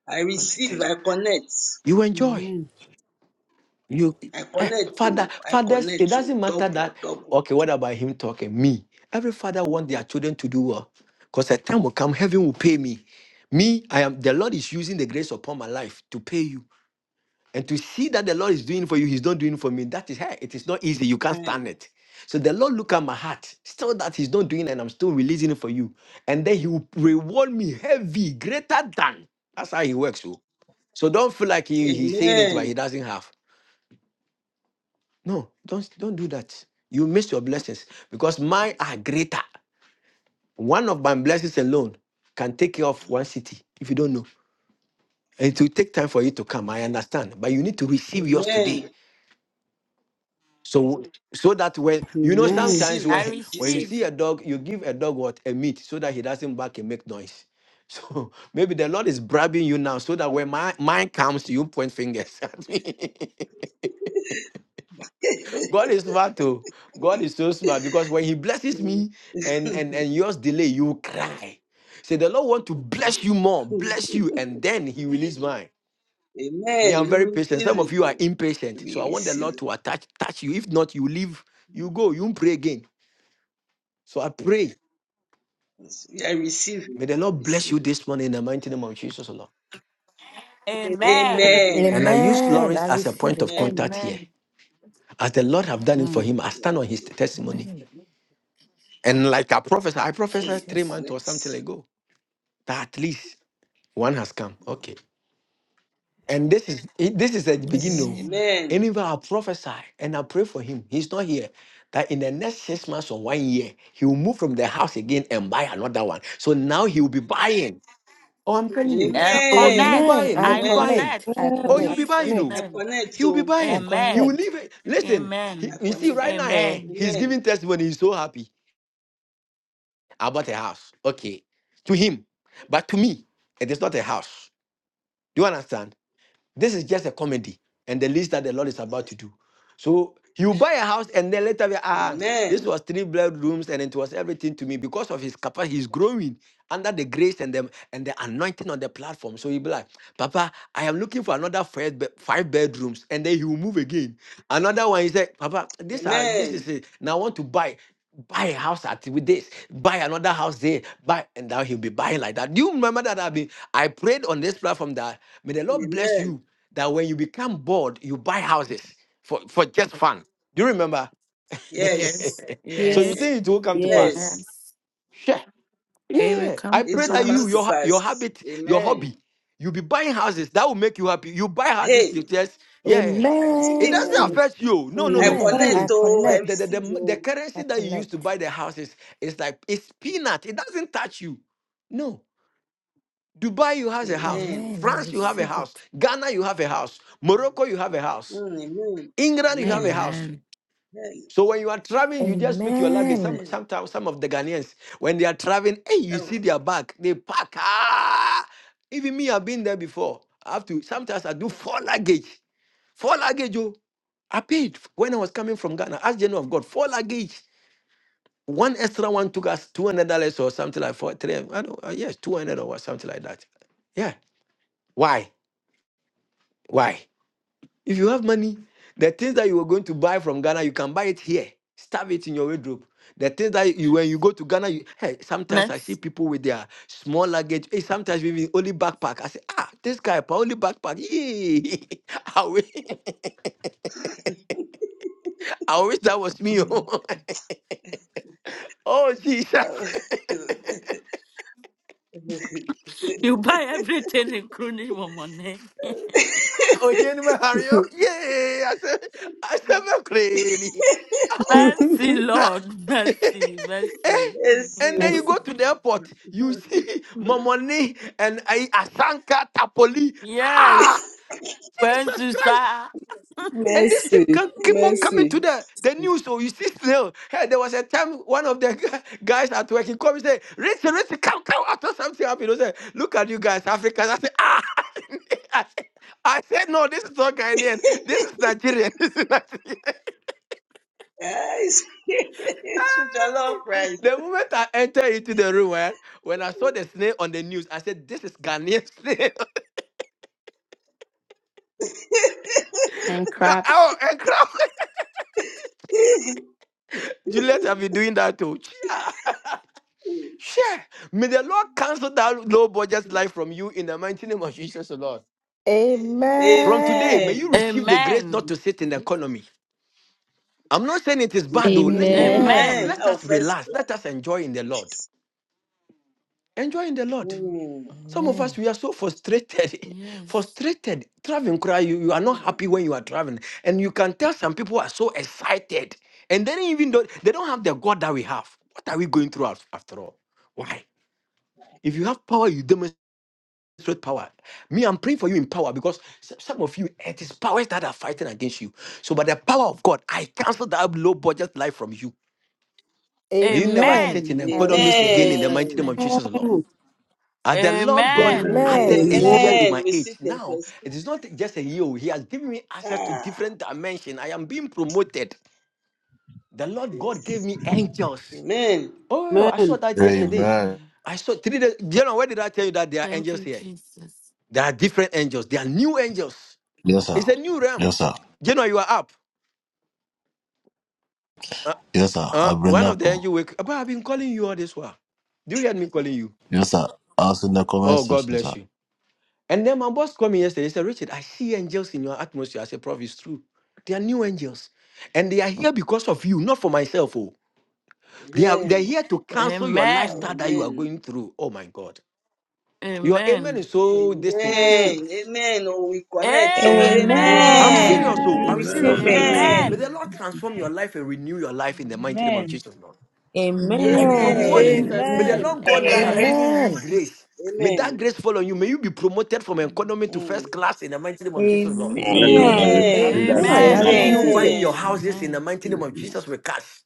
Speaker 3: I receive,
Speaker 12: connected,
Speaker 3: I connect.
Speaker 12: you enjoy.
Speaker 17: Amen.
Speaker 12: You,
Speaker 3: I
Speaker 12: eh,
Speaker 3: connect,
Speaker 12: father,
Speaker 3: oh, I
Speaker 12: fathers, it
Speaker 3: connect, oh,
Speaker 12: doesn't matter
Speaker 3: double,
Speaker 12: that.
Speaker 3: double.
Speaker 12: Okay, what about him talking? Me. Every father want their children to do well, because a time will come, heaven will pay me. Me, I am. The Lord is using the grace upon my life to pay you. And to see that the Lord is doing for you, He's not doing for me. That is her. It is not easy. You can't stand
Speaker 3: Amen.
Speaker 12: it. So the Lord look at my heart, still that He's not doing, and I'm still releasing it for you. And then He will reward me heavy, greater than. That's how He works. So, so don't feel like he, He's saying it, but He
Speaker 3: Amen.
Speaker 12: doesn't have. No, don't don't do that. You miss your blessings because mine are greater. One of my blessings alone can take care of one city if you don't know. And it will take time for you to come. I understand. But you need to receive yours today.
Speaker 3: Amen.
Speaker 12: so so that when you know
Speaker 3: I
Speaker 17: Amen.
Speaker 3: receive
Speaker 12: sometimes
Speaker 3: it
Speaker 14: I
Speaker 12: when
Speaker 3: in
Speaker 12: when
Speaker 3: Jesus'
Speaker 12: you
Speaker 14: receive.
Speaker 12: see a dog you give a dog what a meat so that he doesn't bark and make noise so maybe the lord is bribing you now so that when my mine comes you point fingers at me god is smart too god is so smart because when he blesses
Speaker 3: name.
Speaker 12: me and and and yours delay you will cry say the lord want to bless you more bless you and then he release mine me
Speaker 3: Amen.
Speaker 12: i'm
Speaker 3: We
Speaker 12: very patient
Speaker 3: receive
Speaker 12: some of
Speaker 3: it,
Speaker 12: you are
Speaker 3: oh.
Speaker 12: impatient so
Speaker 3: We
Speaker 12: i want the
Speaker 3: receive
Speaker 12: lord to attach touch you if not you leave you go you won't pray again So I pray,
Speaker 3: it. I receive it.
Speaker 12: may the
Speaker 3: I
Speaker 12: Lord bless
Speaker 3: receive
Speaker 12: you
Speaker 3: it.
Speaker 12: this morning in the mighty name of Jesus, O Lord.
Speaker 14: Amen.
Speaker 3: Amen. I
Speaker 12: And I
Speaker 3: receive
Speaker 12: used
Speaker 19: Amen.
Speaker 3: it.
Speaker 19: I
Speaker 12: Lawrence as a
Speaker 19: receive
Speaker 12: point of
Speaker 19: it.
Speaker 3: Amen.
Speaker 12: contact here.
Speaker 14: Amen.
Speaker 12: As the Lord have done it for
Speaker 14: Mm.
Speaker 12: him, I
Speaker 3: Yes,
Speaker 12: stand on his
Speaker 3: so,
Speaker 12: testimony.
Speaker 19: Amen.
Speaker 12: And like I prophesied, I
Speaker 3: hey,
Speaker 12: prophesied
Speaker 3: I
Speaker 12: three
Speaker 19: Jesus.
Speaker 12: months or
Speaker 3: connect.
Speaker 12: something ago that at least one has come. Okay. And this is it- this is the beginning.
Speaker 3: Yes.
Speaker 12: oh.
Speaker 19: Amen.
Speaker 3: Amen.
Speaker 12: And if I prophesy and I pray for him, he's not here. That in the next six months or one year, he will move from the house again and buy another one. So now he will be buying. Oh, I'm telling you.
Speaker 14: Uh,
Speaker 12: Oh, he'll be
Speaker 3: Amen.
Speaker 14: connect.
Speaker 19: Amen.
Speaker 12: buying.
Speaker 19: I
Speaker 12: He'll
Speaker 14: I
Speaker 12: be
Speaker 3: Amen.
Speaker 12: buying.
Speaker 14: connect
Speaker 19: connect. I
Speaker 14: in
Speaker 12: Oh,
Speaker 17: Amen.
Speaker 12: he'll
Speaker 17: I
Speaker 12: be
Speaker 19: connect.
Speaker 14: Jesus'
Speaker 12: buying. Oh,
Speaker 17: connect.
Speaker 3: I
Speaker 14: name.
Speaker 3: connect,
Speaker 12: he'll be
Speaker 3: oh.
Speaker 19: I
Speaker 12: buying. He will
Speaker 14: Amen.
Speaker 19: connect.
Speaker 12: leave it. Listen, he,
Speaker 3: I
Speaker 14: Amen.
Speaker 12: you see,
Speaker 3: connect.
Speaker 12: right now, eh,
Speaker 14: Amen.
Speaker 12: he's
Speaker 3: Amen.
Speaker 12: giving testimony. He's so happy about a house. Okay. To him. But to me, it is not a house. Do you understand? This is just a comedy. And the least that the Lord is about to do. So you buy a house and then later be, ah,
Speaker 3: Amen.
Speaker 12: this was three bedrooms and it was everything to me because of his capacity. He's growing under the grace and the and the anointing on the platform. So he'll be like, Papa, I am looking for another five, be- five bedrooms, and then he will move again. Another one, he said, Papa, this are this
Speaker 3: Amen.
Speaker 12: is it. Now I want to buy. Buy a house at with this, buy another house there, buy, and now he'll be buying like that. Do you remember that I've been I prayed on this platform that may the Lord bless
Speaker 3: Amen.
Speaker 12: you that when you become bored, you buy houses for, for just fun. Do you remember?
Speaker 3: Yes.
Speaker 9: Yes.
Speaker 12: so
Speaker 17: Yeah.
Speaker 12: you
Speaker 9: Yes.
Speaker 3: Yes.
Speaker 12: think it will come to pass?
Speaker 17: Yes.
Speaker 3: Yes.
Speaker 14: Yes.
Speaker 9: It will
Speaker 12: Yeah. I
Speaker 9: come to
Speaker 3: It
Speaker 12: pray
Speaker 3: will
Speaker 12: that
Speaker 3: come
Speaker 12: you,
Speaker 3: to
Speaker 12: your
Speaker 9: pass.
Speaker 12: ha- your
Speaker 3: pass.
Speaker 12: habit, your
Speaker 3: Amen.
Speaker 12: hobby, you be buying houses. That will make you happy. You buy houses
Speaker 3: Hey,
Speaker 12: to just, yeah.
Speaker 3: I
Speaker 12: It
Speaker 3: receive.
Speaker 12: doesn't
Speaker 3: Oh,
Speaker 19: Amen.
Speaker 12: affect you. No, no,
Speaker 3: I
Speaker 12: no.
Speaker 19: Amen.
Speaker 3: connect.
Speaker 19: I
Speaker 17: Amen.
Speaker 12: Listen,
Speaker 3: Oh, I
Speaker 12: the, the,
Speaker 19: connect.
Speaker 12: the,
Speaker 3: receive.
Speaker 12: the, the
Speaker 3: Oh.
Speaker 12: currency
Speaker 19: I
Speaker 12: that you use to
Speaker 19: connect.
Speaker 12: buy the houses is like, it's peanut. It doesn't touch you. No. Dubai, you have a house.
Speaker 3: Amen.
Speaker 19: Amen. I
Speaker 12: France, you have a
Speaker 3: Amen.
Speaker 19: receive
Speaker 12: house.
Speaker 19: it.
Speaker 12: Ghana, you have a house.
Speaker 3: Mm,
Speaker 12: Morocco, you have a house.
Speaker 3: Mm, amen.
Speaker 12: England, you have a
Speaker 3: Amen.
Speaker 12: house.
Speaker 9: Amen.
Speaker 3: Hey,
Speaker 12: So when you are traveling, you just pick your luggage. Some
Speaker 19: Amen.
Speaker 3: Amen.
Speaker 12: sometimes some of the Ghanaians, when they are traveling, hey, you
Speaker 3: Oh,
Speaker 12: see their bag, they pack. Ah! Even me, I've been there before. I have to sometimes I do four luggage. Four luggage, oh. I paid when I was coming from Ghana. Ask General of God, four luggage. One extra one took us two hundred dollars or something like four, three. I don't, uh, yes, two hundred or what, something like that. Yeah. Why? Why? If you have money, the things that you were going to buy from Ghana, you can buy it here. Starve it in your wardrobe. The things that you when you go to Ghana, you, hey, sometimes I see
Speaker 14: Next.
Speaker 12: people with their small luggage. Hey, sometimes even only backpack. I say, ah, this guy, pa, only backpack. Yeah. I wish, I wish that was me.
Speaker 14: Mm.
Speaker 12: oh Oh, Jesus.
Speaker 14: You buy everything in Crony money.
Speaker 12: Oh, here in my hurry. oh. Yeah. I said, I said, "Me crazy." Oh.
Speaker 14: Mercy, Lord. Mercy,
Speaker 12: Eh?
Speaker 14: mercy.
Speaker 12: And then you
Speaker 20: Miss
Speaker 12: go to the airport, you see Momoni and I- Asanka Tapoli.
Speaker 14: yes.
Speaker 12: Ah,
Speaker 14: Praise
Speaker 12: Jesus
Speaker 14: you
Speaker 12: Christ.
Speaker 14: Kwenzusa.
Speaker 12: And this thing
Speaker 17: mercy.
Speaker 12: can keep on coming to
Speaker 17: Mercy.
Speaker 12: the, the news. So you see still, hey, there was a time one of the gu- guys at work, he come and say, Richie, Richie, come, come, After something happened. I said, look at you guys, Africans. I said, ah. I said, no, this is not Ghanaian. This is Nigerian. This is Nigerian.
Speaker 3: guys, it's with the Lord
Speaker 12: Hey!
Speaker 3: Christ.
Speaker 12: The moment I entered into the room, eh, when I saw the snail on the news, I said, "This is Ghanaian snail."
Speaker 20: and crops.
Speaker 12: oh, and crying. Juliet have been doing that too. Chia. Share. May the Lord cancel that low budget life from you in the mighty name of Jesus, the Lord. From today, may
Speaker 19: Amen.
Speaker 12: you
Speaker 3: Amen.
Speaker 12: receive the grace
Speaker 14: Amen.
Speaker 12: not to sit in the economy. I'm not saying it is bad though. Listen,
Speaker 20: Amen.
Speaker 12: ah,
Speaker 19: Amen.
Speaker 14: Amen.
Speaker 3: Amen.
Speaker 12: let
Speaker 3: Oh,
Speaker 12: us
Speaker 3: first.
Speaker 12: relax. Let us enjoy in the Lord. Enjoy in the Lord.
Speaker 14: Mm,
Speaker 12: Some of us,
Speaker 19: Amen.
Speaker 12: we are so frustrated.
Speaker 14: Yes.
Speaker 12: frustrated. Traveling cry, you, you are not happy when you are traveling. And you can tell some people are so excited. And then even though they don't have the God that we have. What are we going through af- after all? Why? If you have power, you demonstrate power. Me, I'm praying for you in power because s- some of you, it is powers that are fighting against you. So by the power of God, I cancel that low budget life from you. May you never
Speaker 19: Amen.
Speaker 12: sit
Speaker 14: Amen.
Speaker 12: in
Speaker 19: I
Speaker 14: In
Speaker 12: economies
Speaker 19: receive
Speaker 12: again in
Speaker 19: it.
Speaker 12: the
Speaker 14: Jesus'
Speaker 12: mighty name
Speaker 3: Amen.
Speaker 12: of
Speaker 14: name.
Speaker 12: Jesus, Lord.
Speaker 17: Amen.
Speaker 12: And the Lord God
Speaker 14: Amen.
Speaker 7: Amen.
Speaker 12: added
Speaker 19: Amen.
Speaker 12: a year to
Speaker 17: Amen.
Speaker 3: Amen.
Speaker 12: my
Speaker 3: We
Speaker 12: age.
Speaker 3: sit in
Speaker 12: Now,
Speaker 3: first.
Speaker 12: it is not just a year. oh, He has given me access to
Speaker 3: Ah.
Speaker 12: different dimensions. I am being promoted. The Lord
Speaker 3: yes.
Speaker 12: God gave me angels.
Speaker 3: Amen.
Speaker 12: Oh, yeah, I saw
Speaker 17: Amen.
Speaker 12: that yesterday.
Speaker 1: Amen.
Speaker 14: Amen.
Speaker 12: I saw three days. You know, where did I tell you that there are
Speaker 14: Thank
Speaker 12: angels
Speaker 14: you,
Speaker 12: here?
Speaker 14: Jesus.
Speaker 12: There are different angels. There are new angels.
Speaker 1: Yes, sir.
Speaker 12: It's a new realm.
Speaker 1: Yes, sir.
Speaker 12: You know, you are up. Uh,
Speaker 1: Yes, sir.
Speaker 12: uh,
Speaker 1: I'll bring
Speaker 12: one of
Speaker 1: up.
Speaker 12: the
Speaker 1: oh.
Speaker 12: angels wake up. "Abba, I've been calling you all this while. Do you hear me calling you?
Speaker 1: Yes, sir. Ask in the comment
Speaker 12: Oh, God
Speaker 1: section, sir.
Speaker 12: bless you. And then my boss called me yesterday. He said, Richard, I see angels in your atmosphere. I said, Prof, it's true. They are new angels. And they are here because of you, not for myself. Oh, they are they're
Speaker 3: Amen.
Speaker 12: here to cancel your
Speaker 3: Oh,
Speaker 12: lifestyle
Speaker 14: Amen.
Speaker 12: that you are
Speaker 3: amen.
Speaker 12: going through. Oh my God. Your amen
Speaker 14: Amen.
Speaker 12: is so distant. It's-
Speaker 17: Amen.
Speaker 12: it-
Speaker 3: Amen. Amen. Oh, we connect. So,
Speaker 12: I'm
Speaker 3: amen.
Speaker 12: serious,
Speaker 14: Amen.
Speaker 21: Amen.
Speaker 12: oh.
Speaker 17: Amen.
Speaker 21: We
Speaker 12: I'm
Speaker 21: receive
Speaker 12: serious, oh.
Speaker 21: it.
Speaker 7: Amen.
Speaker 15: Amen.
Speaker 12: May the
Speaker 3: Amen.
Speaker 14: Amen.
Speaker 12: Lord transform your life and renew your life in the mighty
Speaker 14: Mm.
Speaker 12: name of
Speaker 15: Amen.
Speaker 12: Jesus, Lord. I
Speaker 14: In
Speaker 12: promote
Speaker 3: Amen.
Speaker 12: you.
Speaker 21: Amen.
Speaker 7: Amen.
Speaker 14: Jesus'
Speaker 12: May the
Speaker 15: Hallelujah.
Speaker 3: Amen.
Speaker 17: Amen.
Speaker 14: name,
Speaker 12: Lord God that have
Speaker 9: Amen.
Speaker 14: amen.
Speaker 12: given me
Speaker 19: Amen.
Speaker 12: grace, may that
Speaker 3: Amen.
Speaker 12: grace fall on you. May you be promoted from
Speaker 14: Mm.
Speaker 12: economy to
Speaker 3: Mm.
Speaker 12: first class in the mighty name of Jesus, Lord.
Speaker 7: Amen.
Speaker 15: Amen.
Speaker 7: I
Speaker 21: Amen. I
Speaker 3: Amen.
Speaker 7: receive that
Speaker 12: I
Speaker 7: grace
Speaker 19: Amen. I
Speaker 21: receive
Speaker 15: Amen.
Speaker 14: Amen.
Speaker 12: see
Speaker 7: now.
Speaker 21: it.
Speaker 12: you
Speaker 9: Amen.
Speaker 19: receive
Speaker 17: Amen.
Speaker 12: buying your
Speaker 19: it.
Speaker 3: Amen.
Speaker 12: houses
Speaker 7: Jesus,
Speaker 12: in the
Speaker 14: Amen.
Speaker 12: mighty name
Speaker 7: grace
Speaker 12: of
Speaker 7: now.
Speaker 12: Jesus with cash.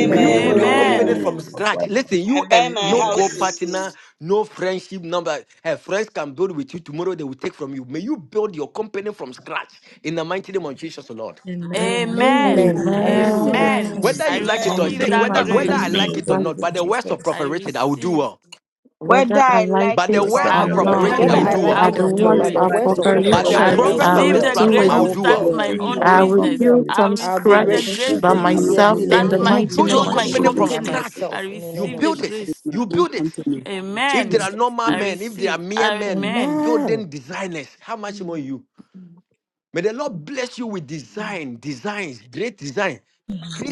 Speaker 12: May you build your company
Speaker 15: Amen.
Speaker 14: Amen.
Speaker 3: Oh,
Speaker 12: from scratch.
Speaker 7: Abba,
Speaker 12: Listen,
Speaker 3: I
Speaker 12: you
Speaker 3: buy
Speaker 12: and
Speaker 3: my
Speaker 12: no
Speaker 3: houses. So,
Speaker 12: co-partner, no friendship number. Her friends can build with you tomorrow. They will take from you. May you build your company from scratch in the mighty name of Jesus, O Lord.
Speaker 18: And I am
Speaker 14: Amen.
Speaker 21: Amen.
Speaker 19: Amen. I
Speaker 17: Amen.
Speaker 19: receive it.
Speaker 9: Amen.
Speaker 14: Amen.
Speaker 21: Amen.
Speaker 12: Whether
Speaker 7: I
Speaker 14: I
Speaker 12: you like
Speaker 9: I'll
Speaker 12: it or
Speaker 7: receive
Speaker 3: amen.
Speaker 14: receive
Speaker 12: say
Speaker 7: that
Speaker 9: repeat
Speaker 14: that
Speaker 9: my
Speaker 12: whether
Speaker 7: that
Speaker 12: whether
Speaker 7: grace
Speaker 9: company
Speaker 12: I
Speaker 9: from
Speaker 14: grace.
Speaker 21: Amen.
Speaker 12: like
Speaker 7: now.
Speaker 12: it or
Speaker 21: Thank
Speaker 9: scratch,
Speaker 17: Amen.
Speaker 12: not,
Speaker 21: you,
Speaker 12: by the words of
Speaker 21: Jesus.
Speaker 14: I
Speaker 12: Prophet Richard, I will do
Speaker 14: receive.
Speaker 12: well.
Speaker 21: Whether
Speaker 9: whether I
Speaker 21: I
Speaker 9: like
Speaker 21: like
Speaker 12: By the
Speaker 9: it
Speaker 21: it or
Speaker 7: Whether
Speaker 12: words
Speaker 9: or
Speaker 14: I
Speaker 7: I
Speaker 18: trying
Speaker 12: of
Speaker 21: not.
Speaker 18: to
Speaker 14: will
Speaker 12: Prophet
Speaker 7: like
Speaker 18: say
Speaker 9: not.
Speaker 17: Whether
Speaker 7: it
Speaker 12: Richard,
Speaker 18: my
Speaker 14: do
Speaker 12: I
Speaker 19: Whether
Speaker 7: or
Speaker 12: will
Speaker 17: you,
Speaker 14: it.
Speaker 19: I
Speaker 7: not,
Speaker 18: God,
Speaker 12: do
Speaker 17: I
Speaker 15: Amen.
Speaker 7: by
Speaker 19: like
Speaker 14: I
Speaker 9: By
Speaker 12: well.
Speaker 19: it
Speaker 17: like
Speaker 14: will
Speaker 9: the
Speaker 17: it
Speaker 19: or
Speaker 7: the
Speaker 17: or
Speaker 19: not,
Speaker 15: When I
Speaker 14: do
Speaker 7: words
Speaker 19: by
Speaker 17: not,
Speaker 9: words
Speaker 19: the
Speaker 14: it.
Speaker 7: of the
Speaker 9: of
Speaker 15: went
Speaker 17: by
Speaker 15: to
Speaker 19: words
Speaker 17: the
Speaker 19: of
Speaker 9: Prophet
Speaker 17: word
Speaker 7: prophet,
Speaker 18: no,
Speaker 17: of
Speaker 7: I
Speaker 18: I'll
Speaker 12: By
Speaker 19: Prophet
Speaker 15: went
Speaker 12: the
Speaker 7: will
Speaker 15: to
Speaker 18: do
Speaker 17: prophet
Speaker 14: I
Speaker 19: Richard,
Speaker 9: Richard,
Speaker 18: it.
Speaker 19: I
Speaker 7: buy
Speaker 15: preparation,
Speaker 19: will
Speaker 12: prophet
Speaker 7: my
Speaker 9: I
Speaker 19: do
Speaker 17: Richard,
Speaker 12: on
Speaker 15: I
Speaker 17: I
Speaker 9: will
Speaker 14: receive
Speaker 12: this
Speaker 15: will
Speaker 7: own
Speaker 14: the
Speaker 19: well.
Speaker 9: do
Speaker 15: do
Speaker 12: platform, I
Speaker 9: it.
Speaker 19: I
Speaker 14: grace
Speaker 15: well.
Speaker 7: houses.
Speaker 12: will
Speaker 17: will
Speaker 14: to
Speaker 19: will
Speaker 17: do
Speaker 12: do
Speaker 14: start
Speaker 12: well.
Speaker 7: I'll
Speaker 18: I'll
Speaker 19: build.
Speaker 17: well.
Speaker 14: my
Speaker 7: build
Speaker 18: do
Speaker 15: I
Speaker 7: my
Speaker 14: own
Speaker 18: it.
Speaker 9: I
Speaker 15: will
Speaker 7: own
Speaker 9: will
Speaker 15: do
Speaker 14: business.
Speaker 9: build
Speaker 15: well.
Speaker 7: company.
Speaker 14: I
Speaker 9: from
Speaker 19: I'll be
Speaker 7: I
Speaker 14: receive
Speaker 18: The
Speaker 14: the
Speaker 9: scratch
Speaker 19: rich.
Speaker 14: grace
Speaker 7: receive
Speaker 18: perfect
Speaker 9: by
Speaker 7: the
Speaker 18: of
Speaker 14: to
Speaker 19: I'll
Speaker 18: this
Speaker 17: Mm.
Speaker 19: be
Speaker 7: grace,
Speaker 19: a
Speaker 7: O
Speaker 15: Amen.
Speaker 9: myself in
Speaker 14: start
Speaker 7: Lord,
Speaker 18: platform,
Speaker 9: the
Speaker 19: billionaire
Speaker 18: I'll
Speaker 12: You
Speaker 14: my
Speaker 18: do
Speaker 9: mighty
Speaker 18: it.
Speaker 12: build
Speaker 9: name
Speaker 12: your
Speaker 7: in
Speaker 14: build
Speaker 9: of
Speaker 7: the
Speaker 14: my
Speaker 17: Let
Speaker 12: company
Speaker 7: name of
Speaker 17: me
Speaker 12: from
Speaker 9: Jesus.
Speaker 19: by
Speaker 14: companies.
Speaker 7: Jesus.
Speaker 12: scratch.
Speaker 14: I
Speaker 19: myself in the
Speaker 12: You
Speaker 19: name
Speaker 14: receive
Speaker 19: of
Speaker 14: the
Speaker 12: build it.
Speaker 14: grace.
Speaker 19: Jesus.
Speaker 17: with my
Speaker 12: You
Speaker 17: own
Speaker 12: build it.
Speaker 17: company. In
Speaker 12: If there
Speaker 14: Amen.
Speaker 12: are
Speaker 17: Jesus'
Speaker 12: normal
Speaker 14: I
Speaker 17: name.
Speaker 12: men, if there are
Speaker 14: receive.
Speaker 12: mere men,
Speaker 14: Amen.
Speaker 19: Amen.
Speaker 12: building designers, how much more you? May the Lord bless you with design, designs, great design.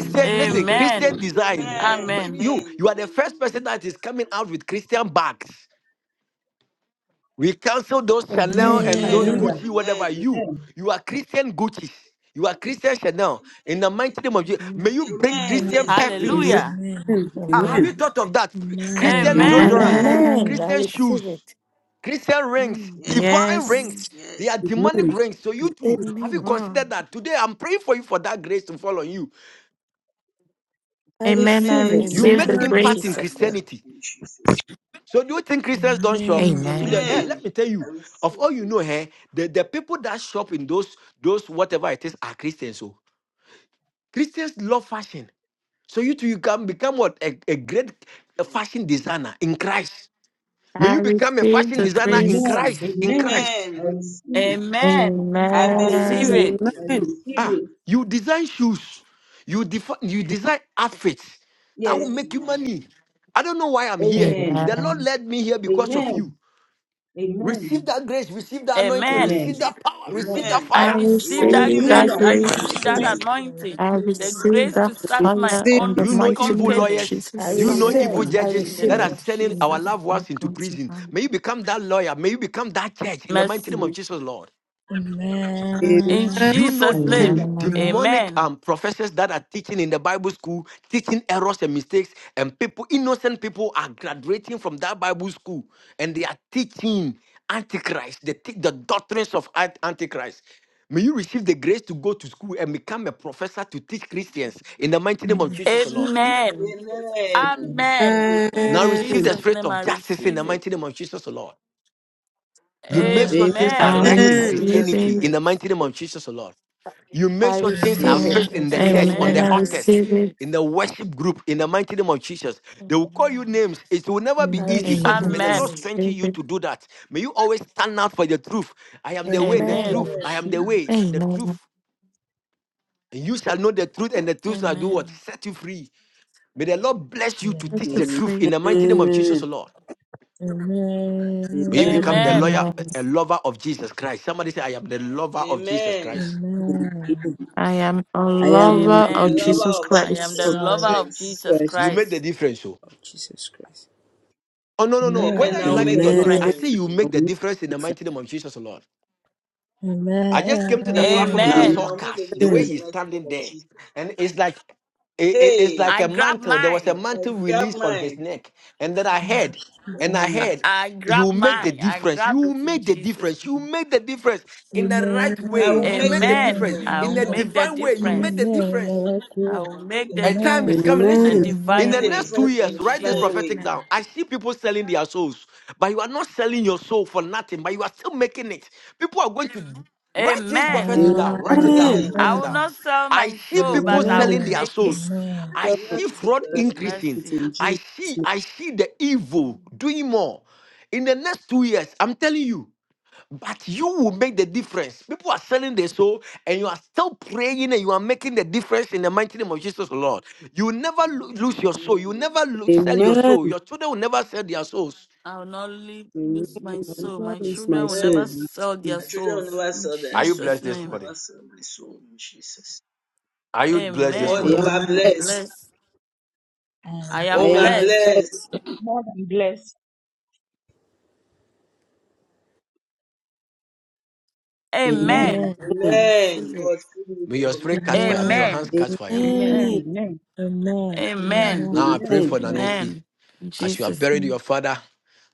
Speaker 7: in
Speaker 12: listen,
Speaker 7: Jesus'
Speaker 12: Christian
Speaker 14: Amen.
Speaker 7: name.
Speaker 12: design. B-
Speaker 3: Amen.
Speaker 14: Amen.
Speaker 12: You,
Speaker 3: Amen.
Speaker 12: you are the first
Speaker 3: Amen.
Speaker 12: person that is coming out with Christian bags. We cancel those Chanel
Speaker 19: Amen.
Speaker 12: and those
Speaker 15: Hallelujah.
Speaker 3: Amen.
Speaker 18: Amen.
Speaker 12: Gucci, whatever.
Speaker 3: Amen.
Speaker 12: You,
Speaker 15: Amen.
Speaker 12: you are Christian Gucci. You are Christian Chanel. In the mighty name of Jesus,
Speaker 14: Mm.
Speaker 12: may you bring
Speaker 3: Amen.
Speaker 12: Christian
Speaker 3: Yes. So,
Speaker 17: Amen.
Speaker 12: perfumes.
Speaker 14: Hallelujah.
Speaker 18: Amen.
Speaker 17: Amen.
Speaker 12: Ah, have you
Speaker 3: amen.
Speaker 19: Amen.
Speaker 12: thought of that?
Speaker 18: Amen.
Speaker 12: Christian
Speaker 17: Amen.
Speaker 14: Amen.
Speaker 12: deodorant,
Speaker 15: Amen.
Speaker 3: Amen.
Speaker 19: Amen. I
Speaker 9: Amen.
Speaker 12: Christian
Speaker 19: receive
Speaker 12: shoes.
Speaker 19: it.
Speaker 12: Christian rings,
Speaker 14: Mm,
Speaker 3: Yes.
Speaker 12: divine
Speaker 9: Yes.
Speaker 12: rings.
Speaker 14: mm,
Speaker 3: Yes.
Speaker 12: They are demonic
Speaker 17: Amen.
Speaker 12: rings. So you too, have you
Speaker 19: Amen.
Speaker 14: mm.
Speaker 12: considered that? Today I'm praying for you for that grace to fall on you.
Speaker 19: I
Speaker 9: Amen. I
Speaker 19: receive
Speaker 12: You
Speaker 19: it.
Speaker 9: receive
Speaker 3: Amen.
Speaker 12: make
Speaker 9: the
Speaker 14: Amen.
Speaker 3: Receive
Speaker 12: impact
Speaker 9: grace.
Speaker 12: in
Speaker 3: that
Speaker 19: Jesus'
Speaker 3: grace
Speaker 19: name.
Speaker 12: Christianity.
Speaker 3: in Jesus.
Speaker 12: So do you think Christians don't shop? Go
Speaker 3: name.
Speaker 14: Mm.
Speaker 18: Amen. I
Speaker 12: to the
Speaker 9: Amen.
Speaker 12: eh, let
Speaker 3: Amen.
Speaker 12: me tell
Speaker 3: I
Speaker 12: you, of
Speaker 3: receive
Speaker 12: all you
Speaker 3: it.
Speaker 12: know, eh, the, the people that shop in those those whatever it is are Christians. So Christians love fashion. So you too, you can become what a, a great
Speaker 3: Yes.
Speaker 12: fashion designer in Christ. May
Speaker 9: I
Speaker 12: you become a
Speaker 9: receive
Speaker 12: fashion
Speaker 9: the
Speaker 12: designer in
Speaker 9: grace.
Speaker 15: Amen.
Speaker 12: Christ. In
Speaker 15: Amen.
Speaker 12: Christ.
Speaker 3: Amen.
Speaker 15: I
Speaker 3: Receive.
Speaker 15: receive it.
Speaker 14: Amen. I
Speaker 3: it. Amen.
Speaker 14: receive
Speaker 9: Amen.
Speaker 15: Hallelujah.
Speaker 14: it.
Speaker 3: Receive
Speaker 17: Amen.
Speaker 15: I
Speaker 3: the
Speaker 17: Amen.
Speaker 3: grace.
Speaker 15: receive
Speaker 12: Ah,
Speaker 15: it.
Speaker 12: you design shoes, you defi- you design outfits that will
Speaker 15: Yes.
Speaker 12: make you money.
Speaker 3: Amen.
Speaker 12: I don't know why I'm here.
Speaker 15: Amen.
Speaker 12: The Lord
Speaker 9: Amen.
Speaker 12: led me here because of you.
Speaker 15: Amen. Amen.
Speaker 12: Receive that grace, receive that anointing,
Speaker 14: Amen.
Speaker 12: receive
Speaker 15: Amen.
Speaker 3: Yes.
Speaker 12: that power,
Speaker 15: Amen.
Speaker 12: receive that
Speaker 3: Amen.
Speaker 9: I
Speaker 14: I
Speaker 12: fire.
Speaker 18: do,
Speaker 14: receive that
Speaker 18: it.
Speaker 9: receive
Speaker 3: Receive your
Speaker 9: that
Speaker 14: grace.
Speaker 15: Hallelujah.
Speaker 14: I
Speaker 18: I
Speaker 3: grace in
Speaker 9: grace.
Speaker 14: receive that
Speaker 18: receive
Speaker 15: Amen.
Speaker 3: Jesus.
Speaker 18: do,
Speaker 3: name.
Speaker 18: I
Speaker 14: anointing.
Speaker 9: I
Speaker 18: receive it.
Speaker 14: The
Speaker 3: Receive
Speaker 9: receive
Speaker 14: grace
Speaker 3: that
Speaker 14: to
Speaker 9: that
Speaker 3: fire.
Speaker 14: start my
Speaker 9: fire
Speaker 17: Receive.
Speaker 9: in
Speaker 12: Do
Speaker 9: the
Speaker 14: own
Speaker 12: you know
Speaker 9: mighty
Speaker 12: evil
Speaker 9: name of
Speaker 12: lawyers?
Speaker 14: company
Speaker 19: I
Speaker 12: Do you
Speaker 9: Jesus.
Speaker 14: from
Speaker 12: know
Speaker 14: the
Speaker 19: receive
Speaker 12: evil
Speaker 19: it.
Speaker 15: Amen.
Speaker 19: I
Speaker 12: judges
Speaker 14: scratch in the
Speaker 19: receive
Speaker 12: that
Speaker 14: name
Speaker 12: are
Speaker 15: Amen.
Speaker 14: of
Speaker 19: it.
Speaker 12: sending our
Speaker 14: Jesus.
Speaker 9: Amen.
Speaker 12: loved
Speaker 9: Thank
Speaker 12: ones into
Speaker 9: God
Speaker 12: prison?
Speaker 9: tonight.
Speaker 12: May you become that lawyer. May you become that judge in the mighty name
Speaker 14: Mercy.
Speaker 12: of
Speaker 15: Amen.
Speaker 12: Jesus, Lord.
Speaker 17: Amen.
Speaker 14: In
Speaker 18: Amen.
Speaker 12: Do you know
Speaker 14: Jesus'
Speaker 12: the
Speaker 17: Amen.
Speaker 15: Hallelujah.
Speaker 14: name.
Speaker 9: Amen.
Speaker 15: Amen.
Speaker 12: demonic
Speaker 14: Amen.
Speaker 12: um, professors that are teaching in the Bible school, teaching errors and mistakes, and people, innocent people, are graduating from that Bible school and they are teaching Antichrist, the, the doctrines of Ant- Antichrist. May you receive the grace to go to school and become a professor to teach Christians in the mighty
Speaker 18: I
Speaker 12: name of Jesus, the
Speaker 18: receive
Speaker 12: Lord.
Speaker 18: it.
Speaker 14: Amen.
Speaker 3: Amen. Receive
Speaker 14: Amen.
Speaker 3: it in
Speaker 14: In
Speaker 12: Now receive
Speaker 3: Jesus.
Speaker 12: the
Speaker 14: Jesus'
Speaker 3: name.
Speaker 12: spirit
Speaker 14: name,
Speaker 12: of
Speaker 14: I
Speaker 12: justice in the
Speaker 14: receive it.
Speaker 12: mighty name of Jesus, the Lord. You
Speaker 3: I
Speaker 12: make
Speaker 18: Yeah,
Speaker 12: sure
Speaker 15: Amen.
Speaker 12: things
Speaker 3: receive
Speaker 12: are
Speaker 9: I
Speaker 3: the
Speaker 14: Amen.
Speaker 12: right
Speaker 3: spirit
Speaker 12: in
Speaker 14: I
Speaker 18: it.
Speaker 17: Amen.
Speaker 3: of
Speaker 15: Amen.
Speaker 9: receive
Speaker 12: Christianity
Speaker 14: receive
Speaker 3: justice
Speaker 9: it.
Speaker 12: in the
Speaker 3: in
Speaker 14: it.
Speaker 12: mighty name of
Speaker 3: Jesus.
Speaker 12: Jesus, O Lord. You make
Speaker 19: I
Speaker 12: sure things are
Speaker 19: receive it
Speaker 18: Amen.
Speaker 12: fixed
Speaker 19: in
Speaker 12: in the church,
Speaker 19: Jesus'
Speaker 3: name. Amen.
Speaker 12: on
Speaker 19: name.
Speaker 9: Amen.
Speaker 12: the
Speaker 9: I
Speaker 14: Amen. I
Speaker 12: altars,
Speaker 9: receive
Speaker 14: receive
Speaker 9: it.
Speaker 14: it.
Speaker 12: in the worship group, in the mighty name of Jesus. They will call you
Speaker 14: Amen.
Speaker 12: names. It will never be
Speaker 19: I
Speaker 18: Amen.
Speaker 12: easy,
Speaker 19: receive
Speaker 9: Amen.
Speaker 12: but
Speaker 9: I
Speaker 12: may
Speaker 19: it.
Speaker 12: the Lord
Speaker 15: Amen.
Speaker 14: Amen.
Speaker 3: Amen.
Speaker 12: strengthen
Speaker 9: receive
Speaker 12: you
Speaker 9: it.
Speaker 12: to do that. May you always stand out for the truth. I am the way, the
Speaker 18: I
Speaker 19: Amen.
Speaker 15: Hallelujah.
Speaker 14: Amen.
Speaker 12: truth. I am
Speaker 3: Amen.
Speaker 18: receive
Speaker 12: the
Speaker 18: it.
Speaker 12: way, the
Speaker 9: Amen.
Speaker 12: truth.
Speaker 9: Set
Speaker 12: And you shall know the truth, and the truth shall do what?
Speaker 14: Amen.
Speaker 12: Set you free. May the Lord bless you to
Speaker 18: Amen.
Speaker 12: teach
Speaker 9: you
Speaker 12: the
Speaker 17: Amen.
Speaker 12: truth
Speaker 9: free.
Speaker 12: in the mighty name of
Speaker 14: Amen.
Speaker 17: Amen.
Speaker 12: Jesus, O Lord. May you
Speaker 17: Amen.
Speaker 12: become the
Speaker 18: Amen.
Speaker 14: Amen.
Speaker 12: lawyer,
Speaker 9: Amen.
Speaker 12: a lover of Jesus Christ. Somebody say, I am the lover of Jesus
Speaker 3: Amen.
Speaker 12: Christ.
Speaker 18: Amen.
Speaker 17: Amen.
Speaker 9: I am a
Speaker 17: I am
Speaker 9: lover
Speaker 3: I'm a
Speaker 9: of
Speaker 14: Amen.
Speaker 17: the
Speaker 9: Jesus
Speaker 3: lover of
Speaker 17: Lord
Speaker 14: I am the
Speaker 17: of
Speaker 9: Christ.
Speaker 3: Jesus
Speaker 14: lover
Speaker 17: Jesus
Speaker 18: Christ.
Speaker 14: of
Speaker 3: Christ.
Speaker 14: Jesus
Speaker 12: You
Speaker 17: Christ.
Speaker 12: make the
Speaker 14: Christ.
Speaker 12: difference. So.
Speaker 17: Of Jesus Christ.
Speaker 12: Oh, no, no, no.
Speaker 18: Amen.
Speaker 14: I'll
Speaker 18: I
Speaker 3: Amen.
Speaker 12: Whether you
Speaker 3: I'll
Speaker 14: make
Speaker 18: Make
Speaker 12: like
Speaker 14: the
Speaker 3: make
Speaker 18: the
Speaker 12: it or
Speaker 3: a
Speaker 12: not,
Speaker 17: Amen.
Speaker 12: I
Speaker 18: difference.
Speaker 12: say
Speaker 14: difference.
Speaker 3: difference. So.
Speaker 12: you
Speaker 17: I'll
Speaker 12: make the
Speaker 17: make
Speaker 12: difference in the
Speaker 17: a
Speaker 12: mighty name of Jesus, oh Lord. I just came to the platform and
Speaker 18: Amen.
Speaker 12: I
Speaker 17: difference.
Speaker 12: saw
Speaker 14: Amen.
Speaker 12: Cash, the way
Speaker 17: Amen.
Speaker 12: he's standing there. And it's like, it- it- it's like
Speaker 14: I
Speaker 12: a
Speaker 14: grab
Speaker 12: mantle. There was a
Speaker 14: mine.
Speaker 12: mantle released on his neck. And then I
Speaker 18: I
Speaker 12: heard,
Speaker 18: receive
Speaker 12: and I
Speaker 14: I,
Speaker 18: mine.
Speaker 12: heard,
Speaker 14: I grab
Speaker 12: you make the
Speaker 14: mine. I
Speaker 12: difference.
Speaker 14: grab
Speaker 12: You
Speaker 14: it in
Speaker 12: make the
Speaker 14: Jesus'
Speaker 12: difference. You
Speaker 14: name.
Speaker 12: make the difference in the
Speaker 18: Amen.
Speaker 12: right way. You make the
Speaker 14: Amen.
Speaker 12: difference
Speaker 14: I
Speaker 12: in
Speaker 14: will
Speaker 12: the
Speaker 18: Amen. Amen.
Speaker 14: make the
Speaker 12: divine way. You make
Speaker 14: difference.
Speaker 12: the
Speaker 18: Amen.
Speaker 12: difference.
Speaker 18: I write
Speaker 14: I
Speaker 18: you.
Speaker 14: will make the
Speaker 12: A time is
Speaker 18: Amen.
Speaker 14: difference
Speaker 12: coming.
Speaker 14: in a
Speaker 12: Listen,
Speaker 17: Amen.
Speaker 12: in
Speaker 18: Amen.
Speaker 14: divine
Speaker 12: the next
Speaker 14: way
Speaker 18: I Make the
Speaker 12: two years,
Speaker 14: in
Speaker 12: write this
Speaker 18: difference.
Speaker 14: Jesus'
Speaker 12: prophetic down.
Speaker 14: name.
Speaker 12: I see people selling their souls, but you are not selling your soul for nothing, but you are still making it. People are going to write this prophecy
Speaker 14: Amen.
Speaker 12: down. Write it
Speaker 18: Ah,
Speaker 12: down.
Speaker 17: Amen.
Speaker 3: Amen.
Speaker 12: Write
Speaker 14: I
Speaker 12: it
Speaker 14: will
Speaker 12: down.
Speaker 18: amen.
Speaker 14: not sell
Speaker 12: I
Speaker 14: my
Speaker 12: see
Speaker 14: soul,
Speaker 12: people
Speaker 14: but I will
Speaker 17: Amen.
Speaker 12: selling
Speaker 18: Amen.
Speaker 12: their
Speaker 14: make it.
Speaker 12: souls.
Speaker 17: Yes,
Speaker 18: Amen.
Speaker 12: I
Speaker 17: sir, my
Speaker 12: see
Speaker 3: Yes.
Speaker 17: sister,
Speaker 12: fraud
Speaker 17: I'll make
Speaker 3: um,
Speaker 12: increasing.
Speaker 17: it
Speaker 14: Mercy.
Speaker 17: in
Speaker 12: I
Speaker 17: Jesus'
Speaker 12: see,
Speaker 17: name.
Speaker 12: I see the evil doing more. In the next two years, I'm telling you. But you will make the difference. People are selling their soul, and you are still praying, and you are making the difference in the mighty name of Jesus, Lord. You will never lo- lose your soul. You will
Speaker 3: Amen.
Speaker 12: never lo- sell your
Speaker 17: Amen.
Speaker 12: soul. Your children will never sell their souls.
Speaker 14: I will not leave,
Speaker 17: Amen.
Speaker 14: lose my
Speaker 17: I
Speaker 3: Amen.
Speaker 14: soul.
Speaker 17: now
Speaker 14: My
Speaker 17: lose my
Speaker 14: children will
Speaker 17: soul.
Speaker 14: never
Speaker 3: Amen.
Speaker 17: in
Speaker 14: sell their
Speaker 17: Jesus.
Speaker 3: My children will
Speaker 14: souls.
Speaker 3: never
Speaker 14: In
Speaker 3: sell their
Speaker 12: Are you
Speaker 3: soul.
Speaker 14: Jesus'
Speaker 12: blessed this
Speaker 3: I'll
Speaker 14: name.
Speaker 12: morning?
Speaker 3: never sell my soul in Jesus.
Speaker 12: Are you blessed this
Speaker 17: I
Speaker 3: God
Speaker 14: Amen.
Speaker 12: morning?
Speaker 17: am
Speaker 3: over
Speaker 18: Amen.
Speaker 14: I'm
Speaker 17: blessed.
Speaker 3: blessed.
Speaker 14: blessed. I
Speaker 17: I
Speaker 14: am
Speaker 17: am
Speaker 3: Over
Speaker 18: And
Speaker 14: blessed.
Speaker 3: blessed.
Speaker 17: blessed.
Speaker 15: More than blessed.
Speaker 17: Amen.
Speaker 15: Amen.
Speaker 14: Amen.
Speaker 18: Amen.
Speaker 14: I
Speaker 17: Amen.
Speaker 14: receive
Speaker 3: Amen.
Speaker 14: it.
Speaker 3: God fill me with
Speaker 12: May
Speaker 3: the
Speaker 12: your
Speaker 3: Holy
Speaker 12: spirit catch fire. May your
Speaker 18: Amen.
Speaker 12: hands
Speaker 14: Amen.
Speaker 12: catch fire.
Speaker 15: Amen.
Speaker 14: Amen.
Speaker 3: Spirit. Amen.
Speaker 15: Amen.
Speaker 18: Amen.
Speaker 15: Amen.
Speaker 14: Amen.
Speaker 12: Now I pray
Speaker 15: Amen.
Speaker 17: Amen.
Speaker 12: for
Speaker 3: Amen.
Speaker 12: Nancy.
Speaker 14: Amen. In
Speaker 12: As you have
Speaker 14: Jesus'
Speaker 12: buried your
Speaker 14: name.
Speaker 12: father,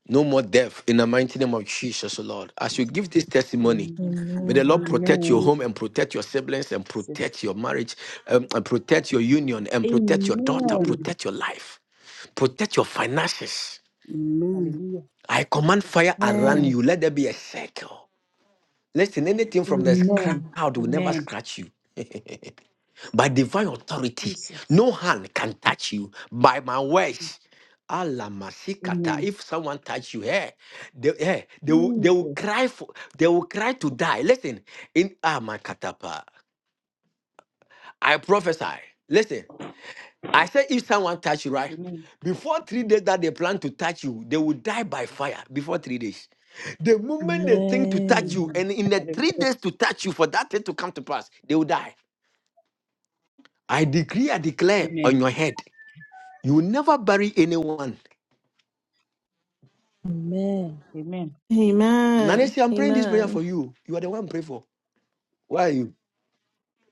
Speaker 12: no more death in the mighty name of Jesus, O Lord. As you
Speaker 15: Jesus.
Speaker 12: give this testimony,
Speaker 15: Amen.
Speaker 12: may the Lord protect your
Speaker 15: Amen.
Speaker 12: home and protect your siblings and
Speaker 15: Jesus.
Speaker 12: protect your marriage um, and protect your union and protect your daughter,
Speaker 15: Amen.
Speaker 17: Amen.
Speaker 12: protect your life, protect your finances.
Speaker 17: Amen.
Speaker 15: Hallelujah.
Speaker 12: I command fire around
Speaker 15: Amen.
Speaker 19: Amen.
Speaker 12: you. Let there be a circle. Listen, anything from
Speaker 18: Amen.
Speaker 12: this
Speaker 15: Amen.
Speaker 18: Amen.
Speaker 12: crowd will never
Speaker 15: Amen.
Speaker 12: scratch you. by divine authority. No
Speaker 15: Jesus.
Speaker 12: hand can touch you by my words. Allah masikata.
Speaker 15: Amen.
Speaker 12: If someone touch you, hey, they, hey, they will they will
Speaker 15: Jesus.
Speaker 12: cry for they will cry to die. Listen, in ah my katapa, I prophesy. Listen, I say if someone touch you, right?
Speaker 15: Amen.
Speaker 12: Before three days that they plan to touch you, they will die by fire before three days. The moment they think to touch
Speaker 18: Amen. Amen.
Speaker 12: you,
Speaker 15: Amen.
Speaker 12: and in the three
Speaker 15: Hallelujah.
Speaker 12: days to touch you for that thing to come to pass, they will die. I decree, I declare on
Speaker 15: Amen.
Speaker 12: your head. You will never bury anyone.
Speaker 18: Amen.
Speaker 15: Amen.
Speaker 10: Amen.
Speaker 12: Nanesi, I'm praying this prayer for
Speaker 10: Amen.
Speaker 12: you. You are the one pray for. Why are you?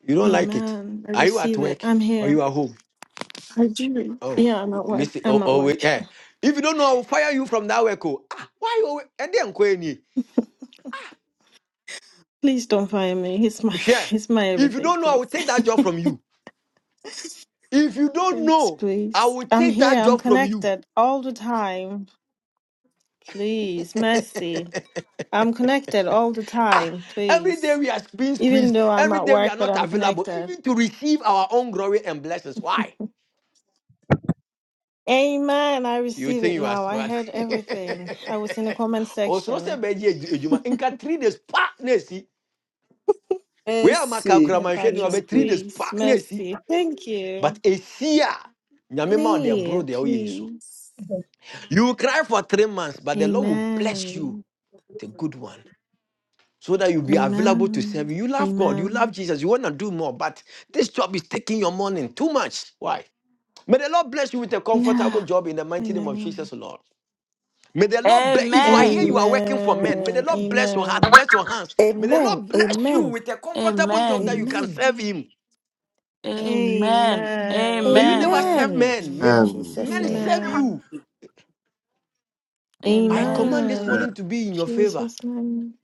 Speaker 12: You don't like it.
Speaker 10: Amen. I
Speaker 12: Are you at
Speaker 10: receive it.
Speaker 12: work
Speaker 10: I'm
Speaker 12: or
Speaker 10: here.
Speaker 12: you are home?
Speaker 10: I do.
Speaker 12: Oh,
Speaker 10: Yeah, I'm
Speaker 12: oh,
Speaker 10: at work.
Speaker 12: listen. Oh,
Speaker 10: I'm at
Speaker 12: oh
Speaker 10: work.
Speaker 12: wait. eh. If you don't know, I will fire you from that work. Oh, ah, why you? always- And then go any.
Speaker 10: Please don't fire me. It's my
Speaker 12: Share.
Speaker 10: it's my
Speaker 12: If you
Speaker 10: everything,
Speaker 12: don't know, I will
Speaker 10: please.
Speaker 12: take that job from you. If you don't
Speaker 10: Thanks,
Speaker 12: know, I
Speaker 10: please.
Speaker 12: will
Speaker 10: I'm
Speaker 12: take
Speaker 10: here.
Speaker 12: that
Speaker 10: I'm
Speaker 12: job from you.
Speaker 10: connected all the time. Please, mercy. I'm connected all the
Speaker 12: Ah,
Speaker 10: time,
Speaker 12: every day
Speaker 10: please.
Speaker 12: we are being
Speaker 10: Even
Speaker 12: squeezed.
Speaker 10: though I'm
Speaker 12: Every
Speaker 10: at
Speaker 12: day we
Speaker 10: work,
Speaker 12: are
Speaker 10: but
Speaker 12: not
Speaker 10: I'm
Speaker 12: available,
Speaker 10: connected.
Speaker 12: even to receive our own glory and blessings. Why?
Speaker 10: Amen. I
Speaker 12: You
Speaker 10: receive
Speaker 12: think
Speaker 10: it
Speaker 12: you are
Speaker 10: now. I
Speaker 12: smart.
Speaker 10: heard everything. I was in the comment
Speaker 12: Osoro sɛ
Speaker 10: section.
Speaker 12: bɛgye adu- adwuma Inka three days pa We are Wei a
Speaker 17: Mercy,
Speaker 12: ni
Speaker 10: Mepacho,
Speaker 12: ɔbɛ three
Speaker 17: mercy.
Speaker 12: days
Speaker 10: please.
Speaker 12: pa
Speaker 10: Mercy. Thank you.
Speaker 12: But esi a nyame ma ɔde
Speaker 10: Me,
Speaker 12: aboro deɛ woyɛ yi so.
Speaker 10: please.
Speaker 12: You will cry for three months but the Lord will bless you
Speaker 10: Amen.
Speaker 12: the good one. So that you'll be available to serve
Speaker 10: Amen.
Speaker 12: You love God, you love
Speaker 10: Amen.
Speaker 12: Jesus, you want to do more, but this job is taking your morning too much. Why? May the Lord bless you with a comfortable
Speaker 10: Yeah,
Speaker 12: job in the
Speaker 10: I
Speaker 12: mighty name of
Speaker 10: know.
Speaker 12: Jesus, Lord. May the Lord bless. If you are here,
Speaker 14: Amen.
Speaker 12: you are working for men. May the
Speaker 10: Amen.
Speaker 12: Lord bless your heart,
Speaker 10: Amen.
Speaker 12: bless your hands. May the
Speaker 19: Amen.
Speaker 12: Lord bless you
Speaker 19: Amen.
Speaker 12: with a comfortable job that you
Speaker 14: Amen.
Speaker 12: can
Speaker 19: Amen.
Speaker 12: serve Him.
Speaker 14: Amen.
Speaker 10: Amen.
Speaker 12: May
Speaker 14: Amen.
Speaker 12: you never
Speaker 10: Amen.
Speaker 12: serve
Speaker 19: Amen.
Speaker 12: men. May
Speaker 14: Amen.
Speaker 8: Amen.
Speaker 19: Jesus'
Speaker 12: men
Speaker 19: name.
Speaker 12: serve
Speaker 10: Amen.
Speaker 12: you. I command
Speaker 14: Amen.
Speaker 12: this
Speaker 17: Mm.
Speaker 10: Amen.
Speaker 12: morning to be in your favor.
Speaker 10: Jesus' name.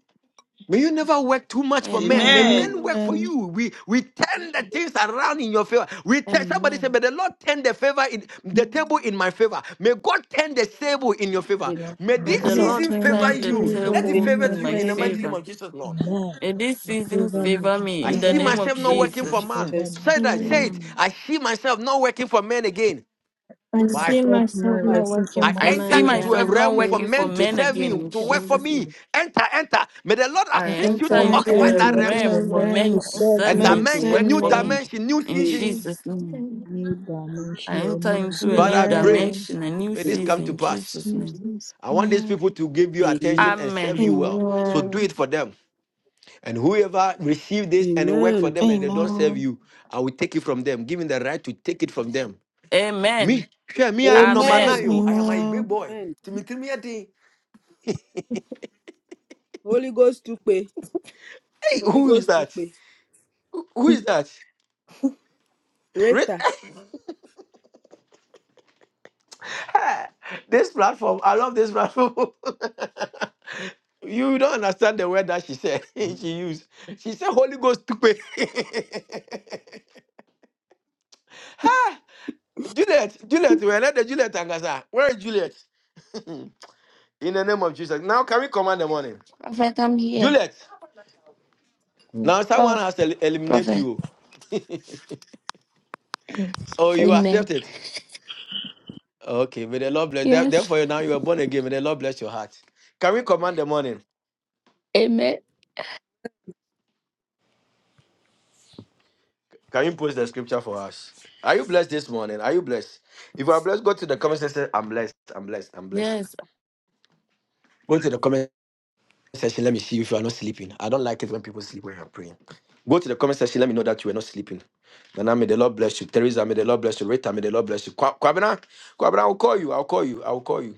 Speaker 12: May you never work too much for men. May
Speaker 14: Amen.
Speaker 12: men
Speaker 3: Amen.
Speaker 12: work for
Speaker 10: Amen.
Speaker 12: you. We we turn the things around in your favor. We turn, somebody said,
Speaker 14: Amen.
Speaker 12: May the Lord turn the favor in the table in my favor. May God turn the table in your favor.
Speaker 17: With
Speaker 18: Lord,
Speaker 12: May
Speaker 14: May
Speaker 12: this
Speaker 14: the
Speaker 18: remember
Speaker 10: Lord,
Speaker 14: Lord
Speaker 12: season
Speaker 10: turn
Speaker 12: favor
Speaker 14: turn
Speaker 10: the
Speaker 14: the
Speaker 12: you.
Speaker 18: favor.
Speaker 12: Let
Speaker 10: table
Speaker 12: it
Speaker 17: faith
Speaker 14: table
Speaker 10: in
Speaker 12: favor
Speaker 10: my
Speaker 14: in
Speaker 12: you
Speaker 14: my
Speaker 12: in the
Speaker 10: favor.
Speaker 12: mighty name
Speaker 14: favor.
Speaker 12: of Jesus, Lord.
Speaker 18: Amen.
Speaker 14: May this
Speaker 18: You
Speaker 14: season
Speaker 18: favor
Speaker 17: and
Speaker 18: me,
Speaker 14: favor
Speaker 18: you
Speaker 14: me
Speaker 12: I
Speaker 14: in the
Speaker 17: faith,
Speaker 12: see
Speaker 18: favor me,
Speaker 14: name of
Speaker 12: myself not
Speaker 17: come
Speaker 12: working
Speaker 18: you
Speaker 17: in
Speaker 12: for
Speaker 14: Jesus.
Speaker 12: man.
Speaker 18: favor
Speaker 17: Jesus.
Speaker 12: Say
Speaker 18: me.
Speaker 12: that, say
Speaker 10: Amen.
Speaker 12: it.
Speaker 14: Amen.
Speaker 12: I see myself not working for men again.
Speaker 10: I
Speaker 18: See
Speaker 12: But I
Speaker 10: see
Speaker 18: myself now
Speaker 10: myself
Speaker 17: My
Speaker 10: not
Speaker 18: working for
Speaker 10: working
Speaker 12: I
Speaker 18: my
Speaker 10: for
Speaker 14: I
Speaker 12: enter
Speaker 14: see
Speaker 10: man
Speaker 18: gain.
Speaker 12: into a
Speaker 14: myself
Speaker 10: again.
Speaker 14: not
Speaker 12: realm for
Speaker 17: sin,
Speaker 14: working
Speaker 17: I
Speaker 14: for
Speaker 12: men to
Speaker 17: go.
Speaker 14: men
Speaker 12: serve
Speaker 14: again
Speaker 12: me,
Speaker 14: in
Speaker 12: to work for
Speaker 10: Again.
Speaker 14: Jesus'
Speaker 12: me.
Speaker 14: name.
Speaker 12: Enter, enter. May the Lord
Speaker 14: I
Speaker 18: I
Speaker 12: assist you
Speaker 14: enter
Speaker 17: I
Speaker 18: enter
Speaker 12: to
Speaker 10: I
Speaker 18: into
Speaker 17: enter
Speaker 14: into
Speaker 12: occupy
Speaker 18: a
Speaker 14: the
Speaker 10: enter
Speaker 12: that
Speaker 10: into
Speaker 18: realm
Speaker 12: realms.
Speaker 10: the
Speaker 18: for
Speaker 14: realm for
Speaker 18: men
Speaker 10: realm
Speaker 18: to
Speaker 14: men to
Speaker 10: of
Speaker 18: serve
Speaker 12: A
Speaker 14: serve
Speaker 17: for
Speaker 18: me.
Speaker 17: my
Speaker 14: me,
Speaker 10: man
Speaker 14: to
Speaker 12: dimension,
Speaker 14: work
Speaker 12: new
Speaker 14: for
Speaker 10: serving.
Speaker 14: me
Speaker 12: dimension, new
Speaker 14: in
Speaker 17: name.
Speaker 12: seasons.
Speaker 10: Jesus.
Speaker 14: Jesus' name.
Speaker 18: New
Speaker 14: I
Speaker 18: dimension, a
Speaker 14: enter
Speaker 18: new
Speaker 14: into a
Speaker 12: Father,
Speaker 14: new
Speaker 12: I
Speaker 18: season.
Speaker 17: In the name
Speaker 12: pray,
Speaker 10: Amen.
Speaker 17: of
Speaker 14: dimension, a new
Speaker 12: may this come
Speaker 14: season
Speaker 12: to
Speaker 14: in
Speaker 12: pass.
Speaker 14: Jesus' name.
Speaker 10: Jesus.
Speaker 12: I want these
Speaker 10: Amen.
Speaker 12: people to give you
Speaker 17: Jesus.
Speaker 12: attention and serve
Speaker 14: Amen.
Speaker 12: you well. So do
Speaker 10: Amen.
Speaker 12: it for them. And whoever receive this and it work for
Speaker 17: Amen.
Speaker 12: them and they don't serve
Speaker 10: Amen.
Speaker 12: you, I will take it from them. Give me the right to take it from them.
Speaker 14: Amen.
Speaker 12: Me, sure, me, I am no
Speaker 10: Jesus.
Speaker 14: Amen.
Speaker 17: Amen.
Speaker 12: Manayo. I am a big
Speaker 10: Amen.
Speaker 12: boy.
Speaker 17: Amen.
Speaker 12: Timitimi Adi.
Speaker 17: Holy Ghost to pay.
Speaker 12: Hey,
Speaker 17: Holy
Speaker 12: who is
Speaker 17: Ghost to
Speaker 12: that?
Speaker 17: pay.
Speaker 12: Who who is that? Re-
Speaker 17: Rita.
Speaker 12: this platform, I love this platform. you don't understand the word that she said. she used. She said Holy Ghost stupid. ha! Juliet, Juliet, we're not the Juliet Angasa. Where is Juliet? In the name of Jesus. Now can we command the morning?
Speaker 20: Prophet, I'm here.
Speaker 12: Juliet.
Speaker 8: Amen.
Speaker 12: Now someone
Speaker 20: Prof.
Speaker 12: has to el- eliminate
Speaker 20: Prophet.
Speaker 12: you. Or you
Speaker 20: Amen.
Speaker 12: accept it. Okay, may the Lord bless. there-
Speaker 20: Yes.
Speaker 12: Therefore, now you are born again. May the Lord bless your heart. Can we command the morning?
Speaker 20: Amen.
Speaker 12: Can you post the scripture for us? Are you blessed this morning? Are you blessed? If you are blessed, go to the comment section. I'm blessed. I'm blessed. I'm blessed.
Speaker 14: Yes,
Speaker 12: Go to the comment section. Let me see if you are not sleeping. I don't like it when people sleep when you're praying. Go to the comment section. Let me know that you are not sleeping. Nana, may the Lord bless you. Teresa, may the Lord bless you. Rita, may the Lord bless you. Kwa- Kwabena, Kwabena, I'll call you. I'll call you. I'll call you.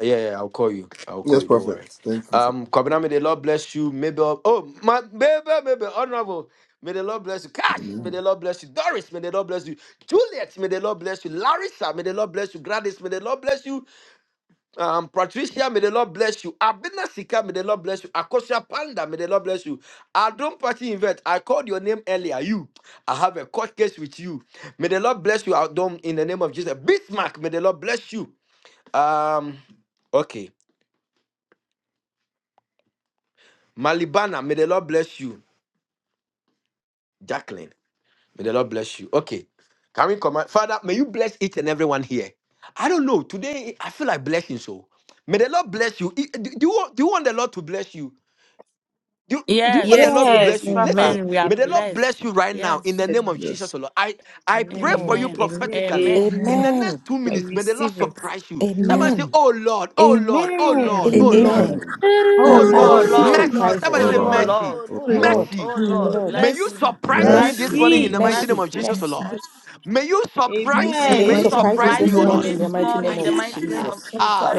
Speaker 12: Yeah, yeah, I'll call you. I'll call
Speaker 8: Yes,
Speaker 12: you. Don't
Speaker 8: Prophet.
Speaker 12: worry.
Speaker 8: Thank you.
Speaker 12: Um, Kwabena, may the Lord bless you. Maybe, I'll- oh, my baby, maybe, honorable. May the Lord bless you. Cash, may
Speaker 8: Amen.
Speaker 12: the Lord bless you. Doris, may the Lord bless you. Juliet, may the Lord bless you. Larissa, may the Lord bless you. Gladys, may the Lord bless you. Um, Patricia, may the Lord bless you. Abena Sika, may the Lord bless you. Akosha Panda, may the Lord bless you. Adon Party Invent, I called your name earlier. You, I have a court case with you. May the Lord bless you, Adon, in the name of Jesus. Bismarck, may the Lord bless you. Um, okay. Malibana, may the Lord bless you. Jacqueline, may the Lord bless you. Okay. Can we command? Father, may you bless each and everyone here. I don't know. Today, I feel like blessing so. May the Lord bless you. I- Do do you, want- do you want the Lord to bless you? Do, do you want
Speaker 17: Yes,
Speaker 12: the
Speaker 14: Yes.
Speaker 12: Lord to
Speaker 17: yes,
Speaker 12: bless
Speaker 21: Yes,
Speaker 12: you?
Speaker 8: Yes,
Speaker 21: Papa.
Speaker 12: Listen,
Speaker 14: Amen. We
Speaker 17: yes.
Speaker 14: are
Speaker 12: may the
Speaker 21: Amen.
Speaker 12: Lord
Speaker 14: blessed.
Speaker 12: bless you right now in the
Speaker 14: Yes.
Speaker 12: name of Jesus,
Speaker 8: yes,
Speaker 12: O Lord. I, I pray for you
Speaker 21: Amen.
Speaker 14: Amen.
Speaker 17: A-
Speaker 12: prophetically.
Speaker 14: Amen.
Speaker 12: In
Speaker 18: Amen.
Speaker 8: yes.
Speaker 12: the
Speaker 19: Amen.
Speaker 12: next two
Speaker 21: I
Speaker 12: minutes, may the Lord
Speaker 21: receive it.
Speaker 12: surprise you. Somebody
Speaker 18: Amen.
Speaker 12: say,
Speaker 19: Amen.
Speaker 12: Oh Lord, oh Lord, oh Lord,
Speaker 21: Amen.
Speaker 12: oh
Speaker 14: Amen.
Speaker 18: Amen.
Speaker 12: Lord.
Speaker 19: Amen.
Speaker 8: Amen.
Speaker 19: I,
Speaker 12: Oh
Speaker 21: Oh
Speaker 18: Oh
Speaker 19: I
Speaker 18: Lord,
Speaker 14: Oh
Speaker 21: Lord,
Speaker 12: Lord,
Speaker 19: receive
Speaker 21: oh
Speaker 14: Lord.
Speaker 17: Amen.
Speaker 8: Oh
Speaker 12: mercy.
Speaker 21: Lord,
Speaker 12: Somebody
Speaker 18: oh
Speaker 21: oh
Speaker 12: say
Speaker 19: surprises.
Speaker 18: Lord,
Speaker 14: Oh
Speaker 21: Lord,
Speaker 8: Lord,
Speaker 12: mercy.
Speaker 14: Lord.
Speaker 21: oh
Speaker 8: oh
Speaker 19: Oh
Speaker 21: Lord.
Speaker 8: Lord,
Speaker 19: Lord.
Speaker 12: Mercy.
Speaker 14: Oh
Speaker 18: oh
Speaker 19: Oh
Speaker 14: Lord.
Speaker 21: Oh
Speaker 18: Lord.
Speaker 19: Lord.
Speaker 12: May
Speaker 17: Lord,
Speaker 14: Bless
Speaker 12: you
Speaker 21: mercy,
Speaker 14: me.
Speaker 12: surprise
Speaker 17: bless
Speaker 12: me
Speaker 18: Mercy,
Speaker 17: you.
Speaker 12: this
Speaker 19: Mercy.
Speaker 12: morning
Speaker 14: Mercy.
Speaker 12: in
Speaker 21: mercy.
Speaker 12: the
Speaker 8: mercy.
Speaker 12: mighty
Speaker 17: Mercy,
Speaker 18: mercy,
Speaker 12: name
Speaker 19: Mercy.
Speaker 12: of
Speaker 14: Mercy.
Speaker 12: Jesus, O
Speaker 18: mercy.
Speaker 19: Mercy.
Speaker 12: Lord.
Speaker 17: mercy.
Speaker 14: Mercy.
Speaker 12: May you
Speaker 18: You
Speaker 12: surprise
Speaker 14: May
Speaker 12: me.
Speaker 19: May you
Speaker 12: May
Speaker 14: you
Speaker 12: you
Speaker 21: Amen.
Speaker 18: surprise
Speaker 17: Amen.
Speaker 18: me
Speaker 19: surprise me
Speaker 18: this
Speaker 12: surprise me,
Speaker 14: surprise
Speaker 19: this
Speaker 12: O
Speaker 14: me
Speaker 18: morning
Speaker 12: Lord.
Speaker 19: morning in the
Speaker 18: in the
Speaker 14: this
Speaker 19: mighty
Speaker 18: name
Speaker 14: morning
Speaker 18: of
Speaker 19: name
Speaker 14: in the
Speaker 19: of
Speaker 18: Jesus.
Speaker 21: Mercy,
Speaker 14: mighty name
Speaker 12: Ayakata.
Speaker 21: Lord,
Speaker 14: of
Speaker 19: Jesus.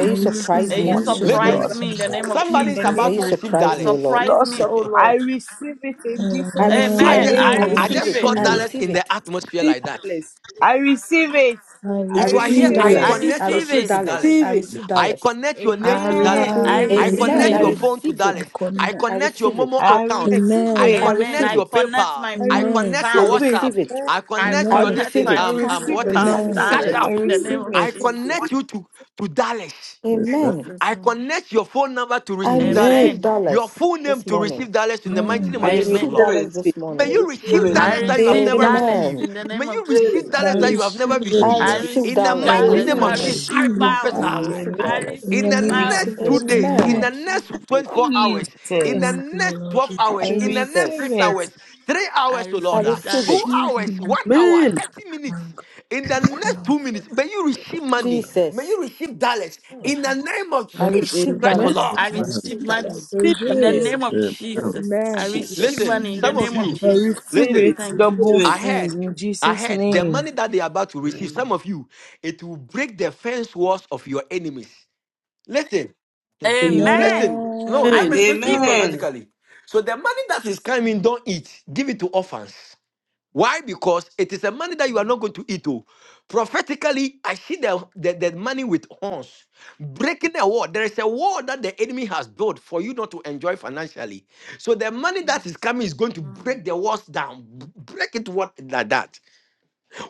Speaker 18: I
Speaker 19: you
Speaker 21: me this
Speaker 18: receive
Speaker 19: surprise
Speaker 14: May you
Speaker 19: me
Speaker 18: you
Speaker 19: this
Speaker 21: morning.
Speaker 12: Listen,
Speaker 21: Lord,
Speaker 14: surprise
Speaker 19: morning.
Speaker 18: surprise
Speaker 14: me
Speaker 18: me.
Speaker 14: in
Speaker 17: Christ,
Speaker 14: the
Speaker 17: O
Speaker 14: name
Speaker 21: surprise
Speaker 14: of
Speaker 17: Lord,
Speaker 21: me
Speaker 12: somebody
Speaker 21: in
Speaker 12: is
Speaker 21: the
Speaker 19: May
Speaker 12: about
Speaker 21: name
Speaker 19: you
Speaker 14: Jesus.
Speaker 12: to
Speaker 21: of
Speaker 12: receive
Speaker 21: Jesus.
Speaker 19: surprise me,
Speaker 12: dollars.
Speaker 19: O Lord.
Speaker 14: Surprise
Speaker 21: Lord,
Speaker 14: me, oh
Speaker 21: surprise. I
Speaker 14: Lord.
Speaker 21: receive it in
Speaker 19: I
Speaker 21: Jesus'
Speaker 12: I
Speaker 19: receive
Speaker 14: Amen.
Speaker 12: just,
Speaker 19: it.
Speaker 18: Amen.
Speaker 17: Amen.
Speaker 12: I,
Speaker 14: I
Speaker 19: I
Speaker 12: I
Speaker 21: name.
Speaker 12: I
Speaker 18: I
Speaker 19: receive
Speaker 14: receive
Speaker 12: just
Speaker 19: it.
Speaker 12: saw
Speaker 14: it.
Speaker 19: I
Speaker 18: receive
Speaker 8: Amen.
Speaker 12: dollars
Speaker 18: it.
Speaker 19: receive
Speaker 12: in the
Speaker 19: it.
Speaker 12: atmosphere like that.
Speaker 17: Alice.
Speaker 21: I receive it.
Speaker 18: I
Speaker 19: I
Speaker 21: I
Speaker 12: If you are here,
Speaker 19: receive
Speaker 18: receive
Speaker 21: receive
Speaker 17: Amen.
Speaker 12: I
Speaker 14: I
Speaker 18: it.
Speaker 21: it.
Speaker 19: dollars.
Speaker 12: connect
Speaker 19: I
Speaker 12: your
Speaker 14: receive
Speaker 19: receive
Speaker 12: spirit
Speaker 14: it.
Speaker 12: to
Speaker 19: dollars. I
Speaker 17: Receive
Speaker 12: Dallas.
Speaker 17: it.
Speaker 19: receive
Speaker 12: I
Speaker 19: dollars.
Speaker 12: connect your names
Speaker 9: I
Speaker 12: to Dallas.
Speaker 21: Amen.
Speaker 14: I
Speaker 21: I
Speaker 18: Ah,
Speaker 9: receive
Speaker 12: I
Speaker 9: it.
Speaker 14: receive
Speaker 19: Amen.
Speaker 21: receive
Speaker 12: connect
Speaker 19: I
Speaker 14: it.
Speaker 12: your
Speaker 17: Amen.
Speaker 21: it.
Speaker 18: amen.
Speaker 12: phone to
Speaker 19: receive it.
Speaker 18: I
Speaker 12: Dallas. I
Speaker 18: connect.
Speaker 19: I
Speaker 12: connect your
Speaker 19: receive
Speaker 12: Momo
Speaker 19: it.
Speaker 21: I
Speaker 12: account.
Speaker 17: Connect.
Speaker 21: receive
Speaker 12: I
Speaker 18: Amen.
Speaker 21: it.
Speaker 19: I
Speaker 14: Amen.
Speaker 17: Amen.
Speaker 12: connect
Speaker 19: receive
Speaker 14: I
Speaker 12: your
Speaker 19: it.
Speaker 14: connect
Speaker 12: PayPal.
Speaker 14: my
Speaker 21: I
Speaker 12: I
Speaker 14: phone to
Speaker 18: Amen.
Speaker 12: connect your
Speaker 19: I
Speaker 21: receive
Speaker 14: pounds.
Speaker 21: it.
Speaker 12: WhatsApp.
Speaker 19: receive it.
Speaker 17: Amen.
Speaker 12: I
Speaker 14: I
Speaker 12: connect
Speaker 19: I
Speaker 12: your
Speaker 18: Amen.
Speaker 12: this
Speaker 14: connect
Speaker 19: receive
Speaker 12: thing.
Speaker 21: I
Speaker 14: my
Speaker 19: it.
Speaker 12: Um,
Speaker 14: phone
Speaker 12: um,
Speaker 21: receive
Speaker 14: to
Speaker 12: what
Speaker 21: it.
Speaker 12: is
Speaker 19: I
Speaker 14: pounds
Speaker 12: it?
Speaker 18: Amen.
Speaker 3: I
Speaker 17: Amen.
Speaker 19: receive
Speaker 12: Cash
Speaker 14: dollars
Speaker 19: it.
Speaker 21: I
Speaker 12: app.
Speaker 14: in the
Speaker 3: receive.
Speaker 14: name
Speaker 21: receive
Speaker 14: of
Speaker 12: I
Speaker 21: it.
Speaker 14: Jesus.
Speaker 12: connect you to to Dallas.
Speaker 14: In
Speaker 8: Amen.
Speaker 19: Amen.
Speaker 14: Jesus'
Speaker 12: I
Speaker 14: name.
Speaker 12: connect your phone number to
Speaker 19: I
Speaker 12: receive
Speaker 8: Amen.
Speaker 12: dollars,
Speaker 19: receive
Speaker 14: Amen.
Speaker 12: your
Speaker 19: dollars
Speaker 12: full name
Speaker 19: this
Speaker 12: to
Speaker 19: morning.
Speaker 12: receive dollars in the mighty
Speaker 17: Amen.
Speaker 12: name
Speaker 18: Amen.
Speaker 19: I
Speaker 12: of
Speaker 17: I
Speaker 8: Amen.
Speaker 12: Jesus,
Speaker 17: receive
Speaker 19: receive
Speaker 14: Amen.
Speaker 12: Lord.
Speaker 19: dollars
Speaker 3: Spirit.
Speaker 17: it.
Speaker 19: this
Speaker 12: May
Speaker 3: I
Speaker 19: morning.
Speaker 12: you
Speaker 3: receive
Speaker 12: receive
Speaker 3: it.
Speaker 14: I
Speaker 8: Amen.
Speaker 12: dollars that you have
Speaker 14: receive
Speaker 12: never
Speaker 17: Amen.
Speaker 14: dollars
Speaker 12: received.
Speaker 19: Amen.
Speaker 14: in the
Speaker 12: May
Speaker 14: name of
Speaker 12: you receive
Speaker 3: Spirit.
Speaker 14: Jesus.
Speaker 12: dollars
Speaker 18: I
Speaker 12: that you
Speaker 17: Alice.
Speaker 12: have
Speaker 18: receive
Speaker 12: never
Speaker 18: it.
Speaker 19: I
Speaker 12: received.
Speaker 14: I
Speaker 8: Amen.
Speaker 19: receive
Speaker 12: In the
Speaker 14: receive
Speaker 19: dollars
Speaker 18: I
Speaker 12: mighty
Speaker 3: Spirit.
Speaker 19: this
Speaker 14: dollars.
Speaker 12: name of
Speaker 14: I
Speaker 12: Jesus,
Speaker 19: morning.
Speaker 21: Amen.
Speaker 14: receive
Speaker 12: I
Speaker 18: receive it.
Speaker 19: I
Speaker 14: pounds.
Speaker 18: I-
Speaker 17: Amen.
Speaker 12: prophesy.
Speaker 21: Amen.
Speaker 19: receive
Speaker 14: I
Speaker 19: dollars.
Speaker 18: In
Speaker 12: In
Speaker 18: the
Speaker 14: receive
Speaker 12: the
Speaker 21: I
Speaker 18: name of
Speaker 14: pounds
Speaker 21: receive
Speaker 12: next two
Speaker 21: it.
Speaker 18: Jesus.
Speaker 14: in
Speaker 12: days,
Speaker 14: the name
Speaker 12: in
Speaker 19: Amen.
Speaker 12: the
Speaker 14: of
Speaker 18: Amen.
Speaker 12: next
Speaker 14: Jesus.
Speaker 12: 24 hours, in
Speaker 21: Jesus.
Speaker 12: the
Speaker 18: Thank you,
Speaker 12: next
Speaker 18: Lord
Speaker 12: 12
Speaker 21: I
Speaker 12: hours,
Speaker 18: Jesus.
Speaker 12: in the next
Speaker 21: receive
Speaker 19: Jesus.
Speaker 12: six
Speaker 21: it.
Speaker 12: hours, three
Speaker 14: I
Speaker 12: hours, oh
Speaker 19: I
Speaker 18: I
Speaker 12: Lord, ah,
Speaker 14: receive
Speaker 19: receive
Speaker 14: dollars.
Speaker 12: two
Speaker 19: it.
Speaker 18: receive
Speaker 12: hours,
Speaker 18: it.
Speaker 12: one hour,
Speaker 17: Amen.
Speaker 12: 30 minutes,
Speaker 18: My God,
Speaker 12: in the next
Speaker 18: my
Speaker 12: two minutes, may
Speaker 18: Father,
Speaker 12: you receive
Speaker 18: God.
Speaker 12: money,
Speaker 18: of
Speaker 12: may
Speaker 19: Jesus.
Speaker 12: you receive dollars,
Speaker 19: Mm.
Speaker 12: in the
Speaker 18: heaven.
Speaker 12: name of
Speaker 21: I
Speaker 18: I
Speaker 19: I
Speaker 12: Jesus
Speaker 18: receive
Speaker 19: receive
Speaker 21: receive
Speaker 12: Christ,
Speaker 21: it.
Speaker 12: oh
Speaker 17: Amen.
Speaker 18: money.
Speaker 19: dollars.
Speaker 12: Lord.
Speaker 14: I
Speaker 18: I
Speaker 19: I
Speaker 8: Amen.
Speaker 14: receive
Speaker 19: receive
Speaker 18: receive
Speaker 19: dollars.
Speaker 18: that.
Speaker 14: money
Speaker 17: Receive
Speaker 14: in the
Speaker 17: Alice.
Speaker 21: Amen.
Speaker 14: name of
Speaker 8: Amen. Amen.
Speaker 14: Jesus. I
Speaker 18: Man, I
Speaker 14: receive
Speaker 19: Jesus.
Speaker 12: Listen,
Speaker 18: receive
Speaker 14: money in the
Speaker 12: some
Speaker 18: money.
Speaker 12: of
Speaker 14: name of
Speaker 12: you,
Speaker 21: I
Speaker 17: Receive
Speaker 14: Jesus.
Speaker 21: receive
Speaker 12: listen,
Speaker 21: it
Speaker 17: it.
Speaker 14: Thank you,
Speaker 21: double
Speaker 12: I
Speaker 3: Spirit.
Speaker 14: Jesus.
Speaker 21: full
Speaker 12: heard,
Speaker 21: in
Speaker 12: I
Speaker 21: Jesus'
Speaker 12: heard the
Speaker 21: name.
Speaker 12: money that they are about to receive,
Speaker 3: Amen.
Speaker 12: some of you, it will break the fence walls of your enemies. Listen,
Speaker 17: Amen.
Speaker 12: listen.
Speaker 14: Amen.
Speaker 12: No,
Speaker 14: I
Speaker 12: let
Speaker 18: Amen.
Speaker 12: me speak to you
Speaker 14: receive it.
Speaker 3: Amen.
Speaker 12: prophetically. So the money that is coming,
Speaker 14: Mm,
Speaker 12: don't eat. Give it to orphans. Why? Because it is a money that you are
Speaker 14: mm,
Speaker 12: not going to eat. Oh. Prophetically, I see the, the, the money with horns breaking a wall. There is a wall that the enemy has built for you not to enjoy financially. So the money that
Speaker 14: mm,
Speaker 12: is coming is going to
Speaker 14: mm,
Speaker 12: break the walls down, b- break it what like that.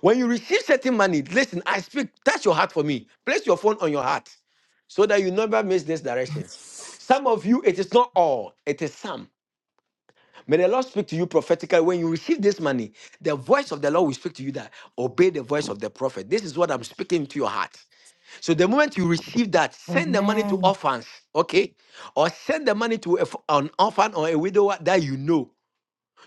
Speaker 12: When you receive certain money, listen, I speak, touch your heart for me. Place your phone on your heart so that you never miss this direction. Some of you, it is not all, it is some. May the Lord speak to you prophetically. When you receive this money, the voice of the Lord will speak to you that obey the voice of the prophet. This is what I'm speaking to your heart. So the moment you receive that, send the money to
Speaker 19: Amen.
Speaker 12: orphans, okay? Or send the money to a f- an orphan or a widower that you know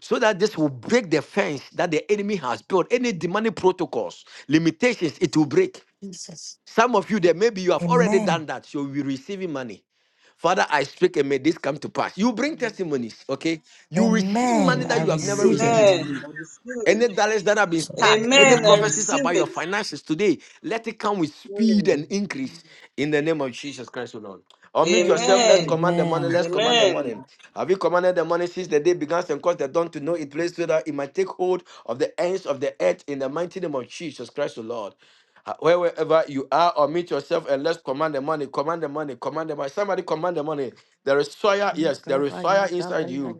Speaker 12: so that this will break the fence that the enemy has built. Any demonic protocols, limitations, it will break.
Speaker 19: Jesus.
Speaker 12: Some of you there, maybe you have already
Speaker 19: Amen.
Speaker 12: done that, so you'll be receiving money. Father, I speak and may this come to pass. You bring
Speaker 14: mm, mm.
Speaker 12: testimonies, okay? You receive money
Speaker 19: Amen. I
Speaker 12: that you have never
Speaker 14: Amen.
Speaker 19: receive it.
Speaker 12: received.
Speaker 14: Amen.
Speaker 18: Amen.
Speaker 3: Amen. I receive
Speaker 12: Any dollars that have been
Speaker 18: So,
Speaker 12: stuck, any
Speaker 3: Amen. I
Speaker 18: amen.
Speaker 12: prophecies
Speaker 14: Amen.
Speaker 3: receive
Speaker 12: about your
Speaker 3: it.
Speaker 12: finances today, let it come with speed
Speaker 3: Mm.
Speaker 12: and increase in the name of Jesus Christ, O Lord. Unmute yourself. Let's
Speaker 3: Amen.
Speaker 14: Amen.
Speaker 12: command the morning.
Speaker 18: Amen.
Speaker 12: Let's command the
Speaker 14: Amen.
Speaker 12: morning.
Speaker 3: Amen.
Speaker 12: Have you commanded the morning since the day began and caused the dawn to know it place so that it might take hold of the ends of the earth in the mighty name of Jesus Christ, O Lord? Uh, Wherever you are, unmute yourself and let's command the money. Command the money. Command the money. Somebody command the money. There is fire. Yes, there is
Speaker 14: Kabaya
Speaker 12: fire inside
Speaker 14: dabaya
Speaker 12: you.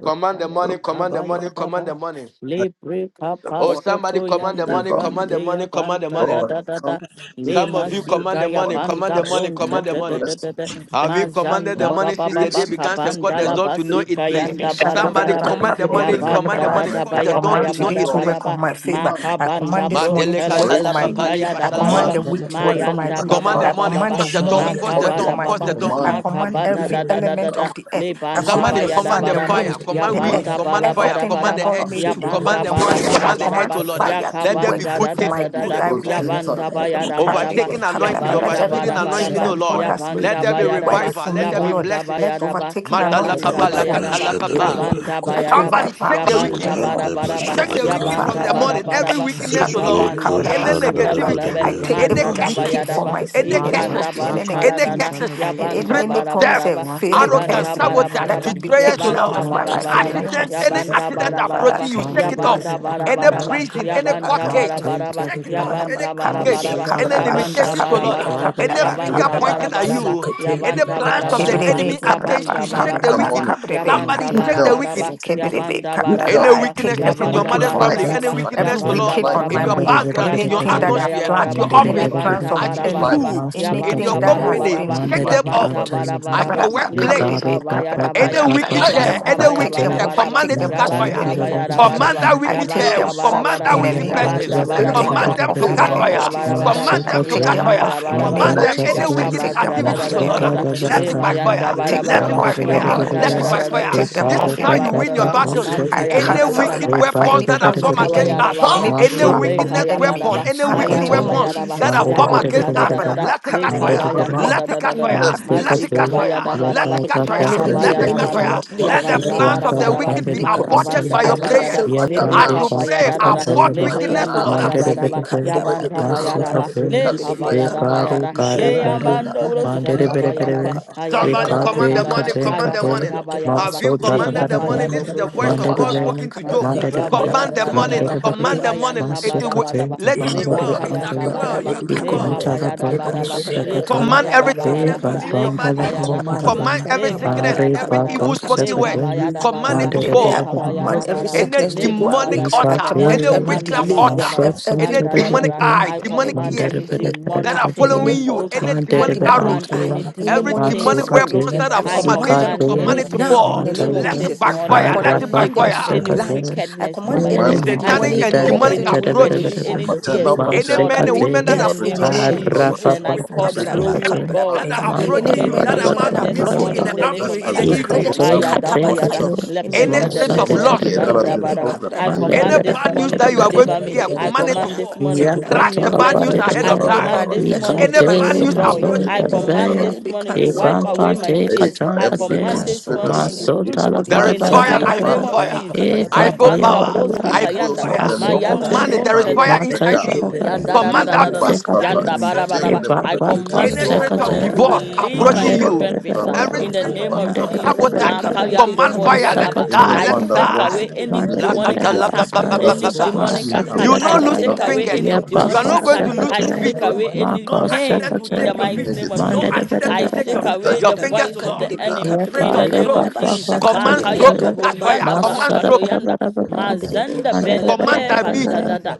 Speaker 8: The,
Speaker 12: Command the
Speaker 14: dabaya
Speaker 8: the,
Speaker 12: money. Command
Speaker 8: the,
Speaker 12: the
Speaker 14: dabaya
Speaker 12: money. Command
Speaker 14: daba.
Speaker 12: the money.
Speaker 8: light,
Speaker 14: Lebre
Speaker 8: the
Speaker 12: Oh,
Speaker 8: Lord
Speaker 14: kapasko
Speaker 12: somebody
Speaker 14: to
Speaker 12: command the
Speaker 14: yanda
Speaker 12: money,
Speaker 8: favor
Speaker 12: command the
Speaker 8: me.
Speaker 14: brande ya
Speaker 12: money, command the
Speaker 14: banta da
Speaker 12: money.
Speaker 8: Lord,
Speaker 14: da da
Speaker 8: come
Speaker 14: da.
Speaker 8: this
Speaker 14: Le
Speaker 12: Some of you
Speaker 8: day, this
Speaker 12: command
Speaker 14: masika
Speaker 12: the
Speaker 14: ya
Speaker 12: money,
Speaker 8: morning.
Speaker 12: command
Speaker 14: banda
Speaker 12: the
Speaker 8: I
Speaker 12: money,
Speaker 8: command
Speaker 14: bronte
Speaker 12: command the
Speaker 14: da da
Speaker 12: money.
Speaker 14: da da
Speaker 8: blessing.
Speaker 14: da.
Speaker 12: Have you
Speaker 8: I
Speaker 12: commanded the
Speaker 14: Majanda
Speaker 8: command
Speaker 14: ba
Speaker 12: money
Speaker 14: ba
Speaker 12: since
Speaker 14: ba
Speaker 12: the day
Speaker 14: ba
Speaker 8: grace.
Speaker 12: began
Speaker 8: I
Speaker 12: and caused
Speaker 14: kabanda
Speaker 12: the
Speaker 14: la
Speaker 8: command
Speaker 12: dawn to know
Speaker 8: favor.
Speaker 12: its
Speaker 14: basika
Speaker 12: place?
Speaker 19: Kabadebe,
Speaker 14: yanda bara
Speaker 12: Somebody
Speaker 14: bara
Speaker 8: Oh,
Speaker 19: shakabadaba,
Speaker 14: ba.
Speaker 8: with
Speaker 12: command the
Speaker 8: God
Speaker 14: Ya
Speaker 19: kabadebe,
Speaker 12: money,
Speaker 8: and with
Speaker 12: command the
Speaker 14: banda
Speaker 19: kabadaba.
Speaker 8: man.
Speaker 14: da
Speaker 12: money,
Speaker 8: I
Speaker 14: da
Speaker 12: cause
Speaker 14: ba
Speaker 19: I
Speaker 12: the
Speaker 14: ya
Speaker 8: command
Speaker 14: ba
Speaker 12: dawn
Speaker 19: command
Speaker 12: to
Speaker 14: ya
Speaker 12: know
Speaker 14: ba
Speaker 8: open
Speaker 19: today
Speaker 14: da
Speaker 12: its
Speaker 19: to
Speaker 8: door.
Speaker 12: place.
Speaker 14: bara
Speaker 19: work
Speaker 14: ba.
Speaker 19: on my favor.
Speaker 8: command
Speaker 19: I command
Speaker 14: Makabanda
Speaker 19: this morning
Speaker 12: Madele
Speaker 14: bronte
Speaker 19: to
Speaker 14: la
Speaker 19: work for
Speaker 12: katala
Speaker 19: my
Speaker 14: besika
Speaker 19: good.
Speaker 8: operations,
Speaker 12: papali
Speaker 8: I
Speaker 14: ya da
Speaker 19: I
Speaker 14: bara
Speaker 19: command
Speaker 14: ba.
Speaker 12: basalaba.
Speaker 19: the
Speaker 8: command
Speaker 19: week to work
Speaker 8: authority
Speaker 19: for my
Speaker 14: Mayanda
Speaker 8: and
Speaker 19: good.
Speaker 14: ba ba
Speaker 12: Command the
Speaker 19: I
Speaker 14: ba
Speaker 8: power
Speaker 14: ba
Speaker 12: money,
Speaker 14: ba
Speaker 19: command
Speaker 14: ba.
Speaker 12: cause
Speaker 19: the
Speaker 12: the
Speaker 8: that I
Speaker 12: dawn,
Speaker 19: morning to
Speaker 12: cause the
Speaker 8: walk
Speaker 19: work
Speaker 8: in,
Speaker 19: for
Speaker 14: Makabara
Speaker 12: dawn,
Speaker 14: ba
Speaker 19: my
Speaker 12: cause
Speaker 14: ba.
Speaker 12: the
Speaker 8: I
Speaker 19: good.
Speaker 12: dawn.
Speaker 19: I
Speaker 8: command the
Speaker 19: command
Speaker 14: Makabada
Speaker 8: grace
Speaker 14: da
Speaker 19: every
Speaker 14: da da da
Speaker 19: element
Speaker 18: Shut
Speaker 14: da
Speaker 19: of the earth.
Speaker 8: of
Speaker 18: Zip
Speaker 19: I
Speaker 8: God,
Speaker 14: lebanda
Speaker 19: command
Speaker 12: Somebody
Speaker 19: the
Speaker 14: baya da
Speaker 12: command
Speaker 19: sun,
Speaker 12: the
Speaker 19: the
Speaker 14: bada ba,
Speaker 12: fire,
Speaker 19: wind,
Speaker 14: ya
Speaker 8: I
Speaker 12: command
Speaker 19: the
Speaker 12: wind,
Speaker 8: command
Speaker 19: earth,
Speaker 14: banda
Speaker 12: command
Speaker 14: bara
Speaker 8: power,
Speaker 12: fire,
Speaker 14: bara
Speaker 19: everything
Speaker 12: command
Speaker 14: bara
Speaker 19: that
Speaker 12: the
Speaker 14: ba
Speaker 19: God
Speaker 8: power,
Speaker 12: earth,
Speaker 19: made
Speaker 14: ya
Speaker 19: to
Speaker 8: power,
Speaker 12: command
Speaker 14: banda
Speaker 19: work
Speaker 12: the
Speaker 19: on
Speaker 8: I
Speaker 14: bara
Speaker 19: my
Speaker 12: money,
Speaker 8: command
Speaker 19: favor.
Speaker 14: bara
Speaker 19: I
Speaker 12: command the
Speaker 8: power.
Speaker 14: bara
Speaker 19: command
Speaker 12: earth, O
Speaker 14: ba
Speaker 12: Lord.
Speaker 14: ya
Speaker 19: fire to
Speaker 12: Let there
Speaker 19: work
Speaker 12: be
Speaker 14: kabanda da
Speaker 12: good
Speaker 19: for
Speaker 12: things,
Speaker 14: da
Speaker 19: my
Speaker 14: da da
Speaker 12: let
Speaker 19: good.
Speaker 12: there
Speaker 14: da
Speaker 12: be
Speaker 19: I
Speaker 8: Because
Speaker 14: ya
Speaker 12: blessings.
Speaker 8: this I
Speaker 14: yabanda
Speaker 8: could
Speaker 19: the
Speaker 14: baya
Speaker 8: give
Speaker 14: da
Speaker 8: us
Speaker 14: bada
Speaker 19: vocabulary
Speaker 14: ba,
Speaker 19: they
Speaker 12: overtaking
Speaker 8: such a
Speaker 14: ya
Speaker 19: covered
Speaker 8: thing
Speaker 12: anointing,
Speaker 8: we
Speaker 19: But
Speaker 8: can
Speaker 19: let
Speaker 14: banda
Speaker 8: pray.
Speaker 19: every
Speaker 14: bara
Speaker 12: overspeeding
Speaker 19: good
Speaker 14: bara
Speaker 19: thing
Speaker 12: anointing,
Speaker 14: ba
Speaker 12: O
Speaker 19: that
Speaker 8: We
Speaker 12: Lord.
Speaker 19: God
Speaker 14: ya
Speaker 19: has made
Speaker 12: Let
Speaker 14: banda
Speaker 12: there be
Speaker 14: baya da
Speaker 19: work
Speaker 14: ba
Speaker 12: revival.
Speaker 19: for
Speaker 12: Let
Speaker 14: ya
Speaker 19: me,
Speaker 12: there
Speaker 19: oh
Speaker 12: be
Speaker 19: Lord.
Speaker 14: banda
Speaker 12: blessings.
Speaker 14: baya
Speaker 19: Let
Speaker 14: da ba
Speaker 19: overtaking
Speaker 12: Madala
Speaker 19: anointing
Speaker 12: papa,
Speaker 14: yabanda
Speaker 19: work
Speaker 1: Koda
Speaker 19: for
Speaker 14: baya da
Speaker 19: me,
Speaker 12: lakata
Speaker 19: oh
Speaker 12: la
Speaker 14: ba
Speaker 19: with
Speaker 1: brashada
Speaker 19: the
Speaker 12: papa.
Speaker 19: demo.
Speaker 1: bumper.
Speaker 14: yabanda baya
Speaker 19: Let
Speaker 14: da ba
Speaker 12: Somebody shake
Speaker 19: revival
Speaker 12: the
Speaker 19: come in
Speaker 12: wicked.
Speaker 14: yabanda
Speaker 19: the name
Speaker 14: bara
Speaker 19: of
Speaker 1: Lekanda
Speaker 14: bara ba
Speaker 12: Shake
Speaker 19: Jesus.
Speaker 12: the
Speaker 9: Master,
Speaker 12: wicked
Speaker 9: Martin
Speaker 12: from
Speaker 19: Father,
Speaker 14: Yabanda
Speaker 1: brashada
Speaker 12: their
Speaker 19: in the
Speaker 12: morning.
Speaker 19: name of
Speaker 12: Every
Speaker 14: Barabaraba,
Speaker 19: Jesus.
Speaker 12: wickedness,
Speaker 9: Telegram,
Speaker 12: O
Speaker 19: Kabidi be
Speaker 12: Lord.
Speaker 1: Leko
Speaker 14: Ikabanda
Speaker 19: kabada
Speaker 12: Any
Speaker 19: ba
Speaker 1: shanda
Speaker 14: Brosheta
Speaker 19: kabada ba.
Speaker 9: Masuka
Speaker 1: daba
Speaker 12: negativity,
Speaker 14: Berebe,
Speaker 1: daba
Speaker 19: I
Speaker 1: ya
Speaker 19: take
Speaker 12: any
Speaker 19: every
Speaker 1: baba.
Speaker 14: Mazadaba
Speaker 12: curses,
Speaker 19: wicked for
Speaker 14: Yadaba,
Speaker 19: my
Speaker 12: any
Speaker 19: sake in the name
Speaker 12: curses,
Speaker 14: Ibanda
Speaker 19: of Jesus. Any
Speaker 12: any
Speaker 14: Bantaradada,
Speaker 19: negativity,
Speaker 12: curses,
Speaker 19: and any,
Speaker 14: Yabanda
Speaker 12: spirit
Speaker 19: any
Speaker 12: of
Speaker 19: promise,
Speaker 12: death,
Speaker 19: and
Speaker 14: Barabaraba,
Speaker 19: any
Speaker 18: Zip
Speaker 12: arrogance,
Speaker 14: Yabanta
Speaker 19: curse,
Speaker 12: sabotage,
Speaker 19: let
Speaker 14: Barabaraba,
Speaker 19: it be
Speaker 12: betrayers, O
Speaker 19: taken out
Speaker 14: Yabanta
Speaker 12: Lord.
Speaker 19: of my life in the
Speaker 14: Barabaraba,
Speaker 19: name
Speaker 12: Accident,
Speaker 19: of
Speaker 12: any
Speaker 19: Jesus.
Speaker 14: Yabanda
Speaker 12: accident
Speaker 14: bara
Speaker 19: Father,
Speaker 14: bara
Speaker 12: approaching
Speaker 14: ba.
Speaker 12: you,
Speaker 19: thank
Speaker 12: shake
Speaker 19: you.
Speaker 12: it off.
Speaker 14: Yabanda
Speaker 19: Blessing.
Speaker 14: bara
Speaker 12: Any
Speaker 14: bara ba.
Speaker 12: prison, any court
Speaker 14: Yabanda
Speaker 12: case,
Speaker 14: bara bara ba.
Speaker 12: shake it off.
Speaker 19: Kabaraba,
Speaker 12: Any
Speaker 14: Yabanda
Speaker 12: court
Speaker 14: bara
Speaker 12: case,
Speaker 19: kabarebe,
Speaker 14: bara ba.
Speaker 12: any
Speaker 19: kabaraba,
Speaker 14: Yabanda
Speaker 12: limitations,
Speaker 9: Days,
Speaker 12: O
Speaker 14: bara
Speaker 9: you
Speaker 12: Lord.
Speaker 19: shakabarebe,
Speaker 14: bara ba.
Speaker 9: guide a
Speaker 12: Any
Speaker 9: blah
Speaker 19: kabaraba,
Speaker 9: blah
Speaker 12: finger
Speaker 14: Yabanda
Speaker 9: blah
Speaker 19: kabaraba.
Speaker 14: bara
Speaker 12: pointing
Speaker 9: blah
Speaker 12: at
Speaker 14: bara ba.
Speaker 12: you,
Speaker 9: secretary.
Speaker 12: any
Speaker 14: Yabanda
Speaker 12: plans
Speaker 9: I
Speaker 14: bara
Speaker 12: of the
Speaker 9: shake
Speaker 14: bara
Speaker 9: the
Speaker 14: ba.
Speaker 12: enemy
Speaker 19: Keberebe,
Speaker 9: wicked out,
Speaker 12: against
Speaker 9: I
Speaker 19: kabaraba,
Speaker 14: Yabanda
Speaker 12: you,
Speaker 9: shake
Speaker 8: command
Speaker 9: the
Speaker 14: bara
Speaker 12: shake the
Speaker 19: kabaraba,
Speaker 8: the
Speaker 14: bara
Speaker 9: wicked
Speaker 12: wicked.
Speaker 9: out.
Speaker 14: ba.
Speaker 8: morning,
Speaker 19: kabarebe,
Speaker 12: Somebody
Speaker 14: Yabanda
Speaker 8: good
Speaker 9: Martin
Speaker 12: shake
Speaker 14: bara
Speaker 12: the
Speaker 19: kabaraba.
Speaker 14: bara
Speaker 8: health,
Speaker 14: ba.
Speaker 12: wicked.
Speaker 9: Telegram,
Speaker 19: Keberebe,
Speaker 14: Yabanda
Speaker 8: good
Speaker 14: bara
Speaker 19: kabaraba.
Speaker 12: Any
Speaker 14: bara
Speaker 19: I
Speaker 8: health,
Speaker 14: ba.
Speaker 19: take
Speaker 12: weaknesses
Speaker 9: yeah,
Speaker 19: every
Speaker 12: in your
Speaker 9: God,
Speaker 14: Yabanda
Speaker 19: wicked
Speaker 9: ba
Speaker 12: mother's
Speaker 19: for
Speaker 14: bara
Speaker 9: ba
Speaker 19: my
Speaker 8: life,
Speaker 12: family,
Speaker 9: ba ba
Speaker 14: bara
Speaker 19: sake,
Speaker 12: any
Speaker 14: ba.
Speaker 9: ba
Speaker 8: life,
Speaker 9: ba.
Speaker 19: every
Speaker 12: weakness, oh
Speaker 8: speak
Speaker 14: Yabanda
Speaker 12: Lord,
Speaker 19: wicked
Speaker 8: life
Speaker 14: bara
Speaker 19: on
Speaker 12: in
Speaker 19: my
Speaker 9: I'm
Speaker 12: your
Speaker 14: bara
Speaker 8: over
Speaker 14: ba.
Speaker 19: way,
Speaker 9: better,
Speaker 8: my
Speaker 9: better,
Speaker 12: background,
Speaker 8: life
Speaker 12: in
Speaker 9: better,
Speaker 8: and
Speaker 12: your
Speaker 19: anything
Speaker 9: better,
Speaker 19: that
Speaker 8: children,
Speaker 19: they
Speaker 9: better.
Speaker 14: Yakabanda
Speaker 19: have
Speaker 14: ya
Speaker 12: atmosphere,
Speaker 14: bara
Speaker 12: at
Speaker 19: planned,
Speaker 12: your
Speaker 14: ba.
Speaker 8: over
Speaker 9: Monday,
Speaker 8: my
Speaker 19: any
Speaker 12: office,
Speaker 9: better,
Speaker 8: marriage,
Speaker 9: better,
Speaker 19: plans
Speaker 8: I
Speaker 14: Yabanda
Speaker 19: of
Speaker 9: better.
Speaker 12: at
Speaker 19: the
Speaker 8: speak
Speaker 14: bara
Speaker 12: your
Speaker 14: bara
Speaker 19: enemy,
Speaker 14: ba.
Speaker 8: life.
Speaker 12: school,
Speaker 9: Now, so
Speaker 12: in
Speaker 9: got
Speaker 12: your
Speaker 19: anything
Speaker 14: Yabanda
Speaker 19: that
Speaker 9: you.
Speaker 14: bara
Speaker 8: Oh,
Speaker 19: has
Speaker 8: I
Speaker 14: bara
Speaker 12: company,
Speaker 14: ba.
Speaker 19: been
Speaker 8: speak
Speaker 9: Monday,
Speaker 12: shake
Speaker 8: life
Speaker 12: them off.
Speaker 9: I'm
Speaker 14: Yabanda
Speaker 8: over this
Speaker 9: telling
Speaker 14: bara
Speaker 9: you,
Speaker 12: At
Speaker 14: bara
Speaker 9: man.
Speaker 19: Cover
Speaker 8: little
Speaker 14: ba.
Speaker 12: your
Speaker 19: that
Speaker 8: kid
Speaker 19: back,
Speaker 9: You
Speaker 8: today.
Speaker 19: cover
Speaker 14: Lebe
Speaker 19: that
Speaker 9: got it,
Speaker 12: workplace,
Speaker 19: back,
Speaker 9: ba
Speaker 8: I
Speaker 19: cover
Speaker 14: kabaya
Speaker 9: ba
Speaker 19: that
Speaker 9: ba
Speaker 19: back,
Speaker 12: any
Speaker 14: dabaya,
Speaker 9: ba
Speaker 19: cover
Speaker 8: speak
Speaker 19: that. I
Speaker 9: ba
Speaker 12: wicked
Speaker 19: take
Speaker 8: life,
Speaker 12: chair,
Speaker 19: them
Speaker 8: I
Speaker 14: yabanta
Speaker 19: off.
Speaker 9: ba.
Speaker 12: any
Speaker 19: I
Speaker 8: speak
Speaker 14: baya
Speaker 19: take
Speaker 9: Got
Speaker 12: wicked
Speaker 19: them
Speaker 8: grace.
Speaker 9: you.
Speaker 12: chair,
Speaker 19: off. I
Speaker 14: barabaraba,
Speaker 12: command
Speaker 19: take
Speaker 12: it to
Speaker 19: them
Speaker 9: Man,
Speaker 12: catch
Speaker 19: off in
Speaker 9: time
Speaker 12: fire.
Speaker 19: the
Speaker 9: for
Speaker 14: yabanta
Speaker 8: Speak,
Speaker 9: the
Speaker 19: name
Speaker 14: baya
Speaker 19: of Jesus.
Speaker 12: Command
Speaker 14: rabaraba,
Speaker 9: better.
Speaker 8: speak
Speaker 12: that
Speaker 19: I
Speaker 8: good
Speaker 12: wicked
Speaker 19: take
Speaker 12: chair, we
Speaker 19: them
Speaker 14: yabanta
Speaker 8: news.
Speaker 19: off
Speaker 12: command that
Speaker 19: in
Speaker 14: barabaraba,
Speaker 19: the
Speaker 9: Ya
Speaker 12: wicked
Speaker 19: name of
Speaker 12: person.
Speaker 14: yabanta
Speaker 9: barra
Speaker 19: Jesus. I
Speaker 9: banda de
Speaker 8: Favor,
Speaker 19: take them
Speaker 12: Command
Speaker 14: barabaraba,
Speaker 9: bere
Speaker 12: them
Speaker 19: off
Speaker 12: to
Speaker 9: bere
Speaker 19: in the
Speaker 12: catch
Speaker 8: favor,
Speaker 9: bere,
Speaker 19: name
Speaker 14: yabanta
Speaker 19: of
Speaker 8: boy.
Speaker 12: fire.
Speaker 19: Jesus.
Speaker 14: barabaraba,
Speaker 9: maso
Speaker 12: Command
Speaker 19: I
Speaker 12: them to
Speaker 19: take
Speaker 12: catch
Speaker 19: them
Speaker 9: kafe,
Speaker 12: fire.
Speaker 14: yabanta
Speaker 19: off in the
Speaker 8: In the
Speaker 19: name
Speaker 12: Command
Speaker 14: barabaraba,
Speaker 19: of
Speaker 12: them
Speaker 9: mabancha
Speaker 8: name of
Speaker 12: any
Speaker 19: Jesus. I
Speaker 9: kafe,
Speaker 12: wicked
Speaker 19: take
Speaker 8: Jesus.
Speaker 19: them
Speaker 14: yakabanta da
Speaker 19: off
Speaker 14: da
Speaker 12: activities,
Speaker 19: in
Speaker 12: O
Speaker 14: da
Speaker 9: maso
Speaker 19: the
Speaker 14: da
Speaker 12: Lord.
Speaker 14: da
Speaker 9: kara
Speaker 12: ah,
Speaker 19: name
Speaker 14: da,
Speaker 19: of
Speaker 9: bara
Speaker 12: Let
Speaker 19: Jesus.
Speaker 12: it
Speaker 9: bara
Speaker 14: lema
Speaker 9: bara,
Speaker 14: yanda
Speaker 19: I
Speaker 12: backfire.
Speaker 18: Look
Speaker 19: take
Speaker 12: Let
Speaker 8: Hallelujah.
Speaker 19: them
Speaker 18: back to
Speaker 12: it
Speaker 14: barabaraba,
Speaker 9: bande
Speaker 8: I
Speaker 19: off
Speaker 9: de
Speaker 18: the
Speaker 19: in the
Speaker 9: bere
Speaker 12: backfire.
Speaker 19: name
Speaker 9: bere
Speaker 19: of
Speaker 18: party
Speaker 14: yabanta
Speaker 18: in
Speaker 12: Let
Speaker 14: da
Speaker 12: it
Speaker 14: da
Speaker 9: bere,
Speaker 14: da
Speaker 19: Jesus.
Speaker 14: da
Speaker 8: command
Speaker 19: I
Speaker 14: da,
Speaker 12: backfire.
Speaker 9: e
Speaker 14: da,
Speaker 19: take
Speaker 8: this
Speaker 19: them
Speaker 12: This
Speaker 18: the
Speaker 8: morning,
Speaker 9: pare
Speaker 12: is
Speaker 19: off in
Speaker 12: how
Speaker 9: pa
Speaker 19: the name
Speaker 12: you
Speaker 14: makaba
Speaker 9: pa
Speaker 14: da
Speaker 19: of
Speaker 12: win
Speaker 14: da
Speaker 12: your
Speaker 9: pa
Speaker 14: da,
Speaker 8: Command
Speaker 19: Jesus.
Speaker 12: battles
Speaker 8: this
Speaker 9: kosse
Speaker 14: manta
Speaker 19: I
Speaker 9: kafe,
Speaker 19: cancel
Speaker 14: ya
Speaker 19: it
Speaker 12: wicked
Speaker 8: morning,
Speaker 9: e
Speaker 18: Thank
Speaker 19: by fire.
Speaker 9: pare
Speaker 12: weapons
Speaker 19: Any
Speaker 9: de
Speaker 12: that are
Speaker 9: bere
Speaker 19: plans of
Speaker 12: formed
Speaker 9: bere
Speaker 19: the
Speaker 12: against
Speaker 9: bere,
Speaker 19: enemy,
Speaker 12: us,
Speaker 14: Tabayadabaraba,
Speaker 19: any
Speaker 12: any
Speaker 9: mato
Speaker 8: come.
Speaker 19: trap
Speaker 14: Libre
Speaker 19: of
Speaker 9: ye,
Speaker 19: the
Speaker 12: wickedness
Speaker 19: enemy.
Speaker 12: weapon,
Speaker 14: Payabadaba,
Speaker 12: any
Speaker 9: maso
Speaker 19: Father, in
Speaker 12: wicked
Speaker 14: Maya
Speaker 19: the
Speaker 9: kafe,
Speaker 19: name of
Speaker 12: weapons
Speaker 14: Dabayadaba,
Speaker 12: that
Speaker 19: Jesus,
Speaker 12: are
Speaker 9: mande
Speaker 19: oh
Speaker 9: de de
Speaker 12: formed
Speaker 9: bere
Speaker 19: Lord,
Speaker 12: against
Speaker 14: Yabanta
Speaker 9: bere
Speaker 14: da
Speaker 12: us,
Speaker 9: bere
Speaker 14: da
Speaker 19: cover
Speaker 14: da
Speaker 19: that
Speaker 9: bere,
Speaker 14: da,
Speaker 19: back,
Speaker 12: let it
Speaker 19: cover
Speaker 12: catch
Speaker 19: it.
Speaker 14: Lika
Speaker 9: mande de
Speaker 19: back,
Speaker 9: de
Speaker 12: fire,
Speaker 9: bere
Speaker 19: cover it.
Speaker 14: Bayanta
Speaker 19: back,
Speaker 9: bere,
Speaker 14: da
Speaker 12: let it
Speaker 14: da
Speaker 19: cover
Speaker 14: da
Speaker 12: catch
Speaker 19: that
Speaker 14: da
Speaker 19: back,
Speaker 14: da,
Speaker 8: Bind
Speaker 12: fire,
Speaker 19: cover
Speaker 9: maso
Speaker 8: every
Speaker 19: it
Speaker 12: let
Speaker 14: Masiga
Speaker 12: it catch
Speaker 9: kafe,
Speaker 8: strong
Speaker 12: fire,
Speaker 8: man
Speaker 9: ya
Speaker 12: let
Speaker 14: Bayadabaraba,
Speaker 9: kara
Speaker 12: it catch
Speaker 9: pa
Speaker 19: any
Speaker 12: fire,
Speaker 8: at the
Speaker 12: let
Speaker 19: delay,
Speaker 9: kosse
Speaker 12: it catch
Speaker 19: any
Speaker 8: gates
Speaker 19: any
Speaker 14: Masabayadabaraba,
Speaker 12: fire.
Speaker 9: kafe,
Speaker 8: of
Speaker 19: delay,
Speaker 8: my
Speaker 12: Let
Speaker 9: e
Speaker 12: the
Speaker 14: Yabanta
Speaker 19: any
Speaker 12: plans of
Speaker 9: panta
Speaker 12: the
Speaker 9: la
Speaker 14: Barabaraba,
Speaker 12: wicked
Speaker 9: bande
Speaker 12: be
Speaker 9: de
Speaker 19: any promises
Speaker 12: aborted
Speaker 19: to
Speaker 12: by
Speaker 14: Makabanda
Speaker 19: I
Speaker 9: bere
Speaker 12: your
Speaker 8: catch
Speaker 12: prayers.
Speaker 14: Dabayada,
Speaker 19: cancel it in the
Speaker 8: fire
Speaker 19: name
Speaker 14: Libre
Speaker 12: I
Speaker 19: of
Speaker 9: Yakare
Speaker 8: now.
Speaker 12: should
Speaker 19: Jesus.
Speaker 12: pray,
Speaker 19: It
Speaker 14: Kapayada da
Speaker 9: Papaka
Speaker 19: will
Speaker 18: I
Speaker 14: da,
Speaker 19: not
Speaker 8: Catch
Speaker 12: abort
Speaker 9: Tayaba,
Speaker 14: Libre
Speaker 19: Cover
Speaker 8: fire
Speaker 19: it
Speaker 12: wickedness, O
Speaker 14: Yanda
Speaker 8: now.
Speaker 19: up,
Speaker 12: Lord.
Speaker 19: cover
Speaker 9: Mandere
Speaker 19: it up,
Speaker 14: Bayabadaba,
Speaker 19: cover
Speaker 9: Berebe,
Speaker 19: it up,
Speaker 8: Fire
Speaker 14: Yabanta
Speaker 19: cover it
Speaker 8: now.
Speaker 9: Masu
Speaker 19: up,
Speaker 14: Bayadaba,
Speaker 9: Kape,
Speaker 19: cover it
Speaker 8: Catch
Speaker 19: up,
Speaker 14: Lika
Speaker 9: E
Speaker 8: fire
Speaker 19: cover it
Speaker 8: now.
Speaker 9: Pare
Speaker 19: up,
Speaker 14: Bayadabayada,
Speaker 19: cover it
Speaker 9: Pare
Speaker 19: up,
Speaker 9: Pare,
Speaker 19: cover it
Speaker 8: Catch
Speaker 14: Leambando
Speaker 19: up,
Speaker 9: Mandere
Speaker 8: fire
Speaker 14: Brushata
Speaker 8: now.
Speaker 14: Bayadaba,
Speaker 9: Berebe, E
Speaker 14: Ayanda
Speaker 12: Somebody
Speaker 8: Sandara,
Speaker 12: command the
Speaker 9: Kape
Speaker 14: Brantada,
Speaker 12: morning,
Speaker 9: Kate
Speaker 12: command the
Speaker 9: Kate,
Speaker 12: morning.
Speaker 14: Ayabanta
Speaker 12: Have
Speaker 14: Bayadaba,
Speaker 12: you
Speaker 9: Maso Tata
Speaker 14: Lika
Speaker 12: commanded the morning? This
Speaker 9: Berebe,
Speaker 14: Payado
Speaker 12: is the voice
Speaker 19: cover
Speaker 12: of
Speaker 14: Brushata
Speaker 9: Mandere
Speaker 12: God
Speaker 19: it
Speaker 14: Baraba,
Speaker 19: up,
Speaker 9: Berebe,
Speaker 12: spoken to
Speaker 19: cover
Speaker 12: Job.
Speaker 19: it up,
Speaker 9: Mandere
Speaker 14: Masika
Speaker 19: cover it up, cover it up, cover it
Speaker 9: Berebe,
Speaker 19: up, cover it
Speaker 12: Command the
Speaker 14: bayanda da da
Speaker 12: morning,
Speaker 14: da,
Speaker 9: Mandere Berebe,
Speaker 12: command
Speaker 19: up.
Speaker 14: leba
Speaker 12: the morning.
Speaker 14: yanda
Speaker 12: It
Speaker 14: ba
Speaker 9: Masu
Speaker 14: da
Speaker 12: will,
Speaker 14: ba da
Speaker 9: Kate,
Speaker 14: ba,
Speaker 12: let it be
Speaker 14: leba
Speaker 9: Abandere
Speaker 12: well, it shall be
Speaker 14: kayanda
Speaker 9: Berebe,
Speaker 14: ba da
Speaker 12: well.
Speaker 19: Kabadaba,
Speaker 14: ba,
Speaker 12: You
Speaker 19: kabadaba,
Speaker 9: E
Speaker 12: do
Speaker 19: kabadaba,
Speaker 14: leka
Speaker 9: Quanta
Speaker 12: well.
Speaker 9: La
Speaker 19: kabadaba,
Speaker 14: bayada ba da
Speaker 19: kabadaba,
Speaker 14: ba,
Speaker 9: Pacos
Speaker 19: kabadaba,
Speaker 14: leka
Speaker 9: Sekate,
Speaker 12: Command
Speaker 14: bayada
Speaker 12: every
Speaker 14: ba da
Speaker 9: E
Speaker 12: sickness
Speaker 14: ba,
Speaker 12: to leave your
Speaker 14: leka
Speaker 9: Bambanda La
Speaker 12: body.
Speaker 14: bayada
Speaker 19: kabadaba,
Speaker 14: ba
Speaker 18: command
Speaker 14: da ba,
Speaker 18: them
Speaker 12: Command
Speaker 9: Payaba,
Speaker 19: kabadaba,
Speaker 12: every
Speaker 18: forming
Speaker 14: leka
Speaker 12: sickness,
Speaker 19: kabadaba,
Speaker 9: Pare
Speaker 14: bayada
Speaker 12: every
Speaker 14: ba da ba,
Speaker 19: kabadaba,
Speaker 12: evil
Speaker 9: Pacos
Speaker 18: this
Speaker 12: spoken
Speaker 19: kabadaba.
Speaker 14: leka
Speaker 18: my
Speaker 12: words.
Speaker 9: Sekate,
Speaker 14: bayada
Speaker 18: praise be
Speaker 14: ba da
Speaker 12: Command it
Speaker 14: ba,
Speaker 18: done.
Speaker 12: to
Speaker 9: Mandere
Speaker 19: Ebedebe, I
Speaker 12: fall
Speaker 14: leka
Speaker 18: I
Speaker 9: Berebe,
Speaker 19: command
Speaker 14: bayada
Speaker 18: cause the
Speaker 14: ba
Speaker 19: every
Speaker 14: da ba,
Speaker 18: dawn
Speaker 12: any
Speaker 18: to
Speaker 19: sickness to
Speaker 18: know
Speaker 19: go
Speaker 14: leka
Speaker 18: its
Speaker 14: ba
Speaker 19: away.
Speaker 12: demonic
Speaker 14: da
Speaker 18: place.
Speaker 14: da
Speaker 19: I
Speaker 14: da
Speaker 12: altar,
Speaker 14: da da da,
Speaker 19: command
Speaker 12: any
Speaker 19: every
Speaker 9: Ikate,
Speaker 14: manda
Speaker 12: witchcraft
Speaker 14: ba da
Speaker 19: delay,
Speaker 14: ba
Speaker 12: altar,
Speaker 14: da
Speaker 18: Arakatabariyama.
Speaker 14: ba,
Speaker 9: myself,
Speaker 19: ev-
Speaker 9: some
Speaker 14: Man,
Speaker 12: any
Speaker 19: every
Speaker 14: da, da, da,
Speaker 12: demonic
Speaker 14: da.
Speaker 19: you know,
Speaker 9: terrible,
Speaker 12: eye,
Speaker 14: I
Speaker 12: demonic
Speaker 19: Kabedebe,
Speaker 14: command
Speaker 19: dem-
Speaker 12: ears
Speaker 9: Mandere
Speaker 14: any
Speaker 19: any
Speaker 12: that
Speaker 14: demonic
Speaker 19: altar,
Speaker 12: are
Speaker 14: chain to
Speaker 19: any
Speaker 14: be
Speaker 9: Bereterebe,
Speaker 12: following you,
Speaker 18: Usabarakata.
Speaker 19: altar,
Speaker 14: broken.
Speaker 12: any
Speaker 19: any
Speaker 14: I
Speaker 12: demonic
Speaker 9: Mandere
Speaker 12: arrows,
Speaker 19: demonic
Speaker 14: command
Speaker 19: eye,
Speaker 14: any
Speaker 9: Antaya,
Speaker 19: any
Speaker 12: every
Speaker 14: demonic
Speaker 18: Ibebekubarakatanikata.
Speaker 14: chains
Speaker 19: monitoring
Speaker 14: to
Speaker 12: demonic
Speaker 14: be
Speaker 19: spirit.
Speaker 12: weapons
Speaker 14: broken.
Speaker 9: Masukate,
Speaker 12: that are
Speaker 19: I
Speaker 14: I
Speaker 12: formed
Speaker 19: command
Speaker 18: Ibelekopelekata.
Speaker 12: against
Speaker 19: them
Speaker 12: you,
Speaker 14: command
Speaker 19: to
Speaker 9: Ikate,
Speaker 12: command
Speaker 14: any
Speaker 12: it
Speaker 18: Whenever
Speaker 19: move
Speaker 12: to
Speaker 14: chains
Speaker 19: now
Speaker 14: to be
Speaker 19: in
Speaker 12: fall.
Speaker 19: the
Speaker 18: This
Speaker 19: name of
Speaker 14: broken
Speaker 18: morning,
Speaker 12: Let
Speaker 9: Matayaba,
Speaker 12: it
Speaker 14: this
Speaker 19: Jesus.
Speaker 18: favor
Speaker 19: I
Speaker 14: morning.
Speaker 18: be
Speaker 12: backfire,
Speaker 18: in
Speaker 19: con-
Speaker 14: I
Speaker 12: let
Speaker 18: the
Speaker 12: it
Speaker 19: command
Speaker 18: name
Speaker 14: shake
Speaker 19: them
Speaker 9: Arabako
Speaker 14: off
Speaker 19: to
Speaker 18: of
Speaker 12: backfire.
Speaker 19: be
Speaker 18: the
Speaker 14: any
Speaker 18: Lord.
Speaker 19: blind.
Speaker 18: Jesus.
Speaker 9: Sekate,
Speaker 19: I
Speaker 14: wickedness in
Speaker 19: command
Speaker 14: my
Speaker 19: every
Speaker 14: day.
Speaker 8: command
Speaker 9: Eno,
Speaker 14: I
Speaker 8: this
Speaker 12: Satanic
Speaker 19: demonic
Speaker 14: shake
Speaker 12: and
Speaker 9: Bentan,
Speaker 19: ear,
Speaker 14: off
Speaker 8: for
Speaker 12: demonic
Speaker 14: any
Speaker 19: listen to
Speaker 18: Madalakadakadabrakata.
Speaker 19: my
Speaker 14: wickedness,
Speaker 12: approach,
Speaker 19: conversation,
Speaker 9: Tereberebe,
Speaker 14: any tears,
Speaker 8: maternal,
Speaker 14: oh
Speaker 12: any
Speaker 14: God,
Speaker 12: men
Speaker 8: paternal,
Speaker 19: to
Speaker 12: and
Speaker 19: be
Speaker 14: away
Speaker 9: Masekate,
Speaker 12: women that
Speaker 14: in
Speaker 12: are
Speaker 14: the
Speaker 19: deaf
Speaker 9: yes,
Speaker 18: I
Speaker 19: in
Speaker 14: name
Speaker 19: the
Speaker 8: marital,
Speaker 14: of
Speaker 19: name
Speaker 12: possessed
Speaker 18: shake
Speaker 12: with
Speaker 19: of
Speaker 18: the
Speaker 8: maternal,
Speaker 14: Jesus.
Speaker 18: wicked
Speaker 19: Jesus.
Speaker 12: evil,
Speaker 14: And
Speaker 8: paternal,
Speaker 14: I
Speaker 18: off
Speaker 12: with
Speaker 18: of
Speaker 9: Arabako
Speaker 14: call the
Speaker 8: offspring,
Speaker 18: my
Speaker 12: witchcraft,
Speaker 19: Kabaraba,
Speaker 14: glory
Speaker 18: memory
Speaker 9: Sekate,
Speaker 14: of
Speaker 8: maternal,
Speaker 14: God
Speaker 19: kabaraba,
Speaker 12: that
Speaker 18: in
Speaker 8: father,
Speaker 18: the
Speaker 12: are
Speaker 19: kab-
Speaker 14: to
Speaker 18: name of
Speaker 19: Any
Speaker 12: approaching
Speaker 18: the
Speaker 12: you,
Speaker 14: locate
Speaker 18: Lord
Speaker 8: any
Speaker 19: men
Speaker 12: that
Speaker 19: and
Speaker 12: are
Speaker 18: Jesus.
Speaker 14: me
Speaker 19: women
Speaker 8: one,
Speaker 19: that
Speaker 12: about to
Speaker 8: any
Speaker 19: are
Speaker 14: this
Speaker 12: meet you
Speaker 8: evil
Speaker 19: plotting
Speaker 12: in
Speaker 14: morning
Speaker 9: Matara,
Speaker 14: in
Speaker 12: the
Speaker 8: eye
Speaker 19: evil
Speaker 14: the
Speaker 8: that
Speaker 14: name
Speaker 19: against
Speaker 12: afternoon,
Speaker 14: of
Speaker 19: my
Speaker 12: in
Speaker 8: has
Speaker 19: life,
Speaker 12: the
Speaker 14: Jesus.
Speaker 8: been
Speaker 18: Shut
Speaker 19: let
Speaker 12: evening,
Speaker 19: them
Speaker 9: Ikate
Speaker 14: Maya
Speaker 8: programmed to
Speaker 19: scatter
Speaker 9: kate
Speaker 14: daba
Speaker 19: by
Speaker 14: yada
Speaker 8: monitor
Speaker 19: fire
Speaker 8: me,
Speaker 9: kate
Speaker 19: in the
Speaker 12: any
Speaker 19: name
Speaker 14: lepeka
Speaker 19: of
Speaker 12: spirit
Speaker 8: any
Speaker 14: debe
Speaker 12: of
Speaker 8: evil
Speaker 19: Jesus.
Speaker 14: debe
Speaker 9: masakete de
Speaker 8: ear
Speaker 12: loss.
Speaker 8: that
Speaker 9: bere
Speaker 8: has been
Speaker 9: bere
Speaker 19: Kebrebe,
Speaker 14: manda
Speaker 8: programmed,
Speaker 14: I
Speaker 19: kabaraba,
Speaker 9: bere
Speaker 8: any
Speaker 12: Any
Speaker 14: command
Speaker 9: bere bere
Speaker 8: evil
Speaker 19: kabaraba,
Speaker 14: this
Speaker 12: bad news
Speaker 14: morning
Speaker 9: bere
Speaker 12: that
Speaker 14: to
Speaker 12: you
Speaker 8: baga,
Speaker 12: are
Speaker 9: bere
Speaker 12: going
Speaker 14: favor
Speaker 12: to
Speaker 14: me.
Speaker 12: hear,
Speaker 14: I
Speaker 19: kebrebe,
Speaker 8: roku,
Speaker 12: command it to
Speaker 14: command
Speaker 19: kabaraba,
Speaker 14: this
Speaker 12: fall.
Speaker 14: morning to bring
Speaker 12: Crush
Speaker 19: kabaraba,
Speaker 14: me
Speaker 12: the
Speaker 9: Yakatala
Speaker 8: etalo,
Speaker 12: bad news
Speaker 14: blessings.
Speaker 19: kabrebe.
Speaker 12: ahead
Speaker 14: I
Speaker 12: of
Speaker 8: kusara,
Speaker 9: Pandebe,
Speaker 19: Any
Speaker 12: time.
Speaker 14: command
Speaker 19: bad
Speaker 8: babara,
Speaker 19: news,
Speaker 14: this
Speaker 19: let it be
Speaker 14: morning to
Speaker 12: Any
Speaker 8: yada,
Speaker 14: bring
Speaker 12: bad
Speaker 14: me
Speaker 9: Mikate,
Speaker 12: news
Speaker 19: cancelled in
Speaker 14: joy.
Speaker 19: the
Speaker 9: Mason
Speaker 19: name
Speaker 14: I
Speaker 12: approaching
Speaker 19: of Jesus.
Speaker 12: you,
Speaker 14: command
Speaker 19: Let
Speaker 9: Padabaya,
Speaker 19: it
Speaker 14: this
Speaker 19: be
Speaker 14: morning to
Speaker 8: bakundere,
Speaker 14: wipe
Speaker 19: cancelled in the
Speaker 14: away
Speaker 19: name
Speaker 14: my
Speaker 19: of
Speaker 9: Epampate,
Speaker 14: tears.
Speaker 19: Jesus.
Speaker 8: Eka,
Speaker 14: I
Speaker 19: Let it be
Speaker 8: Every
Speaker 9: Katankate,
Speaker 14: command this
Speaker 19: cancelled in
Speaker 14: morning
Speaker 19: the
Speaker 14: to
Speaker 8: conspiracy
Speaker 14: be
Speaker 19: name of
Speaker 8: against my
Speaker 9: Masotala
Speaker 14: fruitful
Speaker 12: there
Speaker 19: Kabrebe,
Speaker 14: in
Speaker 12: is
Speaker 14: the
Speaker 18: the
Speaker 8: life,
Speaker 12: fire.
Speaker 14: mighty
Speaker 12: I
Speaker 19: kabaraba,
Speaker 12: feel
Speaker 14: name
Speaker 9: Padabadabadaba,
Speaker 14: of
Speaker 8: Father,
Speaker 12: fire.
Speaker 19: kabrebe,
Speaker 14: Jesus.
Speaker 8: I
Speaker 12: I
Speaker 19: kabaraba,
Speaker 12: feel
Speaker 18: brain,
Speaker 9: Ekataya
Speaker 8: command
Speaker 14: Yabanda
Speaker 12: power.
Speaker 14: bros
Speaker 8: the
Speaker 9: Badaba,
Speaker 19: kebrebe,
Speaker 12: I feel
Speaker 8: angels
Speaker 14: katayanda.
Speaker 8: of
Speaker 19: kabaraba,
Speaker 12: fire.
Speaker 8: the
Speaker 18: Thank
Speaker 8: Lord to
Speaker 14: Mayando
Speaker 19: kabaraba,
Speaker 12: Command it.
Speaker 9: Masekate,
Speaker 14: bron
Speaker 12: There is
Speaker 8: stand
Speaker 14: tedede.
Speaker 12: fire
Speaker 8: in the
Speaker 9: Mataya
Speaker 12: inside
Speaker 8: gap.
Speaker 12: you.
Speaker 9: Badaba,
Speaker 14: Yanda
Speaker 19: kebrebe,
Speaker 14: da da
Speaker 12: Command
Speaker 14: da da
Speaker 12: that
Speaker 14: da da.
Speaker 19: kabaraba,
Speaker 12: news, that news
Speaker 8: Nikubasata
Speaker 9: Masekate,
Speaker 14: Yanda
Speaker 19: kabaraba.
Speaker 12: to
Speaker 14: ba
Speaker 8: and
Speaker 12: catch
Speaker 14: da ba
Speaker 8: deal
Speaker 14: da
Speaker 12: fire.
Speaker 8: with
Speaker 14: ba.
Speaker 8: the
Speaker 14: I
Speaker 9: Epapa
Speaker 19: Tibbity-bit,
Speaker 8: perpetrators,
Speaker 14: command
Speaker 12: Any
Speaker 14: this
Speaker 8: Lord
Speaker 19: cubbity-ba,
Speaker 12: spirit of
Speaker 14: morning
Speaker 9: Kosekate,
Speaker 8: God.
Speaker 14: to
Speaker 19: cubbity-ba,
Speaker 12: divorce
Speaker 14: release my
Speaker 12: approaching
Speaker 19: cubbity-ba.
Speaker 8: Loba
Speaker 12: you,
Speaker 14: children visa
Speaker 9: Mandebedebedebe,
Speaker 12: every
Speaker 14: in
Speaker 19: Tibbity-bit,
Speaker 14: the
Speaker 12: spirit of
Speaker 14: name
Speaker 8: Sarakatuba
Speaker 14: of
Speaker 19: cubbity-ba,
Speaker 12: divorce,
Speaker 14: Jesus.
Speaker 19: cubbity-ba,
Speaker 12: sabotage,
Speaker 14: Ma
Speaker 8: Karakedia
Speaker 14: ka
Speaker 9: Mandebedebedebe,
Speaker 14: yan
Speaker 19: cubbity-bit,
Speaker 14: do
Speaker 12: command
Speaker 14: bo
Speaker 8: Sanda.
Speaker 19: cubbity-ba,
Speaker 12: fire, let
Speaker 14: ba.
Speaker 12: it
Speaker 9: Masakataya
Speaker 12: die,
Speaker 14: I
Speaker 12: let
Speaker 8: Anyone
Speaker 12: it
Speaker 8: that
Speaker 19: cubbity-ba,
Speaker 9: Badaba,
Speaker 14: shake
Speaker 8: wants
Speaker 12: die.
Speaker 14: away
Speaker 8: to
Speaker 14: any
Speaker 8: give me
Speaker 19: And
Speaker 14: demonic
Speaker 12: Lakata
Speaker 19: the
Speaker 12: la
Speaker 19: and
Speaker 8: anything
Speaker 19: the
Speaker 12: pa
Speaker 14: attack,
Speaker 12: pa
Speaker 19: spirit
Speaker 12: pa
Speaker 9: Mandebedebedebe,
Speaker 19: of
Speaker 12: pa
Speaker 8: that
Speaker 14: any
Speaker 12: pa
Speaker 8: will
Speaker 12: pa.
Speaker 8: cause
Speaker 19: sabotage,
Speaker 14: demonic
Speaker 8: me
Speaker 19: let
Speaker 8: harm,
Speaker 12: You
Speaker 14: attack.
Speaker 12: will
Speaker 19: it die,
Speaker 14: I
Speaker 12: not
Speaker 19: let
Speaker 12: lose
Speaker 9: Masakiyataya.
Speaker 19: it
Speaker 12: your
Speaker 8: that
Speaker 14: shake
Speaker 19: die
Speaker 8: will
Speaker 19: in
Speaker 14: away
Speaker 19: the
Speaker 12: fingers.
Speaker 8: take
Speaker 14: any
Speaker 19: name of
Speaker 8: away
Speaker 12: You
Speaker 8: my
Speaker 12: are
Speaker 14: demonic
Speaker 19: Jesus.
Speaker 12: not
Speaker 9: Yabakos
Speaker 12: going
Speaker 14: attack.
Speaker 12: to
Speaker 8: glory,
Speaker 19: Cubbity-ba,
Speaker 8: that
Speaker 12: lose
Speaker 14: I
Speaker 12: your
Speaker 8: will
Speaker 9: Shepherd,
Speaker 12: feet.
Speaker 8: take
Speaker 14: shake
Speaker 8: away
Speaker 19: cubbity-ba.
Speaker 8: my
Speaker 14: away any
Speaker 12: No
Speaker 9: Marcos
Speaker 8: father, that will
Speaker 12: accident
Speaker 14: pain
Speaker 9: Shepherd,
Speaker 12: will
Speaker 14: in
Speaker 8: affect
Speaker 14: the
Speaker 12: take your
Speaker 8: me
Speaker 14: mighty
Speaker 12: feet.
Speaker 14: name of
Speaker 8: negatively,
Speaker 12: No
Speaker 9: Manda de
Speaker 14: Jesus.
Speaker 9: Bada
Speaker 12: accident
Speaker 14: I
Speaker 12: will
Speaker 9: Bada
Speaker 12: take
Speaker 14: shake
Speaker 12: your
Speaker 9: Bada,
Speaker 12: fi-
Speaker 19: Cubbity-ba,
Speaker 14: away
Speaker 8: reject
Speaker 12: your
Speaker 14: the
Speaker 8: it
Speaker 12: fingers,
Speaker 19: cubbity-ba,
Speaker 14: voice
Speaker 12: O
Speaker 14: of the
Speaker 12: Lord.
Speaker 19: cubbity-bit,
Speaker 8: now.
Speaker 14: enemy
Speaker 12: Spirit
Speaker 14: in the
Speaker 19: cubbity-bit,
Speaker 12: of
Speaker 9: Yakari
Speaker 14: name of
Speaker 12: stroke,
Speaker 19: cubbity-ba,
Speaker 9: Babakos
Speaker 14: Jesus. Ma
Speaker 12: command
Speaker 14: ka ya
Speaker 19: shakabbity-bit,
Speaker 12: stroke
Speaker 14: do
Speaker 12: to
Speaker 9: Shepherd,
Speaker 12: catch
Speaker 19: cubbity-ba,
Speaker 12: fire.
Speaker 14: yanda
Speaker 12: Command
Speaker 14: braska
Speaker 9: Masada
Speaker 19: cubbity-ba.
Speaker 14: to
Speaker 12: stroke,
Speaker 18: you.
Speaker 9: Bada
Speaker 14: yanda.
Speaker 9: Bada
Speaker 18: Shaka
Speaker 14: Ma
Speaker 9: Bada,
Speaker 14: zanda
Speaker 19: Tibbity-bit,
Speaker 9: Manda
Speaker 14: ben
Speaker 9: de
Speaker 14: le
Speaker 9: Bada
Speaker 12: command
Speaker 14: pe
Speaker 9: Bada
Speaker 14: da
Speaker 12: diabetes,
Speaker 14: da
Speaker 9: Bada,
Speaker 14: da.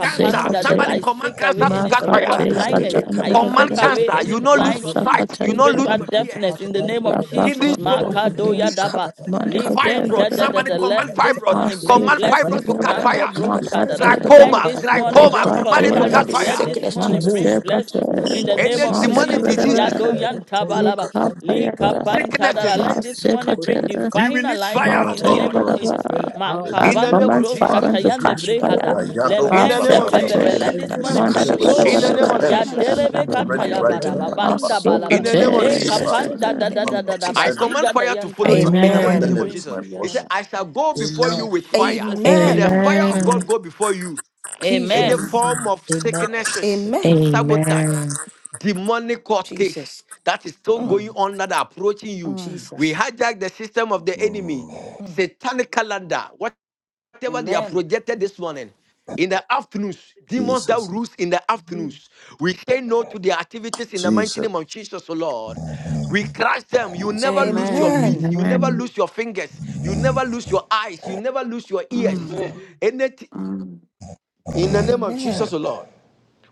Speaker 12: cancer.
Speaker 14: that
Speaker 12: Somebody
Speaker 14: I
Speaker 12: command
Speaker 14: shake away
Speaker 12: cancer to
Speaker 14: any
Speaker 12: catch
Speaker 14: spiritual
Speaker 12: fire
Speaker 9: Makati,
Speaker 14: blindness.
Speaker 9: Katan
Speaker 14: I
Speaker 9: Bada
Speaker 14: shake
Speaker 12: command
Speaker 9: Bada Bada,
Speaker 14: away
Speaker 12: cancer.
Speaker 14: any
Speaker 12: You not lose
Speaker 14: blind
Speaker 12: your sight. You
Speaker 9: Masakati
Speaker 12: not lose
Speaker 14: spiritual
Speaker 9: Bada
Speaker 12: your ear.
Speaker 14: deafness in the name of
Speaker 9: Bada,
Speaker 12: Kidney
Speaker 14: Jesus.
Speaker 9: Rabakos
Speaker 12: stones,
Speaker 9: Shepherd,
Speaker 14: Makadoya daba.
Speaker 9: Manda de Bada
Speaker 12: fibroid.
Speaker 14: Librenda
Speaker 9: Bada
Speaker 14: da da
Speaker 12: Somebody
Speaker 14: da.
Speaker 9: Bada
Speaker 12: command
Speaker 14: Let this
Speaker 12: fibroid.
Speaker 14: morning bring
Speaker 12: Command fibroid
Speaker 14: blessings.
Speaker 12: to
Speaker 9: Masekatele,
Speaker 12: catch
Speaker 14: Mando
Speaker 19: Kabadaba,
Speaker 12: fire.
Speaker 14: brunta
Speaker 19: kabadaba,
Speaker 14: da da.
Speaker 19: kabadaba,
Speaker 14: Let
Speaker 9: Makatayaba,
Speaker 12: Glaucoma,
Speaker 14: this
Speaker 19: kabadaba.
Speaker 14: morning
Speaker 12: glaucoma.
Speaker 14: bring
Speaker 19: I
Speaker 12: Command it to
Speaker 19: command
Speaker 12: catch
Speaker 9: Yekatayaba,
Speaker 19: every
Speaker 14: prosperity. Let
Speaker 12: fire.
Speaker 14: this
Speaker 19: sickness to
Speaker 14: morning bring
Speaker 19: move.
Speaker 14: blessings
Speaker 19: In the
Speaker 9: Masekatele,
Speaker 14: in
Speaker 19: name
Speaker 14: the
Speaker 19: of
Speaker 14: name
Speaker 12: Any
Speaker 14: of
Speaker 19: Jesus,
Speaker 12: demonic
Speaker 14: Jesus.
Speaker 19: kabadaba,
Speaker 12: diseases,
Speaker 14: Yado
Speaker 9: Mandadabadaba,
Speaker 19: kabadaba,
Speaker 14: yanta balaba.
Speaker 9: Yekatayaba,
Speaker 14: Likapanta da
Speaker 12: sicknesses.
Speaker 14: da. Let this morning bring
Speaker 9: Masekatele,
Speaker 12: We
Speaker 14: divine
Speaker 12: release fire
Speaker 14: alignment
Speaker 8: My
Speaker 12: of
Speaker 14: in the name
Speaker 12: God
Speaker 14: of
Speaker 8: utterance
Speaker 9: Matayabadaba.
Speaker 14: Jesus.
Speaker 9: Our
Speaker 8: Spirit.
Speaker 12: in the
Speaker 14: Makabando
Speaker 12: name of
Speaker 9: comments
Speaker 8: Father,
Speaker 9: vibrant with
Speaker 12: Jesus.
Speaker 14: broskatayande
Speaker 9: cash
Speaker 14: brehada.
Speaker 9: fire.
Speaker 19: kabadaba,
Speaker 14: Let
Speaker 8: Ayado
Speaker 12: In the
Speaker 19: kabadaba,
Speaker 14: men
Speaker 12: name
Speaker 14: that
Speaker 12: of
Speaker 8: Kobasalaba,
Speaker 14: bebebe,
Speaker 8: they let
Speaker 9: Masekate,
Speaker 14: let
Speaker 12: Jesus.
Speaker 8: it
Speaker 14: this
Speaker 8: be
Speaker 14: money
Speaker 19: kabadaba, kabadaba,
Speaker 14: bring
Speaker 8: seasoned with
Speaker 18: Jesus,
Speaker 19: kabadaba,
Speaker 18: come
Speaker 12: In
Speaker 8: salt,
Speaker 18: back.
Speaker 12: the
Speaker 14: glory.
Speaker 8: the
Speaker 12: name of
Speaker 14: Ya
Speaker 8: pen
Speaker 19: shakabadaba.
Speaker 12: Jesus.
Speaker 19: I
Speaker 8: of
Speaker 14: delebe
Speaker 18: Amen.
Speaker 8: the
Speaker 9: Mandadabadabadabadabadabadabadaba,
Speaker 14: kata
Speaker 8: ready
Speaker 19: command
Speaker 14: ya
Speaker 19: every
Speaker 8: writer,
Speaker 14: baraba
Speaker 8: the
Speaker 19: demonic
Speaker 14: banda
Speaker 8: father,
Speaker 19: in
Speaker 12: In
Speaker 14: balaba
Speaker 19: the
Speaker 12: the
Speaker 8: who's
Speaker 19: name
Speaker 8: the
Speaker 12: name of
Speaker 19: of
Speaker 14: le
Speaker 19: Jesus
Speaker 12: Jesus.
Speaker 19: to
Speaker 8: father,
Speaker 14: kapanda
Speaker 19: move
Speaker 9: Masekate.
Speaker 8: the
Speaker 19: in
Speaker 14: da
Speaker 19: the
Speaker 14: da da
Speaker 8: tongue
Speaker 19: name
Speaker 14: da
Speaker 8: of
Speaker 19: of
Speaker 14: da
Speaker 8: the
Speaker 12: I
Speaker 19: Jesus.
Speaker 8: learned.
Speaker 12: command
Speaker 14: baziga da
Speaker 12: fire to
Speaker 8: The
Speaker 12: follow
Speaker 14: yanta
Speaker 8: tongue
Speaker 12: you in
Speaker 8: of
Speaker 12: the
Speaker 8: the
Speaker 14: man
Speaker 12: mighty
Speaker 14: de
Speaker 12: name
Speaker 9: Amen.
Speaker 19: Amen.
Speaker 12: of
Speaker 8: learned
Speaker 14: bring
Speaker 8: is
Speaker 12: Jesus.
Speaker 14: to
Speaker 8: my
Speaker 12: He said,
Speaker 14: yaraba.
Speaker 8: portion.
Speaker 12: I shall go before
Speaker 14: In
Speaker 12: you with
Speaker 18: Amen.
Speaker 12: fire.
Speaker 14: Jesus'
Speaker 12: May the
Speaker 14: name,
Speaker 19: Amen.
Speaker 12: fire of
Speaker 9: Amen.
Speaker 12: God
Speaker 3: Amen.
Speaker 12: go before you. Any
Speaker 21: Amen.
Speaker 14: Amen.
Speaker 19: Jesus.
Speaker 12: form of
Speaker 18: Amen.
Speaker 12: sicknesses,
Speaker 8: Amen.
Speaker 19: Amen.
Speaker 12: sabotage,
Speaker 9: Amen.
Speaker 12: demonic court
Speaker 19: Jesus.
Speaker 12: case that is still
Speaker 19: Mm.
Speaker 12: going
Speaker 21: Amen.
Speaker 12: on that are approaching you.
Speaker 14: Mm,
Speaker 12: We
Speaker 19: Jesus.
Speaker 12: hijack the system of the enemy,
Speaker 8: Mm.
Speaker 19: Mm.
Speaker 12: satanic calendar whatever they have
Speaker 14: Amen.
Speaker 12: projected this morning. In the afternoons, demons that
Speaker 8: Jesus,
Speaker 12: rules in the afternoons, we say no to their activities in the mighty
Speaker 8: Jesus,
Speaker 12: name of Jesus, O Lord. We crush them. You
Speaker 8: Jesus.
Speaker 12: never lose your
Speaker 14: Amen.
Speaker 12: feet.
Speaker 19: Amen.
Speaker 12: You never
Speaker 9: Amen.
Speaker 12: lose your fingers. You never lose your eyes. You never lose your ears.
Speaker 14: Mm,
Speaker 3: Amen.
Speaker 12: Anything
Speaker 14: mm,
Speaker 12: in the
Speaker 14: mm.
Speaker 12: name
Speaker 8: Amen.
Speaker 12: of
Speaker 19: Amen.
Speaker 12: Jesus, O Lord.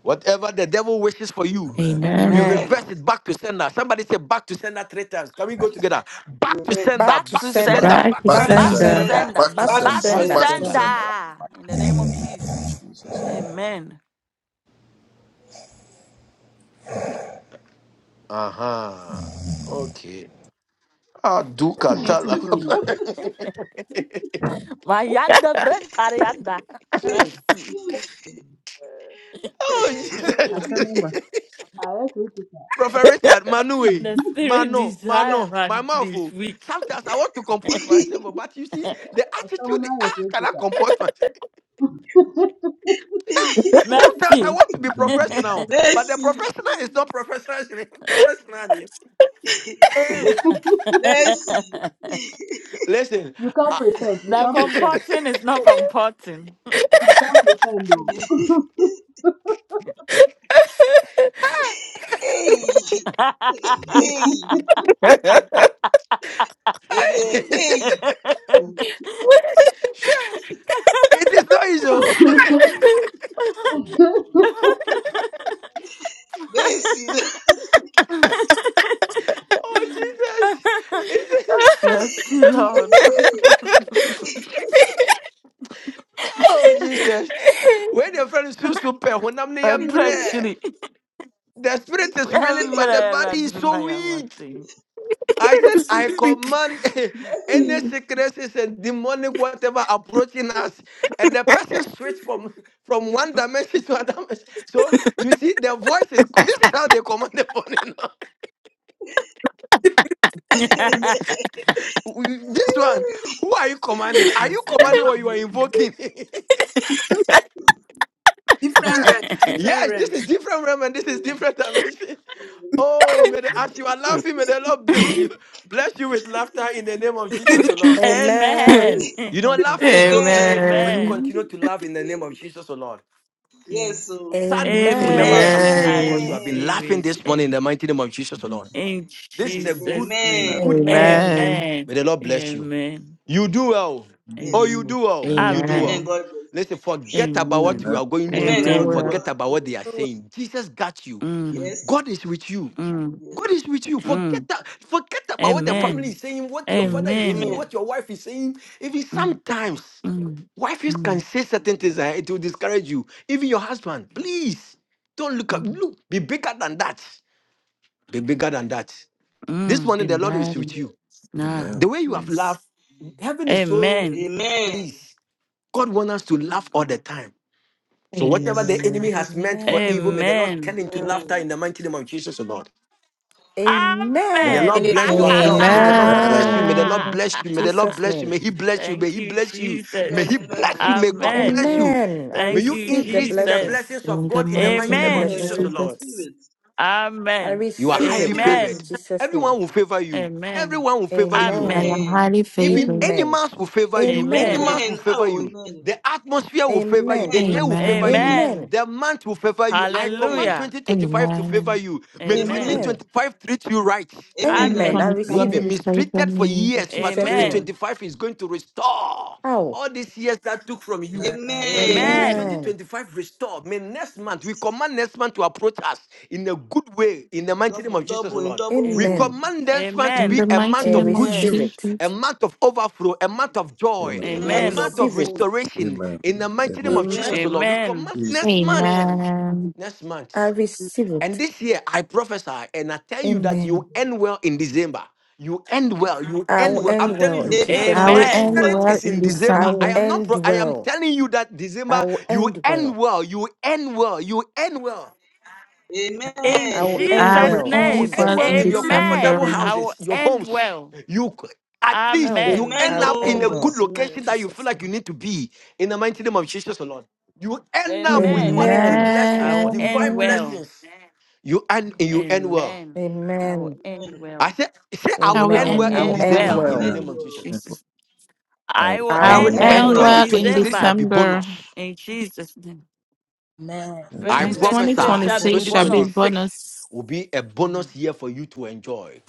Speaker 12: Whatever the devil wishes for you,
Speaker 8: Amen.
Speaker 12: we
Speaker 9: Amen.
Speaker 14: Amen.
Speaker 3: Amen.
Speaker 12: reverse it back to sender. Somebody say back to sender three times. Can we go together? Back to
Speaker 3: Amen.
Speaker 12: sender,
Speaker 19: Back
Speaker 14: Back
Speaker 19: to
Speaker 12: back
Speaker 14: to
Speaker 12: to
Speaker 8: Back,
Speaker 12: sender,
Speaker 19: sender.
Speaker 9: Bye,
Speaker 14: sender.
Speaker 12: back to
Speaker 8: back
Speaker 19: Back
Speaker 8: to
Speaker 3: Back
Speaker 19: to
Speaker 3: to
Speaker 12: sender,
Speaker 14: Back
Speaker 18: Amen.
Speaker 14: to
Speaker 9: Kisanda.
Speaker 8: sender.
Speaker 18: Back
Speaker 19: sender.
Speaker 3: sender.
Speaker 18: to
Speaker 14: sender.
Speaker 8: Back to
Speaker 19: Back
Speaker 3: Back
Speaker 19: to
Speaker 3: to
Speaker 18: Sunday.
Speaker 14: Back
Speaker 8: sender.
Speaker 18: Back
Speaker 14: to
Speaker 12: back to
Speaker 18: to
Speaker 19: sender.
Speaker 8: Back
Speaker 3: sender.
Speaker 8: to
Speaker 12: sender.
Speaker 18: Sunday.
Speaker 8: sender.
Speaker 14: sender. In the name of
Speaker 8: In
Speaker 14: Jesus.
Speaker 8: Jesus'
Speaker 14: Amen.
Speaker 12: Uh-huh. Okay. Ah, do
Speaker 15: Mimi naitwa
Speaker 12: katala.
Speaker 15: Nkrumah.
Speaker 14: Mayanda Brentarianda.
Speaker 15: Hai,
Speaker 14: Mercy.
Speaker 12: oh,
Speaker 15: asante
Speaker 12: Jesus.
Speaker 15: mambo.
Speaker 12: Prophet Richard, Manue,
Speaker 14: The spirit
Speaker 12: Mano,
Speaker 14: desire
Speaker 12: Mano, my
Speaker 14: man
Speaker 12: mouth.
Speaker 14: this
Speaker 12: oh.
Speaker 14: week.
Speaker 12: Sometimes I want to comport myself, oh, but you see, the attitude, the, ah, can I comport myself? Sometimes I
Speaker 14: Mercy.
Speaker 12: want to be
Speaker 8: name.
Speaker 12: professional, but the
Speaker 3: mercy.
Speaker 12: professional is not professional. professional. eh.
Speaker 14: the
Speaker 3: Mercy.
Speaker 12: Listen, ah.
Speaker 14: comporting is not comporting.
Speaker 3: Hey. Hey. Hey. Hey.
Speaker 12: Sure, it is not easy. oh.
Speaker 3: Mercy.
Speaker 12: Oh, Jesus.
Speaker 14: Mercy, Lord.
Speaker 12: Oh, Jesus. When your friend is too super, when I'm
Speaker 14: A
Speaker 12: near mre,
Speaker 14: treachery.
Speaker 12: the spirit is willing, but the
Speaker 14: Emre
Speaker 12: body is so
Speaker 14: Radumaya
Speaker 12: weak.
Speaker 14: wanting.
Speaker 12: I said, I command any sicknesses and demonic whatever approaching us. And the person switch from, from one dimension to another. dimension. So you see, the voice is this is how they command the body now. We- This one, who are you commanding? Are you
Speaker 14: Mercy.
Speaker 12: commanding or you are invoking?
Speaker 17: Different realms. Different
Speaker 12: Yes, this is
Speaker 17: realms.
Speaker 12: different realm and this is different dimension. Oh, may the, as you are laughing, may the Lord bless you. Bless you with laughter in the name of Jesus, O Lord.
Speaker 14: Amen.
Speaker 19: Amen.
Speaker 12: You know, laughing is so
Speaker 3: Amen.
Speaker 12: beautiful. May you
Speaker 14: Amen.
Speaker 9: Amen.
Speaker 12: continue to laugh in the name of Jesus, O Lord.
Speaker 3: Yes.
Speaker 14: Yes.
Speaker 3: So.
Speaker 12: Sad news will never
Speaker 19: Amen.
Speaker 12: come
Speaker 14: Amen.
Speaker 12: to you
Speaker 14: I
Speaker 12: because you
Speaker 9: Amen.
Speaker 12: have been
Speaker 3: Amen.
Speaker 14: receive
Speaker 12: laughing
Speaker 14: it.
Speaker 12: this morning in the
Speaker 14: Amen.
Speaker 12: mighty name of Jesus, O Lord.
Speaker 8: Amen.
Speaker 14: In
Speaker 12: This is a
Speaker 14: Jesus'
Speaker 12: good,
Speaker 8: Amen.
Speaker 14: name.
Speaker 12: good
Speaker 3: Amen.
Speaker 19: Amen.
Speaker 12: energy.
Speaker 9: Amen.
Speaker 14: Amen.
Speaker 12: May the Lord bless you.
Speaker 14: Amen.
Speaker 12: You do well.
Speaker 17: Amen.
Speaker 12: Oh,
Speaker 3: Yes.
Speaker 12: you
Speaker 14: Amen.
Speaker 12: do well.
Speaker 8: Amen.
Speaker 12: You do
Speaker 14: Amen.
Speaker 3: Amen.
Speaker 12: well.
Speaker 9: Amen.
Speaker 3: God bless.
Speaker 12: Listen, forget about what we
Speaker 8: Amen.
Speaker 14: Amen.
Speaker 12: are going
Speaker 3: you.
Speaker 9: We'll
Speaker 3: Amen.
Speaker 12: through.
Speaker 3: I'll
Speaker 9: do
Speaker 3: do
Speaker 14: Amen.
Speaker 9: it.
Speaker 3: well.
Speaker 12: Forget
Speaker 3: I'll
Speaker 12: about
Speaker 3: do
Speaker 12: what
Speaker 3: well.
Speaker 12: they are saying. Jesus got you.
Speaker 14: Mm,
Speaker 3: Yes.
Speaker 12: God is with you.
Speaker 14: mm,
Speaker 3: Yes.
Speaker 12: God is with you. Forget
Speaker 14: mm.
Speaker 12: that. Forget about what the family
Speaker 14: Amen.
Speaker 12: is saying, what your father is saying,
Speaker 14: Amen.
Speaker 3: Amen.
Speaker 12: what your wife is saying. Even
Speaker 14: Mm,
Speaker 12: sometimes,
Speaker 14: mm,
Speaker 12: wives can
Speaker 14: mm,
Speaker 12: say certain things
Speaker 3: Mm.
Speaker 12: and it will discourage you. Even your husband, please don't look up.
Speaker 14: mm,
Speaker 12: Look, be bigger than that. Be bigger than that. This
Speaker 14: mm.
Speaker 12: morning, the Lord is with
Speaker 9: Amen.
Speaker 12: you.
Speaker 14: Nah.
Speaker 12: The
Speaker 8: Amen.
Speaker 12: way you have
Speaker 14: Yes.
Speaker 12: laughed, heaven is so
Speaker 14: Amen.
Speaker 17: Amen. Amen.
Speaker 3: Amen.
Speaker 12: pleased. God wants us to laugh all the time. So whatever the
Speaker 3: Yes.
Speaker 12: enemy
Speaker 9: Amen.
Speaker 12: has meant for evil,
Speaker 19: Amen.
Speaker 12: may the Lord
Speaker 14: Amen.
Speaker 12: turn into laughter
Speaker 3: Amen.
Speaker 12: in the mighty name of Jesus, O Lord. May the
Speaker 19: Amen.
Speaker 14: Amen.
Speaker 12: Lord
Speaker 19: In
Speaker 14: Ha
Speaker 12: bless your
Speaker 19: Jesus'
Speaker 12: account. May
Speaker 3: Amen.
Speaker 12: the
Speaker 19: name.
Speaker 3: I
Speaker 12: Lord
Speaker 8: Amen.
Speaker 12: bless
Speaker 3: receive
Speaker 12: you.
Speaker 3: it.
Speaker 12: May the Lord
Speaker 14: ha
Speaker 9: Amen.
Speaker 12: bless
Speaker 19: In
Speaker 12: you. May the
Speaker 14: ha.
Speaker 12: Lord
Speaker 19: Jesus'
Speaker 12: bless you.
Speaker 19: name.
Speaker 12: May He bless you. May
Speaker 14: Thank
Speaker 12: He
Speaker 14: you,
Speaker 12: bless you. May
Speaker 3: Amen.
Speaker 12: He
Speaker 14: Jesus.
Speaker 3: Amen.
Speaker 12: bless
Speaker 3: I
Speaker 12: you. May
Speaker 3: receive
Speaker 12: God
Speaker 14: Amen.
Speaker 12: bless you.
Speaker 3: it.
Speaker 19: Amen. I
Speaker 12: May
Speaker 14: Thank
Speaker 12: you
Speaker 14: you,
Speaker 19: receive
Speaker 3: Amen.
Speaker 19: the
Speaker 12: increase in the
Speaker 14: Jesus.
Speaker 19: blessings.
Speaker 12: blessings
Speaker 9: In
Speaker 12: of
Speaker 9: the
Speaker 12: God in
Speaker 19: I
Speaker 12: the
Speaker 9: mighty
Speaker 19: receive
Speaker 12: mighty
Speaker 19: the
Speaker 12: name
Speaker 9: name
Speaker 12: of
Speaker 9: of
Speaker 14: Amen.
Speaker 19: blessings
Speaker 12: Jesus,
Speaker 3: Amen. Amen. I
Speaker 12: the
Speaker 19: of
Speaker 12: Lord.
Speaker 19: God.
Speaker 3: receive
Speaker 9: Jesus.
Speaker 3: it.
Speaker 19: I
Speaker 14: Amen.
Speaker 12: You
Speaker 3: I
Speaker 12: are
Speaker 19: receive
Speaker 12: highly
Speaker 3: receive
Speaker 19: it
Speaker 3: it.
Speaker 19: in
Speaker 12: favored.
Speaker 14: Amen.
Speaker 19: Jesus' name.
Speaker 12: Everyone will favor you.
Speaker 14: Amen.
Speaker 12: Everyone will favor you.
Speaker 17: Amen.
Speaker 9: I
Speaker 19: Amen.
Speaker 9: am
Speaker 14: Amen.
Speaker 3: Amen.
Speaker 9: highly
Speaker 12: Even
Speaker 9: favored.
Speaker 19: Amen.
Speaker 12: animals will favor you.
Speaker 17: Amen. Amen.
Speaker 19: Amen.
Speaker 14: Amen.
Speaker 12: Animals will
Speaker 3: Amen.
Speaker 12: favor
Speaker 3: Oh,
Speaker 12: you.
Speaker 3: amen.
Speaker 12: The atmosphere will favor you.
Speaker 19: Amen.
Speaker 12: The day
Speaker 3: Amen.
Speaker 12: will favor you.
Speaker 9: Amen.
Speaker 3: Amen.
Speaker 19: Amen.
Speaker 14: Amen.
Speaker 12: The month will favor you. I command
Speaker 3: Amen.
Speaker 14: Hallelujah.
Speaker 12: 2025 to favor
Speaker 9: Amen.
Speaker 12: you. May
Speaker 3: Amen.
Speaker 14: Amen.
Speaker 19: Amen.
Speaker 12: 2025 treat you right.
Speaker 3: Amen. I
Speaker 19: Amen. I
Speaker 14: Amen.
Speaker 3: receive
Speaker 12: You
Speaker 9: 2025
Speaker 3: it.
Speaker 12: have
Speaker 19: receive
Speaker 12: been
Speaker 9: will
Speaker 19: it
Speaker 9: favor
Speaker 12: mistreated for
Speaker 9: me.
Speaker 19: in
Speaker 12: years, but
Speaker 19: Jesus'
Speaker 17: Amen.
Speaker 3: Amen.
Speaker 19: name.
Speaker 14: Amen.
Speaker 12: 2025 is going to restore
Speaker 19: Oh,
Speaker 12: all these years that took from you. May the
Speaker 17: Amen. Amen.
Speaker 12: year
Speaker 14: Amen.
Speaker 3: Amen.
Speaker 19: amen.
Speaker 12: 2025 restore. May next month, we
Speaker 3: Yes.
Speaker 12: command next month to approach us in a good way, in the mighty name
Speaker 3: Double,
Speaker 12: of Jesus, O
Speaker 3: double, in
Speaker 12: Lord.
Speaker 3: double
Speaker 12: We
Speaker 3: fold.
Speaker 19: Amen.
Speaker 14: Amen.
Speaker 12: command next month to
Speaker 9: In
Speaker 12: be
Speaker 9: the
Speaker 14: Amen.
Speaker 12: a
Speaker 9: mighty
Speaker 12: month
Speaker 19: I
Speaker 12: of
Speaker 9: name of
Speaker 12: good
Speaker 19: receive
Speaker 3: Amen.
Speaker 12: news,
Speaker 19: it.
Speaker 12: a
Speaker 9: Jesus.
Speaker 12: month of overflow, a month of joy,
Speaker 8: Amen.
Speaker 19: I
Speaker 3: Amen.
Speaker 12: a
Speaker 3: In
Speaker 14: Amen.
Speaker 12: month
Speaker 3: double
Speaker 12: of
Speaker 19: receive
Speaker 3: fold.
Speaker 19: it.
Speaker 12: restoration,
Speaker 8: Amen.
Speaker 12: in the mighty name
Speaker 8: Amen.
Speaker 12: of
Speaker 17: Amen.
Speaker 12: Jesus, O
Speaker 3: Amen.
Speaker 12: Lord. We
Speaker 14: Amen.
Speaker 12: command
Speaker 8: Jesus.
Speaker 12: next month,
Speaker 3: Amen.
Speaker 9: Amen.
Speaker 12: next
Speaker 19: I
Speaker 12: month.
Speaker 17: Amen.
Speaker 19: receive
Speaker 12: And
Speaker 19: it.
Speaker 12: this year I prophesy and I tell you that
Speaker 19: Amen.
Speaker 12: you end well in December. You end well. You
Speaker 19: I will
Speaker 12: end well.
Speaker 18: Amen.
Speaker 12: I'm
Speaker 19: end well
Speaker 12: telling
Speaker 19: in
Speaker 8: A-
Speaker 12: you,
Speaker 3: Amen.
Speaker 19: Jesus'
Speaker 9: I
Speaker 3: I will
Speaker 12: my
Speaker 9: will
Speaker 19: name.
Speaker 3: end
Speaker 14: Amen.
Speaker 9: end
Speaker 3: well
Speaker 12: spirit
Speaker 3: in
Speaker 9: well
Speaker 12: is
Speaker 9: in
Speaker 12: in
Speaker 3: December.
Speaker 12: December.
Speaker 19: I
Speaker 12: I
Speaker 19: will
Speaker 9: December.
Speaker 12: am not.
Speaker 19: end
Speaker 12: Pro- I am
Speaker 19: well.
Speaker 12: telling you that
Speaker 19: I
Speaker 12: December
Speaker 19: will
Speaker 12: you
Speaker 19: end
Speaker 12: end
Speaker 19: well.
Speaker 12: well. You end well. You end well.
Speaker 3: Amen.
Speaker 14: In
Speaker 19: I will end
Speaker 9: I will
Speaker 12: You,
Speaker 14: Jesus'
Speaker 19: well
Speaker 3: Amen.
Speaker 19: in
Speaker 12: you
Speaker 9: end
Speaker 14: name,
Speaker 12: end
Speaker 9: well
Speaker 19: Jesus'
Speaker 12: well
Speaker 9: in
Speaker 12: in
Speaker 19: name.
Speaker 12: your comfortable
Speaker 14: amen.
Speaker 9: December.
Speaker 14: I will
Speaker 12: houses, your
Speaker 14: end
Speaker 12: homes.
Speaker 14: well.
Speaker 12: You c- at least
Speaker 19: I will.
Speaker 12: you
Speaker 14: Amen.
Speaker 3: Amen.
Speaker 19: I
Speaker 12: end
Speaker 19: will
Speaker 12: up in
Speaker 19: end
Speaker 12: a
Speaker 3: Oh,
Speaker 12: good
Speaker 19: well.
Speaker 3: Ismail.
Speaker 12: location that you feel
Speaker 19: Jesus'
Speaker 12: like you
Speaker 19: name.
Speaker 12: need to be. In the mighty name of Jesus, alone. you end up with
Speaker 14: Amen.
Speaker 3: Amen.
Speaker 12: quality
Speaker 19: Amen.
Speaker 14: I
Speaker 12: blessings,
Speaker 14: will end
Speaker 12: divine
Speaker 9: Amen.
Speaker 14: well.
Speaker 12: blessings. You end. You end well.
Speaker 14: Amen. I will
Speaker 19: Amen.
Speaker 14: end
Speaker 3: Amen.
Speaker 14: well.
Speaker 12: I said, say I
Speaker 9: I
Speaker 12: will
Speaker 9: will
Speaker 14: I
Speaker 12: end
Speaker 14: will
Speaker 19: Amen.
Speaker 12: well
Speaker 3: Amen.
Speaker 9: end
Speaker 19: I
Speaker 12: in
Speaker 19: will
Speaker 14: end
Speaker 19: end
Speaker 12: December
Speaker 9: well.
Speaker 3: I
Speaker 14: well.
Speaker 3: will
Speaker 12: in the
Speaker 19: well.
Speaker 8: Amen.
Speaker 3: end
Speaker 12: name of
Speaker 14: In
Speaker 12: Jesus.
Speaker 3: well.
Speaker 14: Jesus.
Speaker 8: I
Speaker 14: I
Speaker 8: will
Speaker 14: will
Speaker 19: I
Speaker 9: I
Speaker 3: I
Speaker 18: Thank
Speaker 9: will
Speaker 3: will
Speaker 19: will
Speaker 8: end
Speaker 14: end
Speaker 8: you
Speaker 3: end
Speaker 14: well
Speaker 19: end
Speaker 12: And
Speaker 9: end
Speaker 3: well
Speaker 14: in
Speaker 3: in
Speaker 19: well.
Speaker 9: well in
Speaker 3: December.
Speaker 12: 2026 shall
Speaker 14: December.
Speaker 12: be
Speaker 9: December.
Speaker 12: bonus.
Speaker 14: In Jesus' name.
Speaker 18: Amen.
Speaker 8: in
Speaker 18: Go
Speaker 12: I
Speaker 18: to
Speaker 9: And
Speaker 18: the
Speaker 3: And
Speaker 18: sister
Speaker 8: 2026.
Speaker 14: 2026
Speaker 3: this
Speaker 14: shall
Speaker 3: is
Speaker 12: prophesy
Speaker 18: remote.
Speaker 14: be
Speaker 3: shall
Speaker 9: 2026
Speaker 3: be
Speaker 9: shall be
Speaker 3: bonus.
Speaker 14: bonus.
Speaker 12: 2026
Speaker 9: bonus.
Speaker 12: will be a
Speaker 14: Mm.
Speaker 12: bonus year for you to enjoy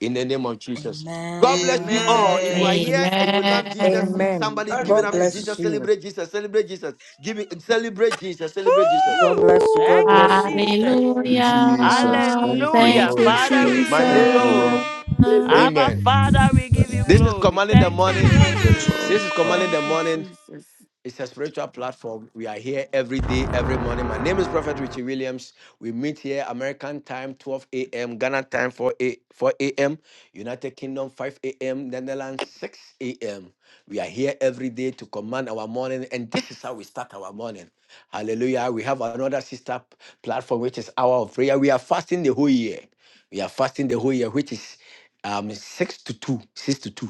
Speaker 12: in the name of Jesus. God bless you
Speaker 18: Amen.
Speaker 12: all. If you are
Speaker 3: Amen.
Speaker 12: here
Speaker 14: 2026
Speaker 12: and you
Speaker 14: will be a
Speaker 12: love
Speaker 14: bonus
Speaker 12: Jesus,
Speaker 9: Amen.
Speaker 14: year for
Speaker 19: Amen.
Speaker 12: somebody
Speaker 3: God
Speaker 12: give it
Speaker 14: me.
Speaker 19: God
Speaker 12: up to
Speaker 3: bless you.
Speaker 19: bless
Speaker 12: Jesus.
Speaker 19: you.
Speaker 12: Celebrate Jesus. Celebrate Jesus. Give it, celebrate Jesus. Celebrate Jesus.
Speaker 19: God
Speaker 3: Woo!
Speaker 14: Woo!
Speaker 19: bless you. God
Speaker 14: Thank you,
Speaker 19: bless you.
Speaker 8: Thank
Speaker 14: Jesus.
Speaker 8: you, Jesus.
Speaker 9: Hallelujah.
Speaker 8: Thank you,
Speaker 9: Thank
Speaker 14: Hallelujah.
Speaker 9: you,
Speaker 8: Holy
Speaker 14: Father, we
Speaker 8: Spirit.
Speaker 12: My
Speaker 14: give you
Speaker 8: Thank
Speaker 12: name,
Speaker 8: you, Lord.
Speaker 9: Jesus.
Speaker 14: glory.
Speaker 17: Hallelujah.
Speaker 14: Abba,
Speaker 12: Amen.
Speaker 14: Father, we give
Speaker 8: Thank
Speaker 14: you
Speaker 12: This
Speaker 8: you.
Speaker 12: is
Speaker 14: glory.
Speaker 12: commanding the
Speaker 14: Thank
Speaker 8: Thank
Speaker 14: you,
Speaker 8: you.
Speaker 12: morning.
Speaker 8: To
Speaker 3: Thank
Speaker 8: The
Speaker 3: you, Jesus.
Speaker 14: Jesus.
Speaker 8: glory
Speaker 12: This is
Speaker 8: of God.
Speaker 12: commanding the
Speaker 14: Thank you,
Speaker 12: morning.
Speaker 14: Jesus.
Speaker 12: It's a spiritual platform. We are here every day, every morning. My name is Prophet Richie Williams. We meet here American time, 12 a.m., Ghana time, 4 a, 4 a.m., United Kingdom, 5 a.m., Netherlands, 6 a.m. We are here every day to command our morning, and this is how we start our morning. Hallelujah. We have another sister p- platform, which is Hour of Prayer. We are fasting the whole year. We are fasting the whole year, which is um six to two six to two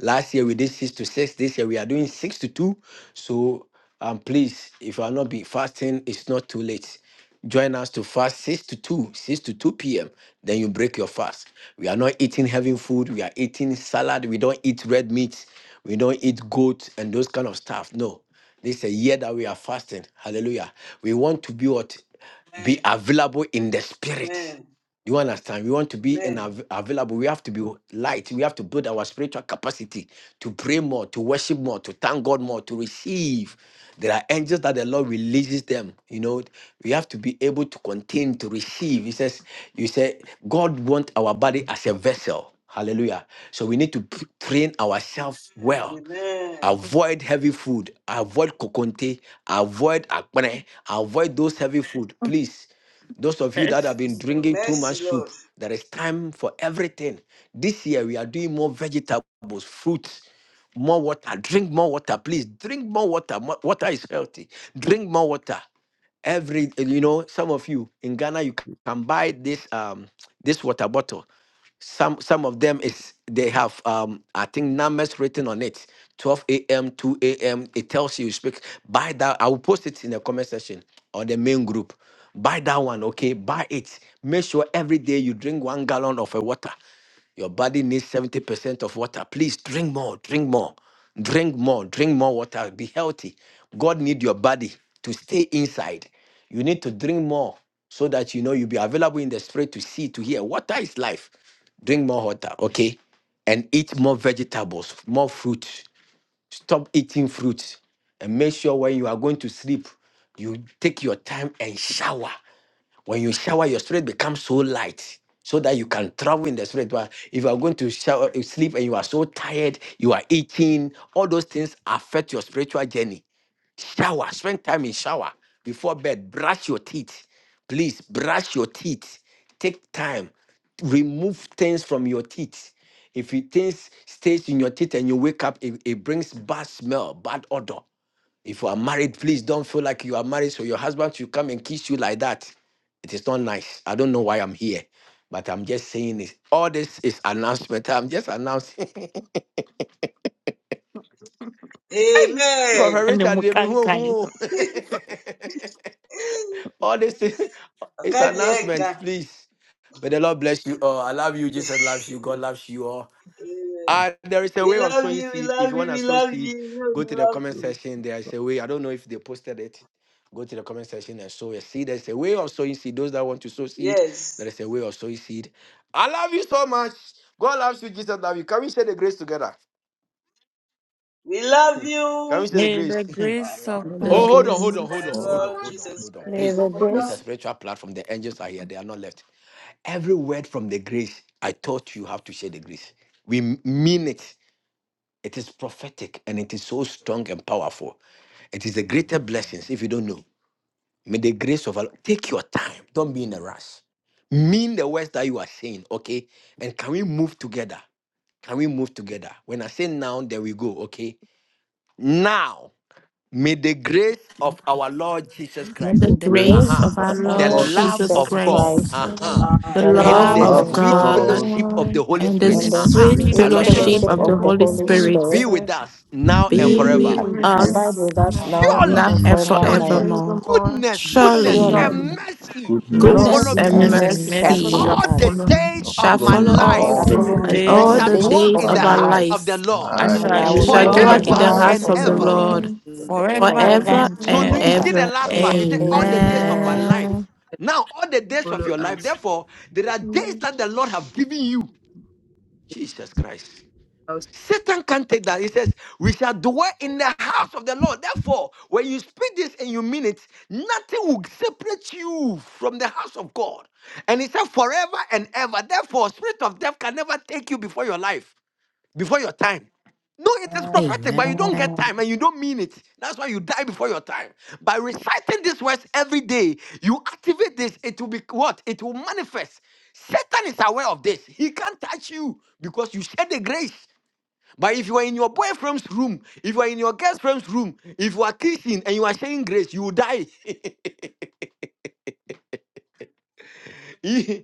Speaker 12: last year we did six to six this year we are doing six to two so um please if you are not be fasting it's not too late join us to fast 6 to 2 6 to 2 p.m then you break your fast we are not eating heavy food we are eating salad we don't eat red meat we don't eat goat and those kind of stuff no this is a year that we are fasting hallelujah we want to be what be available in the spirit
Speaker 3: Amen.
Speaker 12: you understand? We want to be in
Speaker 3: Amen.
Speaker 12: av- available. We have to be light. We have to build our spiritual capacity to pray more, to worship more, to thank God more, to receive. There are angels that the Lord releases them. You know, we have to be able to continue to receive. He says, You say, God wants our body as a vessel. Hallelujah. So we need to p- train ourselves well.
Speaker 3: Amen.
Speaker 12: Avoid heavy food. Avoid kokonte. Avoid akpene. Avoid those heavy food, please. Those of you that have been drinking too
Speaker 3: Mercy,
Speaker 12: much soup,
Speaker 3: Lord.
Speaker 12: there is time for everything. This year we are doing more vegetables, fruits, more water. Drink more water, please. Drink more water. Mo- Water is healthy. Drink more water. Every you know, some of you in Ghana, you can buy this um this water bottle. Some some of them is they have um I think numbers written on it. 12 a.m., 2 a.m. It tells you speak. Buy that. I will post it in the comment section or the main group. Buy that one, okay? Buy it. Make sure every day you drink one gallon of a water. Your body needs 70% of water. Please drink more, drink more, drink more, drink more water. Be healthy. God need your body to stay inside. You need to drink more so that you know you'll be available in the spirit to see, to hear. Water is life. Drink more water, okay? And eat more vegetables, more fruit. Stop eating fruit, and make sure when you are going to sleep, you take your time and shower. When you shower, your spirit becomes so light so that you can travel in the spirit. But if you are going to shower, you sleep and you are so tired, you are eating, all those things affect your spiritual journey. Shower, spend time in shower before bed, brush your teeth. Please brush your teeth. Take time. Remove things from your teeth. If it things stays in your teeth and you wake up, it, it brings bad smell, bad odor. If you are married, please don't feel like you are married, so your husband should come and kiss you like that. It is not nice. I don't know why I'm here, but I'm just saying this. All this is announcement. I'm just announcing.
Speaker 3: Amen.
Speaker 12: Prophet
Speaker 14: And then we
Speaker 12: Richard, they be
Speaker 14: can
Speaker 12: who-
Speaker 14: kind.
Speaker 12: who. all this is is announcement, please. May the Lord bless you all. I love you. Jesus loves you. God loves you all. Uh, there is a way of sowing seed. If you want to sow seed, go
Speaker 8: Thank
Speaker 12: to the comment
Speaker 8: you,
Speaker 12: section. There is a way. I don't know if they posted it. Go to the comment section and sow a seed. There's a way of sowing seed. Those that want to sow seed, there is a way of sowing seed. I love you so much. God loves you. Jesus loves you. Can we share the grace together? Can we share the
Speaker 14: May
Speaker 12: grace?
Speaker 14: the
Speaker 18: Our
Speaker 14: grace
Speaker 18: Lord
Speaker 14: of
Speaker 9: May the
Speaker 12: oh,
Speaker 8: grace,
Speaker 14: God,
Speaker 12: hold on,
Speaker 3: Praise to
Speaker 12: hold on,
Speaker 9: grace,
Speaker 12: hold on,
Speaker 8: Lord.
Speaker 12: hold
Speaker 3: our
Speaker 12: on,
Speaker 3: Lord
Speaker 12: hold on,
Speaker 3: Jesus
Speaker 12: hold on.
Speaker 19: May
Speaker 3: Christ.
Speaker 12: Please.
Speaker 19: the
Speaker 12: It's a
Speaker 19: grace,
Speaker 12: spiritual platform. The angels are here. They are not left. Every word from the grace, I taught you how to share the grace. We mean it. It is prophetic and it is so strong and powerful. It is the greater blessings if you don't know. May the grace of Allah take your time. Don't be in a rush. Mean the words that you are saying, okay? And can we move together? Can we move together? When I say now, there we go, okay? Now, may the grace
Speaker 14: may
Speaker 12: of our Lord Jesus
Speaker 9: may
Speaker 8: And
Speaker 9: the
Speaker 12: Christ,
Speaker 8: the
Speaker 14: the
Speaker 8: grace
Speaker 14: grace
Speaker 9: grace
Speaker 19: grace
Speaker 8: of
Speaker 14: of
Speaker 9: of
Speaker 12: uh-huh,
Speaker 10: Yes.
Speaker 19: of
Speaker 9: our
Speaker 8: our
Speaker 19: our
Speaker 12: the
Speaker 18: Jesus
Speaker 9: Lord
Speaker 14: Lord
Speaker 8: Lord
Speaker 19: Lord
Speaker 12: love
Speaker 18: Christ.
Speaker 9: Jesus
Speaker 8: Jesus
Speaker 19: Jesus
Speaker 12: of
Speaker 14: Jesus
Speaker 12: God,
Speaker 9: Christ,
Speaker 19: Christ,
Speaker 14: Christ,
Speaker 18: The
Speaker 10: Lord.
Speaker 8: Christ.
Speaker 12: uh-huh,
Speaker 9: the
Speaker 18: Lord.
Speaker 19: the
Speaker 14: the
Speaker 8: The
Speaker 12: and
Speaker 9: love
Speaker 14: love
Speaker 12: the
Speaker 10: In
Speaker 19: love
Speaker 10: the
Speaker 14: of
Speaker 9: of
Speaker 8: love of
Speaker 19: of
Speaker 10: name
Speaker 12: sweet
Speaker 10: of
Speaker 14: God,
Speaker 19: God,
Speaker 9: God,
Speaker 8: God
Speaker 12: fellowship of the Holy
Speaker 9: and the
Speaker 8: and
Speaker 14: and
Speaker 12: Spirit,
Speaker 14: the
Speaker 8: the
Speaker 19: and the
Speaker 12: uh-huh.
Speaker 9: sweet
Speaker 8: sweet
Speaker 14: sweet
Speaker 12: I
Speaker 10: the
Speaker 19: sweet
Speaker 12: love this.
Speaker 8: fellowship.
Speaker 9: fellowship
Speaker 14: fellowship
Speaker 19: fellowship
Speaker 9: of the
Speaker 10: fellowship
Speaker 19: of the
Speaker 10: of
Speaker 9: Holy
Speaker 10: the
Speaker 19: Holy
Speaker 10: Holy
Speaker 9: Spirit
Speaker 12: Be
Speaker 19: Spirit
Speaker 12: with
Speaker 10: Spirit,
Speaker 12: us now and
Speaker 9: be
Speaker 14: be
Speaker 10: be
Speaker 18: May
Speaker 9: with
Speaker 8: thee
Speaker 12: forever.
Speaker 15: Yes.
Speaker 14: with
Speaker 10: with
Speaker 14: you
Speaker 18: rest
Speaker 8: with
Speaker 19: abide
Speaker 10: us
Speaker 9: us
Speaker 19: with
Speaker 14: now.
Speaker 19: us
Speaker 10: now
Speaker 19: now
Speaker 8: thy
Speaker 9: now
Speaker 14: and
Speaker 19: and
Speaker 12: Surely,
Speaker 9: and
Speaker 14: forever.
Speaker 10: and
Speaker 12: surely,
Speaker 19: forevermore.
Speaker 9: forevermore.
Speaker 10: forevermore.
Speaker 12: goodness, goodness,
Speaker 9: Surely,
Speaker 19: Surely,
Speaker 12: and
Speaker 18: upon
Speaker 14: Surely.
Speaker 12: mercy
Speaker 14: The
Speaker 12: shall
Speaker 8: goodness
Speaker 14: Lord
Speaker 9: goodness
Speaker 12: follow
Speaker 18: goodness
Speaker 19: goodness
Speaker 18: and
Speaker 9: and
Speaker 8: and
Speaker 19: and
Speaker 12: me.
Speaker 14: goodness
Speaker 10: And
Speaker 18: mercy
Speaker 14: and
Speaker 19: mercy shall
Speaker 12: And
Speaker 8: mercy
Speaker 14: mercy
Speaker 10: for
Speaker 9: mercy
Speaker 14: shall
Speaker 19: follow
Speaker 12: all
Speaker 10: us
Speaker 12: the
Speaker 19: us,
Speaker 14: follow me
Speaker 12: days
Speaker 8: shall
Speaker 9: shall
Speaker 12: of
Speaker 8: follow
Speaker 12: my
Speaker 9: follow
Speaker 8: me
Speaker 10: all
Speaker 14: all
Speaker 10: the
Speaker 12: life,
Speaker 8: all
Speaker 19: shall
Speaker 9: us
Speaker 15: All
Speaker 8: the
Speaker 14: the
Speaker 15: the
Speaker 19: follow
Speaker 10: days
Speaker 18: all
Speaker 9: and
Speaker 19: me
Speaker 15: of
Speaker 18: the
Speaker 12: we
Speaker 8: days
Speaker 15: my
Speaker 19: all
Speaker 10: of
Speaker 8: of
Speaker 9: all
Speaker 19: the
Speaker 10: our
Speaker 12: shall
Speaker 14: days
Speaker 9: the
Speaker 15: life.
Speaker 18: days
Speaker 14: of
Speaker 8: my
Speaker 19: days
Speaker 12: dwell
Speaker 10: lives.
Speaker 9: days
Speaker 19: of
Speaker 12: in
Speaker 14: my
Speaker 8: life,
Speaker 12: the
Speaker 9: of
Speaker 19: my
Speaker 9: our
Speaker 14: life.
Speaker 12: house of
Speaker 9: lives
Speaker 19: life,
Speaker 12: the
Speaker 8: and
Speaker 12: Lord
Speaker 14: I
Speaker 10: And
Speaker 8: I
Speaker 19: and
Speaker 18: and
Speaker 14: shall
Speaker 10: we
Speaker 19: I
Speaker 9: and we
Speaker 10: should
Speaker 19: will
Speaker 18: which
Speaker 9: shall
Speaker 14: dwell
Speaker 10: dwell
Speaker 14: in
Speaker 19: dwell
Speaker 8: dwell
Speaker 10: in
Speaker 8: in
Speaker 9: dwell
Speaker 19: in
Speaker 14: the
Speaker 8: the
Speaker 9: in
Speaker 19: the
Speaker 10: the
Speaker 12: forever
Speaker 9: the
Speaker 8: house of
Speaker 14: house
Speaker 10: house
Speaker 19: house
Speaker 14: of
Speaker 9: house
Speaker 12: and
Speaker 10: of
Speaker 14: the
Speaker 19: of
Speaker 9: of
Speaker 18: us
Speaker 8: the
Speaker 19: the
Speaker 10: the
Speaker 9: the
Speaker 14: Lord
Speaker 12: ever.
Speaker 19: Lord
Speaker 9: Lord
Speaker 8: presence
Speaker 10: Lord
Speaker 8: of the Lord
Speaker 14: forever
Speaker 10: forever
Speaker 18: acquire.
Speaker 19: forever
Speaker 9: forever
Speaker 14: and
Speaker 15: and
Speaker 12: So
Speaker 10: and
Speaker 19: and
Speaker 9: and
Speaker 12: n-
Speaker 10: ever.
Speaker 8: ever
Speaker 12: you
Speaker 14: ever.
Speaker 12: see
Speaker 8: and
Speaker 19: ever.
Speaker 12: the
Speaker 9: ever.
Speaker 12: last part.
Speaker 8: ever.
Speaker 12: He said,
Speaker 14: Amen.
Speaker 12: All the
Speaker 10: Amen.
Speaker 12: days
Speaker 18: Amen.
Speaker 12: of my
Speaker 19: Amen.
Speaker 9: Amen.
Speaker 12: life. Now, all the days of your life. Therefore, there are days that the Lord have given you. Jesus Christ. Satan can't take that. He says, We shall dwell in the house of the Lord. Therefore, when you speak this and you mean it, nothing will separate you from the house of God. And he said, Forever and ever. Therefore, spirit of death can never take you before your life, before your time. No, it is prophetic, but you don't get
Speaker 9: Amen.
Speaker 12: time and you don't mean it. That's why you die before your time. By reciting these words every day, you activate this, it will be what? It will manifest. Satan is aware of this. He can't touch you because you share the grace. But if you are in your boyfriend's room, if you are in your girlfriend's room, if you are kissing and you are sharing grace, you will die. if, if,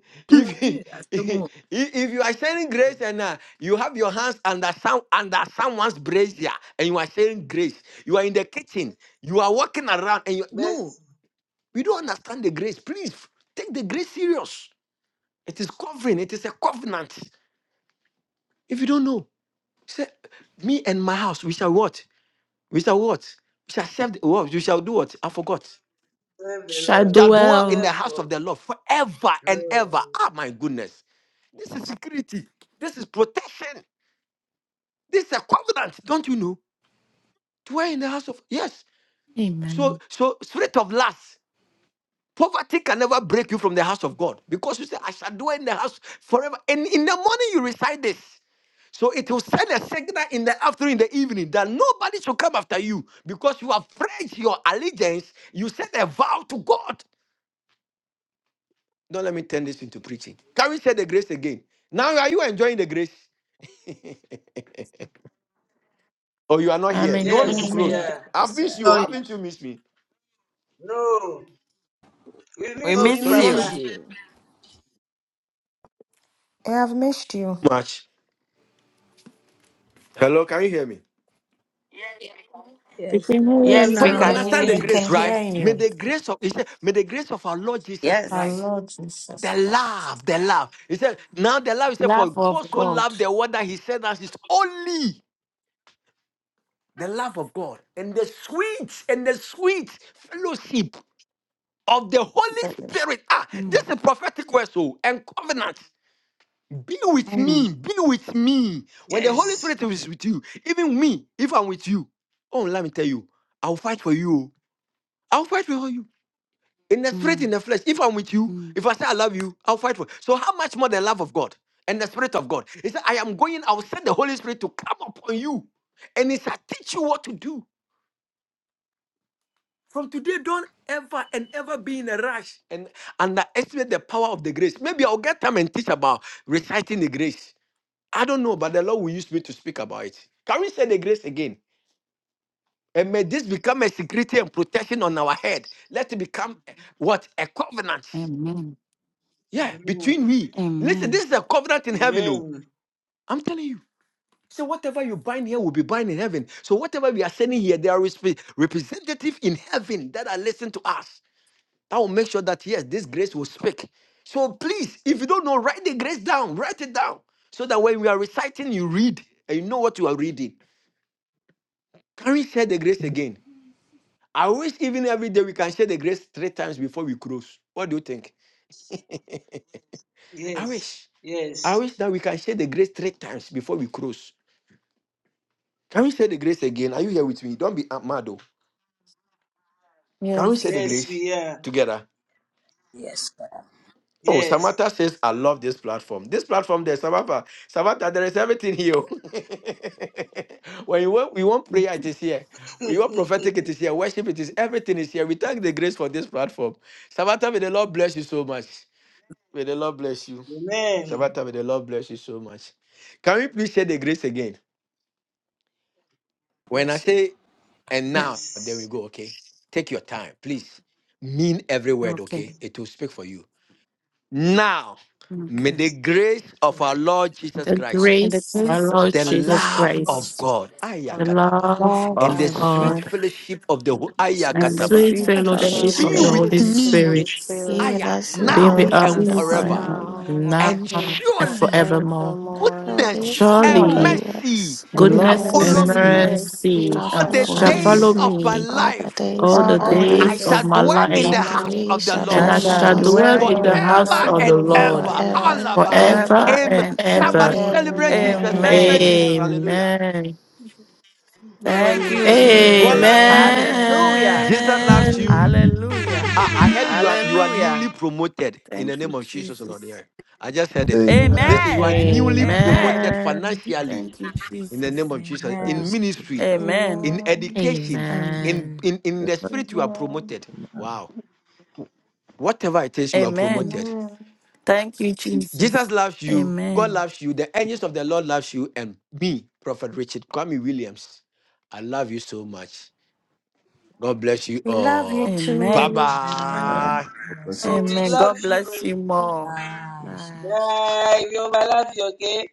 Speaker 12: if if you are sharing grace and uh, you have your hands under some under someone's brazier and you are sharing grace, you are in the kitchen, you are walking around and you
Speaker 3: Mercy.
Speaker 12: no, we don't understand the grace. Please take the grace serious. It is covering, it is a covenant. If you don't know, say me and my house, we shall what? We shall what? We shall serve the what? We shall do what? I forgot.
Speaker 3: Serve the
Speaker 9: Shall
Speaker 3: Lord.
Speaker 12: Shall dwell in
Speaker 9: dwell.
Speaker 12: the
Speaker 3: Serve
Speaker 12: house of
Speaker 3: God.
Speaker 12: the Lord forever and
Speaker 3: No.
Speaker 12: ever. Ah, my goodness. This is security. This is protection. This is a covenant. Don't you know? Dwell in the house of yes. So
Speaker 9: Amen.
Speaker 12: so spirit of lust. Poverty can never break you from the house of God because you say, I shall dwell in the house forever. And in the morning you recite this. So it will send a signal in the afternoon, in the evening, that nobody should come after you because you have pledged your allegiance. You said a vow to God. Don't let me turn this into preaching. Can we share the grace again? Now, are you enjoying the grace? Or you are not
Speaker 9: I'm
Speaker 12: here? You want me to
Speaker 3: Yes,
Speaker 18: Yes,
Speaker 9: enjoying
Speaker 3: we
Speaker 9: it.
Speaker 12: close?
Speaker 18: sir.
Speaker 3: are.
Speaker 18: Yes,
Speaker 12: I've missed
Speaker 18: sir.
Speaker 12: you.
Speaker 17: join.
Speaker 12: Haven't you missed me?
Speaker 3: No. We
Speaker 14: We
Speaker 18: We
Speaker 17: Oh,
Speaker 3: miss
Speaker 17: we
Speaker 3: you,
Speaker 12: So
Speaker 14: miss
Speaker 12: you
Speaker 17: miss
Speaker 12: want me
Speaker 14: you.
Speaker 3: Papa.
Speaker 12: to
Speaker 18: appreciate you.
Speaker 19: I have missed you.
Speaker 12: much? Hello, can you hear me?
Speaker 9: We
Speaker 18: Yes,
Speaker 9: can
Speaker 18: sir.
Speaker 9: hear you
Speaker 14: Yes,
Speaker 3: Yes,
Speaker 12: So
Speaker 14: we
Speaker 3: we
Speaker 12: you
Speaker 9: now.
Speaker 14: can
Speaker 3: can
Speaker 14: hear
Speaker 12: understand the
Speaker 3: hear
Speaker 19: We
Speaker 14: you.
Speaker 3: you.
Speaker 12: grace,
Speaker 19: can
Speaker 12: right?
Speaker 19: hear
Speaker 12: May
Speaker 19: you.
Speaker 12: the grace of he said, may the grace of our Lord Jesus
Speaker 19: Our
Speaker 14: Yes.
Speaker 12: Christ,
Speaker 19: Lord Jesus
Speaker 12: the
Speaker 19: Christ.
Speaker 12: love, the love. He said, now the love he said, for
Speaker 14: Love
Speaker 12: God
Speaker 14: of
Speaker 12: so
Speaker 14: God.
Speaker 12: loved the world that he said us is only the love of God and the sweet and the sweet fellowship of the Holy
Speaker 14: Fellowship.
Speaker 12: Spirit. Ah, this
Speaker 14: Mm,
Speaker 12: is prophetic word, so and covenant. Be with
Speaker 14: mm,
Speaker 12: me, be with me. When the Holy
Speaker 3: Yes.
Speaker 12: Spirit is with you, even me, if I'm with you, oh, let me tell you, I'll fight for you. oh. I'll fight for you. In the spirit, in
Speaker 14: mm,
Speaker 12: the flesh, if I'm with you,
Speaker 14: mm.
Speaker 12: if I say I love you, I'll fight for you. So, how much more the love of God and the Spirit of God? He said, I am going, I'll send the Holy Spirit to come upon you and he shall teach you what to do From today, don't ever and ever be in a rush and underestimate the power of the grace. Maybe I'll get time and teach about reciting the grace. I don't know, but the Lord will use me to speak about it. Can we say the grace again? And may this become a security and protection on our head. Let it become eh, what? A covenant.
Speaker 14: Amen.
Speaker 12: Yeah,
Speaker 3: Amen.
Speaker 12: between we. Listen,
Speaker 14: Amen.
Speaker 12: this is a covenant in heaven, oh.
Speaker 3: Amen.
Speaker 12: I'm telling you. So whatever you bind here will be bound in heaven. So whatever we are sending here, there is representative in heaven that are listening to us. That will make sure that yes, this grace will speak. So please, if you don't know, write the grace down. Write it down so that when we are reciting, you read and you know what you are reading. Can we share the grace again? I wish even every day we can share the grace three times before we close. What do you think? I
Speaker 3: Yes.
Speaker 12: wish. I
Speaker 3: Yes.
Speaker 12: wish that we can share the grace three times before we close. Can we share the grace again? Are you here with me? Don't be uh, mad though. Can we share
Speaker 14: Yes.
Speaker 12: the
Speaker 3: Yes,
Speaker 12: grace
Speaker 3: we are.
Speaker 12: together?
Speaker 18: Yes, sir.
Speaker 12: Oh,
Speaker 3: Yes.
Speaker 12: Samantha says, I love this platform. This platform there, Samantha, Samantha, there is everything here. when you want, we want prayer, it is here. We want prophetic, it is here. Worship, it is everything is here. We thank the grace for this platform. Samantha, may the Lord bless you so much. May the Lord bless you.
Speaker 3: Amen.
Speaker 12: Samantha, may the Lord bless you so much. Can we please share the grace again? When
Speaker 18: Yes,
Speaker 12: I
Speaker 18: sir.
Speaker 12: say, and
Speaker 14: Right.
Speaker 12: now, then we go, okay? Take your time, please. Mean every word,
Speaker 14: Okay.
Speaker 12: okay? It will speak for you. Now, may
Speaker 14: Okay.
Speaker 12: the grace of our Lord Jesus
Speaker 9: The
Speaker 12: Christ,
Speaker 14: And the
Speaker 9: grace,
Speaker 18: Amen.
Speaker 9: our
Speaker 14: grace of
Speaker 9: Lord
Speaker 12: the
Speaker 14: our
Speaker 9: Jesus
Speaker 14: Lord
Speaker 12: love
Speaker 14: Jesus,
Speaker 12: of
Speaker 9: Christ,
Speaker 12: God,
Speaker 9: the
Speaker 18: The
Speaker 12: Ayakataba,
Speaker 9: love
Speaker 14: love
Speaker 12: and
Speaker 9: of
Speaker 18: Lord,
Speaker 12: the
Speaker 14: of
Speaker 12: sweet
Speaker 14: God.
Speaker 9: God,
Speaker 12: fellowship of the
Speaker 18: and
Speaker 12: Ho-
Speaker 18: let
Speaker 9: the
Speaker 14: and
Speaker 18: speak
Speaker 14: the
Speaker 17: you.
Speaker 12: Ayakataba
Speaker 9: sweet
Speaker 18: and
Speaker 14: sweet
Speaker 22: Holy
Speaker 10: Well,
Speaker 9: fellowship
Speaker 18: for
Speaker 14: fellowship
Speaker 12: be
Speaker 9: of
Speaker 18: the
Speaker 9: the
Speaker 14: of the
Speaker 10: with
Speaker 12: with
Speaker 9: Holy
Speaker 18: Holy
Speaker 14: Holy
Speaker 22: Spirit,
Speaker 10: The
Speaker 18: Spirit
Speaker 12: me,
Speaker 10: Holy
Speaker 9: Spirit
Speaker 14: Spirit.
Speaker 22: be
Speaker 10: Spirit
Speaker 22: with
Speaker 12: Aya,
Speaker 22: us
Speaker 18: be
Speaker 9: be
Speaker 12: now
Speaker 14: Uh,
Speaker 18: with
Speaker 9: with
Speaker 10: be
Speaker 22: now
Speaker 18: us
Speaker 12: and
Speaker 14: be
Speaker 10: with
Speaker 22: and
Speaker 14: with
Speaker 10: us
Speaker 18: now
Speaker 9: us
Speaker 14: me
Speaker 12: forever.
Speaker 14: and
Speaker 22: forevermore.
Speaker 18: and
Speaker 10: now
Speaker 9: now
Speaker 18: forever.
Speaker 12: And
Speaker 10: and
Speaker 9: and
Speaker 12: surely
Speaker 9: forevermore.
Speaker 10: forevermore.
Speaker 12: goodness
Speaker 22: Surely,
Speaker 12: and
Speaker 18: Surely
Speaker 14: one,
Speaker 9: Surely.
Speaker 12: mercy
Speaker 22: goodness
Speaker 14: the
Speaker 22: and
Speaker 12: shall
Speaker 14: love
Speaker 9: goodness
Speaker 22: mercy
Speaker 18: goodness
Speaker 12: follow
Speaker 10: Goodness
Speaker 9: and
Speaker 14: goodness
Speaker 10: and
Speaker 14: and
Speaker 12: me
Speaker 18: and
Speaker 14: mercy
Speaker 9: mercy
Speaker 10: mercy
Speaker 18: mercy
Speaker 22: shall
Speaker 12: all
Speaker 14: shall
Speaker 18: shall
Speaker 10: shall
Speaker 12: the
Speaker 22: follow
Speaker 9: shall
Speaker 14: follow
Speaker 18: follow
Speaker 12: days
Speaker 14: me
Speaker 9: follow
Speaker 22: us
Speaker 10: follow
Speaker 18: us
Speaker 12: of
Speaker 10: us
Speaker 12: my
Speaker 9: me
Speaker 22: all the
Speaker 12: life
Speaker 22: days
Speaker 9: all
Speaker 14: all
Speaker 22: of
Speaker 9: the
Speaker 18: all
Speaker 14: the
Speaker 22: our
Speaker 18: the
Speaker 12: we-
Speaker 10: all the
Speaker 12: I
Speaker 9: days
Speaker 10: day
Speaker 18: days of
Speaker 22: lives,
Speaker 10: of
Speaker 9: of
Speaker 12: shall
Speaker 14: days
Speaker 9: my
Speaker 14: of
Speaker 18: our
Speaker 12: dwell
Speaker 14: my
Speaker 12: in
Speaker 18: lives,
Speaker 9: life,
Speaker 12: the
Speaker 14: life.
Speaker 22: and
Speaker 12: house
Speaker 10: life.
Speaker 22: we
Speaker 12: of the
Speaker 22: shall
Speaker 18: and
Speaker 9: and
Speaker 14: I
Speaker 18: we
Speaker 22: dwell
Speaker 9: I
Speaker 22: in
Speaker 12: Lord
Speaker 22: the
Speaker 10: And
Speaker 18: shall
Speaker 14: shall
Speaker 9: shall
Speaker 17: And,
Speaker 10: we
Speaker 22: house of
Speaker 10: shall
Speaker 18: dwell
Speaker 9: dwell
Speaker 14: dwell
Speaker 22: the
Speaker 9: in
Speaker 14: in the
Speaker 9: the
Speaker 10: dwell
Speaker 22: Lord
Speaker 10: in the
Speaker 9: house
Speaker 14: house
Speaker 12: forever
Speaker 18: in
Speaker 10: house
Speaker 18: the
Speaker 14: of
Speaker 9: of
Speaker 10: of
Speaker 9: the
Speaker 14: the
Speaker 12: and
Speaker 10: the
Speaker 18: house of
Speaker 14: Lord
Speaker 9: Lord
Speaker 18: the
Speaker 12: ever.
Speaker 10: Lord
Speaker 18: Lord
Speaker 22: forever
Speaker 12: Alaba.
Speaker 22: and
Speaker 9: forever
Speaker 14: forever
Speaker 10: forever
Speaker 22: ever.
Speaker 12: Amen.
Speaker 9: and
Speaker 18: forever.
Speaker 14: and ever.
Speaker 17: for.
Speaker 10: and
Speaker 9: ever.
Speaker 12: Somebody
Speaker 10: ever.
Speaker 12: celebrate Jesus.
Speaker 22: Amen.
Speaker 12: Celebrate
Speaker 14: Amen.
Speaker 10: Amen.
Speaker 12: Jesus.
Speaker 18: Amen.
Speaker 12: Hallelujah.
Speaker 9: Amen.
Speaker 14: Thank
Speaker 18: Glory.
Speaker 14: you,
Speaker 12: God
Speaker 14: Jesus.
Speaker 12: loves you.
Speaker 14: Hallelujah.
Speaker 12: Jesus loves
Speaker 9: Amen.
Speaker 12: you.
Speaker 14: Hallelujah.
Speaker 12: Ah, I heard you are you are
Speaker 14: Hallelujah.
Speaker 12: newly promoted in the
Speaker 14: Thank
Speaker 12: name
Speaker 14: you,
Speaker 12: of Jesus, Lord.
Speaker 14: Jesus.
Speaker 12: Yeah. I just heard it.
Speaker 8: Amen.
Speaker 12: Listen, you are
Speaker 14: Amen.
Speaker 10: Amen.
Speaker 12: newly
Speaker 14: Amen.
Speaker 12: promoted
Speaker 9: Amen.
Speaker 12: financially
Speaker 14: Thank you,
Speaker 12: in the
Speaker 14: Jesus.
Speaker 12: name of Jesus,
Speaker 8: I
Speaker 18: Amen.
Speaker 12: in
Speaker 8: receive
Speaker 12: ministry,
Speaker 8: it.
Speaker 14: Amen.
Speaker 12: in
Speaker 10: Amen.
Speaker 12: education,
Speaker 14: Amen.
Speaker 12: in
Speaker 9: Amen.
Speaker 12: in, in
Speaker 8: Amen.
Speaker 12: the spirit you are promoted.
Speaker 8: Amen.
Speaker 12: Wow. Whatever it is, you are
Speaker 14: Amen.
Speaker 12: promoted.
Speaker 10: Amen.
Speaker 14: Thank you,
Speaker 12: Jesus
Speaker 14: Jesus.
Speaker 12: loves you, God
Speaker 14: Amen.
Speaker 12: loves you, the angels of the Lord loves you, and me, Prophet Richard Kwame Williams. I love you so much. God bless you
Speaker 19: We love you
Speaker 12: all. Bye
Speaker 14: Amen.
Speaker 19: too.
Speaker 8: Amen.
Speaker 18: Amen.
Speaker 10: Amen.
Speaker 12: bye.
Speaker 8: God
Speaker 18: Yes,
Speaker 8: bless
Speaker 3: Oh,
Speaker 18: it
Speaker 3: we
Speaker 14: Amen.
Speaker 18: is.
Speaker 3: love
Speaker 14: God
Speaker 3: you.
Speaker 14: bless you more.
Speaker 18: Aye.
Speaker 8: you.
Speaker 14: Bye.
Speaker 3: Bye. We overlove you, okay?